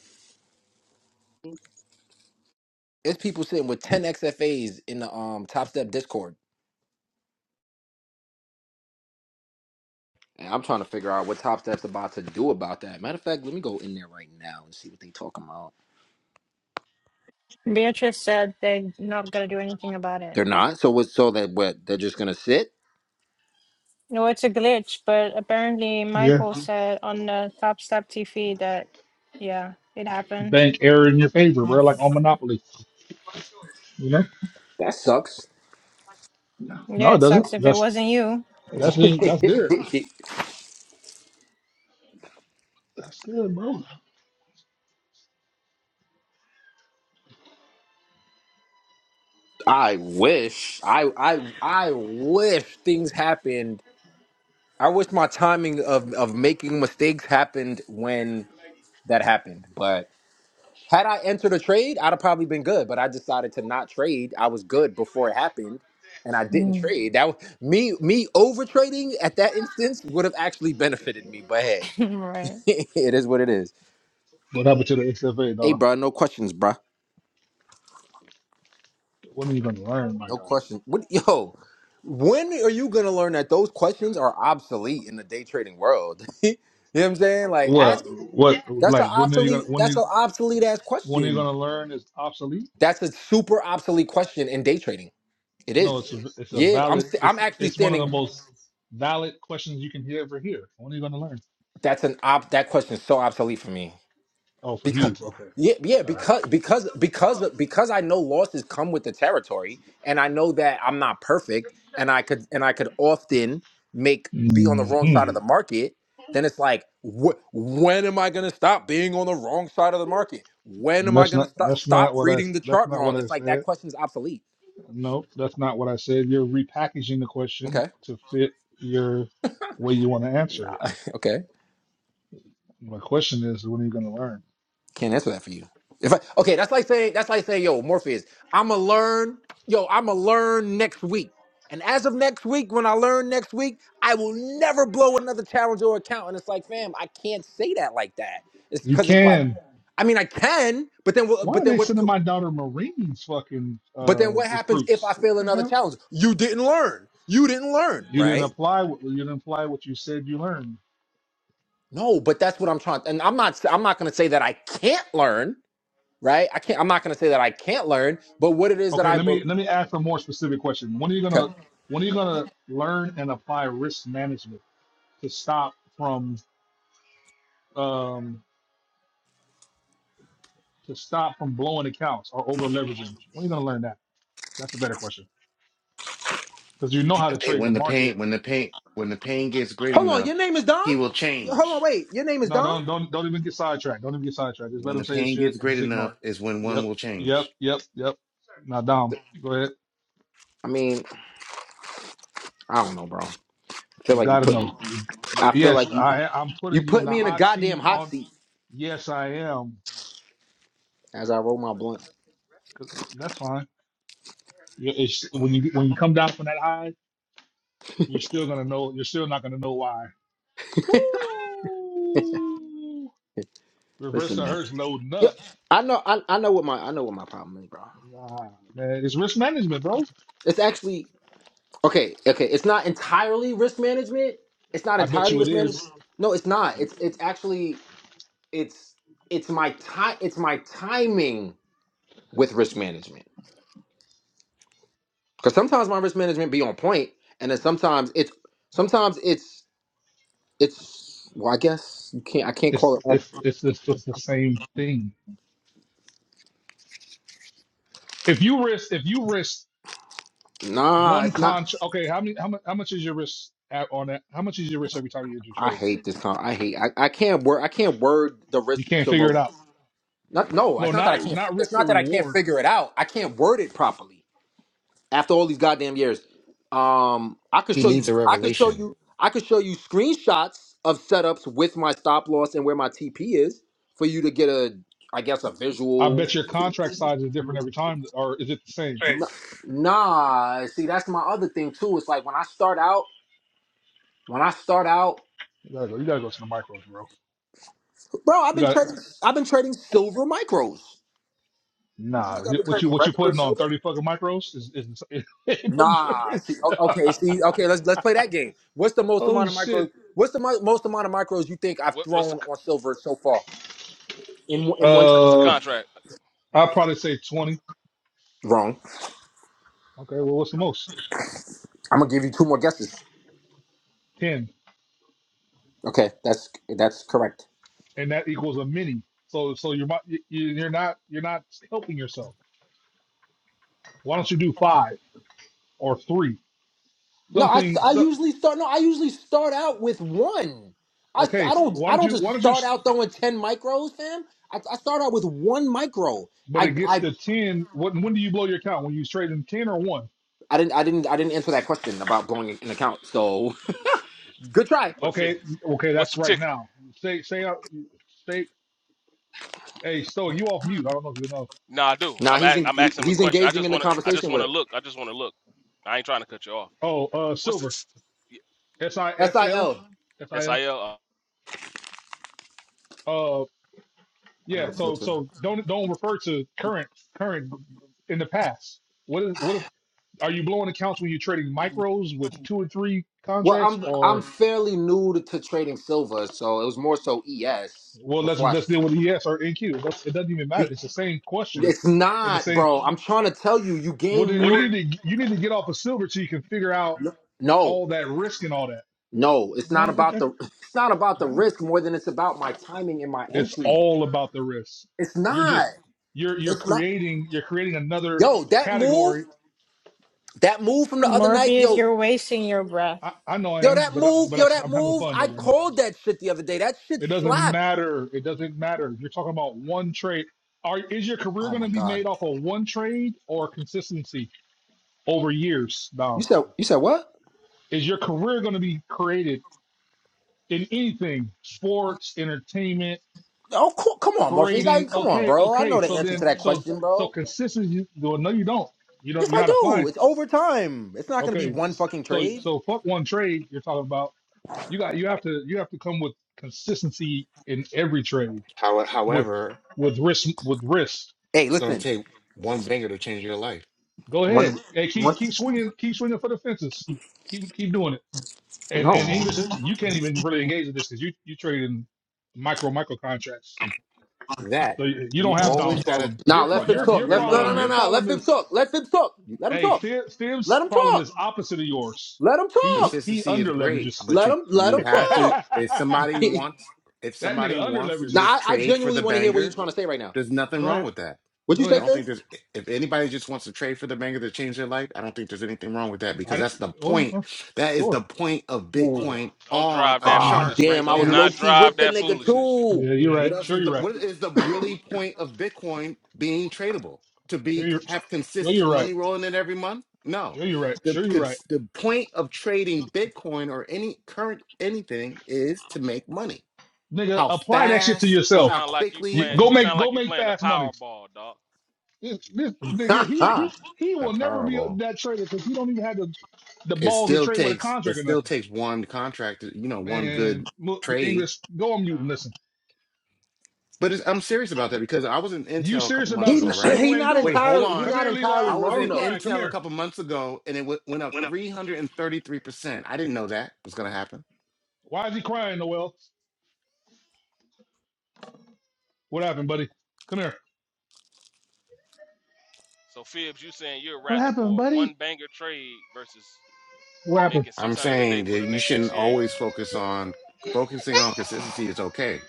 Speaker 7: It's people sitting with 10 XFAs in the um Top Step Discord. And I'm trying to figure out what Top Step's about to do about that. Matter of fact, let me go in there right now and see what they talking about.
Speaker 6: Beatrice said they're not gonna do anything about it.
Speaker 7: They're not. So what so that what they're just gonna sit?
Speaker 6: No, it's a glitch, but apparently
Speaker 2: Yeah.
Speaker 6: Michael said on the Top Step TV that yeah, it happened.
Speaker 2: Bank error in your favor, bro, like on Monopoly. You know?
Speaker 7: That sucks.
Speaker 2: No,
Speaker 6: Yeah,
Speaker 2: it
Speaker 6: it sucks
Speaker 2: doesn't.
Speaker 6: if it
Speaker 2: That's
Speaker 6: wasn't you.
Speaker 2: that's just, that's there. That's there, bro.
Speaker 7: I wish. I I I wish things happen I wish my timing of of making mistakes happened when that happened. But had I entered a trade, I'd have probably been good. But I decided to not trade. I was good before it happened, and I didn't trade. That was, me me over trading at that instance would have actually benefited me. But hey,
Speaker 6: Mm. right.
Speaker 7: it is what it is.
Speaker 2: What happened to the XFA,
Speaker 7: Hey,
Speaker 2: Dom?
Speaker 7: bro, no questions, bruh.
Speaker 2: What are you gonna learn, my
Speaker 7: No
Speaker 2: guy?
Speaker 7: questions. What yo? When are you gonna learn that those questions are obsolete in the day trading world? you know what I'm saying? Like,
Speaker 2: What
Speaker 7: ask
Speaker 2: what
Speaker 7: That's an
Speaker 2: like when are you gonna
Speaker 7: obsolete.
Speaker 2: when are
Speaker 7: That's an
Speaker 2: you
Speaker 7: obsolete ass
Speaker 2: when are you
Speaker 7: question.
Speaker 2: gonna learn is obsolete?
Speaker 7: That's a super obsolete question in day trading. It
Speaker 2: No,
Speaker 7: is.
Speaker 2: it's a it's a
Speaker 7: Yeah, I'm.
Speaker 2: valid
Speaker 7: st- I'm
Speaker 2: it's
Speaker 7: actually
Speaker 2: it's one of the
Speaker 7: standing.
Speaker 2: most valid questions you can ever hear. When are you going to learn?
Speaker 7: That's an op. That question is so obsolete for me
Speaker 2: Oh, for
Speaker 7: because.
Speaker 2: you. Okay.
Speaker 7: Yeah, yeah,
Speaker 2: All right.
Speaker 7: because because because because I know losses come with the territory, and I know that I'm not perfect, and I could and I could often make be on the wrong side of
Speaker 2: Mhm.
Speaker 7: the market. Then it's like, wh- when am I going to stop being on the wrong side of the market? When am I
Speaker 2: That's
Speaker 7: going to
Speaker 2: not
Speaker 7: stop
Speaker 2: that's
Speaker 7: stop
Speaker 2: not what I
Speaker 7: reading the
Speaker 2: that's
Speaker 7: chart
Speaker 2: not what
Speaker 7: wrong?
Speaker 2: I
Speaker 7: It's like that
Speaker 2: said.
Speaker 7: question's obsolete.
Speaker 2: No, that's not what I said. You're repackaging the question
Speaker 7: Okay,
Speaker 2: to fit your way you want to answer it.
Speaker 7: okay.
Speaker 2: My question is, when are you going to learn?
Speaker 7: Can't answer that for you. If I okay, that's like saying that's like saying, yo, Morpheus, I'ma learn, yo, I'ma learn next week. And as of next week, when I learn next week, I will never blow another challenge or account. And it's like, fam, I can't say that like that. It's
Speaker 2: You
Speaker 7: because it's like,
Speaker 2: can.
Speaker 7: I mean, I can, but then, wha-
Speaker 2: Why
Speaker 7: but
Speaker 2: are
Speaker 7: then
Speaker 2: they
Speaker 7: what's,
Speaker 2: sending
Speaker 7: go-
Speaker 2: my daughter Marines fucking
Speaker 7: but
Speaker 2: uh,
Speaker 7: then what happens if
Speaker 2: recruits?
Speaker 7: I
Speaker 2: What
Speaker 7: fail
Speaker 2: the
Speaker 7: another
Speaker 2: hell?
Speaker 7: challenge? You didn't learn. You didn't learn,
Speaker 2: You didn't
Speaker 7: right?
Speaker 2: apply. What, you didn't apply what you said you learned.
Speaker 7: No, but that's what I'm trying. And I'm not, I'm not going to say that I can't learn, right? I can't. I'm not going to say that I can't learn. But what it is that
Speaker 2: Okay,
Speaker 7: I
Speaker 2: let me
Speaker 7: believe.
Speaker 2: let me ask a more specific question. When are you gonna when are you gonna learn and apply risk management to stop from um to stop from blowing accounts or over leveraging? When are you gonna learn that? That's a better question because you know
Speaker 5: When
Speaker 2: how
Speaker 5: the
Speaker 2: to
Speaker 5: pain,
Speaker 2: trade the
Speaker 5: when the
Speaker 2: market.
Speaker 5: pain, when the pain, when the pain gets great
Speaker 7: Hold on,
Speaker 5: enough,
Speaker 7: your name is Dom?
Speaker 5: he will
Speaker 7: Hold on,
Speaker 5: change.
Speaker 7: wait. Your name is
Speaker 2: No,
Speaker 7: Dom?
Speaker 2: don't don't don't even get sidetracked. Don't even get sidetracked. Just let
Speaker 5: When
Speaker 2: them
Speaker 5: the
Speaker 2: say his
Speaker 5: pain
Speaker 2: shit
Speaker 5: gets
Speaker 2: and
Speaker 5: great
Speaker 2: just ignore
Speaker 5: enough,
Speaker 2: it.
Speaker 5: is when one
Speaker 2: Yep,
Speaker 5: will
Speaker 2: yep,
Speaker 5: change.
Speaker 2: yep, yep. Now, Dom, go ahead.
Speaker 7: I mean, I don't know, bro. I feel
Speaker 2: You
Speaker 7: like you
Speaker 2: gotta
Speaker 7: put me
Speaker 2: know.
Speaker 7: I feel
Speaker 2: Yes,
Speaker 7: like you
Speaker 2: I I'm
Speaker 7: you
Speaker 2: putting you in
Speaker 7: put
Speaker 2: the
Speaker 7: me in a
Speaker 2: hot
Speaker 7: goddamn
Speaker 2: seat.
Speaker 7: hot
Speaker 2: On
Speaker 7: seat
Speaker 2: yes, I am.
Speaker 7: as I roll my blunt.
Speaker 2: 'Cause- That's fine. you- It's, when you when you come down from that high, you're still gonna know. You're still not gonna know why. Woo! Reverse
Speaker 7: Listen,
Speaker 2: the
Speaker 7: man.
Speaker 2: hurts loading
Speaker 7: Yeah,
Speaker 2: up.
Speaker 7: I know I, I know what my I know what my problem is, bro.
Speaker 2: Ah, man, it's risk management, bro.
Speaker 7: It's actually okay, okay. It's not entirely risk management. It's not
Speaker 2: I bet
Speaker 7: entirely
Speaker 2: you it
Speaker 7: risk management.
Speaker 2: is.
Speaker 7: No, it's not. It's it's actually it's it's my time it's my timing with risk management. Because sometimes my risk management be on point, and then sometimes it's sometimes it's it's well, I guess you can't I can't call
Speaker 2: It's
Speaker 7: it on.
Speaker 2: it's it's it's, it's the same thing. If you risk, if you risk
Speaker 7: Nah,
Speaker 2: one
Speaker 7: it's not.
Speaker 2: contract, okay, how many how much how much is your risk at, on that? How much is your risk every time you enter a
Speaker 7: I
Speaker 2: trade?
Speaker 7: hate this. Con- I hate. I, I can't word. I can't word the risk
Speaker 2: You can't
Speaker 7: to.
Speaker 2: figure it
Speaker 7: Re-
Speaker 2: out.
Speaker 7: not no.
Speaker 2: No,
Speaker 7: It's not that I
Speaker 2: not
Speaker 7: can't.
Speaker 2: not
Speaker 7: It's
Speaker 2: risk to
Speaker 7: not that I can't
Speaker 2: reward.
Speaker 7: figure it out. I can't word it properly after all these goddamn years. Um, I could
Speaker 5: He
Speaker 7: show you.
Speaker 5: needs a
Speaker 7: I could show
Speaker 5: revelation.
Speaker 7: you. I could show you screenshots of setups with my stop loss and where my TP is for you to get a. I guess a
Speaker 2: I
Speaker 7: visual
Speaker 2: bet your contract size is different every time, or is it the same?
Speaker 7: N- Nah, see, that's my other thing too. It's like when I start out, when I start out,
Speaker 2: You gotta go. You gotta go to the micros, bro.
Speaker 7: bro, I've
Speaker 2: You
Speaker 7: been
Speaker 2: got
Speaker 7: trading, I've been trading silver micros. You
Speaker 2: nah.
Speaker 7: think I've
Speaker 2: you-
Speaker 7: been
Speaker 2: What you
Speaker 7: trading
Speaker 2: what you
Speaker 7: regular
Speaker 2: putting on
Speaker 7: silver?
Speaker 2: thirty fucking micros is is, is no
Speaker 7: Nah, see,
Speaker 2: difference.
Speaker 7: o- okay, see, okay, let's let's play that game. What's the most
Speaker 2: oh
Speaker 7: amount of micros?
Speaker 2: shit.
Speaker 7: What's the mo- most amount of micros you think I've
Speaker 14: What, what's the
Speaker 7: thrown
Speaker 14: c-
Speaker 7: on silver so far in one- in one trade?
Speaker 14: what's the
Speaker 2: Uh,
Speaker 14: contract?
Speaker 2: I'd probably say twenty.
Speaker 7: Wrong.
Speaker 2: Okay. Well, what's the most?
Speaker 7: I'm gonna give you two more guesses.
Speaker 2: Ten,
Speaker 7: Okay, that's that's correct.
Speaker 2: and that equals a mini. So so you're not you- you- you're not you're not helping yourself. Why don't you do five or three?
Speaker 7: No, I,
Speaker 2: Something.
Speaker 7: I
Speaker 2: So,
Speaker 7: usually start. No, I usually start out with one. I,
Speaker 2: okay.
Speaker 7: I don't
Speaker 2: Why
Speaker 7: I
Speaker 2: don't
Speaker 7: don't
Speaker 2: you
Speaker 7: just
Speaker 2: why don't you?
Speaker 7: start
Speaker 2: s-
Speaker 7: out throwing ten micros, fam. I, I start out with one micro.
Speaker 2: But it
Speaker 7: I,
Speaker 2: gets
Speaker 7: I
Speaker 2: to ten. What when do you blow your account? When you trade in ten or one?
Speaker 7: I didn't I didn't I didn't answer that question about blowing an account. So good try.
Speaker 14: He put
Speaker 2: Okay.
Speaker 14: fifty.
Speaker 2: Okay.
Speaker 14: What's
Speaker 2: That's
Speaker 14: the
Speaker 2: right
Speaker 14: ticker?
Speaker 2: now. Say say uh, say. Hey, Stoic, you off mute. I don't know if you know.
Speaker 14: Nah, I do.
Speaker 7: Nah,
Speaker 14: I'm
Speaker 7: he's
Speaker 14: a,
Speaker 7: en-
Speaker 14: I'm
Speaker 7: he-
Speaker 14: asking him a
Speaker 7: he's
Speaker 14: question. I
Speaker 7: engaging
Speaker 14: just
Speaker 7: in the
Speaker 14: want to I just
Speaker 7: conversation
Speaker 14: want
Speaker 7: with
Speaker 14: to look.
Speaker 7: us.
Speaker 14: I just want to look. I ain't trying to cut you off.
Speaker 2: Oh, uh,
Speaker 14: What's the
Speaker 2: silver.
Speaker 14: t-
Speaker 2: S I
Speaker 7: Sil.
Speaker 2: S
Speaker 7: I
Speaker 2: L.
Speaker 7: L.
Speaker 2: S I L.
Speaker 14: SIL?
Speaker 2: Uh,
Speaker 7: I need
Speaker 2: yeah.
Speaker 7: a
Speaker 2: So
Speaker 7: filter.
Speaker 2: so don't don't refer to current current in the past. What is what if are you blowing accounts when you're trading micros with two or three
Speaker 7: Well,
Speaker 2: contracts
Speaker 7: I'm I'm
Speaker 2: or
Speaker 7: fairly new to, to trading silver, so it was more so ES
Speaker 2: well let's
Speaker 7: before I.
Speaker 2: let's deal with ES or NQ. That's, it doesn't even matter.
Speaker 7: Be,
Speaker 2: It's the same question
Speaker 7: it's
Speaker 2: and the
Speaker 7: not,
Speaker 2: same.
Speaker 7: bro. I'm trying to tell you, you
Speaker 2: Well
Speaker 7: gain
Speaker 2: then you
Speaker 7: more.
Speaker 2: need to you need to get off of silver so you can figure out
Speaker 7: No, no.
Speaker 2: all that risk and all that.
Speaker 7: No, it's not
Speaker 2: Oh
Speaker 7: about
Speaker 2: okay.
Speaker 7: the it's not about the risk more than it's about my timing and my
Speaker 2: It's
Speaker 7: entry.
Speaker 2: all about the risk.
Speaker 7: It's
Speaker 2: You're
Speaker 7: not.
Speaker 2: just you're you're
Speaker 7: It's not.
Speaker 2: creating you're creating another
Speaker 7: Yo, that move,
Speaker 2: category.
Speaker 7: that move from the other night,
Speaker 6: Morpheus,
Speaker 7: yo,
Speaker 6: you're wasting your breath.
Speaker 2: I, I know I
Speaker 7: yo,
Speaker 2: am,
Speaker 7: that
Speaker 2: but I,
Speaker 7: move,
Speaker 2: but I,
Speaker 7: yo, that
Speaker 2: I'm having
Speaker 7: move.
Speaker 2: fun though
Speaker 7: I
Speaker 2: right now.
Speaker 7: called that shit the other day. That shit
Speaker 2: It doesn't
Speaker 7: slapped.
Speaker 2: matter. It doesn't matter. You're talking about one trade. Are is your career
Speaker 7: Oh
Speaker 2: going to
Speaker 7: my
Speaker 2: be
Speaker 7: god.
Speaker 2: made off of one trade or consistency over years?
Speaker 7: You
Speaker 2: Now,
Speaker 7: said you said what?
Speaker 2: is your career going to be created in anything? Sports, entertainment,
Speaker 7: Oh, cool. come on, Morpheus.
Speaker 2: trading.
Speaker 7: Like, come on,
Speaker 2: Okay,
Speaker 7: bro. I
Speaker 2: okay.
Speaker 7: know the
Speaker 2: So
Speaker 7: answer to
Speaker 2: then,
Speaker 7: that
Speaker 2: so
Speaker 7: question,
Speaker 2: so
Speaker 7: bro.
Speaker 2: consistency. Well, no, you don't. You don't.
Speaker 7: Yes, I
Speaker 2: You're not applying.
Speaker 7: do. It's overtime. It's not gonna be
Speaker 2: Okay,
Speaker 7: one fucking
Speaker 2: so
Speaker 7: trade.
Speaker 2: so fuck one trade. You're talking about you got you have to you have to come with consistency in every trade
Speaker 5: How,
Speaker 2: with
Speaker 5: however.
Speaker 2: with risk with risk.
Speaker 7: Hey,
Speaker 5: It's going to
Speaker 7: listen.
Speaker 5: take one banger to change your life.
Speaker 2: Go ahead.
Speaker 7: One,
Speaker 2: Hey, keep
Speaker 7: one.
Speaker 2: keep swinging keep swinging for the fences. Keep keep doing it. And and
Speaker 7: No.
Speaker 2: English, you can't even really engage in this because you you trade in micro micro contracts.
Speaker 5: That
Speaker 2: So you, you
Speaker 5: you
Speaker 2: don't have Dom's
Speaker 5: always got to
Speaker 2: problem.
Speaker 7: Nah,
Speaker 2: Your
Speaker 5: in
Speaker 2: pro,
Speaker 5: the
Speaker 7: let FIBS
Speaker 2: your
Speaker 5: back of
Speaker 2: your
Speaker 7: talk.
Speaker 5: your
Speaker 7: Let no no
Speaker 2: problem
Speaker 7: no
Speaker 2: your
Speaker 5: mind.
Speaker 7: no. Let
Speaker 2: problem
Speaker 7: FIBS
Speaker 2: is
Speaker 7: talk. Let FIBS talk.
Speaker 5: You,
Speaker 7: Let him
Speaker 2: hey
Speaker 7: talk.
Speaker 2: Fib-
Speaker 7: Let
Speaker 2: Fib's
Speaker 7: him
Speaker 2: problem
Speaker 7: talk.
Speaker 2: is opposite of yours.
Speaker 7: Let him
Speaker 2: He he,
Speaker 7: talk.
Speaker 2: he
Speaker 5: consistency is
Speaker 2: under
Speaker 5: great,
Speaker 2: leverages.
Speaker 5: but
Speaker 7: Let
Speaker 5: you
Speaker 7: him let
Speaker 5: you
Speaker 7: him
Speaker 5: have to.
Speaker 7: talk.
Speaker 5: If somebody wants, if
Speaker 2: That
Speaker 5: somebody
Speaker 2: nigga under
Speaker 5: wants to
Speaker 7: now
Speaker 2: leverages.
Speaker 5: just
Speaker 7: I, I
Speaker 5: trade for the
Speaker 7: genuinely want to hear what he's
Speaker 5: banger,
Speaker 7: trying to say right now.
Speaker 5: there's nothing
Speaker 2: Go
Speaker 5: wrong
Speaker 2: ahead.
Speaker 5: with that.
Speaker 7: What'd you
Speaker 2: Go
Speaker 7: say,
Speaker 5: I
Speaker 2: ahead.
Speaker 5: don't think
Speaker 7: Fibs?
Speaker 5: there's. If anybody just wants to trade for the banger to change their life, I don't think there's anything wrong with that
Speaker 2: I
Speaker 5: because
Speaker 2: didn't,
Speaker 5: that's the
Speaker 2: oh,
Speaker 5: point.
Speaker 2: oh,
Speaker 5: That is
Speaker 2: sure.
Speaker 5: the point of
Speaker 7: Ooh.
Speaker 5: Bitcoin
Speaker 14: Don't
Speaker 5: on
Speaker 14: drive
Speaker 5: a
Speaker 14: that
Speaker 7: Ah,
Speaker 2: hmm
Speaker 5: chart
Speaker 14: foolishness.
Speaker 7: damn,
Speaker 5: right
Speaker 7: I was
Speaker 14: Don't
Speaker 5: now
Speaker 2: You're,
Speaker 7: low
Speaker 14: not
Speaker 7: key
Speaker 14: drive
Speaker 7: with the
Speaker 14: that
Speaker 7: nigga
Speaker 14: foolishness.
Speaker 7: too.
Speaker 2: yeah, you're right.
Speaker 5: What else
Speaker 2: Sure,
Speaker 5: is
Speaker 2: you're
Speaker 5: the
Speaker 2: right.
Speaker 5: what is the really point of Bitcoin being tradable? To
Speaker 2: Sure,
Speaker 5: be
Speaker 2: you're,
Speaker 5: have
Speaker 2: sure,
Speaker 5: consistent
Speaker 2: you're right.
Speaker 5: money rolling in every month? No.
Speaker 2: Sure, you're right.
Speaker 5: The
Speaker 2: Sure, you're right.
Speaker 5: cons- the point of trading Bitcoin or any current anything is to make money.
Speaker 2: Nigga,
Speaker 5: How
Speaker 2: apply that shit to
Speaker 5: fast
Speaker 14: You
Speaker 5: or
Speaker 2: yourself.
Speaker 5: how
Speaker 14: sound like you
Speaker 2: You,
Speaker 5: quickly
Speaker 14: playing.
Speaker 2: go
Speaker 14: You
Speaker 2: make,
Speaker 14: sound
Speaker 2: go
Speaker 14: like you
Speaker 2: make
Speaker 14: playing the
Speaker 2: fast money.
Speaker 14: Powerball, dog.
Speaker 2: This, this nigga,
Speaker 7: Ha
Speaker 2: he, he,
Speaker 7: ha.
Speaker 2: he
Speaker 5: the
Speaker 2: will never be
Speaker 5: Powerball.
Speaker 2: that trader because he don't even have the, the
Speaker 5: It
Speaker 2: balls to
Speaker 5: still
Speaker 2: trade with a
Speaker 5: takes it
Speaker 2: contract or
Speaker 5: still
Speaker 2: nothing.
Speaker 5: takes one contract, you know, one
Speaker 2: Man,
Speaker 5: good
Speaker 2: mo-
Speaker 5: trade
Speaker 2: English, go on
Speaker 14: Nah.
Speaker 2: mute and listen.
Speaker 5: But it's, I'm serious about that because I was in
Speaker 2: You
Speaker 5: Intel a couple
Speaker 2: serious
Speaker 5: months
Speaker 7: he
Speaker 2: about some
Speaker 7: n-
Speaker 5: ago,
Speaker 2: shit
Speaker 5: right?
Speaker 2: you
Speaker 7: he
Speaker 2: ain't
Speaker 7: not
Speaker 5: Wait,
Speaker 2: doing?
Speaker 5: hold
Speaker 7: entirely he
Speaker 5: on.
Speaker 2: Come
Speaker 7: not
Speaker 2: here, Levi.
Speaker 7: entirely
Speaker 5: I
Speaker 2: Why
Speaker 5: was
Speaker 7: wrong
Speaker 2: you
Speaker 5: in
Speaker 7: though.
Speaker 2: crying? Come
Speaker 5: Intel a
Speaker 2: here.
Speaker 5: couple months ago and it w- went up 333%. I didn't know that was going to happen.
Speaker 2: Why is he crying, Noel? What happened, buddy? Come here.
Speaker 14: So Phibbs, you saying you're
Speaker 2: What
Speaker 14: rather
Speaker 2: happened,
Speaker 14: for one
Speaker 2: buddy?
Speaker 14: banger trade versus
Speaker 2: What happened?
Speaker 14: making six
Speaker 5: I'm
Speaker 14: hundred a day
Speaker 5: saying
Speaker 14: for
Speaker 5: that
Speaker 14: the
Speaker 5: you
Speaker 14: next
Speaker 5: shouldn't
Speaker 14: sixty
Speaker 5: always
Speaker 14: days?
Speaker 5: focus on focusing on consistency is okay.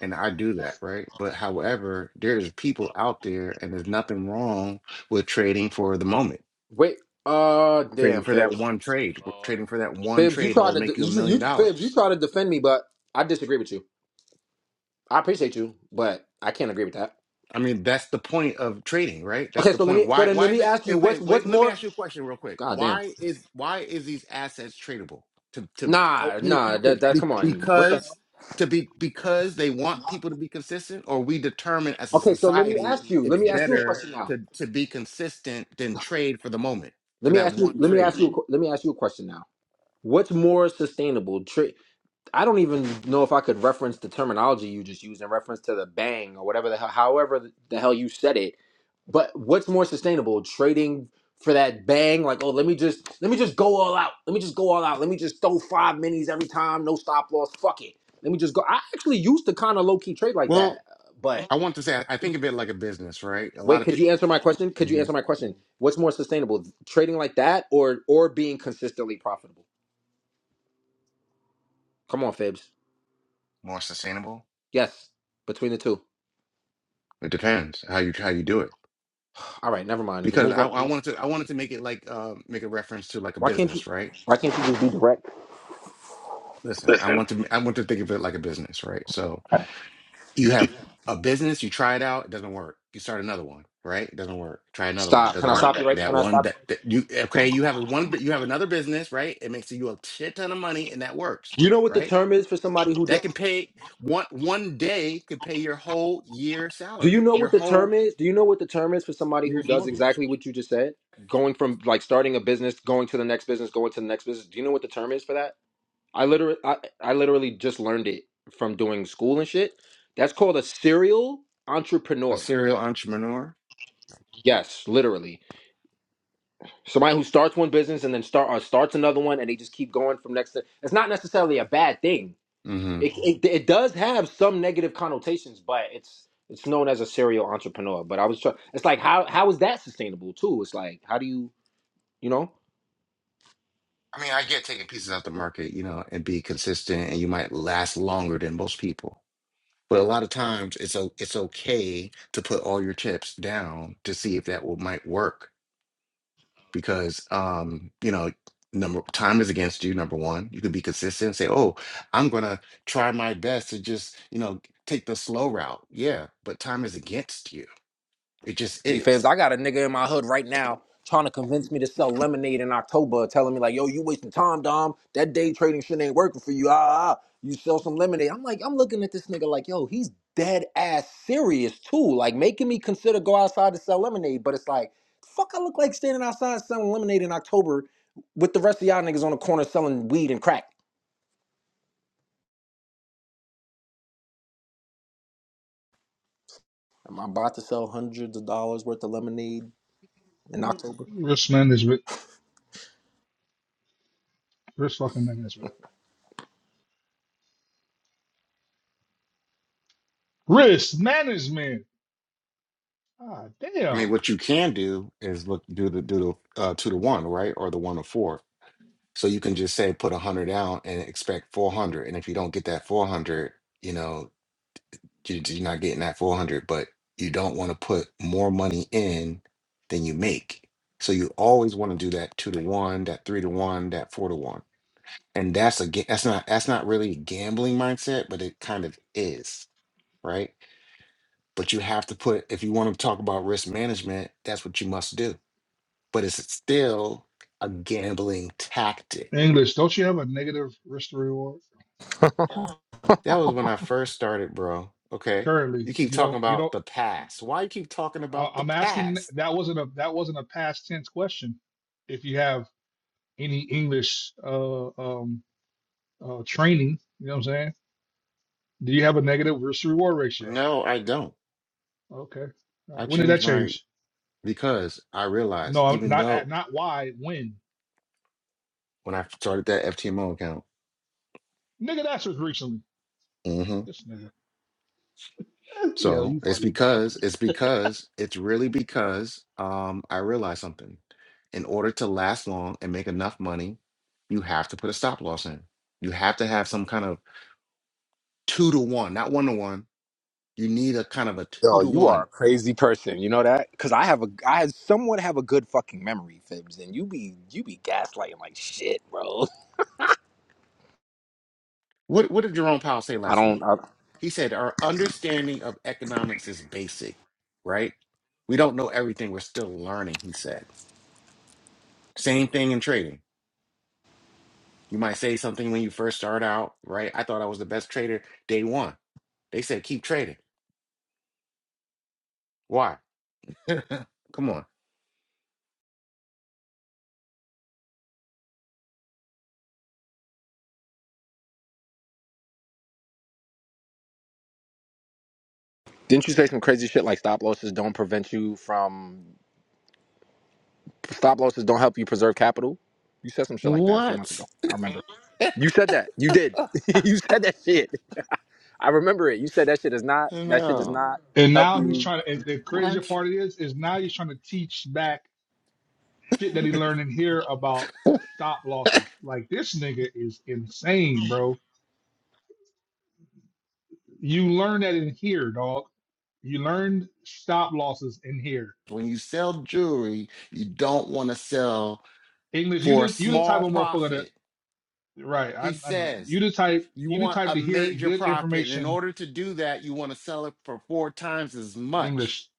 Speaker 5: And I do that, right? But however, there's people out there and there's nothing wrong with trading for the moment,
Speaker 7: Wait, uh,
Speaker 5: trading
Speaker 7: damn,
Speaker 5: for that
Speaker 7: Fibs,
Speaker 5: one trade,
Speaker 14: Lord.
Speaker 5: trading for that one
Speaker 7: Fibs, you
Speaker 5: trade that
Speaker 7: tried
Speaker 5: will
Speaker 7: to de-
Speaker 5: make you a
Speaker 7: you, you
Speaker 5: million
Speaker 7: Fibs, you
Speaker 5: dollars
Speaker 7: tried to defend me, but I disagree with you. I appreciate you, but I can't agree with that.
Speaker 5: I mean, that's the point of trading, right? That's
Speaker 7: Okay,
Speaker 5: the
Speaker 7: so let
Speaker 5: point.
Speaker 7: me so
Speaker 5: Why?
Speaker 7: then let
Speaker 5: Why is
Speaker 7: me
Speaker 5: it?
Speaker 7: ask you
Speaker 5: Okay,
Speaker 7: what's what's
Speaker 5: wait. Let me
Speaker 7: more
Speaker 5: ask you a question real quick.
Speaker 7: God damn.
Speaker 5: Why is why is these assets tradable to to help
Speaker 7: Nah,
Speaker 5: you
Speaker 7: nah, that
Speaker 5: to
Speaker 7: that
Speaker 5: be,
Speaker 7: come on. What the hell?
Speaker 5: because to be because they want people to be consistent, or we determine as a
Speaker 7: Okay, so let me
Speaker 5: society
Speaker 7: ask you. Let
Speaker 5: it's
Speaker 7: me ask you a
Speaker 5: better
Speaker 7: question now.
Speaker 5: to to be consistent than trade for the moment
Speaker 7: Let
Speaker 5: for
Speaker 7: me
Speaker 5: that
Speaker 7: ask you
Speaker 5: one
Speaker 7: let me ask
Speaker 5: trade.
Speaker 7: you a que- let me ask you a question now. What's more sustainable? Tra- I don't even know if I could reference the terminology you just used in reference to the bang or whatever the hell however the hell you said it. But what's more sustainable, trading for that bang? Like, oh, let me just let me just go all out. Let me just go all out. Let me just throw five minis every time, no stop loss. Fuck it. Let me just go. I actually used to kind of low key trade like that.
Speaker 5: Well,
Speaker 7: uh, But
Speaker 5: I want to say I I think of it like a business, right? A lot
Speaker 7: wait,
Speaker 5: of
Speaker 7: could
Speaker 5: people
Speaker 7: you answer my question? Could you answer my question? What's more sustainable, trading like that or or being consistently profitable? Come on, Fibs.
Speaker 5: more sustainable.
Speaker 7: Yes, between the two.
Speaker 5: It depends how you how you do it
Speaker 7: All right, never mind.
Speaker 5: because
Speaker 7: Move
Speaker 5: I, I
Speaker 7: on.
Speaker 5: wanted to I wanted to make it like uh, make a reference to like a
Speaker 7: Why can't you?
Speaker 5: business, right?
Speaker 7: Why can't you just be direct?
Speaker 5: Listen, I
Speaker 7: Listen,
Speaker 5: want to I want to think of it like a business, right? So you have a business, you try it out, it doesn't work. You start another one, right? It doesn't work. Try another one, it
Speaker 7: Stop. Can I
Speaker 5: doesn't
Speaker 7: stop
Speaker 5: work.
Speaker 7: you right? Can
Speaker 5: That
Speaker 7: I
Speaker 5: one
Speaker 7: stop you?
Speaker 5: that,
Speaker 7: Right?
Speaker 5: that you okay, you have one you have another business, right? It makes you a shit ton of money and that works,
Speaker 7: You know what the
Speaker 5: right?
Speaker 7: term is for somebody who does.
Speaker 5: That can pay one one day could pay your whole year
Speaker 7: Do you
Speaker 5: salary,
Speaker 7: know
Speaker 5: your
Speaker 7: what the term
Speaker 5: whole
Speaker 7: is? Do you know what the term is for somebody who
Speaker 5: year's
Speaker 7: does
Speaker 5: mortgage.
Speaker 7: exactly what you just said? Going from like starting a business, going to the next business, going to the next business. Do you know what the term is for that? I literally I, I literally just learned it from doing school and shit. That's called a serial
Speaker 5: A
Speaker 7: entrepreneur.
Speaker 5: serial entrepreneur.
Speaker 7: Yes, literally. Somebody who starts one business and then start or starts another one and they just keep going from next to it's not necessarily a bad thing.
Speaker 5: Mm-hmm.
Speaker 7: It, it it does have some negative connotations, but it's it's known as a serial entrepreneur. But I was trying. It's like how how is that sustainable too? It's like how do you you know?
Speaker 5: I mean, I get taking pieces out the market, you know, and be consistent, and you might last longer than most people. But a lot of times, it's o- it's okay to put all your chips down to see if that will might work because, um, you know, number time is against you. Number one, you can be consistent and say, "Oh, I'm gonna try my best to just, you know, take the slow route." Yeah, but time is against you. It just
Speaker 7: City fans.
Speaker 5: is.
Speaker 7: I got a nigga in my hood right now trying to convince me to sell lemonade in October, telling me like, "Yo, you wasting time, Dom. That day trading shit ain't working for you. Ah, ah, ah. you sell some lemonade." I'm like, I'm looking at this nigga like, "Yo, he's dead ass serious too. Like making me consider go outside to sell lemonade." But it's like, fuck, I look like standing outside selling lemonade in October with the rest of y'all niggas on the corner selling weed and crack. Am I about to sell hundreds of dollars worth of lemonade in October?
Speaker 2: Risk management. Risk fucking management. Risk management. Ah,
Speaker 5: I mean,
Speaker 2: damn.
Speaker 5: what you can do is look do the do the uh, two to one, right, or the one to four So you can just say put a hundred down and expect four hundred. And if you don't get that four hundred, you know, you, you're not getting that four hundred, but you don't want to put more money in than you make. So you always want to do that two to one, that three to one, that four to one. And that's a ga- that's not that's not really a gambling mindset, but it kind of is, right? But you have to put if you want to talk about risk management, that's what you must do. But it's still a gambling tactic
Speaker 2: English. Don't you have a negative risk to reward?
Speaker 5: That was when I first started, bro. Okay.
Speaker 2: Currently,
Speaker 5: You keep
Speaker 2: you
Speaker 5: talking
Speaker 2: don't. You
Speaker 5: about
Speaker 2: don't.
Speaker 5: the past. Why you keep talking
Speaker 2: I,
Speaker 5: about the
Speaker 2: I'm asking.
Speaker 5: past?
Speaker 2: That wasn't a. That wasn't a past tense question. If you have any English uh, um, uh, training, you know what I'm saying. Do you have a negative risk to reward ratio?
Speaker 5: No, I don't.
Speaker 2: Okay. All
Speaker 5: I
Speaker 2: right. When did that
Speaker 5: changed my
Speaker 2: change?
Speaker 5: because I
Speaker 2: No,
Speaker 5: realized
Speaker 2: I'm
Speaker 5: even
Speaker 2: not. At,
Speaker 5: though
Speaker 2: Not why. When?
Speaker 5: when I started that FTMO account,
Speaker 2: Nigga, that's just recently.
Speaker 5: hmm
Speaker 2: This nigga.
Speaker 5: so it's because it's because it's really because um I realized something. In order to last long and make enough money, you have to put a stop loss in. You have to have some kind of two to one, not one to one. You need a kind of a two
Speaker 7: Yo,
Speaker 5: to
Speaker 7: you
Speaker 5: one
Speaker 7: are a crazy person. You know that? Cause I have a, I somewhat have a good fucking memory, Fibs, and you be, you be gaslighting like shit, bro.
Speaker 5: What what did Jerome Powell say
Speaker 7: I
Speaker 5: last
Speaker 7: don't.
Speaker 5: week?
Speaker 7: I,
Speaker 5: He said our understanding of economics is basic, right? We don't know everything. We're still learning, he said. Same thing in trading. You might say something when you first start out, right? I thought I was the best trader day one. They said keep trading. Why? Come on.
Speaker 7: didn't you say some crazy shit like stop losses don't prevent you from stop losses don't help you preserve capital? You said some shit like that a few months ago.
Speaker 5: What?
Speaker 7: I remember. You said that. You did. you said that shit. I remember it. You said that shit does not. That shit does
Speaker 5: No.
Speaker 7: not
Speaker 2: And
Speaker 7: help
Speaker 2: now he's
Speaker 7: you.
Speaker 2: trying to, and the crazier
Speaker 5: What?
Speaker 2: part is, is now he's trying to teach back shit that he learned in here about stop losses. Like this nigga is insane, bro. You learn that in here, dog. You learned stop losses in here.
Speaker 5: When you sell jewelry, you don't want to sell
Speaker 2: English, you
Speaker 5: for a
Speaker 2: the you the type
Speaker 5: small
Speaker 2: of motherfucker that
Speaker 5: profit.
Speaker 2: right, I,
Speaker 5: He
Speaker 2: I know.
Speaker 5: says
Speaker 2: You the type
Speaker 5: You
Speaker 2: you the
Speaker 5: want
Speaker 2: type
Speaker 5: a
Speaker 2: to hear
Speaker 5: major
Speaker 2: good
Speaker 5: profit. And in
Speaker 2: information
Speaker 5: order to do that, you want to sell it for four times as
Speaker 2: English.
Speaker 5: much.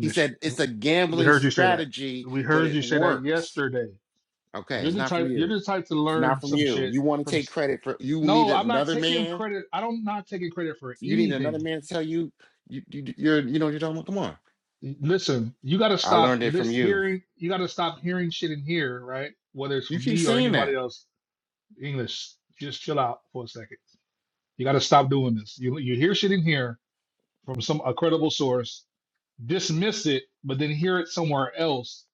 Speaker 5: He said it's a
Speaker 2: We
Speaker 5: gambling
Speaker 2: heard you say that.
Speaker 5: strategy,
Speaker 2: We
Speaker 5: but
Speaker 2: heard you
Speaker 5: it
Speaker 2: say that
Speaker 5: works.
Speaker 2: yesterday.
Speaker 5: Okay,
Speaker 2: You're
Speaker 5: it's
Speaker 2: the
Speaker 5: not from
Speaker 2: type you're
Speaker 5: you.
Speaker 2: the type to
Speaker 5: It's
Speaker 2: learn
Speaker 5: not from
Speaker 2: some
Speaker 5: you.
Speaker 2: shit
Speaker 5: You want to
Speaker 2: from.
Speaker 5: take credit for you need
Speaker 2: No, I'm not
Speaker 5: another
Speaker 2: taking
Speaker 5: man.
Speaker 2: credit. I don't not taking credit for
Speaker 5: You need
Speaker 2: anything.
Speaker 5: another man to tell you you, you you're you know what you're talking about. Come on.
Speaker 2: Listen, you got to
Speaker 5: I
Speaker 2: stop
Speaker 5: learned it from
Speaker 2: list
Speaker 5: you.
Speaker 2: hearing. You got to stop hearing shit in here, right? Whether it's
Speaker 5: You
Speaker 2: from
Speaker 5: keep
Speaker 2: me or
Speaker 5: saying
Speaker 2: anybody
Speaker 5: that.
Speaker 2: else. English, just chill out for a second. You got to stop doing this. You you hear shit in here from some a credible source, dismiss it, but then hear it somewhere else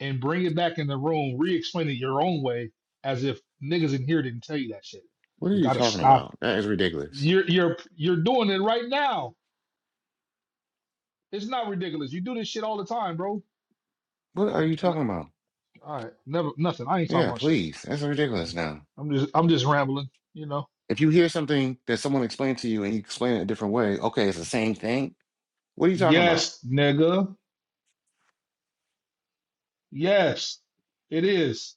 Speaker 2: and bring it back in the room, re-explain it your own way, as if niggas in here didn't tell you that shit.
Speaker 5: What are
Speaker 2: You
Speaker 5: you
Speaker 2: got to
Speaker 5: talking
Speaker 2: stop.
Speaker 5: about? That is ridiculous.
Speaker 2: You're you're you're doing it right now. It's not ridiculous. You do this shit all the time, bro.
Speaker 5: What are you
Speaker 2: Like,
Speaker 5: talking about?
Speaker 2: all right, never nothing. I ain't talking
Speaker 5: Yeah,
Speaker 2: about shit.
Speaker 5: please. That's ridiculous now.
Speaker 2: I'm just I'm just rambling, you know.
Speaker 5: If you hear something that someone explained to you and you explain it a different way, okay, it's the same thing. What are you talking about?
Speaker 2: Yes, nigga. Yes, it is.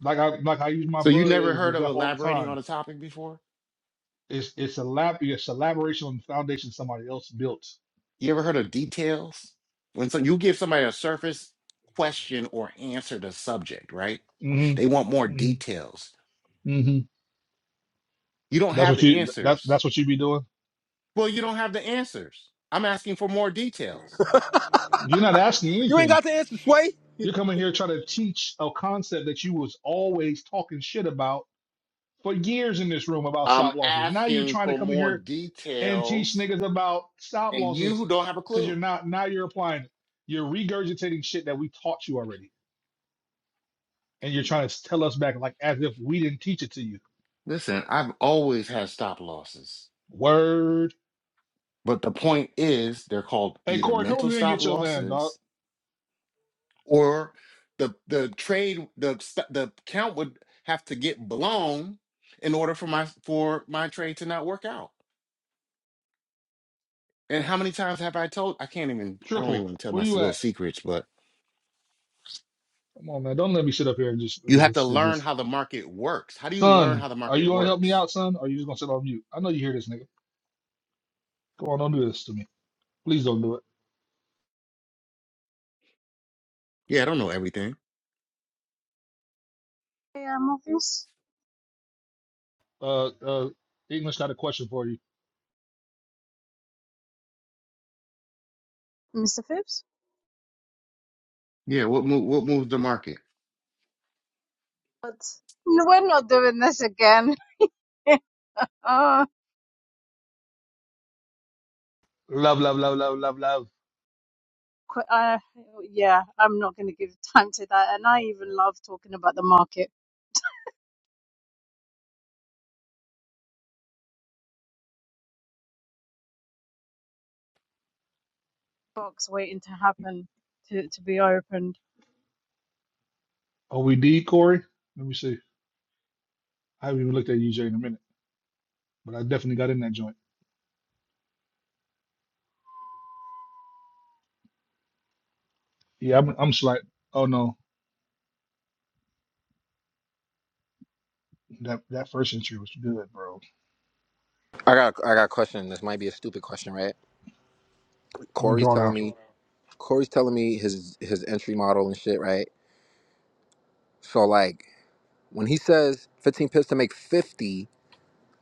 Speaker 2: Like I like I use my
Speaker 5: So you
Speaker 2: brother
Speaker 5: never
Speaker 2: as an
Speaker 5: heard of
Speaker 2: example all the
Speaker 5: elaborating
Speaker 2: time.
Speaker 5: on a topic before?
Speaker 2: It's it's a lab yeah, it's a elaboration on the foundation somebody else built.
Speaker 5: You ever heard of details? When so you give somebody a surface question or answer to subject, right?
Speaker 2: hmm
Speaker 5: They want more
Speaker 2: hmm
Speaker 5: details.
Speaker 2: hmm
Speaker 5: You don't
Speaker 2: That's
Speaker 5: have
Speaker 2: what
Speaker 5: the
Speaker 2: you that's
Speaker 5: answers.
Speaker 2: that's what you be doing.
Speaker 5: Well, you don't have the answers. I'm asking for more details.
Speaker 2: You're not asking
Speaker 7: You ain't
Speaker 2: anything.
Speaker 7: got the answer, Sway.
Speaker 2: You're coming here trying to teach a concept that you was always talking shit about for years in this room about
Speaker 5: I'm
Speaker 2: stop losses. Now you're
Speaker 5: asking
Speaker 2: trying to
Speaker 5: for
Speaker 2: come in
Speaker 5: more
Speaker 2: here and teach
Speaker 5: details,
Speaker 2: niggas about stop
Speaker 5: and you
Speaker 2: losses
Speaker 5: don't have a
Speaker 2: because you're
Speaker 5: clue.
Speaker 2: not now you're applying it. You're regurgitating shit that we taught you already. And you're trying to tell us back like as if we didn't teach it to you.
Speaker 5: Listen, I've always had stop losses.
Speaker 2: Word.
Speaker 5: But the point is, they're called
Speaker 2: Hey
Speaker 5: either
Speaker 2: Corey, come over
Speaker 5: mental
Speaker 2: here and
Speaker 5: stop
Speaker 2: get your man, dog.
Speaker 5: losses or the the trade the st- the count would have to get blown in order for my for my trade to not work out. And how many times have I told? I can't even. I don't even
Speaker 2: Triple.
Speaker 5: want to tell my
Speaker 2: Where
Speaker 5: s-
Speaker 2: you
Speaker 5: little
Speaker 2: at?
Speaker 5: secrets, but
Speaker 2: Come on, man. Don't let me sit up here and just
Speaker 5: you
Speaker 2: uh,
Speaker 5: have to
Speaker 2: shit
Speaker 5: learn
Speaker 2: this.
Speaker 5: how the market works. How do you learn
Speaker 2: Son,
Speaker 5: how the
Speaker 2: are
Speaker 5: market
Speaker 2: you gonna help me
Speaker 5: works?
Speaker 2: out, son? Or are you just gonna sit on mute? I know you hear this nigga. Come on, don't do this to me. Please don't do it.
Speaker 5: Yeah, I don't know everything.
Speaker 4: Yeah, Morpheus.
Speaker 2: Uh uh English got a question for you.
Speaker 4: Mr. Phipps?
Speaker 5: Yeah, what move, what moves the market?
Speaker 4: But no, we're not doing this again. Oh,
Speaker 2: Love, love, love, love, love, love.
Speaker 4: qu- uh, yeah, I'm not going to give time to that. And I even love talking about the market. box waiting to happen to, to be opened.
Speaker 2: Are we D, Corey? Let me see. I haven't even looked at UJ in a minute, but I definitely got in that joint. Yeah, I'm, I'm slight. Oh no, that that first entry was good, bro.
Speaker 7: I got. I got a question. This might be a stupid question, right?
Speaker 2: I'm gonna
Speaker 7: Corey's
Speaker 2: draw
Speaker 7: telling
Speaker 2: down.
Speaker 7: me. Corey's telling me his his entry model and shit, right? So like when he says 15 pips to make 50,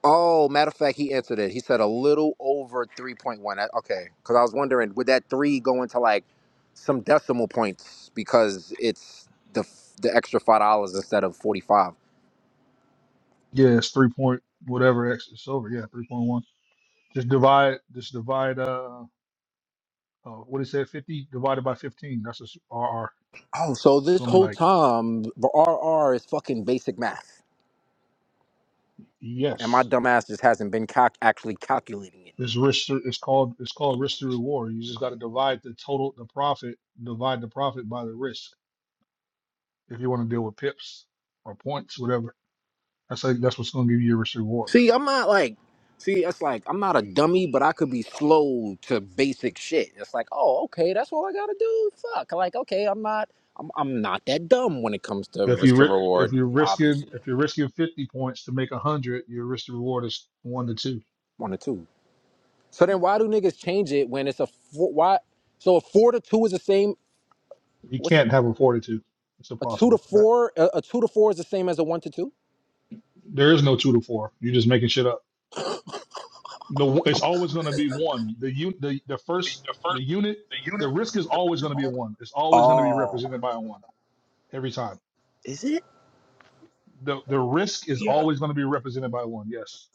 Speaker 7: oh, matter of fact, he answered it. He said a little over 3.1. Okay, because I was wondering would that three go into like some decimal points because it's the f- the extra five dollars instead of 45.
Speaker 2: Yeah, it's three point whatever X. It's over. Yeah, three point one. Just divide. Just divide. Uh, uh what it said, fifty divided by fifteen. That's just RR.
Speaker 7: Oh, so
Speaker 2: It's
Speaker 7: this
Speaker 2: gonna be
Speaker 7: whole
Speaker 2: like
Speaker 7: time the RR is fucking basic math, and my
Speaker 2: yes.
Speaker 7: dumb ass just hasn't been calc- actually calculating it.
Speaker 2: It's risk. to- It's called. It's called risk to reward. You just got to divide the total, the profit. Divide the profit by the risk. if you want to deal with pips or points, whatever. I say that's what's going to give you your risk reward.
Speaker 7: See, I'm not like, see, it's like I'm not a dummy, but I could be slow to basic shit. It's like, oh, okay, that's all I gotta do. Fuck, like, okay, I'm not, I'm, I'm not that dumb when it comes to
Speaker 2: But if
Speaker 7: risk
Speaker 2: you
Speaker 7: to
Speaker 2: ri- if
Speaker 7: reward.
Speaker 2: you're risking
Speaker 7: Obviously,
Speaker 2: if you're risking 50 points to make 100, your risk to reward is one to two.
Speaker 7: one or two. So then, why do niggas change it when it's a four, why? So a four to two is the same.
Speaker 2: You
Speaker 7: What's
Speaker 2: can't have a four to two. It's
Speaker 7: a two to
Speaker 2: impossible. That,
Speaker 7: four? A, a two to four is the same as a one to two.
Speaker 2: there is no two to four. You're just making shit up. The one- it's always going to be one. The un, the the first the unit the risk is always going to be a one. It's always going to be
Speaker 7: Oh,
Speaker 2: represented by a one every time. The the risk is
Speaker 15: Yeah.
Speaker 2: always going to be represented by a one. Yes.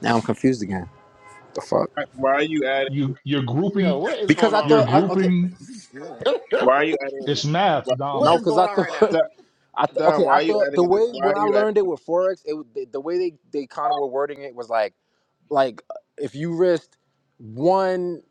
Speaker 7: now I'm confused again. The fuck?
Speaker 15: Why why are you adding?
Speaker 2: You you're
Speaker 5: Yeah,
Speaker 2: grouping
Speaker 5: what is
Speaker 7: Because
Speaker 5: going
Speaker 7: I
Speaker 5: on
Speaker 2: you're
Speaker 5: right
Speaker 7: thought, I,
Speaker 5: now?
Speaker 7: okay,
Speaker 2: grouping
Speaker 15: Why are you adding?
Speaker 2: It's
Speaker 15: Why,
Speaker 2: math,
Speaker 5: what
Speaker 2: Dom.
Speaker 7: no,
Speaker 5: is
Speaker 7: because
Speaker 5: going
Speaker 7: I
Speaker 5: on
Speaker 7: thought
Speaker 5: right now?
Speaker 15: Don,
Speaker 7: I th- okay,
Speaker 15: Don, why
Speaker 7: I
Speaker 15: are you
Speaker 7: thought
Speaker 15: adding?
Speaker 7: the
Speaker 15: the-
Speaker 7: way
Speaker 15: Why are
Speaker 7: when I
Speaker 15: you adding?
Speaker 7: learned it with forex, it was- the, the way they they kind of were wording it was like like uh, if you risked one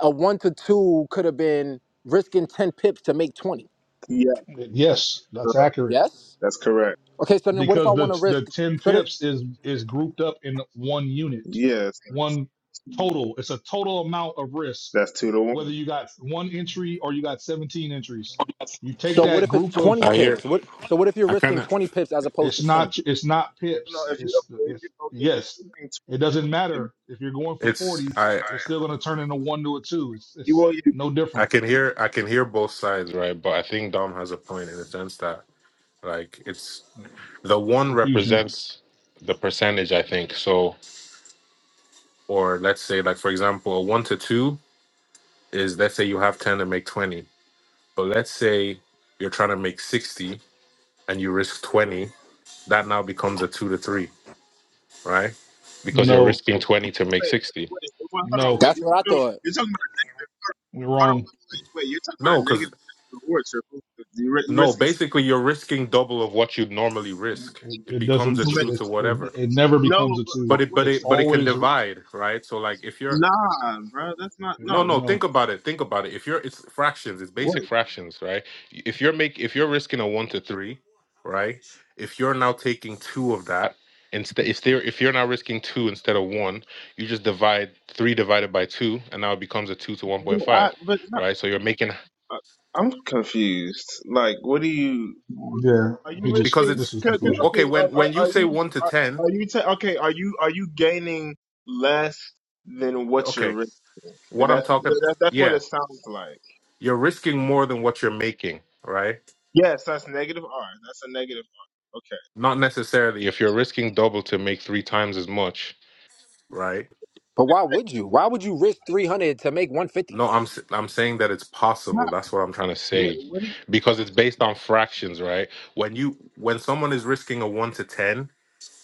Speaker 7: a one to two could have been risking ten pips to make twenty.
Speaker 15: Yeah,
Speaker 2: Yes, that's
Speaker 15: correct.
Speaker 2: accurate
Speaker 7: Yes.
Speaker 15: That's correct.
Speaker 7: Okay, so then what if I
Speaker 2: because
Speaker 7: want to
Speaker 2: the the
Speaker 7: risk?
Speaker 2: ten
Speaker 7: So the-
Speaker 2: pips is is grouped up in one unit,
Speaker 15: Yes,
Speaker 2: one total. It's a total amount of risk,
Speaker 15: that's two to one.
Speaker 2: whether you got one entry or you got seventeen entries. You take
Speaker 7: so what
Speaker 2: that
Speaker 7: if it's
Speaker 2: group of
Speaker 7: twenty
Speaker 10: I hear.
Speaker 7: pips? What so what if you're
Speaker 10: I kind
Speaker 7: risking
Speaker 10: of.
Speaker 7: twenty pips as opposed to
Speaker 2: it's
Speaker 7: ten?
Speaker 2: not it's not
Speaker 15: No,
Speaker 2: pips.
Speaker 15: if you
Speaker 2: It's
Speaker 15: if
Speaker 2: it's
Speaker 15: you if you
Speaker 2: yes.
Speaker 15: think to,
Speaker 2: It doesn't
Speaker 15: if
Speaker 2: matter if you're going for
Speaker 10: It's.
Speaker 2: forty.
Speaker 10: I.
Speaker 2: It's still going to turn into one to a two. It's
Speaker 15: you
Speaker 2: it's
Speaker 15: will if you
Speaker 2: no
Speaker 15: if you
Speaker 10: I
Speaker 2: different.
Speaker 10: can hear. I can hear both sides, right? But I think Dom has a point in the sense that, like, it's the one
Speaker 2: Confusion.
Speaker 10: represents the percentage. I think so. Or let's say, like, for example, a one to two is let's say you have ten to make twenty, but let's say you're trying to make sixty and you risk twenty. That now becomes a two to three, right? Because you're
Speaker 2: No,
Speaker 10: risking
Speaker 15: wait
Speaker 10: twenty to make sixty.
Speaker 15: wait well, hold on
Speaker 2: no,
Speaker 15: wait
Speaker 7: That's what I thought.
Speaker 15: you're talking,
Speaker 2: we're
Speaker 15: Hold on, wait,
Speaker 2: wrong.
Speaker 15: wait, wait. You're talking about
Speaker 10: No,
Speaker 15: a
Speaker 10: because
Speaker 15: negative reward circle. You ri- you are
Speaker 10: no,
Speaker 15: risking too
Speaker 10: basically you're risking double of what you'd normally
Speaker 2: It,
Speaker 10: risk. It
Speaker 2: it
Speaker 10: becomes a
Speaker 2: doesn't.
Speaker 15: much.
Speaker 10: two
Speaker 2: It,
Speaker 10: to
Speaker 2: it,
Speaker 10: whatever.
Speaker 2: it never
Speaker 15: No,
Speaker 2: becomes a
Speaker 15: but
Speaker 10: But
Speaker 2: two.
Speaker 15: Hold,
Speaker 10: it but
Speaker 15: wait,
Speaker 2: It's
Speaker 10: it
Speaker 15: wait.
Speaker 10: but it can
Speaker 2: always a-
Speaker 10: divide, right? So like if you're
Speaker 15: Nah, bro. That's not.
Speaker 10: no
Speaker 15: No.
Speaker 10: no think
Speaker 2: no.
Speaker 10: about it think about it if you're it's fractions it's basic
Speaker 15: Wait.
Speaker 10: fractions right if you're make if you're risking a one to three right if you're now taking two of that instead if they if you're now risking two instead of one you just divide three divided by two and now it becomes a two to 1.5
Speaker 15: I, but no,
Speaker 10: right so you're making
Speaker 15: uh, I'm confused. Like, what do you?
Speaker 2: Yeah,
Speaker 15: Are you
Speaker 2: he just
Speaker 10: because
Speaker 15: risking?
Speaker 2: this
Speaker 10: it's
Speaker 2: is
Speaker 15: c- c-
Speaker 2: confusion.
Speaker 15: Okay.
Speaker 10: okay when
Speaker 15: Are, are,
Speaker 10: when you
Speaker 15: are
Speaker 10: say
Speaker 15: you?
Speaker 10: one to
Speaker 15: Are,
Speaker 10: ten
Speaker 15: are you? Ta- okay. Are you? Are you gaining less than what you're
Speaker 10: okay,
Speaker 15: risking? That,
Speaker 10: what I'm talking,
Speaker 15: that that's what
Speaker 10: yeah,
Speaker 15: it sounds like.
Speaker 10: you're risking more than what you're making, right?
Speaker 15: Yes, that's negative R. That's a negative R. Okay.
Speaker 10: Not necessarily. If you're risking double to make three times as much, right?
Speaker 7: But why would you? Why would you risk three hundred to make one fifty?
Speaker 10: No, I'm s- I'm saying that it's
Speaker 15: Nah,
Speaker 10: possible. That's what I'm trying to
Speaker 15: wait,
Speaker 10: say,
Speaker 15: what do you?
Speaker 10: because it's based on fractions, right? When you when someone is risking a one to ten,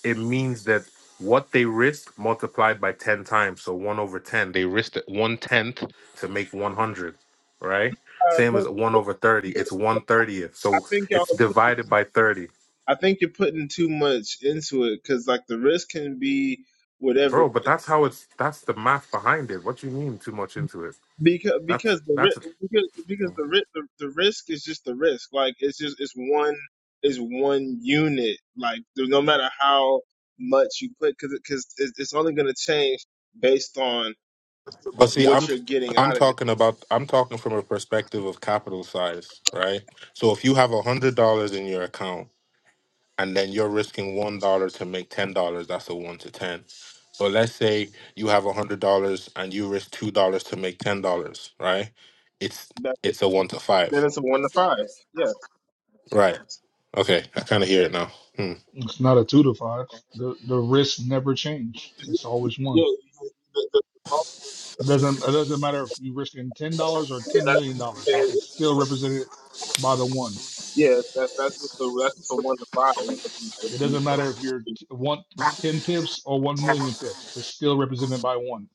Speaker 10: it means that what they risked multiplied by 10 times. So 1 over 10, they risked it 1 tenth to make 100, right?
Speaker 15: Uh,
Speaker 10: Same as
Speaker 15: but,
Speaker 10: 1 over 30, it's one thirtieth.
Speaker 15: I
Speaker 10: So
Speaker 15: think y'all
Speaker 10: it's
Speaker 15: are putting,
Speaker 10: divided by 30.
Speaker 15: I think you're putting too much into it because like the risk can be whatever
Speaker 10: Bro, but that's how it's, that's the math behind it. What you mean too much into it?
Speaker 15: because
Speaker 10: That's,
Speaker 15: because the
Speaker 10: that's,
Speaker 15: ri- because, because the, ri- the the risk is just the risk like it's just it's one it's one unit like there- no matter how much you put because because it's it's only going to change based on
Speaker 10: But see, I'm
Speaker 15: what you're getting
Speaker 10: I'm
Speaker 15: out of it
Speaker 10: talking about I'm talking from a perspective of capital size, right? So if you have a hundred dollars in your account and then you're risking one dollar to make ten dollars. That's a one to ten. But let's say you have a hundred dollars and you risk two dollars to make ten dollars, right? It's
Speaker 15: That-
Speaker 10: it's a one to
Speaker 15: then
Speaker 10: five,
Speaker 15: it's a one to five yes
Speaker 10: right? Okay, I kind of hear it now. Hmm.
Speaker 2: It's not a two to five. The the risks never change.
Speaker 15: yeah,
Speaker 2: It's always
Speaker 15: yeah,
Speaker 2: one.
Speaker 15: you- you- the- the-
Speaker 2: It doesn't it doesn't matter if you're risking ten dollars or
Speaker 15: the-
Speaker 2: ten million dollars. It's
Speaker 15: that's
Speaker 2: still represented by the one.
Speaker 15: Yes, that's that's what the that's what the one to five. is. If
Speaker 2: It
Speaker 15: you,
Speaker 2: doesn't matter if you're t- one ten pips or one million pips. It's still represented by one.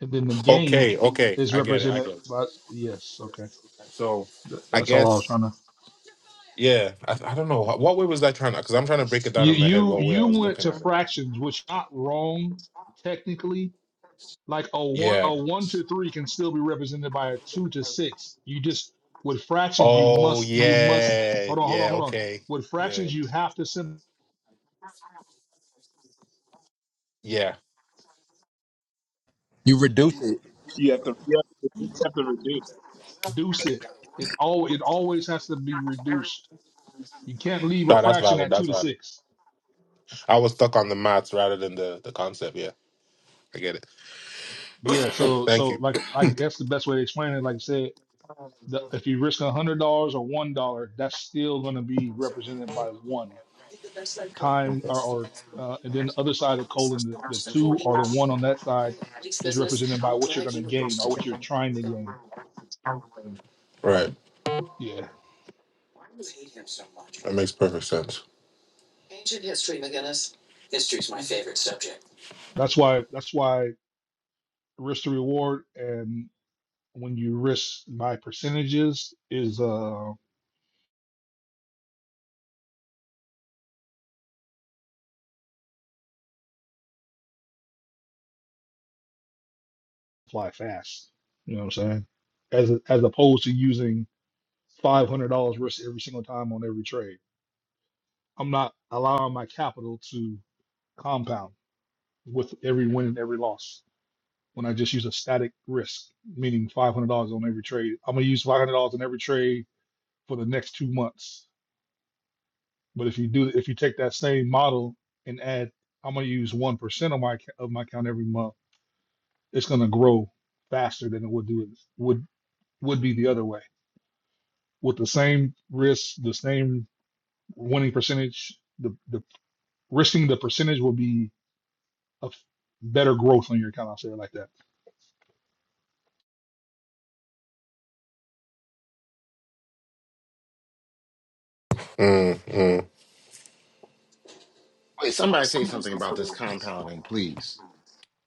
Speaker 2: And then the gain
Speaker 10: Okay, okay,
Speaker 2: is
Speaker 10: I get it. I
Speaker 2: represented
Speaker 10: get it.
Speaker 2: by yes. Okay,
Speaker 10: So,
Speaker 2: Th-
Speaker 10: I
Speaker 2: that's all I was
Speaker 10: guess
Speaker 2: trying to.
Speaker 10: yeah. I, I don't know what what way was I trying to because I'm trying to break it down
Speaker 2: You
Speaker 10: in my head
Speaker 2: you
Speaker 10: what way I
Speaker 2: you
Speaker 10: was
Speaker 2: went
Speaker 10: looking
Speaker 2: to
Speaker 10: at it.
Speaker 2: fractions, which not wrong technically. Like a one
Speaker 10: Yeah.
Speaker 2: a one to three can still be represented by a two to six. You just with fractions you
Speaker 10: Oh
Speaker 2: must you must
Speaker 10: yeah.
Speaker 2: hold on hold on
Speaker 10: Yeah.
Speaker 2: hold on.
Speaker 10: Okay.
Speaker 2: With
Speaker 10: Yeah.
Speaker 2: fractions you have to sim-
Speaker 10: Yeah.
Speaker 7: You reduce it.
Speaker 15: you have to you have to, you have to reduce.
Speaker 2: reduce it. It all it always has to be reduced. You can't leave a
Speaker 10: Nah, that's
Speaker 2: fraction
Speaker 10: valid.
Speaker 2: at two
Speaker 10: That's
Speaker 2: to
Speaker 10: valid.
Speaker 2: six.
Speaker 10: I was stuck on the maths rather than the, the concept. Yeah, I get it.
Speaker 2: Yeah, so
Speaker 10: Thank
Speaker 2: so
Speaker 10: you.
Speaker 2: like I guess the best way to explain it, like I said, the, if you risk a hundred dollars or one dollar, that's still going to be represented by one time or, or uh, and then the other side of the colon, the, the two or the one on that side is represented by what you're going to gain or what you're trying to gain.
Speaker 10: Right.
Speaker 2: Yeah,
Speaker 10: That makes perfect sense.
Speaker 2: that's why that's why risk to reward and when you risk by percentages is uh fly fast. You know what I'm saying? As as opposed to using five hundred dollars risk every single time on every trade. I'm not allowing my capital to compound with every win and every loss. when I just use a static risk, meaning five hundred dollars on every trade. I'm gonna use five hundred dollars on every trade for the next two months. But if you do, if you take that same model and add, I'm gonna use one percent of my acc- of my account every month. It's gonna grow faster than it would do it would would be the other way with the same risk, the same winning percentage. The the risking the percentage will be a f- better growth on your account. I'll say it like that.
Speaker 10: Mm, mm.
Speaker 5: Wait, somebody say something about this compounding, please.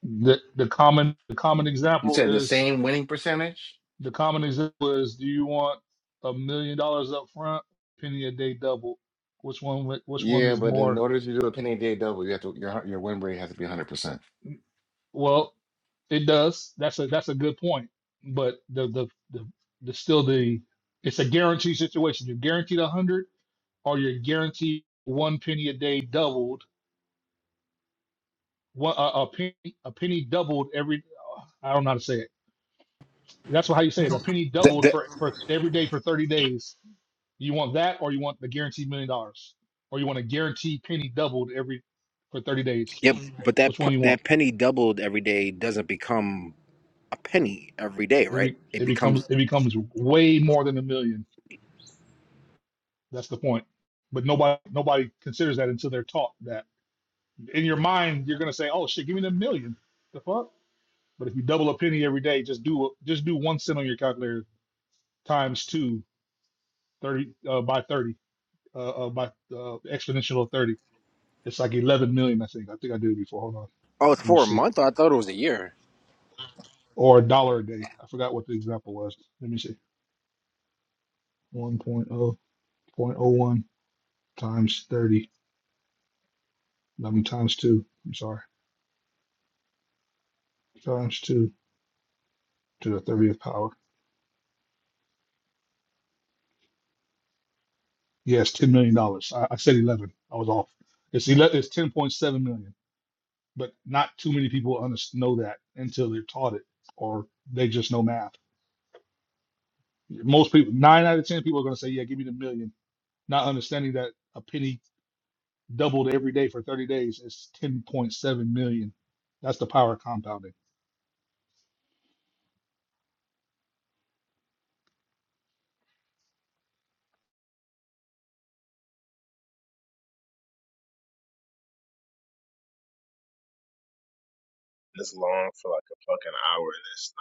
Speaker 2: The the common the common
Speaker 5: You
Speaker 2: example
Speaker 5: said the
Speaker 2: is
Speaker 5: same winning percentage?
Speaker 2: The common example is, do you want a million dollars up front, penny a day double? Which one? wi- Which one
Speaker 5: Yeah,
Speaker 2: is
Speaker 5: but in
Speaker 2: more?
Speaker 5: order to do a penny day double, you have to your your win rate has to be 100%.
Speaker 2: Well, it does. That's a that's a good point. But the the the, the still the it's a guaranteed situation. You're guaranteed a hundred, or you're guaranteed one penny a day doubled. One a, a penny a penny doubled every. I don't know how to say it. That's how you say it. A penny
Speaker 7: That,
Speaker 2: doubled
Speaker 7: that,
Speaker 2: for for every day for thirty days You want that, or you want the guaranteed million dollars, or you want a guaranteed penny doubled every for thirty days.
Speaker 7: yeah, but that
Speaker 2: Which
Speaker 7: p-
Speaker 2: one you want?
Speaker 7: that penny doubled every day doesn't become a penny every day,
Speaker 2: It,
Speaker 7: right?
Speaker 2: be,
Speaker 7: It
Speaker 2: it becomes
Speaker 7: becomes
Speaker 2: it becomes way more than a million. That's the point. But nobody nobody considers that until they're taught that. In your mind, you're gonna say, "Oh shit, give me the million." The fuck." But if you double a penny every day, just do a- just do one cent on your calculator times two thirty uh, by thirty uh, uh, by uh, exponential of thirty. It's like eleven million, I think. I think I did it before. Hold on,
Speaker 7: oh, it's
Speaker 2: I want
Speaker 7: for
Speaker 2: to
Speaker 7: a
Speaker 2: see.
Speaker 7: month. I thought it was a year.
Speaker 2: or a dollar a day. I forgot what the example was. Let me see. One point oh point oh one times 30. I mean, times two. I'm sorry. Times two to the 30th power. Yes, $10 million. dollars. I, I said 11. I was off. It's 11, it's 10.7 million, but not too many people under, know that until they're taught it or they just know math. Most people, nine out of 10 people are going to say, yeah, give me the million." not understanding that a penny doubled every day for 30 days is 10.7 million. That's the power of compounding.
Speaker 15: It's long for like a fucking hour, and it's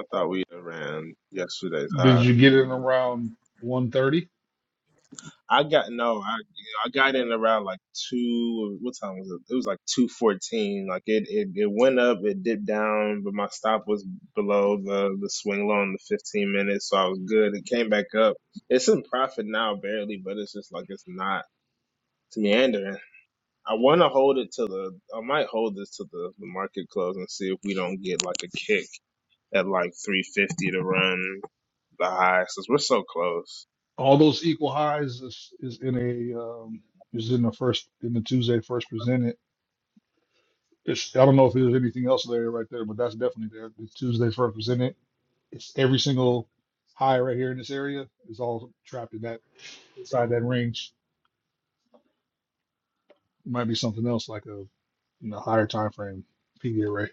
Speaker 15: not going nowhere. I thought we ran yesterday's
Speaker 2: Did
Speaker 15: high.
Speaker 2: you get in around 130?
Speaker 15: I got no, I I got in around like two. What time was it? It was like two fourteen. Like it, it it went up, it dipped down, but my stop was below the the swing low in the fifteen minutes, so I was good. It came back up. It's in profit now, barely, but it's just like it's not meandering. I want to hold it to the. I might hold this to the, the market close and see if we don't get like a kick at like 350 to run the high since we're so close.
Speaker 2: All those equal highs is, is in a um, is in the first in the Tuesday first presented. It's, I don't know if there's anything else there right there, but that's definitely there. The Tuesday first presented. It's every single high right here in this area is all trapped in that inside that range. It might be something else like a in a higher time frame PV array.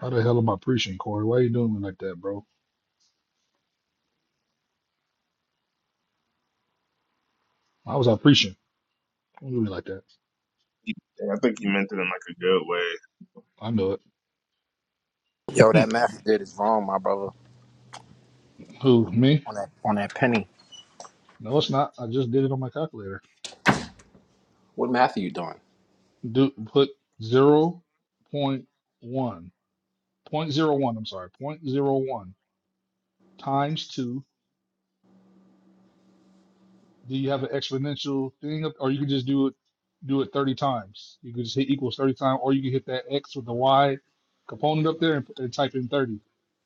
Speaker 2: How the hell am I preaching, Corey? Why are you doing me like that, bro? I was out preaching. Don't do me like that.
Speaker 15: And I think you meant it in like a good way.
Speaker 2: I know
Speaker 7: Yo,
Speaker 2: it.
Speaker 7: that math you did is wrong, my brother.
Speaker 2: Who? Me?
Speaker 7: On that on that penny.
Speaker 2: No, it's not. I just did it on my calculator.
Speaker 7: What math are you doing?
Speaker 2: Do put zero point 0.1. point zero 0.01, I'm sorry, point zero one times 2. Do you have an exponential thing up- or you can just do it do it 30 times. You can just hit equals 30 times or you can hit that x with the y component up there and, and type in 30.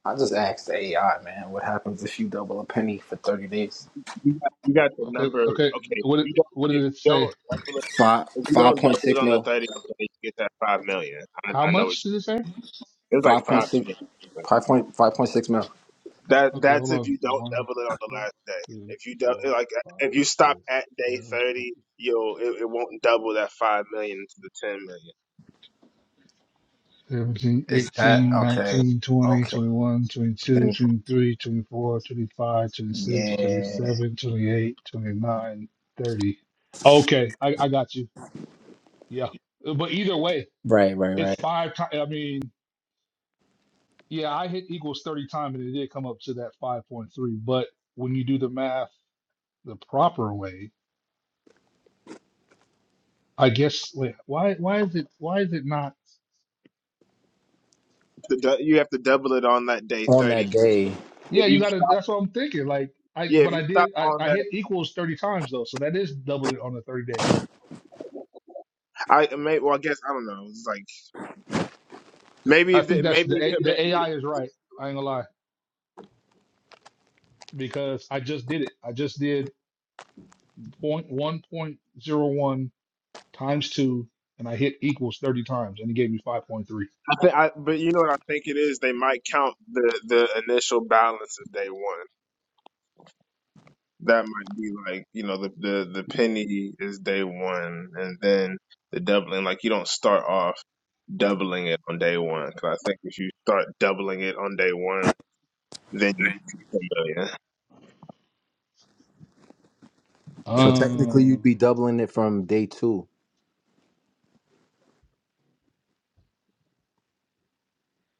Speaker 7: I just asked the AI, man. What happens if you double a penny for thirty days?
Speaker 15: You got, you got the
Speaker 2: Okay,
Speaker 15: number.
Speaker 2: okay.
Speaker 15: Okay, if
Speaker 2: What did-
Speaker 15: you don't.
Speaker 2: what
Speaker 15: If
Speaker 2: did it
Speaker 15: you
Speaker 2: say?
Speaker 15: don't double it,
Speaker 7: Five
Speaker 15: if you
Speaker 7: five
Speaker 15: don't
Speaker 7: point
Speaker 15: double
Speaker 7: six
Speaker 15: it on the
Speaker 7: mil.
Speaker 15: 30, you get that five million. I,
Speaker 2: How
Speaker 15: I know
Speaker 2: much
Speaker 15: it's
Speaker 2: did it say?
Speaker 15: it was like
Speaker 7: Five point
Speaker 15: five
Speaker 7: six.
Speaker 15: million.
Speaker 7: Five point five point six mil.
Speaker 15: That
Speaker 2: Okay,
Speaker 15: that's
Speaker 2: hold
Speaker 15: if
Speaker 2: on.
Speaker 15: you don't
Speaker 2: One,
Speaker 15: double it on the
Speaker 2: two,
Speaker 15: last day.
Speaker 2: three,
Speaker 15: If you do,
Speaker 2: four,
Speaker 15: like if
Speaker 2: five,
Speaker 15: you stop
Speaker 2: six,
Speaker 15: at day
Speaker 2: seven,
Speaker 15: thirty,
Speaker 2: eight.
Speaker 15: you'll it, it won't double that five million to the ten million.
Speaker 2: 17,
Speaker 7: Is that
Speaker 2: 18,
Speaker 7: okay?
Speaker 2: 19, twenty,
Speaker 7: Okay.
Speaker 2: 21, 22,
Speaker 7: Then,
Speaker 2: 23, 24, 25, twenty-six,
Speaker 7: yeah.
Speaker 2: 27, 28, 29, 30. Okay, I, I got you. Yeah. Uh, But either way,
Speaker 7: Right, right,
Speaker 2: it's
Speaker 7: right.
Speaker 2: five times. I mean, yeah, I hit equals 30 times and it did come up to that 5.3. But when you do the math the proper way, I guess, wait, why, why is it, why is it not?
Speaker 15: The du- you have to double it on that day
Speaker 7: On
Speaker 15: thirty.
Speaker 7: that day.
Speaker 15: If
Speaker 2: Yeah, you
Speaker 15: you
Speaker 2: gotta,
Speaker 15: stop,
Speaker 2: that's what I'm thinking. Like, I,
Speaker 15: yeah,
Speaker 2: but
Speaker 15: if
Speaker 2: I
Speaker 15: you stop
Speaker 2: did, I,
Speaker 15: on
Speaker 2: I
Speaker 15: that,
Speaker 2: hit equals 30 times though. So that is doubling on the 30 days.
Speaker 15: I may well I guess I don't know. It's like maybe
Speaker 2: I
Speaker 15: if they,
Speaker 2: think that's
Speaker 15: maybe
Speaker 2: the A- the AI is right. I ain't gonna lie because I just did it. I just did point one point zero one times two, and I hit equals thirty times, and it gave me five point three.
Speaker 15: I think I but you know what I think it is. They might count the the initial balance as day one. That might be like you know the the the penny is day one, and then the doubling. Like you don't start off. doubling it on day one. Because I think if you start doubling it on day one, then you get to ten million.
Speaker 7: So technically, you'd
Speaker 2: Um,
Speaker 7: be doubling it from day two,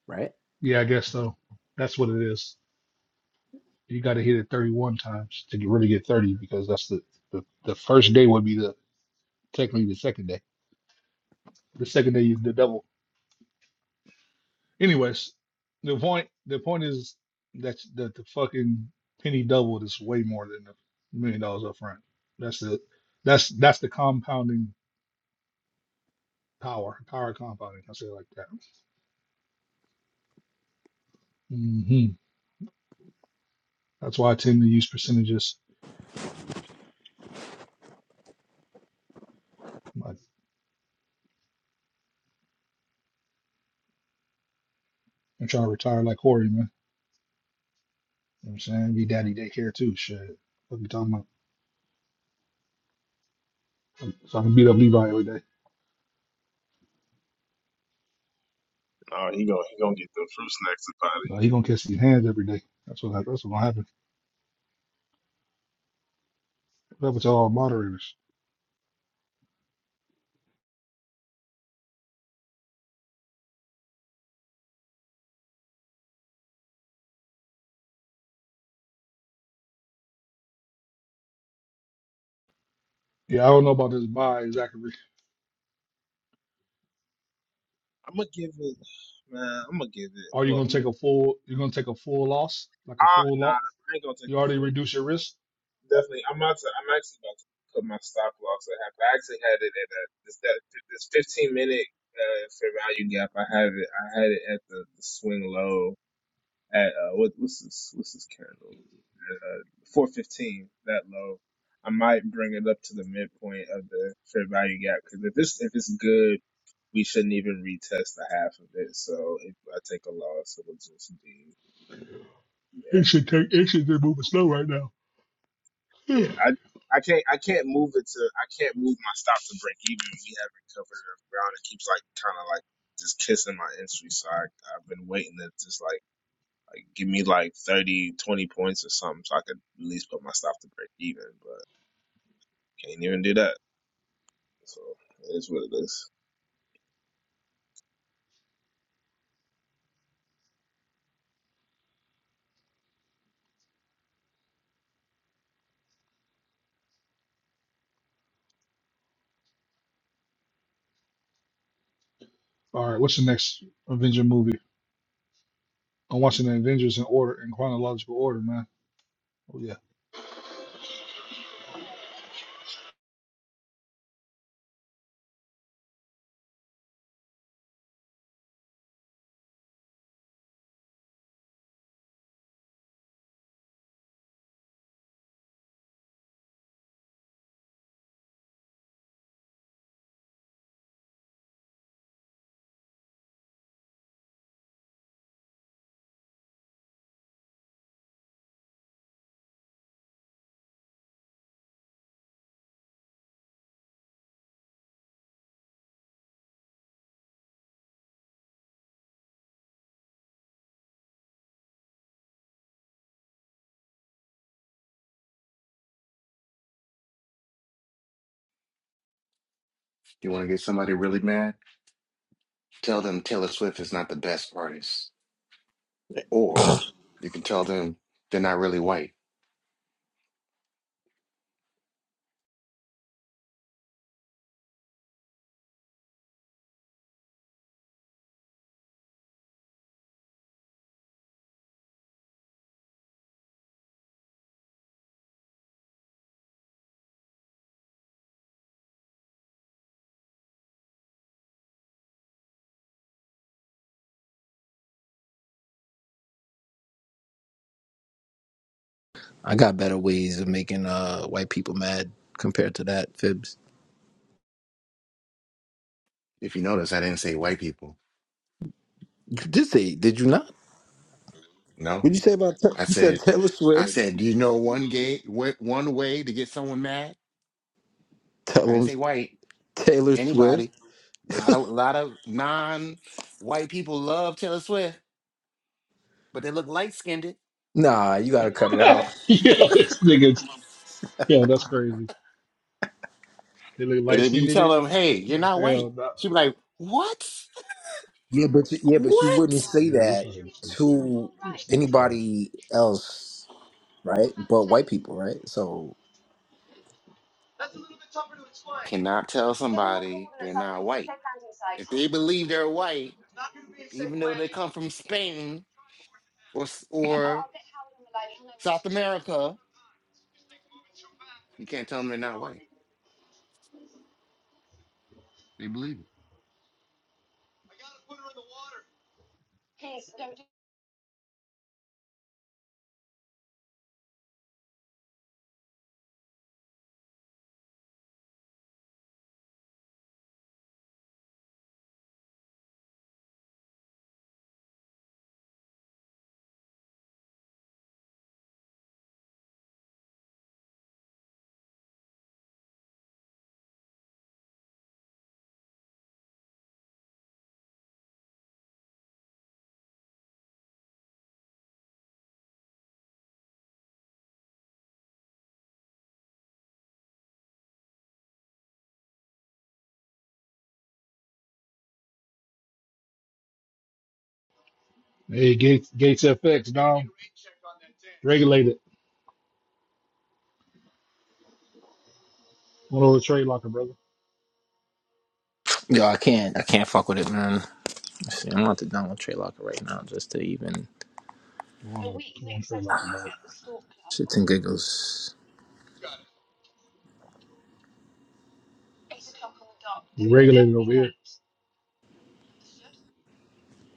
Speaker 7: right?
Speaker 2: yeah, I guess so. That's what it is. You got to hit it thirty one times to get, really get thirty because that's the, the the first day would be the technically the second day. The second day is the double. Anyways, the point the point is that that the fucking penny doubled is way more than the million dollars up front. That's the that's that's the compounding power, power of compounding. I say it like that. hmm That's why I tend to use percentages. I'm, like, I'm trying to retire like Corey, man. You know what I'm saying? Be daddy daycare too. Shit. What you talking about? So I can beat up Levi every day.
Speaker 15: Oh, he gonna he gonna get the fruit snacks about it.
Speaker 2: Uh, he gonna catch these hands every day. That's what that's what gonna happen. That's what happen to all moderators. Yeah, I don't know about this buy exactly
Speaker 15: I'm gonna give it, man. I'm gonna give it. I'm
Speaker 2: Are you
Speaker 15: gonna.
Speaker 2: gonna
Speaker 15: I'm,
Speaker 2: take a full? You're gonna take a full loss, like
Speaker 15: I,
Speaker 2: a full
Speaker 15: nah,
Speaker 2: loss.
Speaker 15: I ain't gonna take
Speaker 2: You
Speaker 15: the
Speaker 2: already
Speaker 15: full.
Speaker 2: reduce your risk.
Speaker 15: Definitely, I'm about to. I'm actually about to put my stop loss at half. I actually had it at a, this that this 15 minute uh, fair value gap. I have it. I had it at the, the swing low. at uh, what, what's this? What's this candle? Uh, four fifteen. That low. I might bring it up to the midpoint of the fair value gap because if this if it's good, we shouldn't even retest the half of it. So if I take a loss, it'll just be
Speaker 2: It
Speaker 15: yeah,
Speaker 2: should take. It should be moving slow right now.
Speaker 15: yeah. I I can't I can't move it to I can't move my stop to break even. We haven't covered enough ground. It keeps like kind of like just kissing my entry. So I, I've been waiting to just like. Like, give me like 30, 20 points or something so I could at least put my stuff to break even. But can't even do that. So it is what it is.
Speaker 2: All right, what's the next Avenger movie? I'm watching the Avengers in order, in chronological order, man. Oh yeah,
Speaker 5: You want to get somebody really mad? Tell them Taylor Swift is not the best artist. Or you can tell them they're not really white.
Speaker 7: I got better ways of making uh white people mad compared to that, Fibs.
Speaker 5: If you notice, I didn't say white people.
Speaker 7: You did say, did you not?
Speaker 5: No,
Speaker 7: What'd you say about Ta-
Speaker 5: I
Speaker 7: you said
Speaker 5: said,
Speaker 7: Taylor
Speaker 5: I
Speaker 7: Swift?
Speaker 5: said, do you know one gay wh- one way to get someone mad? I
Speaker 7: Tell
Speaker 5: didn't
Speaker 7: 'em
Speaker 5: say white.
Speaker 7: Taylor Swift.
Speaker 5: Anybody. A lot of a lot of non-white people love Taylor Swift, but they look light-skinned.
Speaker 7: Nah, you gotta cut it out.
Speaker 2: yeah, this niggas. Yeah, that's crazy. They look
Speaker 5: And
Speaker 2: light
Speaker 5: then
Speaker 2: skinned
Speaker 5: you
Speaker 2: in
Speaker 5: tell
Speaker 2: it.
Speaker 5: them, hey, you're
Speaker 2: The
Speaker 5: not white.
Speaker 2: Hell, nah.
Speaker 5: She'd be like, what?
Speaker 7: Yeah, but you, yeah, but you wouldn't
Speaker 5: What?
Speaker 7: say
Speaker 2: yeah, you
Speaker 7: that
Speaker 2: fucking stupid.
Speaker 7: to
Speaker 2: This nigga stuff.
Speaker 7: anybody else, right? But white people, right? So
Speaker 5: Cannot tell somebody they're not white. If they believe they're white, even though they come from Spain or s- or South America, you can't tell them they're not white. They believe it.
Speaker 2: Hey, Gates, Gates FX, Dom, regulate it. One over the trade locker, brother.
Speaker 7: yo, I can't, I can't fuck with it, man. See, I'm not the Donald Trey Locker right now, just to even
Speaker 2: One over, one trade locker,
Speaker 7: shits
Speaker 2: dog.
Speaker 7: and giggles.
Speaker 2: Regulated over here.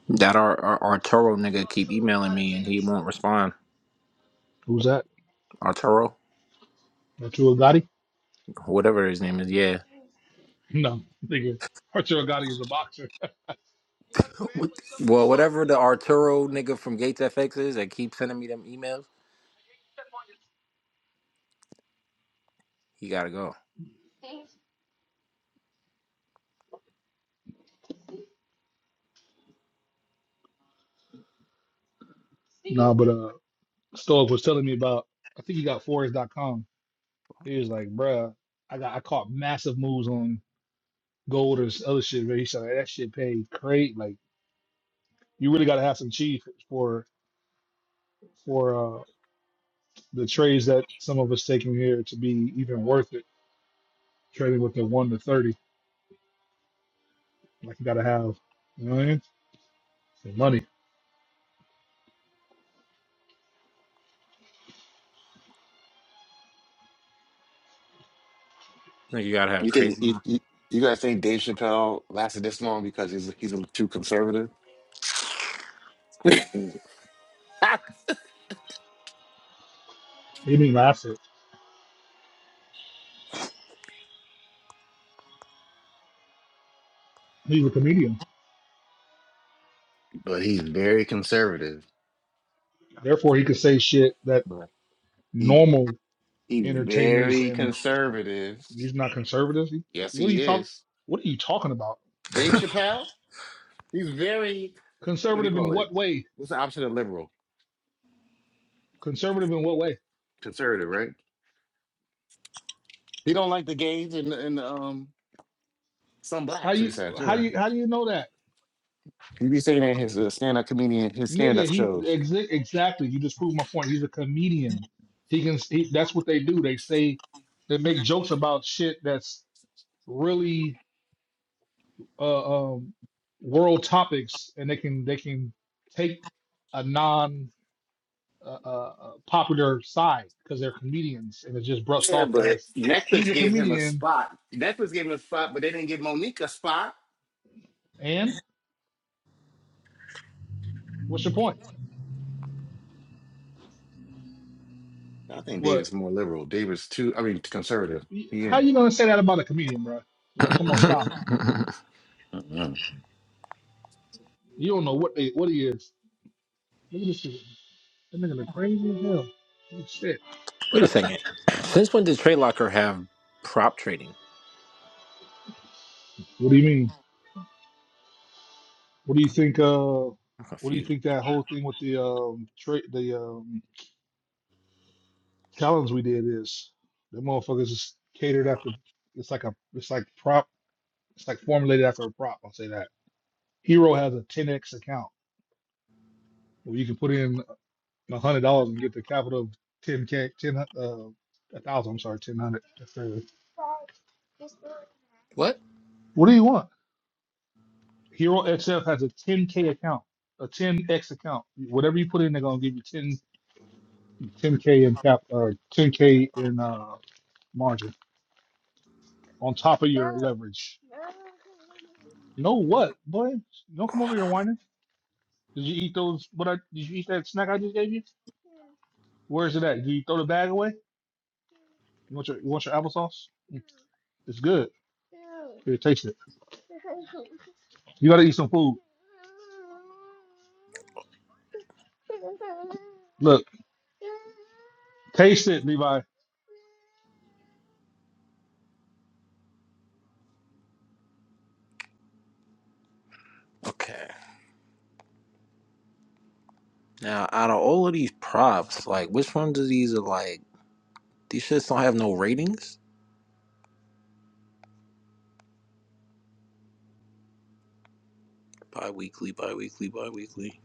Speaker 7: That our, our Arturo nigga keep emailing me and he won't respond.
Speaker 2: Who's that?
Speaker 7: Arturo,
Speaker 2: Arturo Gotti?
Speaker 7: whatever his name is. Yeah.
Speaker 2: No, nigga. Arturo Gotti is a boxer.
Speaker 7: What- Well, whatever the Arturo nigga from Gates FX is that keeps sending me them emails, he gotta go.
Speaker 2: Nah, but uh, Stoic was telling me about. I think he got Forex.com. He was like, bruh, I got I caught massive moves on gold or s- other shit. Where he said "Like, that shit paid great. Like you really gotta have some cheese for for uh the trades that some of us taking here to be even worth it. Trading with the one to thirty, like you gotta have, you know what I mean? Some money.
Speaker 5: You think
Speaker 7: Crazy.
Speaker 5: you, you, you guys think Dave Chappelle lasted this long because he's he's a, too conservative? but
Speaker 2: He didn't even laugh at. it. He's a comedian.
Speaker 5: he's very conservative.
Speaker 2: Therefore, he could say shit that
Speaker 5: But he
Speaker 2: normal
Speaker 5: he's
Speaker 2: entertainers
Speaker 5: very
Speaker 2: and
Speaker 5: conservative.
Speaker 2: he's not conservative. He-
Speaker 5: Yes,
Speaker 2: What are you
Speaker 5: he
Speaker 2: talking?
Speaker 5: is.
Speaker 2: What are you talking about?
Speaker 5: Dave Chappelle. He's very what do you
Speaker 2: Conservative in
Speaker 5: call it?
Speaker 2: what way?
Speaker 5: What's the opposite of liberal?
Speaker 2: Conservative in what way?
Speaker 5: Conservative, right? He don't like the gays and and um some
Speaker 2: How
Speaker 5: blacks. He
Speaker 2: you
Speaker 5: said too,
Speaker 2: how
Speaker 5: right?
Speaker 2: you how do you know that,
Speaker 5: He be saying that in his uh, stand up comedian, his stand
Speaker 2: nigga?
Speaker 5: up
Speaker 2: He
Speaker 5: shows.
Speaker 2: exa- exactly. You just proved my point. He's a comedian. He can. He, that's what they do. They say they make jokes about shit that's really uh, um, world topics, and they can they can take a non uh, uh, uh, popular side because they're comedians and it's just brushed
Speaker 5: Yeah,
Speaker 2: off
Speaker 5: but
Speaker 2: as he's
Speaker 5: Necklace
Speaker 2: a
Speaker 5: gave him a
Speaker 2: comedian
Speaker 5: spot. Necklace gave him a spot, but they didn't give Monique a spot.
Speaker 2: and what's your point
Speaker 5: I think
Speaker 2: what
Speaker 5: David's more liberal. David's too, I mean, conservative.
Speaker 2: y- how
Speaker 5: Yeah.
Speaker 2: you gonna say that about a comedian bro like come on stop you don't know what they what he is look at this shit that nigga look crazy as hell Holy shit
Speaker 7: Wait a second. Since when did Trade Locker have prop trading?
Speaker 2: what do you mean what do you think uh
Speaker 7: I'm
Speaker 2: what do you
Speaker 7: confused.
Speaker 2: think that whole thing with the um tra- the um challenge we did is the motherfuckers is catered after it's like a it's like prop it's like formulated after a prop i'll say that Hero has a 10x account where you can put in a hundred dollars and get the capital of 10k, 10 uh, a thousand. I'm sorry, 1000. That's crazy.
Speaker 7: What?
Speaker 2: What do you want? Hero XF has a 10k account, a 10x account. Whatever you put in, they're gonna give you 10 10k in cap or 10k in uh margin on top of your leverage. You know what, boy? Don't come over here whining. Did you eat those? What I did you eat that snack I just gave you? Where's it at? Did you throw the bag away? You want your you want your applesauce? Mm, It's good. Here, taste it. You gotta eat some food. Look, taste it, Levi.
Speaker 7: Okay. Now, out of all of these props, like which ones of these are like these shits don't have no ratings? Bi-weekly, bi-weekly, bi-weekly.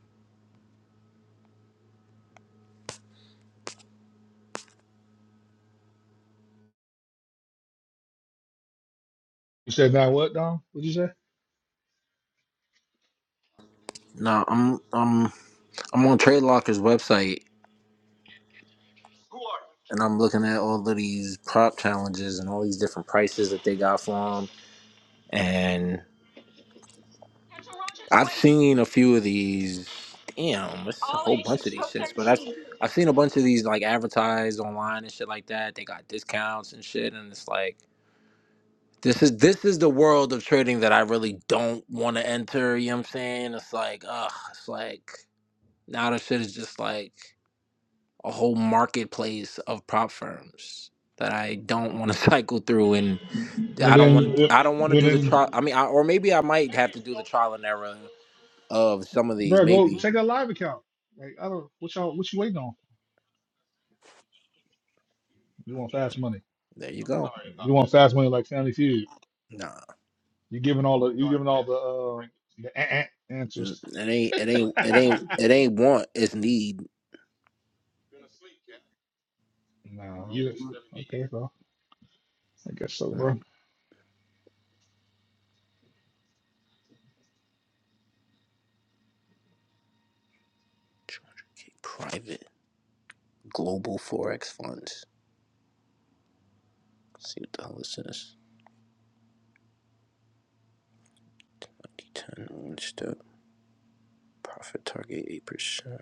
Speaker 2: You said now what, Dom? What'd you say?
Speaker 7: No, I'm I'm I'm on Trade Locker's website and I'm looking at all of these prop challenges and all these different prices that they got for them. And I've seen a few of these. Damn, it's a whole bunch of these shits. But I've I've seen a bunch of these like advertised online and shit like that. They got discounts and shit, and it's like this is this is the world of trading that I really don't want to enter. You know what I'm saying? It's like, ugh, it's like now the shit is just like a whole marketplace of prop firms that I don't want to cycle through and
Speaker 2: And
Speaker 7: I don't want
Speaker 2: then, yep,
Speaker 7: I don't want to
Speaker 2: well
Speaker 7: do the
Speaker 2: then,
Speaker 7: trial. I mean, I, or maybe I might have to do the trial and error of some of these.
Speaker 2: bro, go
Speaker 7: Maybe
Speaker 2: check out live account. Like I don't, what y'all, what you waiting on? You want fast money?
Speaker 7: there you go.
Speaker 2: You want fast money like Family Feud?
Speaker 7: Nah,
Speaker 2: You giving all the, you giving all the, uh, the eh, eh
Speaker 7: mm,
Speaker 2: answers?
Speaker 7: it ain't it ain't it ain't it ain't want. It's need.
Speaker 2: No. you okay, bro? I guess so, bro.
Speaker 7: Mm, 200K Private global forex funds. Let's see what the hell this is. 90, 10, one step profit target eight percent.